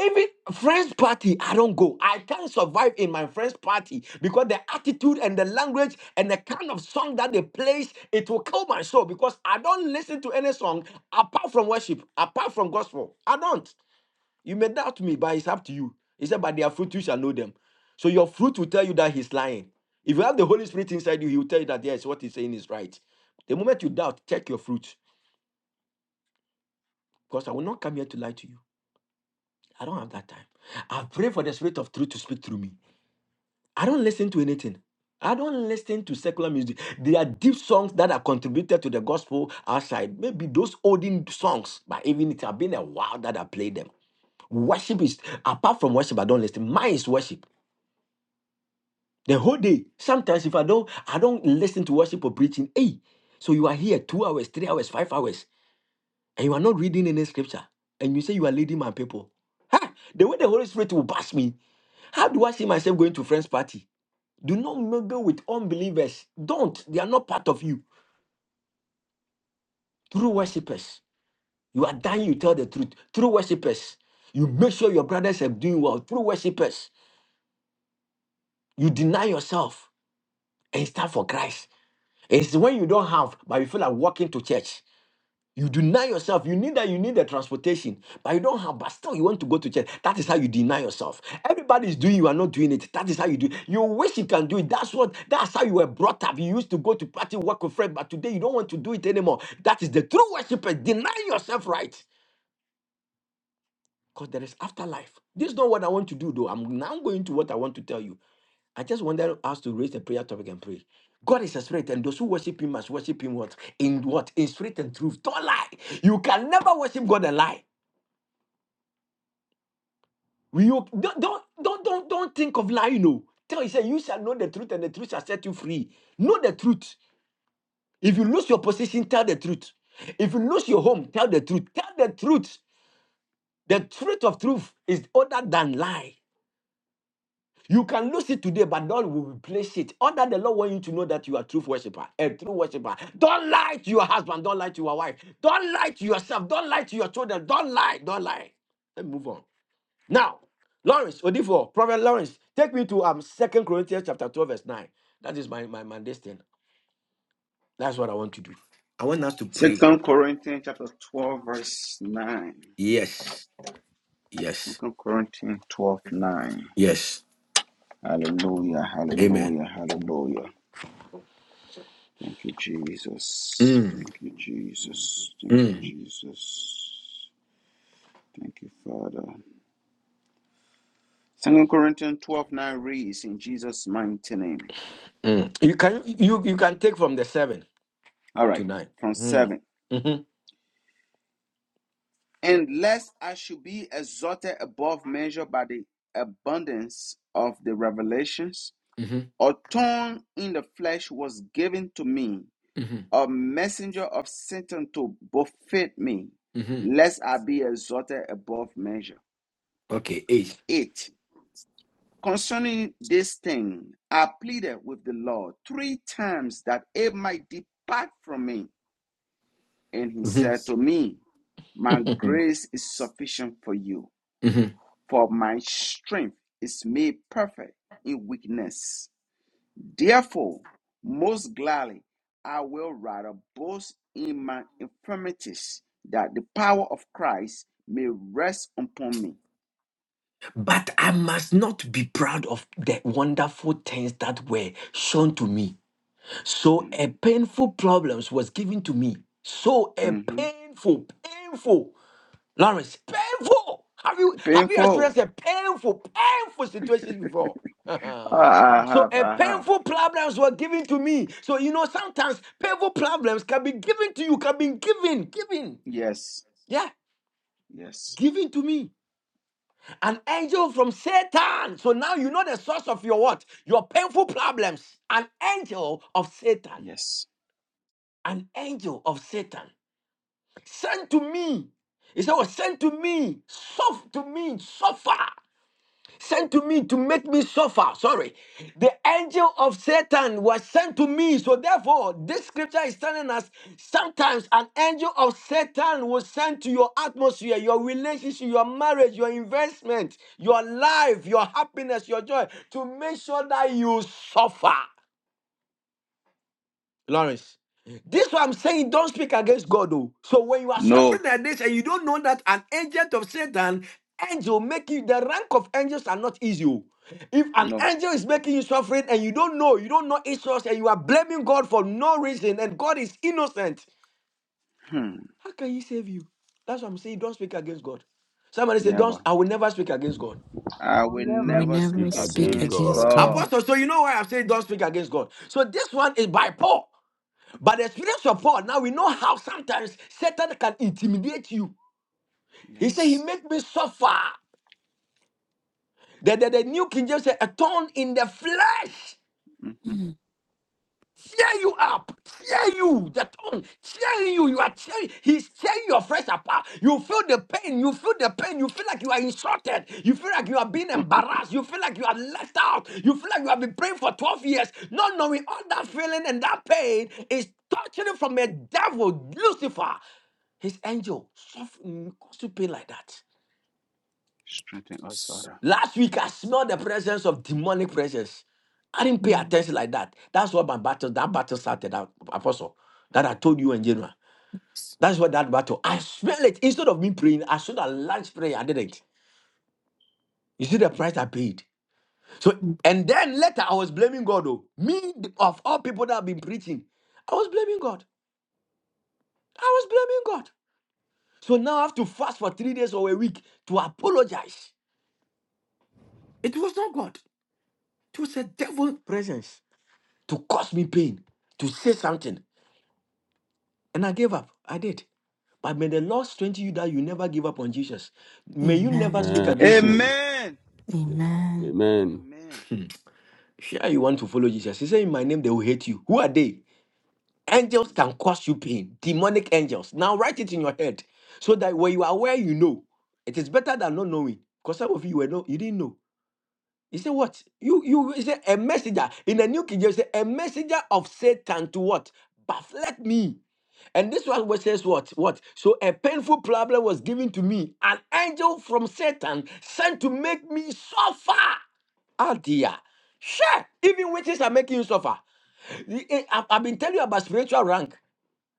Speaker 11: Even friends party, I don't go. I can't survive in my friends party because the attitude and the language and the kind of song that they play, it will kill my soul because I don't listen to any song apart from worship, apart from gospel. I don't. You may doubt me, but it's up to you. He said, By their fruit you shall know them. So your fruit will tell you that he's lying. If you have the Holy Spirit inside you, he will tell you that yes, what he's saying is right. The moment you doubt, check your fruit. Because I will not come here to lie to you. I don't have that time. I pray for the spirit of truth to speak through me. I don't listen to anything. I don't listen to secular music. There are deep songs that are contributed to the gospel outside. Maybe those olden songs, but even it have been a while that I played them. Worship is apart from worship, I don't listen. Mine is worship. The whole day. Sometimes if I don't, I don't listen to worship or preaching. Hey, so you are here two hours, three hours, five hours, and you are not reading any scripture, and you say you are leading my people. Ha! The way the Holy Spirit will bash me. How do I see myself going to friends' party? Do not mingle with unbelievers. Don't. They are not part of you. True worshippers. You are dying, you tell the truth. True worshippers. You make sure your brothers are doing well. True worshippers. You deny yourself and stand for Christ. It's when you don't have, but you feel like walking to church. You deny yourself. You need that. You need the transportation, but you don't have. But still, you want to go to church. That is how you deny yourself. Everybody is doing. You are not doing it. That is how you do. it. You wish you can do it. That's what. That's how you were brought up. You used to go to party, work with friends, but today you don't want to do it anymore. That is the true worshiper. Deny yourself, right? Because there is afterlife. This is not what I want to do, though. I'm now going to what I want to tell you. I just wanted us to raise the prayer topic and pray. God is a spirit, and those who worship him must worship him what? In what? In spirit and truth. Don't lie. You can never worship God and lie. You don't don't don't don't, don't think of lying, no. Tell you say you shall know the truth, and the truth shall set you free. Know the truth. If you lose your position, tell the truth. If you lose your home, tell the truth. Tell the truth. The truth of truth is other than lie. You can lose it today, but God will replace it. Under the Lord want you to know that you are a true worshiper, a true worshiper. Don't lie to your husband. Don't lie to your wife. Don't lie to yourself. Don't lie to your children. Don't lie. Don't lie. Let me move on. Now, Lawrence, Odifo, Prophet Lawrence, take me to um Second Corinthians chapter 12, verse 9. That is my, my, my destiny. That's what I want to do. I want us to pray.
Speaker 3: Second Corinthians chapter 12, verse 9.
Speaker 11: Yes. Yes.
Speaker 3: Second Corinthians 12, 9.
Speaker 11: Yes.
Speaker 3: Hallelujah.
Speaker 11: Amen.
Speaker 3: Hallelujah. Hallelujah. Thank you, Jesus.
Speaker 11: Mm,
Speaker 3: Thank you, Jesus. Thank you,
Speaker 11: mm,
Speaker 3: Jesus. Thank you, Father. Second Corinthians twelve, nine. 9 reads in Jesus' mighty name.
Speaker 11: mm. You can you you can take from the seven
Speaker 3: All
Speaker 11: to
Speaker 3: right.
Speaker 11: nine.
Speaker 3: From
Speaker 11: Mm.
Speaker 3: 7.
Speaker 11: Mhm.
Speaker 3: and lest I should be exalted above measure by the abundance of the revelations,
Speaker 11: Mhm,
Speaker 3: a thorn in the flesh was given to me,
Speaker 11: mhm,
Speaker 3: a messenger of Satan to buffet me,
Speaker 11: mhm.
Speaker 3: lest I be exalted above measure.
Speaker 11: Okay, 8
Speaker 3: 8. Concerning this thing, I pleaded with the Lord three times that it might depart from me. And he
Speaker 11: Mhm,
Speaker 3: said to me, My grace is sufficient for you
Speaker 11: mhm.
Speaker 3: For my strength is made perfect in weakness. Therefore, most gladly I will rather boast in my infirmities, that the power of Christ may rest upon me.
Speaker 11: But I must not be proud of the wonderful things that were shown to me. So a painful problems was given to me. So a
Speaker 3: Mm-hmm.
Speaker 11: painful, painful, Lawrence, painful. Have you have you
Speaker 3: Painful.
Speaker 11: experienced a painful, painful situations before?
Speaker 3: Ah, I
Speaker 11: so
Speaker 3: have,
Speaker 11: a
Speaker 3: I have.
Speaker 11: painful problems were given to me. So you know sometimes painful problems can be given to you, can be given, given,
Speaker 3: Yes,
Speaker 11: yeah,
Speaker 3: yes,
Speaker 11: given to me. An angel from Satan. So now you know the source of your what? Your painful problems. An angel of Satan.
Speaker 3: yes.
Speaker 11: An angel of Satan. Sent to me. He said, was sent to me. Suffer to me. Suffer sent to me to make me suffer. Sorry. The angel of Satan was sent to me. So therefore, this scripture is telling us sometimes an angel of Satan was sent to your atmosphere, your relationship, your marriage, your investment, your life, your happiness, your joy to make sure that you suffer. Lawrence. This is what I'm saying. Don't speak against God, though. So when you are
Speaker 3: No,
Speaker 11: suffering like this and you don't know that an agent of Satan, angel make you the rank of angels are not easy. oh. If an
Speaker 3: no.
Speaker 11: angel is making you suffering and you don't know, you don't know its source, and you are blaming God for no reason, and God is innocent,
Speaker 3: Hmm.
Speaker 11: how can He save you? That's what I'm saying. Don't speak against God. Somebody say, "Don't."
Speaker 3: Never.
Speaker 11: I will never speak against God.
Speaker 3: I
Speaker 2: We'll
Speaker 3: will
Speaker 2: never
Speaker 15: We
Speaker 3: never
Speaker 2: speak
Speaker 15: never
Speaker 9: speak
Speaker 3: speak
Speaker 15: speak
Speaker 9: against
Speaker 2: against
Speaker 3: against
Speaker 2: God.
Speaker 15: against
Speaker 9: God.
Speaker 15: God.
Speaker 3: God.
Speaker 11: Apostle, so you know why I'm saying don't speak against God. So this one is by Paul. But the experience of Paul, now we know how sometimes Satan can intimidate you. He said, He
Speaker 15: Yes.
Speaker 3: Yes.
Speaker 11: made me suffer. The, the, the New King James said, a thorn in the flesh.
Speaker 3: Mm-hmm.
Speaker 15: Mm.
Speaker 11: tear you up, tear you, the tongue, tearing you, you are tearing, he's tearing your flesh apart. You feel the pain, you feel the pain, you feel like you are insulted, you feel like you are being embarrassed, you feel like you are left out, you feel like you have been praying for 12 years, not knowing all that feeling and that pain is torturing from a devil, Lucifer, his angel, suffer- cause you pain like that.
Speaker 3: Strengthen us, Father.
Speaker 11: Last week, I smelled the presence of demonic presence. I didn't pay
Speaker 15: Mm.
Speaker 11: attention like that. That's what my battle, that battle started out, Apostle, that I told you in January.
Speaker 15: Yes.
Speaker 11: That's what that battle, I smell it. Instead of me praying, I should have launched prayer. I didn't. You see the price I paid. So, and then later, I was blaming God, though. Me, of all people that have been preaching, I was blaming God. I was blaming God. So now I have to fast for three days or a week to apologize. It was not God, it was a devil presence. to cause me pain, to say something. And I gave up. I did. But may the Lord strengthen you that you never give up on Jesus. May you never speak
Speaker 15: Amen.
Speaker 11: against him.
Speaker 9: Amen.
Speaker 3: Amen.
Speaker 9: Yeah.
Speaker 15: Amen.
Speaker 9: Amen.
Speaker 3: Amen.
Speaker 11: Sure, you want to follow Jesus. He said, In my name, they will hate you. Who are they? Angels can cause you pain, demonic angels. Now write it in your head so that when you are aware, you know. It is better than not knowing. Because some of you were no, you didn't know. He said, What? You you he said a messenger in the new king James he said, a messenger of Satan to what? Bafflet me. And this one was says what? What? So a painful problem was given to me, an angel from Satan sent to make me suffer. Ah dear. Sure, even witches are making you suffer. I- I- I've I've been telling you about spiritual rank.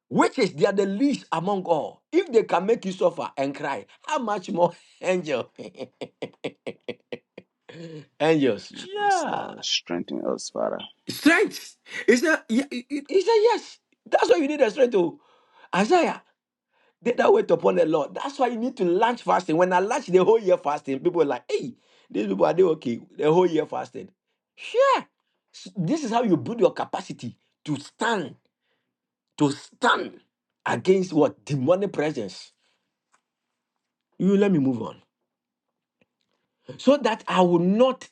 Speaker 11: Witches, they are the least among all. If they can make you suffer and cry, how much more angel? Angels.
Speaker 3: Help us,
Speaker 11: Yeah.
Speaker 3: Lord. Strengthen us, Father.
Speaker 11: Strength. He said, "Ye- he he- he said, yes. That's why you need the strength to Isaiah. They that wait upon the Lord. That's why you need to launch fasting. When I launched the whole year fasting, people were like, hey, these people are they okay? The whole year fasting. Sure. S- This is how you build your capacity to stand, to stand against what? Demonic presence. You let me move on. so that I will not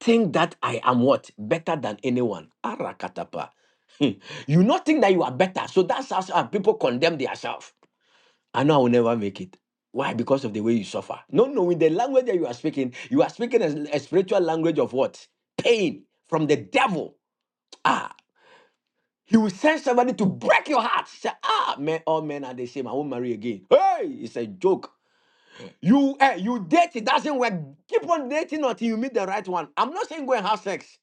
Speaker 11: think that I am what? Better than anyone. Arakatapa. Hmm. you not think that you are better. So that's how some people condemn themselves. I know I will never make it. Why? Because of the way you suffer. No, no, in the language that you are speaking, you are speaking a, a spiritual language of what? Pain from the devil. Ah, he will send somebody to break your heart. Say, ah, man, all men are the same. I won't marry again. Hey, it's a joke. You eh, you date, it doesn't work. Keep on dating until you meet the right one. I'm not saying go and have sex.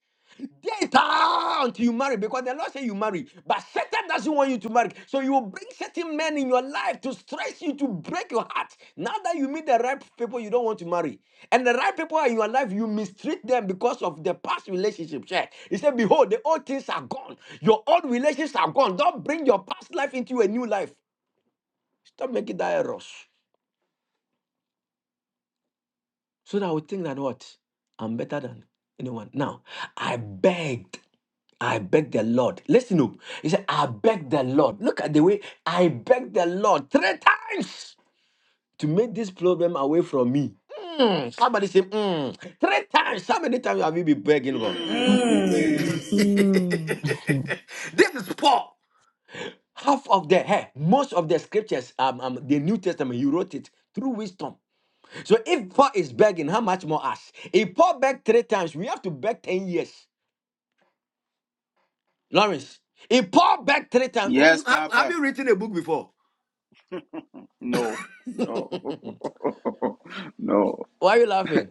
Speaker 11: Date ah, until you marry, because the Lord say you marry. But Satan doesn't want you to marry. So you will bring certain men in your life to stress you, to break your heart. Now that you meet the right people you don't want to marry. And the right people are in your life, you mistreat them because of the past relationship. Check. He said, Behold, the old things are gone. Your old relations are gone. Don't bring your past life into a new life. Stop making that errors. so that I would think that what? I'm better than anyone. Now, I begged. I begged the Lord. Listen up. He said, I begged the Lord. Look at the way I begged the Lord three times to make this problem away from me. Mm, somebody say, mm, three times. How many times have you been begging God?
Speaker 3: Mm.
Speaker 15: Mm.
Speaker 11: this
Speaker 20: Mm.
Speaker 11: is Paul. Half of the, hey, most of the scriptures, um, um, the New Testament, he wrote it through wisdom. So if Paul is begging, how much more us? If Paul begged three times, we have to beg 10 years. Lawrence, if Paul begged three times,
Speaker 3: Yes,
Speaker 11: Have, have
Speaker 3: Papa.
Speaker 11: you written a book before?
Speaker 3: No, no, no.
Speaker 11: why are you laughing?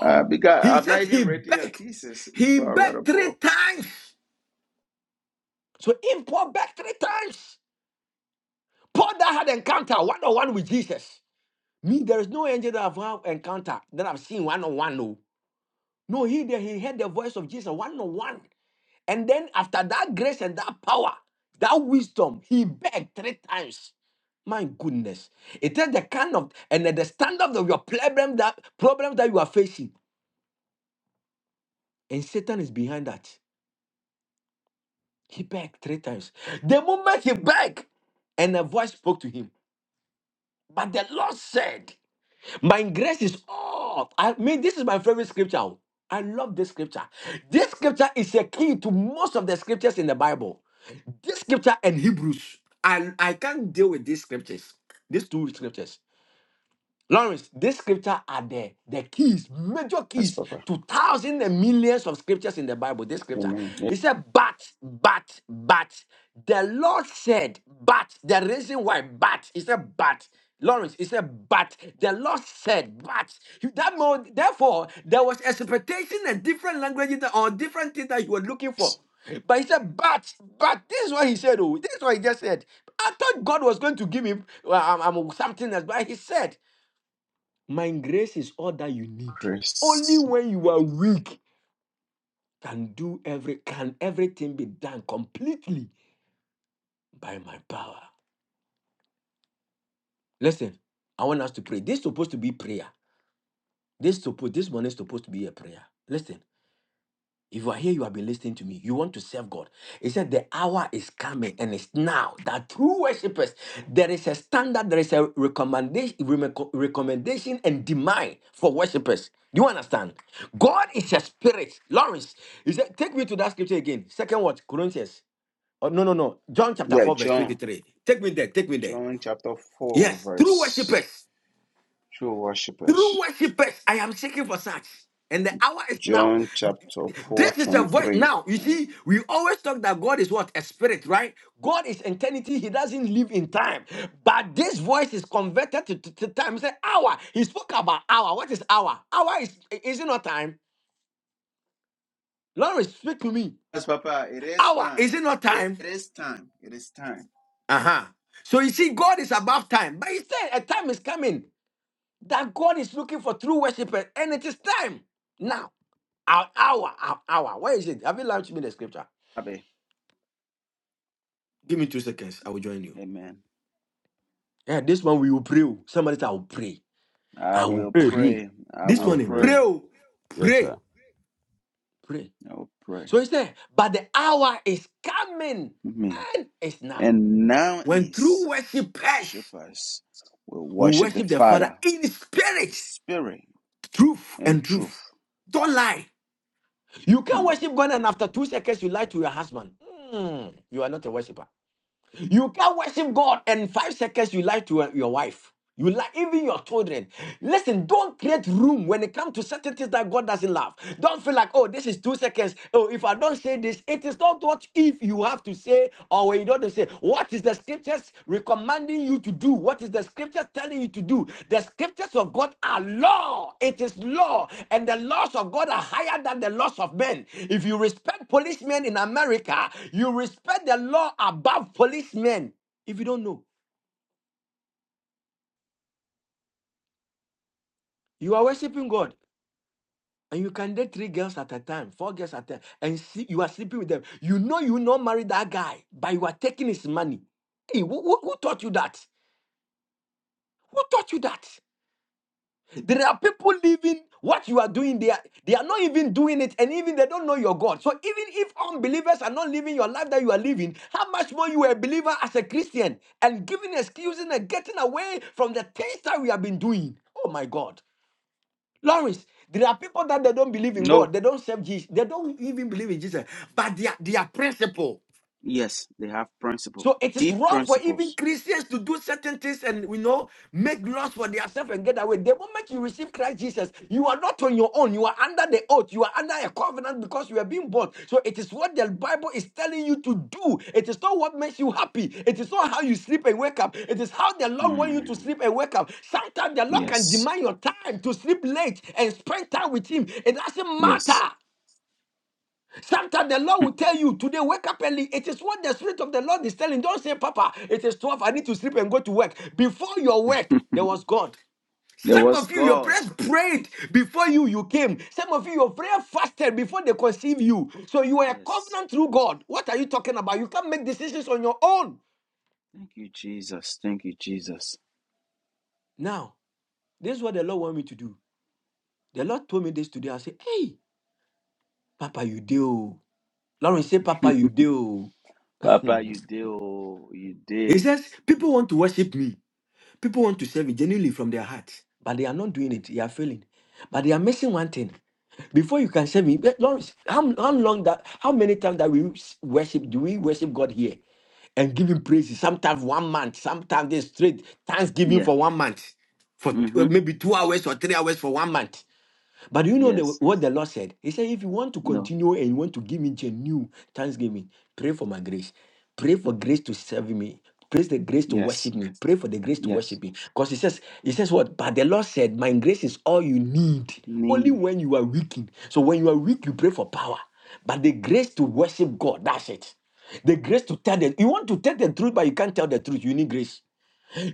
Speaker 3: Uh, because
Speaker 11: he
Speaker 3: I've
Speaker 11: said
Speaker 3: not even
Speaker 11: he
Speaker 3: written your
Speaker 11: begged.
Speaker 3: thesis
Speaker 11: He
Speaker 3: before I
Speaker 11: begged
Speaker 3: wrote a
Speaker 11: three
Speaker 3: book.
Speaker 11: times. So if Paul begged three times, Paul that had encounter one-on-one with Jesus. Me, there is no angel that I've had encounter that I've seen one-on-one, no. No, he there, he heard the voice of Jesus one-on-one. And then after that grace and that power, that wisdom, he begged three times. My goodness. It is the kind of and the stand up of your problem that problem that you are facing. And Satan is behind that. He begged three times. The moment he begged, and a voice spoke to him. But the Lord said, My grace is all. I mean, this is my favorite scripture. I love this scripture. This scripture is a key to most of the scriptures in the Bible. This scripture and Hebrews, I, I can't deal with these scriptures, these two scriptures. Lawrence, this scripture are the, the keys, major
Speaker 3: Yes,
Speaker 11: keys
Speaker 3: Papa.
Speaker 11: to thousands and millions of scriptures in the Bible. This scripture.
Speaker 3: Amen.
Speaker 11: It said, but, but, but. The Lord said, but. The reason why, but. He said, but. Lawrence, he said, but the Lord said, but that mo- therefore there was expectation and different languages that- or different things that you were looking for.
Speaker 3: Yes,
Speaker 11: But he said, but, but this is what he said. Oh, this is what he just said. I thought God was going to give him well, um, um, something else, but he said, my grace is all that you need. Only
Speaker 3: Chris.
Speaker 11: when you are weak can do every can everything be done completely by my power. Listen, I want us to pray. This is supposed to be prayer. This is supposed this morning is supposed to be a prayer. Listen. If you are here, you have been listening to me. You want to serve God. He said, The hour is coming and it's now that true worshippers, there is a standard, there is a recommendation, recommendation and demand for worshippers. Do you understand? God is a spirit. Lawrence, he said, Take me to that scripture again. Second what? Corinthians. Oh, no, no, no. John chapter
Speaker 3: Yeah,
Speaker 11: 4, verse
Speaker 3: John.
Speaker 11: 23. Take me there. Take me there.
Speaker 3: John chapter 4,
Speaker 11: Yes, true
Speaker 3: verse.
Speaker 11: worshippers.
Speaker 3: True
Speaker 11: True
Speaker 3: worshippers.
Speaker 11: worshippers, I am seeking for such. And the hour is now.
Speaker 3: John chapter 4,
Speaker 11: This is a voice.
Speaker 3: 23.
Speaker 11: Now, you see, we always talk that God is what? A spirit, right? God is eternity. He doesn't live in time. But this voice is converted to, to, to time. He said, hour. He spoke about hour. What is hour? Hour is, is it not time? Lord, speak to me.
Speaker 3: Yes, Papa. It is
Speaker 11: Hour,
Speaker 3: time.
Speaker 11: is it not
Speaker 3: It
Speaker 11: time?
Speaker 3: is time. It is time.
Speaker 11: Uh-huh. So you see, God is above time. But he said a time is coming that God is looking for true worshipers, and it is time now. An hour, an hour. Where is it? Have you launched me the scripture? Give me two seconds. I will join you.
Speaker 3: Amen.
Speaker 11: Yeah, this one we will pray. oh. Somebody say, I will pray.
Speaker 3: I
Speaker 11: I will
Speaker 3: will
Speaker 9: Pray.
Speaker 11: pray.
Speaker 3: pray. I
Speaker 11: This
Speaker 3: will
Speaker 9: I'll
Speaker 11: morning,
Speaker 9: pray.
Speaker 3: pray.
Speaker 11: pray, oh,
Speaker 9: Yes, sir.
Speaker 11: pray. Pray.
Speaker 3: I will pray.
Speaker 11: So he said, but the hour is coming
Speaker 3: Me.
Speaker 11: and it's now.
Speaker 3: And now
Speaker 11: When true
Speaker 3: is
Speaker 11: worshipers
Speaker 3: worshipers will
Speaker 11: will
Speaker 3: worship the
Speaker 11: worship the Father
Speaker 3: Father,
Speaker 11: in spirit,
Speaker 3: Spirit,
Speaker 11: truth
Speaker 3: and
Speaker 11: and
Speaker 3: truth.
Speaker 11: truth. Don't lie. You can't
Speaker 3: Hmm.
Speaker 11: worship God and after two seconds you lie to your husband. Hmm, you are not a worshiper. You can't worship God and five seconds you lie to your your wife. You lie, even your children. Listen, don't create room when it comes to certain things that God doesn't love. Don't feel like, oh, this is two seconds. Oh, if I don't say this, it is not what if you have to say or when you don't say. What is the the scriptures recommending you to do? What is the scripture telling you to do? The scriptures of God are law. It is law. And the laws of God are higher than the laws of men. If you respect policemen in America, you respect the law above policemen. If you don't know, you are worshiping God. And you can date three girls at a time, four girls at a time, and see, you are sleeping with them. You know you not marry that guy, but you are taking his money. Hey, who, who who taught you that? Who taught you that? There are people living what you are doing. They are, they are not even doing it, and even they don't know your God. So even if unbelievers are not living your life that you are living, how much more you are a believer as a Christian and giving excuses and getting away from the things that we have been doing. Oh my God, Lawrence. There are people that they don't believe in
Speaker 3: No.
Speaker 11: God. They don't serve Jesus. They don't even believe in Jesus. But they are, they are principle.
Speaker 3: Yes, they have principles,
Speaker 11: So it is
Speaker 3: deep
Speaker 11: wrong for even
Speaker 3: principles.
Speaker 11: Christians to do certain things and you know make laws for themselves and get away. The moment you receive Christ Jesus, you are not on your own. You are under the oath. You are under a covenant because you are being born. So it is what the Bible is telling you to do. It is not what makes you happy. It is not how you sleep and wake up. It is how the Lord wants you to
Speaker 3: Hmm.
Speaker 11: sleep and wake up. Sometimes the Lord can
Speaker 3: Yes.
Speaker 11: demand your time to sleep late and spend time with Him. It doesn't
Speaker 3: Yes.
Speaker 11: matter. Sometimes the Lord will tell you today, wake up early. It is what the Spirit of the Lord is telling. Don't say, Papa, it is 12. I need to sleep and go to work. Before your work, there was God.
Speaker 3: there
Speaker 11: Some
Speaker 3: was
Speaker 11: of you, your
Speaker 3: God.
Speaker 11: prayers prayed before you you came. Some of you, your prayer fasted before they conceive you. So you are a
Speaker 3: Yes.
Speaker 11: covenant through God. What are you talking about? You can't make decisions on your own.
Speaker 3: Thank you, Jesus. Thank you, Jesus.
Speaker 11: Now, this is what the Lord want me to do. The Lord told me this today. I said, Hey, Papa, you do. Lauren say, Papa, you do.
Speaker 3: Papa, you did. Oh, you
Speaker 11: He
Speaker 3: did.
Speaker 11: says, People want to worship me. People want to serve it genuinely from their heart, but they are not doing it. They are failing. But they are missing one thing. Before you can serve me, but Lawrence, how, how long that how many times that we worship do we worship God here and give him praises? Sometimes one month, sometimes they straight thanksgiving
Speaker 3: Yeah.
Speaker 11: for one month, for t- uh,
Speaker 3: Mm-hmm.
Speaker 11: maybe two hours or three hours for one month. But you know the,
Speaker 3: Yes.
Speaker 11: what the Lord said? He said, if you want to
Speaker 3: No.
Speaker 11: continue and you want to give me a new thanksgiving, pray for my grace. Pray for grace to serve me. Pray the grace to
Speaker 3: Yes.
Speaker 11: worship me. Pray for the grace to
Speaker 3: Yes.
Speaker 11: worship me. Because he says, he says what? But the Lord said, my grace is all you need. Only
Speaker 3: Need.
Speaker 11: when you are weakened. So when you are weak, you pray for power. But the grace to worship God, that's it. The grace to tell the you want to tell the truth, but you can't tell the truth. You need grace.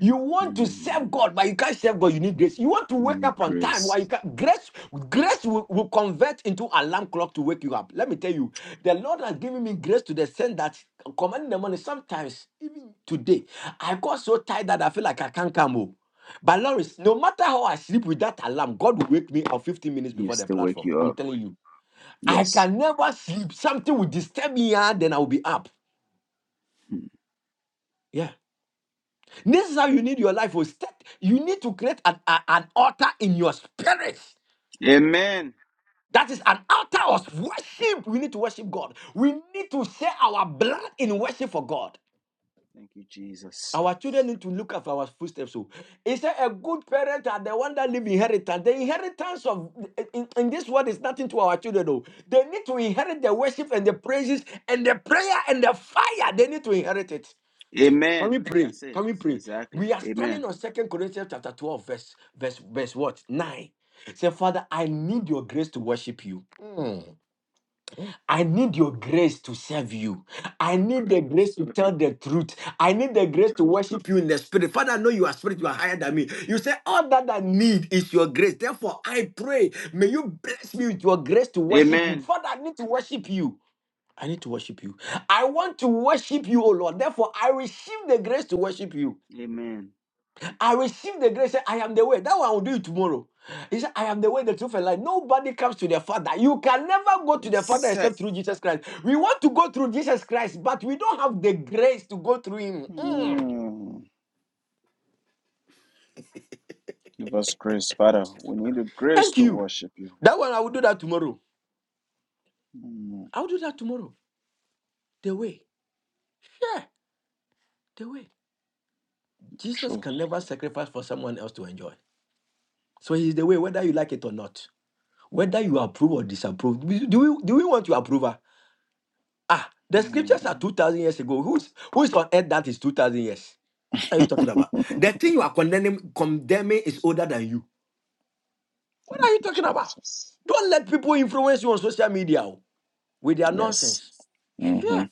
Speaker 11: You want to serve
Speaker 3: Mm.
Speaker 11: God, but you can't serve God. You need grace. You want to wake
Speaker 3: Need
Speaker 11: up on time,
Speaker 3: grace.
Speaker 11: why you can grace grace will, will convert into alarm clock to wake you up. Let me tell you, the Lord has given me grace to the extent that commanding the morning. Sometimes, even today, I got so tired that I feel like I can't come home. But Lawrence, no matter how I sleep with that alarm, God will wake me up 15 minutes
Speaker 3: He
Speaker 11: before the
Speaker 3: still wake
Speaker 11: platform.
Speaker 3: you
Speaker 11: I'm
Speaker 3: up.
Speaker 11: telling you. I
Speaker 3: Yes.
Speaker 11: can never sleep. Something will disturb me, and then I'll be up.
Speaker 3: Hmm.
Speaker 11: Yeah. This is how you need your life. oh. Step- You need to create an, a- an altar in your spirit.
Speaker 3: Amen.
Speaker 11: That is an altar of worship. We need to worship God. We need to share our blood in worship for God.
Speaker 3: Thank you, Jesus.
Speaker 11: Our children need to look after our footsteps. So, is there a good parent are the one that leave inheritance? The inheritance of in, in this world is nothing to our children. Though they need to inherit the worship and the praises and the prayer and the fire. They need to inherit it. Can
Speaker 3: Amen.
Speaker 11: we pray?
Speaker 3: That's it.
Speaker 11: Can we pray?
Speaker 3: Exactly.
Speaker 11: We are
Speaker 3: Amen.
Speaker 11: standing on Second Corinthians chapter 12, verse, verse, verse what? 9. Say, Father, I need your grace to worship you. Mm. I need your grace to serve you. I need the grace to tell the truth. I need the grace to worship you in the spirit. Father, I know you are spirit, you are higher than me. You say, All that I need is your grace. Therefore, I pray, may you bless me with your grace to worship you.
Speaker 3: Amen.
Speaker 11: Father, I need to worship you. I need to worship you. I want to worship you, O Lord. Therefore, I receive the grace to worship you.
Speaker 3: Amen.
Speaker 11: I received the grace. say, I am the way. That one I will do it tomorrow. He said, I am the way, the truth, and life. Nobody comes to the Father. You can never go to
Speaker 3: It's
Speaker 11: the Father
Speaker 3: set.
Speaker 11: except through Jesus Christ. We want to go through Jesus Christ, but we don't have the grace to go through Him. Mm.
Speaker 3: Mm. Give us grace, Father. We need the grace
Speaker 11: Thank
Speaker 3: to
Speaker 11: you.
Speaker 3: worship you.
Speaker 11: That one I will do that tomorrow.
Speaker 3: Mm.
Speaker 11: I will do that tomorrow. The way. Yeah, the way. Jesus
Speaker 3: Truth.
Speaker 11: can never sacrifice for someone else to enjoy. So He's the way, whether you like it or not. Whether you approve or disapprove. Do we, do we want your approval? Ah, the
Speaker 3: Mm.
Speaker 11: scriptures are 2,000 years ago. Who's, who is on earth that is 2,000 years? What are you talking
Speaker 3: Thank
Speaker 11: about? The thing you are condemning, condemning is older than you. What are you
Speaker 3: you,
Speaker 11: talking about?
Speaker 3: Jesus.
Speaker 11: Don't let people influence you on social media oh, with their
Speaker 3: Yes.
Speaker 11: nonsense.
Speaker 3: Mm-hmm.
Speaker 11: Sure,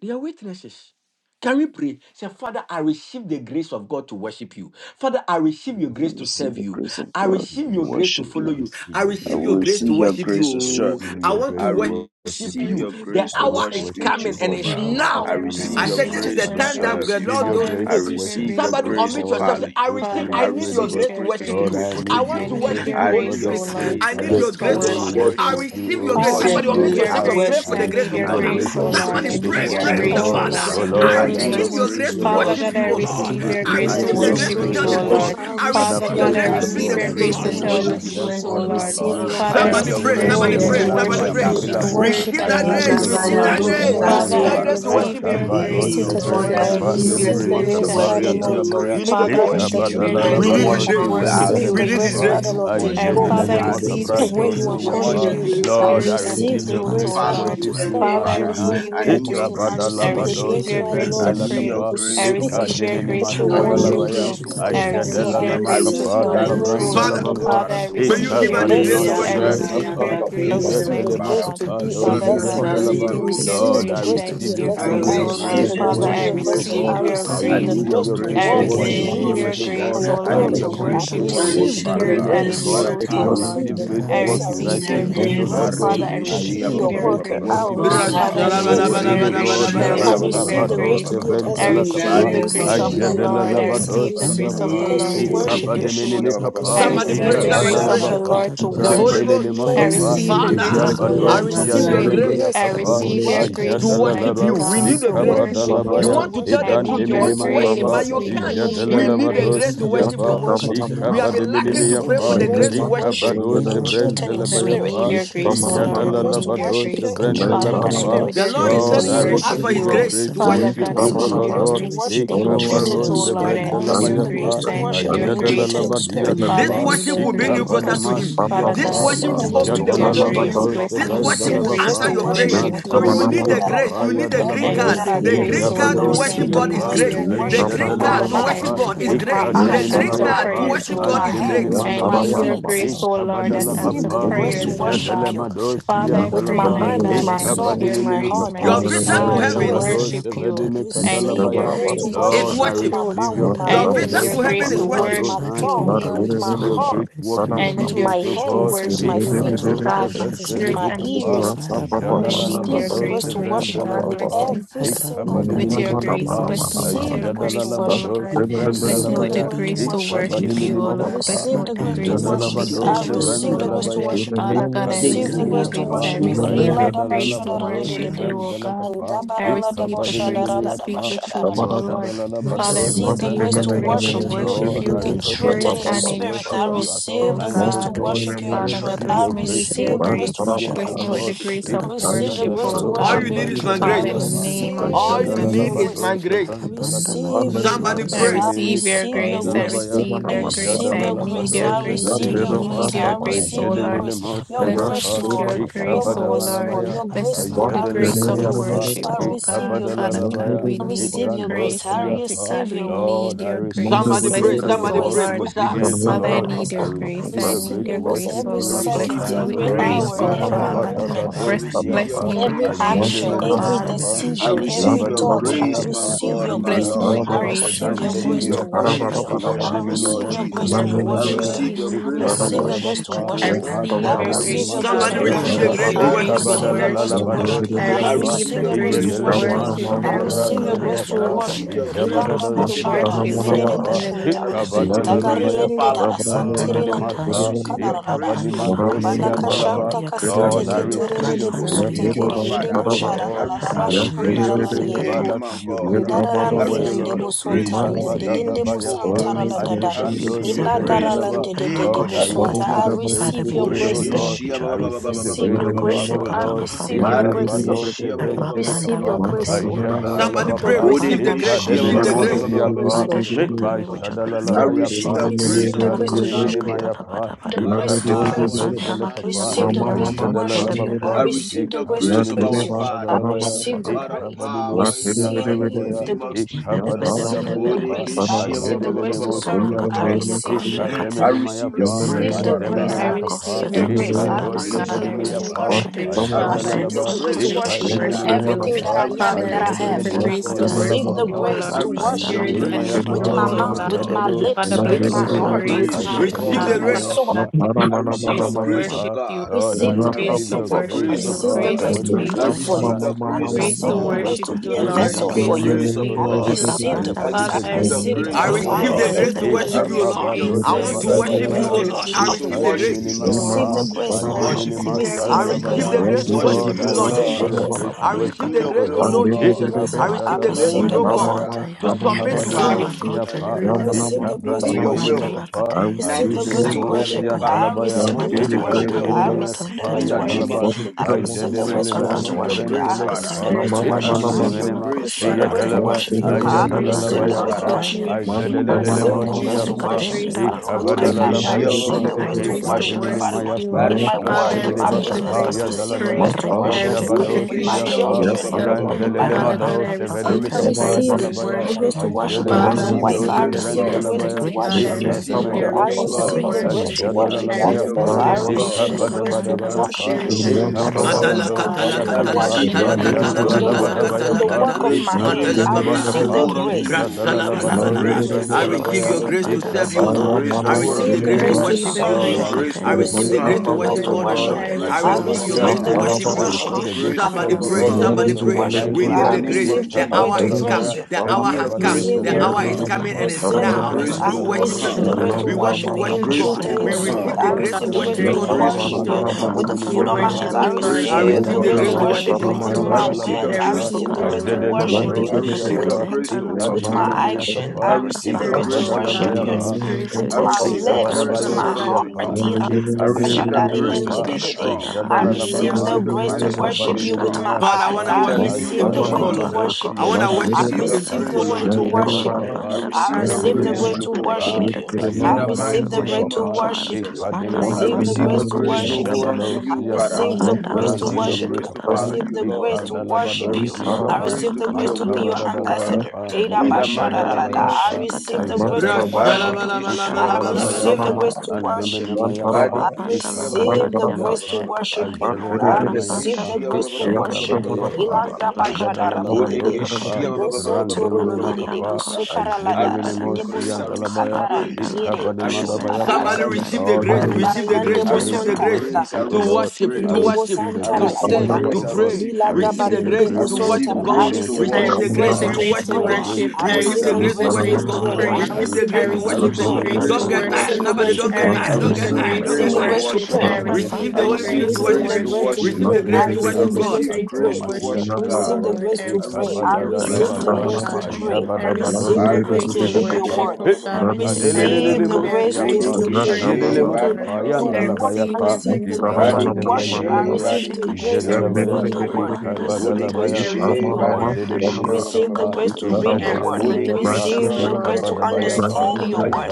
Speaker 11: they are witnesses. Can we pray? Say, Father, I receive the grace of God to worship you. Father, I
Speaker 9: I
Speaker 11: receive your
Speaker 3: I
Speaker 11: grace to
Speaker 9: receive
Speaker 3: receive
Speaker 11: serve
Speaker 9: the
Speaker 3: the
Speaker 11: you.
Speaker 3: grace of
Speaker 11: I
Speaker 9: grace
Speaker 3: God
Speaker 9: to
Speaker 11: receive
Speaker 3: to
Speaker 11: your
Speaker 9: worship
Speaker 11: grace to
Speaker 3: worship
Speaker 9: you. I
Speaker 11: follow
Speaker 3: you.
Speaker 11: you. I
Speaker 9: receive the
Speaker 3: I
Speaker 11: receive
Speaker 9: grace
Speaker 11: your
Speaker 9: to
Speaker 11: grace to
Speaker 3: receive
Speaker 9: serve
Speaker 3: your
Speaker 9: you,
Speaker 11: worship
Speaker 9: Father.
Speaker 11: you.
Speaker 3: grace to
Speaker 9: I
Speaker 3: serve
Speaker 9: receive
Speaker 11: oh.
Speaker 3: you.
Speaker 11: I
Speaker 9: your
Speaker 11: want to
Speaker 9: grace
Speaker 3: I
Speaker 9: to wor- worship
Speaker 10: I
Speaker 11: worship
Speaker 3: receive
Speaker 11: you.
Speaker 3: your
Speaker 9: you.
Speaker 10: receive
Speaker 11: The
Speaker 10: your
Speaker 3: grace
Speaker 9: I
Speaker 3: to
Speaker 11: hour
Speaker 9: want
Speaker 10: grace,
Speaker 9: to
Speaker 3: worship
Speaker 11: is
Speaker 10: Lord, to
Speaker 9: worship
Speaker 3: you,
Speaker 11: coming
Speaker 9: you,
Speaker 11: and
Speaker 10: worship
Speaker 9: God.
Speaker 11: it's
Speaker 9: The
Speaker 3: Jehovah.
Speaker 15: From
Speaker 10: you.
Speaker 9: hour
Speaker 15: us,
Speaker 9: is
Speaker 10: Father,
Speaker 3: I
Speaker 10: I
Speaker 11: now
Speaker 15: the
Speaker 9: coming
Speaker 10: receive
Speaker 15: grace
Speaker 3: receive
Speaker 10: your
Speaker 11: I
Speaker 15: and
Speaker 9: is
Speaker 3: your
Speaker 11: said,
Speaker 10: grace
Speaker 15: worship,
Speaker 11: This
Speaker 10: to
Speaker 9: now,
Speaker 11: is the
Speaker 3: grace to
Speaker 10: serve
Speaker 9: Father.
Speaker 11: time
Speaker 9: I
Speaker 10: you.
Speaker 11: that
Speaker 3: serve
Speaker 11: the
Speaker 9: receive
Speaker 3: you.
Speaker 11: Lord
Speaker 15: receive
Speaker 9: your
Speaker 10: Father,
Speaker 15: the
Speaker 11: those
Speaker 10: I
Speaker 9: grace
Speaker 3: I
Speaker 9: to
Speaker 15: grace
Speaker 11: folk.
Speaker 15: to
Speaker 10: receive your
Speaker 9: worship
Speaker 15: serve
Speaker 3: receive your
Speaker 10: grace
Speaker 9: you,
Speaker 15: you,
Speaker 10: to
Speaker 11: Somebody
Speaker 9: O
Speaker 3: grace
Speaker 15: God.
Speaker 10: worship
Speaker 11: unmute
Speaker 3: to
Speaker 9: God,
Speaker 11: yourself.
Speaker 10: you.
Speaker 11: Say,
Speaker 3: follow
Speaker 9: with
Speaker 11: I
Speaker 3: you.
Speaker 9: truth
Speaker 11: receive,
Speaker 9: and
Speaker 10: Father,
Speaker 9: in
Speaker 10: I
Speaker 3: I
Speaker 11: I need
Speaker 9: spirit, O
Speaker 11: your
Speaker 3: receive
Speaker 10: receive
Speaker 9: God.
Speaker 3: your
Speaker 11: grace to
Speaker 10: your
Speaker 3: grace to
Speaker 11: worship
Speaker 3: stay
Speaker 9: Lord,
Speaker 15: God,
Speaker 11: you.
Speaker 10: grace.
Speaker 9: I
Speaker 3: faithful
Speaker 15: let
Speaker 3: to
Speaker 15: it
Speaker 11: I
Speaker 9: need
Speaker 10: I
Speaker 11: want
Speaker 15: be,
Speaker 9: your
Speaker 11: to
Speaker 3: you.
Speaker 15: let it be.
Speaker 10: need
Speaker 9: grace,
Speaker 11: worship
Speaker 10: your
Speaker 11: you,
Speaker 3: I
Speaker 9: O
Speaker 11: Holy
Speaker 15: I
Speaker 9: God,
Speaker 3: need
Speaker 10: grace, O
Speaker 3: your
Speaker 9: this
Speaker 11: Spirit.
Speaker 15: receive
Speaker 10: Lord,
Speaker 9: morning,
Speaker 15: the
Speaker 11: I
Speaker 3: grace,
Speaker 10: to,
Speaker 11: need
Speaker 9: Father.
Speaker 17: Your
Speaker 3: Heavenly
Speaker 15: grace
Speaker 11: your
Speaker 15: to
Speaker 10: to
Speaker 9: I
Speaker 11: grace,
Speaker 3: Father,
Speaker 11: O
Speaker 17: grace
Speaker 3: to
Speaker 9: want
Speaker 15: worship
Speaker 9: to
Speaker 11: Lord.
Speaker 10: worship
Speaker 15: you.
Speaker 17: was
Speaker 11: I
Speaker 9: worship
Speaker 3: worship
Speaker 10: you.
Speaker 3: you.
Speaker 9: you,
Speaker 17: me,
Speaker 11: receive
Speaker 3: We
Speaker 11: your
Speaker 9: O
Speaker 11: grace.
Speaker 10: Father, I
Speaker 9: sweet
Speaker 14: the
Speaker 3: worship
Speaker 11: Somebody
Speaker 15: Receive the
Speaker 3: you
Speaker 10: need
Speaker 9: God,
Speaker 11: unmute
Speaker 14: grace
Speaker 10: your
Speaker 14: to
Speaker 15: grace
Speaker 11: yourself
Speaker 3: without
Speaker 15: to
Speaker 9: Father.
Speaker 11: and pray
Speaker 15: worship.
Speaker 10: grace.
Speaker 9: I
Speaker 11: for
Speaker 10: I
Speaker 14: worship
Speaker 11: the
Speaker 3: season.
Speaker 11: grace
Speaker 10: need
Speaker 14: you,
Speaker 11: of
Speaker 9: receive
Speaker 10: your
Speaker 20: Give
Speaker 3: I
Speaker 11: God.
Speaker 9: your
Speaker 20: your
Speaker 14: Lord.
Speaker 3: need
Speaker 10: grace,
Speaker 9: grace
Speaker 15: I
Speaker 9: to
Speaker 10: O
Speaker 3: your
Speaker 20: grace,
Speaker 15: receive
Speaker 9: worship
Speaker 10: Lord.
Speaker 11: Somebody
Speaker 10: I
Speaker 15: the
Speaker 9: you
Speaker 3: grace to
Speaker 9: this
Speaker 10: need
Speaker 11: pray,
Speaker 15: grace
Speaker 10: your
Speaker 15: for
Speaker 14: I
Speaker 9: morning,
Speaker 3: worship
Speaker 20: dear.
Speaker 11: pray,
Speaker 9: O
Speaker 3: you,
Speaker 11: say,
Speaker 15: God
Speaker 20: I
Speaker 10: grace,
Speaker 15: to
Speaker 9: God.
Speaker 10: O
Speaker 14: receive
Speaker 11: Father,
Speaker 10: Lord.
Speaker 14: the
Speaker 15: worship.
Speaker 3: Jehovah.
Speaker 9: O
Speaker 20: receive
Speaker 10: I
Speaker 15: I
Speaker 10: need
Speaker 20: your
Speaker 11: I
Speaker 14: grace
Speaker 3: I
Speaker 10: your
Speaker 14: to
Speaker 15: receive
Speaker 9: Lord,
Speaker 15: the
Speaker 9: I
Speaker 20: grace
Speaker 3: need
Speaker 20: to
Speaker 11: receive
Speaker 3: your
Speaker 15: grace. to
Speaker 10: grace.
Speaker 11: your
Speaker 14: worship
Speaker 20: worship
Speaker 9: receive
Speaker 15: serve.
Speaker 3: grace
Speaker 11: grace
Speaker 14: you,
Speaker 3: to
Speaker 11: to
Speaker 9: your
Speaker 20: you.
Speaker 10: Father
Speaker 14: Lord,
Speaker 9: grace
Speaker 11: worship
Speaker 3: worship
Speaker 10: God,
Speaker 9: to
Speaker 10: I
Speaker 11: you,
Speaker 3: you,
Speaker 11: O
Speaker 15: Father,
Speaker 9: worship
Speaker 20: I
Speaker 11: Lord.
Speaker 15: give
Speaker 10: receive
Speaker 15: me
Speaker 9: you
Speaker 3: Jehovah.
Speaker 10: your
Speaker 15: the
Speaker 11: I
Speaker 9: in
Speaker 14: in
Speaker 20: receive
Speaker 10: grace
Speaker 3: I
Speaker 15: grace
Speaker 10: to
Speaker 14: the
Speaker 9: truth
Speaker 20: your
Speaker 15: to
Speaker 11: receive
Speaker 3: need
Speaker 9: and
Speaker 11: the
Speaker 9: in
Speaker 3: your
Speaker 17: grace
Speaker 20: grace
Speaker 11: grace
Speaker 15: serve
Speaker 14: name
Speaker 20: to
Speaker 11: to
Speaker 10: worship
Speaker 15: and
Speaker 9: spirit,
Speaker 3: grace
Speaker 14: of
Speaker 10: you,
Speaker 11: tell
Speaker 3: to
Speaker 9: O
Speaker 10: O
Speaker 11: the
Speaker 15: worship
Speaker 20: worship
Speaker 9: God.
Speaker 11: truth.
Speaker 20: you.
Speaker 17: was
Speaker 15: you.
Speaker 3: worship
Speaker 10: Lord.
Speaker 20: I
Speaker 14: Jesus.
Speaker 3: you,
Speaker 11: I
Speaker 9: Father,
Speaker 10: Father
Speaker 15: Give
Speaker 11: receive
Speaker 15: me
Speaker 3: Yeshua.
Speaker 9: for
Speaker 15: the
Speaker 11: your
Speaker 17: me,
Speaker 9: your
Speaker 10: God, I
Speaker 20: receive
Speaker 11: grace to
Speaker 3: I
Speaker 9: grace
Speaker 14: I
Speaker 15: grace
Speaker 9: is
Speaker 15: to
Speaker 20: your
Speaker 11: speak
Speaker 3: need
Speaker 10: receive
Speaker 11: the
Speaker 3: your
Speaker 9: all
Speaker 10: your
Speaker 9: I
Speaker 11: truth,
Speaker 15: serve
Speaker 11: O
Speaker 20: grace
Speaker 15: and
Speaker 14: receive
Speaker 3: grace
Speaker 10: grace
Speaker 9: need
Speaker 20: to
Speaker 10: to
Speaker 11: Lord.
Speaker 3: to
Speaker 14: the
Speaker 9: when
Speaker 15: worship
Speaker 9: I'm
Speaker 10: tell
Speaker 20: worship
Speaker 3: worship
Speaker 15: you.
Speaker 10: the
Speaker 9: weak.
Speaker 20: you.
Speaker 14: grace to
Speaker 3: you, my
Speaker 10: truth, O
Speaker 3: God
Speaker 9: Therefore,
Speaker 20: I
Speaker 3: and
Speaker 14: worship
Speaker 3: my
Speaker 10: Lord.
Speaker 9: this
Speaker 14: you,
Speaker 20: receive
Speaker 3: Lord.
Speaker 9: morning
Speaker 14: Lord,
Speaker 20: your
Speaker 3: I
Speaker 10: Father, I
Speaker 9: I
Speaker 20: grace,
Speaker 3: need
Speaker 11: Somebody
Speaker 15: Shekata
Speaker 3: your
Speaker 10: receive
Speaker 20: Father
Speaker 9: avail
Speaker 11: pray,
Speaker 10: your
Speaker 3: grace to
Speaker 20: Lord,
Speaker 14: in
Speaker 11: somebody
Speaker 9: myself,
Speaker 10: grace
Speaker 14: the
Speaker 17: with
Speaker 15: bandala
Speaker 10: to
Speaker 11: pray,
Speaker 3: worship
Speaker 9: Father.
Speaker 14: name
Speaker 3: you.
Speaker 9: I
Speaker 11: somebody
Speaker 3: I
Speaker 10: worship
Speaker 14: of
Speaker 9: am
Speaker 11: pray.
Speaker 15: kataria
Speaker 10: you
Speaker 3: am
Speaker 10: in
Speaker 3: that
Speaker 14: Jesus.
Speaker 20: to
Speaker 3: I
Speaker 9: available.
Speaker 15: katalaba.
Speaker 10: spirit
Speaker 20: worship
Speaker 11: Receive
Speaker 9: I
Speaker 10: and
Speaker 3: am.
Speaker 20: you.
Speaker 11: that
Speaker 10: in
Speaker 20: I
Speaker 3: I
Speaker 9: receive
Speaker 11: grace,
Speaker 3: need
Speaker 10: truth,
Speaker 9: your
Speaker 3: your
Speaker 10: O
Speaker 9: grace
Speaker 11: receive
Speaker 20: receive
Speaker 9: to
Speaker 11: that
Speaker 10: Lord.
Speaker 3: grace
Speaker 14: Ekabayando
Speaker 20: your
Speaker 3: to
Speaker 9: worship
Speaker 11: grace,
Speaker 9: you,
Speaker 3: worship
Speaker 9: O
Speaker 20: grace,
Speaker 10: Father,
Speaker 11: receive
Speaker 3: you,
Speaker 9: Lord.
Speaker 10: I
Speaker 11: that
Speaker 14: Sale.
Speaker 3: Father
Speaker 20: Father
Speaker 11: grace to
Speaker 20: Lord,
Speaker 10: receive
Speaker 11: worship
Speaker 3: God.
Speaker 10: your
Speaker 11: Him.
Speaker 3: I
Speaker 20: to
Speaker 15: Mara
Speaker 9: Ikabado
Speaker 3: need
Speaker 14: Hey,
Speaker 10: grace
Speaker 20: sit
Speaker 3: your
Speaker 20: at
Speaker 10: to
Speaker 20: your
Speaker 9: sebre
Speaker 14: Lord,
Speaker 15: bandala
Speaker 20: feet.
Speaker 14: I
Speaker 3: grace.
Speaker 20: I
Speaker 3: I
Speaker 10: worship
Speaker 9: kapa
Speaker 3: need
Speaker 15: katala
Speaker 10: you
Speaker 14: receive
Speaker 9: de
Speaker 3: your
Speaker 10: in
Speaker 14: the
Speaker 20: receive the
Speaker 9: minima
Speaker 14: grace
Speaker 3: grace.
Speaker 14: to
Speaker 10: spirit
Speaker 3: Your
Speaker 20: grace,
Speaker 10: and
Speaker 9: kapa
Speaker 10: in
Speaker 20: Father
Speaker 9: ya
Speaker 14: worship
Speaker 3: grace,
Speaker 20: Lord,
Speaker 3: the
Speaker 10: truth.
Speaker 20: to
Speaker 14: you
Speaker 9: dalabaya.
Speaker 11: We
Speaker 3: grace
Speaker 20: fight
Speaker 11: need
Speaker 3: to
Speaker 20: the
Speaker 11: the
Speaker 10: Father, I
Speaker 20: battles
Speaker 3: worship
Speaker 11: grace.
Speaker 20: that
Speaker 10: receive
Speaker 20: you
Speaker 3: you,
Speaker 15: Yekatanabandalakatalabaya. I found
Speaker 10: your
Speaker 14: in
Speaker 20: give me.
Speaker 14: the
Speaker 11: We
Speaker 10: grace
Speaker 3: to
Speaker 11: need
Speaker 10: to
Speaker 11: His
Speaker 9: Ikabadalalabado
Speaker 14: name
Speaker 3: worship
Speaker 11: grace.
Speaker 3: you
Speaker 14: of
Speaker 9: sebre
Speaker 16: you.
Speaker 15: that
Speaker 3: without
Speaker 10: worship
Speaker 15: I
Speaker 14: Jesus.
Speaker 20: receive
Speaker 10: you
Speaker 11: We
Speaker 9: delebe
Speaker 20: the
Speaker 10: in
Speaker 11: need
Speaker 15: got
Speaker 3: ceasing,
Speaker 15: all
Speaker 11: His
Speaker 20: grace,
Speaker 9: kapa.
Speaker 15: about
Speaker 11: grace.
Speaker 20: Father
Speaker 10: truth.
Speaker 3: to
Speaker 15: you.
Speaker 20: Lord, to
Speaker 3: worship
Speaker 10: I,
Speaker 15: I
Speaker 20: go
Speaker 3: you
Speaker 10: Father,
Speaker 16: Yes,
Speaker 9: Ajedelele
Speaker 15: receive
Speaker 10: I
Speaker 15: the
Speaker 3: without
Speaker 14: Hey,
Speaker 15: grace
Speaker 10: receive
Speaker 15: to
Speaker 10: your
Speaker 3: ceasing,
Speaker 15: serve
Speaker 20: where
Speaker 9: makabrando
Speaker 14: I
Speaker 10: grace
Speaker 15: and
Speaker 20: you
Speaker 10: to
Speaker 20: are
Speaker 3: to
Speaker 15: worship
Speaker 14: receive
Speaker 15: you,
Speaker 20: calling
Speaker 10: worship
Speaker 14: the
Speaker 3: worship
Speaker 9: siyapa.
Speaker 20: me.
Speaker 10: you
Speaker 3: you
Speaker 10: in
Speaker 15: God.
Speaker 14: grace
Speaker 20: I
Speaker 14: to
Speaker 3: without
Speaker 9: Lord, I
Speaker 10: spirit and
Speaker 14: worship
Speaker 10: in
Speaker 3: ceasing,
Speaker 20: receive
Speaker 9: receive
Speaker 14: you
Speaker 20: the
Speaker 9: your
Speaker 10: truth,
Speaker 3: to
Speaker 9: grace
Speaker 20: grace,
Speaker 10: O
Speaker 9: to
Speaker 20: Father
Speaker 3: follow
Speaker 10: Lord.
Speaker 20: Lord, to
Speaker 14: in
Speaker 3: you,
Speaker 9: worship
Speaker 14: the
Speaker 15: Shikatalabandalakataya.
Speaker 9: you,
Speaker 20: stand
Speaker 3: Heavenly
Speaker 14: name
Speaker 10: Father,
Speaker 20: what
Speaker 10: I
Speaker 14: of
Speaker 20: you
Speaker 3: Father.
Speaker 20: where
Speaker 9: Adonai.
Speaker 20: you
Speaker 10: receive
Speaker 3: I
Speaker 20: want
Speaker 10: your
Speaker 20: me
Speaker 3: need
Speaker 20: to
Speaker 3: your
Speaker 20: stand. I
Speaker 10: grace.
Speaker 3: grace to
Speaker 10: I
Speaker 20: receive the
Speaker 3: worship
Speaker 9: Ikabadalabado
Speaker 10: receive
Speaker 20: grace,
Speaker 3: you.
Speaker 10: your
Speaker 20: Father
Speaker 9: sebre
Speaker 10: grace
Speaker 14: Jesus.
Speaker 20: Lord,
Speaker 3: I
Speaker 10: to
Speaker 3: need
Speaker 15: Dedebedebedebedebedebe.
Speaker 10: pray.
Speaker 3: your
Speaker 9: delakapa.
Speaker 20: to
Speaker 10: I
Speaker 3: grace to
Speaker 20: speak
Speaker 10: receive
Speaker 3: worship
Speaker 10: your
Speaker 9: Ikademini
Speaker 3: you.
Speaker 10: grace
Speaker 20: what
Speaker 10: to
Speaker 20: you
Speaker 3: I
Speaker 14: Lord,
Speaker 3: need
Speaker 14: I
Speaker 20: want
Speaker 10: worship
Speaker 3: your
Speaker 20: me
Speaker 15: Makatalabandalako
Speaker 20: to
Speaker 9: masadalabaya.
Speaker 14: receive
Speaker 3: grace
Speaker 10: you.
Speaker 3: to
Speaker 14: the
Speaker 20: say,
Speaker 10: I
Speaker 14: grace
Speaker 3: worship
Speaker 14: to
Speaker 20: Father
Speaker 3: you.
Speaker 20: Lord.
Speaker 10: receive
Speaker 9: Ajadala
Speaker 20: I
Speaker 10: your
Speaker 14: worship
Speaker 9: la
Speaker 3: I
Speaker 15: shikadedebedebedebe.
Speaker 14: you.
Speaker 10: grace to
Speaker 20: receive
Speaker 9: makapa
Speaker 3: receive
Speaker 10: tell
Speaker 20: the
Speaker 3: that
Speaker 10: the
Speaker 9: dala
Speaker 15: Yekandalakataya bako shikata. Ikarabandalabako shikade. I
Speaker 14: Akaya
Speaker 15: got, she
Speaker 20: grace,
Speaker 10: truth.
Speaker 15: got
Speaker 14: Baba.
Speaker 3: grace,
Speaker 9: la
Speaker 11: Father,
Speaker 15: it,
Speaker 20: Father
Speaker 15: bede,
Speaker 3: Heavenly
Speaker 15: bede, bede. Yeah, God, that I got all
Speaker 20: Lord,
Speaker 9: bapa.
Speaker 10: Father,
Speaker 15: you,
Speaker 3: Father,
Speaker 10: I
Speaker 3: to
Speaker 15: but
Speaker 11: may
Speaker 20: to
Speaker 15: God,
Speaker 11: you
Speaker 3: worship
Speaker 10: receive
Speaker 20: be
Speaker 9: Eka
Speaker 11: give
Speaker 20: a
Speaker 15: she
Speaker 10: your
Speaker 11: us
Speaker 3: you,
Speaker 11: the
Speaker 15: got
Speaker 11: grace
Speaker 15: all.
Speaker 11: to
Speaker 3: to
Speaker 20: vessel
Speaker 10: grace.
Speaker 14: Leya
Speaker 10: I
Speaker 11: worship
Speaker 9: bademasia
Speaker 3: serve
Speaker 11: you.
Speaker 15: Yeah,
Speaker 3: you, to
Speaker 14: Manaya
Speaker 10: receive
Speaker 15: God,
Speaker 3: do
Speaker 15: that I
Speaker 9: papa.
Speaker 10: your
Speaker 3: your
Speaker 15: found
Speaker 20: I
Speaker 3: will,
Speaker 15: that I
Speaker 10: grace,
Speaker 14: Katelea.
Speaker 20: receive
Speaker 3: Heavenly
Speaker 20: the
Speaker 9: Ejadele
Speaker 10: mighty
Speaker 15: got,
Speaker 20: grace
Speaker 3: Father,
Speaker 15: she
Speaker 10: God.
Speaker 20: to
Speaker 15: got
Speaker 9: makapa
Speaker 3: to
Speaker 20: be a
Speaker 15: it.
Speaker 9: do
Speaker 10: Father
Speaker 3: serve you
Speaker 14: Ika
Speaker 3: and
Speaker 15: I
Speaker 3: to
Speaker 10: God,
Speaker 20: vessel.
Speaker 3: do
Speaker 9: sevrenda la
Speaker 3: your
Speaker 15: receive
Speaker 10: bless
Speaker 9: ba.
Speaker 10: me
Speaker 15: the
Speaker 20: I
Speaker 3: will
Speaker 10: with
Speaker 14: Salebu.
Speaker 3: in the
Speaker 10: your
Speaker 15: grace to
Speaker 3: name
Speaker 20: receive
Speaker 9: Lord,
Speaker 3: of
Speaker 20: the
Speaker 9: I
Speaker 10: grace.
Speaker 20: grace
Speaker 15: worship
Speaker 10: I
Speaker 20: to
Speaker 15: and
Speaker 3: Jesus.
Speaker 20: be
Speaker 9: receive
Speaker 20: a
Speaker 10: need
Speaker 9: your
Speaker 10: your
Speaker 15: serve
Speaker 14: I
Speaker 3: I
Speaker 15: you,
Speaker 20: vessel.
Speaker 9: grace
Speaker 3: need
Speaker 10: grace,
Speaker 20: I
Speaker 9: this
Speaker 10: O
Speaker 3: your
Speaker 15: God.
Speaker 20: receive
Speaker 14: receive
Speaker 9: morning
Speaker 10: Lord.
Speaker 3: grace
Speaker 20: the
Speaker 9: to
Speaker 3: to
Speaker 14: the
Speaker 20: grace
Speaker 10: Father,
Speaker 20: to
Speaker 10: I
Speaker 14: grace
Speaker 9: worship
Speaker 20: be
Speaker 3: worship
Speaker 20: a
Speaker 14: to
Speaker 15: Mandala
Speaker 9: you,
Speaker 3: you,
Speaker 9: O
Speaker 20: vessel.
Speaker 14: worship
Speaker 9: God.
Speaker 10: receive
Speaker 15: katala
Speaker 20: I
Speaker 3: Jehovah.
Speaker 14: you,
Speaker 10: your
Speaker 9: I
Speaker 14: Lord,
Speaker 3: I
Speaker 20: receive
Speaker 15: kataria
Speaker 20: the
Speaker 10: grace.
Speaker 3: need
Speaker 9: receive
Speaker 3: your
Speaker 20: grace
Speaker 9: your
Speaker 20: to
Speaker 14: in
Speaker 3: grace
Speaker 9: grace
Speaker 10: I
Speaker 9: to
Speaker 3: to
Speaker 14: the
Speaker 20: walk
Speaker 9: walk
Speaker 20: and
Speaker 9: in
Speaker 3: worship
Speaker 14: name
Speaker 10: receive
Speaker 3: you,
Speaker 20: live
Speaker 14: of
Speaker 10: your
Speaker 9: obedience, O
Speaker 14: Jesus.
Speaker 20: for
Speaker 9: God.
Speaker 10: grace,
Speaker 3: Yamashia.
Speaker 20: your
Speaker 10: O
Speaker 3: I
Speaker 9: I
Speaker 10: Lord,
Speaker 3: need
Speaker 10: to
Speaker 20: glory.
Speaker 3: your
Speaker 20: I
Speaker 9: receive
Speaker 3: grace
Speaker 15: Ikarikonda
Speaker 3: to
Speaker 10: worship
Speaker 9: grace
Speaker 15: la
Speaker 9: to
Speaker 10: you
Speaker 14: I
Speaker 3: worship
Speaker 10: in
Speaker 9: walk
Speaker 3: you,
Speaker 20: receive
Speaker 9: in
Speaker 15: koshe
Speaker 20: the
Speaker 14: receive the
Speaker 3: Father
Speaker 10: spirit
Speaker 15: katala
Speaker 9: holiness,
Speaker 10: and
Speaker 9: O
Speaker 3: God,
Speaker 14: grace
Speaker 10: in
Speaker 14: will
Speaker 3: by
Speaker 9: God.
Speaker 3: the
Speaker 20: grace.
Speaker 10: truth, O
Speaker 20: I
Speaker 9: I
Speaker 15: bayakataya.
Speaker 14: worship
Speaker 3: power
Speaker 14: you.
Speaker 3: in
Speaker 10: Lord.
Speaker 20: receive
Speaker 3: the
Speaker 9: receive
Speaker 20: the
Speaker 9: grace to
Speaker 10: I
Speaker 3: mighty
Speaker 20: grace.
Speaker 9: walk
Speaker 3: name
Speaker 20: I
Speaker 3: of
Speaker 9: in
Speaker 15: Rabanda
Speaker 14: In
Speaker 15: la
Speaker 10: receive
Speaker 14: the
Speaker 10: your
Speaker 20: receive
Speaker 3: Jesus.
Speaker 15: kia
Speaker 20: the
Speaker 9: righteousness, O
Speaker 14: name
Speaker 15: talia
Speaker 10: grace.
Speaker 14: of
Speaker 9: Lord
Speaker 20: grace
Speaker 9: God.
Speaker 10: Father, I
Speaker 15: maton
Speaker 14: Jesus.
Speaker 20: to
Speaker 9: I
Speaker 20: be
Speaker 3: Barikishia, ba-
Speaker 10: receive
Speaker 15: telebede
Speaker 20: your
Speaker 9: receive
Speaker 3: ba- ba-
Speaker 10: your
Speaker 15: bede.
Speaker 3: ba-
Speaker 9: grace to
Speaker 3: ba-
Speaker 20: worker.
Speaker 3: ba- ba-
Speaker 20: I
Speaker 10: grace.
Speaker 9: worship
Speaker 3: ba- ba-
Speaker 9: you
Speaker 3: ba- ba-
Speaker 14: Lord,
Speaker 3: ba-
Speaker 9: in
Speaker 14: I
Speaker 20: receive
Speaker 10: Father,
Speaker 3: ba.
Speaker 10: I
Speaker 20: the
Speaker 9: truth and
Speaker 15: Rekoshe
Speaker 9: in
Speaker 14: receive
Speaker 10: receive
Speaker 14: the
Speaker 20: grace.
Speaker 9: spirit,
Speaker 10: your
Speaker 9: O
Speaker 15: kate.
Speaker 14: grace to
Speaker 9: God.
Speaker 10: grace.
Speaker 3: Borikishia,
Speaker 10: I
Speaker 3: ba- ba-
Speaker 14: worship
Speaker 20: I
Speaker 11: Brashalabadabadabadabadabadaba.
Speaker 3: ba- ba- ba-
Speaker 10: receive
Speaker 15: Masala
Speaker 14: you.
Speaker 20: receive
Speaker 10: your
Speaker 3: ba-
Speaker 20: the
Speaker 3: ba- ba-
Speaker 15: banda
Speaker 9: Ekabado
Speaker 20: grace
Speaker 15: la
Speaker 3: ba-
Speaker 20: to
Speaker 10: grace.
Speaker 3: ba-
Speaker 20: be a
Speaker 3: ba- ba- ba.
Speaker 9: sevrenda
Speaker 10: I
Speaker 20: vessel.
Speaker 15: katalia
Speaker 14: In the
Speaker 9: la
Speaker 10: receive
Speaker 20: I
Speaker 15: koshe
Speaker 10: the
Speaker 14: name
Speaker 10: grace
Speaker 14: of
Speaker 15: katala
Speaker 10: of
Speaker 3: Badekeshia
Speaker 20: receive
Speaker 10: the
Speaker 3: ba
Speaker 15: bede
Speaker 20: the
Speaker 3: ba
Speaker 14: Jesus.
Speaker 15: bede.
Speaker 3: ba ba
Speaker 10: Lord.
Speaker 3: ba
Speaker 9: Ajadala
Speaker 10: I
Speaker 3: ba ba
Speaker 20: grace. I
Speaker 3: ba
Speaker 10: receive
Speaker 3: ba
Speaker 10: the
Speaker 3: ba
Speaker 9: badosia
Speaker 20: receive
Speaker 3: ba
Speaker 10: grace
Speaker 15: Rabanda
Speaker 3: ba
Speaker 20: the
Speaker 10: of
Speaker 15: la
Speaker 3: ba.
Speaker 9: pa,
Speaker 10: the
Speaker 20: grace to
Speaker 10: Lord
Speaker 15: koshe
Speaker 10: to
Speaker 14: Eh,
Speaker 10: speak
Speaker 9: ikaba
Speaker 20: worship
Speaker 10: the
Speaker 20: you.
Speaker 15: kate.
Speaker 10: truth.
Speaker 3: Borekeshia ba ba
Speaker 20: I
Speaker 3: ba ba
Speaker 9: Ikabademinikapa,
Speaker 3: ba
Speaker 10: I
Speaker 20: receive
Speaker 3: ba
Speaker 20: the
Speaker 3: ba
Speaker 11: Somebody
Speaker 3: ba
Speaker 20: grace
Speaker 10: receive
Speaker 11: pray.
Speaker 15: Ikarabanda
Speaker 10: the
Speaker 3: ba
Speaker 20: to
Speaker 3: ba
Speaker 15: la
Speaker 14: itaya
Speaker 3: ba
Speaker 11: Somebody
Speaker 10: grace
Speaker 3: ba.
Speaker 20: serve
Speaker 10: of
Speaker 14: Baba.
Speaker 10: the
Speaker 15: koshe
Speaker 11: pray.
Speaker 20: you.
Speaker 9: Ijabadalabapa,
Speaker 10: Lord to
Speaker 15: katala
Speaker 20: I
Speaker 11: Say,
Speaker 15: bede
Speaker 20: receive
Speaker 15: bede.
Speaker 11: Holy
Speaker 20: the
Speaker 10: worship.
Speaker 11: Ghost,
Speaker 10: I
Speaker 15: Father, I
Speaker 20: grace
Speaker 9: Randelemakapa,
Speaker 10: receive
Speaker 15: receive
Speaker 10: the
Speaker 14: Eh,
Speaker 15: the
Speaker 10: grace
Speaker 15: grace
Speaker 10: of
Speaker 11: Father,
Speaker 15: to
Speaker 10: the
Speaker 11: I
Speaker 14: Sandoya
Speaker 10: Lord
Speaker 15: worship
Speaker 10: to
Speaker 15: and
Speaker 9: Ijabadosia
Speaker 11: receive
Speaker 20: receive
Speaker 11: your
Speaker 20: the
Speaker 15: serve
Speaker 10: pray.
Speaker 14: Bakari.
Speaker 15: you.
Speaker 20: grace
Speaker 10: I
Speaker 11: grace
Speaker 9: delemeyakapa,
Speaker 20: to
Speaker 10: receive your
Speaker 15: Rakoshe
Speaker 20: worship you.
Speaker 11: to
Speaker 15: kataya
Speaker 10: grace,
Speaker 11: worship
Speaker 10: mighty
Speaker 15: baraba
Speaker 11: you.
Speaker 9: Ajadalalaba,
Speaker 11: We need
Speaker 10: God,
Speaker 11: the
Speaker 10: to
Speaker 20: Receive
Speaker 11: grace.
Speaker 20: the
Speaker 10: worship
Speaker 11: You
Speaker 20: grace to
Speaker 10: you.
Speaker 9: Ikabadalabaya,
Speaker 11: want to tell
Speaker 20: worship
Speaker 10: I
Speaker 11: the
Speaker 20: you. I
Speaker 11: truth.
Speaker 10: need
Speaker 11: You
Speaker 10: your
Speaker 11: want to
Speaker 20: receive the
Speaker 11: worship,
Speaker 20: grace
Speaker 9: Ibrandeminimayapa,
Speaker 11: but
Speaker 10: grace.
Speaker 11: you
Speaker 9: Ijadalabadosia
Speaker 10: We
Speaker 20: to
Speaker 11: can't.
Speaker 10: need
Speaker 20: worship
Speaker 11: We
Speaker 10: your
Speaker 20: you.
Speaker 11: need
Speaker 20: I
Speaker 11: the grace
Speaker 10: grace.
Speaker 20: receive
Speaker 11: to
Speaker 20: the
Speaker 15: Mandala
Speaker 9: pa, Ijadala badosia
Speaker 20: grace
Speaker 11: worship
Speaker 20: to
Speaker 9: pa,
Speaker 11: God.
Speaker 15: Bandala
Speaker 9: ikaba
Speaker 20: worship you.
Speaker 15: Kataya
Speaker 11: We have been lacking to
Speaker 20: Receive
Speaker 11: pray
Speaker 20: the
Speaker 11: for
Speaker 9: Ikabademinimiyapa,
Speaker 11: the
Speaker 15: Rakoshe
Speaker 20: grace
Speaker 11: grace to
Speaker 20: to
Speaker 16: Lelema,
Speaker 15: Kataya
Speaker 11: worship
Speaker 20: worship
Speaker 11: Him.
Speaker 20: you
Speaker 9: Ikabados
Speaker 20: in
Speaker 16: Lelema,
Speaker 20: truth
Speaker 15: Imantala
Speaker 20: and in
Speaker 10: That we
Speaker 15: Bandala
Speaker 20: spirit.
Speaker 10: need
Speaker 9: Brendelabayapa,
Speaker 10: your
Speaker 15: Koshe
Speaker 10: grace, O
Speaker 16: Yistamana,
Speaker 20: Receive
Speaker 15: Katara
Speaker 20: the
Speaker 16: Mana,
Speaker 10: Lord. We
Speaker 20: grace
Speaker 16: Mana,
Speaker 15: Badaba
Speaker 20: to
Speaker 10: need your
Speaker 9: Ijadalabados
Speaker 20: worship you
Speaker 10: grace.
Speaker 20: in
Speaker 15: Ikara
Speaker 20: truth and
Speaker 10: Father
Speaker 20: in
Speaker 10: God, I
Speaker 15: Bandala
Speaker 16: Letaraba,
Speaker 9: Brendelabapa,
Speaker 10: need
Speaker 20: spirit.
Speaker 11: The
Speaker 10: your
Speaker 15: Koshe
Speaker 11: Lord is
Speaker 10: grace to
Speaker 15: Kataya
Speaker 9: Lord,
Speaker 16: Lelema,
Speaker 11: telling
Speaker 9: I
Speaker 11: you
Speaker 15: I
Speaker 11: to
Speaker 20: Receive the
Speaker 11: ask
Speaker 10: worship
Speaker 16: Mana,
Speaker 15: receive
Speaker 11: for
Speaker 15: the
Speaker 9: receive
Speaker 11: His
Speaker 9: your
Speaker 10: you.
Speaker 11: grace
Speaker 15: grace
Speaker 20: grace.
Speaker 9: grace
Speaker 15: um,
Speaker 11: to
Speaker 9: to
Speaker 10: Father
Speaker 11: worship
Speaker 9: worship
Speaker 15: to
Speaker 10: God,
Speaker 11: Him.
Speaker 9: you,
Speaker 10: I
Speaker 9: O
Speaker 20: Receive the
Speaker 10: need
Speaker 15: worship
Speaker 9: Lord
Speaker 10: your
Speaker 20: grace
Speaker 15: you.
Speaker 16: Yistamana,
Speaker 9: God.
Speaker 15: I
Speaker 20: to
Speaker 10: grace to
Speaker 15: receive
Speaker 20: worship
Speaker 15: the
Speaker 20: you
Speaker 10: speak
Speaker 20: in
Speaker 10: the
Speaker 15: grace
Speaker 16: Oh,
Speaker 15: to
Speaker 16: I
Speaker 14: Grace
Speaker 20: truth
Speaker 9: Ikabado
Speaker 16: will
Speaker 20: and
Speaker 10: truth,
Speaker 20: in
Speaker 15: serve
Speaker 10: O
Speaker 15: you,
Speaker 16: sing
Speaker 14: to
Speaker 10: Lord.
Speaker 16: praise,
Speaker 20: spirit.
Speaker 10: I
Speaker 15: God.
Speaker 20: I
Speaker 14: worship
Speaker 16: I
Speaker 10: need
Speaker 14: you.
Speaker 16: will
Speaker 10: your
Speaker 20: receive
Speaker 9: sevedelemaya
Speaker 20: the
Speaker 16: sing
Speaker 20: grace
Speaker 9: pa
Speaker 10: grace.
Speaker 15: Mandala
Speaker 20: to
Speaker 10: I
Speaker 16: praise,
Speaker 10: need
Speaker 16: I
Speaker 20: worship you
Speaker 10: your
Speaker 15: Bandala
Speaker 16: will
Speaker 20: in
Speaker 16: sing
Speaker 20: truth
Speaker 15: Koshe
Speaker 20: and
Speaker 10: grace.
Speaker 16: praise,
Speaker 20: in
Speaker 16: in
Speaker 9: ajadalalabadia
Speaker 20: spirit.
Speaker 16: the
Speaker 14: Grace
Speaker 15: Katara
Speaker 10: Father,
Speaker 11: This
Speaker 16: name
Speaker 10: I
Speaker 9: kapa
Speaker 16: of
Speaker 10: need
Speaker 11: worship
Speaker 10: your
Speaker 11: will
Speaker 16: Jesus,
Speaker 20: Receive the
Speaker 11: bring you
Speaker 15: Iko
Speaker 10: grace.
Speaker 11: closer to Him.
Speaker 20: grace
Speaker 15: rabanda la
Speaker 9: ikabanimasiya
Speaker 16: Papa,
Speaker 10: Father
Speaker 11: This
Speaker 16: Papa,
Speaker 9: pa
Speaker 10: God,
Speaker 11: worship
Speaker 15: kataria
Speaker 20: receive the
Speaker 16: Papa,
Speaker 10: bless
Speaker 11: will
Speaker 20: grace
Speaker 10: me
Speaker 15: maton
Speaker 20: to
Speaker 11: open
Speaker 10: with
Speaker 11: the
Speaker 10: your
Speaker 11: windows
Speaker 16: Lama,
Speaker 20: worship
Speaker 11: for
Speaker 20: you
Speaker 15: telepeya
Speaker 11: you.
Speaker 10: grace.
Speaker 9: jadalalabado
Speaker 16: Sama,
Speaker 10: Bless
Speaker 11: This
Speaker 20: I
Speaker 10: me
Speaker 16: Mana,
Speaker 10: with
Speaker 16: Mana,
Speaker 11: worship
Speaker 10: your
Speaker 20: receive
Speaker 15: raba
Speaker 16: Mana,
Speaker 20: the
Speaker 11: will
Speaker 9: sevendeleba
Speaker 10: grace
Speaker 20: grace
Speaker 11: answer
Speaker 10: to
Speaker 9: pa
Speaker 20: to
Speaker 11: your
Speaker 20: worship you
Speaker 15: shekatenda
Speaker 11: prayers.
Speaker 15: la
Speaker 10: worship
Speaker 20: with
Speaker 11: So you
Speaker 10: you.
Speaker 16: Letamana,
Speaker 11: need
Speaker 20: everything
Speaker 11: the
Speaker 16: Mana,
Speaker 20: that
Speaker 9: makadiminimika
Speaker 15: kosekata.
Speaker 16: Mana,
Speaker 20: I
Speaker 11: grace.
Speaker 9: pa
Speaker 16: Mana,
Speaker 20: am,
Speaker 11: You
Speaker 20: with
Speaker 11: need the
Speaker 15: Father,
Speaker 11: green
Speaker 10: I
Speaker 15: I
Speaker 20: everything
Speaker 9: yadalabaya
Speaker 16: Yes,
Speaker 10: need
Speaker 20: that
Speaker 11: card.
Speaker 20: I
Speaker 10: your
Speaker 15: receive
Speaker 11: The
Speaker 20: do.
Speaker 15: your
Speaker 10: grace,
Speaker 11: green
Speaker 16: Lelema,
Speaker 10: oh
Speaker 14: to
Speaker 15: grace.
Speaker 11: card
Speaker 20: I
Speaker 11: to
Speaker 15: I
Speaker 9: ijabado
Speaker 10: Lord. I
Speaker 16: Lelema,
Speaker 11: worship
Speaker 20: receive
Speaker 15: receive
Speaker 9: siya
Speaker 15: your
Speaker 20: the
Speaker 11: God is
Speaker 9: pa
Speaker 15: grace.
Speaker 20: grace
Speaker 10: need
Speaker 11: grace.
Speaker 20: to
Speaker 10: your
Speaker 14: worship
Speaker 11: The
Speaker 20: worship
Speaker 10: grace.
Speaker 20: you
Speaker 16: Yistamana, Mana, Mana, Mana,
Speaker 11: green
Speaker 15: Mandala
Speaker 20: with
Speaker 16: Yistamana, Mana, Mana,
Speaker 20: my
Speaker 16: Yistamana,
Speaker 11: card
Speaker 10: Father
Speaker 11: to
Speaker 9: ajadalalaba
Speaker 10: God, I
Speaker 9: pa
Speaker 20: mouth,
Speaker 11: worship
Speaker 15: koshekata
Speaker 10: need
Speaker 11: God
Speaker 15: la
Speaker 11: is
Speaker 10: your
Speaker 20: with
Speaker 15: bada
Speaker 20: my
Speaker 11: grace.
Speaker 10: grace that
Speaker 11: The
Speaker 20: eyes,
Speaker 11: green
Speaker 20: with
Speaker 10: answer
Speaker 9: ikadiminimaya
Speaker 15: bakashekata.
Speaker 20: my
Speaker 11: card to
Speaker 9: pa
Speaker 10: prayers,
Speaker 20: ears,
Speaker 11: worship
Speaker 10: oh
Speaker 20: with
Speaker 11: God
Speaker 20: my
Speaker 11: is
Speaker 10: Lord.
Speaker 11: grace.
Speaker 20: hands,
Speaker 10: I
Speaker 20: with my
Speaker 10: need
Speaker 9: andiminimadabaya
Speaker 10: your
Speaker 16: Mana,
Speaker 20: feet.
Speaker 10: grace,
Speaker 16: Mana,
Speaker 10: oh Lord, that
Speaker 9: ikabadalaba
Speaker 16: Yes,
Speaker 20: Receive
Speaker 10: answer
Speaker 20: the
Speaker 9: pa
Speaker 20: grace to
Speaker 10: prayers,
Speaker 16: Lelema,
Speaker 15: Mandala
Speaker 10: oh
Speaker 14: you.
Speaker 15: bada
Speaker 20: worship
Speaker 10: God.
Speaker 20: you
Speaker 9: jadalamado
Speaker 15: bakashekata
Speaker 10: Father,
Speaker 9: siya
Speaker 14: In
Speaker 10: I
Speaker 15: la
Speaker 14: the
Speaker 20: with
Speaker 10: pray,
Speaker 20: my
Speaker 15: banda
Speaker 9: dalaba
Speaker 15: la
Speaker 10: my
Speaker 20: mind,
Speaker 14: name
Speaker 20: with
Speaker 10: God,
Speaker 14: of
Speaker 16: Lelema,
Speaker 20: my
Speaker 10: I
Speaker 16: Lelema,
Speaker 15: koshekata.
Speaker 20: soul,
Speaker 14: Jesus.
Speaker 10: need
Speaker 20: with
Speaker 10: your
Speaker 20: my
Speaker 9: ikabadiminimika
Speaker 10: grace,
Speaker 20: heart. I
Speaker 16: Amen.
Speaker 11: Your
Speaker 9: pa
Speaker 10: mighty
Speaker 11: visa
Speaker 20: receive
Speaker 11: to
Speaker 20: the
Speaker 10: God, to
Speaker 15: Imandala
Speaker 11: heaven
Speaker 20: grace.
Speaker 15: banda
Speaker 9: ajabado
Speaker 15: la
Speaker 10: worship you.
Speaker 15: kota
Speaker 9: sevedimika
Speaker 10: I
Speaker 15: la
Speaker 10: need
Speaker 20: Receive the
Speaker 10: your
Speaker 9: dalabaya
Speaker 20: grace to
Speaker 10: grace to
Speaker 11: is
Speaker 10: speak
Speaker 20: worship
Speaker 9: Lord,
Speaker 20: you
Speaker 9: I
Speaker 10: the
Speaker 20: with
Speaker 11: worship.
Speaker 20: my
Speaker 10: truth.
Speaker 9: receive
Speaker 20: mouth,
Speaker 9: your
Speaker 20: with my
Speaker 9: grace
Speaker 10: I
Speaker 11: Your
Speaker 9: to
Speaker 10: need
Speaker 11: visa
Speaker 10: your
Speaker 11: to
Speaker 20: lips,
Speaker 9: worship
Speaker 15: Ekoshikatalabandalakosekata.
Speaker 11: heaven
Speaker 10: grace
Speaker 11: is
Speaker 10: to
Speaker 9: you,
Speaker 20: with
Speaker 11: worship.
Speaker 20: my
Speaker 10: worship
Speaker 15: Father,
Speaker 9: Adonai.
Speaker 10: you,
Speaker 15: give
Speaker 10: oh
Speaker 15: me
Speaker 20: tongue,
Speaker 9: I
Speaker 15: the
Speaker 10: Lord.
Speaker 20: with
Speaker 15: grace
Speaker 20: my
Speaker 15: to
Speaker 9: receive your
Speaker 20: heart
Speaker 9: grace
Speaker 15: worship
Speaker 9: to
Speaker 15: and
Speaker 9: walk
Speaker 15: serve
Speaker 9: in
Speaker 10: I
Speaker 15: you
Speaker 20: with
Speaker 10: need
Speaker 15: right.
Speaker 10: your
Speaker 9: obedience,
Speaker 20: my
Speaker 9: O
Speaker 10: grace to
Speaker 9: God.
Speaker 20: hands, with
Speaker 10: worship
Speaker 20: my
Speaker 10: you,
Speaker 20: feet,
Speaker 10: mighty
Speaker 20: with
Speaker 9: Ikado
Speaker 20: my
Speaker 10: God, in
Speaker 20: eyes, with
Speaker 10: spirit
Speaker 15: Matalabandalakosekata.
Speaker 20: my
Speaker 10: and in
Speaker 9: sevedelebekapa,
Speaker 20: ears.
Speaker 10: truth.
Speaker 20: I
Speaker 10: I need
Speaker 20: receive
Speaker 10: your
Speaker 20: the
Speaker 9: jadalalabado
Speaker 20: grace
Speaker 10: grace,
Speaker 20: to
Speaker 10: mighty
Speaker 20: worship you
Speaker 10: God.
Speaker 15: Ikarabandalakosetalabalabala.
Speaker 20: with
Speaker 10: Bless
Speaker 9: sevendelabapa,
Speaker 10: me
Speaker 20: every single
Speaker 10: with
Speaker 20: thing.
Speaker 10: your grace.
Speaker 20: I
Speaker 15: Rabandalakataria
Speaker 9: ikabadiminimekapa,
Speaker 10: Bless me with
Speaker 20: receive
Speaker 10: your
Speaker 20: the grace
Speaker 15: matontelebele.
Speaker 20: to
Speaker 10: grace, O
Speaker 20: worship
Speaker 9: jadalalabado
Speaker 20: you.
Speaker 10: Lord.
Speaker 20: I
Speaker 10: Bless me
Speaker 20: receive
Speaker 10: with
Speaker 20: the
Speaker 10: the
Speaker 9: sevendelabaya,
Speaker 20: grace
Speaker 15: Yemantalakataria
Speaker 20: to
Speaker 10: grace to
Speaker 20: worship you.
Speaker 10: worship you, O
Speaker 15: mashakatalaba.
Speaker 20: I
Speaker 10: Lord. Bless
Speaker 9: ikabadiminimekapa,
Speaker 10: me
Speaker 20: receive the
Speaker 10: with the
Speaker 20: grace to
Speaker 10: grace to
Speaker 20: worship
Speaker 10: speak
Speaker 20: you.
Speaker 10: the
Speaker 9: jadalabado
Speaker 20: I
Speaker 14: Then you will
Speaker 10: truth, O
Speaker 20: receive
Speaker 14: be.
Speaker 20: the grace
Speaker 10: Lord.
Speaker 20: to
Speaker 9: sevendelabaya,
Speaker 15: Rabandalakosekatelebelebelebele.
Speaker 20: worship you. I
Speaker 10: Father God, I
Speaker 20: receive the grace
Speaker 14: Ekaya
Speaker 10: receive
Speaker 20: to
Speaker 10: it.
Speaker 9: ikadiminimekapa,
Speaker 10: I
Speaker 14: Baba
Speaker 20: worship you.
Speaker 10: receive
Speaker 20: Rila
Speaker 10: your
Speaker 20: da ba
Speaker 10: grace to
Speaker 20: shada ra le
Speaker 9: jadalalabado
Speaker 20: de de
Speaker 14: Baba.
Speaker 10: worship
Speaker 20: de.
Speaker 10: you, O God.
Speaker 20: In da
Speaker 9: sevendelakapa,
Speaker 20: ba
Speaker 10: I
Speaker 20: ra la da bo
Speaker 10: receive the grace to speak
Speaker 9: ikabadiminimekapa,
Speaker 10: the
Speaker 15: Shikatalabalabalaba.
Speaker 10: truth,
Speaker 20: la
Speaker 10: O
Speaker 20: da
Speaker 10: Lord. Father, I
Speaker 20: receive the
Speaker 10: receive
Speaker 20: grace
Speaker 10: the
Speaker 20: to
Speaker 10: grace to
Speaker 20: worship you
Speaker 15: Mandalabandalakatalakatalabaya
Speaker 10: worship
Speaker 9: Lord, I
Speaker 10: you
Speaker 20: in
Speaker 10: in
Speaker 9: receive
Speaker 20: truth
Speaker 9: your
Speaker 20: and
Speaker 10: spirit
Speaker 20: in
Speaker 10: and
Speaker 9: grace to
Speaker 10: in
Speaker 15: katalabandakashikatalaba.
Speaker 20: spirit.
Speaker 9: worship
Speaker 20: I
Speaker 9: you at
Speaker 10: truth,
Speaker 9: all
Speaker 15: I
Speaker 20: receive
Speaker 10: O
Speaker 20: the
Speaker 9: times,
Speaker 15: receive
Speaker 20: grace
Speaker 9: O
Speaker 15: the
Speaker 20: to
Speaker 10: God.
Speaker 9: God.
Speaker 15: grace.
Speaker 20: worship you
Speaker 9: I
Speaker 20: in
Speaker 10: Father
Speaker 20: truth.
Speaker 10: God,
Speaker 9: receive
Speaker 20: I
Speaker 10: bless
Speaker 9: your
Speaker 10: me
Speaker 9: grace to
Speaker 10: with your
Speaker 20: receive
Speaker 9: walk
Speaker 20: the
Speaker 16: But
Speaker 9: in
Speaker 20: grace to
Speaker 10: grace.
Speaker 15: Rakoshekatalabanda
Speaker 20: worship you
Speaker 9: obedience,
Speaker 20: in
Speaker 9: O
Speaker 10: Bless me
Speaker 20: truth.
Speaker 16: I'm
Speaker 10: with the
Speaker 9: God.
Speaker 10: grace
Speaker 16: super,
Speaker 10: of
Speaker 20: I
Speaker 16: I'm
Speaker 15: lakoshekatalabalaba.
Speaker 20: receive the
Speaker 10: worship,
Speaker 20: grace
Speaker 10: O
Speaker 20: to
Speaker 16: super,
Speaker 9: Ikadadadado,
Speaker 11: All
Speaker 20: worship
Speaker 10: God.
Speaker 11: you
Speaker 16: I'm
Speaker 20: you
Speaker 11: need
Speaker 15: mandala
Speaker 20: in
Speaker 11: is my
Speaker 20: truth.
Speaker 16: super,
Speaker 20: I
Speaker 10: Father,
Speaker 11: grace.
Speaker 10: in the
Speaker 16: I'm
Speaker 15: katalabanda
Speaker 9: sevandalabeyapa.
Speaker 10: name
Speaker 16: super.
Speaker 10: of
Speaker 20: receive
Speaker 11: All you
Speaker 15: lakoshekata.
Speaker 11: need
Speaker 20: your
Speaker 10: Jesus,
Speaker 11: is
Speaker 20: grace.
Speaker 9: Ajadalalabado,
Speaker 11: my grace.
Speaker 15: Ikarabanda
Speaker 9: sevandalakapa.
Speaker 20: Receive your
Speaker 11: Somebody
Speaker 10: I
Speaker 20: grace.
Speaker 15: lakoshekatala.
Speaker 11: pray.
Speaker 20: I
Speaker 10: receive your
Speaker 20: receive
Speaker 9: Makadimimikapa,
Speaker 20: your
Speaker 10: grace. I
Speaker 20: grace.
Speaker 9: dalabaya.
Speaker 10: receive
Speaker 20: I
Speaker 10: your grace.
Speaker 20: receive
Speaker 10: I
Speaker 20: your
Speaker 10: need
Speaker 20: grace.
Speaker 10: your
Speaker 9: Jadalalabado,
Speaker 20: I
Speaker 15: Rabandalia
Speaker 10: grace.
Speaker 20: receive
Speaker 10: We
Speaker 20: your
Speaker 15: katalia
Speaker 9: sevedimikapa.
Speaker 20: grace.
Speaker 10: need
Speaker 20: I
Speaker 10: your
Speaker 15: matalabala.
Speaker 10: grace,
Speaker 20: receive
Speaker 10: O
Speaker 20: your
Speaker 10: Lord.
Speaker 20: grace. Your
Speaker 10: Bless us
Speaker 20: grace,
Speaker 10: with
Speaker 20: Lord.
Speaker 15: Rabakoshekata.
Speaker 10: your
Speaker 20: Your
Speaker 10: grace, O
Speaker 20: grace,
Speaker 10: Lord.
Speaker 20: Lord. Your
Speaker 10: Bless
Speaker 15: Rabanda
Speaker 20: grace,
Speaker 10: us with
Speaker 20: Lord.
Speaker 10: the
Speaker 20: I
Speaker 15: lakatala
Speaker 10: grace of
Speaker 20: receive your
Speaker 15: katalia
Speaker 20: grace.
Speaker 10: worship,
Speaker 20: I
Speaker 15: katala.
Speaker 10: O
Speaker 20: receive
Speaker 10: God.
Speaker 20: your grace.
Speaker 10: Father God, we
Speaker 20: I
Speaker 10: need
Speaker 20: receive
Speaker 10: your
Speaker 20: your
Speaker 9: Ibrando
Speaker 20: grace.
Speaker 10: grace.
Speaker 20: I
Speaker 10: Mighty
Speaker 9: Siafa.
Speaker 10: God,
Speaker 20: receive
Speaker 10: we
Speaker 20: your grace.
Speaker 9: Lord,
Speaker 10: need
Speaker 9: I
Speaker 10: your
Speaker 20: I
Speaker 9: receive
Speaker 10: grace.
Speaker 9: your
Speaker 11: Somebody
Speaker 10: Bless
Speaker 11: pray.
Speaker 9: grace
Speaker 20: receive
Speaker 9: to
Speaker 20: your
Speaker 10: us, O
Speaker 11: Somebody
Speaker 16: Monday,
Speaker 11: pray.
Speaker 9: walk
Speaker 20: grace.
Speaker 9: in
Speaker 10: Lord.
Speaker 20: I
Speaker 11: Push out.
Speaker 9: obedience,
Speaker 15: mandala
Speaker 9: O
Speaker 20: receive
Speaker 10: Father, I
Speaker 20: your
Speaker 9: Lord.
Speaker 15: banda
Speaker 10: need
Speaker 20: grace. I
Speaker 9: I
Speaker 10: your
Speaker 15: libanda.
Speaker 10: grace.
Speaker 9: receive
Speaker 10: I
Speaker 9: your
Speaker 20: Receive
Speaker 9: grace
Speaker 10: need
Speaker 20: your
Speaker 9: to
Speaker 10: your
Speaker 20: grace
Speaker 10: grace,
Speaker 9: worship
Speaker 10: O
Speaker 20: every
Speaker 3: I
Speaker 9: you at
Speaker 10: Lord.
Speaker 9: all
Speaker 20: second,
Speaker 10: Bless
Speaker 3: receive
Speaker 10: me
Speaker 9: times,
Speaker 3: your
Speaker 9: O
Speaker 10: with
Speaker 20: every
Speaker 9: Lord.
Speaker 15: Ikarabanda
Speaker 3: grace,
Speaker 10: grace,
Speaker 20: hour,
Speaker 10: O
Speaker 3: Father
Speaker 15: lakonda
Speaker 20: every
Speaker 3: God.
Speaker 10: Father.
Speaker 20: movement.
Speaker 3: I
Speaker 9: Ikabadadado
Speaker 10: Bless,
Speaker 15: lakatalabelebe.
Speaker 3: receive
Speaker 10: bless
Speaker 3: your
Speaker 9: Siafa.
Speaker 10: me with
Speaker 20: Every
Speaker 3: grace,
Speaker 10: grace,
Speaker 20: action,
Speaker 10: O
Speaker 3: Jehovah
Speaker 9: Ajedelele
Speaker 15: Ikarakoshekata.
Speaker 20: every
Speaker 15: I
Speaker 3: Nisi.
Speaker 10: Father.
Speaker 9: Makapa.
Speaker 15: receive
Speaker 3: I
Speaker 15: the
Speaker 20: decision,
Speaker 3: receive
Speaker 15: grace
Speaker 20: every
Speaker 3: your
Speaker 15: to
Speaker 20: thought,
Speaker 9: Ikabadimini
Speaker 20: I
Speaker 15: worship you
Speaker 3: grace,
Speaker 15: and
Speaker 3: my
Speaker 9: Mayapa.
Speaker 15: serve you
Speaker 20: receive
Speaker 3: God,
Speaker 15: right.
Speaker 20: your
Speaker 3: my
Speaker 10: Bless
Speaker 20: grace.
Speaker 10: me
Speaker 3: Lord.
Speaker 10: with
Speaker 20: I
Speaker 9: Ikabrado
Speaker 10: grace
Speaker 3: I
Speaker 20: receive
Speaker 10: in the
Speaker 20: your
Speaker 3: receive
Speaker 15: Akoshekate,
Speaker 20: grace
Speaker 10: name
Speaker 9: Sebrendelewe
Speaker 10: of
Speaker 20: to
Speaker 3: your
Speaker 16: According
Speaker 9: Yapa.
Speaker 20: worship
Speaker 10: Jesus.
Speaker 3: grace
Speaker 20: you.
Speaker 3: to
Speaker 15: Mandala
Speaker 20: I
Speaker 3: worship you,
Speaker 15: Bandala
Speaker 9: Ikadimini
Speaker 3: Lord
Speaker 20: receive your
Speaker 15: Katala
Speaker 10: I Need
Speaker 20: grace
Speaker 3: Jesus.
Speaker 20: to
Speaker 9: Mosia
Speaker 10: your
Speaker 15: Katala
Speaker 3: I
Speaker 10: grace,
Speaker 20: worship
Speaker 10: Lord.
Speaker 9: Dalabaya.
Speaker 20: you.
Speaker 3: receive
Speaker 10: We
Speaker 15: Bayakataya,
Speaker 3: your
Speaker 20: I
Speaker 10: need
Speaker 3: grace
Speaker 10: your
Speaker 3: to
Speaker 20: receive your
Speaker 3: worship
Speaker 10: grace.
Speaker 20: grace
Speaker 3: you,
Speaker 20: to
Speaker 9: Ikabadalabapa.
Speaker 10: I
Speaker 15: Rakoshekatala
Speaker 20: worship you.
Speaker 3: Jehovah.
Speaker 20: I
Speaker 10: receive
Speaker 15: Bandala
Speaker 10: your
Speaker 3: I
Speaker 9: Makadimini
Speaker 15: Kate,
Speaker 20: receive
Speaker 10: grace,
Speaker 20: your
Speaker 3: receive
Speaker 20: grace
Speaker 3: your
Speaker 10: God.
Speaker 11: Somebody
Speaker 20: to
Speaker 10: I
Speaker 11: receive
Speaker 3: grace
Speaker 20: worship
Speaker 11: the
Speaker 15: Ikara
Speaker 3: to
Speaker 9: Masadalabaya.
Speaker 20: you.
Speaker 10: receive
Speaker 11: grace
Speaker 10: your
Speaker 11: to
Speaker 20: I
Speaker 3: serve
Speaker 15: Bandala
Speaker 10: grace
Speaker 11: worship
Speaker 3: you,
Speaker 10: to
Speaker 3: my
Speaker 20: receive
Speaker 11: God.
Speaker 20: your
Speaker 15: Kateya,
Speaker 3: God,
Speaker 20: grace
Speaker 3: my
Speaker 20: to
Speaker 10: worship.
Speaker 3: Lord.
Speaker 20: worship you.
Speaker 10: I
Speaker 9: Ikabadalalabadosia
Speaker 20: I
Speaker 3: I
Speaker 10: receive
Speaker 3: receive
Speaker 10: the
Speaker 20: receive your
Speaker 3: your
Speaker 15: Rapashekate,
Speaker 20: grace to
Speaker 10: grace
Speaker 3: grace
Speaker 10: to
Speaker 3: to
Speaker 9: Iyadelele
Speaker 20: worship
Speaker 3: hold
Speaker 20: you.
Speaker 9: ma
Speaker 3: on
Speaker 15: Matala
Speaker 3: to
Speaker 10: worship. I
Speaker 3: you,
Speaker 20: I
Speaker 9: sadala
Speaker 15: Bandala
Speaker 3: Lord.
Speaker 20: receive
Speaker 9: bran
Speaker 20: your
Speaker 10: receive
Speaker 9: dele
Speaker 10: the
Speaker 20: grace to
Speaker 15: Katalia
Speaker 3: I
Speaker 9: kapa.
Speaker 10: grace
Speaker 3: receive
Speaker 15: Kataya,
Speaker 20: worship you.
Speaker 3: your grace to
Speaker 20: Rilanda
Speaker 9: Ijabadala
Speaker 3: stay
Speaker 10: to
Speaker 3: faithful
Speaker 9: siya
Speaker 20: boshanta,
Speaker 3: to
Speaker 15: Rapapaka
Speaker 10: worship
Speaker 9: dele
Speaker 3: you,
Speaker 9: miya
Speaker 20: rilede
Speaker 3: Lord.
Speaker 10: in
Speaker 9: pa.
Speaker 10: the
Speaker 3: I
Speaker 10: name
Speaker 20: boshunta.
Speaker 10: of
Speaker 15: Sekate
Speaker 3: receive your
Speaker 9: Ikabadala
Speaker 10: Jesus.
Speaker 20: Atagari
Speaker 9: laba
Speaker 3: grace to
Speaker 9: ya
Speaker 20: lende
Speaker 9: pa.
Speaker 3: follow
Speaker 20: dara
Speaker 3: you, Lord.
Speaker 15: Mandala
Speaker 20: santiri
Speaker 9: Andemini
Speaker 20: lende
Speaker 3: I
Speaker 15: Kataya,
Speaker 9: masa.
Speaker 20: bosuka
Speaker 3: receive your
Speaker 20: dara
Speaker 3: grace
Speaker 9: Ikabadi
Speaker 3: to
Speaker 15: Rapandala
Speaker 9: mando
Speaker 3: obey
Speaker 20: Abada
Speaker 9: siya
Speaker 3: you, Lord.
Speaker 9: dalaba.
Speaker 20: kashanta
Speaker 15: Kasekatalapiya
Speaker 3: I
Speaker 10: In the
Speaker 15: Kataya,
Speaker 20: kasite
Speaker 9: Lord, I
Speaker 3: receive
Speaker 10: name
Speaker 3: your
Speaker 10: of
Speaker 9: receive
Speaker 20: keterele
Speaker 3: grace
Speaker 20: de
Speaker 9: your
Speaker 3: to
Speaker 9: grace
Speaker 10: Jesus,
Speaker 20: busuta
Speaker 9: to
Speaker 3: obey
Speaker 15: Rapandalia
Speaker 3: you, my
Speaker 9: worship
Speaker 20: kerele de
Speaker 3: Father.
Speaker 9: you, O
Speaker 15: Koshekate,
Speaker 20: bushara
Speaker 3: I
Speaker 20: la
Speaker 9: God.
Speaker 20: la la
Speaker 3: receive
Speaker 9: I
Speaker 3: your
Speaker 15: Rapande
Speaker 9: receive
Speaker 3: grace
Speaker 20: bashandara
Speaker 3: to
Speaker 9: your
Speaker 20: la
Speaker 9: grace,
Speaker 3: obey you,
Speaker 9: Father,
Speaker 20: rierebo
Speaker 9: to
Speaker 3: my
Speaker 15: Sekatalaba.
Speaker 9: be
Speaker 3: God.
Speaker 15: Father,
Speaker 9: obedient
Speaker 20: andara
Speaker 9: to
Speaker 15: I
Speaker 9: your
Speaker 3: I
Speaker 9: word,
Speaker 15: receive
Speaker 9: O
Speaker 20: landi
Speaker 15: your
Speaker 20: de
Speaker 3: receive
Speaker 9: Lord.
Speaker 3: your
Speaker 15: grace.
Speaker 3: grace
Speaker 15: I
Speaker 3: to
Speaker 20: busontari
Speaker 15: receive
Speaker 20: lende
Speaker 3: obey
Speaker 15: your
Speaker 3: you,
Speaker 20: dende
Speaker 15: grace.
Speaker 9: Ikabadadaba ya
Speaker 15: The
Speaker 9: pa.
Speaker 3: Jehovah.
Speaker 20: busantara
Speaker 15: grace
Speaker 20: la
Speaker 15: to
Speaker 20: dada
Speaker 3: I
Speaker 15: worship you
Speaker 9: Adebrando
Speaker 15: and
Speaker 3: receive your
Speaker 15: serve you
Speaker 20: ibadara
Speaker 3: grace to
Speaker 15: right.
Speaker 9: sevrendalaba.
Speaker 20: lande de de
Speaker 3: obey
Speaker 20: de
Speaker 3: you,
Speaker 9: Lord, I
Speaker 20: busonta
Speaker 15: Rakoshekata.
Speaker 9: receive
Speaker 16: to
Speaker 20: I
Speaker 3: Jehovah.
Speaker 16: the
Speaker 9: your grace
Speaker 15: Father,
Speaker 9: to
Speaker 20: receive
Speaker 16: multitude
Speaker 15: may
Speaker 20: your
Speaker 16: of
Speaker 15: you
Speaker 9: pray,
Speaker 16: your
Speaker 9: O
Speaker 20: grace
Speaker 16: mercy.
Speaker 15: strengthen
Speaker 9: Lord.
Speaker 20: Lord
Speaker 15: me
Speaker 3: Borekeshia
Speaker 15: with your
Speaker 9: I
Speaker 3: ba- ba-
Speaker 20: I
Speaker 3: ba-
Speaker 15: grace.
Speaker 3: ba-
Speaker 9: receive
Speaker 3: ba-
Speaker 9: the
Speaker 3: ba- ba-
Speaker 16: In
Speaker 20: receive
Speaker 3: ba-
Speaker 9: grace
Speaker 16: the
Speaker 20: your
Speaker 9: to
Speaker 3: ba- ba- ba-
Speaker 16: name
Speaker 3: ba-
Speaker 20: grace
Speaker 9: fast,
Speaker 3: ba-
Speaker 16: of
Speaker 9: O
Speaker 20: Lord
Speaker 3: ba.
Speaker 20: I
Speaker 15: Rakoshekatala
Speaker 16: Jesus,
Speaker 9: Lord.
Speaker 20: receive your
Speaker 16: Monday,
Speaker 15: Pandala
Speaker 16: we
Speaker 20: grace
Speaker 16: did
Speaker 15: Kataya.
Speaker 16: it,
Speaker 20: Lord
Speaker 9: Ikabado
Speaker 16: it,
Speaker 3: Barekeshia ba-
Speaker 16: it, it.
Speaker 3: ba- ba-
Speaker 9: seven
Speaker 3: ba- ba- ba-
Speaker 20: receive
Speaker 3: ba- ba-
Speaker 20: your
Speaker 9: delicapa,
Speaker 15: Rapandala
Speaker 16: Mas-
Speaker 3: ba-
Speaker 20: grace
Speaker 3: ba- ba-
Speaker 20: Lord
Speaker 15: Kataya.
Speaker 3: ba- ba-
Speaker 20: I
Speaker 16: Tehana, ba,
Speaker 3: ba.
Speaker 16: ba, ba,
Speaker 11: Somebody
Speaker 20: receive
Speaker 16: ba,
Speaker 20: your
Speaker 11: pray,
Speaker 16: ba,
Speaker 9: ajadalalabapa,
Speaker 15: Imatala
Speaker 16: ba, ba.
Speaker 20: grace
Speaker 11: receive
Speaker 20: Lord
Speaker 11: the
Speaker 15: Pandala
Speaker 11: grace,
Speaker 3: Bodekeshi-
Speaker 16: And
Speaker 11: receive
Speaker 16: that
Speaker 11: the
Speaker 16: we
Speaker 15: Koshekata.
Speaker 11: grace,
Speaker 16: did
Speaker 20: receive
Speaker 16: it,
Speaker 20: your
Speaker 16: it,
Speaker 9: ikademenemosiapa,
Speaker 20: grace
Speaker 16: it,
Speaker 20: Lord
Speaker 15: Father,
Speaker 16: it, it, it.
Speaker 15: strengthen
Speaker 9: by
Speaker 15: me with your grace.
Speaker 3: I
Speaker 16: Mas-
Speaker 20: your grace.
Speaker 3: receive
Speaker 9: shadalalabayapa,
Speaker 20: I
Speaker 16: Tehana,
Speaker 3: the
Speaker 16: me, me,
Speaker 3: grace
Speaker 20: receive
Speaker 15: Shikatenda
Speaker 3: of
Speaker 16: me,
Speaker 20: the
Speaker 3: the
Speaker 15: la
Speaker 16: me,
Speaker 20: grace
Speaker 16: me,
Speaker 20: to
Speaker 3: Most
Speaker 16: me,
Speaker 3: High
Speaker 16: me,
Speaker 20: worship
Speaker 16: me.
Speaker 20: you.
Speaker 15: koshikatala
Speaker 3: God
Speaker 20: I
Speaker 9: ikademenemayapa,
Speaker 15: bada
Speaker 20: receive the
Speaker 16: And
Speaker 15: bada
Speaker 3: by
Speaker 16: that
Speaker 3: the
Speaker 16: we
Speaker 20: grace to
Speaker 9: ikado
Speaker 16: did it, it,
Speaker 20: praise
Speaker 3: power
Speaker 20: you.
Speaker 9: seven
Speaker 3: in
Speaker 16: it, it.
Speaker 3: the
Speaker 15: rabanda la
Speaker 20: I
Speaker 15: kia
Speaker 3: mighty
Speaker 9: delicapa,
Speaker 16: Ma,
Speaker 20: receive
Speaker 3: name
Speaker 20: the
Speaker 16: ma,
Speaker 15: talia
Speaker 3: of
Speaker 16: ma,
Speaker 20: grace to
Speaker 16: ma.
Speaker 15: maton
Speaker 16: Sa,
Speaker 3: Jesus.
Speaker 20: worship
Speaker 16: me,
Speaker 20: you.
Speaker 16: me,
Speaker 15: terebe
Speaker 16: me,
Speaker 20: I
Speaker 3: I
Speaker 9: ajadalalabapa,
Speaker 16: me, me.
Speaker 20: receive
Speaker 3: receive
Speaker 20: the
Speaker 3: the
Speaker 20: grace
Speaker 16: Ya,
Speaker 20: to
Speaker 3: grace of
Speaker 16: tere,
Speaker 20: praise
Speaker 3: our
Speaker 20: you.
Speaker 16: ba,
Speaker 3: Father
Speaker 16: sa,
Speaker 20: I
Speaker 16: na, ma,
Speaker 9: ikademenemasadalabaya,
Speaker 16: ma, ma,
Speaker 20: receive
Speaker 16: na,
Speaker 20: the
Speaker 16: ma.
Speaker 3: by the
Speaker 20: praise. I
Speaker 16: Ya,
Speaker 3: power in
Speaker 16: tere,
Speaker 3: the
Speaker 9: ikabadimosia
Speaker 16: me, me, me, me,
Speaker 3: mighty
Speaker 16: me.
Speaker 20: Receive
Speaker 9: dalabaya,
Speaker 20: the
Speaker 3: name of
Speaker 20: grace.
Speaker 16: Ya,
Speaker 20: I
Speaker 15: mandele
Speaker 16: ta,
Speaker 3: Jesus.
Speaker 15: bede
Speaker 16: ra, ma,
Speaker 15: bede
Speaker 20: receive the
Speaker 15: bede
Speaker 9: ikabadabadabayapa,
Speaker 15: bede
Speaker 20: grace.
Speaker 16: sa,
Speaker 15: be
Speaker 20: I
Speaker 16: na, ma,
Speaker 3: Bodekeshi-
Speaker 16: na, ma.
Speaker 20: receive the grace to
Speaker 9: ajedelenemos
Speaker 20: serve
Speaker 15: matala
Speaker 20: you. I
Speaker 9: siapa,
Speaker 15: katalia
Speaker 20: receive the grace.
Speaker 3: I
Speaker 15: koshikate
Speaker 20: I
Speaker 3: receive
Speaker 9: ikademenemayapa,
Speaker 3: your
Speaker 16: In the name
Speaker 3: grace,
Speaker 20: receive
Speaker 15: mandele
Speaker 16: of
Speaker 20: the
Speaker 3: Father
Speaker 16: Jesus,
Speaker 9: andemene
Speaker 20: grace.
Speaker 15: bende
Speaker 10: I
Speaker 20: I
Speaker 3: God.
Speaker 15: la
Speaker 9: makapa
Speaker 20: receive
Speaker 10: receive
Speaker 3: I
Speaker 20: the
Speaker 15: koseta
Speaker 10: your
Speaker 16: in the name of Jesus, in the
Speaker 15: la
Speaker 3: receive
Speaker 9: ikka
Speaker 16: name
Speaker 20: grace.
Speaker 10: grace.
Speaker 20: I
Speaker 16: of
Speaker 3: your
Speaker 15: banda la
Speaker 9: doshe
Speaker 16: Jesus.
Speaker 3: grace,
Speaker 20: receive
Speaker 10: God,
Speaker 20: the
Speaker 10: I
Speaker 15: katala
Speaker 20: grace
Speaker 9: vedimiya
Speaker 20: to
Speaker 15: baya
Speaker 10: receive
Speaker 3: Jehovah.
Speaker 9: pa
Speaker 10: your
Speaker 16: Mas-
Speaker 20: worship
Speaker 15: kataya
Speaker 20: you.
Speaker 16: sa,
Speaker 10: grace,
Speaker 16: ma,
Speaker 3: I
Speaker 16: na,
Speaker 20: I
Speaker 10: Father.
Speaker 16: ma,
Speaker 10: I
Speaker 16: ma.
Speaker 3: receive
Speaker 20: receive
Speaker 3: your
Speaker 15: repa
Speaker 9: ajadalalaba
Speaker 20: the
Speaker 10: receive the
Speaker 20: grace to
Speaker 3: grace,
Speaker 9: ikka
Speaker 10: grace to
Speaker 20: worship
Speaker 16: Yes,
Speaker 20: you
Speaker 15: koshikatala
Speaker 20: with
Speaker 9: demene
Speaker 16: te,
Speaker 10: worship
Speaker 3: Yamashiach.
Speaker 15: bada
Speaker 16: ma, na,
Speaker 10: you.
Speaker 20: everything
Speaker 16: ma,
Speaker 20: that
Speaker 16: na,
Speaker 3: I
Speaker 9: mayakapa
Speaker 20: I
Speaker 16: ma, na.
Speaker 20: am
Speaker 10: Father, I
Speaker 20: and
Speaker 3: receive
Speaker 20: that
Speaker 3: your
Speaker 20: I
Speaker 15: mandele
Speaker 10: receive
Speaker 9: ajadele
Speaker 20: have.
Speaker 10: the
Speaker 3: grace,
Speaker 15: benda
Speaker 3: my
Speaker 16: Yes,
Speaker 15: la
Speaker 20: I
Speaker 10: grace
Speaker 3: God
Speaker 16: te,
Speaker 10: to
Speaker 9: mosiya
Speaker 3: and
Speaker 16: ma,
Speaker 15: kataya
Speaker 3: my
Speaker 16: na, ma,
Speaker 20: receive
Speaker 9: dalaba
Speaker 10: worship
Speaker 3: Lord.
Speaker 16: na,
Speaker 20: the
Speaker 10: you,
Speaker 16: ma,
Speaker 10: O
Speaker 9: pa
Speaker 16: na.
Speaker 10: Lord,
Speaker 20: grace
Speaker 3: I
Speaker 20: to
Speaker 10: in
Speaker 9: ikka
Speaker 3: receive
Speaker 15: rabanda la
Speaker 3: your
Speaker 20: worship
Speaker 10: spirit
Speaker 16: Mama,
Speaker 9: demene
Speaker 20: you
Speaker 15: kia
Speaker 10: and in
Speaker 3: grace, my
Speaker 20: with
Speaker 15: talia
Speaker 9: mayapa
Speaker 20: my
Speaker 10: truth,
Speaker 3: God
Speaker 10: O
Speaker 3: and
Speaker 15: maton
Speaker 3: my
Speaker 20: mouth,
Speaker 10: God.
Speaker 20: with
Speaker 3: Lord.
Speaker 20: my
Speaker 15: terebe
Speaker 9: ajadado
Speaker 10: Father,
Speaker 20: lips,
Speaker 9: siya
Speaker 3: I
Speaker 10: bless
Speaker 20: with
Speaker 10: me
Speaker 20: my
Speaker 3: receive
Speaker 10: with
Speaker 3: your
Speaker 9: dalabaya
Speaker 20: heart,
Speaker 10: grace,
Speaker 20: with
Speaker 3: grace,
Speaker 20: my
Speaker 3: my
Speaker 11: receive
Speaker 15: rapa
Speaker 10: my
Speaker 3: God
Speaker 11: the
Speaker 10: God.
Speaker 3: and
Speaker 9: akademene
Speaker 3: my
Speaker 20: I
Speaker 10: Father,
Speaker 20: saw.
Speaker 3: Lord.
Speaker 11: grace.
Speaker 10: God,
Speaker 9: mayapa
Speaker 10: bless me with
Speaker 3: I
Speaker 9: ikka
Speaker 3: receive
Speaker 20: I
Speaker 10: grace
Speaker 3: the
Speaker 10: to
Speaker 9: badabaya
Speaker 3: grace of
Speaker 10: worship
Speaker 9: pa
Speaker 10: you,
Speaker 3: God.
Speaker 9: Lord, I
Speaker 20: receive the
Speaker 3: I
Speaker 15: Santala
Speaker 10: grace
Speaker 9: receive
Speaker 20: grace.
Speaker 10: to
Speaker 3: receive
Speaker 9: your
Speaker 15: Katla
Speaker 3: the
Speaker 9: grace,
Speaker 10: worship
Speaker 3: grace
Speaker 9: O
Speaker 3: of
Speaker 10: you,
Speaker 15: Pandala
Speaker 20: Receive
Speaker 9: Lord,
Speaker 20: the
Speaker 3: God.
Speaker 9: to
Speaker 10: grace to
Speaker 20: grace to
Speaker 15: Kataria
Speaker 9: worship
Speaker 10: speak
Speaker 3: I
Speaker 10: the
Speaker 20: live
Speaker 9: you,
Speaker 20: for
Speaker 15: Kataya
Speaker 20: you.
Speaker 3: receive
Speaker 9: Father.
Speaker 10: truth,
Speaker 3: the
Speaker 20: I
Speaker 9: I
Speaker 3: grace of
Speaker 10: grace
Speaker 9: receive
Speaker 10: to
Speaker 20: receive
Speaker 9: the
Speaker 20: the
Speaker 15: Rabanda
Speaker 3: God.
Speaker 15: la
Speaker 20: grace
Speaker 9: grace
Speaker 20: to
Speaker 10: worship
Speaker 9: to
Speaker 10: you,
Speaker 20: be
Speaker 3: I
Speaker 20: a
Speaker 9: pray
Speaker 15: Koshe
Speaker 9: and
Speaker 10: Lord,
Speaker 20: vessel
Speaker 3: receive
Speaker 9: never
Speaker 15: Katara
Speaker 3: the
Speaker 9: get
Speaker 20: for
Speaker 10: grace to
Speaker 20: you.
Speaker 3: grace
Speaker 9: weary,
Speaker 3: of
Speaker 9: O
Speaker 20: I
Speaker 10: speak the
Speaker 9: Lord.
Speaker 3: God.
Speaker 10: truth.
Speaker 9: I
Speaker 20: receive the
Speaker 15: Rabanda
Speaker 3: I
Speaker 15: la
Speaker 20: grace.
Speaker 9: receive
Speaker 10: Father,
Speaker 20: I
Speaker 9: the
Speaker 10: I
Speaker 3: receive
Speaker 9: grace
Speaker 15: Kataya
Speaker 3: the
Speaker 9: to
Speaker 20: receive
Speaker 10: receive
Speaker 20: the
Speaker 10: the
Speaker 11: I
Speaker 3: grace
Speaker 9: fast,
Speaker 3: of
Speaker 20: grace.
Speaker 9: O
Speaker 20: I
Speaker 10: grace,
Speaker 11: receive
Speaker 15: Mabede
Speaker 11: the
Speaker 10: I
Speaker 3: God.
Speaker 9: Lord.
Speaker 15: Bede
Speaker 20: receive
Speaker 11: grace
Speaker 20: the
Speaker 11: to
Speaker 15: Bede Bede
Speaker 3: I
Speaker 20: grace.
Speaker 10: receive
Speaker 11: worship
Speaker 9: Eka
Speaker 11: you, O
Speaker 10: your
Speaker 3: receive
Speaker 9: baba
Speaker 11: Lord.
Speaker 3: your
Speaker 9: do
Speaker 10: grace,
Speaker 11: I
Speaker 10: I
Speaker 11: want
Speaker 3: grace,
Speaker 9: Ikababa
Speaker 11: to
Speaker 20: Receive the
Speaker 3: Heavenly
Speaker 10: receive
Speaker 11: worship
Speaker 20: grace
Speaker 10: your
Speaker 9: dosha
Speaker 11: you, O
Speaker 20: to
Speaker 3: Father
Speaker 11: Lord. I
Speaker 20: worship
Speaker 10: grace
Speaker 20: you.
Speaker 10: to
Speaker 3: to
Speaker 11: receive
Speaker 9: Ika
Speaker 11: the
Speaker 3: worship
Speaker 10: worship
Speaker 9: demene
Speaker 3: you,
Speaker 11: grace.
Speaker 10: you,
Speaker 3: Lord,
Speaker 10: Lord.
Speaker 20: Receive
Speaker 9: makapa,
Speaker 20: the grace,
Speaker 10: I
Speaker 3: to
Speaker 20: Lord.
Speaker 15: I
Speaker 3: worship
Speaker 9: ademene
Speaker 3: you,
Speaker 15: receive
Speaker 10: receive
Speaker 3: O
Speaker 15: the
Speaker 10: your
Speaker 11: I
Speaker 20: Receive
Speaker 3: Lord,
Speaker 15: grace
Speaker 20: the
Speaker 15: in
Speaker 10: grace to
Speaker 15: the
Speaker 11: receive
Speaker 20: grace,
Speaker 9: masadalabaya.
Speaker 15: name
Speaker 11: the
Speaker 20: Lord.
Speaker 15: of
Speaker 3: to
Speaker 11: grace to
Speaker 10: worship
Speaker 15: Jesus
Speaker 3: worship
Speaker 10: you.
Speaker 11: worship
Speaker 9: Lord, I
Speaker 3: you,
Speaker 11: you,
Speaker 3: O
Speaker 11: Lord
Speaker 20: Receive
Speaker 3: Lord,
Speaker 20: the
Speaker 9: receive
Speaker 15: Mashe
Speaker 9: the
Speaker 11: Jesus.
Speaker 20: grace,
Speaker 9: grace
Speaker 15: Katala
Speaker 9: to
Speaker 20: Lord.
Speaker 11: I
Speaker 16: I
Speaker 3: to
Speaker 15: Baya
Speaker 11: receive
Speaker 3: do
Speaker 9: worship
Speaker 11: the
Speaker 9: you,
Speaker 3: your
Speaker 9: O
Speaker 11: grace
Speaker 15: Katalaba
Speaker 11: to
Speaker 3: will,
Speaker 16: will
Speaker 9: Lord.
Speaker 3: O
Speaker 11: know
Speaker 20: Receive
Speaker 16: be
Speaker 20: the
Speaker 3: Lord,
Speaker 11: Jesus.
Speaker 9: Ika
Speaker 20: grace,
Speaker 11: I
Speaker 20: Lord.
Speaker 15: Mandala
Speaker 20: I
Speaker 11: receive
Speaker 3: to
Speaker 11: the grace
Speaker 15: Katala
Speaker 3: know
Speaker 11: to
Speaker 20: receive the
Speaker 11: know
Speaker 3: you,
Speaker 20: grace,
Speaker 15: Bandala
Speaker 3: Father,
Speaker 11: God,
Speaker 20: Lord.
Speaker 9: badadadadabadabaya,
Speaker 15: Kataya
Speaker 11: to
Speaker 10: I receive the grace,
Speaker 11: submit
Speaker 3: to
Speaker 11: to
Speaker 9: makabani
Speaker 10: I
Speaker 20: Receive
Speaker 3: follow
Speaker 11: God.
Speaker 20: the
Speaker 15: Rabba
Speaker 20: grace.
Speaker 10: receive
Speaker 3: you,
Speaker 10: the
Speaker 3: Heavenly
Speaker 9: masiyapa,
Speaker 3: Father,
Speaker 15: Kotere
Speaker 10: grace, I
Speaker 20: Receive
Speaker 9: ika
Speaker 20: the
Speaker 3: to
Speaker 20: grace
Speaker 3: do
Speaker 20: to
Speaker 10: receive
Speaker 3: your
Speaker 9: brandemene
Speaker 20: worship you.
Speaker 3: will,
Speaker 9: makapa,
Speaker 15: Madalakateya,
Speaker 3: not
Speaker 20: receive
Speaker 3: to
Speaker 20: the grace
Speaker 9: ademene
Speaker 20: to
Speaker 3: sing,
Speaker 16: grateful, Lord.
Speaker 20: worship
Speaker 3: Heavenly
Speaker 9: mosiya
Speaker 20: you. I
Speaker 3: Father,
Speaker 15: Rakoshekate,
Speaker 9: dalabaya,
Speaker 10: the
Speaker 16: God,
Speaker 20: receive
Speaker 3: but
Speaker 20: the
Speaker 3: to
Speaker 10: grace
Speaker 16: give
Speaker 20: grace
Speaker 10: to
Speaker 16: me
Speaker 20: to
Speaker 3: do
Speaker 9: ika
Speaker 3: your
Speaker 16: grace,
Speaker 20: worship you.
Speaker 16: O
Speaker 10: worship
Speaker 9: demene
Speaker 15: Madalakatalia
Speaker 10: you,
Speaker 20: I
Speaker 3: will.
Speaker 16: Lord.
Speaker 10: Lord.
Speaker 15: Maton
Speaker 20: receive the
Speaker 9: meyakapa
Speaker 20: grace
Speaker 3: In
Speaker 20: to
Speaker 9: ya
Speaker 3: the
Speaker 10: I
Speaker 16: Yes,
Speaker 3: name
Speaker 20: worship you.
Speaker 15: Telebedebe,
Speaker 3: of
Speaker 9: dalabaya,
Speaker 10: receive the
Speaker 20: I
Speaker 10: grace
Speaker 3: Jesus,
Speaker 10: to
Speaker 20: receive the
Speaker 9: ajedelele
Speaker 20: grace
Speaker 3: I
Speaker 10: worship
Speaker 20: well
Speaker 10: you,
Speaker 20: to
Speaker 15: Rabasukatala
Speaker 3: receive your
Speaker 20: worship
Speaker 10: mighty
Speaker 20: you. I
Speaker 3: grace,
Speaker 9: mosevrendele
Speaker 10: God, in
Speaker 20: receive
Speaker 3: Father.
Speaker 20: the
Speaker 15: Pandalakataya,
Speaker 9: kapa,
Speaker 20: grace
Speaker 10: spirit
Speaker 20: to
Speaker 10: and
Speaker 3: I
Speaker 10: in
Speaker 20: worship you.
Speaker 9: ikman
Speaker 3: receive
Speaker 10: truth.
Speaker 3: your
Speaker 9: demene ma,
Speaker 3: grace,
Speaker 20: Receive the
Speaker 10: Father
Speaker 3: Father.
Speaker 20: grace
Speaker 10: God,
Speaker 20: to
Speaker 15: Rebandalakoshekate,
Speaker 10: I
Speaker 9: iyadalaba,
Speaker 20: worship
Speaker 3: I
Speaker 20: you.
Speaker 10: receive the
Speaker 20: I
Speaker 3: receive
Speaker 15: Igora
Speaker 3: your
Speaker 10: grace to
Speaker 20: receive the
Speaker 3: grace,
Speaker 9: ajadalalabaya
Speaker 10: walk
Speaker 20: grace to
Speaker 3: Father.
Speaker 9: pa,
Speaker 10: with
Speaker 20: worship
Speaker 15: Pandalakataya,
Speaker 20: you.
Speaker 10: you.
Speaker 3: In the
Speaker 10: Father
Speaker 9: ajedelele
Speaker 3: name
Speaker 10: God,
Speaker 20: Receive
Speaker 3: of
Speaker 10: I
Speaker 20: the grace
Speaker 9: mosiya
Speaker 20: to
Speaker 10: receive the
Speaker 9: pa,
Speaker 20: worship
Speaker 3: Jesus.
Speaker 20: you,
Speaker 10: grace to
Speaker 20: Father Lord,
Speaker 10: talk
Speaker 20: with my
Speaker 10: to
Speaker 15: Imatalaposekatendalakotelebe.
Speaker 10: you.
Speaker 20: family.
Speaker 10: I
Speaker 20: I
Speaker 3: Borikishia ba- ba-
Speaker 9: Ikabadalalabayapa,
Speaker 20: receive
Speaker 10: receive
Speaker 15: Father,
Speaker 20: the
Speaker 15: I
Speaker 10: the
Speaker 20: grace to
Speaker 10: grace to
Speaker 15: receive your
Speaker 20: worship you,
Speaker 9: Ekademene
Speaker 20: Father
Speaker 15: grace.
Speaker 10: worship
Speaker 20: Lord.
Speaker 10: you.
Speaker 9: mayapa,
Speaker 20: In
Speaker 15: Masha
Speaker 20: my
Speaker 10: Father, I
Speaker 20: work,
Speaker 3: Barikishia
Speaker 15: katala
Speaker 20: in
Speaker 3: ba-
Speaker 9: adebede
Speaker 20: my
Speaker 10: receive the
Speaker 15: pandala
Speaker 20: business,
Speaker 9: bakapa
Speaker 20: I
Speaker 10: grace
Speaker 9: ya
Speaker 10: to
Speaker 15: katai,
Speaker 20: receive the
Speaker 10: pray.
Speaker 9: dalabaya,
Speaker 20: grace to
Speaker 10: I
Speaker 15: reba
Speaker 20: worship
Speaker 15: se
Speaker 20: you
Speaker 10: receive the
Speaker 9: ijabado
Speaker 20: with my
Speaker 10: grace
Speaker 15: katenda la
Speaker 10: to
Speaker 9: siyapa,
Speaker 20: children,
Speaker 15: kiyataya,
Speaker 20: in,
Speaker 10: minister.
Speaker 20: in the matter
Speaker 9: randelele
Speaker 20: what.
Speaker 10: Father God,
Speaker 9: mado
Speaker 10: I
Speaker 3: I
Speaker 10: receive
Speaker 9: sevedeme
Speaker 20: I
Speaker 10: the
Speaker 3: receive your
Speaker 9: kapa
Speaker 10: grace to
Speaker 20: receive
Speaker 3: grace,
Speaker 9: dalabaya,
Speaker 20: the
Speaker 3: Lord.
Speaker 20: grace
Speaker 10: worship.
Speaker 20: to
Speaker 15: mandala
Speaker 20: worship
Speaker 3: I
Speaker 20: you as
Speaker 9: ajedelele
Speaker 10: Father,
Speaker 20: a
Speaker 10: I
Speaker 3: receive your
Speaker 20: wife.
Speaker 9: mado
Speaker 20: I
Speaker 10: receive the
Speaker 3: grace,
Speaker 15: katala
Speaker 20: receive the
Speaker 3: Lord.
Speaker 10: grace,
Speaker 20: grace
Speaker 15: the
Speaker 20: to
Speaker 9: sebrandalabaya,
Speaker 10: mighty
Speaker 15: grace to
Speaker 10: God.
Speaker 3: I
Speaker 10: I
Speaker 20: worship you.
Speaker 15: serve you
Speaker 3: receive
Speaker 10: receive
Speaker 3: your
Speaker 9: ekademene
Speaker 10: your
Speaker 20: Lord,
Speaker 15: right,
Speaker 20: I
Speaker 3: grace,
Speaker 10: grace
Speaker 15: the
Speaker 10: to
Speaker 9: mekapa,
Speaker 3: Lord.
Speaker 20: receive
Speaker 15: grace
Speaker 20: the
Speaker 15: to
Speaker 20: grace
Speaker 10: worship.
Speaker 20: to
Speaker 15: worship you
Speaker 3: I
Speaker 20: worship
Speaker 10: I
Speaker 20: you
Speaker 15: right.
Speaker 20: as
Speaker 3: receive
Speaker 9: ajadalalabaya
Speaker 20: a
Speaker 3: your
Speaker 9: pa,
Speaker 10: receive
Speaker 20: vessel. I
Speaker 10: your
Speaker 3: grace,
Speaker 15: Matalako
Speaker 10: grace to
Speaker 20: receive
Speaker 3: Lord.
Speaker 20: the grace to
Speaker 10: worship
Speaker 15: shekatanda
Speaker 3: I
Speaker 10: in
Speaker 9: ekabadabadabaya pa,
Speaker 3: receive
Speaker 20: worship you.
Speaker 3: your
Speaker 10: spirit
Speaker 15: lakataya,
Speaker 10: and in
Speaker 3: grace,
Speaker 10: truth,
Speaker 20: Receive
Speaker 3: Lord.
Speaker 10: Lord
Speaker 11: Madala
Speaker 9: ekabadamado
Speaker 20: the
Speaker 15: rapako
Speaker 20: grace
Speaker 10: God.
Speaker 11: katala
Speaker 9: siya
Speaker 20: to
Speaker 3: I
Speaker 11: katala
Speaker 15: shekate,
Speaker 9: dalaba,
Speaker 3: receive
Speaker 10: In
Speaker 20: worship
Speaker 10: the
Speaker 3: your
Speaker 11: katala
Speaker 20: you
Speaker 10: name
Speaker 3: grace,
Speaker 10: of
Speaker 11: katala
Speaker 3: my
Speaker 20: with the,
Speaker 15: rakonta
Speaker 20: with
Speaker 11: katala
Speaker 20: the
Speaker 3: God.
Speaker 10: Jesus.
Speaker 9: ajadalalabadabaya
Speaker 20: with
Speaker 11: katala
Speaker 20: the
Speaker 9: pa,
Speaker 15: lakataria
Speaker 20: work
Speaker 11: kata.
Speaker 15: ko
Speaker 20: of
Speaker 3: Grace,
Speaker 20: my hand.
Speaker 11: Madala
Speaker 3: grace,
Speaker 15: shekataya.
Speaker 20: I
Speaker 9: ekadelele
Speaker 3: grace to
Speaker 11: papa.
Speaker 20: receive
Speaker 15: Father,
Speaker 20: the
Speaker 9: makapa,
Speaker 3: hold
Speaker 15: give
Speaker 3: on
Speaker 15: me
Speaker 3: to
Speaker 20: grace.
Speaker 15: grace,
Speaker 3: you.
Speaker 15: grace in my
Speaker 16: Yes,
Speaker 9: ijadalalabado
Speaker 20: Receive the
Speaker 11: Brasalabalaba.
Speaker 15: weakness.
Speaker 3: Grace to
Speaker 20: grace.
Speaker 11: I
Speaker 3: hold on to
Speaker 11: receive
Speaker 9: sebrandalabaya,
Speaker 11: your
Speaker 15: Shikatala
Speaker 20: Receive
Speaker 11: grace
Speaker 3: you
Speaker 20: the
Speaker 11: to
Speaker 15: banda
Speaker 11: serve
Speaker 20: grace
Speaker 11: you, O
Speaker 9: ekabado
Speaker 11: Lord.
Speaker 15: lakatala
Speaker 3: grace
Speaker 11: I
Speaker 3: to
Speaker 15: kataya,
Speaker 3: hold
Speaker 9: sebrando
Speaker 11: receive
Speaker 3: on
Speaker 11: the
Speaker 20: receive
Speaker 3: to
Speaker 20: the
Speaker 9: siya
Speaker 10: I
Speaker 11: grace to
Speaker 20: grace
Speaker 9: pa,
Speaker 20: to
Speaker 3: you,
Speaker 10: receive
Speaker 11: worship
Speaker 10: the
Speaker 15: rapako
Speaker 11: you, O
Speaker 20: serve
Speaker 9: Lord,
Speaker 20: you.
Speaker 9: I
Speaker 20: I
Speaker 10: grace
Speaker 11: Lord.
Speaker 10: of
Speaker 3: grace
Speaker 11: I
Speaker 15: shekate.
Speaker 3: to
Speaker 9: receive your
Speaker 11: receive
Speaker 9: grace
Speaker 11: the
Speaker 20: receive
Speaker 10: the
Speaker 9: to
Speaker 20: the
Speaker 11: grace to
Speaker 9: serve
Speaker 3: overcome,
Speaker 15: Matala
Speaker 20: grace
Speaker 11: worship
Speaker 9: you,
Speaker 20: to
Speaker 9: O
Speaker 10: Lord.
Speaker 11: God, O
Speaker 15: banda
Speaker 20: worship
Speaker 9: Lord,
Speaker 3: the
Speaker 11: Lord.
Speaker 20: you.
Speaker 10: I
Speaker 15: lakia
Speaker 11: I
Speaker 9: at
Speaker 3: grace
Speaker 20: I
Speaker 9: all
Speaker 10: receive
Speaker 3: to
Speaker 10: the
Speaker 11: receive
Speaker 15: talaba,
Speaker 11: your
Speaker 9: material
Speaker 10: grace
Speaker 20: receive
Speaker 11: grace
Speaker 10: of
Speaker 11: to
Speaker 20: the
Speaker 9: times.
Speaker 3: overcome,
Speaker 20: grace to
Speaker 11: worship
Speaker 9: I
Speaker 11: you, O
Speaker 20: worship
Speaker 11: Lord.
Speaker 3: the
Speaker 9: receive
Speaker 15: rapapako
Speaker 20: you.
Speaker 9: the
Speaker 10: the
Speaker 9: grace
Speaker 3: grace
Speaker 9: to
Speaker 20: I
Speaker 3: to
Speaker 9: serve
Speaker 11: Somebody
Speaker 10: Lord. In
Speaker 9: you
Speaker 15: shekatalaba.
Speaker 11: pray,
Speaker 9: all
Speaker 20: receive
Speaker 9: the
Speaker 20: the grace
Speaker 11: somebody
Speaker 9: days
Speaker 3: overcome.
Speaker 20: to
Speaker 9: of my
Speaker 11: pray.
Speaker 10: the
Speaker 9: life,
Speaker 20: worship
Speaker 9: O
Speaker 10: name
Speaker 11: We
Speaker 20: you.
Speaker 3: In
Speaker 10: of
Speaker 11: need
Speaker 3: the
Speaker 20: I
Speaker 11: the
Speaker 9: Lord.
Speaker 10: Jesus,
Speaker 3: name
Speaker 11: grace.
Speaker 3: of
Speaker 20: receive the
Speaker 11: The
Speaker 20: grace
Speaker 11: hour
Speaker 20: to
Speaker 11: is
Speaker 3: Jesus,
Speaker 11: come.
Speaker 20: praise
Speaker 9: Ikabadadabaya,
Speaker 20: you
Speaker 11: The
Speaker 3: I
Speaker 11: hour
Speaker 3: need a
Speaker 11: has
Speaker 10: we
Speaker 9: ikabado
Speaker 11: come.
Speaker 3: grace to
Speaker 10: need
Speaker 20: receive
Speaker 11: The
Speaker 20: the
Speaker 10: your
Speaker 11: hour
Speaker 20: grace.
Speaker 11: is
Speaker 10: grace.
Speaker 3: overcome,
Speaker 20: I
Speaker 11: coming and
Speaker 9: sevrandelikapa,
Speaker 15: Yakarabandala
Speaker 11: it's
Speaker 20: receive
Speaker 3: the
Speaker 20: the
Speaker 15: katala
Speaker 11: now.
Speaker 20: grace.
Speaker 3: grace to
Speaker 20: I
Speaker 11: Through
Speaker 15: bandala
Speaker 10: We
Speaker 9: ajedelalabado
Speaker 10: need
Speaker 11: worshipers, O
Speaker 15: koshe
Speaker 20: receive
Speaker 3: overcome,
Speaker 20: the
Speaker 11: Lord,
Speaker 20: grace to
Speaker 10: your
Speaker 15: katala
Speaker 11: we
Speaker 10: grace.
Speaker 11: want to
Speaker 20: worship you
Speaker 15: bandala
Speaker 9: sevrendelabapa,
Speaker 3: the
Speaker 20: in
Speaker 11: worship
Speaker 3: grace
Speaker 15: koshe
Speaker 3: to
Speaker 20: truth
Speaker 11: God.
Speaker 20: and in
Speaker 11: We
Speaker 15: katala
Speaker 9: ikabado
Speaker 10: Worship
Speaker 20: spirit.
Speaker 3: overcome,
Speaker 11: receive the
Speaker 20: I
Speaker 10: you,
Speaker 15: baraba
Speaker 11: grace
Speaker 10: God,
Speaker 11: to
Speaker 20: receive the
Speaker 10: in
Speaker 15: koshe
Speaker 20: grace
Speaker 11: worship
Speaker 20: to
Speaker 3: the
Speaker 9: sevrendelabapa,
Speaker 11: God,
Speaker 10: grace
Speaker 15: kata
Speaker 11: O
Speaker 10: and
Speaker 3: grace
Speaker 10: in
Speaker 11: Lord.
Speaker 3: to
Speaker 20: worship you
Speaker 10: truth.
Speaker 15: mandala
Speaker 3: overcome,
Speaker 20: with the
Speaker 10: We
Speaker 15: katala
Speaker 20: fruit of my
Speaker 10: worship
Speaker 20: hands.
Speaker 9: makabadiminimiapa,
Speaker 3: the
Speaker 15: bandala
Speaker 20: I
Speaker 10: you, Lord,
Speaker 3: grace
Speaker 15: koshe
Speaker 11: I
Speaker 3: to
Speaker 10: in,
Speaker 20: receive
Speaker 15: kata.
Speaker 11: receive
Speaker 20: the
Speaker 11: the
Speaker 10: in
Speaker 20: grace to
Speaker 11: grace to
Speaker 10: faith
Speaker 9: ikabadabayapa,
Speaker 3: overcome,
Speaker 15: Father, the
Speaker 10: and
Speaker 11: worship
Speaker 20: worship
Speaker 10: in
Speaker 20: you
Speaker 11: God.
Speaker 15: grace
Speaker 20: with
Speaker 15: to
Speaker 3: I
Speaker 10: truth.
Speaker 20: my
Speaker 15: worship you
Speaker 3: receive the
Speaker 15: in
Speaker 10: I
Speaker 20: hands. I
Speaker 3: grace
Speaker 15: truth,
Speaker 9: ikabadalabayapa,
Speaker 15: O
Speaker 3: to
Speaker 10: receive
Speaker 20: receive the
Speaker 15: God.
Speaker 10: you, O
Speaker 20: grace to
Speaker 3: overcome.
Speaker 10: Lord, to
Speaker 20: worship
Speaker 15: Matele
Speaker 9: ajedelemado
Speaker 3: I
Speaker 20: you
Speaker 10: worship you
Speaker 3: receive
Speaker 15: bekatele
Speaker 20: with
Speaker 3: the
Speaker 9: siyapa,
Speaker 10: in,
Speaker 20: my
Speaker 3: grace to
Speaker 15: bandala
Speaker 20: thoughts, with
Speaker 15: koshe
Speaker 20: my
Speaker 15: kata
Speaker 3: overcome.
Speaker 20: action.
Speaker 3: I
Speaker 20: I
Speaker 10: in the
Speaker 20: receive
Speaker 15: raba
Speaker 3: receive
Speaker 20: the
Speaker 3: the
Speaker 20: grace
Speaker 10: spirit,
Speaker 20: to
Speaker 3: grace
Speaker 15: koshe
Speaker 10: O
Speaker 3: to
Speaker 15: kata.
Speaker 20: worship
Speaker 10: God, in
Speaker 20: you
Speaker 9: ijabadadabayapa,
Speaker 3: overcome.
Speaker 15: I
Speaker 10: spirit and
Speaker 15: receive
Speaker 3: I
Speaker 20: with
Speaker 10: in
Speaker 15: the
Speaker 20: my
Speaker 3: receive
Speaker 15: grace,
Speaker 10: truth.
Speaker 3: the
Speaker 15: of
Speaker 20: lips,
Speaker 15: God,
Speaker 3: grace
Speaker 15: to
Speaker 20: with
Speaker 3: to
Speaker 10: Father
Speaker 9: Ikabadabayo
Speaker 20: my
Speaker 3: hold
Speaker 15: serve
Speaker 10: God,
Speaker 3: on
Speaker 15: you
Speaker 3: to
Speaker 20: heart.
Speaker 10: in
Speaker 15: with
Speaker 10: the
Speaker 15: all
Speaker 9: siapa,
Speaker 10: name
Speaker 15: my
Speaker 3: you.
Speaker 10: of
Speaker 15: heart.
Speaker 3: I
Speaker 10: Jesus.
Speaker 3: receive the
Speaker 9: ikademinimia
Speaker 20: Bajadari
Speaker 15: Rakoshe
Speaker 3: grace to
Speaker 20: lende
Speaker 9: kapa,
Speaker 3: stay
Speaker 20: de
Speaker 15: katala
Speaker 20: de de.
Speaker 3: strong.
Speaker 15: bandala
Speaker 20: I
Speaker 16: Yes,
Speaker 15: koshe
Speaker 3: I
Speaker 9: ajadalalaba
Speaker 20: receive
Speaker 10: Hallelujah.
Speaker 9: pa,
Speaker 15: kata
Speaker 20: the
Speaker 3: receive the
Speaker 20: grace to
Speaker 3: grace to stay
Speaker 20: worship you
Speaker 15: Rakonda
Speaker 20: with
Speaker 15: la
Speaker 20: my
Speaker 3: strong.
Speaker 9: makabadiminimaya
Speaker 11: Father, I
Speaker 15: koshe
Speaker 20: eyes.
Speaker 11: want
Speaker 9: kapa,
Speaker 11: to
Speaker 3: In
Speaker 20: I
Speaker 3: the
Speaker 15: kata.
Speaker 11: worship you
Speaker 3: name
Speaker 11: in
Speaker 20: receive
Speaker 3: of
Speaker 20: the
Speaker 11: truth,
Speaker 20: way
Speaker 11: O
Speaker 15: Eko
Speaker 20: to
Speaker 11: Lord.
Speaker 9: ajadalabado
Speaker 15: raba
Speaker 3: Jesus,
Speaker 20: worship
Speaker 11: I want
Speaker 20: you.
Speaker 15: koshe
Speaker 11: to
Speaker 3: I
Speaker 9: siapa,
Speaker 20: I
Speaker 11: worship
Speaker 3: receive
Speaker 11: you
Speaker 3: the
Speaker 11: in
Speaker 15: katala
Speaker 20: receive
Speaker 11: truth, O
Speaker 20: the
Speaker 3: grace,
Speaker 20: way
Speaker 11: Lord.
Speaker 20: to
Speaker 9: ikademinimia
Speaker 3: Jehovah.
Speaker 20: worship
Speaker 9: dalaba
Speaker 20: you.
Speaker 3: I
Speaker 9: pa,
Speaker 20: I
Speaker 3: receive the
Speaker 20: receive
Speaker 15: Ekorabandalakataya.
Speaker 20: the
Speaker 3: grace,
Speaker 10: Hallelujah.
Speaker 20: grace
Speaker 9: brandeminimi
Speaker 20: to
Speaker 15: Father, give
Speaker 3: Jehovah.
Speaker 9: kapa,
Speaker 15: me
Speaker 20: worship
Speaker 15: the
Speaker 20: you.
Speaker 15: grace to
Speaker 3: In
Speaker 20: I
Speaker 3: the
Speaker 15: be a
Speaker 9: ajabadao
Speaker 15: true
Speaker 20: receive the
Speaker 3: mighty
Speaker 20: grace
Speaker 3: name
Speaker 15: worshiper,
Speaker 20: to
Speaker 3: of
Speaker 15: O
Speaker 9: siapa,
Speaker 15: God.
Speaker 20: worship
Speaker 3: Jesus,
Speaker 20: you. I
Speaker 10: In the
Speaker 3: I
Speaker 10: mighty
Speaker 9: ikademinimia
Speaker 20: receive the
Speaker 3: receive
Speaker 10: name of
Speaker 9: pa,
Speaker 20: grace
Speaker 3: the
Speaker 20: to
Speaker 3: grace to
Speaker 20: worship
Speaker 10: Jesus,
Speaker 3: hold
Speaker 15: Matalapandalakoshekata.
Speaker 20: you.
Speaker 3: on
Speaker 10: in
Speaker 3: to
Speaker 9: ijabadao
Speaker 10: the
Speaker 20: I
Speaker 3: you,
Speaker 10: mighty
Speaker 3: Father.
Speaker 9: siapa,
Speaker 20: receive
Speaker 10: name
Speaker 20: the
Speaker 10: of
Speaker 3: I
Speaker 20: grace to
Speaker 3: receive
Speaker 10: Jesus.
Speaker 3: the
Speaker 20: worship
Speaker 9: brandeminimi
Speaker 20: you.
Speaker 3: grace to
Speaker 20: I
Speaker 9: kapa,
Speaker 3: follow
Speaker 20: receive
Speaker 3: you,
Speaker 20: the
Speaker 3: Lord.
Speaker 20: grace
Speaker 15: Rapandalakoshekatalabadabadabada.
Speaker 20: to
Speaker 3: I
Speaker 9: ikadalabado
Speaker 20: worship you.
Speaker 3: receive the
Speaker 20: I
Speaker 9: siapa,
Speaker 3: grace
Speaker 20: receive
Speaker 3: to
Speaker 20: the
Speaker 3: do
Speaker 20: grace
Speaker 3: your
Speaker 20: to be
Speaker 3: will,
Speaker 20: your
Speaker 9: makabadabadaya
Speaker 3: Jehovah.
Speaker 20: ambassador.
Speaker 15: Matalakatalakatalakatalakatalaba.
Speaker 9: pa,
Speaker 3: In the mighty name
Speaker 9: nishadalabaya
Speaker 3: of
Speaker 20: I
Speaker 9: pa,
Speaker 20: receive the
Speaker 15: Rapandalakoshekataya.
Speaker 3: Jesus.
Speaker 20: grace to
Speaker 9: ajadalaba pa,
Speaker 20: worship you.
Speaker 3: Barikishia
Speaker 20: I
Speaker 3: ba- ba- ba- ba- ba-
Speaker 20: receive
Speaker 11: Brashalabalabalabalabalaba.
Speaker 3: ba-
Speaker 20: the
Speaker 3: ba-
Speaker 9: Ikadalabayapa,
Speaker 3: ba-
Speaker 20: grace
Speaker 3: ba-
Speaker 20: to
Speaker 3: ba-
Speaker 15: Ikorabandalakoshekatalabada.
Speaker 9: and
Speaker 3: ba.
Speaker 20: worship you.
Speaker 9: Demenamayapa,
Speaker 20: I
Speaker 3: Barikishia ba- ba- ba- ba-
Speaker 20: receive
Speaker 3: ba-
Speaker 20: the
Speaker 3: ba- ba-
Speaker 20: grace
Speaker 3: ba-
Speaker 20: to
Speaker 3: ba-
Speaker 9: Ikabadosiapa,
Speaker 3: ba- ba- ba.
Speaker 20: worship
Speaker 15: Ikorabandalakataliakoshekataya.
Speaker 20: you, Lord. I receive
Speaker 9: Ajevedemenemayapa,
Speaker 20: the
Speaker 3: Barikishia ba-
Speaker 20: grace
Speaker 3: ba-
Speaker 20: to
Speaker 3: ba- ba- ba- ba-
Speaker 15: Rapandalakoshekate.
Speaker 3: ba-
Speaker 20: worship
Speaker 3: ba- ba-
Speaker 20: you.
Speaker 3: ba- ba-
Speaker 9: Ikabadabadoyapa,
Speaker 3: ba- ba- ba-
Speaker 20: Rilanta pajadara ledede.
Speaker 3: Bodekeshia
Speaker 9: Jadalalabadokapa,
Speaker 15: Mandalakatalabandalakataya.
Speaker 3: ba- ba- ba- ba-
Speaker 20: Iboson
Speaker 3: ba- ba- ba-
Speaker 20: turu
Speaker 3: ba- ba- ba-
Speaker 15: Rapanda
Speaker 3: ba- ba-
Speaker 15: la
Speaker 9: Randemenemakapa,
Speaker 3: ba- ba.
Speaker 15: koshe
Speaker 20: Busukara
Speaker 3: I
Speaker 15: katala
Speaker 20: ladara.
Speaker 3: receive
Speaker 20: Lande
Speaker 15: badaba.
Speaker 9: Ajedemenemosi
Speaker 3: grace, I
Speaker 9: and
Speaker 20: boson
Speaker 3: receive
Speaker 9: Alabaya,
Speaker 15: Ikarabanda
Speaker 3: grace,
Speaker 15: la
Speaker 20: ladiere.
Speaker 3: I
Speaker 15: kotele
Speaker 3: receive
Speaker 20: Bushotara
Speaker 15: benda la
Speaker 20: lada.
Speaker 3: grace,
Speaker 9: Ikabademadabayapa.
Speaker 11: Somebody
Speaker 3: I
Speaker 15: kataya.
Speaker 11: receive
Speaker 3: receive
Speaker 11: the
Speaker 9: Lord, I
Speaker 11: grace,
Speaker 20: Papadara
Speaker 3: grace,
Speaker 11: receive
Speaker 15: Rapa
Speaker 11: the
Speaker 9: receive
Speaker 20: ilande
Speaker 9: your
Speaker 11: grace,
Speaker 3: I
Speaker 9: grace
Speaker 15: kataya
Speaker 11: receive
Speaker 20: boson
Speaker 11: the
Speaker 9: to
Speaker 3: receive
Speaker 15: ba.
Speaker 11: grace
Speaker 9: worship
Speaker 20: taralada.
Speaker 3: grace, I
Speaker 9: you,
Speaker 15: Father,
Speaker 9: O
Speaker 11: to
Speaker 15: I
Speaker 3: receive
Speaker 9: Lord.
Speaker 15: receive
Speaker 11: worship,
Speaker 15: the
Speaker 9: I
Speaker 11: to
Speaker 20: Inde
Speaker 3: grace.
Speaker 15: grace.
Speaker 11: worship,
Speaker 9: receive
Speaker 20: bosan
Speaker 9: the
Speaker 3: I
Speaker 15: I
Speaker 11: to
Speaker 9: grace to
Speaker 3: receive
Speaker 15: receive the
Speaker 11: sing,
Speaker 9: worship,
Speaker 11: to
Speaker 3: grace.
Speaker 9: O
Speaker 3: I
Speaker 15: grace.
Speaker 9: God.
Speaker 11: pray.
Speaker 3: receive
Speaker 15: I
Speaker 9: I
Speaker 20: Rilada
Speaker 11: Receive
Speaker 3: grace.
Speaker 9: receive
Speaker 15: receive
Speaker 11: the
Speaker 15: the
Speaker 9: the
Speaker 20: badende
Speaker 3: I
Speaker 11: grace
Speaker 9: grace
Speaker 15: grace
Speaker 11: to
Speaker 9: to
Speaker 20: boson
Speaker 9: walk
Speaker 3: receive
Speaker 15: to
Speaker 9: in
Speaker 11: worship
Speaker 20: tarala. I
Speaker 11: God.
Speaker 3: grace
Speaker 15: worship
Speaker 3: to
Speaker 9: obedience,
Speaker 15: you
Speaker 9: O
Speaker 20: receive
Speaker 10: I
Speaker 11: Receive
Speaker 15: right.
Speaker 9: God.
Speaker 20: the
Speaker 3: worship,
Speaker 11: the
Speaker 10: receive
Speaker 11: grace.
Speaker 9: I
Speaker 20: grace
Speaker 10: the
Speaker 3: Lord.
Speaker 11: We
Speaker 20: to
Speaker 10: grace to
Speaker 11: worship
Speaker 9: receive
Speaker 3: I
Speaker 9: the
Speaker 20: pray.
Speaker 15: Mashekate.
Speaker 11: God.
Speaker 9: grace
Speaker 10: worship.
Speaker 3: receive
Speaker 9: to
Speaker 20: I
Speaker 10: I
Speaker 9: walk
Speaker 11: Receive
Speaker 3: grace.
Speaker 20: receive
Speaker 3: I
Speaker 11: the
Speaker 9: in
Speaker 20: the
Speaker 16: Matthew
Speaker 15: Mandala
Speaker 11: grace
Speaker 10: receive
Speaker 11: to
Speaker 10: the
Speaker 3: receive
Speaker 20: grace
Speaker 16: Gray,
Speaker 20: to
Speaker 15: banda
Speaker 9: abundance,
Speaker 10: grace
Speaker 11: worship
Speaker 9: O
Speaker 3: grace
Speaker 15: la
Speaker 10: to
Speaker 16: Matthew
Speaker 3: to
Speaker 11: God.
Speaker 9: God.
Speaker 16: Gray,
Speaker 20: pray.
Speaker 10: pray.
Speaker 20: I
Speaker 9: I
Speaker 3: worship.
Speaker 15: katalia
Speaker 11: Receive the
Speaker 20: receive
Speaker 10: I
Speaker 20: the
Speaker 11: grace
Speaker 9: receive
Speaker 11: to
Speaker 9: the
Speaker 20: grace
Speaker 3: I
Speaker 15: katalaba.
Speaker 9: grace
Speaker 20: to
Speaker 11: worship
Speaker 10: receive
Speaker 9: to
Speaker 10: the
Speaker 16: Matthew Gray,
Speaker 9: walk
Speaker 3: receive
Speaker 11: God.
Speaker 20: pray.
Speaker 9: in
Speaker 10: grace
Speaker 16: Matthew
Speaker 10: to
Speaker 3: grace
Speaker 11: Don't
Speaker 3: to
Speaker 11: get
Speaker 15: Rapanda
Speaker 9: righteousness.
Speaker 15: la
Speaker 11: tired.
Speaker 20: Receive
Speaker 10: worship.
Speaker 20: the
Speaker 3: worship.
Speaker 9: I
Speaker 11: Somebody
Speaker 20: grace
Speaker 15: koshe
Speaker 20: to
Speaker 11: don't
Speaker 10: I
Speaker 11: get
Speaker 16: Gray,
Speaker 9: receive
Speaker 20: pray.
Speaker 9: the
Speaker 3: I
Speaker 11: tired.
Speaker 15: katale
Speaker 9: grace
Speaker 11: Don't
Speaker 10: receive
Speaker 9: to
Speaker 11: get
Speaker 10: the
Speaker 15: bada
Speaker 3: receive
Speaker 15: bada
Speaker 11: tired.
Speaker 9: worship,
Speaker 10: grace
Speaker 11: Don't
Speaker 9: O
Speaker 10: to
Speaker 15: bada
Speaker 20: Receive
Speaker 11: get
Speaker 3: grace
Speaker 20: the
Speaker 3: to
Speaker 9: Lord,
Speaker 15: bada.
Speaker 20: grace
Speaker 11: tired.
Speaker 20: to
Speaker 10: worship.
Speaker 3: worship.
Speaker 20: pray.
Speaker 9: all
Speaker 10: I
Speaker 9: the days of
Speaker 10: receive
Speaker 11: Receive
Speaker 3: I
Speaker 11: the
Speaker 15: Rapanda
Speaker 10: the
Speaker 9: my
Speaker 11: Holy
Speaker 20: I
Speaker 9: life.
Speaker 3: receive
Speaker 11: Spirit
Speaker 10: grace
Speaker 11: to
Speaker 10: to
Speaker 15: la
Speaker 20: receive
Speaker 9: I
Speaker 11: worship
Speaker 3: grace
Speaker 20: the
Speaker 3: to
Speaker 11: Him.
Speaker 20: grace
Speaker 10: worship.
Speaker 20: to
Speaker 9: receive
Speaker 3: worship.
Speaker 9: the
Speaker 11: Receive the
Speaker 20: pray.
Speaker 10: I
Speaker 9: grace
Speaker 11: grace
Speaker 20: I
Speaker 11: to
Speaker 9: to
Speaker 3: I
Speaker 11: worship
Speaker 20: receive
Speaker 10: receive
Speaker 9: worship
Speaker 20: the
Speaker 10: the
Speaker 11: God.
Speaker 20: grace
Speaker 3: receive
Speaker 9: at
Speaker 20: to
Speaker 10: grace to
Speaker 9: all
Speaker 20: pray.
Speaker 3: grace to
Speaker 9: material
Speaker 10: worship
Speaker 3: worship
Speaker 20: I
Speaker 9: time,
Speaker 10: you,
Speaker 9: O
Speaker 10: O
Speaker 20: receive
Speaker 3: God.
Speaker 20: the
Speaker 9: God.
Speaker 10: Lord.
Speaker 20: grace
Speaker 10: I
Speaker 20: to
Speaker 3: I
Speaker 20: pray.
Speaker 10: receive
Speaker 3: receive
Speaker 20: I
Speaker 10: your
Speaker 3: the grace
Speaker 20: receive
Speaker 10: grace,
Speaker 3: to
Speaker 20: the
Speaker 10: O
Speaker 9: Ikabadadadababa,
Speaker 20: grace
Speaker 3: worship you,
Speaker 20: to
Speaker 10: God.
Speaker 15: Matalakatalabayakataya,
Speaker 20: pray.
Speaker 10: I
Speaker 3: Jehovah.
Speaker 20: I
Speaker 9: ajabadabado
Speaker 10: receive
Speaker 20: receive the
Speaker 10: your
Speaker 20: grace
Speaker 10: grace
Speaker 20: to
Speaker 10: to
Speaker 20: read
Speaker 3: Barikishi,
Speaker 20: your
Speaker 3: ba-
Speaker 9: sebrendelebapa,
Speaker 10: worship,
Speaker 15: Rapandalakoshekate.
Speaker 20: word.
Speaker 3: ba-
Speaker 10: O
Speaker 9: eh,
Speaker 3: ba- ba-
Speaker 15: I
Speaker 3: ba-
Speaker 20: I
Speaker 3: ba-
Speaker 10: God.
Speaker 3: ba- ba- ba-
Speaker 15: receive the
Speaker 10: I
Speaker 3: ba- ba-
Speaker 15: grace
Speaker 3: ba.
Speaker 20: receive
Speaker 15: of
Speaker 10: receive
Speaker 20: the
Speaker 10: your
Speaker 15: God
Speaker 20: grace to
Speaker 10: grace
Speaker 15: to
Speaker 9: makadelelelelemosiapa,
Speaker 20: to
Speaker 10: to
Speaker 20: to
Speaker 15: worship
Speaker 10: pray,
Speaker 15: you
Speaker 3: Bodekishi,
Speaker 15: right.
Speaker 10: O
Speaker 20: to to
Speaker 10: Lord.
Speaker 15: I
Speaker 3: badika,
Speaker 9: ayedelemokapa,
Speaker 3: ba- ba-
Speaker 20: to
Speaker 3: ba-
Speaker 15: receive
Speaker 10: I
Speaker 3: ba-
Speaker 15: the
Speaker 3: ba-
Speaker 20: work.
Speaker 3: ba- ba-
Speaker 15: grace of
Speaker 20: I
Speaker 10: receive your
Speaker 9: yandalabayapa,
Speaker 15: God
Speaker 20: receive the
Speaker 10: grace,
Speaker 15: to
Speaker 20: grace
Speaker 10: mighty
Speaker 15: worship
Speaker 20: to
Speaker 10: God,
Speaker 15: you
Speaker 10: in the
Speaker 15: right.
Speaker 20: worship. I
Speaker 10: name of
Speaker 9: ikavrandebrendelebeya,
Speaker 20: receive the
Speaker 15: Mashekate.
Speaker 10: Jesus.
Speaker 20: grace
Speaker 10: I
Speaker 20: to
Speaker 9: ijedelebaya,
Speaker 20: read
Speaker 10: receive
Speaker 20: your
Speaker 10: your
Speaker 20: word. I
Speaker 10: grace.
Speaker 20: receive the grace
Speaker 15: Matalabandalakataya,
Speaker 10: I
Speaker 20: to
Speaker 9: ikabadalabayapa,
Speaker 20: read your
Speaker 10: receive
Speaker 20: word.
Speaker 10: your
Speaker 20: I
Speaker 10: grace.
Speaker 20: receive the
Speaker 9: ajedemenimekapa,
Speaker 20: grace to
Speaker 15: Rapandalakoshekatalabaya,
Speaker 20: read
Speaker 10: I
Speaker 20: your word.
Speaker 10: receive
Speaker 20: I
Speaker 10: the
Speaker 9: ijedelemayapa,
Speaker 10: grace of the
Speaker 20: receive the grace
Speaker 10: Lord.
Speaker 20: to
Speaker 15: Repapakoshekate,
Speaker 10: I
Speaker 9: Ikabadabayapa,
Speaker 20: understand
Speaker 10: receive
Speaker 20: your
Speaker 10: the
Speaker 20: word.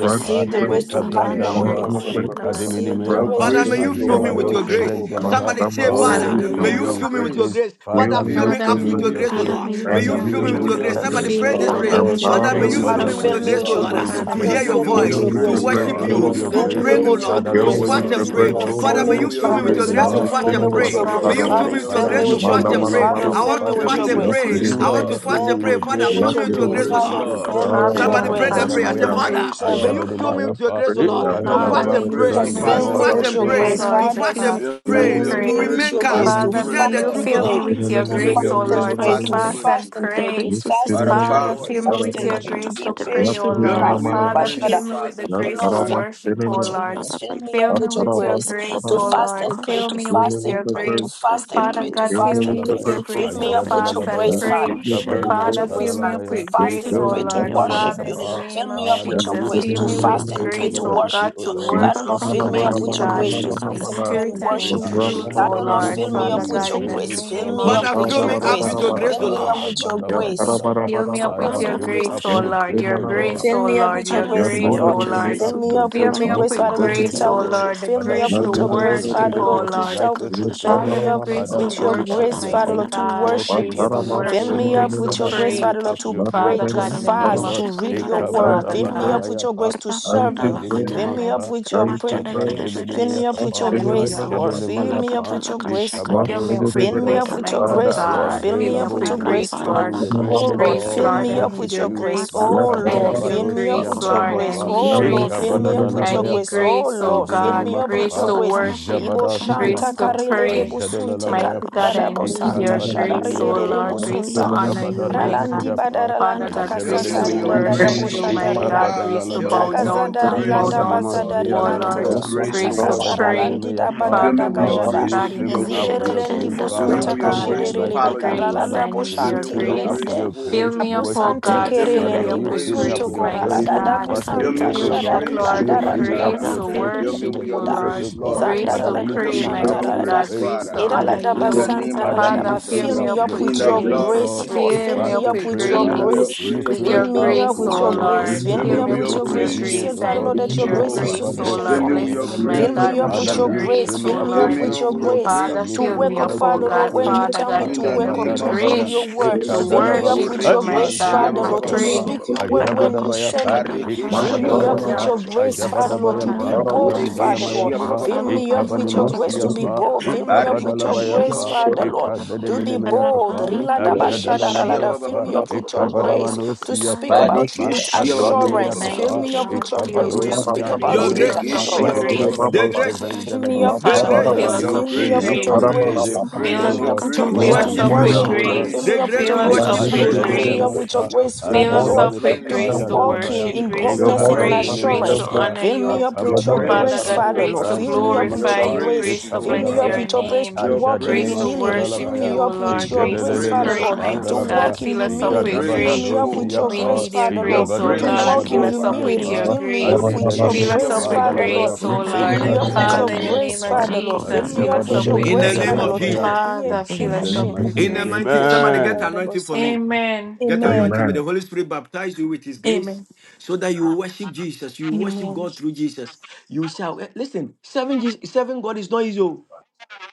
Speaker 20: I receive the
Speaker 10: I
Speaker 20: grace to
Speaker 10: receive
Speaker 20: ponder
Speaker 10: your
Speaker 20: on your
Speaker 9: Ikabrandalaba,
Speaker 10: grace,
Speaker 20: word.
Speaker 10: O
Speaker 20: I
Speaker 10: God, in the
Speaker 20: receive the
Speaker 10: name
Speaker 15: Rapandalakoshekatalabaya,
Speaker 3: The
Speaker 10: of
Speaker 16: Matthew
Speaker 9: Ikademinimeapa,
Speaker 11: Father,
Speaker 3: grace
Speaker 20: grace.
Speaker 16: Gray,
Speaker 11: may
Speaker 3: to
Speaker 11: you
Speaker 3: do
Speaker 16: the
Speaker 11: fill
Speaker 3: your
Speaker 10: Jesus.
Speaker 11: me
Speaker 16: Lord.
Speaker 11: with
Speaker 9: Ajabado
Speaker 3: will,
Speaker 11: your grace.
Speaker 3: Jehovah.
Speaker 9: Sevrendelaba.
Speaker 11: Somebody say,
Speaker 9: Lord,
Speaker 3: Oh,
Speaker 9: may
Speaker 16: Mastamanamana.
Speaker 11: Father,
Speaker 20: Receive
Speaker 9: you
Speaker 3: fill
Speaker 20: your
Speaker 3: me
Speaker 11: may
Speaker 20: grace.
Speaker 9: fill
Speaker 15: Rapandalakataya,
Speaker 3: with
Speaker 11: you
Speaker 10: Hallelujah.
Speaker 9: me
Speaker 3: your
Speaker 11: fill
Speaker 9: with
Speaker 11: me
Speaker 20: Father,
Speaker 9: your
Speaker 11: with your
Speaker 9: grace.
Speaker 3: grace.
Speaker 11: grace.
Speaker 16: Fill
Speaker 11: Father,
Speaker 9: Father,
Speaker 16: me
Speaker 9: may
Speaker 11: fill
Speaker 9: you
Speaker 16: with
Speaker 11: me
Speaker 3: Fill,
Speaker 10: Father,
Speaker 16: your
Speaker 9: fill
Speaker 11: up
Speaker 3: fill
Speaker 9: me
Speaker 10: may
Speaker 3: me
Speaker 11: with your
Speaker 9: with
Speaker 10: you
Speaker 3: with
Speaker 16: grace
Speaker 9: your
Speaker 3: your
Speaker 11: grace, O
Speaker 15: Father,
Speaker 10: fill
Speaker 9: grace.
Speaker 11: Lord.
Speaker 15: may
Speaker 10: me
Speaker 3: grace.
Speaker 15: you
Speaker 11: May
Speaker 10: with
Speaker 15: fill
Speaker 16: and
Speaker 11: you
Speaker 9: Father,
Speaker 10: your
Speaker 15: me
Speaker 9: may
Speaker 16: give
Speaker 11: fill
Speaker 9: you
Speaker 3: Fill
Speaker 15: with
Speaker 11: me
Speaker 16: me
Speaker 3: me
Speaker 15: your
Speaker 11: with
Speaker 9: fill
Speaker 16: with
Speaker 11: your
Speaker 3: with
Speaker 10: grace.
Speaker 9: me
Speaker 3: your
Speaker 16: your
Speaker 11: grace.
Speaker 9: up
Speaker 15: grace.
Speaker 9: with
Speaker 11: Somebody
Speaker 9: your
Speaker 16: grace.
Speaker 3: grace,
Speaker 10: Fill
Speaker 11: pray
Speaker 9: grace,
Speaker 10: me
Speaker 11: this
Speaker 9: oh
Speaker 20: fill
Speaker 10: up
Speaker 3: Lord.
Speaker 15: Father,
Speaker 11: prayer.
Speaker 20: me
Speaker 15: may
Speaker 10: with
Speaker 9: Lord.
Speaker 20: with
Speaker 15: you
Speaker 10: your
Speaker 20: your
Speaker 16: Empower
Speaker 11: Father,
Speaker 16: me
Speaker 15: fill
Speaker 11: may
Speaker 3: Fill
Speaker 9: Oh
Speaker 20: grace.
Speaker 15: me
Speaker 11: you
Speaker 3: me
Speaker 16: with
Speaker 10: grace,
Speaker 9: Lord
Speaker 3: with
Speaker 11: fill
Speaker 16: your
Speaker 15: with
Speaker 10: O
Speaker 20: Father,
Speaker 11: me
Speaker 15: your
Speaker 3: your
Speaker 11: with
Speaker 16: grace.
Speaker 20: fill
Speaker 9: Jesus,
Speaker 11: your
Speaker 15: grace.
Speaker 9: may
Speaker 20: me
Speaker 3: grace,
Speaker 9: you
Speaker 10: Lord.
Speaker 11: grace,
Speaker 20: with
Speaker 11: O
Speaker 20: your
Speaker 9: fill
Speaker 11: Lord,
Speaker 9: me
Speaker 3: Lord.
Speaker 11: uh,
Speaker 9: with
Speaker 20: grace.
Speaker 15: Father,
Speaker 9: your
Speaker 10: Father
Speaker 11: to
Speaker 15: fill
Speaker 20: Father,
Speaker 11: hear
Speaker 10: God,
Speaker 15: me
Speaker 9: grace.
Speaker 3: Fill
Speaker 10: may
Speaker 11: your
Speaker 15: up
Speaker 20: fill
Speaker 3: me
Speaker 20: me
Speaker 15: with
Speaker 10: you
Speaker 3: with
Speaker 16: Fill
Speaker 15: your
Speaker 11: voice,
Speaker 20: with
Speaker 3: your
Speaker 16: me
Speaker 20: your
Speaker 10: fill
Speaker 16: with
Speaker 15: grace.
Speaker 9: Adonai,
Speaker 10: me
Speaker 11: to
Speaker 16: your
Speaker 9: may
Speaker 20: grace.
Speaker 3: grace,
Speaker 10: with
Speaker 9: you
Speaker 16: grace,
Speaker 11: worship
Speaker 9: fill
Speaker 16: O
Speaker 10: grace,
Speaker 9: me
Speaker 15: Fill
Speaker 3: Lord.
Speaker 11: you,
Speaker 20: Father,
Speaker 9: with
Speaker 10: O
Speaker 16: Lord.
Speaker 15: me
Speaker 9: your
Speaker 15: up
Speaker 11: to
Speaker 10: God.
Speaker 20: fill
Speaker 15: with your
Speaker 9: grace.
Speaker 11: pray,
Speaker 3: Fill
Speaker 20: me
Speaker 10: Fill
Speaker 3: me
Speaker 11: O
Speaker 10: me
Speaker 15: grace.
Speaker 3: with
Speaker 20: with
Speaker 10: up
Speaker 3: your
Speaker 20: your
Speaker 11: Lord,
Speaker 9: Father,
Speaker 10: with
Speaker 9: to
Speaker 16: Fill
Speaker 11: to
Speaker 10: your
Speaker 3: grace,
Speaker 16: me
Speaker 20: grace.
Speaker 16: with
Speaker 15: Fill
Speaker 9: worship
Speaker 11: fast
Speaker 16: your
Speaker 15: me
Speaker 11: and
Speaker 3: Lord.
Speaker 10: grace,
Speaker 9: you,
Speaker 10: O
Speaker 15: up
Speaker 9: O
Speaker 11: pray.
Speaker 16: grace,
Speaker 10: Lord.
Speaker 15: with
Speaker 20: Father,
Speaker 9: God.
Speaker 15: your
Speaker 16: O
Speaker 20: fill
Speaker 11: Father,
Speaker 3: Fill
Speaker 9: May
Speaker 20: me
Speaker 15: grace.
Speaker 11: may
Speaker 3: me
Speaker 16: Lord.
Speaker 9: you
Speaker 11: you
Speaker 3: with
Speaker 20: with your
Speaker 3: your
Speaker 11: fill
Speaker 9: fill
Speaker 11: me
Speaker 10: Father,
Speaker 9: me
Speaker 11: with
Speaker 15: The
Speaker 10: in
Speaker 11: your
Speaker 9: with
Speaker 20: grace.
Speaker 3: grace,
Speaker 9: your
Speaker 11: grace
Speaker 10: the
Speaker 15: grace
Speaker 10: name
Speaker 11: to
Speaker 20: Father,
Speaker 15: to
Speaker 9: grace
Speaker 10: of
Speaker 15: hear
Speaker 9: to
Speaker 11: fast
Speaker 20: fill
Speaker 3: Lord.
Speaker 15: your
Speaker 20: me
Speaker 11: and
Speaker 9: fast
Speaker 20: with
Speaker 9: and
Speaker 10: Jesus,
Speaker 15: voice.
Speaker 11: pray.
Speaker 16: Mastamanamana.
Speaker 20: your
Speaker 9: pray, O
Speaker 11: May
Speaker 10: Father,
Speaker 20: grace.
Speaker 11: you
Speaker 3: Fill
Speaker 15: The
Speaker 9: God.
Speaker 10: may
Speaker 3: me
Speaker 11: fill
Speaker 20: Father,
Speaker 3: with
Speaker 10: you
Speaker 11: me
Speaker 15: grace
Speaker 11: with
Speaker 3: your
Speaker 15: to
Speaker 11: your
Speaker 20: fill
Speaker 9: Father, may
Speaker 20: me
Speaker 10: fill
Speaker 11: grace to
Speaker 20: with
Speaker 9: you
Speaker 3: grace,
Speaker 10: me.
Speaker 15: worship
Speaker 20: your
Speaker 9: fill
Speaker 15: you.
Speaker 11: fast
Speaker 9: me
Speaker 3: Lord.
Speaker 11: and
Speaker 9: with
Speaker 20: grace.
Speaker 9: your
Speaker 11: pray.
Speaker 20: Father,
Speaker 15: The
Speaker 9: grace
Speaker 11: I
Speaker 9: to
Speaker 16: Mandamanamanama.
Speaker 20: fill
Speaker 15: way,
Speaker 11: want
Speaker 20: me
Speaker 11: to
Speaker 15: the
Speaker 9: fast
Speaker 3: Fill
Speaker 20: with
Speaker 9: and
Speaker 3: me
Speaker 11: fast
Speaker 20: your
Speaker 15: grace
Speaker 3: with
Speaker 15: to
Speaker 11: and
Speaker 9: pray.
Speaker 3: your
Speaker 15: be
Speaker 16: Yes,
Speaker 20: grace.
Speaker 16: it
Speaker 11: pray.
Speaker 9: May
Speaker 3: grace,
Speaker 16: is
Speaker 9: you
Speaker 16: in
Speaker 11: I
Speaker 16: the
Speaker 11: want
Speaker 15: consecrated.
Speaker 11: to
Speaker 3: Lord.
Speaker 9: fill
Speaker 16: name.
Speaker 11: fast
Speaker 9: me
Speaker 11: and
Speaker 20: Fill
Speaker 9: with
Speaker 11: pray.
Speaker 9: your grace
Speaker 20: me
Speaker 11: Father,
Speaker 3: Fill
Speaker 15: Rakoshe
Speaker 11: fill
Speaker 16: Yes,
Speaker 20: with
Speaker 3: me
Speaker 11: me
Speaker 20: your
Speaker 16: it
Speaker 3: with
Speaker 11: with
Speaker 16: is
Speaker 9: to
Speaker 11: your
Speaker 3: your
Speaker 16: in the
Speaker 20: grace.
Speaker 11: grace,
Speaker 16: name.
Speaker 9: worship
Speaker 11: O
Speaker 3: grace,
Speaker 9: you,
Speaker 20: Father,
Speaker 11: Lord.
Speaker 9: O
Speaker 15: katalabandala
Speaker 3: Lord.
Speaker 20: fill
Speaker 9: God.
Speaker 16: Ah, I
Speaker 20: me
Speaker 15: katala
Speaker 10: Father,
Speaker 20: with
Speaker 10: I
Speaker 16: want
Speaker 20: your
Speaker 11: Somebody
Speaker 10: want
Speaker 16: to
Speaker 10: to
Speaker 11: pray
Speaker 15: katalaba.
Speaker 20: grace.
Speaker 3: Fill
Speaker 11: that
Speaker 16: start
Speaker 10: fast
Speaker 3: me
Speaker 16: to
Speaker 11: prayer.
Speaker 3: with
Speaker 10: and
Speaker 11: Say,
Speaker 16: pray. I
Speaker 3: your
Speaker 9: Ikabadadabayapa,
Speaker 16: want
Speaker 10: pray.
Speaker 16: to
Speaker 11: Father,
Speaker 3: grace,
Speaker 16: pray.
Speaker 11: may
Speaker 15: Rabakoshe
Speaker 11: you
Speaker 3: Lord.
Speaker 11: fill
Speaker 16: I
Speaker 15: katalaba.
Speaker 11: me with
Speaker 16: want
Speaker 11: your
Speaker 16: to
Speaker 9: Ayabedemakapa,
Speaker 11: grace,
Speaker 16: pray.
Speaker 11: O Lord,
Speaker 16: I
Speaker 3: Oh,
Speaker 16: want
Speaker 3: fill
Speaker 11: to
Speaker 3: me
Speaker 16: to have
Speaker 10: Father,
Speaker 3: with
Speaker 16: a
Speaker 11: fast
Speaker 3: your
Speaker 9: Ikadalalaba,
Speaker 10: may
Speaker 11: and
Speaker 10: you
Speaker 16: better day.
Speaker 3: grace
Speaker 10: fill
Speaker 20: Father,
Speaker 11: pray,
Speaker 3: to
Speaker 10: me
Speaker 16: I
Speaker 20: fill
Speaker 11: to
Speaker 3: fast
Speaker 10: with
Speaker 3: and
Speaker 20: me
Speaker 16: Father,
Speaker 11: fast
Speaker 10: your
Speaker 9: Randemose.
Speaker 20: with
Speaker 3: pray,
Speaker 11: and
Speaker 20: your
Speaker 16: fill
Speaker 10: grace,
Speaker 11: pray,
Speaker 3: Lord.
Speaker 16: me,
Speaker 20: grace.
Speaker 15: Father, may
Speaker 10: Lord,
Speaker 11: to
Speaker 10: to
Speaker 15: you
Speaker 20: Father,
Speaker 11: fast
Speaker 15: fill me
Speaker 20: f-
Speaker 11: and
Speaker 10: fast
Speaker 3: Fill
Speaker 15: with your
Speaker 3: me
Speaker 16: fill
Speaker 10: and
Speaker 11: pray,
Speaker 3: with
Speaker 20: fill
Speaker 15: grace
Speaker 3: your
Speaker 16: me,
Speaker 15: to
Speaker 11: to
Speaker 20: me
Speaker 10: pray.
Speaker 15: fast
Speaker 3: grace
Speaker 20: with
Speaker 15: and
Speaker 11: remain
Speaker 3: to
Speaker 20: your
Speaker 15: pray.
Speaker 16: fill
Speaker 11: calm,
Speaker 3: fast
Speaker 20: grace
Speaker 3: and
Speaker 20: to
Speaker 11: to
Speaker 10: Father,
Speaker 16: me.
Speaker 3: pray,
Speaker 11: tell
Speaker 10: may
Speaker 11: the
Speaker 20: fast
Speaker 10: you
Speaker 20: and
Speaker 11: truth, O
Speaker 3: Lord.
Speaker 10: fill me
Speaker 20: pray,
Speaker 11: Lord.
Speaker 15: freely
Speaker 16: Masini
Speaker 15: with
Speaker 10: with
Speaker 15: the
Speaker 16: mana
Speaker 10: your
Speaker 3: Fill
Speaker 20: to
Speaker 3: me
Speaker 16: mana
Speaker 15: grace
Speaker 3: with
Speaker 20: fast
Speaker 10: grace,
Speaker 16: mana
Speaker 3: your
Speaker 10: O
Speaker 15: not
Speaker 16: mana mana mana.
Speaker 15: to
Speaker 3: grace
Speaker 20: and
Speaker 3: to
Speaker 10: Lord, to
Speaker 20: pray,
Speaker 15: fast
Speaker 3: fast
Speaker 15: and
Speaker 20: to
Speaker 3: and
Speaker 15: pray.
Speaker 10: fast
Speaker 3: pray,
Speaker 10: and
Speaker 20: fast and
Speaker 15: The
Speaker 20: pray,
Speaker 3: Jehovah.
Speaker 20: to
Speaker 10: pray.
Speaker 15: grace
Speaker 16: Yes,
Speaker 15: to
Speaker 16: it is in the
Speaker 20: fast
Speaker 15: say
Speaker 3: By
Speaker 15: the
Speaker 3: the
Speaker 20: and
Speaker 10: Father,
Speaker 20: pray,
Speaker 15: truth.
Speaker 3: power
Speaker 20: to
Speaker 10: fill
Speaker 3: in
Speaker 10: me
Speaker 3: the
Speaker 20: fast
Speaker 3: name
Speaker 10: with
Speaker 20: and
Speaker 3: of
Speaker 10: your
Speaker 20: pray, to
Speaker 10: grace to
Speaker 20: be
Speaker 15: Shekatalaba, the
Speaker 3: Jesus.
Speaker 16: Yes,
Speaker 10: pray,
Speaker 15: grace
Speaker 20: patient.
Speaker 10: O
Speaker 16: it
Speaker 15: to
Speaker 16: is in
Speaker 3: Fill
Speaker 15: remain
Speaker 3: me
Speaker 10: Lord.
Speaker 15: in
Speaker 3: with
Speaker 15: your
Speaker 16: the
Speaker 3: your
Speaker 16: name.
Speaker 10: Father,
Speaker 3: grace
Speaker 10: fill
Speaker 20: Hiralabashada.
Speaker 3: to
Speaker 10: me
Speaker 15: presence.
Speaker 10: with
Speaker 3: fast
Speaker 10: the
Speaker 3: and pray,
Speaker 10: grace
Speaker 20: Lord,
Speaker 10: to
Speaker 20: fill
Speaker 15: Shekatalaba,
Speaker 16: Rabbas,
Speaker 3: Father.
Speaker 20: me
Speaker 10: worship,
Speaker 20: up
Speaker 10: O
Speaker 20: with
Speaker 16: Seminole,
Speaker 20: your
Speaker 10: Lord.
Speaker 20: grace. Fill me
Speaker 10: Fill
Speaker 20: up
Speaker 16: Rabbas,
Speaker 10: me
Speaker 15: yukata,
Speaker 20: with your
Speaker 10: with your
Speaker 20: grace
Speaker 10: grace,
Speaker 20: to
Speaker 10: O
Speaker 15: rabanda,
Speaker 20: fast
Speaker 10: Lord.
Speaker 16: Rabbas,
Speaker 20: and pray,
Speaker 10: Fill
Speaker 20: to
Speaker 10: me
Speaker 16: fill me
Speaker 15: koshekata.
Speaker 20: fast
Speaker 10: with
Speaker 16: with
Speaker 10: your
Speaker 20: and
Speaker 16: your
Speaker 20: pray, to
Speaker 16: grace,
Speaker 10: grace.
Speaker 15: Love
Speaker 20: fast and
Speaker 15: me
Speaker 10: Father
Speaker 20: pray, to
Speaker 10: God,
Speaker 16: fill
Speaker 10: fill
Speaker 16: me
Speaker 20: fast
Speaker 15: without your
Speaker 16: with
Speaker 20: and
Speaker 10: me
Speaker 16: your
Speaker 20: pray.
Speaker 10: with
Speaker 15: grace
Speaker 9: Labaya,
Speaker 10: your
Speaker 16: grace,
Speaker 15: to
Speaker 16: O
Speaker 20: Fill
Speaker 15: fast
Speaker 10: grace
Speaker 16: Lord.
Speaker 20: me
Speaker 15: and
Speaker 10: to
Speaker 20: up
Speaker 15: pray.
Speaker 20: with your
Speaker 10: fast and
Speaker 16: I
Speaker 9: Ajadalalabaya,
Speaker 20: grace,
Speaker 10: pray.
Speaker 15: Rako
Speaker 20: Father.
Speaker 16: receive your
Speaker 20: Fill me
Speaker 16: grace,
Speaker 20: up
Speaker 9: Ikabadima
Speaker 16: O
Speaker 20: with
Speaker 10: Father,
Speaker 20: your
Speaker 15: shekatalaba,
Speaker 16: Lord.
Speaker 10: fill
Speaker 20: grace,
Speaker 10: me
Speaker 20: Father,
Speaker 10: up
Speaker 20: to
Speaker 9: Sadalabaya,
Speaker 10: with
Speaker 16: This
Speaker 15: grace
Speaker 20: fast
Speaker 15: to
Speaker 10: grace,
Speaker 20: and
Speaker 10: O
Speaker 16: is
Speaker 20: pray,
Speaker 15: remain
Speaker 20: to
Speaker 9: Ikabrende
Speaker 15: in
Speaker 10: Lord.
Speaker 15: your
Speaker 9: Brande
Speaker 20: worship
Speaker 10: Father,
Speaker 20: you.
Speaker 10: in the
Speaker 15: presence.
Speaker 16: Rabbas,
Speaker 9: Kapa.
Speaker 10: name
Speaker 20: Fill
Speaker 10: of
Speaker 20: me up
Speaker 9: Father,
Speaker 16: yes.
Speaker 20: with
Speaker 9: may
Speaker 20: your
Speaker 9: you
Speaker 10: Jesus,
Speaker 20: grace
Speaker 9: fill
Speaker 10: fill
Speaker 20: to
Speaker 15: Shekatalaba,
Speaker 9: me
Speaker 10: me
Speaker 9: with
Speaker 10: with
Speaker 9: your
Speaker 20: fast and
Speaker 9: grace to
Speaker 20: pray,
Speaker 10: grace,
Speaker 20: to
Speaker 10: O
Speaker 15: ndalakatayaba.
Speaker 9: worship you,
Speaker 20: worship
Speaker 10: God,
Speaker 9: O
Speaker 20: you.
Speaker 10: to
Speaker 9: Lord.
Speaker 20: Father
Speaker 10: worship
Speaker 20: Lord,
Speaker 10: you,
Speaker 20: fill
Speaker 9: Father,
Speaker 20: me
Speaker 9: may
Speaker 20: up
Speaker 9: you
Speaker 10: mighty
Speaker 20: with
Speaker 15: Korabakatalia,
Speaker 20: your
Speaker 9: fill me
Speaker 10: God,
Speaker 20: grace
Speaker 9: with
Speaker 20: to
Speaker 9: your grace
Speaker 10: in
Speaker 15: koshekata.
Speaker 20: fast
Speaker 9: to
Speaker 20: and pray
Speaker 9: fast
Speaker 10: spirit
Speaker 20: and
Speaker 9: and
Speaker 10: and
Speaker 15: Grace
Speaker 10: in
Speaker 9: pray,
Speaker 15: to
Speaker 20: worship you.
Speaker 15: worship
Speaker 10: truth,
Speaker 9: Adonai.
Speaker 15: you.
Speaker 10: O
Speaker 20: Father
Speaker 9: May
Speaker 20: Lord,
Speaker 9: you
Speaker 10: Lord.
Speaker 20: fill
Speaker 9: fill
Speaker 20: me
Speaker 9: me
Speaker 10: Father
Speaker 20: up
Speaker 15: He's
Speaker 9: with
Speaker 15: to
Speaker 9: your
Speaker 20: with
Speaker 10: God,
Speaker 20: your
Speaker 15: say
Speaker 10: in the
Speaker 15: the
Speaker 9: grace, O
Speaker 20: grace.
Speaker 15: truth.
Speaker 20: Fill
Speaker 10: name
Speaker 9: God, to
Speaker 10: of
Speaker 20: me up
Speaker 11: Father,
Speaker 9: worship
Speaker 20: with
Speaker 11: fill
Speaker 9: you.
Speaker 20: your
Speaker 11: me
Speaker 10: Jesus,
Speaker 11: up
Speaker 20: grace.
Speaker 11: with your
Speaker 15: Shikatalabanda
Speaker 11: grace,
Speaker 20: Fill
Speaker 11: O
Speaker 20: me
Speaker 15: labaka
Speaker 20: up
Speaker 11: Lord.
Speaker 20: with your
Speaker 15: shikatalaba.
Speaker 20: grace.
Speaker 9: Akabadababadababadaba.
Speaker 10: fill me up with
Speaker 9: Father,
Speaker 10: your
Speaker 15: Labanda
Speaker 9: fill me
Speaker 15: laka
Speaker 10: grace,
Speaker 9: up
Speaker 10: O
Speaker 9: with
Speaker 16: Yes,
Speaker 9: your
Speaker 10: Lord.
Speaker 9: grace,
Speaker 10: Your
Speaker 9: O Lord,
Speaker 10: grace,
Speaker 15: shikatalabadaba.
Speaker 9: to
Speaker 20: Fill
Speaker 10: O
Speaker 20: me
Speaker 9: fast
Speaker 20: up
Speaker 9: and
Speaker 10: Lord.
Speaker 20: with your
Speaker 9: pray.
Speaker 10: Your
Speaker 15: Father, fill
Speaker 20: grace,
Speaker 15: me
Speaker 20: oh
Speaker 10: grace,
Speaker 15: up
Speaker 9: Father,
Speaker 20: Lord.
Speaker 10: O
Speaker 15: with your
Speaker 9: fill me
Speaker 10: Lord.
Speaker 15: grace
Speaker 20: Fill
Speaker 9: up
Speaker 15: to
Speaker 9: with
Speaker 20: me
Speaker 9: your
Speaker 15: do
Speaker 20: up
Speaker 15: the
Speaker 10: Fill
Speaker 9: grace
Speaker 20: with
Speaker 9: to
Speaker 20: your
Speaker 10: me
Speaker 15: right
Speaker 10: up
Speaker 15: thing
Speaker 9: walk
Speaker 20: grace,
Speaker 9: in
Speaker 10: with
Speaker 20: Father Lord,
Speaker 15: according
Speaker 20: to
Speaker 15: to
Speaker 9: obedience,
Speaker 10: grace,
Speaker 15: your
Speaker 9: O
Speaker 20: tell
Speaker 10: O
Speaker 20: the
Speaker 15: will.
Speaker 9: God.
Speaker 20: truth.
Speaker 10: Lord. The
Speaker 20: Fill me
Speaker 9: Father,
Speaker 20: up
Speaker 10: grace
Speaker 9: fill
Speaker 10: to
Speaker 20: with
Speaker 9: me
Speaker 20: your
Speaker 9: up with
Speaker 20: grace,
Speaker 9: your
Speaker 10: worship,
Speaker 9: grace
Speaker 20: Father
Speaker 15: Shikatalabanda
Speaker 9: to
Speaker 10: O
Speaker 20: Lord,
Speaker 9: walk
Speaker 15: laka
Speaker 20: to
Speaker 9: in
Speaker 10: Lord.
Speaker 20: tell the
Speaker 9: righteousness,
Speaker 20: truth.
Speaker 9: O
Speaker 15: shikatalaba.
Speaker 20: Fill
Speaker 9: God.
Speaker 10: Father,
Speaker 20: me
Speaker 10: the
Speaker 20: up
Speaker 10: grace
Speaker 9: Father,
Speaker 10: to
Speaker 20: with
Speaker 9: fill
Speaker 20: your
Speaker 9: me up
Speaker 10: worship,
Speaker 9: with
Speaker 20: grace,
Speaker 9: your
Speaker 20: Father
Speaker 10: mighty
Speaker 9: grace
Speaker 15: Labakatalabanda
Speaker 20: Lord, to
Speaker 9: to
Speaker 10: God, the
Speaker 9: walk
Speaker 15: lakataya.
Speaker 20: worship
Speaker 9: in
Speaker 10: grace
Speaker 20: you.
Speaker 10: to
Speaker 16: Matarama,
Speaker 9: abundance, oh
Speaker 20: Fill
Speaker 10: worship,
Speaker 20: me
Speaker 9: God.
Speaker 15: Rapanda
Speaker 20: up
Speaker 10: grace to
Speaker 20: with
Speaker 15: laka
Speaker 20: your
Speaker 9: Father,
Speaker 16: Seminamana,
Speaker 9: fill
Speaker 20: grace,
Speaker 10: praise.
Speaker 9: me
Speaker 20: Father Lord,
Speaker 9: up
Speaker 15: shikatalaba.
Speaker 9: with
Speaker 20: to
Speaker 9: your grace
Speaker 20: pray,
Speaker 9: to
Speaker 10: Father
Speaker 20: to
Speaker 10: God,
Speaker 16: Matarama,
Speaker 10: in the
Speaker 9: worship you, O
Speaker 15: Matalako
Speaker 10: name
Speaker 20: fast,
Speaker 10: of
Speaker 16: Tarama,
Speaker 9: Lord.
Speaker 20: to read your
Speaker 10: Jesus,
Speaker 16: I
Speaker 15: shikatalaba
Speaker 20: word.
Speaker 10: Father
Speaker 20: Fill
Speaker 16: receive
Speaker 15: yakata.
Speaker 20: me
Speaker 16: bread,
Speaker 20: up
Speaker 10: God,
Speaker 20: with your
Speaker 9: Ekabadabadabayapa,
Speaker 20: grace to
Speaker 16: I
Speaker 20: serve
Speaker 15: Rapanda
Speaker 16: receive
Speaker 20: you.
Speaker 16: bread,
Speaker 20: Fill
Speaker 15: lakataya.
Speaker 20: me
Speaker 9: makademinimansa,
Speaker 20: up
Speaker 10: mighty
Speaker 20: with
Speaker 16: I
Speaker 10: God,
Speaker 20: your
Speaker 16: receive
Speaker 20: prayer.
Speaker 15: Matele
Speaker 16: bread,
Speaker 15: bele bele bele
Speaker 20: Fill me up with
Speaker 9: ekabrandeminimiyakapa,
Speaker 15: bele
Speaker 20: your
Speaker 15: bele.
Speaker 20: grace,
Speaker 10: hallelujah.
Speaker 20: Lord.
Speaker 16: Maseminamana,
Speaker 20: Fill me
Speaker 9: ajedelemayapa,
Speaker 20: up
Speaker 15: Alakata
Speaker 20: with your
Speaker 15: laka
Speaker 20: grace, Lord.
Speaker 15: shikate.
Speaker 10: Fill me up with
Speaker 20: Fill
Speaker 9: ekabadosevrenda.
Speaker 20: me
Speaker 16: Maseminamana,
Speaker 20: up
Speaker 10: grace,
Speaker 20: with
Speaker 15: Matala
Speaker 20: your
Speaker 10: mighty
Speaker 9: Father,
Speaker 20: grace,
Speaker 9: I
Speaker 16: Tarama,
Speaker 9: am
Speaker 20: Lord.
Speaker 15: Matalabrakataya.
Speaker 10: God.
Speaker 20: Fill
Speaker 10: Fill
Speaker 20: me
Speaker 10: me
Speaker 20: up
Speaker 10: up
Speaker 9: available.
Speaker 20: with
Speaker 10: with
Speaker 20: your
Speaker 9: May you
Speaker 20: grace,
Speaker 10: grace,
Speaker 9: fill
Speaker 20: Lord.
Speaker 9: me
Speaker 15: Arapanda
Speaker 10: Lord.
Speaker 9: with your grace,
Speaker 20: Oh
Speaker 9: O
Speaker 15: lakosha
Speaker 16: Seminamana,
Speaker 20: Lord,
Speaker 10: Grace,
Speaker 9: Lord,
Speaker 20: fill
Speaker 9: to
Speaker 10: Lord,
Speaker 20: me
Speaker 10: I
Speaker 20: up
Speaker 15: katarabaraba.
Speaker 10: need
Speaker 9: worship
Speaker 20: with
Speaker 10: your
Speaker 20: your
Speaker 9: you.
Speaker 20: grace.
Speaker 10: grace.
Speaker 16: Ya
Speaker 20: Oh
Speaker 10: I
Speaker 20: Lord,
Speaker 10: need
Speaker 16: Tarabara,
Speaker 15: Matalakate.
Speaker 10: your
Speaker 20: fill me up
Speaker 9: Makabadabadosia
Speaker 10: grace,
Speaker 20: with your
Speaker 10: Lord. I
Speaker 20: grace.
Speaker 9: dalabapa,
Speaker 10: need
Speaker 20: Oh
Speaker 16: Ya
Speaker 15: Ikorabakosha
Speaker 20: Lord, fill
Speaker 10: grace.
Speaker 20: me up
Speaker 15: katarabaraba.
Speaker 20: with
Speaker 10: I
Speaker 20: your
Speaker 10: need
Speaker 16: Maseminamana,
Speaker 20: grace.
Speaker 9: ekabadalalabayapa,
Speaker 20: Oh
Speaker 10: grace, oh
Speaker 20: Lord, fill
Speaker 10: God.
Speaker 20: me up with
Speaker 10: Grace
Speaker 9: andeminimakapa,
Speaker 20: your
Speaker 10: to
Speaker 20: grace.
Speaker 10: worship,
Speaker 15: Matalakatalabaya
Speaker 20: Ibo
Speaker 16: Maseminamana,
Speaker 10: grace
Speaker 20: shanta
Speaker 15: katalabanda
Speaker 9: ijabadasiapa,
Speaker 10: to
Speaker 20: karele de
Speaker 10: pray,
Speaker 15: lakataya.
Speaker 20: busunte
Speaker 10: Mighty
Speaker 9: Ajadalabayapa,
Speaker 10: God,
Speaker 15: Rakosha
Speaker 20: kandada
Speaker 10: I
Speaker 15: kata.
Speaker 10: need
Speaker 20: bosanta
Speaker 10: your
Speaker 16: Maseminamana,
Speaker 10: grace,
Speaker 20: shadarile
Speaker 10: O
Speaker 20: de
Speaker 9: Ikabadiminimiakapa,
Speaker 15: Matalakia
Speaker 10: Lord, grace to
Speaker 15: talia
Speaker 20: busunta.
Speaker 16: Maseminamana,
Speaker 10: honor you,
Speaker 15: kataya
Speaker 10: my
Speaker 16: Maseminamana,
Speaker 20: Ralandi
Speaker 10: God.
Speaker 9: Ikabadadosiapa,
Speaker 10: Father
Speaker 20: badaralanta
Speaker 15: bandala
Speaker 10: God,
Speaker 3: Fill me
Speaker 10: grace
Speaker 20: kasata
Speaker 10: to
Speaker 16: Oh,
Speaker 15: lakataya.
Speaker 3: with your
Speaker 20: rila
Speaker 9: Ajabadaminimiapa,
Speaker 10: worship
Speaker 20: dagabo
Speaker 3: grace,
Speaker 10: you,
Speaker 16: Maseminamana,
Speaker 10: my
Speaker 20: shadarila.
Speaker 10: God,
Speaker 3: Jehovah.
Speaker 10: grace to
Speaker 3: Fill me
Speaker 10: bow
Speaker 20: Idaga
Speaker 3: with
Speaker 9: Ikabadalalabayapa,
Speaker 10: down
Speaker 3: your
Speaker 10: to,
Speaker 20: zadarila
Speaker 10: bow
Speaker 15: Afari
Speaker 3: grace,
Speaker 20: daba
Speaker 3: my
Speaker 10: down to
Speaker 3: God.
Speaker 10: you,
Speaker 3: Fill
Speaker 10: O
Speaker 3: me with
Speaker 20: zadarilante
Speaker 10: Lord,
Speaker 3: your
Speaker 9: Makabanimasiadalabaya,
Speaker 15: matalabanda
Speaker 3: grace
Speaker 20: busunta
Speaker 3: to
Speaker 10: grace to
Speaker 3: worship you.
Speaker 10: pray.
Speaker 20: kataralandi
Speaker 15: lakataya.
Speaker 9: Ijabadaminimiapa.
Speaker 20: dabada
Speaker 3: Fill me
Speaker 10: Father,
Speaker 3: with
Speaker 10: my
Speaker 3: your
Speaker 9: Lord, may
Speaker 20: dagajada.
Speaker 3: grace
Speaker 9: you
Speaker 3: to
Speaker 10: God,
Speaker 3: do
Speaker 10: in
Speaker 9: fill
Speaker 10: the
Speaker 3: your
Speaker 9: me up
Speaker 15: Ikosha
Speaker 3: will.
Speaker 10: name
Speaker 9: with
Speaker 10: of
Speaker 9: your
Speaker 20: Iziderelendi
Speaker 9: grace,
Speaker 15: katenda
Speaker 10: Jesus,
Speaker 3: Fill
Speaker 16: Ya
Speaker 3: me
Speaker 10: my
Speaker 9: Father,
Speaker 20: bosunta
Speaker 3: with
Speaker 9: to
Speaker 15: lakataya.
Speaker 3: your
Speaker 10: God,
Speaker 9: walk
Speaker 16: Tarabara,
Speaker 10: I
Speaker 9: in
Speaker 3: grace to
Speaker 20: kashederele
Speaker 10: need
Speaker 20: de
Speaker 3: follow
Speaker 9: righteousness,
Speaker 3: you.
Speaker 15: Rapanda
Speaker 10: grace.
Speaker 9: Father.
Speaker 20: garalanda
Speaker 10: I
Speaker 9: May
Speaker 10: need
Speaker 3: Fill
Speaker 9: you
Speaker 15: lakosa
Speaker 10: your
Speaker 3: me
Speaker 20: boshanti
Speaker 9: fill
Speaker 3: with your
Speaker 9: me up
Speaker 10: grace.
Speaker 3: grace
Speaker 9: with
Speaker 20: relende.
Speaker 3: to
Speaker 15: talabaraba.
Speaker 9: your
Speaker 3: hold on
Speaker 10: Fill
Speaker 9: grace
Speaker 3: to
Speaker 10: me
Speaker 9: to
Speaker 10: up,
Speaker 3: you.
Speaker 10: O
Speaker 9: worship
Speaker 20: Abusante
Speaker 9: you.
Speaker 10: God.
Speaker 3: Fill me
Speaker 10: Fill
Speaker 3: with
Speaker 9: Father,
Speaker 10: me
Speaker 9: may
Speaker 3: your
Speaker 20: kerelendi
Speaker 15: Matele
Speaker 10: up
Speaker 9: you
Speaker 10: with
Speaker 9: fill
Speaker 3: grace,
Speaker 9: me up
Speaker 20: bosunto
Speaker 10: grace,
Speaker 9: with your
Speaker 3: Jehovah
Speaker 16: Ya
Speaker 20: korala
Speaker 10: mighty
Speaker 3: Nissi.
Speaker 9: grace
Speaker 20: da
Speaker 9: to
Speaker 20: da
Speaker 10: God.
Speaker 9: fast
Speaker 16: Tarabara,
Speaker 9: and
Speaker 3: Fill me
Speaker 20: busanta
Speaker 9: pray,
Speaker 3: with
Speaker 9: oh
Speaker 10: Give
Speaker 3: your
Speaker 10: me
Speaker 20: shada
Speaker 9: God.
Speaker 10: up,
Speaker 3: grace,
Speaker 20: rila
Speaker 9: May
Speaker 15: Atalakatariakashakata.
Speaker 10: Lord,
Speaker 9: you
Speaker 10: with
Speaker 20: dara
Speaker 3: Jehovah
Speaker 9: fill
Speaker 16: Mama,
Speaker 20: la
Speaker 9: me
Speaker 20: da
Speaker 9: up with
Speaker 10: grace
Speaker 3: Jireh.
Speaker 15: Father,
Speaker 9: your
Speaker 10: to
Speaker 20: basanda
Speaker 15: fill
Speaker 9: grace
Speaker 15: me
Speaker 3: Fill
Speaker 9: to
Speaker 15: with
Speaker 3: me
Speaker 9: read
Speaker 20: rilende
Speaker 15: your
Speaker 10: worship
Speaker 9: the
Speaker 3: with
Speaker 10: you,
Speaker 3: your
Speaker 20: boda.
Speaker 15: grace.
Speaker 9: scriptures,
Speaker 10: Lord.
Speaker 9: oh
Speaker 3: grace,
Speaker 9: God.
Speaker 3: Lord.
Speaker 10: Grace
Speaker 20: Izandara
Speaker 9: Father,
Speaker 10: to
Speaker 20: la
Speaker 9: may
Speaker 20: de
Speaker 9: you
Speaker 3: Fill
Speaker 9: fill
Speaker 10: pray,
Speaker 3: me
Speaker 9: me
Speaker 3: with
Speaker 9: up
Speaker 3: your
Speaker 10: mighty
Speaker 9: with
Speaker 20: boshanta
Speaker 15: Materebekashakata.
Speaker 9: your
Speaker 10: God.
Speaker 3: grace,
Speaker 9: grace
Speaker 10: Grace
Speaker 9: to
Speaker 10: to
Speaker 3: Father,
Speaker 9: study the
Speaker 10: honor
Speaker 20: Iraladaba
Speaker 3: in the
Speaker 9: scriptures.
Speaker 10: you.
Speaker 3: name of
Speaker 9: Father, may
Speaker 10: Father,
Speaker 15: Rapandalakatalakataya.
Speaker 20: santaralaba.
Speaker 9: you fill
Speaker 10: fill
Speaker 20: Fill
Speaker 9: me
Speaker 3: Jesus,
Speaker 10: me
Speaker 9: up
Speaker 20: me
Speaker 10: up
Speaker 9: with
Speaker 20: up
Speaker 9: your
Speaker 10: with
Speaker 3: in
Speaker 20: with
Speaker 3: the
Speaker 20: your
Speaker 9: grace, oh
Speaker 3: blood of
Speaker 10: grace.
Speaker 9: God,
Speaker 20: grace, Lord.
Speaker 9: to
Speaker 10: Fill
Speaker 20: Fill
Speaker 10: me
Speaker 3: Jesus.
Speaker 9: fast
Speaker 15: Makatalapandalakataya.
Speaker 20: me
Speaker 10: up
Speaker 9: and
Speaker 20: up
Speaker 10: with
Speaker 20: with
Speaker 9: pray.
Speaker 3: Fill
Speaker 20: your
Speaker 3: me
Speaker 9: Father,
Speaker 3: with your
Speaker 10: grace.
Speaker 20: grace.
Speaker 9: may you
Speaker 10: With
Speaker 3: grace,
Speaker 9: fill
Speaker 15: Rakoshakata.
Speaker 9: me
Speaker 20: Fill
Speaker 10: your
Speaker 20: me
Speaker 9: up
Speaker 20: up
Speaker 10: grace,
Speaker 20: with
Speaker 10: O
Speaker 20: your
Speaker 9: with
Speaker 3: Jehovah.
Speaker 9: your
Speaker 20: grace.
Speaker 9: grace,
Speaker 10: Lord.
Speaker 9: oh
Speaker 20: Fill
Speaker 3: Fill
Speaker 20: me
Speaker 3: me
Speaker 10: Fill
Speaker 9: God,
Speaker 10: me
Speaker 20: up
Speaker 3: with
Speaker 9: to
Speaker 10: up
Speaker 20: with
Speaker 3: your
Speaker 9: walk
Speaker 20: your
Speaker 10: with
Speaker 9: in
Speaker 10: your
Speaker 20: grace. You
Speaker 3: grace,
Speaker 15: Matalakatalakatalabaya.
Speaker 9: obedience,
Speaker 20: said,
Speaker 10: grace.
Speaker 9: oh
Speaker 10: I
Speaker 20: Father
Speaker 9: God.
Speaker 20: Lord, that
Speaker 10: need
Speaker 20: your
Speaker 10: your
Speaker 20: grace is
Speaker 3: Jehovah.
Speaker 10: grace, O
Speaker 9: Makabado
Speaker 20: sufficient
Speaker 3: Fill
Speaker 10: Lord.
Speaker 20: for
Speaker 3: me
Speaker 15: Derebelebelebelebele.
Speaker 3: with
Speaker 20: me.
Speaker 10: Bless
Speaker 3: your
Speaker 10: me, my
Speaker 9: shevrandalabaya.
Speaker 20: Fill
Speaker 3: grace, your
Speaker 10: God,
Speaker 20: me up
Speaker 10: with
Speaker 9: Father,
Speaker 20: with
Speaker 10: your
Speaker 20: your
Speaker 9: may you
Speaker 3: Mashiach.
Speaker 20: grace.
Speaker 9: fill
Speaker 10: grace,
Speaker 9: me
Speaker 10: O
Speaker 15: Rakoshakata.
Speaker 20: Fill
Speaker 9: up
Speaker 20: me
Speaker 9: with
Speaker 3: Fill
Speaker 9: your
Speaker 20: up
Speaker 10: Lord.
Speaker 3: me
Speaker 9: grace
Speaker 20: with
Speaker 3: up
Speaker 9: to
Speaker 20: your
Speaker 3: with your
Speaker 9: walk in
Speaker 20: grace.
Speaker 10: Father,
Speaker 3: grace,
Speaker 20: To
Speaker 3: my
Speaker 9: submission,
Speaker 10: fill
Speaker 9: oh
Speaker 20: wake
Speaker 10: me
Speaker 15: Matalakataya.
Speaker 20: up,
Speaker 3: God
Speaker 10: up,
Speaker 9: God,
Speaker 3: and
Speaker 9: to
Speaker 3: my
Speaker 10: O
Speaker 20: Father
Speaker 9: your
Speaker 20: Lord,
Speaker 10: God.
Speaker 20: when
Speaker 3: Lord.
Speaker 9: spirit.
Speaker 20: you
Speaker 10: Father,
Speaker 20: tell
Speaker 15: Kashakata.
Speaker 10: God,
Speaker 20: me
Speaker 3: In
Speaker 20: to
Speaker 10: fill
Speaker 3: the
Speaker 10: me
Speaker 20: wake
Speaker 10: up
Speaker 20: up,
Speaker 3: name
Speaker 10: with
Speaker 20: to to
Speaker 3: of
Speaker 20: read
Speaker 9: Makabadalabaya.
Speaker 20: your
Speaker 10: grace
Speaker 20: word.
Speaker 10: to
Speaker 3: Jesus.
Speaker 20: Fill me
Speaker 9: Ekadalaba.
Speaker 20: up
Speaker 10: worship
Speaker 20: with
Speaker 9: Eh,
Speaker 10: you,
Speaker 20: your
Speaker 15: Rakoshakata.
Speaker 10: my
Speaker 20: grace,
Speaker 3: Borekeshia
Speaker 10: God,
Speaker 9: mandemene
Speaker 20: Father,
Speaker 3: ba- ba-
Speaker 10: to
Speaker 20: Lord,
Speaker 3: ba-
Speaker 20: to
Speaker 3: ba- ba- ba- ba-
Speaker 9: makapa.
Speaker 3: ba-
Speaker 10: pray.
Speaker 15: Materia,
Speaker 20: speak
Speaker 3: ba-
Speaker 20: your
Speaker 3: ba- ba.
Speaker 20: word when
Speaker 15: Rako
Speaker 20: you
Speaker 9: Ajabadabayapa.
Speaker 20: send
Speaker 15: Shakata
Speaker 20: me.
Speaker 15: la
Speaker 20: Fill
Speaker 15: Banda la
Speaker 3: Barekeshia ba-
Speaker 20: me
Speaker 3: ba- ba-
Speaker 20: up
Speaker 3: ba-
Speaker 20: with
Speaker 10: Hallelujah.
Speaker 3: ba-
Speaker 9: Ekabadabayapa.
Speaker 15: Kataya,
Speaker 20: your
Speaker 3: ba- ba- ba-
Speaker 20: grace,
Speaker 3: ba- ba-
Speaker 20: Father,
Speaker 3: ba-
Speaker 20: Lord, to
Speaker 15: Rabanda
Speaker 9: Ajabadabayapa.
Speaker 20: be
Speaker 3: ba.
Speaker 15: la
Speaker 10: Hallelujah,
Speaker 20: bold,
Speaker 10: Jesus.
Speaker 15: Kataya,
Speaker 20: Father,
Speaker 9: Randalamaya
Speaker 20: Lord.
Speaker 3: Bodekeshia ba-
Speaker 9: pa?
Speaker 3: ba- ba- ba-
Speaker 15: Mata
Speaker 3: ba-
Speaker 20: Fill
Speaker 15: la
Speaker 3: ba- ba-
Speaker 20: me up
Speaker 15: Banda
Speaker 3: ba- ba- ba-
Speaker 20: with
Speaker 15: la
Speaker 3: ba-
Speaker 20: your
Speaker 3: ba-
Speaker 20: grace
Speaker 3: ba-
Speaker 9: Ikabanimasia
Speaker 20: to
Speaker 15: Kates,
Speaker 20: be
Speaker 10: Mighty
Speaker 3: ba.
Speaker 9: pa?
Speaker 10: God,
Speaker 20: bold. Fill
Speaker 15: Manda
Speaker 20: me
Speaker 15: la
Speaker 20: up with your
Speaker 9: Ikabadalabaya
Speaker 15: Kataria
Speaker 3: Barekeshia ba-
Speaker 20: grace,
Speaker 3: ba-
Speaker 9: pa? Randalamayapa,
Speaker 3: ba- ba- ba-
Speaker 20: Father,
Speaker 3: ba-
Speaker 15: Koshakata
Speaker 20: Lord,
Speaker 3: ba- ba-
Speaker 15: la
Speaker 3: ba- ba-
Speaker 20: to be
Speaker 3: ba- ba- ba.
Speaker 20: bold.
Speaker 9: Ekabanimasiapa, Ekabadalabayapa, Ekabedemenemeakapa,
Speaker 15: Rabanda la Koshakate,
Speaker 3: Bodekeshia ba-
Speaker 20: Riladabashadalalada.
Speaker 3: ba-
Speaker 20: Fill
Speaker 3: ba- ba-
Speaker 9: Ajadalabayapa,
Speaker 3: ba-
Speaker 20: me
Speaker 3: ba-
Speaker 20: up
Speaker 3: ba-
Speaker 15: Iko
Speaker 3: ba- ba-
Speaker 20: with
Speaker 3: ba-
Speaker 20: your
Speaker 3: ba- ba-
Speaker 15: Rabanda
Speaker 20: grace
Speaker 15: la
Speaker 3: ba-
Speaker 20: to
Speaker 15: Kataya,
Speaker 20: speak
Speaker 9: Ekabadamanosiapa,
Speaker 20: about you with
Speaker 3: Badekeshia ba- ba- ba- ba- ba- ba-
Speaker 20: assurance.
Speaker 15: Rabanda
Speaker 3: ba-
Speaker 15: la
Speaker 3: ba-
Speaker 20: Fill
Speaker 3: ba-
Speaker 10: Mighty
Speaker 9: Makademenemeakapa,
Speaker 20: me up
Speaker 10: God,
Speaker 3: ba-
Speaker 20: with
Speaker 3: ba-
Speaker 20: your
Speaker 15: Koshakata
Speaker 3: ba-
Speaker 15: la
Speaker 3: ba-
Speaker 10: fill
Speaker 20: grace
Speaker 3: ba.
Speaker 10: us
Speaker 20: to
Speaker 10: up
Speaker 15: Banda,
Speaker 20: speak
Speaker 10: with
Speaker 9: Ekabadosia
Speaker 20: about
Speaker 11: Your
Speaker 10: grace,
Speaker 20: you
Speaker 10: fill
Speaker 20: with
Speaker 10: us
Speaker 9: delemeapa,
Speaker 10: up
Speaker 15: Yukanda
Speaker 11: grace,
Speaker 15: la
Speaker 10: with
Speaker 3: Bodekeshia ba-
Speaker 20: assurance.
Speaker 3: ba- ba-
Speaker 15: Kataya,
Speaker 10: grace.
Speaker 3: ba- ba- ba- ba-
Speaker 11: the
Speaker 9: Ekabados
Speaker 3: ba- ba- ba-
Speaker 15: Father the
Speaker 3: ba-
Speaker 11: grace,
Speaker 20: Fill
Speaker 3: ba-
Speaker 20: me
Speaker 9: vendelaba.
Speaker 16: Allah
Speaker 15: Grace,
Speaker 20: up
Speaker 3: ba.
Speaker 11: the
Speaker 20: with your
Speaker 10: Father,
Speaker 9: Father,
Speaker 10: fill
Speaker 20: grace.
Speaker 9: may
Speaker 11: grace
Speaker 16: Tabaraba,
Speaker 10: us
Speaker 3: Your
Speaker 9: you
Speaker 15: Rako
Speaker 10: up
Speaker 20: Fill
Speaker 9: fill
Speaker 20: me
Speaker 10: with
Speaker 9: me
Speaker 20: up
Speaker 3: grace,
Speaker 16: ye
Speaker 9: up
Speaker 20: with
Speaker 3: your
Speaker 9: with
Speaker 20: your
Speaker 10: grace.
Speaker 15: Shakate,
Speaker 9: your grace
Speaker 3: grace,
Speaker 20: grace.
Speaker 3: your
Speaker 16: Lapabaraba,
Speaker 9: this
Speaker 16: Yetaramarababa,
Speaker 10: Fill
Speaker 15: Mata
Speaker 9: morning,
Speaker 20: Fill
Speaker 3: grace,
Speaker 9: O
Speaker 20: me
Speaker 15: la
Speaker 3: your
Speaker 20: up
Speaker 9: God,
Speaker 10: us,
Speaker 20: with your
Speaker 11: to
Speaker 15: Katala
Speaker 20: grace
Speaker 10: fill
Speaker 3: grace,
Speaker 9: for I
Speaker 20: to
Speaker 10: us
Speaker 9: am
Speaker 11: worship
Speaker 10: up
Speaker 15: Banda
Speaker 11: you, O
Speaker 15: la
Speaker 10: with
Speaker 3: your
Speaker 20: worship
Speaker 9: available,
Speaker 11: Lord.
Speaker 20: you.
Speaker 16: Yashimanimani,
Speaker 9: Lord
Speaker 20: Fill
Speaker 3: grace,
Speaker 15: Kataya,
Speaker 10: grace.
Speaker 20: me
Speaker 11: The
Speaker 3: your
Speaker 20: up
Speaker 11: grace
Speaker 20: with
Speaker 10: Fill
Speaker 20: your
Speaker 11: to
Speaker 10: us
Speaker 20: grace
Speaker 3: grace,
Speaker 15: Oka
Speaker 20: to
Speaker 3: your
Speaker 10: up
Speaker 11: worship you,
Speaker 10: with
Speaker 20: serve
Speaker 11: O
Speaker 20: you. Fill
Speaker 11: Lord.
Speaker 3: grace,
Speaker 9: ikadelelele
Speaker 15: Shakata
Speaker 20: me
Speaker 15: la
Speaker 20: up
Speaker 16: Labididididididi.
Speaker 10: grace.
Speaker 15: Banda.
Speaker 20: with your
Speaker 9: masa
Speaker 3: your
Speaker 20: grace,
Speaker 16: Your
Speaker 10: Fill
Speaker 20: Father
Speaker 16: more
Speaker 3: grace,
Speaker 10: us
Speaker 16: than
Speaker 3: your
Speaker 20: Lord,
Speaker 10: up
Speaker 9: ademeneme
Speaker 10: with
Speaker 20: to
Speaker 3: grace,
Speaker 20: be
Speaker 10: grace
Speaker 16: sufficient
Speaker 9: kapaya
Speaker 10: to
Speaker 16: grace.
Speaker 3: Jehovah,
Speaker 9: dalabaya
Speaker 20: walking
Speaker 10: worship,
Speaker 20: in
Speaker 15: Igor
Speaker 10: grace
Speaker 16: Your
Speaker 10: to
Speaker 3: your
Speaker 20: boldness
Speaker 16: more
Speaker 20: and in
Speaker 16: than
Speaker 10: pray,
Speaker 3: grace,
Speaker 10: grace
Speaker 9: ikabademenemaya
Speaker 10: to
Speaker 16: sufficient
Speaker 20: assurance.
Speaker 16: grace.
Speaker 3: Jehovah,
Speaker 9: pa
Speaker 10: honor
Speaker 20: Fill me
Speaker 10: you,
Speaker 20: up
Speaker 3: your
Speaker 16: Your
Speaker 20: with your
Speaker 16: more than
Speaker 9: akabadabaya
Speaker 3: grace,
Speaker 10: Father
Speaker 20: grace,
Speaker 9: pa
Speaker 10: God,
Speaker 20: Father
Speaker 16: sufficient
Speaker 10: grace
Speaker 20: Lord.
Speaker 10: to
Speaker 3: Jehovah,
Speaker 20: Fill me up
Speaker 9: brandemenema
Speaker 20: with
Speaker 3: your
Speaker 10: glorify
Speaker 20: your
Speaker 9: kapa
Speaker 10: you,
Speaker 3: grace,
Speaker 20: grace.
Speaker 10: grace to
Speaker 20: Fill me
Speaker 10: bless
Speaker 3: Jehovah,
Speaker 20: up
Speaker 9: ikabadabaya
Speaker 10: your
Speaker 20: with your
Speaker 9: pa
Speaker 20: grace
Speaker 10: name,
Speaker 20: to
Speaker 3: your
Speaker 20: walk in
Speaker 10: grace
Speaker 3: grace,
Speaker 9: ajadelema
Speaker 10: to
Speaker 20: humility. Fill
Speaker 3: Jehovah,
Speaker 10: worship you,
Speaker 20: me
Speaker 9: sadalabaya
Speaker 10: O
Speaker 20: up with
Speaker 10: Lord,
Speaker 20: your
Speaker 3: your
Speaker 10: grace to
Speaker 20: grace,
Speaker 9: ijadeleleme
Speaker 20: Father
Speaker 3: grace,
Speaker 10: pray,
Speaker 20: Lord,
Speaker 9: kapa
Speaker 10: mighty
Speaker 20: to
Speaker 3: Jehovah,
Speaker 10: God.
Speaker 9: dalabaya
Speaker 20: walk in
Speaker 10: Fill us
Speaker 3: your
Speaker 10: up
Speaker 20: humility.
Speaker 10: with
Speaker 20: Fill
Speaker 3: grace,
Speaker 10: grace.
Speaker 20: me
Speaker 15: Father,
Speaker 20: up
Speaker 15: fill me
Speaker 20: with
Speaker 9: igadabadadosia
Speaker 20: your
Speaker 15: with
Speaker 10: We
Speaker 3: Jehovah,
Speaker 9: pa
Speaker 20: grace,
Speaker 10: need
Speaker 15: grace,
Speaker 10: your
Speaker 20: Father Lord,
Speaker 3: your
Speaker 10: grace,
Speaker 15: fill
Speaker 10: O
Speaker 15: me
Speaker 20: to
Speaker 15: with
Speaker 3: grace,
Speaker 15: your
Speaker 10: God.
Speaker 20: walk
Speaker 10: Fill
Speaker 20: in
Speaker 15: grace,
Speaker 10: us up
Speaker 3: Jehovah.
Speaker 9: ijabadalalabadosia
Speaker 15: fill
Speaker 10: with
Speaker 15: me
Speaker 20: humility.
Speaker 15: with
Speaker 10: your
Speaker 9: pa
Speaker 16: grace.
Speaker 20: Fill me up
Speaker 10: grace.
Speaker 20: with your
Speaker 9: ajadeleme
Speaker 10: Fill
Speaker 3: Bodekeshi-
Speaker 16: Yashimanababa,
Speaker 10: us
Speaker 20: grace,
Speaker 10: up
Speaker 9: kapa
Speaker 10: with
Speaker 15: Shekatalaba,
Speaker 20: Father Lord
Speaker 9: dalabaya
Speaker 10: grace, O
Speaker 20: Fill
Speaker 15: Mandala
Speaker 20: me
Speaker 10: Lord.
Speaker 20: up
Speaker 15: Katala
Speaker 20: with your
Speaker 10: Father, in the
Speaker 15: Kataya,
Speaker 9: ikademenemaya
Speaker 20: grace,
Speaker 10: name of
Speaker 9: kapa
Speaker 20: Father Lord. Fill
Speaker 10: Jesus,
Speaker 15: Rakondala
Speaker 20: me
Speaker 10: fill
Speaker 20: up
Speaker 10: us
Speaker 20: with
Speaker 10: up
Speaker 20: your
Speaker 10: with
Speaker 11: In the
Speaker 20: grace,
Speaker 9: ajabadadosia
Speaker 11: name
Speaker 10: grace.
Speaker 15: Shekatalaba.
Speaker 20: Father
Speaker 16: Yashimanababa,
Speaker 11: of
Speaker 20: Lord,
Speaker 16: Yashimanababa,
Speaker 20: to
Speaker 9: dalabaya
Speaker 11: Jesus.
Speaker 20: be a
Speaker 9: in
Speaker 10: Father,
Speaker 20: prayer
Speaker 10: fill us
Speaker 9: Jesus'
Speaker 20: machine.
Speaker 10: up
Speaker 15: Amen.
Speaker 9: mighty
Speaker 10: with
Speaker 11: In
Speaker 16: Yashimanababa.
Speaker 9: name.
Speaker 11: the mighty,
Speaker 20: Bo
Speaker 10: grace.
Speaker 11: somebody get
Speaker 9: Amen.
Speaker 11: anointed for me.
Speaker 10: Amen.
Speaker 11: Get
Speaker 20: Amen.
Speaker 11: anointed. May
Speaker 16: Amen.
Speaker 11: the Holy Spirit baptize you with His grace
Speaker 10: Amen.
Speaker 11: so that you worship Jesus. You worship
Speaker 10: Amen.
Speaker 11: God through Jesus. You shall eh, listen. Seven, Jesus, seven God is not easy. oh.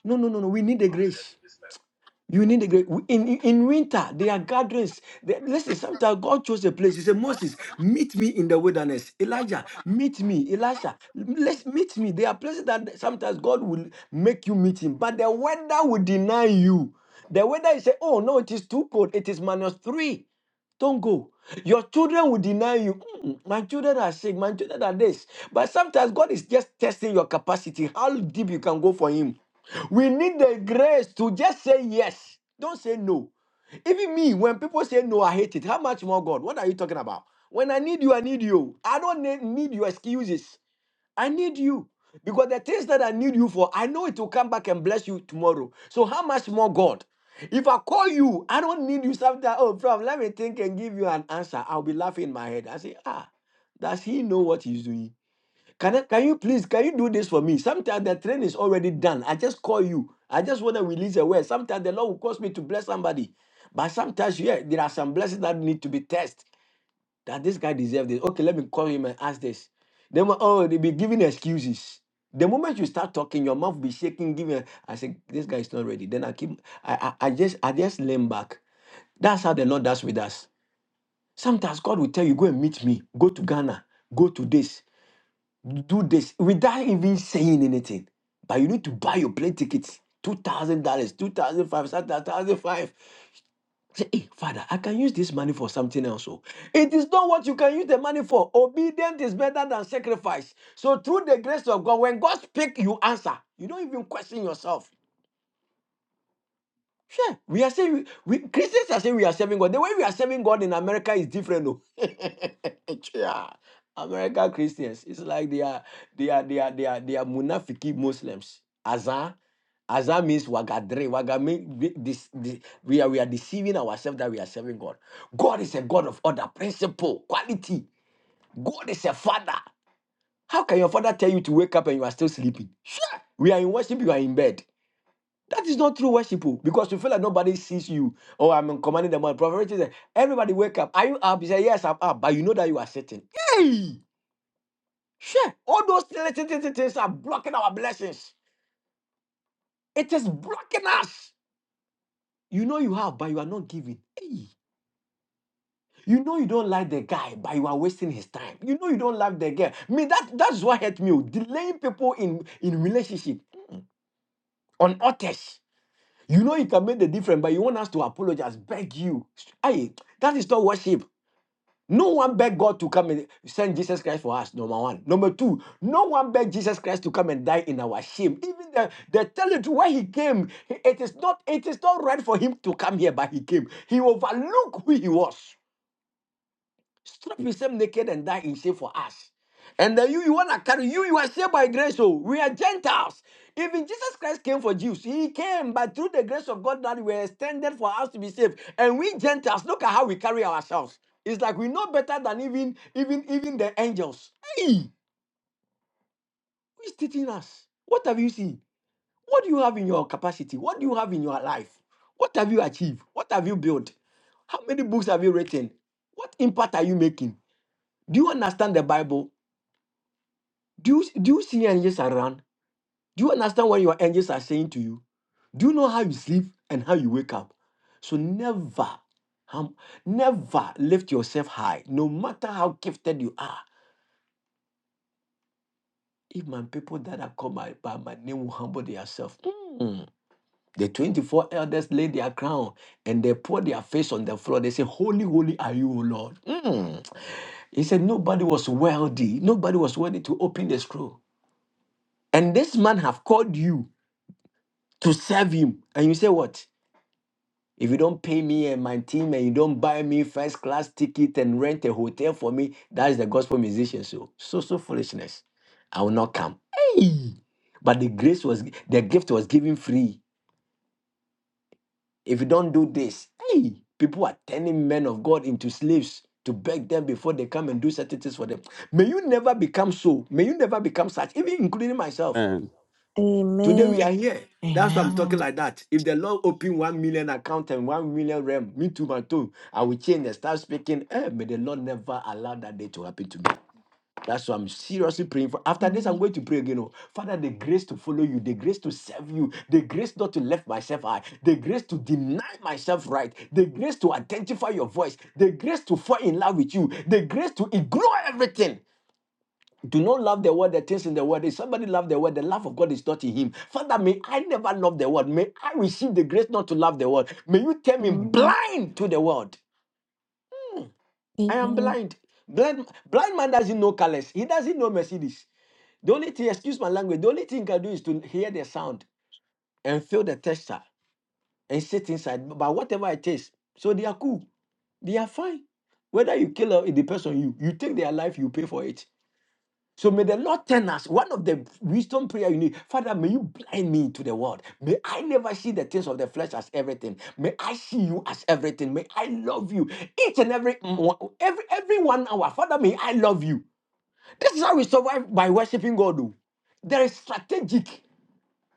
Speaker 11: No, no, no, no. We need the
Speaker 21: confident in
Speaker 11: grace.
Speaker 21: this message.
Speaker 11: You need the grace. We- In, in, in winter, there are gatherings. There- listen, sometimes God chose a place. He said, Moses, meet me in the wilderness. Elijah, meet me. Elisha, let's meet me. There are places that sometimes God will make you meet him, but the weather will deny you. The weather is say, oh no, it is too cold. It is minus three. Don't go. Your children will deny you. "Mm, my children are sick. My children are this. But sometimes God is just testing your capacity, how deep you can go for Him. We need the grace to just say yes. Don't say no. Even me, when people say no, I hate it. How much more God? What are you talking about? When I need you, I need you. I don't need, need your excuses. I need you. Because the things that I need you for, I know it will come back and bless you tomorrow. So how much more God? If I call you, I don't need you sometime. Oh, bro, let me think and give you an answer. I'll be laughing in my head. I say, ah, does he know what he's doing? Can I, can you please can you do this for me? Sometimes the train is already done. I just call you. I just want to release a word. Sometimes the Lord will cause me to bless somebody. But sometimes, yeah, there are some blessings that need to be tested that this guy deserves this. Okay, let me call him and ask this. Then oh, they be giving excuses. The moment you start talking, your mouth be shaking, giving. I say, this guy is not ready. Then I keep, I, I, I just, I just lean back. That's how the Lord does with us. Sometimes God will tell you, go and meet me, go to Ghana, go to this, do this, without even saying anything. But you need to buy your plane tickets, two thousand dollars, two thousand five, sometimes thousand five. Say, hey, Father, I can use this money for something else. oh." It is not what you can use the money for. Obedience is better than sacrifice. So, through the grace of God, when God speaks, you answer. You don't even question yourself. Sure, we are saying we Christians are saying we are serving God. The way we are serving God in America is different, though. yeah. American Christians, it's like they are they are they are they are they are munafiki Muslims. Azan, Azan means wagadre. Waga means this, this, we are we are deceiving ourselves that we are serving God. God is a God of order, principle, quality. God is a father. How can your father tell you to wake up and you are still sleeping? Sure, we are in worship, you are in bed. That is not true worship oh, because you feel like nobody sees you. Oh, I'm commanding the morning. Prophet Richard said, everybody wake up. Are you up? He said, Yes, I'm up. But you know that you are sitting. Hey, sure. All those little things things- are blocking our blessings. It is blocking us. You know you have, but you are not giving. Hey. You know you don't like the guy, but you are wasting his time. You know you don't like the girl. Me, that that's what hurt me. oh, Delaying people in in relationship on others. You know you can make the difference, but you want us to apologize, beg you. Hey, that is not worship. No one begged God to come and send Jesus Christ for us, number one. Number two, no one begged Jesus Christ to come and die in our shame. Even the, the tell you why he came, it is not it is not right for him to come here, but he came. He overlooked who he was strip himself naked and die in shame for us. And then you, you want to carry you, you are saved by grace. Oh, we are Gentiles. Even Jesus Christ came for Jews. He came, but through the grace of God that we were extended for us to be saved. And we Gentiles, look at how we carry ourselves. It's like we know better than even even even the angels. Hey, who's teaching us? What have you seen? What do you have in your capacity? What do you have in your life? What have you achieved? What have you built? How many books have you written? What impact are you making? Do you understand the Bible? Do you, do you see angels around? Do you understand what your angels are saying to you? Do you know how you sleep and how you wake up? So never, hum, never lift yourself high, no matter how gifted you are. If my people that are called by, by my name will humble themselves, mm, the 24 elders lay their crown and they pour their face on the floor. They say, Holy, holy are you, O Lord. Mm. He said, Nobody was worthy. Nobody was worthy to open the scroll. And this man have called you to serve him. And you say, What? If you don't pay me and my team and you don't buy me first class ticket and rent a hotel for me, that is the gospel musician. So, so, so foolishness. I will not come. Hey! But the grace was, the gift was given free. If you don't do this, hey, people are turning men of God into slaves to beg them before they come and do certain things for them. May you never become so. May you never become such, even including myself.
Speaker 9: Amen.
Speaker 11: Today we are
Speaker 20: Amen.
Speaker 11: here. That's why I'm
Speaker 15: Amen.
Speaker 11: talking like that. If the Lord open one million account and one million realm, me too, my too, I will change and start speaking. Eh, may the Lord never allow that day to happen to me. That's why I'm seriously praying for. After this, I'm
Speaker 20: Amen.
Speaker 11: going to pray again. Oh, Father, the grace to follow you, the grace to serve you, the grace not to left myself high, the grace to deny myself right, the grace to identify your voice, the grace to fall in love with you, the grace to ignore everything do not love the world, the things in the world. If somebody love the world, the love of God is not in him. Father, may I never love the world. May I receive the grace not to love the world. May you turn me
Speaker 20: Amen.
Speaker 11: blind to the world. I am
Speaker 20: Amen.
Speaker 11: blind. Blind, blind man doesn't know colors. He doesn't know Mercedes. The only thing, excuse my language, the only thing he can do is to hear the sound and feel the texture and sit inside. But whatever it is, so they are cool. They are fine. Whether you kill the person, you you take their life, you pay for it. So may the Lord turn us. One of the wisdom prayer you need, Father, may you blind me to the world. May I never see the things of the flesh as everything. May I see you as everything. May I love you each and every mo- every every one hour. Father, may I love you. This is how we survive by worshiping God. oh. There is strategic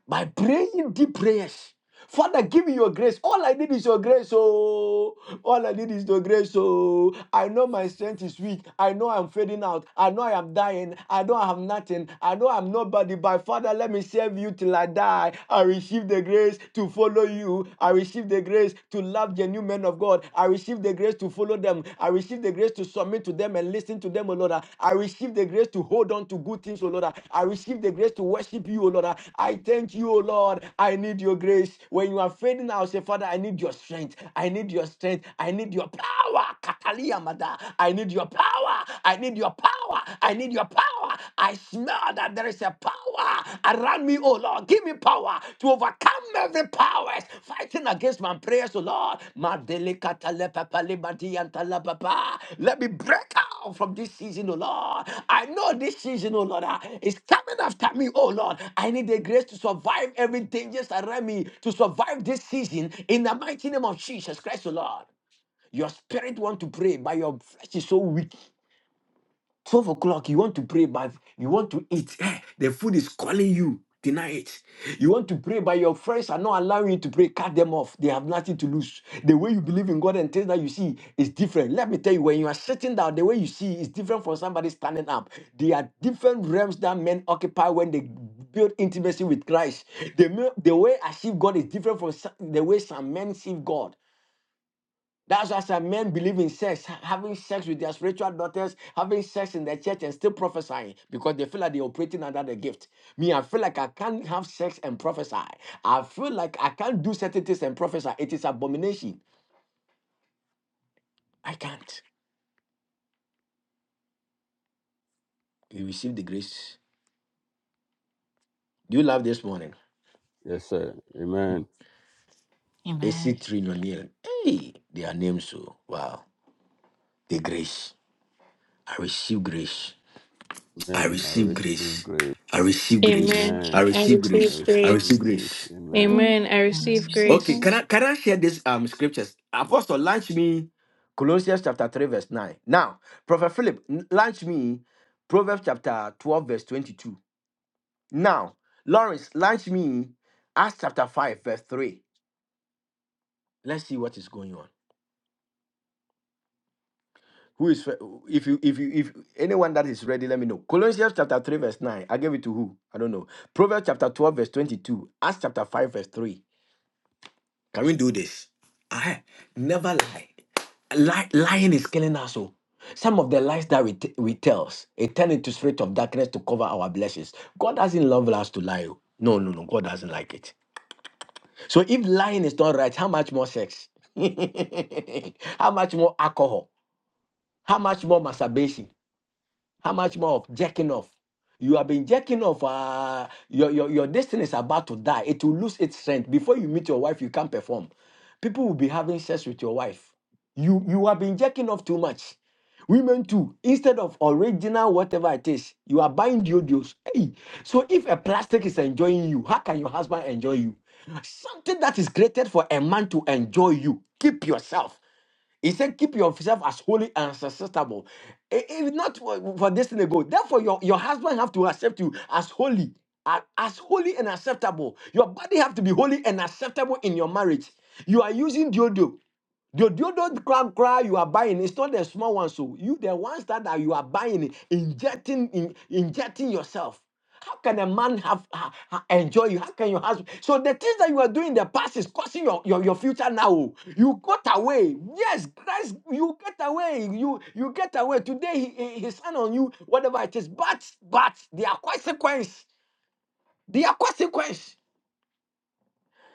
Speaker 11: by praying deep prayers. Father, give me your grace. All I need is your grace. Oh, all I need is your grace. Oh, I know my strength is weak. I know I'm fading out. I know I am dying. I know I have nothing. I know I'm nobody. But Father, let me serve you till I die. I receive the grace to follow you. I receive the grace to love the new men of God. I receive the grace to follow them them. I receive the grace to submit to them and listen to them, O Lord. I receive the grace to hold on to good things, O Lord. I receive the grace to worship you, O Lord. I thank you, O Lord. I need your grace. When you are fading, I'll say, Father, I need your strength. I need your strength. I need your power. Katalia mada. I need your power. I need your power. I need your power. I smell that there is a power around me, oh Lord. Give me power to overcome every powers fighting against my prayers, oh Lord. Ma delicata le papa le madi anta la papa. Let me break out from this season, oh Lord. I know this season, oh Lord, ah, is coming after me, oh Lord. I need the grace to survive every dangers around me, to survive this season in the mighty name of Jesus Christ, oh Lord. Your spirit want to pray, but your flesh is so weak. 12 o'clock, you want to pray, but you want to eat. Eh, the food is calling you. Deny it. You want to pray, but your friends are not allowing you to pray. Cut them off. They have nothing to lose. The way you believe in God and things that you see is different. Let me tell you, when you are sitting down, the way you see is different from somebody standing up. There are different realms that men occupy when they build intimacy with Christ. The, me- the way I see God is different from so- the way some men see God. That's why some men believe in sex, ha- having sex with their spiritual daughters, having sex in the church and still prophesying because they feel like they're operating under the gift. Me, I feel like I can't have sex and prophesy. I feel like I can't do certain things and prophesy. It is abomination. I can't. You receive the grace. Do you love this morning?
Speaker 9: Yes, sir. Amen.
Speaker 11: AC
Speaker 15: Amen.
Speaker 11: Trin O'Neill. Hey, their names so wow. The grace. I receive grace. I
Speaker 9: Amen. I
Speaker 11: receive
Speaker 9: receive
Speaker 11: grace.
Speaker 9: grace.
Speaker 11: I receive grace.
Speaker 10: Amen.
Speaker 11: I
Speaker 9: Amen.
Speaker 10: I
Speaker 11: receive
Speaker 9: I
Speaker 10: receive
Speaker 11: grace. I
Speaker 10: grace.
Speaker 11: receive
Speaker 9: receive grace.
Speaker 11: grace.
Speaker 9: Amen.
Speaker 10: Amen.
Speaker 20: Amen.
Speaker 10: I receive
Speaker 15: Amen.
Speaker 20: Mercy,
Speaker 11: Okay,
Speaker 10: grace.
Speaker 11: can I
Speaker 20: mercy,
Speaker 11: can I share this um scriptures? Apostle, launch me Colossians chapter 3, verse 9. Now, Prophet Philip, n- launch me Proverbs chapter 12, verse 22. Now, Lawrence, launch me Acts chapter 5, verse 3. Let's see what is going on. Who is fir- if you if you if anyone that is ready, let me know. Colossians chapter 3, verse 9. I gave it to who? I don't know. Proverbs chapter 12, verse 22. Acts chapter 5, verse 3. Can we do this? I never lie. Lie, lying is killing us. Oh. Some of the lies that we, t- we tell, it turns into spirit of darkness to cover our blessings. God doesn't love us to lie. oh. No, no, no. God doesn't like it. So if lying is not right, how much more sex? how much more alcohol? How much more masturbation? How much more of jerking off? You have been jerking off. Uh, your, your, your destiny is about to die. It will lose its strength. Before you meet your wife, you can't perform. People will be having sex with your wife. You, you have been jerking off too much. Women too. Instead of original whatever it is, you are buying deodos. Hey, so if a plastic is enjoying you, how can your husband enjoy you? Something that is created for a man to enjoy you. Keep yourself. He said, keep yourself as holy and acceptable. I- If not for, for this thing they go, therefore your, your husband have to accept you as holy, a- as holy and acceptable. Your body have to be holy and acceptable in your marriage. You are using deodorant. The deodorant crab cry you are buying, it's not the small one. So you the ones that are, you are buying, injecting, in, injecting yourself. How can a man have ha- ha- enjoy you? How can your husband? So the things that you are doing in the past is causing your, your, your future now. oh. You got away. Yes, Christ, you get away. You you get away. Today he, he, he signed on you, whatever it is. But but there are consequences. There are consequences.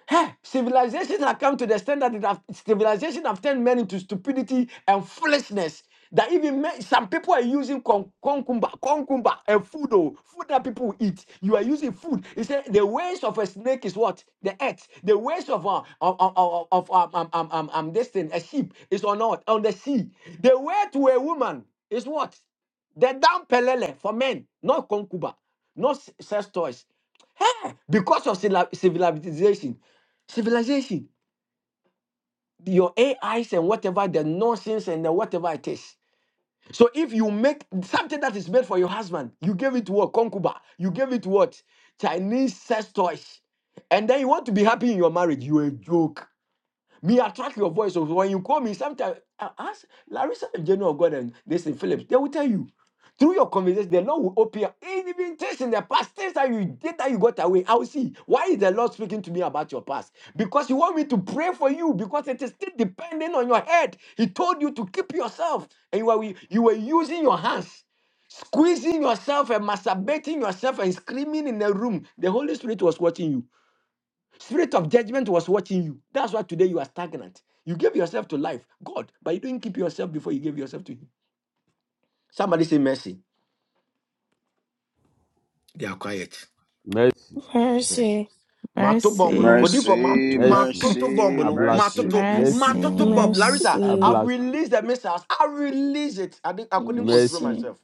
Speaker 11: Hey, civilization has come to the extent that it have, civilization have turned men into stupidity and foolishness. That even men, some people are using con- concumba, concumba, and food, oh, food that people eat. You are using food. He said the waste of a snake is what the earth. The waste of uh, of of, of um, um, um, um, um, this thing, a sheep is on earth, on the sea. The way to a woman is what the down pelele for men, not concuba, not s- sex toys. Hey, because of civili- civilization civilization, your AIs and whatever the nonsense and the whatever it is. So if you make something that is made for your husband, you gave it to what concubine, you gave it to what Chinese sex toys, and then you want to be happy in your marriage, you a joke. Me attract your voice. So when you call me, sometimes I ask Larissa and General God and they say Phillips, they will tell you. Through your conversation, the Lord will open up. even things in the past, things that you did that you got away. I will see. Why is the Lord speaking to me about your past? Because He want me to pray for you, because it is still depending on your head. He told you to keep yourself. And you were, you were using your hands, squeezing yourself and masturbating yourself and screaming in the room. The Holy Spirit was watching you. Spirit of judgment was watching you. That's why today you are stagnant. You gave yourself to life, God, but you didn't keep yourself before you gave yourself to Him. Somebody say mercy. They are quiet.
Speaker 9: Mercy.
Speaker 11: Yes.
Speaker 20: mercy,
Speaker 11: Matoto bomb no.
Speaker 15: Mercy.
Speaker 11: Odi for mat
Speaker 3: Mercy,
Speaker 9: Mercy.
Speaker 11: matoto bomb
Speaker 3: mercy,
Speaker 9: I
Speaker 11: no.
Speaker 9: blast it.
Speaker 3: mercy.
Speaker 11: Matoto
Speaker 9: Mercy.
Speaker 11: matoto
Speaker 15: Mercy.
Speaker 11: bomb. Larissa,
Speaker 9: I
Speaker 20: mercy,
Speaker 11: I've
Speaker 9: blast it.
Speaker 11: released the missiles. I release it. I didn't, I couldn't control
Speaker 9: Mercy.
Speaker 20: mercy,
Speaker 11: myself.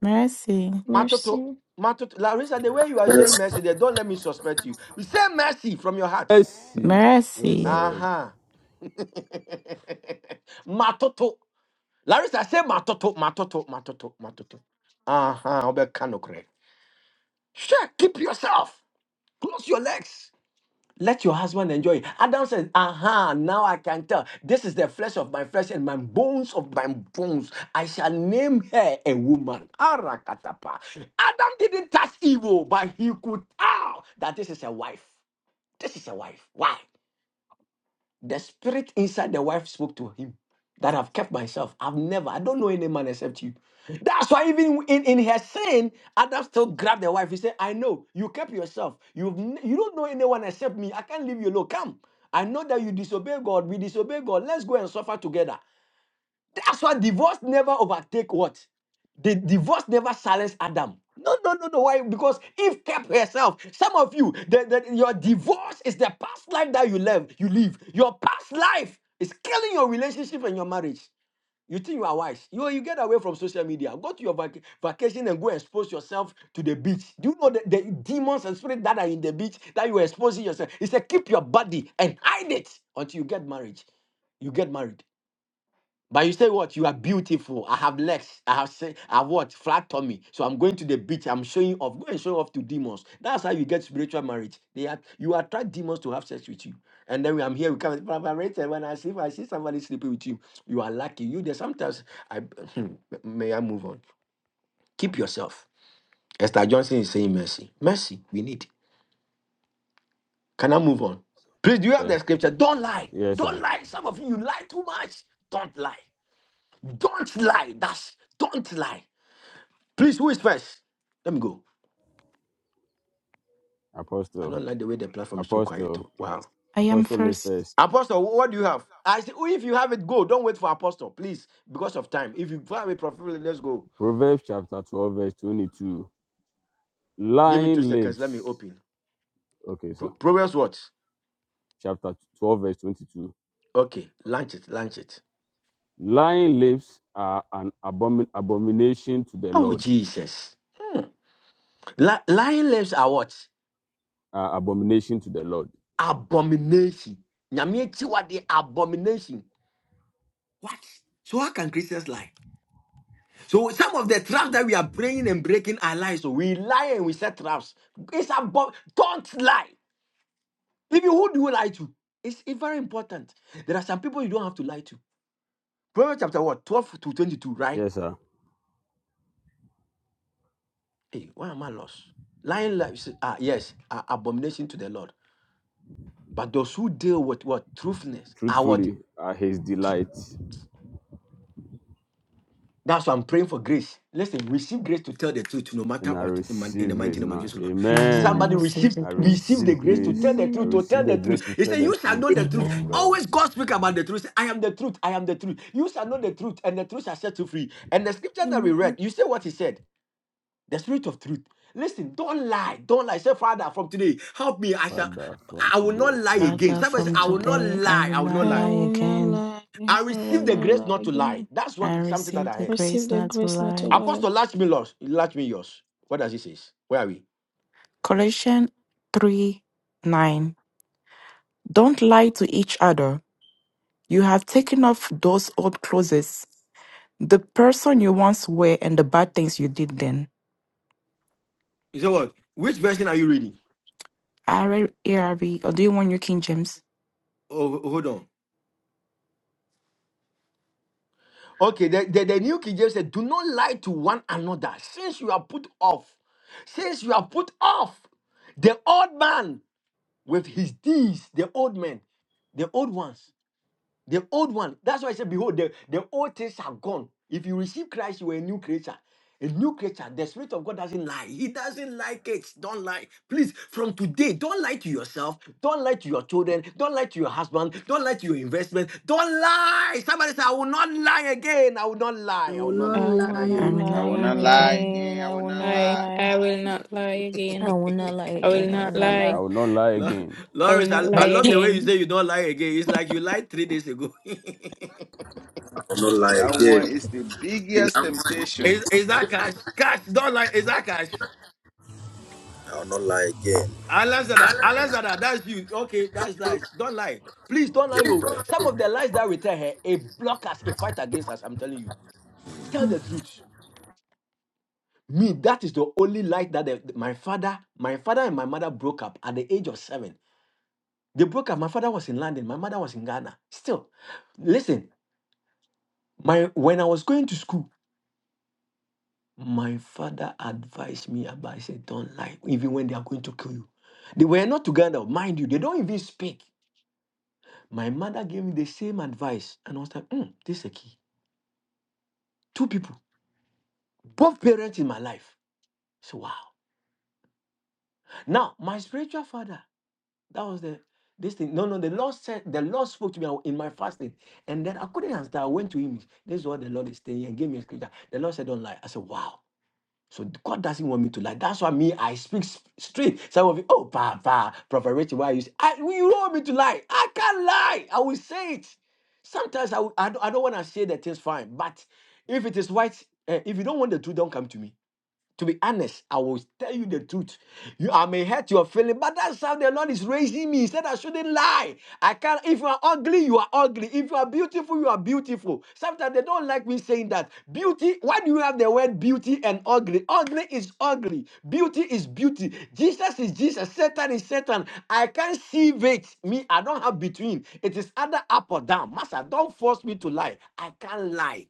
Speaker 15: Mercy.
Speaker 11: Matoto
Speaker 20: mercy.
Speaker 11: matoto. Larissa, the way you are saying
Speaker 17: mercy.
Speaker 11: mercy, they don't let me suspect you. You say mercy from your heart.
Speaker 9: Mercy. Oh
Speaker 15: Mercy.
Speaker 11: Uh
Speaker 9: Lord.
Speaker 11: huh. matoto Larissa say matoto, matoto, matoto, matoto. Uh-huh. Obeka no kre. Sure, keep yourself. Close your legs. Let your husband enjoy. it. Adam says, Aha, now I can tell. This is the flesh of my flesh and my bones of my bones. I shall name her a woman. Arakatapa. Adam didn't touch evil, but he could tell that this is a wife. This is a wife. Why? The spirit inside the wife spoke to him that I've kept myself. I've never, I don't know any man except you. That's why even in, in her sin, Adam still grabbed the wife. He said, I know, you kept yourself. You've n- you don't know anyone except me. I can't leave you alone. Come. I know that you disobey God. We disobey God. Let's go and suffer together. That's why divorce never overtake what? The divorce never silenced Adam. No, no, no, no. Why? Because Eve kept herself. Some of you, the, the, your divorce is the past life that you live. You live. Your past life is killing your relationship and your marriage. You think you are wise? You you get away from social media. Go to your vac- vacation and go expose yourself to the beach. Do you know the, the demons and spirits that are in the beach that you are exposing yourself? It's a keep your body and hide it until you get married. You get married. But you say what? You are beautiful. I have legs. I have say I have what? Flat tummy. So I'm going to the beach. I'm showing off. Go and show off to demons. That's how you get spiritual marriage. They are, you attract demons to have sex with you. And then we. I'm here. We come. But I'm rated When I see if I see somebody sleeping with you, you are lucky. You there. Sometimes I may I move on. Keep yourself. Esther Johnson is saying mercy. Mercy. We need. Can I move on? Please. Do you have
Speaker 9: Eh,
Speaker 11: the scripture? Don't lie.
Speaker 9: Yes, sir.
Speaker 11: Don't lie. Some of you you lie too much. Don't lie. Don't lie. That's don't lie. Please, who is first? Let me go. I
Speaker 9: Apostle.
Speaker 11: don't like the way the platform is so quiet
Speaker 9: Apostle.
Speaker 11: too. Wow.
Speaker 15: I am
Speaker 9: Apostle is
Speaker 15: first.
Speaker 9: first.
Speaker 11: Apostle, wh- what do you have? I say, oh, if you have it, go. Don't wait for Apostle, please, because of time. If you have a prophet, let's go.
Speaker 9: Proverbs chapter 12, verse 22.
Speaker 11: Give me two
Speaker 9: Lying
Speaker 11: seconds. Let me
Speaker 9: lips.
Speaker 11: open.
Speaker 9: Okay,
Speaker 11: Pro-
Speaker 9: sir.
Speaker 11: Proverbs what?
Speaker 9: Chapter 12, verse 22.
Speaker 11: Okay, launch it, launch it.
Speaker 9: Lying lips are an abomin- abomination to the
Speaker 11: Oh
Speaker 9: Lord.
Speaker 11: Jesus. Hmm. Li- lion lips are what?
Speaker 9: Uh, abomination to the Lord.
Speaker 11: Abomination. Nyame akyiwade abomination. What? So how can Christians lie? So some of the traps that we are praying and breaking are lies. So we lie and we set traps. It's about don't lie. Even who do you lie to? It's it's very important. There are some people you don't have to lie to. Proverbs chapter what? 12 to 22, right?
Speaker 9: Yes, sir.
Speaker 11: Hey, why am I lost? Lying lies, ah, yes, are abomination to the Lord. But those who deal with what? Truthfulness are what?
Speaker 9: Truthfully, are his delight,
Speaker 11: That's why I'm praying for grace. Listen, receive grace to tell the truth no matter
Speaker 9: and I
Speaker 11: what in, man- in the
Speaker 9: receive
Speaker 11: mighty
Speaker 9: it
Speaker 11: name of
Speaker 9: now.
Speaker 11: Jesus, Lord.
Speaker 15: Amen. I
Speaker 9: Amen.
Speaker 11: Somebody
Speaker 15: receive
Speaker 11: receive
Speaker 15: the
Speaker 9: I
Speaker 15: grace.
Speaker 11: receive the
Speaker 9: receive
Speaker 11: grace to tell
Speaker 9: grace.
Speaker 11: the
Speaker 9: I
Speaker 11: truth, to
Speaker 20: Amen.
Speaker 9: receive
Speaker 11: tell
Speaker 9: the
Speaker 11: the
Speaker 9: grace
Speaker 11: truth.
Speaker 9: to
Speaker 11: He
Speaker 9: tell
Speaker 11: said,
Speaker 9: the
Speaker 11: You shall
Speaker 9: truth.
Speaker 11: know the truth.
Speaker 9: Yes,
Speaker 15: Amen.
Speaker 9: Lord.
Speaker 11: Always God speak about the truth. He said, I am the truth. I am the truth. You shall know the truth, and the truth shall set you free. And the scripture that we read,
Speaker 20: Amen.
Speaker 11: you say what he said, the spirit of truth. Listen, don't lie. Don't lie. Say, Father, from today, help me. I shall
Speaker 9: Father, from
Speaker 11: I will
Speaker 9: today,
Speaker 11: not lie
Speaker 9: help me.
Speaker 11: again.
Speaker 15: Father,
Speaker 11: Somebody
Speaker 9: I
Speaker 11: say,
Speaker 15: from
Speaker 9: shall
Speaker 11: I will
Speaker 9: not
Speaker 11: not
Speaker 9: lie.
Speaker 15: today I
Speaker 11: lie.
Speaker 15: will
Speaker 11: I will
Speaker 20: I
Speaker 11: not
Speaker 15: not
Speaker 11: lie.
Speaker 15: lie
Speaker 20: will not
Speaker 15: again.
Speaker 20: lie.
Speaker 11: I
Speaker 20: I will
Speaker 11: receive the
Speaker 20: not
Speaker 11: grace
Speaker 20: lie
Speaker 11: not to lie.
Speaker 20: again.
Speaker 11: That's what
Speaker 15: I
Speaker 11: something that I heard.
Speaker 20: Receive
Speaker 15: grace
Speaker 20: the
Speaker 15: not to
Speaker 20: grace not to
Speaker 15: lie.
Speaker 20: lie.
Speaker 11: Apostle Lachmilos, Lachmilos. What does he say? Where are we?
Speaker 15: Colossians 3 9. Don't lie to each other. You have taken off those old clothes, the person you once were, and the bad things you did then.
Speaker 11: He said what? Which version are you reading?
Speaker 15: R- E R V, or do you want your King James?
Speaker 11: Oh, hold on. Okay, the, the, the New King James said, Do not lie to one another since you are put off. Since you are put off the old man with his deeds, the old men, the old ones. The old one. That's why I said, Behold, the, the old things are gone. If you receive Christ, you are a new creature. A new creature. The Spirit of God doesn't lie. He doesn't like it. Don't lie. Please, from today, don't lie to yourself. Don't lie to your children. Don't lie to your husband. Don't lie to your investment. Don't lie. Somebody say, I will not lie again. I will not
Speaker 2: I
Speaker 11: lie. I will
Speaker 2: will
Speaker 11: not
Speaker 20: I
Speaker 2: not
Speaker 11: lie. Can
Speaker 20: will
Speaker 11: I hear
Speaker 15: I
Speaker 20: not
Speaker 11: you?
Speaker 2: lie.
Speaker 15: will
Speaker 3: I
Speaker 15: not
Speaker 3: will
Speaker 20: lie
Speaker 3: not
Speaker 15: lie
Speaker 3: lie
Speaker 15: again.
Speaker 20: again.
Speaker 3: again. I
Speaker 20: I
Speaker 3: will
Speaker 20: will
Speaker 3: not
Speaker 20: not
Speaker 10: lie.
Speaker 3: lie.
Speaker 20: lie.
Speaker 10: I will not lie
Speaker 20: I
Speaker 10: again.
Speaker 20: will not lie
Speaker 10: I will
Speaker 20: again. I will
Speaker 10: not
Speaker 20: not
Speaker 9: And
Speaker 10: lie.
Speaker 9: I
Speaker 20: lie.
Speaker 9: will not lie
Speaker 11: Lo-
Speaker 9: again.
Speaker 10: I will
Speaker 11: Lawrence,
Speaker 10: not
Speaker 11: I, I
Speaker 10: lie
Speaker 11: love the way you
Speaker 10: again.
Speaker 11: say you don't lie again. It's like you lied three days ago.
Speaker 17: I will not lie
Speaker 3: That one
Speaker 17: again,
Speaker 3: is the biggest temptation.
Speaker 11: is, is that cash? Cash, don't lie. Is that cash?
Speaker 17: I will not lie again.
Speaker 11: Alexander, Alexander, that's you. Okay, that's nice. Don't lie. Please don't lie. You. Some of the lies that we tell her, it block us, it fight against us. I'm telling you. Tell
Speaker 20: Mm,
Speaker 11: the truth. Me, that is the only lie that the- my father, my father and my mother broke up at the age of seven. They broke up. My father was in London. My mother was in Ghana. Still, listen. My when I was going to school, my father advised me about. He said, "Don't lie, even when they are going to kill you." They were not together, mind you. They don't even speak. My mother gave me the same advice, and I was like, "Hmm, this is a key. Two people, both parents in my life. So wow. Now, my spiritual father, that was the this thing. No, no, the Lord said the Lord spoke to me in my fasting, and then I couldn't answer. I went to him. This is what the Lord is saying, and gave me a scripture. The Lord said, "Don't lie." I said, "Wow." So God doesn't want me to lie. That's why me, I speak s- straight. Some of you, oh, Papa, Prophet Richie, why you say, I, you don't want me to lie. I can't lie. I will say it. Sometimes I, will- I don't, I don't want to say the things fine. But if it is white, eh, if you don't want the truth, don't come to me. To be honest, I will tell you the truth. You, I may hurt your feeling, but that's how the Lord is raising me. He said I shouldn't lie. I can't. If you are ugly, you are ugly. If you are beautiful, you are beautiful. Sometimes they don't like me saying that. Beauty. Why do you have the word beauty and ugly? Ugly is ugly. Beauty is beauty. Jesus is Jesus. Satan is Satan. I can't see it. Me, I don't have between. It is either up or down. Master, don't force me to lie. I can't lie.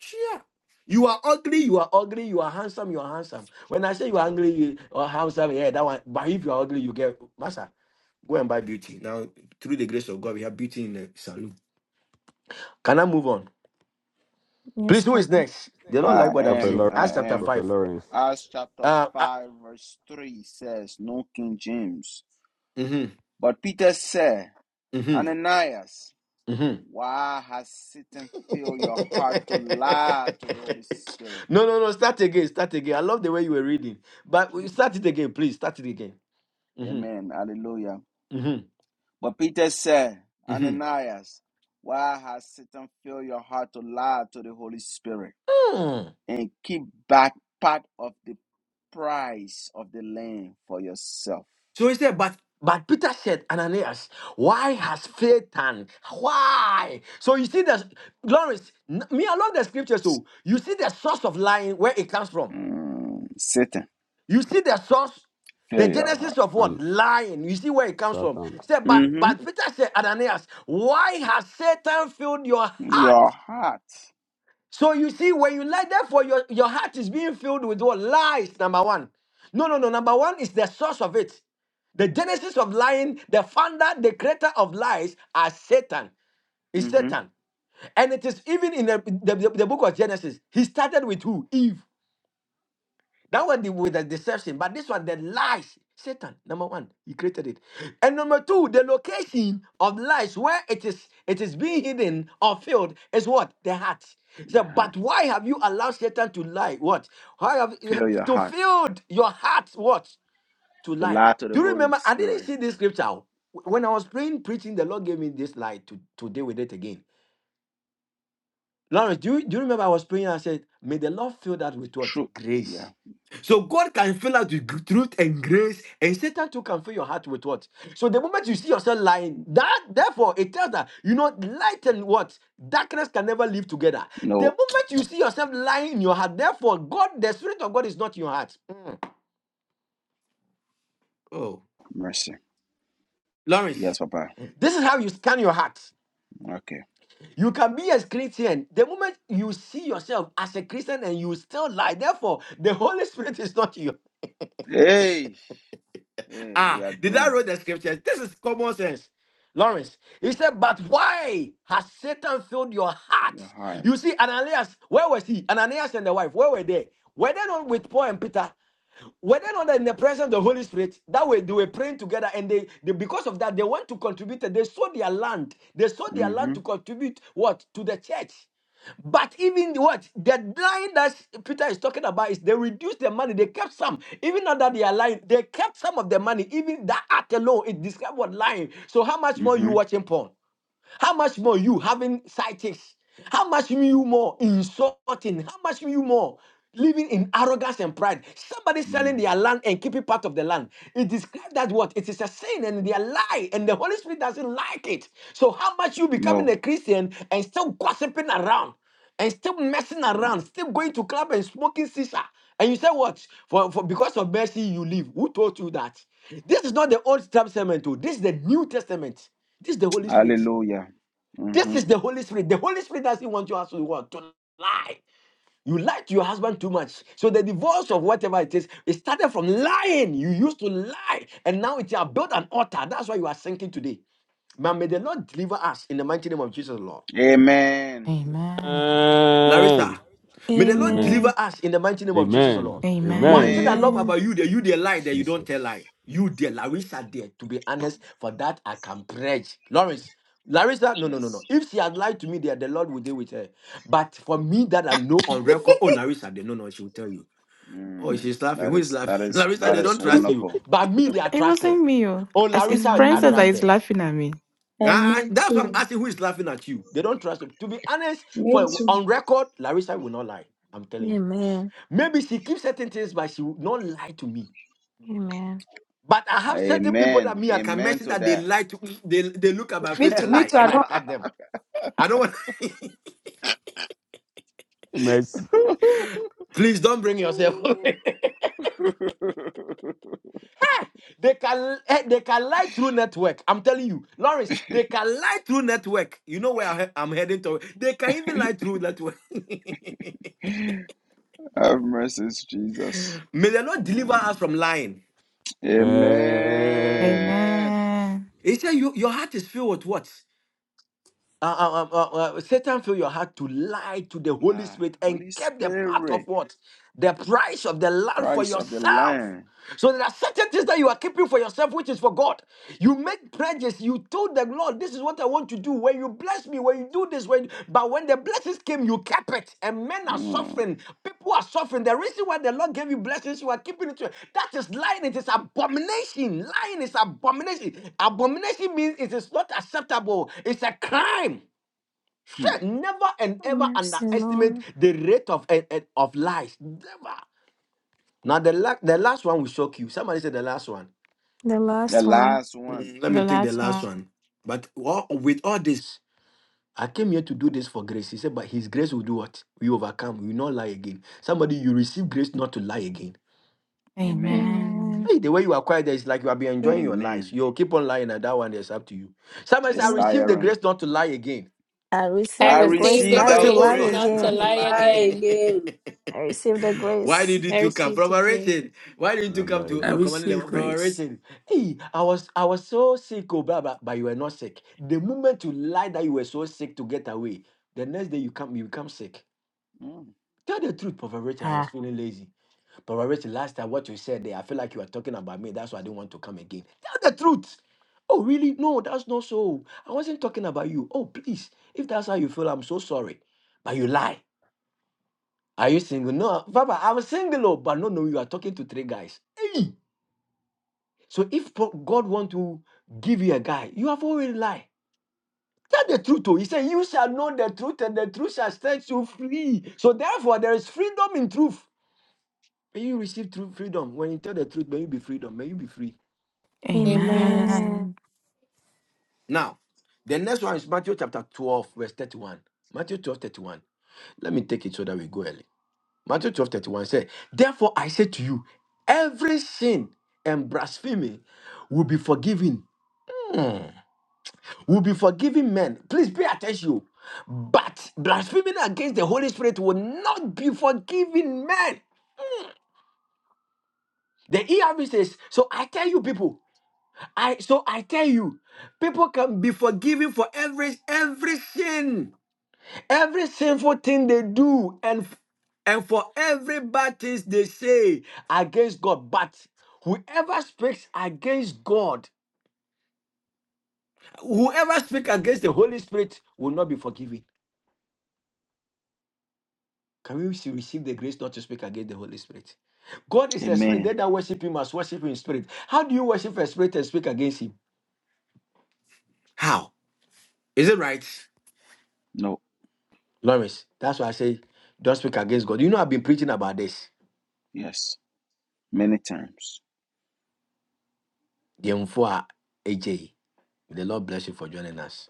Speaker 11: Yeah. You are ugly, you are ugly, you are handsome, you are handsome. When I say you are ugly you or handsome, yeah, that one. But if you are ugly, you get master. Go and buy beauty. Now, through the grace of God, we have beauty in the saloon. Can I move on?
Speaker 20: Yes,
Speaker 11: Please, who is
Speaker 20: Papa.
Speaker 11: next? They don't like
Speaker 3: I
Speaker 11: what I'm
Speaker 9: Prophet
Speaker 3: am,
Speaker 11: saying.
Speaker 3: I
Speaker 11: Acts
Speaker 9: Lawrence,
Speaker 11: chapter
Speaker 3: am.
Speaker 9: Prophet
Speaker 11: 5.
Speaker 9: Lawrence,
Speaker 3: Acts chapter
Speaker 11: Uh, uh
Speaker 3: 5, verse 3 says, No King James.
Speaker 11: mm-hmm,
Speaker 3: But Peter said,
Speaker 11: mm-hmm,
Speaker 3: Ananias,
Speaker 11: mm-hmm.
Speaker 3: why has Satan filled your heart to lie to the Holy Spirit?
Speaker 11: no, no, no. Start again. Start again. I love the way you were reading. But we- start it again, please. Start it again. Mm-hmm.
Speaker 3: Amen. Hallelujah.
Speaker 11: Mm-hmm.
Speaker 3: But Peter said,
Speaker 11: Mm-hmm.
Speaker 3: Ananias, why has Satan filled your heart to lie to the Holy Spirit
Speaker 11: Hmm.
Speaker 3: and keep back part of the price of the land for yourself?
Speaker 11: So he said, but but Peter said, Ananias, why has Satan? Why? So you see the Lawrence, n- me, I love the scriptures. So you see the source of lying, where it comes from.
Speaker 3: Mm, Satan,
Speaker 11: You see the source, the
Speaker 3: fill your
Speaker 11: genesis
Speaker 3: heart.
Speaker 11: of what?
Speaker 9: and
Speaker 11: Lying. You see where it comes from.
Speaker 9: Satan.
Speaker 11: Say, but
Speaker 3: hmm
Speaker 11: but Peter said, Ananias, why has Satan filled your heart?
Speaker 3: Your heart.
Speaker 11: So you see, when you lie, therefore your, your heart is being filled with what? Lies, number one. No, no, no. Number one is the source of it. The genesis of lying, the founder, the creator of lies are Satan. Is
Speaker 3: hmm
Speaker 11: Satan. And it is even in the, the, the book of Genesis. He started with who? Eve. That one the, with the deception, but this one the lies. Satan, number one, he created it, and number two, the location of lies where it is it is being hidden or filled is what the heart. So,
Speaker 3: Your heart.
Speaker 11: but why have you allowed Satan to lie? What? Why have
Speaker 3: Fill your
Speaker 11: to
Speaker 3: heart
Speaker 11: filled your heart? What to
Speaker 3: to
Speaker 11: lie?
Speaker 3: lie to the
Speaker 11: Do you
Speaker 3: Holy
Speaker 11: remember? I didn't
Speaker 3: Spirit.
Speaker 11: see this scripture when I was praying, preaching. The Lord gave me this lie to to deal with it again. Lawrence, do you, do you remember I was praying? and I said, May the Lord fill that with what?
Speaker 3: True. Yeah.
Speaker 11: Grace. So God can fill us with gr- truth and grace, and Satan too can fill your heart with what? So the moment you see yourself lying, that therefore it tells that you know light and what darkness can never live together. The
Speaker 3: No
Speaker 11: moment you see yourself lying in your heart, therefore God, the spirit of God is not in your heart. Oh,
Speaker 3: mercy.
Speaker 11: Lawrence.
Speaker 3: Yes, Papa.
Speaker 11: This is how you scan your heart.
Speaker 3: Okay.
Speaker 11: You can be a Christian. The moment you see yourself as a Christian and you still lie, therefore the Holy Spirit is not you.
Speaker 3: Hey. Hey,
Speaker 11: Ah,
Speaker 3: we are
Speaker 11: did I
Speaker 3: doomed.
Speaker 11: read the scriptures? This is common sense. Lawrence, he said, but why has Satan filled your heart?
Speaker 3: Your heart.
Speaker 11: You see, Ananias, where was he? Ananias and the wife, where were they? Were they not with Paul and Peter? Were or not they're in the presence of the Holy Spirit, that way they were praying together, and they, they because of that they want to contribute. They sold their land. They sold their land
Speaker 3: Mm-hmm.
Speaker 11: to contribute what to the church. But even the what the line that Peter is talking about is they reduced the money. They kept some, even now that they are lying. They kept some of the money. Even that act alone, it describes what lying. So how much more you
Speaker 3: hmm
Speaker 11: watching porn? How much more you having side How much you more insulting? How much you more living in arrogance and pride? Somebody selling their land and keeping part of the land. It describes that what? It is a sin and they are lie, and the Holy Spirit doesn't like it. So how much you becoming
Speaker 3: No.
Speaker 11: a Christian and still gossiping around and still messing around, still going to club and smoking shisha? And you say what? For, for because of mercy you live. Who told you that? This is not the Old Testament. oh. This is the New Testament. This is the Holy Spirit.
Speaker 3: Hallelujah.
Speaker 11: This
Speaker 3: hmm
Speaker 11: is the Holy Spirit. The Holy Spirit doesn't want you to what? To lie. You lied to your husband too much. So the divorce of whatever it is, it started from lying. You used to lie. And now it's you have built an altar. That's why you are sinking today. Man, may the Lord deliver us in the mighty name of Jesus, Lord.
Speaker 3: Amen.
Speaker 15: Amen.
Speaker 11: Larissa,
Speaker 9: Amen.
Speaker 11: may the Lord
Speaker 9: Amen.
Speaker 11: deliver
Speaker 20: Amen.
Speaker 11: us in the mighty name of Jesus, O
Speaker 9: Amen.
Speaker 11: Lord. One
Speaker 15: Amen.
Speaker 9: Amen.
Speaker 11: thing I
Speaker 3: Amen.
Speaker 11: love
Speaker 18: Amen.
Speaker 20: Amen.
Speaker 11: about you, that you dear lie, that you don't tell lie.
Speaker 9: Jesus.
Speaker 11: You dear Larissa dear, to be honest, for that I can pledge. Lawrence, Larissa, no, no, no, no.
Speaker 3: Yes.
Speaker 11: If she had lied to me there, the Lord would deal with her. But for me that I know on record, oh Larissa, they no, no, she will tell you. Oh,
Speaker 3: Mm.
Speaker 11: she's laughing.
Speaker 3: That
Speaker 11: Who is
Speaker 3: is that
Speaker 11: laughing?
Speaker 3: is
Speaker 11: Larissa,
Speaker 3: that
Speaker 11: they
Speaker 3: is
Speaker 11: don't trust you.
Speaker 3: wonderful.
Speaker 11: But me, they are
Speaker 15: It
Speaker 11: trusted.
Speaker 15: wasn't me. oh.
Speaker 11: Oh,
Speaker 15: As It's
Speaker 11: Larissa, I
Speaker 15: Princess that
Speaker 11: trust
Speaker 20: Amen.
Speaker 11: her.
Speaker 15: is laughing at me.
Speaker 11: I,
Speaker 18: And
Speaker 11: I-
Speaker 18: me
Speaker 11: that's why I'm
Speaker 18: too.
Speaker 11: asking who is laughing at you. They don't trust you. To be honest,
Speaker 18: Me
Speaker 11: for
Speaker 18: too.
Speaker 11: on record, Larissa will not lie. I'm telling you.
Speaker 20: Amen.
Speaker 11: Maybe she keeps certain things, but she will not lie to me.
Speaker 20: Amen.
Speaker 11: But I have certain people that
Speaker 3: Amen.
Speaker 11: me I can
Speaker 3: Amen
Speaker 11: message
Speaker 3: to
Speaker 11: that they
Speaker 3: that.
Speaker 11: lie to me. They, they look at my
Speaker 22: Me
Speaker 11: face
Speaker 22: too,
Speaker 11: and
Speaker 22: me
Speaker 11: lie,
Speaker 22: too. I
Speaker 11: and I
Speaker 22: don't
Speaker 11: cut them. I don't want.
Speaker 9: Mercy.
Speaker 11: Please don't bring yourself. they can eh, they can lie through network. I'm telling you, Lawrence. They can lie through network. You know where I'm he- I'm heading to. They can even lie through network.
Speaker 3: Have mercy, Jesus.
Speaker 11: May the Lord deliver us
Speaker 3: Mm.
Speaker 11: from lying.
Speaker 9: Man.
Speaker 3: Amen.
Speaker 15: Amen.
Speaker 11: He said, you, Your heart is filled with what? Uh, uh, uh, uh, uh, Satan filled your heart to lie to the Holy
Speaker 3: Ah,
Speaker 11: Spirit and
Speaker 3: Holy
Speaker 11: kept the part of
Speaker 3: Spirit,
Speaker 11: what? The price of the land for
Speaker 3: price of the
Speaker 11: yourself.
Speaker 3: Lamb.
Speaker 11: So there are certain things that you are keeping for yourself, which is for God. You make pledges. You told the Lord, "This is what I want to do." When you bless me, when you do this, when but when the blessings came, you kept it, and men are
Speaker 3: Mm.
Speaker 11: suffering. People are suffering. The reason why the Lord gave you blessings, you are keeping it. to- That is lying. It is abomination. Lying is abomination. Abomination means it is not acceptable. It's a crime.
Speaker 3: Hmm.
Speaker 11: Shit, Never and ever
Speaker 20: Mercy,
Speaker 11: underestimate
Speaker 20: Lord.
Speaker 11: the rate of eh, eh, of lies. Never. Now the la- the last one will shock you. Somebody said the last one.
Speaker 20: The
Speaker 3: The
Speaker 20: last one.
Speaker 3: last one.
Speaker 11: Mm, let me
Speaker 15: The
Speaker 11: take the
Speaker 15: last one.
Speaker 11: last one. But all, with all this, I came here to do this for grace. He said, but His grace will do what? We overcome. We will not lie again. Somebody, you receive grace not to lie again.
Speaker 3: Amen.
Speaker 20: Amen.
Speaker 15: Amen.
Speaker 11: Hey, the way you are quiet, there is like you have been enjoying your lies.
Speaker 3: Amen.
Speaker 11: You'll keep on lying, and that one is up to you. Somebody said, I
Speaker 3: It's
Speaker 20: Amen.
Speaker 11: received the
Speaker 3: tiring.
Speaker 11: grace not to lie again.
Speaker 20: I
Speaker 10: I
Speaker 20: receive
Speaker 3: I
Speaker 20: the
Speaker 10: receive
Speaker 20: grace
Speaker 10: the
Speaker 3: receive
Speaker 20: not
Speaker 11: Somebody say,
Speaker 20: to
Speaker 3: thou
Speaker 11: Oh
Speaker 10: grace
Speaker 20: lie
Speaker 11: Lord.
Speaker 3: grace
Speaker 10: not to
Speaker 3: not
Speaker 20: again.
Speaker 3: to
Speaker 10: lie
Speaker 3: lie
Speaker 2: Lie
Speaker 3: again.
Speaker 10: again.
Speaker 2: again.
Speaker 20: I receive the
Speaker 11: Why
Speaker 20: grace.
Speaker 11: did you
Speaker 10: I
Speaker 11: two come?
Speaker 10: receive the
Speaker 11: Brother
Speaker 10: grace.
Speaker 11: Richard, why did you two
Speaker 9: Not
Speaker 11: come
Speaker 9: lie
Speaker 11: to
Speaker 6: I
Speaker 11: uh,
Speaker 9: again.
Speaker 11: command the
Speaker 6: receive
Speaker 11: Brother
Speaker 6: grace.
Speaker 11: Richard? Hey, I was I was so sick, oh, blah, blah, but you were not sick. The moment you lied that you were so sick to get away, the next day you come you become sick.
Speaker 3: Mm.
Speaker 11: Tell the truth, Brother Richard, I was
Speaker 20: Ah.
Speaker 11: feeling lazy. Brother Richard, last time what you said there, I feel like you were talking about me. That's why I didn't want to come again. Tell the truth. Oh, really? No, that's not so. I wasn't talking about you. Oh, please. If that's how you feel, I'm so sorry. But you lie. Are you single? No, Papa, I am single, oh, but no, no, you are talking to three guys. Hey! So if po- God want to give you a guy, you have already lied. Tell the truth, oh. He said, You shall know the truth, and the truth shall set you free. So therefore, there is freedom in truth. May you receive true freedom. When you tell the truth, may you be freedom. May you be free.
Speaker 10: Amen.
Speaker 20: Amen.
Speaker 15: Amen.
Speaker 11: Now, the next one is Matthew chapter 12, verse 31. Matthew 12, 31. Let me take it so that we go early. Matthew twelve thirty one 31 said, Therefore I say to you, every sin and blasphemy will be forgiven. Hmm. Will be forgiven men. Please pay attention. But blasphemy against the Holy Spirit will not be forgiven men. The ERV says, so I tell you people, I so I tell you, people can be forgiven for every every sin. every sinful thing they do and f- and for every bad things they say against God. But whoever speaks against God, whoever speaks against the Holy Spirit will not be forgiven. Can we see- receive the grace not to speak against the Holy Spirit? God is the spirit.
Speaker 3: Amen.
Speaker 11: They that worship him must worship Him in spirit. How do you worship a spirit and speak against him? How? Is it right?
Speaker 3: No.
Speaker 11: Lawrence, that's why I say don't speak against God. You know, I've been preaching about this.
Speaker 3: Yes. Many times.
Speaker 11: The Aj. The Lord bless you for joining us.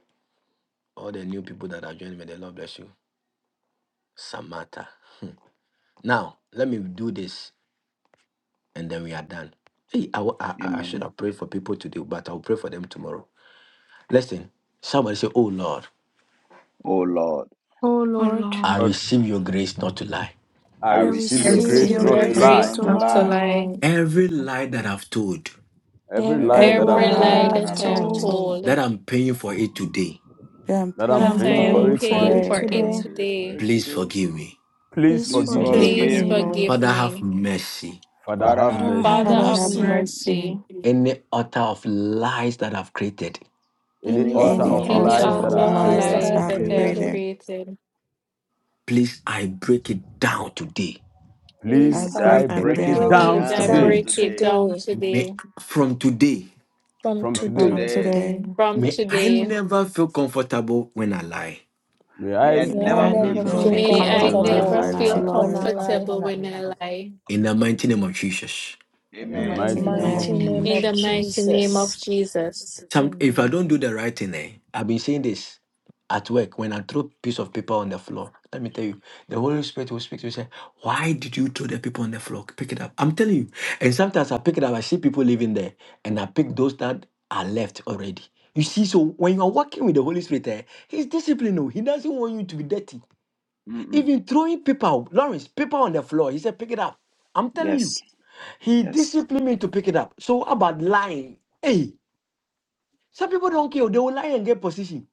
Speaker 11: All the new people that are joining me, the Lord bless you. Samata. Now, let me do this and then we are done. Hey, I, wa- I, I I should
Speaker 3: Amen.
Speaker 11: have prayed for people today, but I'll pray for them tomorrow. Listen, somebody say, Oh Lord,
Speaker 3: Oh Lord,
Speaker 20: Oh
Speaker 15: O
Speaker 20: Lord,
Speaker 11: I
Speaker 15: Lord,
Speaker 9: God,
Speaker 11: receive your grace not to lie.
Speaker 9: I
Speaker 3: I
Speaker 20: I
Speaker 9: receive
Speaker 10: I
Speaker 6: I
Speaker 9: your
Speaker 3: receive
Speaker 20: receive
Speaker 3: your
Speaker 9: grace
Speaker 6: receive
Speaker 10: receive
Speaker 20: your
Speaker 15: mercy,
Speaker 6: your
Speaker 9: not
Speaker 10: your
Speaker 15: your
Speaker 9: to
Speaker 20: grace
Speaker 3: grace
Speaker 6: grace
Speaker 20: not
Speaker 15: grace
Speaker 9: lie.
Speaker 10: grace
Speaker 3: not
Speaker 20: to
Speaker 3: to
Speaker 15: not
Speaker 10: not
Speaker 6: not
Speaker 15: to
Speaker 6: to
Speaker 10: to
Speaker 20: lie.
Speaker 3: lie.
Speaker 15: me
Speaker 10: lie.
Speaker 6: lie.
Speaker 11: Every lie that I've told,
Speaker 9: Every
Speaker 3: Every
Speaker 9: lie
Speaker 20: Every
Speaker 9: that
Speaker 6: Every
Speaker 15: every
Speaker 9: I've
Speaker 20: lie
Speaker 10: Every
Speaker 20: that
Speaker 15: lie
Speaker 10: lie
Speaker 3: lie
Speaker 9: told,
Speaker 20: I
Speaker 6: lie
Speaker 3: that
Speaker 15: that
Speaker 10: that
Speaker 20: have
Speaker 3: I've
Speaker 10: I
Speaker 6: that
Speaker 15: I've
Speaker 10: have
Speaker 6: I've
Speaker 15: done,
Speaker 3: told.
Speaker 20: told,
Speaker 6: told,
Speaker 10: told,
Speaker 11: that I'm paying for it today,
Speaker 6: that I'm
Speaker 9: that
Speaker 20: that
Speaker 9: I'm
Speaker 15: that
Speaker 10: that
Speaker 20: I'm
Speaker 6: paying
Speaker 10: I
Speaker 15: I'm
Speaker 9: paying
Speaker 6: for
Speaker 10: am
Speaker 9: for
Speaker 15: paying
Speaker 20: paying
Speaker 9: it
Speaker 15: for
Speaker 20: for
Speaker 15: it
Speaker 10: paying
Speaker 9: today,
Speaker 20: it
Speaker 10: for
Speaker 6: today,
Speaker 3: I
Speaker 10: it
Speaker 15: today.
Speaker 20: today,
Speaker 3: pray for
Speaker 10: today,
Speaker 3: it
Speaker 11: please
Speaker 3: today.
Speaker 11: forgive me.
Speaker 9: please
Speaker 20: please
Speaker 3: Please
Speaker 9: forgive
Speaker 15: Please
Speaker 20: forgive
Speaker 9: me.
Speaker 6: forgive me,
Speaker 10: please
Speaker 3: forgive
Speaker 20: me.
Speaker 15: forgive
Speaker 3: me.
Speaker 6: Lord.
Speaker 15: me.
Speaker 10: forgive
Speaker 11: Father, have
Speaker 10: me.
Speaker 11: mercy.
Speaker 9: Father,
Speaker 3: Father,
Speaker 9: have
Speaker 3: have
Speaker 20: Father, have
Speaker 10: Father
Speaker 15: Father,
Speaker 9: mercy.
Speaker 6: Father,
Speaker 10: of
Speaker 15: have
Speaker 6: have
Speaker 20: mercy.
Speaker 3: mercy.
Speaker 15: mercy.
Speaker 10: mercy,
Speaker 6: mercy.
Speaker 11: Any utter of lies that I've created,
Speaker 9: Any
Speaker 3: Any
Speaker 20: Any
Speaker 9: altar
Speaker 6: Any
Speaker 9: of
Speaker 15: Any
Speaker 3: author
Speaker 15: other
Speaker 10: any
Speaker 20: altars of
Speaker 3: of
Speaker 9: lies
Speaker 6: altar
Speaker 9: that
Speaker 6: of
Speaker 15: I'm
Speaker 10: altar
Speaker 9: I've
Speaker 10: of
Speaker 3: lies
Speaker 20: lies
Speaker 3: that
Speaker 15: lies
Speaker 20: that
Speaker 9: created,
Speaker 6: lies
Speaker 15: that
Speaker 20: I
Speaker 3: I've
Speaker 15: I
Speaker 10: lies
Speaker 20: have
Speaker 6: I've
Speaker 10: that I
Speaker 3: created.
Speaker 10: have
Speaker 15: created,
Speaker 20: created,
Speaker 6: created,
Speaker 10: created,
Speaker 11: please, I break it down today.
Speaker 20: please
Speaker 6: I
Speaker 9: please,
Speaker 3: Please,
Speaker 20: uh,
Speaker 3: I
Speaker 15: please
Speaker 9: I
Speaker 6: break
Speaker 15: I
Speaker 6: it
Speaker 3: break
Speaker 9: break
Speaker 15: break
Speaker 3: it
Speaker 9: it
Speaker 15: it
Speaker 20: break
Speaker 6: down
Speaker 20: it
Speaker 9: down
Speaker 10: please
Speaker 15: down
Speaker 10: I
Speaker 3: down
Speaker 6: today.
Speaker 20: down
Speaker 9: today.
Speaker 15: today.
Speaker 10: break it
Speaker 3: today.
Speaker 10: down
Speaker 20: today,
Speaker 11: May
Speaker 10: today.
Speaker 11: from today.
Speaker 20: from
Speaker 9: From
Speaker 3: From
Speaker 9: today,
Speaker 6: From
Speaker 15: From
Speaker 20: today.
Speaker 3: today,
Speaker 15: today,
Speaker 6: today,
Speaker 10: From
Speaker 11: May I
Speaker 10: today.
Speaker 11: never feel comfortable when I lie.
Speaker 9: may
Speaker 3: may I
Speaker 9: I
Speaker 6: we
Speaker 15: may
Speaker 20: Yeah, I
Speaker 3: never
Speaker 15: I
Speaker 6: add
Speaker 9: feel
Speaker 3: feel
Speaker 20: never
Speaker 15: never
Speaker 9: not
Speaker 6: no
Speaker 20: feel
Speaker 15: feel
Speaker 10: May
Speaker 6: feet
Speaker 3: comfortable when
Speaker 10: I
Speaker 3: I
Speaker 9: comfortable
Speaker 15: comfortable
Speaker 9: when
Speaker 15: when
Speaker 3: lie.
Speaker 10: never
Speaker 15: I
Speaker 20: comfortable
Speaker 9: I
Speaker 6: comfortable
Speaker 10: feel
Speaker 6: to
Speaker 15: lie.
Speaker 9: lie.
Speaker 22: feel
Speaker 20: when I
Speaker 6: life.
Speaker 22: comfortable
Speaker 20: lie.
Speaker 10: comfortable
Speaker 22: when
Speaker 10: when
Speaker 22: I'm
Speaker 10: I
Speaker 22: lying.
Speaker 10: lie.
Speaker 11: In the mighty name of Jesus.
Speaker 22: In the
Speaker 9: In the
Speaker 20: In the
Speaker 3: Amen.
Speaker 22: mighty.
Speaker 9: mighty
Speaker 15: In
Speaker 9: name of
Speaker 15: mighty
Speaker 20: mighty
Speaker 6: Amen.
Speaker 15: name of
Speaker 20: name
Speaker 10: In
Speaker 20: of
Speaker 10: the
Speaker 9: Jesus.
Speaker 10: mighty
Speaker 15: Jesus.
Speaker 10: name of
Speaker 20: Jesus.
Speaker 10: Jesus.
Speaker 11: Some if I
Speaker 20: Amen.
Speaker 11: don't do the right thing, eh, I've been saying this at work when I throw piece of paper on the floor. Let me tell you, the Holy Spirit will speak to you say, Why did you throw the paper on the floor? Pick it up. I'm telling you. And sometimes I pick it up, I see people living there, and I pick those that are left already. You see, so when you are working with the Holy Spirit, eh, he's disciplined. oh. He doesn't want you to be dirty.
Speaker 3: Mm-mm.
Speaker 11: Even throwing paper, Lawrence, paper on the floor, he said, pick it up. I'm telling you.
Speaker 3: Yes,
Speaker 11: He
Speaker 3: yes.
Speaker 11: disciplined me to pick it up. So how about lying? Hey, some people don't care. They will lie and get position.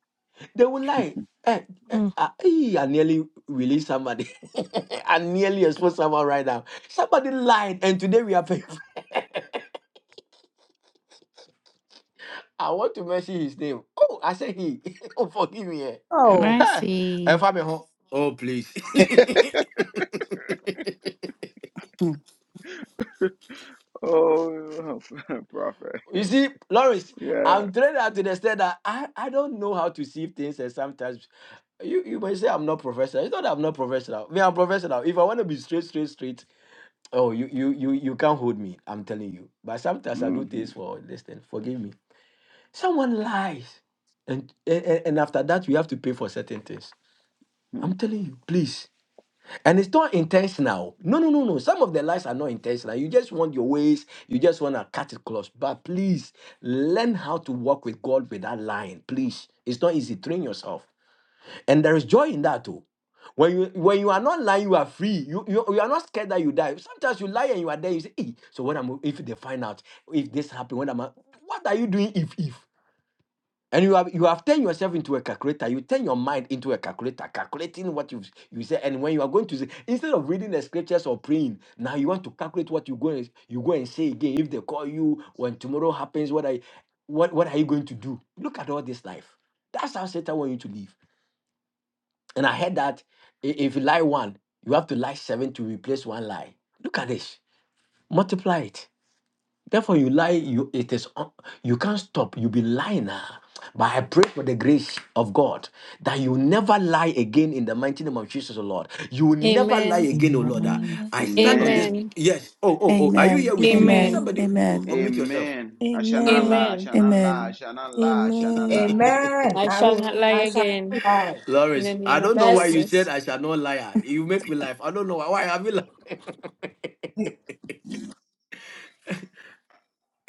Speaker 11: They will lie. Eh, eh,
Speaker 20: Mm.
Speaker 11: ah, eh, I nearly released somebody. I nearly exposed someone right now. Somebody lied, and today we are paying. I want to mention his name. Oh, I said he. oh, forgive me. eh.
Speaker 22: Oh,
Speaker 11: Ha!
Speaker 15: Mercy.
Speaker 11: Ẹ̀fà mi hàn. Oh, please.
Speaker 6: Hmm.
Speaker 3: Oh, prophet.
Speaker 11: You see, Lawrence,
Speaker 3: Yeah.
Speaker 11: I'm trained out to the extent that I, I don't know how to see things, and sometimes you, you may say I'm not professional. It's not that I'm not professional. Me, I'm professional. If I want to be straight, straight, straight, oh, you you you you can't hold me. I'm telling you. But sometimes I do
Speaker 3: hmm
Speaker 11: things for this thing. Forgive me. Someone lies, and and, and after that we have to pay for certain things. I'm telling you, please. And it's not intentional. No, no, no, no. Some of the lies are not intentional. You just want your ways. You just want to cut it close. But please learn how to walk with God without lying. Please. It's not easy. Train yourself. And there is joy in that too. When you when you are not lying, you are free. You, you you are not scared that you die. Sometimes you lie and you are there. You say, hey, so what am I- if they find out if this happened? What am I? What are you doing if if? And you have you have turned yourself into a calculator. You turn your mind into a calculator, calculating what you you say. And when you are going to say, instead of reading the scriptures or praying, now you want to calculate what you go and you go and say again. If they call you when tomorrow happens, what I what what are you going to do? Look at all this life. That's how Satan want you to live. And I heard that i- if you lie one, you have to lie seven to replace one lie. Look at this. Multiply it. Therefore, you lie, you it is un- you can't stop. You be lying now. But I pray for the grace of God that you never lie again in the mighty name of Jesus, O Lord. You will never lie
Speaker 10: Amen.
Speaker 11: again, O Lord. Ah,
Speaker 15: Amen.
Speaker 20: Amen.
Speaker 11: I stand on this.
Speaker 3: Amen.
Speaker 10: Amen.
Speaker 11: Yes. Oh, oh, oh. Are you here
Speaker 6: Amen.
Speaker 11: with me?
Speaker 6: Amen.
Speaker 10: Amen.
Speaker 20: Amen.
Speaker 11: Somebody uh,
Speaker 6: Amen.
Speaker 11: unmute yourself.
Speaker 3: Amen. I shall not
Speaker 20: Amen.
Speaker 3: lie. I
Speaker 10: Amen.
Speaker 3: shall not lie. I
Speaker 6: Amen.
Speaker 3: shall not lie. I shall not
Speaker 20: Amen.
Speaker 3: lie.
Speaker 22: amen.
Speaker 10: I
Speaker 22: I
Speaker 10: shall
Speaker 22: will.
Speaker 10: not
Speaker 22: I
Speaker 10: lie
Speaker 22: shall
Speaker 10: again.
Speaker 22: not lie.
Speaker 10: In the
Speaker 11: Lawrence,
Speaker 10: name
Speaker 11: I
Speaker 10: of
Speaker 11: don't know why you
Speaker 22: Mercy.
Speaker 11: said
Speaker 10: Jesus.
Speaker 11: I shall not lie. Ah, You make me laugh. I don't know why. Why have you lied?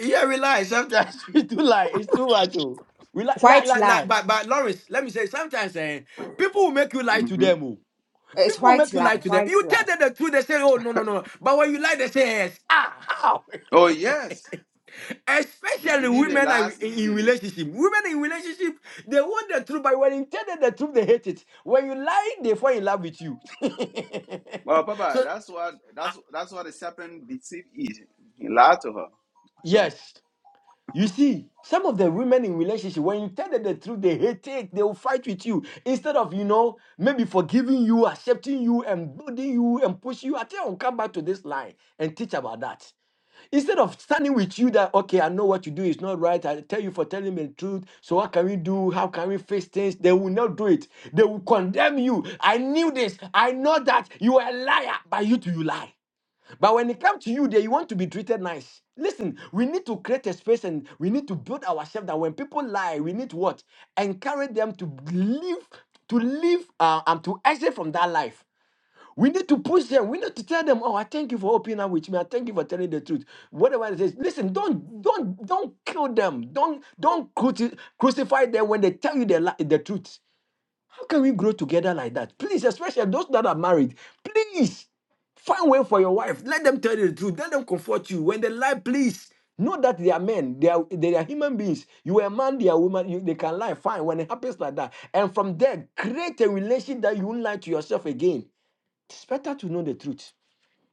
Speaker 11: Yeah, we lie. Sometimes we do lie. It's too much. Oh. We lie, lie,
Speaker 22: White
Speaker 11: lie, lie.
Speaker 22: lie.
Speaker 11: But, but Lawrence, let me say, sometimes eh, people will make you lie to
Speaker 3: hmm
Speaker 11: them. oh.
Speaker 22: It's
Speaker 11: People will make
Speaker 22: white
Speaker 11: you lie
Speaker 22: lie.
Speaker 11: to them.
Speaker 22: White
Speaker 11: You tell
Speaker 22: lie.
Speaker 11: them the truth, they say, oh, no, no, no. But when you lie, they say, yes. Ah, how?
Speaker 3: Oh yes, they
Speaker 11: Especially
Speaker 3: believe the
Speaker 11: women are in
Speaker 3: lies easily.
Speaker 11: relationship. Women in relationship, they want the truth, but when you tell them the truth, they hate it. When you lie, they fall in love with you.
Speaker 3: Well, Papa,
Speaker 11: so,
Speaker 3: that's what that's that's what the serpent deceived is. He lied to her. So.
Speaker 11: yes. You see, some of the women in relationship, when you tell them the truth, they hate it. They will fight with you instead of you know maybe forgiving you, accepting you, and building you and pushing you. I think I'll come back to this line and teach about that. Instead of standing with you that, okay, I know what you do is not right. I tell you for telling me the truth. So what can we do? How can we fix things? They will not do it. They will condemn you. I knew this. I know that you are a liar. By you too, you lie. But when it comes to you, they want to be treated nice. Listen, we need to create a space and we need to build ourselves that when people lie, we need to what? Encourage them to live, to live, uh, and to exit from that life. We need to push them. We need to tell them, "Oh, I thank you for opening up with me. I thank you for telling the truth." Whatever it is, listen. Don't, don't, don't kill them. Don't, don't cruci- crucify them when they tell you the li- the truth. How can we grow together like that? Please, especially those that are married, please find way for your wife. Let them tell you the truth. Let them comfort you when they lie. Please know that they are men. They are they are human beings. You are a man. They are women. You, they can lie. Fine. When it happens like that, and from there, create a relation that you won't lie to yourself again. It's better to know the truth.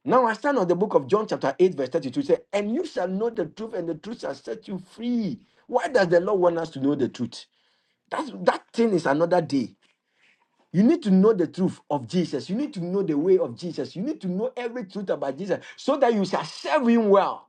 Speaker 11: Now I stand on the book of John, chapter 8, verse 32. Say, and you shall know the truth, and the truth shall set you free. Why does the Lord want us to know the truth? That's, that thing is another day. You need to know the truth of Jesus. You need to know the way of Jesus. You need to know every truth about Jesus so that you shall serve him well.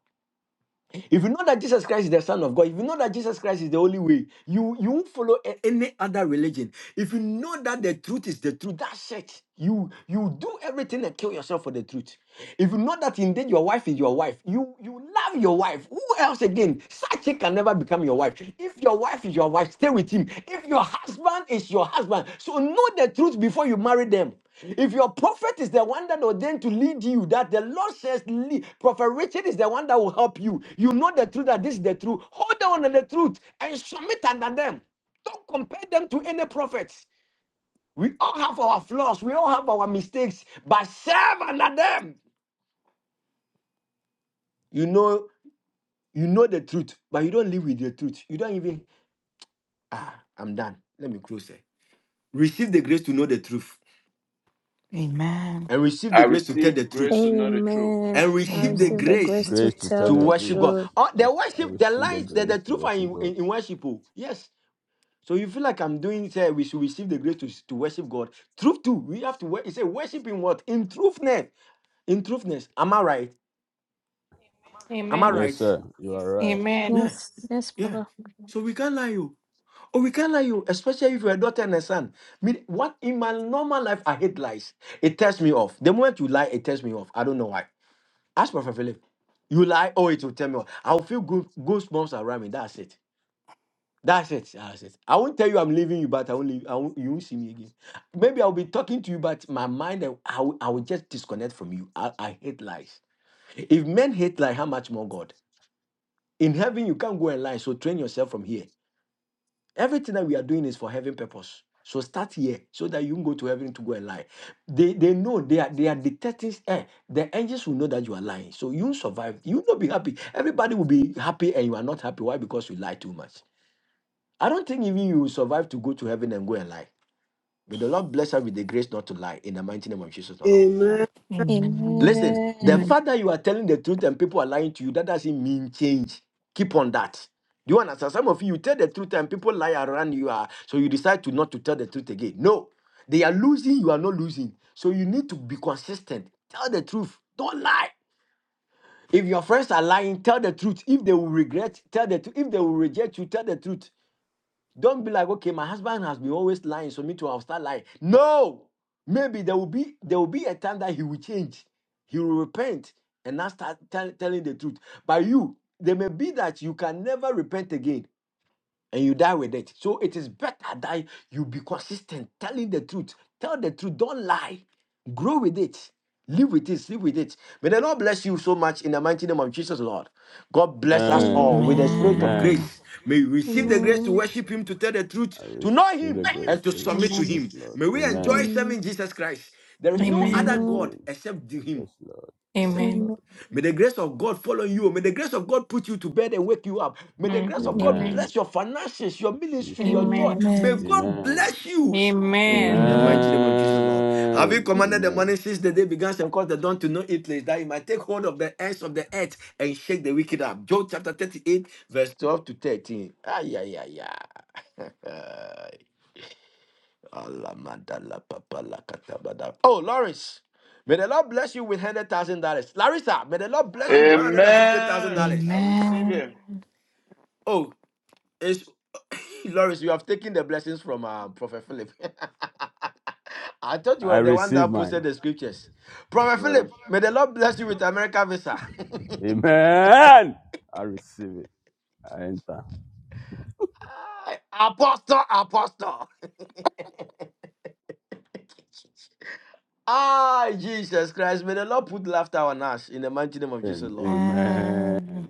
Speaker 11: If you know that Jesus Christ is the Son of God, if you know that Jesus Christ is the only way, you you won't follow a- any other religion. If you know that the truth is the truth, that's it. You you do everything and kill yourself for the truth. If you know that indeed your wife is your wife, you you love your wife. Who else again? Such a can never become your wife. If your wife is your wife, stay with him. If your husband is your husband, so know the truth before you marry them. If your prophet is the one that ordained to lead you, that the Lord says, lead, Prophet Richard is the one that will help you. You know the truth, that this is the truth. Hold on to the truth and submit under them. Don't compare them to any prophets. We all have our flaws, we all have our mistakes, but serve under them. You know, you know the truth, but you don't live with the truth. You don't even ah, I'm done. Let me close it. Receive the grace to know the truth
Speaker 15: Amen.
Speaker 11: and receive
Speaker 3: I
Speaker 11: the grace to tell the
Speaker 3: receive grace
Speaker 11: truth.
Speaker 3: to know the truth.
Speaker 11: and
Speaker 20: Amen. I
Speaker 11: receive the
Speaker 15: Amen.
Speaker 20: receive the grace
Speaker 11: grace
Speaker 20: to
Speaker 9: Grace to tell
Speaker 20: tell
Speaker 11: to
Speaker 9: the
Speaker 20: the
Speaker 11: worship
Speaker 9: truth.
Speaker 11: God.
Speaker 20: truth.
Speaker 11: Oh, the
Speaker 9: Oh, I
Speaker 11: worship, the
Speaker 9: receive the
Speaker 11: lines, the, the
Speaker 9: grace to
Speaker 11: truth are
Speaker 9: worship
Speaker 11: in,
Speaker 9: God.
Speaker 11: in, in worship. oh. Yes. So you feel like I'm doing it, eh, we should receive the grace to, to worship God. Truth too. We have to worship. It's a worship in what? In truthness. In truthness. Am I right? Am I
Speaker 10: Amen.
Speaker 9: Yes,
Speaker 11: right?
Speaker 9: sir. You are right.
Speaker 10: Amen.
Speaker 11: Yeah.
Speaker 20: Yes. Yes,
Speaker 11: Yeah.
Speaker 20: Papa.
Speaker 11: So we can't lie you. Oh, we can't lie you, especially if you're a daughter and a son. Me, what in my normal life I hate lies. It tears me off. The moment you lie, it tears me off. I don't know why. Ask Prophet Philip. You lie, oh, it will tell me. what. I will feel good goosebumps around me. That's it. That's it. That's it. I won't tell you I'm leaving you, but I won't leave. I won't, you won't see me again. Maybe I'll be talking to you, but my mind, I, I, will, I will just disconnect from you. I, I hate lies. If men hate lie, how much more God? In heaven, you can't go and lie. So train yourself from here. Everything that we are doing is for heaven purpose. So start here so that you can go to heaven to go and lie. They they know they are they are detecting eh, the angels will know that you are lying. So you survive. You will not be happy. Everybody will be happy and you are not happy. Why? Because you lie too much. I don't think even you will survive to go to heaven and go and lie. May the Lord bless us with the grace not to lie in the mighty name of Jesus the Lord.
Speaker 2: Amen.
Speaker 15: Amen.
Speaker 11: Listen,
Speaker 20: Amen.
Speaker 11: the
Speaker 6: Amen.
Speaker 11: fact that you are telling the truth and people are lying to you, that doesn't mean change. Keep on that. Do you understand? Some of you, you tell the truth and people lie around you are so you decide to not to tell the truth again. No, they are losing, you are not losing. So you need to be consistent. Tell the truth. Don't lie. If your friends are lying, tell the truth. If they will regret, tell the truth. If they will reject you, tell the truth. Don't be like, okay, my husband has been always lying, so me too, I'll start lying. No, maybe there will be there will be a time that he will change, he will repent, and not start tell, telling the truth. But you, there may be that you can never repent again and you die with it. So it is better that you be consistent, telling the truth. Tell the truth, don't lie. Grow with it. Live with it, live with it. May the Lord bless you so much in the mighty name of Jesus, Lord. God bless us
Speaker 9: And
Speaker 11: all with the spirit
Speaker 20: Amen.
Speaker 11: of
Speaker 9: amen.
Speaker 15: Amen.
Speaker 11: grace. May we receive the
Speaker 9: Jesus.
Speaker 11: grace to
Speaker 20: Amen.
Speaker 11: worship Him, to tell the truth,
Speaker 9: I
Speaker 11: to know
Speaker 9: receive the
Speaker 11: Him,
Speaker 9: grace,
Speaker 11: and to
Speaker 9: Lord.
Speaker 11: submit to
Speaker 10: Amen.
Speaker 9: Yes,
Speaker 11: Him.
Speaker 9: Lord.
Speaker 11: May we enjoy
Speaker 9: Amen.
Speaker 20: Amen.
Speaker 11: serving Jesus Christ. There
Speaker 6: Amen.
Speaker 11: is
Speaker 9: In
Speaker 11: no
Speaker 6: Amen.
Speaker 10: Amen.
Speaker 11: other
Speaker 9: Jesus'
Speaker 20: Amen.
Speaker 11: God
Speaker 9: name.
Speaker 11: except Him
Speaker 9: Yes, Lord. Yes,
Speaker 11: except him.
Speaker 10: Amen.
Speaker 20: Amen.
Speaker 9: Lord.
Speaker 11: May the grace of God follow you. May the grace of God put you to bed and wake you up. May the
Speaker 10: Mm.
Speaker 11: grace of God
Speaker 10: Amen.
Speaker 9: Amen.
Speaker 11: bless your finances, your ministry, your
Speaker 9: Jesus.
Speaker 11: joy.
Speaker 20: Amen.
Speaker 10: Amen.
Speaker 11: May God
Speaker 9: Amen.
Speaker 11: bless you. In the
Speaker 10: Amen.
Speaker 20: Amen.
Speaker 11: mighty
Speaker 15: Amen.
Speaker 11: name of Jesus, Lord. Have you
Speaker 9: Amen.
Speaker 11: commanded the
Speaker 9: Amen.
Speaker 11: morning since the day began and caused the dawn to know its place, that you might take hold of the ends of the earth and shake the wicked up? Job chapter 38, verse 12 to 13. Ay, ay, ay, ay. Alamadalapapalakatabada. Oh, Lawrence, may the Lord bless you with hundred thousand dollars. Larissa, may the Lord bless you one hundred and fifty thousand
Speaker 3: Amen.
Speaker 11: dollars.
Speaker 3: I receive it.
Speaker 11: Oh, it's Lawrence, you have taken the blessings from uh, Prophet Philip. I thought you
Speaker 9: I
Speaker 11: were the one
Speaker 9: receive
Speaker 11: that
Speaker 9: mine.
Speaker 11: posted the scriptures. Prophet Philip, may the Lord bless you with America visa.
Speaker 9: Amen. I receive it. I enter.
Speaker 11: Ah, apostle, apostle. Ah, Jesus Christ, may the Lord put laughter on us in the mighty name of Jesus,
Speaker 9: And
Speaker 11: Lord.
Speaker 9: amen.
Speaker 15: Amen.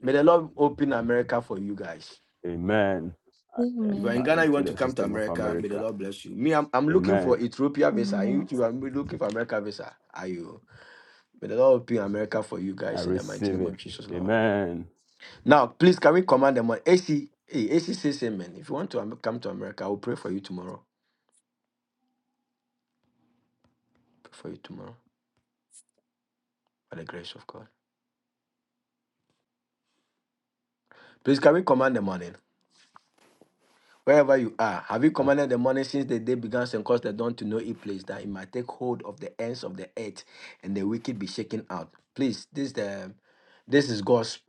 Speaker 11: May the Lord open America for you guys.
Speaker 9: Amen. I
Speaker 11: If you're in
Speaker 9: enter
Speaker 20: Amen.
Speaker 11: Ghana, you
Speaker 9: into
Speaker 11: want to
Speaker 9: the
Speaker 11: come to
Speaker 9: system of
Speaker 11: America, may the
Speaker 9: America.
Speaker 11: Lord bless you. Me, I'm, I'm looking for
Speaker 9: Amen.
Speaker 11: Ethiopia visa. You
Speaker 6: Amen.
Speaker 11: too, I'm looking for America visa. Are you? May the Lord open America for you
Speaker 9: I
Speaker 11: guys in the mighty
Speaker 9: receive
Speaker 11: name
Speaker 9: it.
Speaker 11: of Jesus, Lord.
Speaker 9: Amen.
Speaker 11: Now, please, can we command them on AC? Hey, AC says amen. If you want to come to America, I will pray for you tomorrow. Pray for you tomorrow by the grace of God. Please, can we command the morning? Wherever you are, have you commanded the morning since the day began and caused the dawn to know its place, that it might take hold of the ends of the earth and the wicked be shaken out? Please, this the this is God's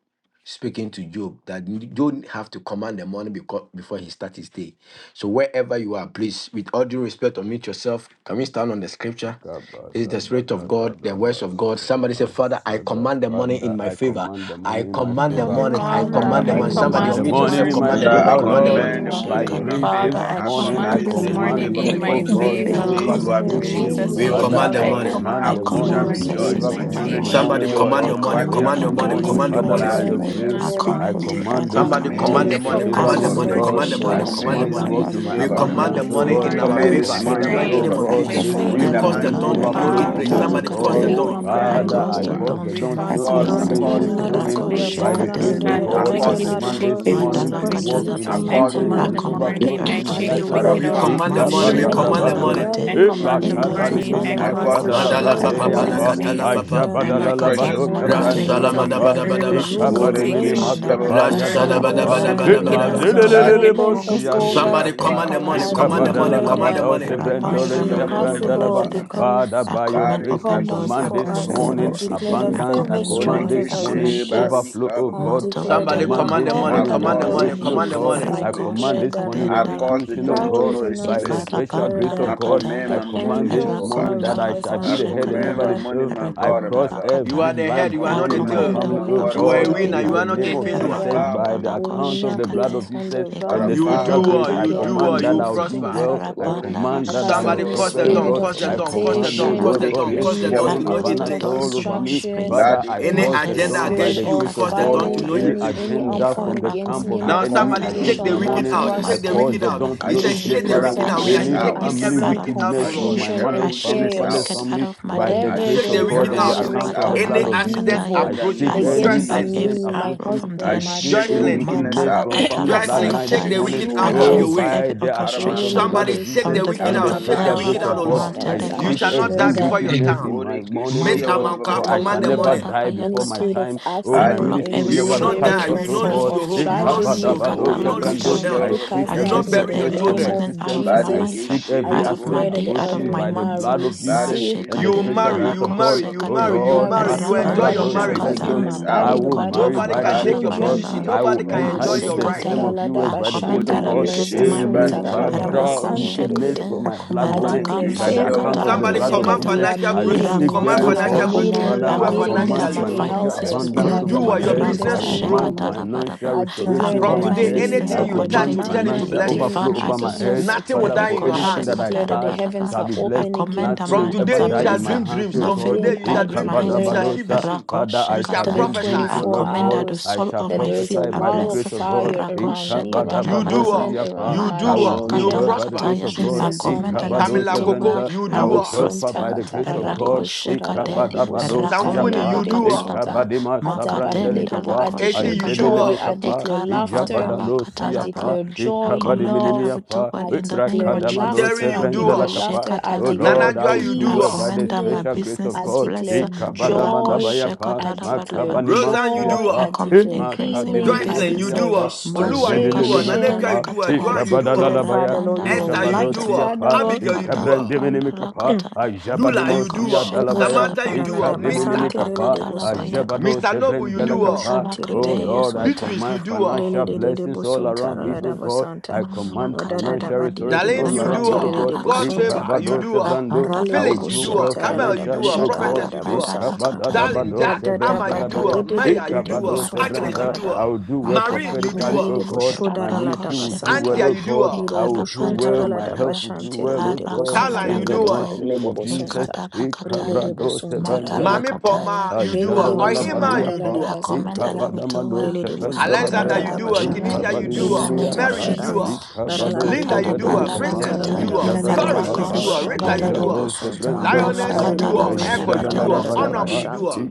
Speaker 11: speaking to Job that you don't have to command the morning because before he starts his day. So wherever you are, please, with all due respect, unmute yourself. Can we stand on the scripture?
Speaker 9: Father,
Speaker 11: This is the spirit of God, the words of God. Somebody say, Father, I command the morning in my
Speaker 9: I
Speaker 11: favor.
Speaker 9: command the
Speaker 11: I
Speaker 9: morning in my
Speaker 15: And
Speaker 11: command the
Speaker 15: then
Speaker 9: favor.
Speaker 15: I
Speaker 20: Father, I
Speaker 11: morning. I
Speaker 15: command
Speaker 20: command
Speaker 15: the
Speaker 20: the
Speaker 10: Father,
Speaker 9: Father,
Speaker 11: command the
Speaker 6: In
Speaker 9: I
Speaker 10: I
Speaker 6: the
Speaker 11: morning.
Speaker 6: name
Speaker 15: mornings
Speaker 20: morning,
Speaker 6: of
Speaker 11: Somebody
Speaker 9: command
Speaker 15: of
Speaker 20: my
Speaker 10: command
Speaker 9: the
Speaker 10: the
Speaker 11: unmute
Speaker 6: Jesus,
Speaker 9: morning
Speaker 11: yourself.
Speaker 20: favor.
Speaker 6: I
Speaker 20: I
Speaker 9: in
Speaker 15: favors.
Speaker 10: morning
Speaker 9: my
Speaker 11: Command the
Speaker 3: Father,
Speaker 20: command the
Speaker 10: in
Speaker 9: favor,
Speaker 11: morning.
Speaker 10: my
Speaker 3: I
Speaker 6: command
Speaker 9: O
Speaker 6: the
Speaker 20: morning,
Speaker 11: Command the
Speaker 20: my
Speaker 6: morning
Speaker 9: Lord.
Speaker 6: in
Speaker 11: morning.
Speaker 3: commend
Speaker 6: my
Speaker 3: the
Speaker 20: favor.
Speaker 10: favor.
Speaker 9: By
Speaker 15: Shake
Speaker 3: money
Speaker 15: a
Speaker 3: in
Speaker 6: favor.
Speaker 3: my
Speaker 20: Declare
Speaker 15: da
Speaker 9: grace
Speaker 10: Father,
Speaker 15: da
Speaker 3: favor.
Speaker 15: da,
Speaker 9: this
Speaker 10: I
Speaker 3: I
Speaker 20: my
Speaker 9: morning,
Speaker 15: shake
Speaker 3: commend
Speaker 6: I
Speaker 9: I
Speaker 10: command
Speaker 15: a
Speaker 3: the
Speaker 15: da
Speaker 20: family
Speaker 10: this
Speaker 15: da
Speaker 3: state
Speaker 20: and
Speaker 3: to
Speaker 6: command the
Speaker 15: da
Speaker 20: I.
Speaker 9: command
Speaker 10: morning
Speaker 3: favor
Speaker 10: in
Speaker 15: da.
Speaker 3: me.
Speaker 9: you,
Speaker 6: morning
Speaker 3: For
Speaker 9: O
Speaker 10: my
Speaker 6: in my
Speaker 3: today
Speaker 20: And
Speaker 3: is
Speaker 9: God,
Speaker 20: We
Speaker 3: the
Speaker 15: I
Speaker 20: are
Speaker 6: favor.
Speaker 10: favor.
Speaker 3: day
Speaker 9: favor
Speaker 6: In
Speaker 3: you
Speaker 20: blessed
Speaker 6: the
Speaker 3: have
Speaker 15: command
Speaker 10: In
Speaker 6: name
Speaker 15: the
Speaker 6: of
Speaker 9: locate
Speaker 20: going
Speaker 3: made.
Speaker 9: me.
Speaker 15: morning
Speaker 20: in.
Speaker 3: We
Speaker 20: We
Speaker 10: Jesus'
Speaker 15: in
Speaker 20: are
Speaker 6: Jesus,
Speaker 11: We
Speaker 15: my
Speaker 3: will
Speaker 10: name,
Speaker 20: blessed
Speaker 9: Father,
Speaker 11: command
Speaker 10: Father,
Speaker 11: the
Speaker 9: I
Speaker 15: favor.
Speaker 10: I
Speaker 20: coming
Speaker 3: rejoice.
Speaker 11: money.
Speaker 20: out.
Speaker 3: My
Speaker 9: command
Speaker 6: I
Speaker 15: I
Speaker 10: command
Speaker 9: the
Speaker 10: this
Speaker 3: household shall
Speaker 9: morning
Speaker 6: command
Speaker 20: Favor
Speaker 6: the
Speaker 15: command
Speaker 9: to
Speaker 10: morning
Speaker 6: morning
Speaker 10: in
Speaker 20: surrounds
Speaker 3: rejoice.
Speaker 6: in
Speaker 9: favor,
Speaker 15: blessings
Speaker 3: My
Speaker 20: us
Speaker 10: my
Speaker 15: in
Speaker 6: my
Speaker 15: my
Speaker 20: as a
Speaker 3: children
Speaker 9: commanding the
Speaker 10: favor.
Speaker 6: favor.
Speaker 3: shall
Speaker 15: morning.
Speaker 11: Somebody
Speaker 9: morning, O
Speaker 20: shield.
Speaker 11: command
Speaker 3: rejoice.
Speaker 10: I
Speaker 15: I
Speaker 11: your
Speaker 9: God.
Speaker 3: My
Speaker 11: money.
Speaker 3: wife
Speaker 6: I
Speaker 15: command
Speaker 3: shall
Speaker 10: command the
Speaker 11: Command
Speaker 9: This
Speaker 11: your
Speaker 6: command the
Speaker 20: I
Speaker 11: money.
Speaker 3: rejoice
Speaker 15: increase
Speaker 10: morning
Speaker 9: morning,
Speaker 3: and
Speaker 11: Command
Speaker 15: in
Speaker 3: be
Speaker 11: your
Speaker 6: morning,
Speaker 15: my
Speaker 9: Father,
Speaker 20: declare
Speaker 10: in
Speaker 11: money.
Speaker 9: by
Speaker 6: this
Speaker 3: glad
Speaker 15: morning.
Speaker 10: I
Speaker 9: your
Speaker 3: in
Speaker 20: that,
Speaker 3: the
Speaker 6: morning
Speaker 20: Father
Speaker 6: to
Speaker 9: grace,
Speaker 3: heavenly
Speaker 15: I
Speaker 10: command the
Speaker 20: Lord,
Speaker 6: speak
Speaker 3: Father.
Speaker 9: I
Speaker 10: morning
Speaker 6: for
Speaker 15: command
Speaker 10: in
Speaker 6: me.
Speaker 10: my
Speaker 6: I
Speaker 9: command
Speaker 15: divine
Speaker 3: I
Speaker 10: favor.
Speaker 6: command
Speaker 9: this
Speaker 11: Somebody
Speaker 6: my
Speaker 3: command
Speaker 20: that
Speaker 15: encounter.
Speaker 11: command
Speaker 6: day
Speaker 20: your
Speaker 3: this
Speaker 10: I
Speaker 11: the
Speaker 9: morning to
Speaker 3: day
Speaker 11: money.
Speaker 3: to
Speaker 20: favor
Speaker 15: I
Speaker 10: command
Speaker 9: favor
Speaker 6: to
Speaker 11: Command the
Speaker 9: me,
Speaker 3: favor
Speaker 10: this
Speaker 9: O
Speaker 20: surrounds
Speaker 15: command
Speaker 11: money.
Speaker 3: me.
Speaker 20: us as
Speaker 6: speak
Speaker 10: morning
Speaker 20: a
Speaker 9: Lord.
Speaker 6: for
Speaker 11: Command
Speaker 15: open
Speaker 11: the
Speaker 10: in
Speaker 6: me.
Speaker 3: I
Speaker 9: I
Speaker 11: money.
Speaker 10: my
Speaker 6: I
Speaker 20: shield.
Speaker 15: doors in
Speaker 11: Command
Speaker 3: command
Speaker 15: my
Speaker 11: the
Speaker 9: command
Speaker 3: this
Speaker 9: to
Speaker 10: favor.
Speaker 11: money.
Speaker 6: command
Speaker 3: day
Speaker 9: walk
Speaker 6: my
Speaker 15: morning.
Speaker 3: to
Speaker 9: in my
Speaker 10: I
Speaker 11: We
Speaker 3: favor
Speaker 20: That
Speaker 3: me.
Speaker 6: morning.
Speaker 11: command
Speaker 10: command
Speaker 11: the
Speaker 9: abundance,
Speaker 10: this
Speaker 9: O
Speaker 11: money
Speaker 20: every
Speaker 9: God.
Speaker 11: in our
Speaker 9: I
Speaker 10: morning
Speaker 20: crooked
Speaker 3: Command
Speaker 10: as
Speaker 3: this
Speaker 10: a
Speaker 11: favor.
Speaker 6: Wait.
Speaker 11: In the
Speaker 3: morning
Speaker 9: command,
Speaker 3: to
Speaker 20: path
Speaker 11: mighty
Speaker 9: O
Speaker 10: great
Speaker 11: name
Speaker 3: favor
Speaker 20: is
Speaker 11: of
Speaker 6: I
Speaker 3: me
Speaker 20: made
Speaker 9: God,
Speaker 11: Jesus,
Speaker 9: this
Speaker 6: command
Speaker 20: straight,
Speaker 3: in
Speaker 11: we
Speaker 6: the
Speaker 9: morning
Speaker 3: the
Speaker 9: to
Speaker 10: blessing.
Speaker 11: cause
Speaker 20: Father
Speaker 11: the
Speaker 9: release
Speaker 6: morning
Speaker 3: mighty
Speaker 11: dawn
Speaker 20: Lord.
Speaker 11: to
Speaker 3: name
Speaker 15: Rakandala
Speaker 11: know
Speaker 3: of
Speaker 6: wherever
Speaker 9: overflow
Speaker 11: its
Speaker 6: I'm
Speaker 9: for
Speaker 11: place.
Speaker 9: me,
Speaker 20: I
Speaker 10: Father,
Speaker 3: Jesus.
Speaker 15: kotala
Speaker 9: O
Speaker 6: going
Speaker 11: Somebody cause the
Speaker 9: God.
Speaker 20: declare
Speaker 6: today.
Speaker 10: we
Speaker 15: kataya.
Speaker 3: Oh,
Speaker 6: I
Speaker 11: dawn.
Speaker 20: that,
Speaker 10: command the
Speaker 15: I
Speaker 3: yeah,
Speaker 20: Father
Speaker 6: command the
Speaker 9: Father,
Speaker 20: Lord,
Speaker 15: caused
Speaker 9: I
Speaker 15: the
Speaker 3: Jehovah.
Speaker 10: morning,
Speaker 6: morning.
Speaker 9: cause
Speaker 15: dawn
Speaker 9: the
Speaker 10: we
Speaker 15: to
Speaker 9: dawn
Speaker 15: know
Speaker 9: to
Speaker 6: I
Speaker 3: Of
Speaker 9: know
Speaker 10: cause
Speaker 15: his
Speaker 10: the
Speaker 20: we
Speaker 9: its
Speaker 3: course,
Speaker 6: command
Speaker 3: I
Speaker 20: are
Speaker 15: face.
Speaker 10: dawn
Speaker 20: the
Speaker 6: my
Speaker 10: to
Speaker 9: place
Speaker 20: head
Speaker 3: cause
Speaker 20: and
Speaker 3: the
Speaker 9: this
Speaker 6: morning
Speaker 20: not
Speaker 10: know
Speaker 20: the
Speaker 3: dawn
Speaker 6: at
Speaker 10: its
Speaker 3: to
Speaker 9: morning.
Speaker 20: tail,
Speaker 15: Rako
Speaker 20: we
Speaker 6: my
Speaker 3: know
Speaker 20: are
Speaker 3: his
Speaker 9: By
Speaker 20: above
Speaker 10: face,
Speaker 20: and
Speaker 9: the
Speaker 6: job
Speaker 20: not
Speaker 6: in
Speaker 3: place.
Speaker 6: the
Speaker 9: grace
Speaker 20: under,
Speaker 9: of
Speaker 20: we are
Speaker 6: name
Speaker 10: and
Speaker 20: the
Speaker 15: shekatendala
Speaker 10: the
Speaker 6: of
Speaker 3: I
Speaker 9: God, I
Speaker 20: lender,
Speaker 3: cause
Speaker 10: wicked
Speaker 3: the
Speaker 6: Jesus.
Speaker 15: kataya.
Speaker 20: not
Speaker 10: is
Speaker 20: the
Speaker 3: dawn
Speaker 9: command
Speaker 3: to
Speaker 20: borrower.
Speaker 9: this
Speaker 3: know
Speaker 10: shaken
Speaker 3: his
Speaker 10: out
Speaker 6: Favor
Speaker 9: morning
Speaker 15: Madala
Speaker 6: in
Speaker 9: to
Speaker 10: of
Speaker 20: For
Speaker 6: the
Speaker 20: in
Speaker 10: it.
Speaker 3: place.
Speaker 6: name
Speaker 9: walk
Speaker 6: of
Speaker 20: Jesus'
Speaker 9: in
Speaker 3: I
Speaker 6: Jesus. I
Speaker 15: katalabaya.
Speaker 10: I
Speaker 3: cause
Speaker 20: almighty
Speaker 3: the
Speaker 9: obedience
Speaker 15: I
Speaker 20: name,
Speaker 10: command
Speaker 3: dawn
Speaker 9: and
Speaker 10: the
Speaker 3: to
Speaker 6: command my
Speaker 3: know
Speaker 6: morning.
Speaker 15: command
Speaker 3: his
Speaker 15: the
Speaker 9: overflow
Speaker 6: I
Speaker 10: morning, I
Speaker 9: into
Speaker 6: will
Speaker 15: earth
Speaker 3: place.
Speaker 15: to
Speaker 9: my
Speaker 20: I
Speaker 10: shake
Speaker 9: life,
Speaker 10: the
Speaker 6: never,
Speaker 9: Oh
Speaker 15: favor
Speaker 3: Other
Speaker 20: declare
Speaker 9: God.
Speaker 10: wicked
Speaker 15: me.
Speaker 11: We
Speaker 6: I
Speaker 10: out
Speaker 20: that
Speaker 6: will
Speaker 10: of
Speaker 11: command the
Speaker 6: not
Speaker 15: Ma
Speaker 3: power
Speaker 10: this
Speaker 11: money. We
Speaker 6: sell a
Speaker 20: dominion
Speaker 6: lie
Speaker 20: is
Speaker 10: morning.
Speaker 11: command
Speaker 3: in
Speaker 11: the
Speaker 20: our
Speaker 6: to
Speaker 3: the
Speaker 15: shekatala
Speaker 11: money.
Speaker 6: them
Speaker 9: Ikabadadabados,
Speaker 3: mighty
Speaker 10: I
Speaker 15: kate.
Speaker 20: reality.
Speaker 3: name
Speaker 6: in
Speaker 3: of
Speaker 6: the
Speaker 10: command the
Speaker 6: name
Speaker 20: I
Speaker 6: of
Speaker 3: Jesus.
Speaker 10: morning,
Speaker 20: declare that
Speaker 6: Jesus.
Speaker 10: I
Speaker 20: our
Speaker 3: I
Speaker 10: cause
Speaker 3: cause
Speaker 10: the
Speaker 3: the
Speaker 20: heritage is
Speaker 3: dawn
Speaker 10: dawn
Speaker 11: Madala
Speaker 3: to
Speaker 10: to
Speaker 6: I
Speaker 3: know
Speaker 15: Ikarabandala
Speaker 11: papa
Speaker 20: royalty.
Speaker 10: know
Speaker 3: his
Speaker 11: pala
Speaker 6: command
Speaker 20: I
Speaker 10: its
Speaker 6: the
Speaker 9: ibakabadiminimasadalabrandeapa,
Speaker 3: place.
Speaker 11: katala
Speaker 6: morning.
Speaker 10: place.
Speaker 20: declare
Speaker 11: papa.
Speaker 20: that
Speaker 3: In the
Speaker 10: I
Speaker 15: Dalakata
Speaker 10: take
Speaker 3: precious
Speaker 6: I
Speaker 10: all of
Speaker 3: mighty
Speaker 6: command
Speaker 15: nakate
Speaker 6: the
Speaker 10: the
Speaker 3: name
Speaker 11: Brashala
Speaker 10: ends
Speaker 3: of
Speaker 10: of
Speaker 6: morning
Speaker 10: the
Speaker 6: in
Speaker 9: ajabadalalabadokabrandalabapa,
Speaker 6: the
Speaker 11: madabada
Speaker 3: Jesus.
Speaker 20: we
Speaker 6: name of
Speaker 20: will
Speaker 11: badaba.
Speaker 10: earth.
Speaker 15: rekoshe
Speaker 20: rule
Speaker 6: Jesus.
Speaker 10: It
Speaker 20: and
Speaker 15: katala
Speaker 10: takes
Speaker 20: reign.
Speaker 10: all of the
Speaker 3: Borekeshia ba-
Speaker 10: ends of
Speaker 3: ba- ba-
Speaker 10: the
Speaker 6: Man
Speaker 3: ba-
Speaker 15: pandalakata
Speaker 20: I
Speaker 3: ba- ba-
Speaker 10: earth,
Speaker 6: shall
Speaker 11: Blashada
Speaker 3: ba-
Speaker 6: have
Speaker 3: ba- ba-
Speaker 6: all
Speaker 20: declare
Speaker 9: ikabadiminimakapayadalabapa,
Speaker 3: ba- ba-
Speaker 11: badabada
Speaker 10: and
Speaker 3: ba-
Speaker 10: the
Speaker 20: that
Speaker 6: secretly
Speaker 10: wicked
Speaker 6: with
Speaker 10: has
Speaker 6: our
Speaker 11: badabada.
Speaker 20: heavens
Speaker 10: been
Speaker 20: are
Speaker 6: rebels.
Speaker 15: rakandalakataya
Speaker 10: shaken
Speaker 20: open
Speaker 10: out.
Speaker 20: above
Speaker 3: Badekeshe
Speaker 15: ekoshe
Speaker 11: Somebody
Speaker 20: us.
Speaker 10: I
Speaker 9: ikmalelelelelemosiyandelekapa,
Speaker 11: command
Speaker 3: barika
Speaker 11: the
Speaker 3: ba-
Speaker 15: katendala
Speaker 3: ba- ba-
Speaker 11: money.
Speaker 20: I
Speaker 6: I
Speaker 10: command
Speaker 3: ba- ba- ba-
Speaker 10: this
Speaker 11: Command the
Speaker 6: command the
Speaker 3: ba.
Speaker 11: money.
Speaker 15: suatalaba
Speaker 20: declare
Speaker 6: morning.
Speaker 10: morning, I
Speaker 11: Command the
Speaker 20: that
Speaker 11: money.
Speaker 10: command
Speaker 6: I
Speaker 10: the morning.
Speaker 6: command the
Speaker 20: the
Speaker 3: Bodekeshia ba ba
Speaker 6: morning in the
Speaker 3: ba ba
Speaker 6: name
Speaker 3: ba
Speaker 6: of
Speaker 3: ba
Speaker 20: impossible
Speaker 3: ba.
Speaker 9: ikabadalalabadoshevrendolesebrandalaba.
Speaker 15: rapandalakotelebelebe.
Speaker 6: Jesus.
Speaker 9: Father,
Speaker 15: I
Speaker 20: becomes
Speaker 9: by your
Speaker 15: command
Speaker 9: grace, I
Speaker 15: open
Speaker 20: common
Speaker 15: doors,
Speaker 3: Barikeshia
Speaker 15: I
Speaker 9: command
Speaker 3: ba
Speaker 20: for
Speaker 3: ba
Speaker 6: Man
Speaker 3: ba
Speaker 9: this
Speaker 3: ba
Speaker 15: command
Speaker 6: shall
Speaker 20: us.
Speaker 15: good
Speaker 6: have
Speaker 20: I
Speaker 9: morning
Speaker 6: all
Speaker 15: news,
Speaker 20: declare
Speaker 6: secretly
Speaker 20: that
Speaker 6: with
Speaker 15: I
Speaker 9: abundance.
Speaker 6: our
Speaker 9: I
Speaker 20: favor
Speaker 15: command
Speaker 9: command
Speaker 20: surrounds
Speaker 15: joy,
Speaker 20: us
Speaker 9: this
Speaker 15: I
Speaker 20: as a
Speaker 9: morning
Speaker 15: command
Speaker 3: Bodekeshe
Speaker 20: shield.
Speaker 15: peace.
Speaker 9: overflow,
Speaker 3: barika ba
Speaker 9: oh
Speaker 3: ba
Speaker 20: I
Speaker 3: ba ba
Speaker 9: God.
Speaker 3: ba
Speaker 15: Matum
Speaker 3: ba.
Speaker 9: I
Speaker 20: declare that
Speaker 11: Somebody
Speaker 20: we are
Speaker 9: command
Speaker 11: command the
Speaker 9: this
Speaker 6: I
Speaker 11: money,
Speaker 3: I
Speaker 20: covered
Speaker 15: telakotenda
Speaker 20: by
Speaker 9: morning
Speaker 20: the
Speaker 6: put
Speaker 11: command
Speaker 6: my
Speaker 11: the
Speaker 20: blood
Speaker 3: cause
Speaker 11: money,
Speaker 3: the
Speaker 20: of
Speaker 15: lakataya
Speaker 9: restoration, oh
Speaker 6: remaining
Speaker 3: dawn
Speaker 11: command the
Speaker 3: to
Speaker 9: God.
Speaker 3: know
Speaker 20: Jesus.
Speaker 11: money.
Speaker 3: its
Speaker 20: I
Speaker 9: I
Speaker 6: table.
Speaker 3: place.
Speaker 9: command
Speaker 15: rekoshe
Speaker 20: declare
Speaker 9: this
Speaker 20: that
Speaker 6: I
Speaker 9: morning
Speaker 3: I
Speaker 15: katenda
Speaker 6: pray
Speaker 3: cause the
Speaker 9: restitution, oh
Speaker 15: lakiata
Speaker 3: dawn
Speaker 6: for
Speaker 3: to
Speaker 20: power
Speaker 9: God.
Speaker 20: is
Speaker 3: know
Speaker 6: all
Speaker 20: in
Speaker 3: its
Speaker 9: By
Speaker 20: us.
Speaker 9: the
Speaker 20: I
Speaker 3: place.
Speaker 6: peace
Speaker 9: special
Speaker 20: declare
Speaker 15: ekarabanda
Speaker 9: grace
Speaker 3: I
Speaker 9: of
Speaker 20: that
Speaker 6: in
Speaker 9: God,
Speaker 6: the
Speaker 3: command
Speaker 9: I
Speaker 15: lakataya
Speaker 20: the
Speaker 3: my
Speaker 6: name of
Speaker 9: command
Speaker 3: money,
Speaker 6: Jesus.
Speaker 9: this
Speaker 20: angels are
Speaker 3: Jehovah.
Speaker 9: morning
Speaker 15: rakonda
Speaker 9: that I
Speaker 20: around us.
Speaker 9: shall
Speaker 20: I
Speaker 9: be
Speaker 3: I
Speaker 9: the
Speaker 15: lakoshe
Speaker 9: head and
Speaker 15: kata
Speaker 20: declare
Speaker 3: command
Speaker 9: never
Speaker 3: my
Speaker 9: the
Speaker 20: that.
Speaker 3: money,
Speaker 9: tail.
Speaker 3: my
Speaker 9: I
Speaker 3: God and
Speaker 15: Rekonda
Speaker 3: my
Speaker 9: cross
Speaker 3: Lord.
Speaker 11: You
Speaker 9: every
Speaker 11: are
Speaker 15: lakatai.
Speaker 11: the
Speaker 3: I
Speaker 11: head,
Speaker 9: line
Speaker 11: you
Speaker 20: I
Speaker 11: are
Speaker 15: I
Speaker 11: not
Speaker 9: drawn
Speaker 11: the
Speaker 3: command
Speaker 9: in
Speaker 3: my
Speaker 9: my
Speaker 20: declare
Speaker 15: command
Speaker 3: money,
Speaker 11: tail.
Speaker 20: that
Speaker 15: the
Speaker 20: the
Speaker 9: family,
Speaker 3: my
Speaker 15: will
Speaker 9: oh
Speaker 15: of
Speaker 3: God and
Speaker 11: You
Speaker 20: angels
Speaker 11: are
Speaker 3: my
Speaker 15: God
Speaker 11: a
Speaker 9: God.
Speaker 20: are
Speaker 15: to be
Speaker 3: Lord.
Speaker 11: winner,
Speaker 20: with.
Speaker 9: In
Speaker 11: you
Speaker 20: I
Speaker 9: the
Speaker 11: are
Speaker 15: done.
Speaker 11: not
Speaker 9: name
Speaker 11: a
Speaker 10: Amen.
Speaker 9: of
Speaker 3: By
Speaker 20: declare
Speaker 3: the
Speaker 11: failure.
Speaker 20: that
Speaker 9: Jesus,
Speaker 3: power
Speaker 9: by
Speaker 15: Rakonda
Speaker 9: the
Speaker 20: we
Speaker 3: in the name
Speaker 20: will
Speaker 9: account
Speaker 3: of
Speaker 9: of the
Speaker 20: not
Speaker 9: blood
Speaker 3: Jesus.
Speaker 9: of
Speaker 20: hit
Speaker 15: lakoshekate.
Speaker 20: on the
Speaker 9: Jesus
Speaker 3: By
Speaker 20: rock.
Speaker 9: and
Speaker 3: the
Speaker 9: the
Speaker 20: And
Speaker 11: You
Speaker 15: Ikonda
Speaker 20: Father
Speaker 9: special
Speaker 11: do
Speaker 20: Lord, you
Speaker 3: power
Speaker 20: will
Speaker 3: in
Speaker 11: well,
Speaker 9: grace,
Speaker 3: the
Speaker 20: bring
Speaker 9: I
Speaker 11: you
Speaker 20: your
Speaker 15: lakataria
Speaker 3: blood
Speaker 11: do
Speaker 3: of
Speaker 11: well,
Speaker 9: command
Speaker 11: you
Speaker 9: that
Speaker 20: angels
Speaker 15: kataya.
Speaker 9: I'll
Speaker 20: to
Speaker 3: Jesus.
Speaker 9: do
Speaker 20: take us,
Speaker 11: prosper.
Speaker 9: well.
Speaker 20: Father
Speaker 9: I
Speaker 20: Lord.
Speaker 15: Rapanda
Speaker 20: I
Speaker 9: command that
Speaker 20: cast
Speaker 9: I'm
Speaker 3: Bodekeshia
Speaker 15: lakata.
Speaker 20: out
Speaker 3: ba
Speaker 9: a
Speaker 11: Somebody
Speaker 3: ba
Speaker 20: any
Speaker 3: ba
Speaker 9: prophet.
Speaker 3: ba
Speaker 11: cause the
Speaker 3: ba
Speaker 9: Father
Speaker 11: dawn,
Speaker 20: spirit
Speaker 9: God,
Speaker 15: Ema
Speaker 20: of
Speaker 11: cause the
Speaker 9: I
Speaker 11: dawn, cause
Speaker 15: shekate
Speaker 11: the
Speaker 9: command, oh
Speaker 11: dawn,
Speaker 20: temptation,
Speaker 11: cause
Speaker 9: Lord
Speaker 11: the
Speaker 9: God,
Speaker 11: dawn,
Speaker 15: dalakatai.
Speaker 11: cause
Speaker 9: this
Speaker 3: Bodekishi,
Speaker 11: the
Speaker 20: any
Speaker 3: blah,
Speaker 11: dawn
Speaker 15: I
Speaker 3: blah,
Speaker 11: to
Speaker 9: morning,
Speaker 3: blah,
Speaker 11: know
Speaker 15: cause
Speaker 3: blah,
Speaker 11: it
Speaker 3: blah,
Speaker 20: spirit
Speaker 15: the
Speaker 9: abundance
Speaker 3: blah,
Speaker 20: of
Speaker 11: place.
Speaker 3: blah.
Speaker 15: dawn
Speaker 9: all
Speaker 15: to
Speaker 9: over
Speaker 15: know
Speaker 9: me.
Speaker 15: his
Speaker 20: distraction,
Speaker 15: praise.
Speaker 9: Father, I
Speaker 11: Any
Speaker 20: any
Speaker 9: cause the
Speaker 3: Badekishi.
Speaker 11: agenda
Speaker 9: dawn
Speaker 15: Madeleko
Speaker 9: by
Speaker 20: spirit
Speaker 9: the
Speaker 11: against you,
Speaker 20: of
Speaker 9: grace
Speaker 11: cause
Speaker 9: of
Speaker 15: shekata
Speaker 11: the
Speaker 9: God.
Speaker 11: dawn to
Speaker 3: Oh,
Speaker 20: filing,
Speaker 11: know
Speaker 15: lakataya.
Speaker 9: Any
Speaker 11: it
Speaker 3: yes,
Speaker 20: any
Speaker 11: place.
Speaker 20: any arm
Speaker 9: agenda
Speaker 3: Jehovah.
Speaker 15: Eko
Speaker 20: form
Speaker 9: from the
Speaker 20: against
Speaker 9: camp
Speaker 20: me
Speaker 9: of
Speaker 20: and
Speaker 15: rakonda
Speaker 9: the
Speaker 3: I
Speaker 20: my
Speaker 11: Now
Speaker 3: cause
Speaker 9: enemy
Speaker 3: the
Speaker 11: somebody
Speaker 20: family
Speaker 15: lakataya.
Speaker 3: dawn
Speaker 11: shake
Speaker 9: against
Speaker 3: to
Speaker 20: shall
Speaker 11: the
Speaker 9: my
Speaker 3: know
Speaker 11: wicked
Speaker 3: its
Speaker 20: not
Speaker 9: morning,
Speaker 15: Eh,
Speaker 11: out,
Speaker 9: I
Speaker 11: shake
Speaker 3: place.
Speaker 11: the
Speaker 20: prosper.
Speaker 9: cause
Speaker 11: wicked
Speaker 9: the
Speaker 15: Matenda
Speaker 11: out.
Speaker 9: dawn to
Speaker 3: I
Speaker 11: He
Speaker 6: And
Speaker 9: know
Speaker 11: says,
Speaker 9: its
Speaker 20: In
Speaker 6: take
Speaker 15: Lakataya.
Speaker 9: place.
Speaker 11: shake
Speaker 6: the
Speaker 3: shake
Speaker 11: the
Speaker 3: every
Speaker 9: Father,
Speaker 20: Jesus'
Speaker 6: wicked
Speaker 11: wicked
Speaker 15: I
Speaker 11: out.
Speaker 6: out
Speaker 11: We
Speaker 6: in
Speaker 11: are
Speaker 20: almighty
Speaker 3: wickedness
Speaker 6: the
Speaker 15: shake
Speaker 9: any
Speaker 20: name,
Speaker 15: the
Speaker 20: I
Speaker 3: out.
Speaker 6: name
Speaker 11: shaking
Speaker 6: of
Speaker 15: wicked
Speaker 9: family
Speaker 11: every
Speaker 15: out
Speaker 20: send
Speaker 6: Jesus.
Speaker 15: of
Speaker 11: wicked out,
Speaker 15: my
Speaker 11: O
Speaker 3: I
Speaker 9: wickedness
Speaker 15: day.
Speaker 9: from
Speaker 11: Lord.
Speaker 3: shake
Speaker 9: my
Speaker 20: confusion
Speaker 3: every
Speaker 15: I
Speaker 9: mother's
Speaker 20: and
Speaker 15: shake
Speaker 9: family,
Speaker 3: wickedness
Speaker 15: the
Speaker 9: father's
Speaker 15: wicked
Speaker 3: out.
Speaker 20: chaos.
Speaker 15: out
Speaker 9: family,
Speaker 15: of my
Speaker 9: by the
Speaker 15: day.
Speaker 3: I
Speaker 20: Wherever
Speaker 9: grace
Speaker 11: Shake
Speaker 20: there
Speaker 11: the
Speaker 9: of
Speaker 3: shake
Speaker 20: is a
Speaker 9: God
Speaker 11: wicked
Speaker 3: every
Speaker 9: and the
Speaker 11: out.
Speaker 3: wickedness
Speaker 9: account
Speaker 20: gathering
Speaker 9: of the
Speaker 20: of
Speaker 3: out.
Speaker 15: Masokatala
Speaker 11: Any
Speaker 9: blood
Speaker 20: the
Speaker 9: of Jesus,
Speaker 11: accident
Speaker 15: Bayakataya.
Speaker 3: In
Speaker 9: I
Speaker 20: evil
Speaker 3: the
Speaker 11: approaching
Speaker 15: I
Speaker 9: shake
Speaker 3: name
Speaker 11: you,
Speaker 3: of
Speaker 15: send
Speaker 9: any
Speaker 20: against
Speaker 15: back
Speaker 11: Jocelyn,
Speaker 9: accident
Speaker 15: every
Speaker 3: Jesus.
Speaker 20: me, my
Speaker 15: arrow
Speaker 9: approaching.
Speaker 15: from the
Speaker 3: I
Speaker 9: I
Speaker 20: husband, my
Speaker 9: shake
Speaker 15: enemy.
Speaker 3: shake the
Speaker 9: any
Speaker 11: Jocelyn,
Speaker 20: children,
Speaker 3: wickedness
Speaker 9: wickedness
Speaker 15: Matala
Speaker 3: out.
Speaker 9: from family
Speaker 20: I
Speaker 15: Katala
Speaker 11: Jocelyn,
Speaker 3: I
Speaker 20: send
Speaker 9: bloodline
Speaker 6: In the
Speaker 11: shake
Speaker 9: this
Speaker 11: the
Speaker 3: shake the
Speaker 15: Bakataya.
Speaker 6: name of
Speaker 9: morning.
Speaker 11: wicked
Speaker 3: wicked
Speaker 15: I
Speaker 11: out
Speaker 6: Jesus.
Speaker 11: of
Speaker 9: Oh,
Speaker 3: out.
Speaker 20: confusion.
Speaker 11: your
Speaker 15: cancel
Speaker 11: way.
Speaker 9: by
Speaker 15: every
Speaker 9: the
Speaker 3: Out of
Speaker 20: I
Speaker 3: my
Speaker 9: account of the
Speaker 15: orchestration
Speaker 9: blood
Speaker 11: Somebody
Speaker 9: of
Speaker 3: home.
Speaker 11: shake
Speaker 15: from
Speaker 9: Jesus,
Speaker 11: the
Speaker 15: the
Speaker 3: Out
Speaker 11: wicked
Speaker 3: of
Speaker 9: and
Speaker 15: pit
Speaker 9: the
Speaker 11: out.
Speaker 3: my
Speaker 15: of
Speaker 11: Shake the
Speaker 9: special
Speaker 6: And take
Speaker 3: life.
Speaker 15: hell.
Speaker 11: wicked
Speaker 9: grace
Speaker 11: out,
Speaker 9: of
Speaker 11: O
Speaker 9: God.
Speaker 11: Lord.
Speaker 3: In
Speaker 6: the
Speaker 3: the
Speaker 9: I
Speaker 6: wicked out
Speaker 3: name
Speaker 15: Manteleko
Speaker 11: You
Speaker 9: shake
Speaker 3: of
Speaker 11: shall not
Speaker 6: in
Speaker 20: declare
Speaker 11: die
Speaker 9: every
Speaker 6: the
Speaker 3: Jesus.
Speaker 11: before
Speaker 15: Shekate.
Speaker 6: name of
Speaker 11: your
Speaker 6: Jesus.
Speaker 20: that
Speaker 9: wickedness in
Speaker 11: time.
Speaker 9: my morning, oh
Speaker 3: Bodekishi,
Speaker 11: Miss
Speaker 3: blah,
Speaker 9: God,
Speaker 3: blah,
Speaker 15: Mandala
Speaker 3: blah, blah,
Speaker 11: Amankwa,
Speaker 20: I
Speaker 3: blah,
Speaker 9: for I
Speaker 3: blah,
Speaker 15: Katala
Speaker 9: shall
Speaker 11: command
Speaker 3: blah,
Speaker 11: the
Speaker 20: declare
Speaker 3: blah,
Speaker 9: never
Speaker 20: that
Speaker 3: blah.
Speaker 11: morning.
Speaker 15: Katala
Speaker 9: die
Speaker 20: any
Speaker 9: before my
Speaker 15: Bayakataya.
Speaker 20: spirit of
Speaker 9: time. Oh,
Speaker 15: I
Speaker 9: my
Speaker 20: accident,
Speaker 15: block
Speaker 9: ministry will
Speaker 20: any
Speaker 15: every
Speaker 11: We
Speaker 3: Badikishia
Speaker 11: will
Speaker 9: never be
Speaker 15: trap
Speaker 11: not
Speaker 9: cut
Speaker 20: spirit
Speaker 11: die. We
Speaker 9: short,
Speaker 20: of,
Speaker 9: oh
Speaker 15: against
Speaker 11: will not
Speaker 20: of,
Speaker 15: me.
Speaker 11: lose
Speaker 9: God.
Speaker 11: your
Speaker 20: of
Speaker 11: home. You will not lose
Speaker 15: Masi
Speaker 20: tragedy
Speaker 11: your home. You
Speaker 15: katala
Speaker 11: will not
Speaker 20: is
Speaker 11: lose your
Speaker 3: Bodikishia
Speaker 15: kataya.
Speaker 11: health.
Speaker 9: I
Speaker 20: rebuked,
Speaker 9: shake
Speaker 15: I
Speaker 11: You
Speaker 20: cast
Speaker 11: will
Speaker 9: every
Speaker 20: out
Speaker 11: not
Speaker 20: in
Speaker 15: cancel
Speaker 11: bury
Speaker 20: the
Speaker 11: your
Speaker 15: every
Speaker 9: sickness from
Speaker 20: name
Speaker 9: my
Speaker 11: children.
Speaker 20: of
Speaker 15: accident out
Speaker 9: system.
Speaker 15: of my
Speaker 9: I
Speaker 20: Jesus.
Speaker 15: life, uh,
Speaker 9: shake
Speaker 3: Badikishi
Speaker 20: I
Speaker 9: every
Speaker 15: out of my
Speaker 9: accident
Speaker 20: declare that
Speaker 15: day,
Speaker 20: the
Speaker 15: out
Speaker 20: earth
Speaker 3: Bodikishi
Speaker 15: of
Speaker 9: approaching
Speaker 20: will
Speaker 15: my
Speaker 9: by the
Speaker 20: not
Speaker 15: month.
Speaker 9: blood of Jesus
Speaker 20: receive,
Speaker 9: and
Speaker 11: You
Speaker 9: the
Speaker 3: Badikishi
Speaker 9: special
Speaker 15: kata
Speaker 11: marry.
Speaker 15: la
Speaker 9: grace
Speaker 11: You
Speaker 9: of
Speaker 3: Badika
Speaker 9: God.
Speaker 11: marry. You
Speaker 9: Oh
Speaker 20: will
Speaker 15: kosekate.
Speaker 11: marry. You
Speaker 9: Lord,
Speaker 20: not
Speaker 11: marry. You
Speaker 20: receive
Speaker 6: In
Speaker 20: the
Speaker 6: the
Speaker 3: I
Speaker 11: enjoy
Speaker 6: name
Speaker 20: body
Speaker 11: your
Speaker 15: Rabada
Speaker 20: of
Speaker 6: of
Speaker 15: la
Speaker 3: shake
Speaker 20: my
Speaker 3: the
Speaker 15: Mashekatendalakosekate
Speaker 11: marriage.
Speaker 6: Jesus, I put
Speaker 20: husband,
Speaker 15: rapadalakata
Speaker 20: my
Speaker 3: wickedness
Speaker 6: my
Speaker 9: I
Speaker 20: body,
Speaker 3: out.
Speaker 20: the
Speaker 9: will
Speaker 6: mom.
Speaker 20: body
Speaker 9: marry
Speaker 20: of
Speaker 11: Nobody
Speaker 20: my
Speaker 9: by the
Speaker 11: can
Speaker 6: I
Speaker 11: take
Speaker 9: grace
Speaker 11: your
Speaker 9: of
Speaker 6: pray
Speaker 20: children
Speaker 9: God.
Speaker 11: position.
Speaker 15: ekotalakatalabadaba
Speaker 6: Lord,
Speaker 3: Badikishia
Speaker 9: I
Speaker 6: for
Speaker 9: will
Speaker 11: Nobody
Speaker 6: my
Speaker 11: can
Speaker 9: enter
Speaker 20: Lebo
Speaker 11: enjoy
Speaker 6: mom
Speaker 9: into
Speaker 11: your
Speaker 9: the
Speaker 6: this
Speaker 11: rights.
Speaker 9: system
Speaker 20: suntara
Speaker 15: masekate.
Speaker 9: of
Speaker 6: morning.
Speaker 20: la
Speaker 15: I
Speaker 9: US
Speaker 20: daba
Speaker 9: by the grace
Speaker 15: command
Speaker 9: of
Speaker 15: that
Speaker 20: shantara
Speaker 6: I'm
Speaker 15: I will
Speaker 9: God.
Speaker 20: le
Speaker 15: get
Speaker 6: blessed,
Speaker 20: debo
Speaker 6: I'm
Speaker 3: Bodikishi
Speaker 15: married.
Speaker 9: Any
Speaker 15: uh,
Speaker 20: suntara
Speaker 6: favored,
Speaker 3: Badika
Speaker 20: la
Speaker 6: I'm
Speaker 20: daba
Speaker 6: highly
Speaker 9: further
Speaker 6: favored.
Speaker 20: santere le
Speaker 9: wickedness from
Speaker 20: debo.
Speaker 15: Rakoshekate
Speaker 6: I
Speaker 9: my
Speaker 6: call my
Speaker 20: I
Speaker 9: bloodline,
Speaker 20: declare
Speaker 6: mom
Speaker 15: Rakanda
Speaker 9: by
Speaker 15: la
Speaker 9: the
Speaker 3: Bodikishia
Speaker 6: with
Speaker 20: favor.
Speaker 6: my
Speaker 9: account
Speaker 20: I
Speaker 9: of
Speaker 15: katala
Speaker 9: the
Speaker 11: Somebody
Speaker 6: prayers
Speaker 9: blood
Speaker 20: declare
Speaker 9: of
Speaker 20: that
Speaker 11: command
Speaker 6: for.
Speaker 20: we
Speaker 9: Jesus,
Speaker 15: payakataya.
Speaker 20: are
Speaker 11: financial
Speaker 9: I
Speaker 6: In the
Speaker 20: meeting.
Speaker 11: breakthrough.
Speaker 6: name
Speaker 9: shake
Speaker 6: of
Speaker 11: Command
Speaker 9: them,
Speaker 15: Rakota
Speaker 9: oh
Speaker 20: We
Speaker 6: Jesus,
Speaker 15: la
Speaker 20: are
Speaker 6: I
Speaker 11: financial
Speaker 9: God.
Speaker 15: ba.
Speaker 6: call
Speaker 11: breakthrough.
Speaker 3: Badikishia
Speaker 6: my
Speaker 20: meeting.
Speaker 11: You
Speaker 20: We
Speaker 9: Father,
Speaker 11: do
Speaker 20: are
Speaker 15: I
Speaker 11: well
Speaker 9: I
Speaker 6: financial
Speaker 20: meeting
Speaker 15: commend that
Speaker 9: command
Speaker 15: my
Speaker 6: breakthrough.
Speaker 11: financially.
Speaker 20: destiny
Speaker 9: financial
Speaker 15: finances
Speaker 3: Bodikishia
Speaker 15: will
Speaker 20: helpers.
Speaker 6: In
Speaker 20: We
Speaker 6: the
Speaker 11: You
Speaker 9: abundance
Speaker 20: are
Speaker 15: grow.
Speaker 9: over
Speaker 11: do
Speaker 6: name
Speaker 9: my
Speaker 11: well.
Speaker 6: of
Speaker 11: Your
Speaker 9: head.
Speaker 20: meeting
Speaker 6: Jesus,
Speaker 9: I
Speaker 11: business will
Speaker 6: I
Speaker 20: destiny
Speaker 6: call
Speaker 11: grow.
Speaker 9: command
Speaker 20: helper.
Speaker 6: my
Speaker 9: financial
Speaker 15: Rakoshekatalabaraba.
Speaker 20: I
Speaker 6: And I
Speaker 15: I
Speaker 9: restoration
Speaker 20: declare
Speaker 6: shall
Speaker 9: over
Speaker 11: From
Speaker 20: that
Speaker 9: my
Speaker 6: break
Speaker 15: commend
Speaker 11: today,
Speaker 6: through
Speaker 9: head.
Speaker 6: in
Speaker 20: we
Speaker 6: my
Speaker 15: business
Speaker 9: I
Speaker 11: anything
Speaker 20: have
Speaker 11: you
Speaker 20: the
Speaker 6: life. I
Speaker 11: touch
Speaker 9: command
Speaker 11: will
Speaker 6: will
Speaker 11: turn
Speaker 15: opportunity,
Speaker 6: do
Speaker 11: into
Speaker 20: manna
Speaker 9: financial
Speaker 6: well.
Speaker 20: again in
Speaker 11: blessings.
Speaker 15: divine
Speaker 9: overflow over my
Speaker 20: Jesus'
Speaker 9: head.
Speaker 15: ideas.
Speaker 11: Nothing
Speaker 20: almighty
Speaker 11: will
Speaker 20: name.
Speaker 9: Father,
Speaker 11: die in
Speaker 9: for
Speaker 11: your
Speaker 20: I
Speaker 9: anything that I
Speaker 11: hands.
Speaker 20: declare that the
Speaker 9: touch
Speaker 20: heavens
Speaker 15: Rekoshekatalabaraba.
Speaker 9: shall
Speaker 20: are
Speaker 9: be
Speaker 15: I
Speaker 9: blessed.
Speaker 20: open
Speaker 15: commend
Speaker 20: again
Speaker 15: that
Speaker 9: Nothing
Speaker 11: From
Speaker 15: my
Speaker 9: will
Speaker 15: hands
Speaker 9: ever
Speaker 11: today,
Speaker 15: are
Speaker 11: you
Speaker 9: die
Speaker 20: today.
Speaker 11: shall
Speaker 9: in
Speaker 15: blessed.
Speaker 9: my
Speaker 11: dream
Speaker 9: hands,
Speaker 11: dreams.
Speaker 9: oh
Speaker 11: From
Speaker 15: Nothing
Speaker 9: God.
Speaker 11: today,
Speaker 15: will
Speaker 20: Again,
Speaker 11: you
Speaker 15: die
Speaker 20: I
Speaker 11: shall
Speaker 15: in
Speaker 11: dream
Speaker 15: my
Speaker 11: dreams. You
Speaker 20: declare
Speaker 15: hands.
Speaker 11: shall
Speaker 20: that
Speaker 11: see
Speaker 9: Ikabadabadosha.
Speaker 11: vision.
Speaker 9: Father,
Speaker 11: You
Speaker 9: I
Speaker 11: shall
Speaker 9: shall
Speaker 20: for the
Speaker 15: Rakoshekata.
Speaker 9: dream dreams,
Speaker 11: prophesy.
Speaker 15: I
Speaker 9: O
Speaker 20: 24
Speaker 9: Lord
Speaker 15: commend that
Speaker 9: God.
Speaker 15: the
Speaker 20: hours
Speaker 9: I
Speaker 15: sole
Speaker 9: shall
Speaker 15: of
Speaker 20: that
Speaker 15: my
Speaker 20: there is a
Speaker 15: feet
Speaker 9: prophesy
Speaker 15: are
Speaker 9: by the
Speaker 20: wall of
Speaker 15: blessed.
Speaker 9: grace of God.
Speaker 20: fire around me, around my
Speaker 11: You do
Speaker 15: Rakoshekatalabaraba.
Speaker 20: husband,
Speaker 11: all.
Speaker 9: Ikabadabadosiyapa.
Speaker 20: around
Speaker 11: You
Speaker 20: my
Speaker 9: I
Speaker 11: do
Speaker 9: will
Speaker 11: all.
Speaker 9: do
Speaker 11: You
Speaker 20: children,
Speaker 9: well by the
Speaker 11: prosper.
Speaker 9: grace
Speaker 20: in
Speaker 15: Matalakatalakataya.
Speaker 9: of God.
Speaker 15: I
Speaker 20: Jesus'
Speaker 6: Amen.
Speaker 15: commend that I will
Speaker 20: almighty
Speaker 11: Pamela
Speaker 15: do
Speaker 20: name.
Speaker 11: Coco,
Speaker 15: well.
Speaker 9: Ikabadoshevrenda.
Speaker 11: you
Speaker 15: I
Speaker 9: I
Speaker 11: do
Speaker 15: will
Speaker 9: will
Speaker 20: Ibo
Speaker 11: all.
Speaker 9: prosper by
Speaker 15: prosper.
Speaker 9: the grace of
Speaker 20: katarala debo
Speaker 9: God.
Speaker 15: Rakoshekate.
Speaker 20: shodarala debo sonta
Speaker 11: Samfuni,
Speaker 15: Rakonda
Speaker 9: Ikabadabadosiyapa.
Speaker 20: ralende
Speaker 15: la
Speaker 11: you do
Speaker 20: debo
Speaker 11: all.
Speaker 20: sonta
Speaker 15: katalaba,
Speaker 9: Ikabadima
Speaker 20: adabarile
Speaker 15: makatenda
Speaker 20: debo.
Speaker 15: la
Speaker 9: sabrandelekapa.
Speaker 20: I
Speaker 11: AC,
Speaker 20: declare
Speaker 11: you do
Speaker 15: koshekata,
Speaker 20: joy,
Speaker 11: all.
Speaker 20: I
Speaker 9: Ajedelemekapa.
Speaker 20: declare laughter,
Speaker 15: ekarabanda la
Speaker 20: I
Speaker 15: katalaba.
Speaker 9: Ijabadalosiyapa.
Speaker 20: declare
Speaker 15: I
Speaker 20: joy,
Speaker 15: command that I
Speaker 20: love,
Speaker 15: will do
Speaker 9: Ikabadiminimiyapa.
Speaker 15: well
Speaker 20: I
Speaker 15: in the name
Speaker 20: declare
Speaker 15: of Jesus.
Speaker 11: Terry,
Speaker 20: laughter, I
Speaker 11: you do
Speaker 20: declare
Speaker 11: all.
Speaker 9: Ibrakadamadosevrendelakapa.
Speaker 20: laughter, I
Speaker 9: Oh
Speaker 15: Mashekatalabada.
Speaker 20: declare
Speaker 11: Nana
Speaker 9: Lord, I
Speaker 11: Joy,
Speaker 9: will
Speaker 11: you
Speaker 9: do
Speaker 15: I
Speaker 11: do
Speaker 9: well by
Speaker 20: peace
Speaker 11: all.
Speaker 15: command
Speaker 9: the
Speaker 15: that my
Speaker 20: today,
Speaker 9: special grace
Speaker 15: business
Speaker 9: of
Speaker 20: I
Speaker 15: is
Speaker 9: God.
Speaker 15: blessed.
Speaker 20: declare joy,
Speaker 9: Bayapa,
Speaker 20: I
Speaker 15: Rakoshekatalabadaba.
Speaker 20: declare
Speaker 11: Roseanne, you
Speaker 20: joy.
Speaker 11: do
Speaker 15: I
Speaker 20: I
Speaker 9: Makabanimasiapa,
Speaker 11: all.
Speaker 15: command
Speaker 20: declare
Speaker 15: increase in my
Speaker 20: healing. I
Speaker 11: Joycelyn, you
Speaker 15: business.
Speaker 20: declare
Speaker 11: do
Speaker 9: Makadiminimosiapa,
Speaker 11: all. Olua, you do
Speaker 9: Ajedelele
Speaker 11: all.
Speaker 15: Mashokatenda
Speaker 20: restoration.
Speaker 11: Naneka,
Speaker 15: la
Speaker 11: you
Speaker 9: Makapa,
Speaker 11: do all.
Speaker 20: I
Speaker 15: kataya,
Speaker 11: Joan, you do all.
Speaker 20: declare,
Speaker 9: Ikabadalalabaya,
Speaker 20: Father Lord,
Speaker 15: rabanda
Speaker 20: your
Speaker 15: la
Speaker 11: Esther, you do
Speaker 20: light,
Speaker 11: well.
Speaker 20: Father
Speaker 9: Ijabadosiapa,
Speaker 20: Lord.
Speaker 11: Abigail, you do
Speaker 15: Ekatala
Speaker 11: well.
Speaker 15: pandala
Speaker 9: Ikabrandimimikapa,
Speaker 15: kataya
Speaker 11: Lula, you do
Speaker 9: Ajabadimosia
Speaker 15: rakoshe
Speaker 20: Mm.
Speaker 11: well.
Speaker 20: Ebo
Speaker 9: Dalabaya,
Speaker 11: Samantha,
Speaker 15: katalaba
Speaker 20: sunta
Speaker 11: you
Speaker 20: da
Speaker 11: do
Speaker 20: la
Speaker 11: well.
Speaker 20: da ba
Speaker 11: Mr.
Speaker 20: sante
Speaker 15: madala
Speaker 20: rele de
Speaker 9: Ikadiminimikapa,
Speaker 20: bo
Speaker 15: katala
Speaker 20: santa.
Speaker 15: payakata
Speaker 9: Ajabado
Speaker 11: Mr. Noble, you
Speaker 15: e
Speaker 11: do
Speaker 20: Ebo
Speaker 11: well.
Speaker 9: Sevrendelakapa.
Speaker 15: madala
Speaker 20: shonti rele
Speaker 9: Oh
Speaker 20: de bo
Speaker 15: kateya
Speaker 9: Lord, I
Speaker 20: sunta.
Speaker 11: Beatrice, you
Speaker 9: command
Speaker 11: do well.
Speaker 20: Rele
Speaker 9: financial
Speaker 20: de de de bo
Speaker 9: blessings all
Speaker 20: sunta ra
Speaker 9: around me,
Speaker 20: la
Speaker 9: oh
Speaker 20: da ba
Speaker 9: God. I
Speaker 20: santa.
Speaker 9: command
Speaker 20: Oda da
Speaker 15: Ekatalapandalakataya,
Speaker 20: da
Speaker 9: financial
Speaker 20: ba di de
Speaker 9: restoration
Speaker 15: Rakoshekatalaba, Madalakatalapayakata, eh, Madalakateya, Madalakatalaba,
Speaker 20: bo
Speaker 11: Darlene,
Speaker 9: all
Speaker 11: you do
Speaker 9: around
Speaker 20: sunte
Speaker 9: me, oh
Speaker 20: rele
Speaker 11: well.
Speaker 9: God.
Speaker 20: de bo
Speaker 11: God's
Speaker 20: sunta
Speaker 11: favor,
Speaker 15: Rapandalakate,
Speaker 11: you
Speaker 9: Ikabado
Speaker 20: kata.
Speaker 11: do well.
Speaker 9: Sevrando,
Speaker 20: Rale
Speaker 9: I
Speaker 20: de
Speaker 9: will
Speaker 11: Phyllis,
Speaker 20: bo
Speaker 11: you
Speaker 9: do
Speaker 11: do well.
Speaker 9: well
Speaker 20: sunta ra
Speaker 15: Rapandalakoshekate,
Speaker 20: la
Speaker 11: Camel,
Speaker 20: da
Speaker 11: you
Speaker 20: ba
Speaker 11: do
Speaker 9: financially,
Speaker 11: well.
Speaker 9: oh
Speaker 20: shada ra
Speaker 9: God.
Speaker 20: la
Speaker 11: Prophetess, you
Speaker 20: da
Speaker 11: do
Speaker 20: bo
Speaker 11: well.
Speaker 20: santa.
Speaker 9: Icabada
Speaker 15: Nikarapandalakataya,
Speaker 11: Darling,
Speaker 9: Kadabado
Speaker 11: Jack,
Speaker 20: Ada da
Speaker 11: Amma,
Speaker 9: Sevrenda
Speaker 20: ba
Speaker 11: you do
Speaker 20: di de
Speaker 11: well.
Speaker 9: Labaya,
Speaker 20: de de
Speaker 11: Maya,
Speaker 20: de
Speaker 11: you
Speaker 20: de
Speaker 11: do
Speaker 20: bo
Speaker 9: Ikabado
Speaker 11: well.
Speaker 20: sunta
Speaker 11: Agnes,
Speaker 20: ra
Speaker 11: you
Speaker 9: Sevrenda.
Speaker 20: la
Speaker 11: do
Speaker 15: Madalakata,
Speaker 20: da.
Speaker 9: I
Speaker 11: well.
Speaker 9: will do well
Speaker 11: Marine, you do
Speaker 9: prophetically,
Speaker 20: Rele
Speaker 15: Madalakata,
Speaker 9: oh
Speaker 20: de
Speaker 11: well.
Speaker 9: God. My
Speaker 20: boshodara la
Speaker 15: Rabako
Speaker 20: da
Speaker 9: ministry will do
Speaker 20: basanta.
Speaker 9: well,
Speaker 15: Shekata,
Speaker 11: Antia,
Speaker 9: oh
Speaker 11: you do
Speaker 9: God.
Speaker 11: well.
Speaker 9: I
Speaker 20: Ire
Speaker 9: will
Speaker 15: Ikara
Speaker 9: do well.
Speaker 20: boshontere
Speaker 15: Pandala
Speaker 20: la
Speaker 9: My
Speaker 20: da
Speaker 9: health
Speaker 15: Baraba,
Speaker 9: will do
Speaker 20: bashante
Speaker 9: well,
Speaker 20: rele
Speaker 9: oh
Speaker 20: de
Speaker 9: God.
Speaker 15: Harakanda
Speaker 20: bosonte
Speaker 11: Caroline, you
Speaker 9: In
Speaker 20: rele
Speaker 9: the
Speaker 11: do
Speaker 20: de
Speaker 9: mighty
Speaker 15: Lakataya,
Speaker 11: well.
Speaker 20: barele
Speaker 9: name
Speaker 20: de
Speaker 9: of Jesus.
Speaker 20: bosonta.
Speaker 15: Ikata
Speaker 20: Rele
Speaker 15: Lakataya,
Speaker 20: de
Speaker 9: Ikabrado
Speaker 20: bosontara
Speaker 9: Sevrenda
Speaker 20: la da.
Speaker 11: Mami
Speaker 9: Lakapa,
Speaker 15: Madalakataya.
Speaker 11: Poma, you do
Speaker 20: Rele
Speaker 15: I
Speaker 11: well.
Speaker 20: de
Speaker 9: Ajadala
Speaker 15: will do
Speaker 11: Ohima,
Speaker 15: well.
Speaker 20: bosantara
Speaker 11: you
Speaker 20: la
Speaker 11: do
Speaker 20: da
Speaker 9: Labadiapa,
Speaker 15: I
Speaker 11: well.
Speaker 15: comment that I
Speaker 20: basantere.
Speaker 15: will do
Speaker 9: Ikabadamando
Speaker 15: well.
Speaker 20: Rele de
Speaker 9: seven
Speaker 15: I
Speaker 11: Alexa,
Speaker 20: bosontara
Speaker 15: comment
Speaker 9: dalabaya,
Speaker 15: that
Speaker 20: la
Speaker 11: you
Speaker 15: I
Speaker 20: da
Speaker 15: will
Speaker 11: do well.
Speaker 15: do
Speaker 20: bashante
Speaker 6: Rabbi
Speaker 15: well.
Speaker 11: Kenisha, you
Speaker 20: rele de
Speaker 11: do
Speaker 15: In the
Speaker 11: well.
Speaker 9: Ikabadiminimia
Speaker 15: name
Speaker 6: Shebo
Speaker 15: of
Speaker 20: bosontara
Speaker 9: sa,
Speaker 11: Mary,
Speaker 20: la
Speaker 11: you do
Speaker 20: da.
Speaker 6: Shikere.
Speaker 15: Jesus,
Speaker 11: well.
Speaker 9: Ikabado
Speaker 20: Naralande de
Speaker 15: Shekata
Speaker 11: Linda, you
Speaker 15: la
Speaker 20: de
Speaker 11: do
Speaker 20: de
Speaker 6: I
Speaker 11: well.
Speaker 6: will do
Speaker 15: Pandala
Speaker 9: sevedemikapa,
Speaker 11: Princess,
Speaker 20: bosontara
Speaker 11: you
Speaker 20: la
Speaker 11: do
Speaker 15: Kataya,
Speaker 6: well
Speaker 20: da
Speaker 6: in
Speaker 11: well.
Speaker 6: the name of
Speaker 20: basantara
Speaker 11: Doris,
Speaker 20: la
Speaker 11: you
Speaker 15: Rako
Speaker 20: da
Speaker 9: Jadalalabapa,
Speaker 11: do
Speaker 6: Jesus.
Speaker 11: well.
Speaker 20: bashante
Speaker 11: Rita, you
Speaker 15: Shekata
Speaker 20: rele
Speaker 11: do
Speaker 15: la
Speaker 20: de
Speaker 6: Bible.
Speaker 9: Jado
Speaker 11: well.
Speaker 9: seven
Speaker 20: bosonta.
Speaker 11: Lioness, you
Speaker 6: Mashallah
Speaker 9: dalakapa,
Speaker 11: do
Speaker 20: Rele
Speaker 15: Madalakata
Speaker 20: de
Speaker 11: well.
Speaker 6: Bible
Speaker 11: Echo, you
Speaker 20: boshodara
Speaker 15: la
Speaker 11: do
Speaker 20: la da
Speaker 6: Shikere
Speaker 11: well.
Speaker 20: da da
Speaker 9: Jadalalabaya
Speaker 11: Honorable, you
Speaker 9: fa,
Speaker 6: Atalo.
Speaker 11: do well.
Speaker 20: bashanti.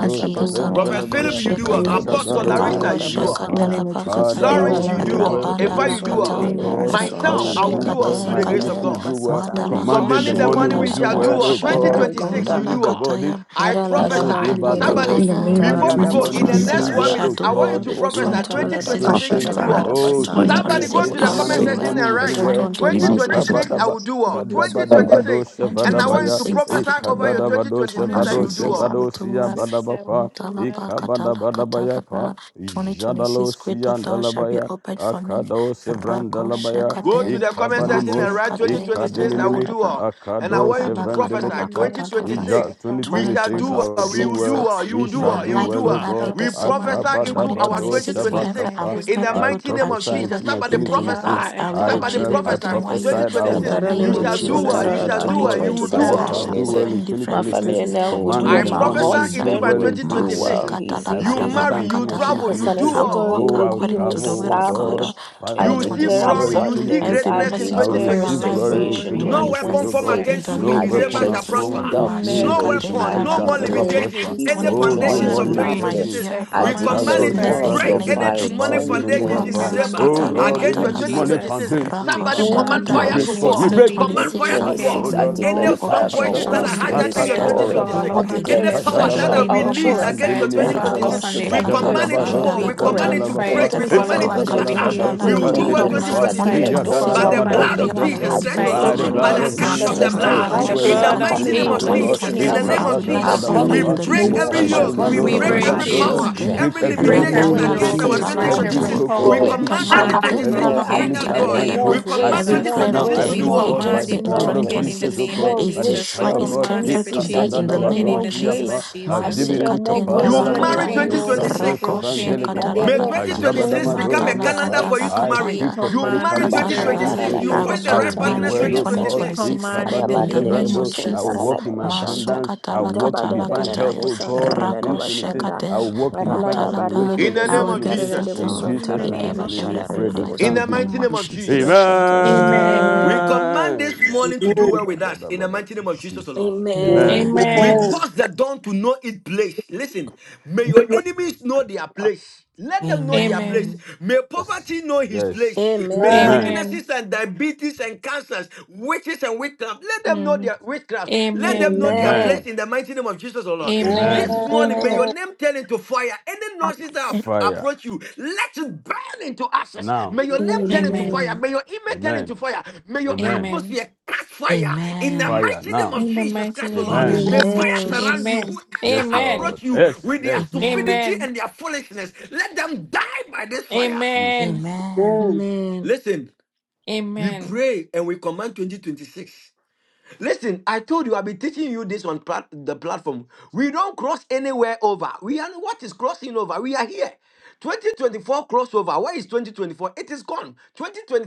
Speaker 6: I shall do
Speaker 15: kia
Speaker 9: seven
Speaker 6: well
Speaker 20: basanta.
Speaker 11: Prophet
Speaker 15: talia
Speaker 11: Philip,
Speaker 9: dalabaya,
Speaker 11: you
Speaker 15: koshe
Speaker 11: do well.
Speaker 20: Mere
Speaker 6: today.
Speaker 15: kata
Speaker 20: de
Speaker 6: I shall
Speaker 11: Apostle
Speaker 20: boson
Speaker 6: do
Speaker 20: tarara
Speaker 6: well
Speaker 11: Larissa, you
Speaker 20: da
Speaker 11: do
Speaker 15: rakoshe
Speaker 9: Jadalorosia
Speaker 6: in
Speaker 11: well.
Speaker 6: the
Speaker 15: kata
Speaker 9: pa.
Speaker 20: basanta.
Speaker 6: name of
Speaker 15: laba
Speaker 6: Jesus.
Speaker 9: Father, I will
Speaker 11: Lawrence, you
Speaker 6: Favor,
Speaker 9: do
Speaker 20: Yaralande
Speaker 11: do
Speaker 20: de
Speaker 9: well
Speaker 11: well.
Speaker 20: de de
Speaker 11: If
Speaker 15: rabanda
Speaker 11: I,
Speaker 15: la
Speaker 11: you do
Speaker 20: boson
Speaker 9: financially,
Speaker 11: well.
Speaker 9: oh
Speaker 15: kata
Speaker 20: terele
Speaker 6: favor
Speaker 20: de
Speaker 9: God.
Speaker 6: as I
Speaker 9: I
Speaker 20: boson
Speaker 6: call
Speaker 11: Myself,
Speaker 9: will
Speaker 11: I
Speaker 15: rekoshe
Speaker 11: will
Speaker 20: tarala
Speaker 6: today,
Speaker 9: do
Speaker 20: da
Speaker 11: do well
Speaker 9: well.
Speaker 11: through
Speaker 15: kate
Speaker 11: the
Speaker 9: My
Speaker 11: grace
Speaker 6: Lord.
Speaker 20: basandara
Speaker 15: kate
Speaker 11: of
Speaker 20: la
Speaker 9: ministry
Speaker 20: da
Speaker 9: will
Speaker 11: God.
Speaker 9: do well.
Speaker 6: In the
Speaker 20: basata.
Speaker 15: mandala
Speaker 6: name of
Speaker 9: Commanding the
Speaker 11: Commanding
Speaker 6: Jesus,
Speaker 15: koshe
Speaker 11: the
Speaker 6: the
Speaker 20: Rele
Speaker 9: money
Speaker 20: de
Speaker 11: money
Speaker 15: kata
Speaker 9: will
Speaker 11: we
Speaker 6: word,
Speaker 9: do
Speaker 11: shall
Speaker 20: boson
Speaker 6: Lord,
Speaker 15: laba
Speaker 9: well,
Speaker 11: do all.
Speaker 6: I
Speaker 9: oh
Speaker 6: come
Speaker 20: tashada
Speaker 9: God.
Speaker 6: out.
Speaker 11: 2026,
Speaker 15: rakonda
Speaker 20: relanda.
Speaker 11: you
Speaker 15: la
Speaker 9: Commanding
Speaker 11: do
Speaker 9: the
Speaker 11: all.
Speaker 9: body.
Speaker 15: kataya
Speaker 11: I
Speaker 20: Narala
Speaker 9: It's
Speaker 6: I
Speaker 20: da
Speaker 11: prophesy.
Speaker 6: shall
Speaker 9: going
Speaker 15: ikata
Speaker 6: do
Speaker 15: la
Speaker 9: global,
Speaker 20: barile
Speaker 9: oh
Speaker 6: well
Speaker 20: de
Speaker 9: God.
Speaker 6: in
Speaker 11: Somebody,
Speaker 6: the
Speaker 20: boson
Speaker 15: kataya
Speaker 6: name of
Speaker 11: before
Speaker 20: tarala
Speaker 9: Commanding
Speaker 11: we
Speaker 9: the
Speaker 20: da
Speaker 10: In
Speaker 11: go,
Speaker 10: the
Speaker 6: Jesus.
Speaker 9: money
Speaker 11: in
Speaker 10: name
Speaker 11: the
Speaker 9: will
Speaker 10: of
Speaker 9: do
Speaker 11: next
Speaker 20: boshandara
Speaker 15: 2026
Speaker 20: la
Speaker 15: we
Speaker 11: one
Speaker 9: well,
Speaker 20: da.
Speaker 15: shall
Speaker 9: oh
Speaker 11: minute,
Speaker 10: Jesus,
Speaker 11: I
Speaker 15: do
Speaker 11: want you
Speaker 15: well
Speaker 9: God,
Speaker 11: to prophesy
Speaker 9: in
Speaker 20: Iboson
Speaker 10: Father,
Speaker 20: tarala da
Speaker 15: 2026 we
Speaker 11: 2026,
Speaker 15: shall
Speaker 11: you
Speaker 9: 2026.
Speaker 15: do
Speaker 20: bashadara
Speaker 11: do
Speaker 20: la
Speaker 6: prophesied
Speaker 15: well
Speaker 11: all.
Speaker 20: da
Speaker 9: Oh,
Speaker 6: when
Speaker 20: basantara
Speaker 11: Somebody
Speaker 20: le de
Speaker 11: go
Speaker 15: 2026
Speaker 11: to
Speaker 9: 2026,
Speaker 11: the
Speaker 15: I will
Speaker 11: comment
Speaker 20: bosanta.
Speaker 10: hallelujah,
Speaker 9: commanding
Speaker 15: do
Speaker 9: the
Speaker 6: twenty-six
Speaker 11: section
Speaker 15: well
Speaker 9: money
Speaker 11: and
Speaker 10: Father,
Speaker 9: will
Speaker 10: in
Speaker 9: do
Speaker 10: the
Speaker 11: write
Speaker 9: well.
Speaker 20: Eboton
Speaker 10: name of
Speaker 6: name
Speaker 10: Jesus,
Speaker 20: terele
Speaker 6: of
Speaker 15: 2026 I
Speaker 20: de.
Speaker 15: will
Speaker 6: Jesus.
Speaker 15: do
Speaker 11: 2026,
Speaker 15: well
Speaker 11: I
Speaker 9: Makabadaba,
Speaker 11: will do all.
Speaker 20: De boson tarala.
Speaker 6: Number
Speaker 9: kadabadabado,
Speaker 11: 2026,
Speaker 10: in the
Speaker 11: and I
Speaker 10: name of
Speaker 11: want you
Speaker 9: shevadabaya,
Speaker 11: to
Speaker 15: 2026,
Speaker 10: Jesus,
Speaker 15: I
Speaker 6: twenty-six,
Speaker 11: prophesy
Speaker 15: will do
Speaker 10: in the
Speaker 11: over your
Speaker 15: well.
Speaker 10: name
Speaker 9: ikadadabado,
Speaker 11: 2026
Speaker 6: I
Speaker 11: that
Speaker 9: shevado,
Speaker 6: shall
Speaker 11: you do
Speaker 6: do
Speaker 15: 2026,
Speaker 11: all.
Speaker 15: I
Speaker 10: of
Speaker 15: will
Speaker 9: shevado,
Speaker 10: Jesus,
Speaker 15: do
Speaker 9: siya
Speaker 6: it.
Speaker 15: well.
Speaker 10: six, zero,
Speaker 9: badabapa,
Speaker 10: two, well,
Speaker 15: Mutalaba, katala,
Speaker 9: ikabadabadabaya pa,
Speaker 15: katalaba.
Speaker 9: jadalo,
Speaker 15: 2026, greater
Speaker 9: siya
Speaker 15: doors shall be
Speaker 9: dalabaya,
Speaker 15: opened for me.
Speaker 9: akado, sevran
Speaker 10: I
Speaker 15: Rakoshe
Speaker 9: dalabaya,
Speaker 11: Go
Speaker 10: command
Speaker 11: to
Speaker 15: kate,
Speaker 11: the comment section and
Speaker 10: 2026
Speaker 9: ikabanimos,
Speaker 11: write
Speaker 10: that I will
Speaker 15: mate
Speaker 10: do
Speaker 11: 2026, I will
Speaker 10: well.
Speaker 9: ikademinimi,
Speaker 11: do
Speaker 15: kate,
Speaker 11: well. And I
Speaker 9: akado,
Speaker 11: want you to
Speaker 15: Madala
Speaker 9: shevandele
Speaker 10: In the
Speaker 11: prophesy
Speaker 15: katala
Speaker 10: name
Speaker 9: kapa,
Speaker 10: of
Speaker 15: katala
Speaker 9: we
Speaker 10: Jesus,
Speaker 15: ba.
Speaker 9: shall
Speaker 10: I
Speaker 11: 2026, we
Speaker 10: command
Speaker 11: shall
Speaker 9: 2026,
Speaker 11: do
Speaker 9: I will
Speaker 11: well, we
Speaker 9: do
Speaker 11: will
Speaker 15: 2026,
Speaker 11: do
Speaker 9: well.
Speaker 15: uh,
Speaker 10: 2026
Speaker 11: well,
Speaker 10: to
Speaker 11: you
Speaker 9: We
Speaker 11: will
Speaker 10: be
Speaker 11: do
Speaker 10: my
Speaker 9: shall
Speaker 15: my
Speaker 11: well,
Speaker 9: do
Speaker 11: you will
Speaker 10: year.
Speaker 11: do
Speaker 15: life
Speaker 9: well,
Speaker 15: will
Speaker 9: oh
Speaker 11: well.
Speaker 15: not be
Speaker 9: God.
Speaker 10: Father,
Speaker 15: the
Speaker 11: We
Speaker 10: I
Speaker 15: same. uh,
Speaker 11: prophesy
Speaker 10: command
Speaker 11: into our
Speaker 9: Akabadabado
Speaker 10: 2026 to
Speaker 15: 2026,
Speaker 10: be
Speaker 15: whatever
Speaker 10: my
Speaker 11: 2026
Speaker 15: I
Speaker 9: shabakapa.
Speaker 15: was
Speaker 10: good
Speaker 11: in
Speaker 15: not
Speaker 11: the
Speaker 10: year.
Speaker 9: I
Speaker 15: able
Speaker 11: mighty
Speaker 15: to
Speaker 11: name of
Speaker 9: prophesy
Speaker 15: achieve uh,
Speaker 11: Jesus.
Speaker 9: into my
Speaker 11: Somebody
Speaker 15: in the year
Speaker 10: Father,
Speaker 9: 2026.
Speaker 15: past,
Speaker 11: prophesy,
Speaker 10: I
Speaker 15: I will
Speaker 9: I
Speaker 11: somebody
Speaker 10: command
Speaker 15: achieve
Speaker 9: uh,
Speaker 15: it
Speaker 9: I
Speaker 11: prophesy.
Speaker 15: within one year
Speaker 9: prophesied
Speaker 10: 2026
Speaker 9: I
Speaker 10: that
Speaker 9: will
Speaker 15: in
Speaker 11: 2026,
Speaker 15: the
Speaker 9: do
Speaker 10: I
Speaker 9: well
Speaker 20: Shadarale
Speaker 11: you
Speaker 15: name
Speaker 10: will
Speaker 15: of
Speaker 9: in
Speaker 11: shall
Speaker 20: Rebo
Speaker 10: do
Speaker 11: do
Speaker 15: Jesus.
Speaker 11: well,
Speaker 15: uh,
Speaker 10: well.
Speaker 11: you
Speaker 9: 2026,
Speaker 11: shall
Speaker 20: Sontarada, I
Speaker 9: O
Speaker 11: do well,
Speaker 9: God.
Speaker 11: you
Speaker 20: declare
Speaker 11: will
Speaker 15: 2026,
Speaker 11: do
Speaker 10: I
Speaker 9: I
Speaker 15: I
Speaker 10: will
Speaker 9: shall
Speaker 11: well.
Speaker 15: shall
Speaker 10: do
Speaker 9: do well
Speaker 20: 2026.
Speaker 10: well.
Speaker 9: in
Speaker 15: open
Speaker 20: My
Speaker 15: different
Speaker 10: I will do
Speaker 9: 2026.
Speaker 20: family
Speaker 15: businesses.
Speaker 20: and I
Speaker 10: well
Speaker 20: will
Speaker 10: in
Speaker 20: do
Speaker 10: the
Speaker 20: well.
Speaker 9: Commanding
Speaker 11: I
Speaker 9: the
Speaker 20: My
Speaker 10: name of
Speaker 9: morning will
Speaker 11: prophesy
Speaker 15: 2026,
Speaker 10: Jesus.
Speaker 15: uh,
Speaker 9: do
Speaker 11: into my
Speaker 20: husband
Speaker 9: well in
Speaker 20: will do well.
Speaker 11: 2026.
Speaker 9: 2026.
Speaker 20: He's,
Speaker 9: I
Speaker 20: he
Speaker 11: You
Speaker 10: In
Speaker 20: says
Speaker 10: the
Speaker 20: his
Speaker 9: prophesy
Speaker 11: marry,
Speaker 9: into
Speaker 10: name
Speaker 11: you
Speaker 9: my
Speaker 10: of
Speaker 11: travel,
Speaker 15: Masekatalabarabakataya.
Speaker 20: his
Speaker 11: you do
Speaker 15: I
Speaker 9: 2026.
Speaker 20: financial
Speaker 10: Jesus,
Speaker 15: will
Speaker 11: all.
Speaker 20: authority
Speaker 15: walk
Speaker 9: Oh,
Speaker 20: will
Speaker 9: I'll
Speaker 20: be
Speaker 15: according to the
Speaker 9: travel,
Speaker 15: will
Speaker 9: oh
Speaker 15: of God. uh,
Speaker 9: God.
Speaker 20: reestablished.
Speaker 9: Father,
Speaker 20: I
Speaker 9: I
Speaker 11: You will
Speaker 9: will
Speaker 11: see
Speaker 9: do
Speaker 20: declare
Speaker 9: well
Speaker 15: 2026,
Speaker 11: glory,
Speaker 15: uh,
Speaker 9: in
Speaker 11: you will see
Speaker 20: abundance.
Speaker 15: every
Speaker 20: I
Speaker 9: 2026.
Speaker 11: greatness in
Speaker 9: I
Speaker 15: blessings
Speaker 9: will
Speaker 10: I
Speaker 15: over
Speaker 20: declare
Speaker 15: my
Speaker 9: receive
Speaker 11: 2026.
Speaker 10: receive
Speaker 15: life will,
Speaker 9: glory in
Speaker 15: be,
Speaker 20: restoration
Speaker 15: will
Speaker 10: glory.
Speaker 11: No
Speaker 9: 2026,
Speaker 11: weapon
Speaker 9: oh
Speaker 15: manifest
Speaker 11: formed
Speaker 9: God.
Speaker 10: I
Speaker 20: 2026.
Speaker 15: in
Speaker 11: against
Speaker 15: the
Speaker 11: you in
Speaker 9: No
Speaker 10: receive
Speaker 20: I
Speaker 15: name of
Speaker 11: December
Speaker 9: weapon
Speaker 20: declare
Speaker 11: shall
Speaker 9: that
Speaker 15: Jesus,
Speaker 10: greatness.
Speaker 9: form
Speaker 11: prosper.
Speaker 9: against
Speaker 20: kingdom
Speaker 9: me in
Speaker 11: No
Speaker 20: marriage. I
Speaker 11: weapon,
Speaker 15: Mashekatenda
Speaker 9: 2026
Speaker 11: no
Speaker 9: shall
Speaker 10: In
Speaker 11: more
Speaker 10: the
Speaker 9: ever
Speaker 20: declare
Speaker 10: name
Speaker 15: Lakataya.
Speaker 10: of
Speaker 9: prosper.
Speaker 11: limitations.
Speaker 20: peace
Speaker 11: Any
Speaker 10: Jesus, I
Speaker 20: and
Speaker 9: Oh, no
Speaker 20: joy
Speaker 11: foundations
Speaker 15: 2026
Speaker 9: more
Speaker 10: command
Speaker 11: of
Speaker 15: will
Speaker 20: and
Speaker 15: be my
Speaker 20: laughter.
Speaker 9: limitations.
Speaker 10: greatness.
Speaker 11: 2026,
Speaker 10: I
Speaker 15: year
Speaker 20: I
Speaker 11: we
Speaker 15: of
Speaker 10: command
Speaker 11: command
Speaker 20: declare
Speaker 9: Makado
Speaker 11: it to
Speaker 15: sweetness
Speaker 20: more
Speaker 15: in
Speaker 20: of
Speaker 9: Sheva
Speaker 15: the
Speaker 20: your
Speaker 11: break
Speaker 10: prosperity.
Speaker 15: name of
Speaker 9: Debida
Speaker 11: any
Speaker 20: fire
Speaker 9: Kapa
Speaker 11: demonic
Speaker 15: Jesus.
Speaker 10: We
Speaker 11: foundations in
Speaker 9: Dinemeyapa.
Speaker 15: Matala
Speaker 20: 2026.
Speaker 10: command
Speaker 11: December
Speaker 10: it
Speaker 9: Oh
Speaker 10: in the
Speaker 15: katala
Speaker 9: Lord,
Speaker 10: name
Speaker 11: against
Speaker 9: any
Speaker 11: your
Speaker 10: of
Speaker 15: katalaba
Speaker 20: 2026.
Speaker 9: demonic
Speaker 10: Jesus.
Speaker 11: 2026.
Speaker 9: foundations,
Speaker 10: We
Speaker 11: Somebody
Speaker 9: Father,
Speaker 11: command
Speaker 10: command
Speaker 9: we
Speaker 10: all
Speaker 15: rakoshekata.
Speaker 11: fire
Speaker 9: break
Speaker 11: to
Speaker 9: for
Speaker 10: chains
Speaker 9: we
Speaker 20: 2026.
Speaker 11: fall.
Speaker 10: to
Speaker 9: break it
Speaker 10: be
Speaker 9: with
Speaker 11: Command fire
Speaker 15: 2026, uh,
Speaker 11: to
Speaker 9: fire,
Speaker 10: broken.
Speaker 9: oh
Speaker 20: 2026,
Speaker 11: fall.
Speaker 20: I
Speaker 9: Lord.
Speaker 20: declare
Speaker 15: no
Speaker 11: Any
Speaker 20: the fire
Speaker 11: strong
Speaker 20: of the
Speaker 10: We
Speaker 11: voices
Speaker 15: orchestration
Speaker 11: that
Speaker 20: Holy
Speaker 9: Ikapatapa,
Speaker 11: are
Speaker 15: from the
Speaker 20: Spirit
Speaker 10: command
Speaker 15: beat
Speaker 11: hijacking
Speaker 15: of
Speaker 20: is
Speaker 11: your
Speaker 10: fire
Speaker 15: hell
Speaker 10: to
Speaker 20: pouring.
Speaker 15: will
Speaker 10: fall
Speaker 11: 2026,
Speaker 20: I
Speaker 9: akadadadabapa,
Speaker 15: work
Speaker 10: upon the
Speaker 20: declare
Speaker 11: any
Speaker 20: a
Speaker 15: against me
Speaker 10: devil.
Speaker 15: in
Speaker 11: power
Speaker 15: the
Speaker 20: fresh
Speaker 11: that
Speaker 20: out-
Speaker 11: are
Speaker 10: We
Speaker 15: name of
Speaker 9: ikadadabayapa,
Speaker 11: released
Speaker 10: command
Speaker 20: outpouring.
Speaker 15: Jesus.
Speaker 11: against
Speaker 10: fire
Speaker 11: your
Speaker 10: to fall
Speaker 9: andiminimakapa,
Speaker 10: upon the
Speaker 11: 2026,
Speaker 20: 2026, I
Speaker 11: we
Speaker 20: declare a
Speaker 11: command
Speaker 10: enemies.
Speaker 11: it to
Speaker 20: fresh
Speaker 9: jadalabado,
Speaker 15: Rakoshekatalabanda
Speaker 11: fall.
Speaker 10: We
Speaker 11: We
Speaker 20: outpouring.
Speaker 11: command it
Speaker 10: command
Speaker 11: to
Speaker 15: lakataya
Speaker 10: fire
Speaker 9: sevrandalabapa,
Speaker 11: break.
Speaker 10: to
Speaker 11: We
Speaker 20: 2026,
Speaker 10: fall
Speaker 20: I
Speaker 11: command it to
Speaker 10: upon
Speaker 20: declare
Speaker 10: the
Speaker 20: a
Speaker 11: scatter.
Speaker 20: fresh
Speaker 9: ikadalabado,
Speaker 15: rekokatenda
Speaker 10: wicked.
Speaker 11: We
Speaker 20: outpouring.
Speaker 11: will
Speaker 10: We
Speaker 11: do what
Speaker 9: Shevan
Speaker 15: lakataya.
Speaker 20: 2026,
Speaker 9: Kappa,
Speaker 20: I
Speaker 10: command fire
Speaker 20: declare
Speaker 10: to
Speaker 11: 2026
Speaker 15: 2026
Speaker 20: doors
Speaker 10: fall
Speaker 11: by
Speaker 15: will
Speaker 20: are
Speaker 15: be
Speaker 11: the
Speaker 10: upon
Speaker 15: my
Speaker 9: Yadalalamados,
Speaker 11: blood
Speaker 20: open.
Speaker 11: of
Speaker 15: year
Speaker 10: anyone
Speaker 15: of
Speaker 10: who
Speaker 11: Jesus
Speaker 20: I
Speaker 10: is
Speaker 11: Christ, O
Speaker 20: declare
Speaker 9: by
Speaker 11: Lord,
Speaker 10: fighting
Speaker 9: the
Speaker 6: Mama,
Speaker 15: manifestation
Speaker 11: by
Speaker 9: blood
Speaker 6: brother,
Speaker 11: the
Speaker 9: of
Speaker 6: the
Speaker 10: against
Speaker 20: 2026
Speaker 11: account
Speaker 20: that
Speaker 11: of
Speaker 10: us.
Speaker 6: sheep,
Speaker 11: the
Speaker 9: Jesus,
Speaker 6: come
Speaker 9: I
Speaker 15: Matenda
Speaker 9: will
Speaker 20: destiny
Speaker 6: here.
Speaker 15: la
Speaker 6: I
Speaker 10: By
Speaker 11: blood,
Speaker 9: do
Speaker 10: the
Speaker 6: shall
Speaker 9: well
Speaker 6: do
Speaker 11: in
Speaker 9: in
Speaker 20: helpers
Speaker 11: the
Speaker 20: are
Speaker 10: blood
Speaker 6: well. I
Speaker 10: of
Speaker 15: koshekata.
Speaker 11: mighty
Speaker 6: shall
Speaker 20: coming
Speaker 6: do
Speaker 11: name
Speaker 20: my
Speaker 9: 2026,
Speaker 11: of
Speaker 9: oh
Speaker 20: way.
Speaker 6: well. I
Speaker 9: God.
Speaker 10: Jesus,
Speaker 6: shall
Speaker 11: Jesus,
Speaker 20: Destiny
Speaker 10: in
Speaker 11: in
Speaker 6: do
Speaker 10: the
Speaker 11: the
Speaker 15: 2026,
Speaker 6: well.
Speaker 11: name
Speaker 20: helpers
Speaker 15: I
Speaker 11: of
Speaker 10: mighty
Speaker 15: will not
Speaker 10: name
Speaker 20: are
Speaker 11: Jesus,
Speaker 10: of
Speaker 6: In the
Speaker 15: suffer
Speaker 11: we
Speaker 6: name
Speaker 20: coming
Speaker 15: in
Speaker 6: of
Speaker 9: Ikabadadadabapa,
Speaker 10: Jesus.
Speaker 15: the
Speaker 20: the
Speaker 11: break
Speaker 15: name
Speaker 20: way
Speaker 15: of
Speaker 6: Jesus,
Speaker 20: of
Speaker 11: every
Speaker 6: I
Speaker 20: my
Speaker 6: shall
Speaker 15: Jesus.
Speaker 11: yoke,
Speaker 6: do
Speaker 11: we
Speaker 10: We
Speaker 9: Ikabadimanos,
Speaker 6: well.
Speaker 20: husband
Speaker 6: I
Speaker 11: break
Speaker 20: and
Speaker 6: shall
Speaker 20: my
Speaker 10: break
Speaker 11: every
Speaker 6: do
Speaker 9: Brendos.
Speaker 10: it.
Speaker 6: well.
Speaker 11: power,
Speaker 9: We
Speaker 20: children.
Speaker 15: Rekoshekate,
Speaker 9: break
Speaker 11: every
Speaker 10: We
Speaker 9: every
Speaker 6: In the
Speaker 10: break
Speaker 9: yoke of
Speaker 11: limitations
Speaker 6: name
Speaker 10: every
Speaker 15: rabanda
Speaker 6: of
Speaker 15: la
Speaker 11: against
Speaker 10: yoke.
Speaker 11: our
Speaker 9: limitations,
Speaker 10: We
Speaker 20: 2026,
Speaker 6: Jesus, I
Speaker 15: katala
Speaker 20: I
Speaker 10: break
Speaker 6: shall
Speaker 9: every
Speaker 6: do
Speaker 10: every
Speaker 11: 2026.
Speaker 6: well.
Speaker 15: kataya.
Speaker 9: yoke
Speaker 10: power.
Speaker 11: We
Speaker 9: of
Speaker 20: declare.
Speaker 9: the
Speaker 10: We
Speaker 11: command
Speaker 9: wicked
Speaker 20: I
Speaker 9: one,
Speaker 10: command it
Speaker 9: every
Speaker 11: 2026
Speaker 15: Ekashekatenda
Speaker 11: to
Speaker 20: declare,
Speaker 15: la
Speaker 20: I
Speaker 10: broken
Speaker 11: bring
Speaker 9: family
Speaker 11: us
Speaker 10: in
Speaker 15: kota
Speaker 10: the
Speaker 20: declare
Speaker 11: joy.
Speaker 9: bloodline
Speaker 10: name
Speaker 20: more
Speaker 11: We
Speaker 15: lebedebe.
Speaker 10: of
Speaker 9: yoke. I
Speaker 11: command
Speaker 20: grace,
Speaker 15: Every
Speaker 9: break free
Speaker 20: more
Speaker 10: Jesus.
Speaker 15: plan
Speaker 9: now.
Speaker 15: of
Speaker 11: 2026
Speaker 15: the
Speaker 9: I
Speaker 11: to
Speaker 20: grace,
Speaker 10: We
Speaker 11: do
Speaker 9: break
Speaker 15: enemy
Speaker 20: more
Speaker 11: all.
Speaker 9: forth by
Speaker 10: command
Speaker 15: against
Speaker 9: the
Speaker 20: grace,
Speaker 15: me
Speaker 10: it
Speaker 15: in
Speaker 20: more
Speaker 9: blood of
Speaker 10: broken in
Speaker 20: grace,
Speaker 10: the
Speaker 9: Jesus,
Speaker 15: 2026
Speaker 9: oh
Speaker 10: name of
Speaker 9: God
Speaker 20: more
Speaker 15: is
Speaker 9: by the
Speaker 10: Jesus.
Speaker 20: grace.
Speaker 10: We
Speaker 9: fire
Speaker 15: destroyed,
Speaker 9: of
Speaker 15: is
Speaker 9: God.
Speaker 10: command
Speaker 6: I
Speaker 15: cancelled
Speaker 10: every
Speaker 20: 2026,
Speaker 15: today
Speaker 20: I
Speaker 10: chains
Speaker 15: in the
Speaker 20: declare
Speaker 10: broken
Speaker 15: name
Speaker 9: Ikadadadabado
Speaker 10: in
Speaker 15: of
Speaker 20: more
Speaker 10: the name
Speaker 15: Jesus.
Speaker 10: of
Speaker 9: siyapa,
Speaker 20: grace. I
Speaker 10: Jesus.
Speaker 20: declare
Speaker 10: We
Speaker 20: more
Speaker 9: adibiribikapa
Speaker 15: Masekatenda
Speaker 20: grace.
Speaker 11: You
Speaker 15: la
Speaker 10: command
Speaker 9: dalabaya,
Speaker 11: marry
Speaker 10: every
Speaker 15: kataya,
Speaker 10: yoke
Speaker 20: 2026,
Speaker 10: be
Speaker 9: ibrando
Speaker 11: 2026.
Speaker 6: shall
Speaker 10: broken in the
Speaker 6: do
Speaker 20: I
Speaker 15: rakoshekata la
Speaker 9: sevandelikapa,
Speaker 11: May
Speaker 10: name
Speaker 20: declare
Speaker 10: of
Speaker 15: badaba,
Speaker 11: 2026
Speaker 10: Jesus. We
Speaker 9: ajabadamado
Speaker 11: become a
Speaker 15: matala
Speaker 10: command
Speaker 11: calendar
Speaker 9: siyapa.
Speaker 11: for
Speaker 10: it.
Speaker 11: you
Speaker 15: katala
Speaker 20: 2026.
Speaker 11: to
Speaker 9: I
Speaker 11: marry.
Speaker 10: We
Speaker 15: kataya,
Speaker 9: speak
Speaker 11: You
Speaker 10: command
Speaker 11: marry
Speaker 9: prophetically
Speaker 20: Iba
Speaker 9: into
Speaker 15: ekatala
Speaker 9: my
Speaker 15: ba.
Speaker 20: shadara
Speaker 10: prosperity.
Speaker 11: 2026,
Speaker 20: la
Speaker 10: We
Speaker 11: you
Speaker 20: da
Speaker 15: I
Speaker 9: 2026.
Speaker 15: will
Speaker 11: find the
Speaker 9: I will
Speaker 11: right
Speaker 15: get
Speaker 10: command
Speaker 9: do
Speaker 20: bosontara la
Speaker 11: partners
Speaker 15: married
Speaker 20: da
Speaker 15: in
Speaker 9: well,
Speaker 10: victory.
Speaker 9: O God.
Speaker 10: We
Speaker 20: basanta.
Speaker 11: 2026.
Speaker 15: 2026
Speaker 10: command in the
Speaker 9: Ikabado
Speaker 15: in the
Speaker 10: name
Speaker 20: Adabarile
Speaker 10: of
Speaker 20: de
Speaker 15: name of
Speaker 9: sevrando. I will
Speaker 10: Jesus.
Speaker 20: bosontara
Speaker 15: Jesus.
Speaker 20: la
Speaker 9: walk
Speaker 20: da
Speaker 9: in my
Speaker 20: bashanta.
Speaker 9: abundance. I will
Speaker 15: Mashokatala
Speaker 9: walk
Speaker 20: Idaba
Speaker 9: in
Speaker 20: da
Speaker 15: katala
Speaker 20: da
Speaker 9: divine
Speaker 20: da da
Speaker 10: In
Speaker 9: health,
Speaker 15: kataya.
Speaker 9: O God,
Speaker 20: bosantara
Speaker 9: in
Speaker 20: la da
Speaker 9: 2026.
Speaker 15: rakosheka
Speaker 20: bashanda.
Speaker 9: I
Speaker 15: De
Speaker 9: will walk in
Speaker 20: Arala
Speaker 9: divine
Speaker 20: da barile
Speaker 15: matalapa.
Speaker 9: acceleration
Speaker 20: de
Speaker 11: In
Speaker 9: in
Speaker 11: the
Speaker 15: I
Speaker 11: name
Speaker 15: will
Speaker 11: of
Speaker 15: be
Speaker 20: bosontara
Speaker 9: 2026.
Speaker 20: la de
Speaker 11: Jesus.
Speaker 9: In
Speaker 15: settled
Speaker 10: the
Speaker 9: Jesus'
Speaker 20: bosontara
Speaker 15: in
Speaker 20: la da
Speaker 10: name
Speaker 9: mighty
Speaker 15: every
Speaker 10: of
Speaker 9: name,
Speaker 15: area
Speaker 9: we
Speaker 15: of
Speaker 9: pray
Speaker 20: bashadare
Speaker 15: my
Speaker 10: Jesus.
Speaker 20: de
Speaker 9: with
Speaker 15: life
Speaker 11: In
Speaker 15: in the
Speaker 11: the
Speaker 20: bosontara.
Speaker 9: thanksgiving.
Speaker 15: name
Speaker 11: mighty
Speaker 15: of
Speaker 11: name of
Speaker 9: Amen.
Speaker 15: Jesus.
Speaker 11: Jesus.
Speaker 20: Shantan.
Speaker 10: Amen.
Speaker 11: We
Speaker 15: Amen.
Speaker 20: Amen.
Speaker 11: command this morning to do
Speaker 2: Amen.
Speaker 11: well with us. In the
Speaker 9: Makabadabadabada.
Speaker 11: mighty name of Jesus, the
Speaker 9: Jesus.
Speaker 11: Lord.
Speaker 2: Amen.
Speaker 20: Amen.
Speaker 9: Amen.
Speaker 11: We
Speaker 10: Amen.
Speaker 2: Amen.
Speaker 15: Amen.
Speaker 11: cause the dawn to know its place. Listen, may your enemies know their place. Let them know their
Speaker 10: Amen.
Speaker 11: place.
Speaker 15: Amen.
Speaker 11: May poverty
Speaker 9: Yes.
Speaker 11: know his place.
Speaker 9: Yes.
Speaker 11: May
Speaker 20: Amen.
Speaker 9: Amen.
Speaker 10: Amen.
Speaker 11: sicknesses and diabetes and cancers, witches and witchcraft, let them know
Speaker 10: Mm.
Speaker 11: their witchcraft. Let them know
Speaker 10: Amen.
Speaker 11: their
Speaker 20: Amen.
Speaker 11: place
Speaker 9: Amen.
Speaker 11: in the mighty name of Jesus, O Lord. This
Speaker 10: Amen.
Speaker 9: Amen.
Speaker 11: morning, may
Speaker 20: Amen.
Speaker 11: your
Speaker 2: Amen.
Speaker 11: name turn into fire. Any nonsense that ap-
Speaker 9: Fire
Speaker 11: approach you, let it burn into ashes.
Speaker 9: now.
Speaker 11: May your name turn
Speaker 20: Amen.
Speaker 11: into
Speaker 9: Jesus.
Speaker 10: Amen.
Speaker 11: fire. May your image turn
Speaker 9: Amen.
Speaker 11: into fire. May your
Speaker 9: Amen.
Speaker 10: Amen.
Speaker 11: atmosphere catch fire. In the
Speaker 15: Amen.
Speaker 9: Fire
Speaker 11: mighty name
Speaker 9: now.
Speaker 11: of
Speaker 10: In the
Speaker 11: Jesus
Speaker 10: mighty
Speaker 11: Christ, O
Speaker 10: name
Speaker 11: Lord,
Speaker 15: In
Speaker 10: of
Speaker 15: the
Speaker 9: Amen.
Speaker 11: may
Speaker 15: name
Speaker 11: fire
Speaker 15: of
Speaker 10: Jesus.
Speaker 20: Amen.
Speaker 11: surround you.
Speaker 15: Jesus.
Speaker 10: Amen.
Speaker 9: Yes,
Speaker 11: Whoever
Speaker 10: Amen.
Speaker 11: approach
Speaker 9: Lord.
Speaker 11: you
Speaker 9: Yes.
Speaker 11: with their
Speaker 9: Yes.
Speaker 15: Amen.
Speaker 11: stupidity
Speaker 10: Amen.
Speaker 11: and their foolishness, let them die by this fire.
Speaker 10: Amen.
Speaker 9: Jesus.
Speaker 15: Amen.
Speaker 20: Amen.
Speaker 11: Listen, we
Speaker 10: Amen.
Speaker 11: pray and we command 2026. Listen, I told you I've been teaching you this on plat- the platform. We don't cross anywhere over. We are what is crossing over? We are here. 2024 crossover. Where is 2024? It is gone.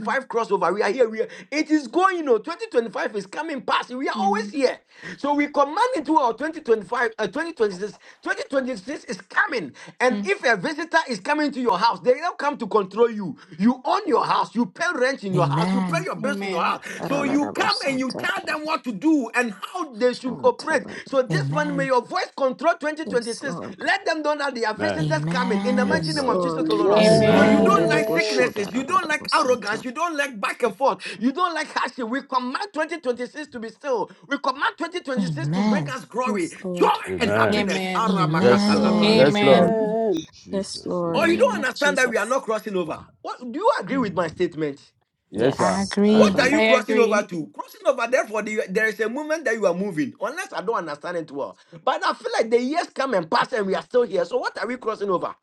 Speaker 10: Mm,
Speaker 11: crossover. We are here. We are, it is going. You know, 2025 is coming past. We are always
Speaker 10: mhm,
Speaker 11: here. So we command into our 2025, uh, 2026. 2026 is coming. And
Speaker 10: mm,
Speaker 11: if a visitor is coming to your house, they don't come to control you. You own your house, you pay rent in your house, you pay
Speaker 15: Amen.
Speaker 11: your bills in your
Speaker 10: Amen.
Speaker 11: house. So you come and you
Speaker 20: Shadaradabosanta.
Speaker 11: tell them what to do and how they should operate.
Speaker 20: Shantabada.
Speaker 11: So this one, may
Speaker 15: Amen.
Speaker 11: your voice control
Speaker 20: Yes,
Speaker 11: 2026.
Speaker 20: Lord.
Speaker 11: Let them know that they are
Speaker 9: Amen.
Speaker 11: visitors coming
Speaker 10: Mm.
Speaker 11: in the
Speaker 9: Yes,
Speaker 11: mighty
Speaker 15: Amen.
Speaker 20: Yes,
Speaker 11: name of
Speaker 9: Lord.
Speaker 2: Amen.
Speaker 11: Jesus,
Speaker 20: Lord.
Speaker 11: O
Speaker 2: Amen.
Speaker 11: Lord.
Speaker 20: Yes,
Speaker 11: So
Speaker 20: Lord.
Speaker 10: Amen.
Speaker 11: you
Speaker 9: Amen.
Speaker 11: don't
Speaker 15: Amen.
Speaker 11: like sicknesses, you don't like arrogance,
Speaker 20: Reledeboshodaradabosanta.
Speaker 11: you don't like back and forth, you don't like hardship. We command 2026 to be still. We command 2026 to bring
Speaker 15: Amen.
Speaker 11: us glory,
Speaker 20: Yes,
Speaker 11: joy,
Speaker 20: Lord.
Speaker 11: and
Speaker 9: Amen.
Speaker 11: happiness.
Speaker 10: Amen.
Speaker 9: Yes,
Speaker 20: Yes,
Speaker 9: Lord.
Speaker 11: Aramakatalaba.
Speaker 20: Lord.
Speaker 15: Amen.
Speaker 9: Yes,
Speaker 10: Amen.
Speaker 9: Lord.
Speaker 10: In
Speaker 2: Amen.
Speaker 20: Yes,
Speaker 9: Jesus, we
Speaker 10: the
Speaker 11: Or
Speaker 20: Lord.
Speaker 11: you
Speaker 9: thank
Speaker 10: name
Speaker 11: don't
Speaker 10: of
Speaker 9: you.
Speaker 11: understand that we are
Speaker 10: Jesus.
Speaker 11: not crossing over. What do you agree with
Speaker 20: Mm.
Speaker 11: my statement?
Speaker 9: Yes,
Speaker 15: I
Speaker 9: sir.
Speaker 20: Yes,
Speaker 9: I
Speaker 15: agree.
Speaker 11: What are
Speaker 20: Abba.
Speaker 10: I
Speaker 9: agree.
Speaker 11: you crossing
Speaker 10: agree.
Speaker 11: over to? Crossing over, therefore, the, there is a movement that you are moving, unless I don't understand it well. But I feel like the years come and pass and we are still here. So, what are we crossing over?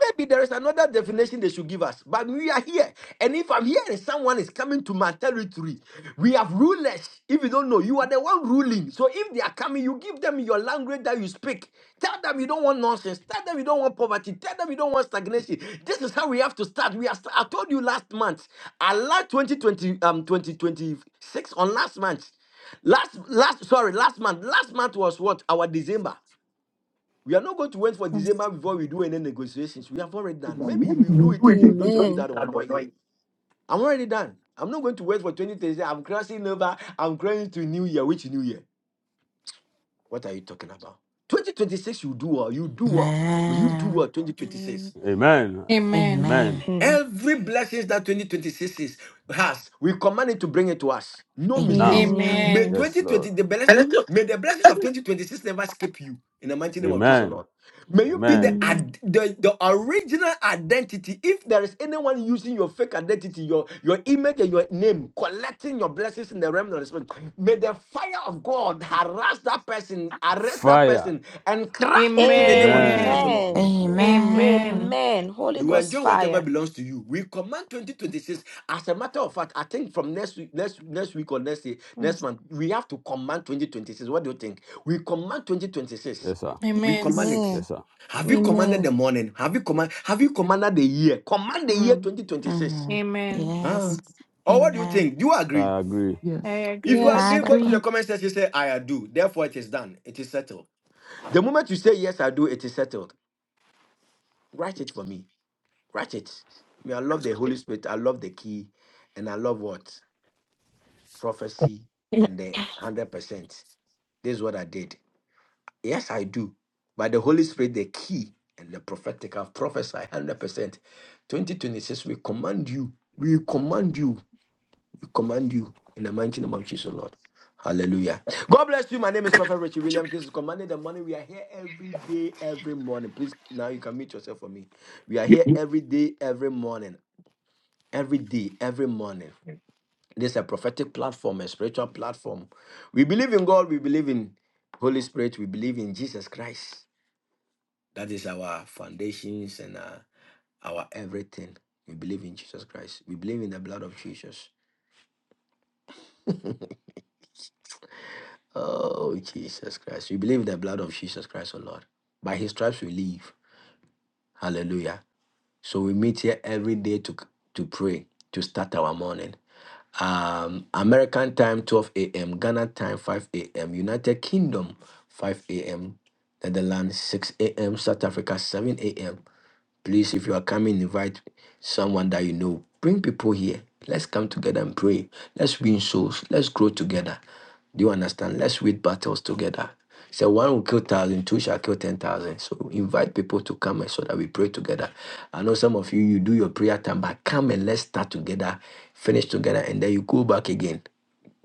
Speaker 11: Maybe there is another definition they should give us, but we are here. And if I'm here and someone is coming to my territory, we have rulers. If you don't know, you are the one ruling. So if they are coming, you give them your language that you speak. Tell them you don't want nonsense. Tell them you don't want poverty. Tell them you don't want stagnation. This is how we have to start. We are. st- I told you last month. I last 2020 um 2026 on last month. Last last sorry last month. Last month was what our December. We are not going to wait for
Speaker 10: Mm.
Speaker 11: December before we do any negotiations. We have already done. Maybe we will do it again. Those of you
Speaker 20: Amen.
Speaker 11: that were not here, I'm already done. I'm not going to wait for 2030. I'm crossing over. I'm crossing to New Year. Which New Year? What are you talking about? 2026, you do well. You do well. But you do well
Speaker 15: Amen.
Speaker 20: Amen.
Speaker 11: 2026.
Speaker 9: Amen.
Speaker 10: Amen.
Speaker 9: Amen.
Speaker 15: Amen.
Speaker 20: Amen.
Speaker 11: Every blessings that 2026 is, has, we command it to bring it to us. No
Speaker 9: Now,
Speaker 11: mistakes.
Speaker 15: Amen.
Speaker 20: Amen.
Speaker 11: May
Speaker 10: Amen.
Speaker 9: yes,
Speaker 11: 2020,
Speaker 9: Lord.
Speaker 11: the blessings, may the blessings of
Speaker 6: well.
Speaker 11: 2026 never escape you. In the mighty name of Jesus,
Speaker 9: Amen.
Speaker 11: Lord. May you be
Speaker 9: Amen.
Speaker 11: the,
Speaker 20: Amen.
Speaker 11: ad- the, the original identity. If there is anyone using your fake identity, your, your image and your name, collecting your blessings in the realm of the spirit, may the fire of God harass that person, arrest that
Speaker 9: Fire.
Speaker 11: person, and crush it in the name of Jesus,
Speaker 9: Amen.
Speaker 10: Amen.
Speaker 11: Lord.
Speaker 20: Amen.
Speaker 9: Yes, Lord.
Speaker 15: Amen.
Speaker 10: Amen.
Speaker 20: Amen. Holy
Speaker 11: You
Speaker 20: Ghost
Speaker 11: enjoy whatever
Speaker 20: fire.
Speaker 11: belongs to you. We command 2026. As a matter of fact, I think from next week, next next week or next day,
Speaker 10: Mm.
Speaker 11: next month, we have to command 2026. What do you think? We command 2026.
Speaker 9: Yes, sir.
Speaker 11: We
Speaker 10: Amen.
Speaker 11: command
Speaker 15: Yes.
Speaker 11: it.
Speaker 20: Amen.
Speaker 9: Yes, sir.
Speaker 11: Have you commanded
Speaker 20: Amen.
Speaker 11: the morning? Have you command? Have you commanded the year? Command the year
Speaker 10: Mm.
Speaker 11: 2026.
Speaker 15: Mm.
Speaker 10: Amen.
Speaker 11: Ah.
Speaker 15: Yes.
Speaker 11: Or what do you
Speaker 15: Amen.
Speaker 11: think? Do you agree?
Speaker 9: I agree.
Speaker 10: I
Speaker 6: Yes.
Speaker 11: If you
Speaker 10: agree.
Speaker 20: Yes,
Speaker 15: I
Speaker 11: agree, go to
Speaker 20: Papa.
Speaker 11: the
Speaker 15: agree.
Speaker 11: comment section. Say I do. Therefore, it is done. It is settled. The moment you say yes, I do, it is settled. Write it for me. Ratchet. Me, I love the Holy Spirit. I love the key. And I love what? Prophecy and the 100%. This is what I did. Yes, I do. By the Holy Spirit, the key and the prophetic, I've prophesied 100%. 2026, we command you. We command you. We command you in the mighty name of Jesus, Lord. Hallelujah. God bless you. My name is Prophet Richie Williams. This is Commanding the morning We are here every day, every morning. Please, now you can meet yourself for me. We are here every day, every morning. every day, every morning. This is a prophetic platform, a spiritual platform. We believe in God, we believe in Holy Spirit, we believe in Jesus Christ. That is our foundations and uh, our everything. We believe in Jesus Christ. We believe in the blood of Jesus. Oh, Jesus Christ. We believe in the blood of Jesus Christ, oh Lord. By his stripes we live. Hallelujah. So we meet here every day to to pray to start our morning. Um, American time 12 a.m., Ghana time 5 a.m., United Kingdom 5 a.m., Netherlands 6 a.m., South Africa 7 a.m. Please, if you are coming, invite someone that you know. Bring people here. Let's come together and pray. Let's win souls. Let's grow together. Do you understand? Let's win battles together. So one will kill thousand, two shall kill ten thousand. So invite people to come and so that we pray together. I know some of you you do your prayer time, but come and let's start together, finish together, and then you go back again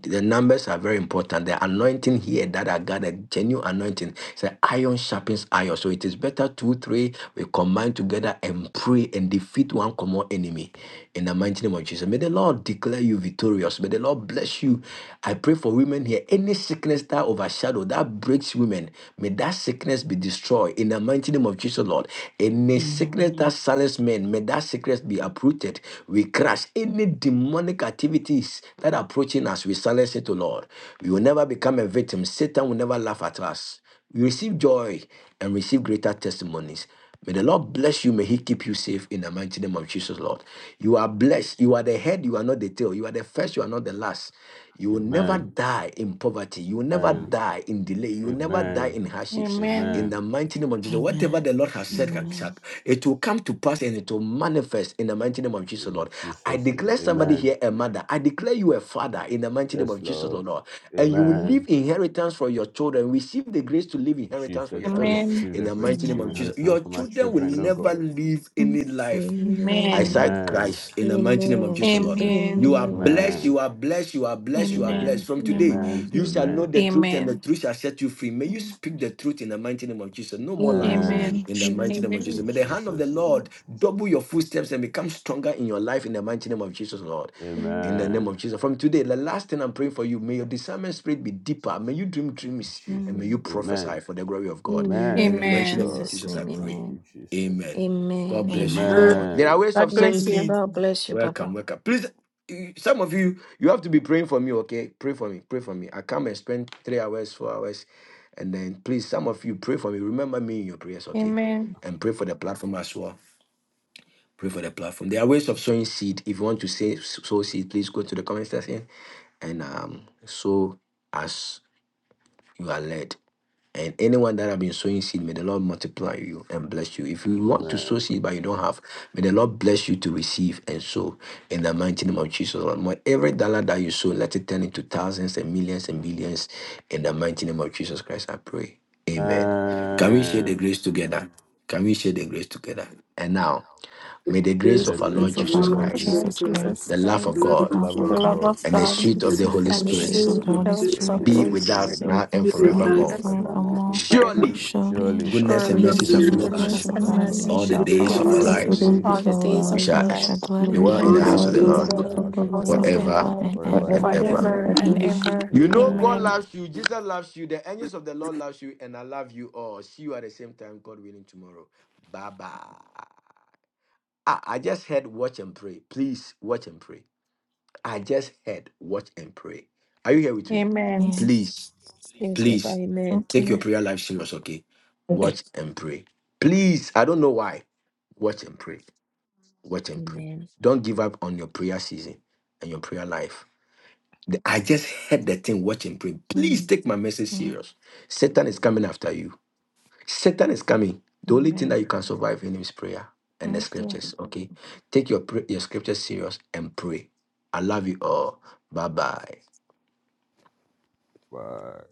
Speaker 11: the numbers are very important. The anointing here that I got, a genuine anointing, it's an iron sharpens iron. So it is better two, three, we combine together and pray and defeat one common enemy. In the mighty name of Jesus. May the Lord declare you victorious. May the Lord bless you. I pray for women here. Any sickness that overshadow, that breaks women, may that sickness be destroyed. In the mighty name of Jesus, Lord. Any sickness sickness
Speaker 15: Amen.
Speaker 11: that silence men, may that sickness be uprooted. We crush any demonic activities that are approaching us. We silence it, O Lord. We will never become a victim. Satan will never laugh at us. We receive joy and receive greater testimonies. May the Lord bless you. May He keep you safe in the mighty name of Jesus, Lord. You are blessed. You are the head. You are not the tail. You are the first. You are not the last. You will never
Speaker 9: Amen.
Speaker 11: die in poverty. You will never
Speaker 9: And
Speaker 11: die in delay. You will never die
Speaker 9: amen.
Speaker 11: in hardships.
Speaker 10: Amen.
Speaker 11: In
Speaker 9: Amen.
Speaker 11: the mighty name of Jesus, whatever
Speaker 15: Amen.
Speaker 11: the Lord has said,
Speaker 9: Jesus.
Speaker 11: shall-
Speaker 15: Amen.
Speaker 11: it will come to pass and it will manifest in the mighty name of Jesus,
Speaker 9: In
Speaker 11: Lord. I
Speaker 9: Jesus' name.
Speaker 11: declare somebody
Speaker 9: Amen.
Speaker 11: here a mother. I declare you a father in the mighty name
Speaker 9: Yes,
Speaker 11: of Jesus, Lord.
Speaker 9: Lord.
Speaker 11: Lord. And you will
Speaker 9: Amen.
Speaker 11: leave inheritance for your children. Receive the grace to leave inheritance for
Speaker 9: Jesus,
Speaker 11: your
Speaker 9: I
Speaker 11: children
Speaker 10: Amen.
Speaker 9: receive
Speaker 11: in
Speaker 9: the
Speaker 11: the
Speaker 9: grace
Speaker 11: mighty
Speaker 9: to
Speaker 11: name
Speaker 9: live in
Speaker 11: of
Speaker 15: Amen.
Speaker 11: Jesus. Your
Speaker 9: inheritance for my
Speaker 11: children will
Speaker 9: children, oh
Speaker 11: never
Speaker 9: God.
Speaker 11: live
Speaker 10: Mm.
Speaker 11: any life. I
Speaker 20: Amen.
Speaker 10: Amen.
Speaker 11: cite
Speaker 9: Amen.
Speaker 11: Christ in the mighty name of
Speaker 20: Amen.
Speaker 11: Jesus, Lord.
Speaker 9: Jesus.
Speaker 11: You
Speaker 10: Amen.
Speaker 11: are
Speaker 20: Amen.
Speaker 11: blessed,
Speaker 9: Amen.
Speaker 11: you are blessed, you are blessed, you are blessed.
Speaker 9: Amen.
Speaker 10: Amen.
Speaker 11: From today,
Speaker 9: Amen.
Speaker 10: Amen.
Speaker 11: you shall know
Speaker 20: Amen.
Speaker 9: Amen.
Speaker 11: the truth, and the
Speaker 10: Amen.
Speaker 11: truth shall set you free. May you
Speaker 10: Amen.
Speaker 11: speak the truth in the mighty name of Jesus. No more lies
Speaker 9: Amen.
Speaker 20: Amen.
Speaker 10: Amen.
Speaker 11: in the mighty name
Speaker 20: Amen.
Speaker 11: of Jesus.
Speaker 9: In
Speaker 11: May the hand of the
Speaker 9: Jesus' name.
Speaker 20: Amen.
Speaker 11: Lord double your footsteps and become stronger in your life in the mighty name of Jesus, Lord.
Speaker 20: Amen.
Speaker 11: In the name
Speaker 9: Amen.
Speaker 11: of Jesus. From today, the last thing I'm praying for you, may your discernment spirit be deeper. May you dream
Speaker 9: In
Speaker 11: dreams and may
Speaker 9: Jesus.
Speaker 11: you
Speaker 20: Amen.
Speaker 11: prophesy
Speaker 9: Amen.
Speaker 11: for the glory of God. In
Speaker 9: Amen.
Speaker 11: the
Speaker 20: In
Speaker 9: Yes,
Speaker 11: mighty name
Speaker 10: Amen.
Speaker 11: of
Speaker 9: Lord.
Speaker 20: Jesus'
Speaker 11: Jesus, I
Speaker 20: name.
Speaker 9: Thank
Speaker 11: pray.
Speaker 20: Amen.
Speaker 9: you, Jesus.
Speaker 11: Amen. God
Speaker 20: Amen.
Speaker 11: bless you all.
Speaker 15: Amen.
Speaker 11: There are
Speaker 9: Amen.
Speaker 11: ways
Speaker 10: God
Speaker 11: of saying,
Speaker 10: bless
Speaker 20: Amen.
Speaker 10: you.
Speaker 11: see,
Speaker 20: God bless you,
Speaker 11: welcome,
Speaker 20: Papa.
Speaker 11: welcome. Please, you- some of you, you have to be praying for me, okay? Pray for me, pray for me. I come and spend three hours, four hours, and then please, some of you, pray for me. Remember me in your prayers, okay?
Speaker 10: Amen.
Speaker 11: And pray for the platform as well. Pray for the platform. There are ways of sowing seed. If you want to say sow seed, please go to the comment section and um, sow as you are led. And anyone that have been sowing seed, may the Lord multiply you and bless you. If you want to sow
Speaker 9: Amen.
Speaker 11: seed but you don't have, may the Lord bless you to receive and sow in the mighty name of Jesus. Lord. May every dollar that you sow, let it turn into thousands and millions and millions in the mighty name of Jesus Christ. I pray. Amen. Can we share the
Speaker 9: Amen.
Speaker 11: grace together? Can we share the grace together? And now, may the
Speaker 9: May
Speaker 11: grace
Speaker 2: Praise
Speaker 9: the
Speaker 11: of
Speaker 2: the
Speaker 11: our
Speaker 15: In
Speaker 9: grace
Speaker 11: Lord
Speaker 15: the
Speaker 9: of our
Speaker 11: Jesus
Speaker 2: Lord
Speaker 15: final
Speaker 9: Lord
Speaker 11: Christ,
Speaker 2: Jesus
Speaker 10: Lord
Speaker 9: Jesus
Speaker 15: Jesus
Speaker 2: Christ,
Speaker 9: Christ,
Speaker 10: Jesus
Speaker 15: Christ,
Speaker 11: the love of
Speaker 2: the
Speaker 10: Christ,
Speaker 2: Lamb
Speaker 15: the
Speaker 9: the
Speaker 11: God,
Speaker 2: of
Speaker 15: mouth
Speaker 9: love
Speaker 15: of
Speaker 10: the
Speaker 2: God,
Speaker 9: of
Speaker 10: love
Speaker 15: God,
Speaker 9: God,
Speaker 10: of
Speaker 11: and the
Speaker 10: God
Speaker 11: sweet
Speaker 15: the
Speaker 2: we
Speaker 11: of
Speaker 9: and
Speaker 11: the
Speaker 9: the
Speaker 2: thank
Speaker 15: sweet
Speaker 2: you
Speaker 11: Holy
Speaker 9: sweet
Speaker 10: and the
Speaker 20: I
Speaker 11: Spirit
Speaker 15: fellowship
Speaker 9: fellowship
Speaker 2: for
Speaker 20: shall
Speaker 15: of
Speaker 9: of
Speaker 10: sweet
Speaker 15: the
Speaker 9: the
Speaker 2: the
Speaker 9: Holy
Speaker 20: not
Speaker 15: Holy
Speaker 2: Holy
Speaker 20: speak
Speaker 10: fellowship
Speaker 9: Spirit
Speaker 10: of
Speaker 20: them.
Speaker 10: the
Speaker 15: Spirit,
Speaker 11: be
Speaker 10: Holy
Speaker 2: Spirit,
Speaker 11: with
Speaker 9: be with
Speaker 11: us
Speaker 15: be
Speaker 10: Spirit
Speaker 9: us
Speaker 15: with
Speaker 11: now and
Speaker 2: be
Speaker 15: us
Speaker 2: with
Speaker 9: now
Speaker 6: Jesus,
Speaker 15: now
Speaker 10: be
Speaker 15: and
Speaker 9: and
Speaker 10: with
Speaker 2: us
Speaker 11: forevermore.
Speaker 10: us now
Speaker 9: forevermore
Speaker 10: and
Speaker 15: forevermore.
Speaker 9: in
Speaker 10: forever.
Speaker 9: Jesus.
Speaker 11: Surely.
Speaker 2: now.
Speaker 9: name.
Speaker 15: Surely,
Speaker 9: Surely
Speaker 11: Goodness and
Speaker 20: Surely,
Speaker 10: Surely
Speaker 11: mercy
Speaker 6: goodness
Speaker 15: goodness
Speaker 9: his
Speaker 11: shall
Speaker 15: and
Speaker 6: and
Speaker 11: follow
Speaker 15: mercy
Speaker 9: goodness
Speaker 20: this
Speaker 9: and
Speaker 6: mercy
Speaker 15: shall
Speaker 10: goodness
Speaker 11: us
Speaker 9: mercy
Speaker 20: shall
Speaker 6: shall
Speaker 9: shall
Speaker 10: and
Speaker 15: follow
Speaker 20: follow
Speaker 6: follow
Speaker 9: follow
Speaker 15: us
Speaker 10: mercy
Speaker 9: us
Speaker 20: me
Speaker 6: us
Speaker 11: all the
Speaker 10: shall
Speaker 2: Goodness
Speaker 20: the
Speaker 15: all
Speaker 11: days
Speaker 10: follow
Speaker 2: and
Speaker 11: of
Speaker 15: the
Speaker 11: our
Speaker 20: days
Speaker 9: all
Speaker 20: of
Speaker 2: mercy
Speaker 9: the
Speaker 6: all
Speaker 10: us
Speaker 15: days
Speaker 6: the
Speaker 20: my
Speaker 15: of
Speaker 11: lives.
Speaker 15: our
Speaker 6: days
Speaker 9: days
Speaker 10: all
Speaker 6: of
Speaker 10: the
Speaker 9: of
Speaker 15: lives,
Speaker 6: our
Speaker 9: our
Speaker 10: days
Speaker 11: We
Speaker 10: of
Speaker 9: lives,
Speaker 6: lives,
Speaker 10: our
Speaker 11: shall
Speaker 15: and we shall
Speaker 10: life,
Speaker 15: dwell
Speaker 6: and
Speaker 15: in
Speaker 6: we
Speaker 9: and
Speaker 11: dwell
Speaker 15: the
Speaker 6: shall
Speaker 11: in
Speaker 2: all
Speaker 10: and
Speaker 11: the
Speaker 10: we
Speaker 9: we
Speaker 15: house
Speaker 2: the
Speaker 11: house
Speaker 9: shall
Speaker 11: of
Speaker 15: of
Speaker 6: dwell
Speaker 11: the
Speaker 15: the
Speaker 10: shall
Speaker 6: in the
Speaker 2: days
Speaker 9: dwell
Speaker 11: Lord
Speaker 9: in
Speaker 15: Lord
Speaker 2: of
Speaker 9: the
Speaker 6: house
Speaker 10: dwell
Speaker 6: of
Speaker 10: in
Speaker 6: the
Speaker 9: house
Speaker 10: the
Speaker 9: of the
Speaker 10: house of
Speaker 6: Lord
Speaker 9: Lord
Speaker 10: the
Speaker 11: forever
Speaker 15: forever
Speaker 10: Lord
Speaker 15: and
Speaker 9: forever
Speaker 11: and
Speaker 9: and
Speaker 15: ever.
Speaker 6: forever
Speaker 11: ever.
Speaker 6: and
Speaker 9: ever.
Speaker 20: life.
Speaker 10: forever
Speaker 2: the
Speaker 10: and
Speaker 6: ever.
Speaker 2: nation.
Speaker 15: Amen.
Speaker 10: ever.
Speaker 11: You know God
Speaker 10: Amen.
Speaker 9: Amen.
Speaker 11: loves you, Jesus loves you, the angels of the Lord loves you, and I love you all. See you at the same time, God willing, tomorrow. Bye bye. Ah, I just heard watch and pray. Please watch and pray. I just heard watch and pray. Are you here with me?
Speaker 10: Amen.
Speaker 15: Yes.
Speaker 11: Please,
Speaker 20: Yes, Lord.
Speaker 11: please
Speaker 20: Amen.
Speaker 10: Thank
Speaker 11: take your
Speaker 10: you.
Speaker 11: prayer life serious, okay? Watch and pray. Please, I don't know why. Watch and pray. Watch and pray.
Speaker 20: Amen.
Speaker 11: Don't give up on your prayer season and your prayer life. The- I just heard the thing, watch and pray. Please
Speaker 10: Mm.
Speaker 11: take my message
Speaker 10: Mm.
Speaker 11: serious. Satan is coming after you. Satan is coming. The only thing that
Speaker 10: Amen.
Speaker 11: you can survive in him is prayer and the
Speaker 10: Thank you.
Speaker 11: scriptures. Okay. Take your pray- your scriptures serious and pray. I love you all. Bye bye.
Speaker 9: Bye.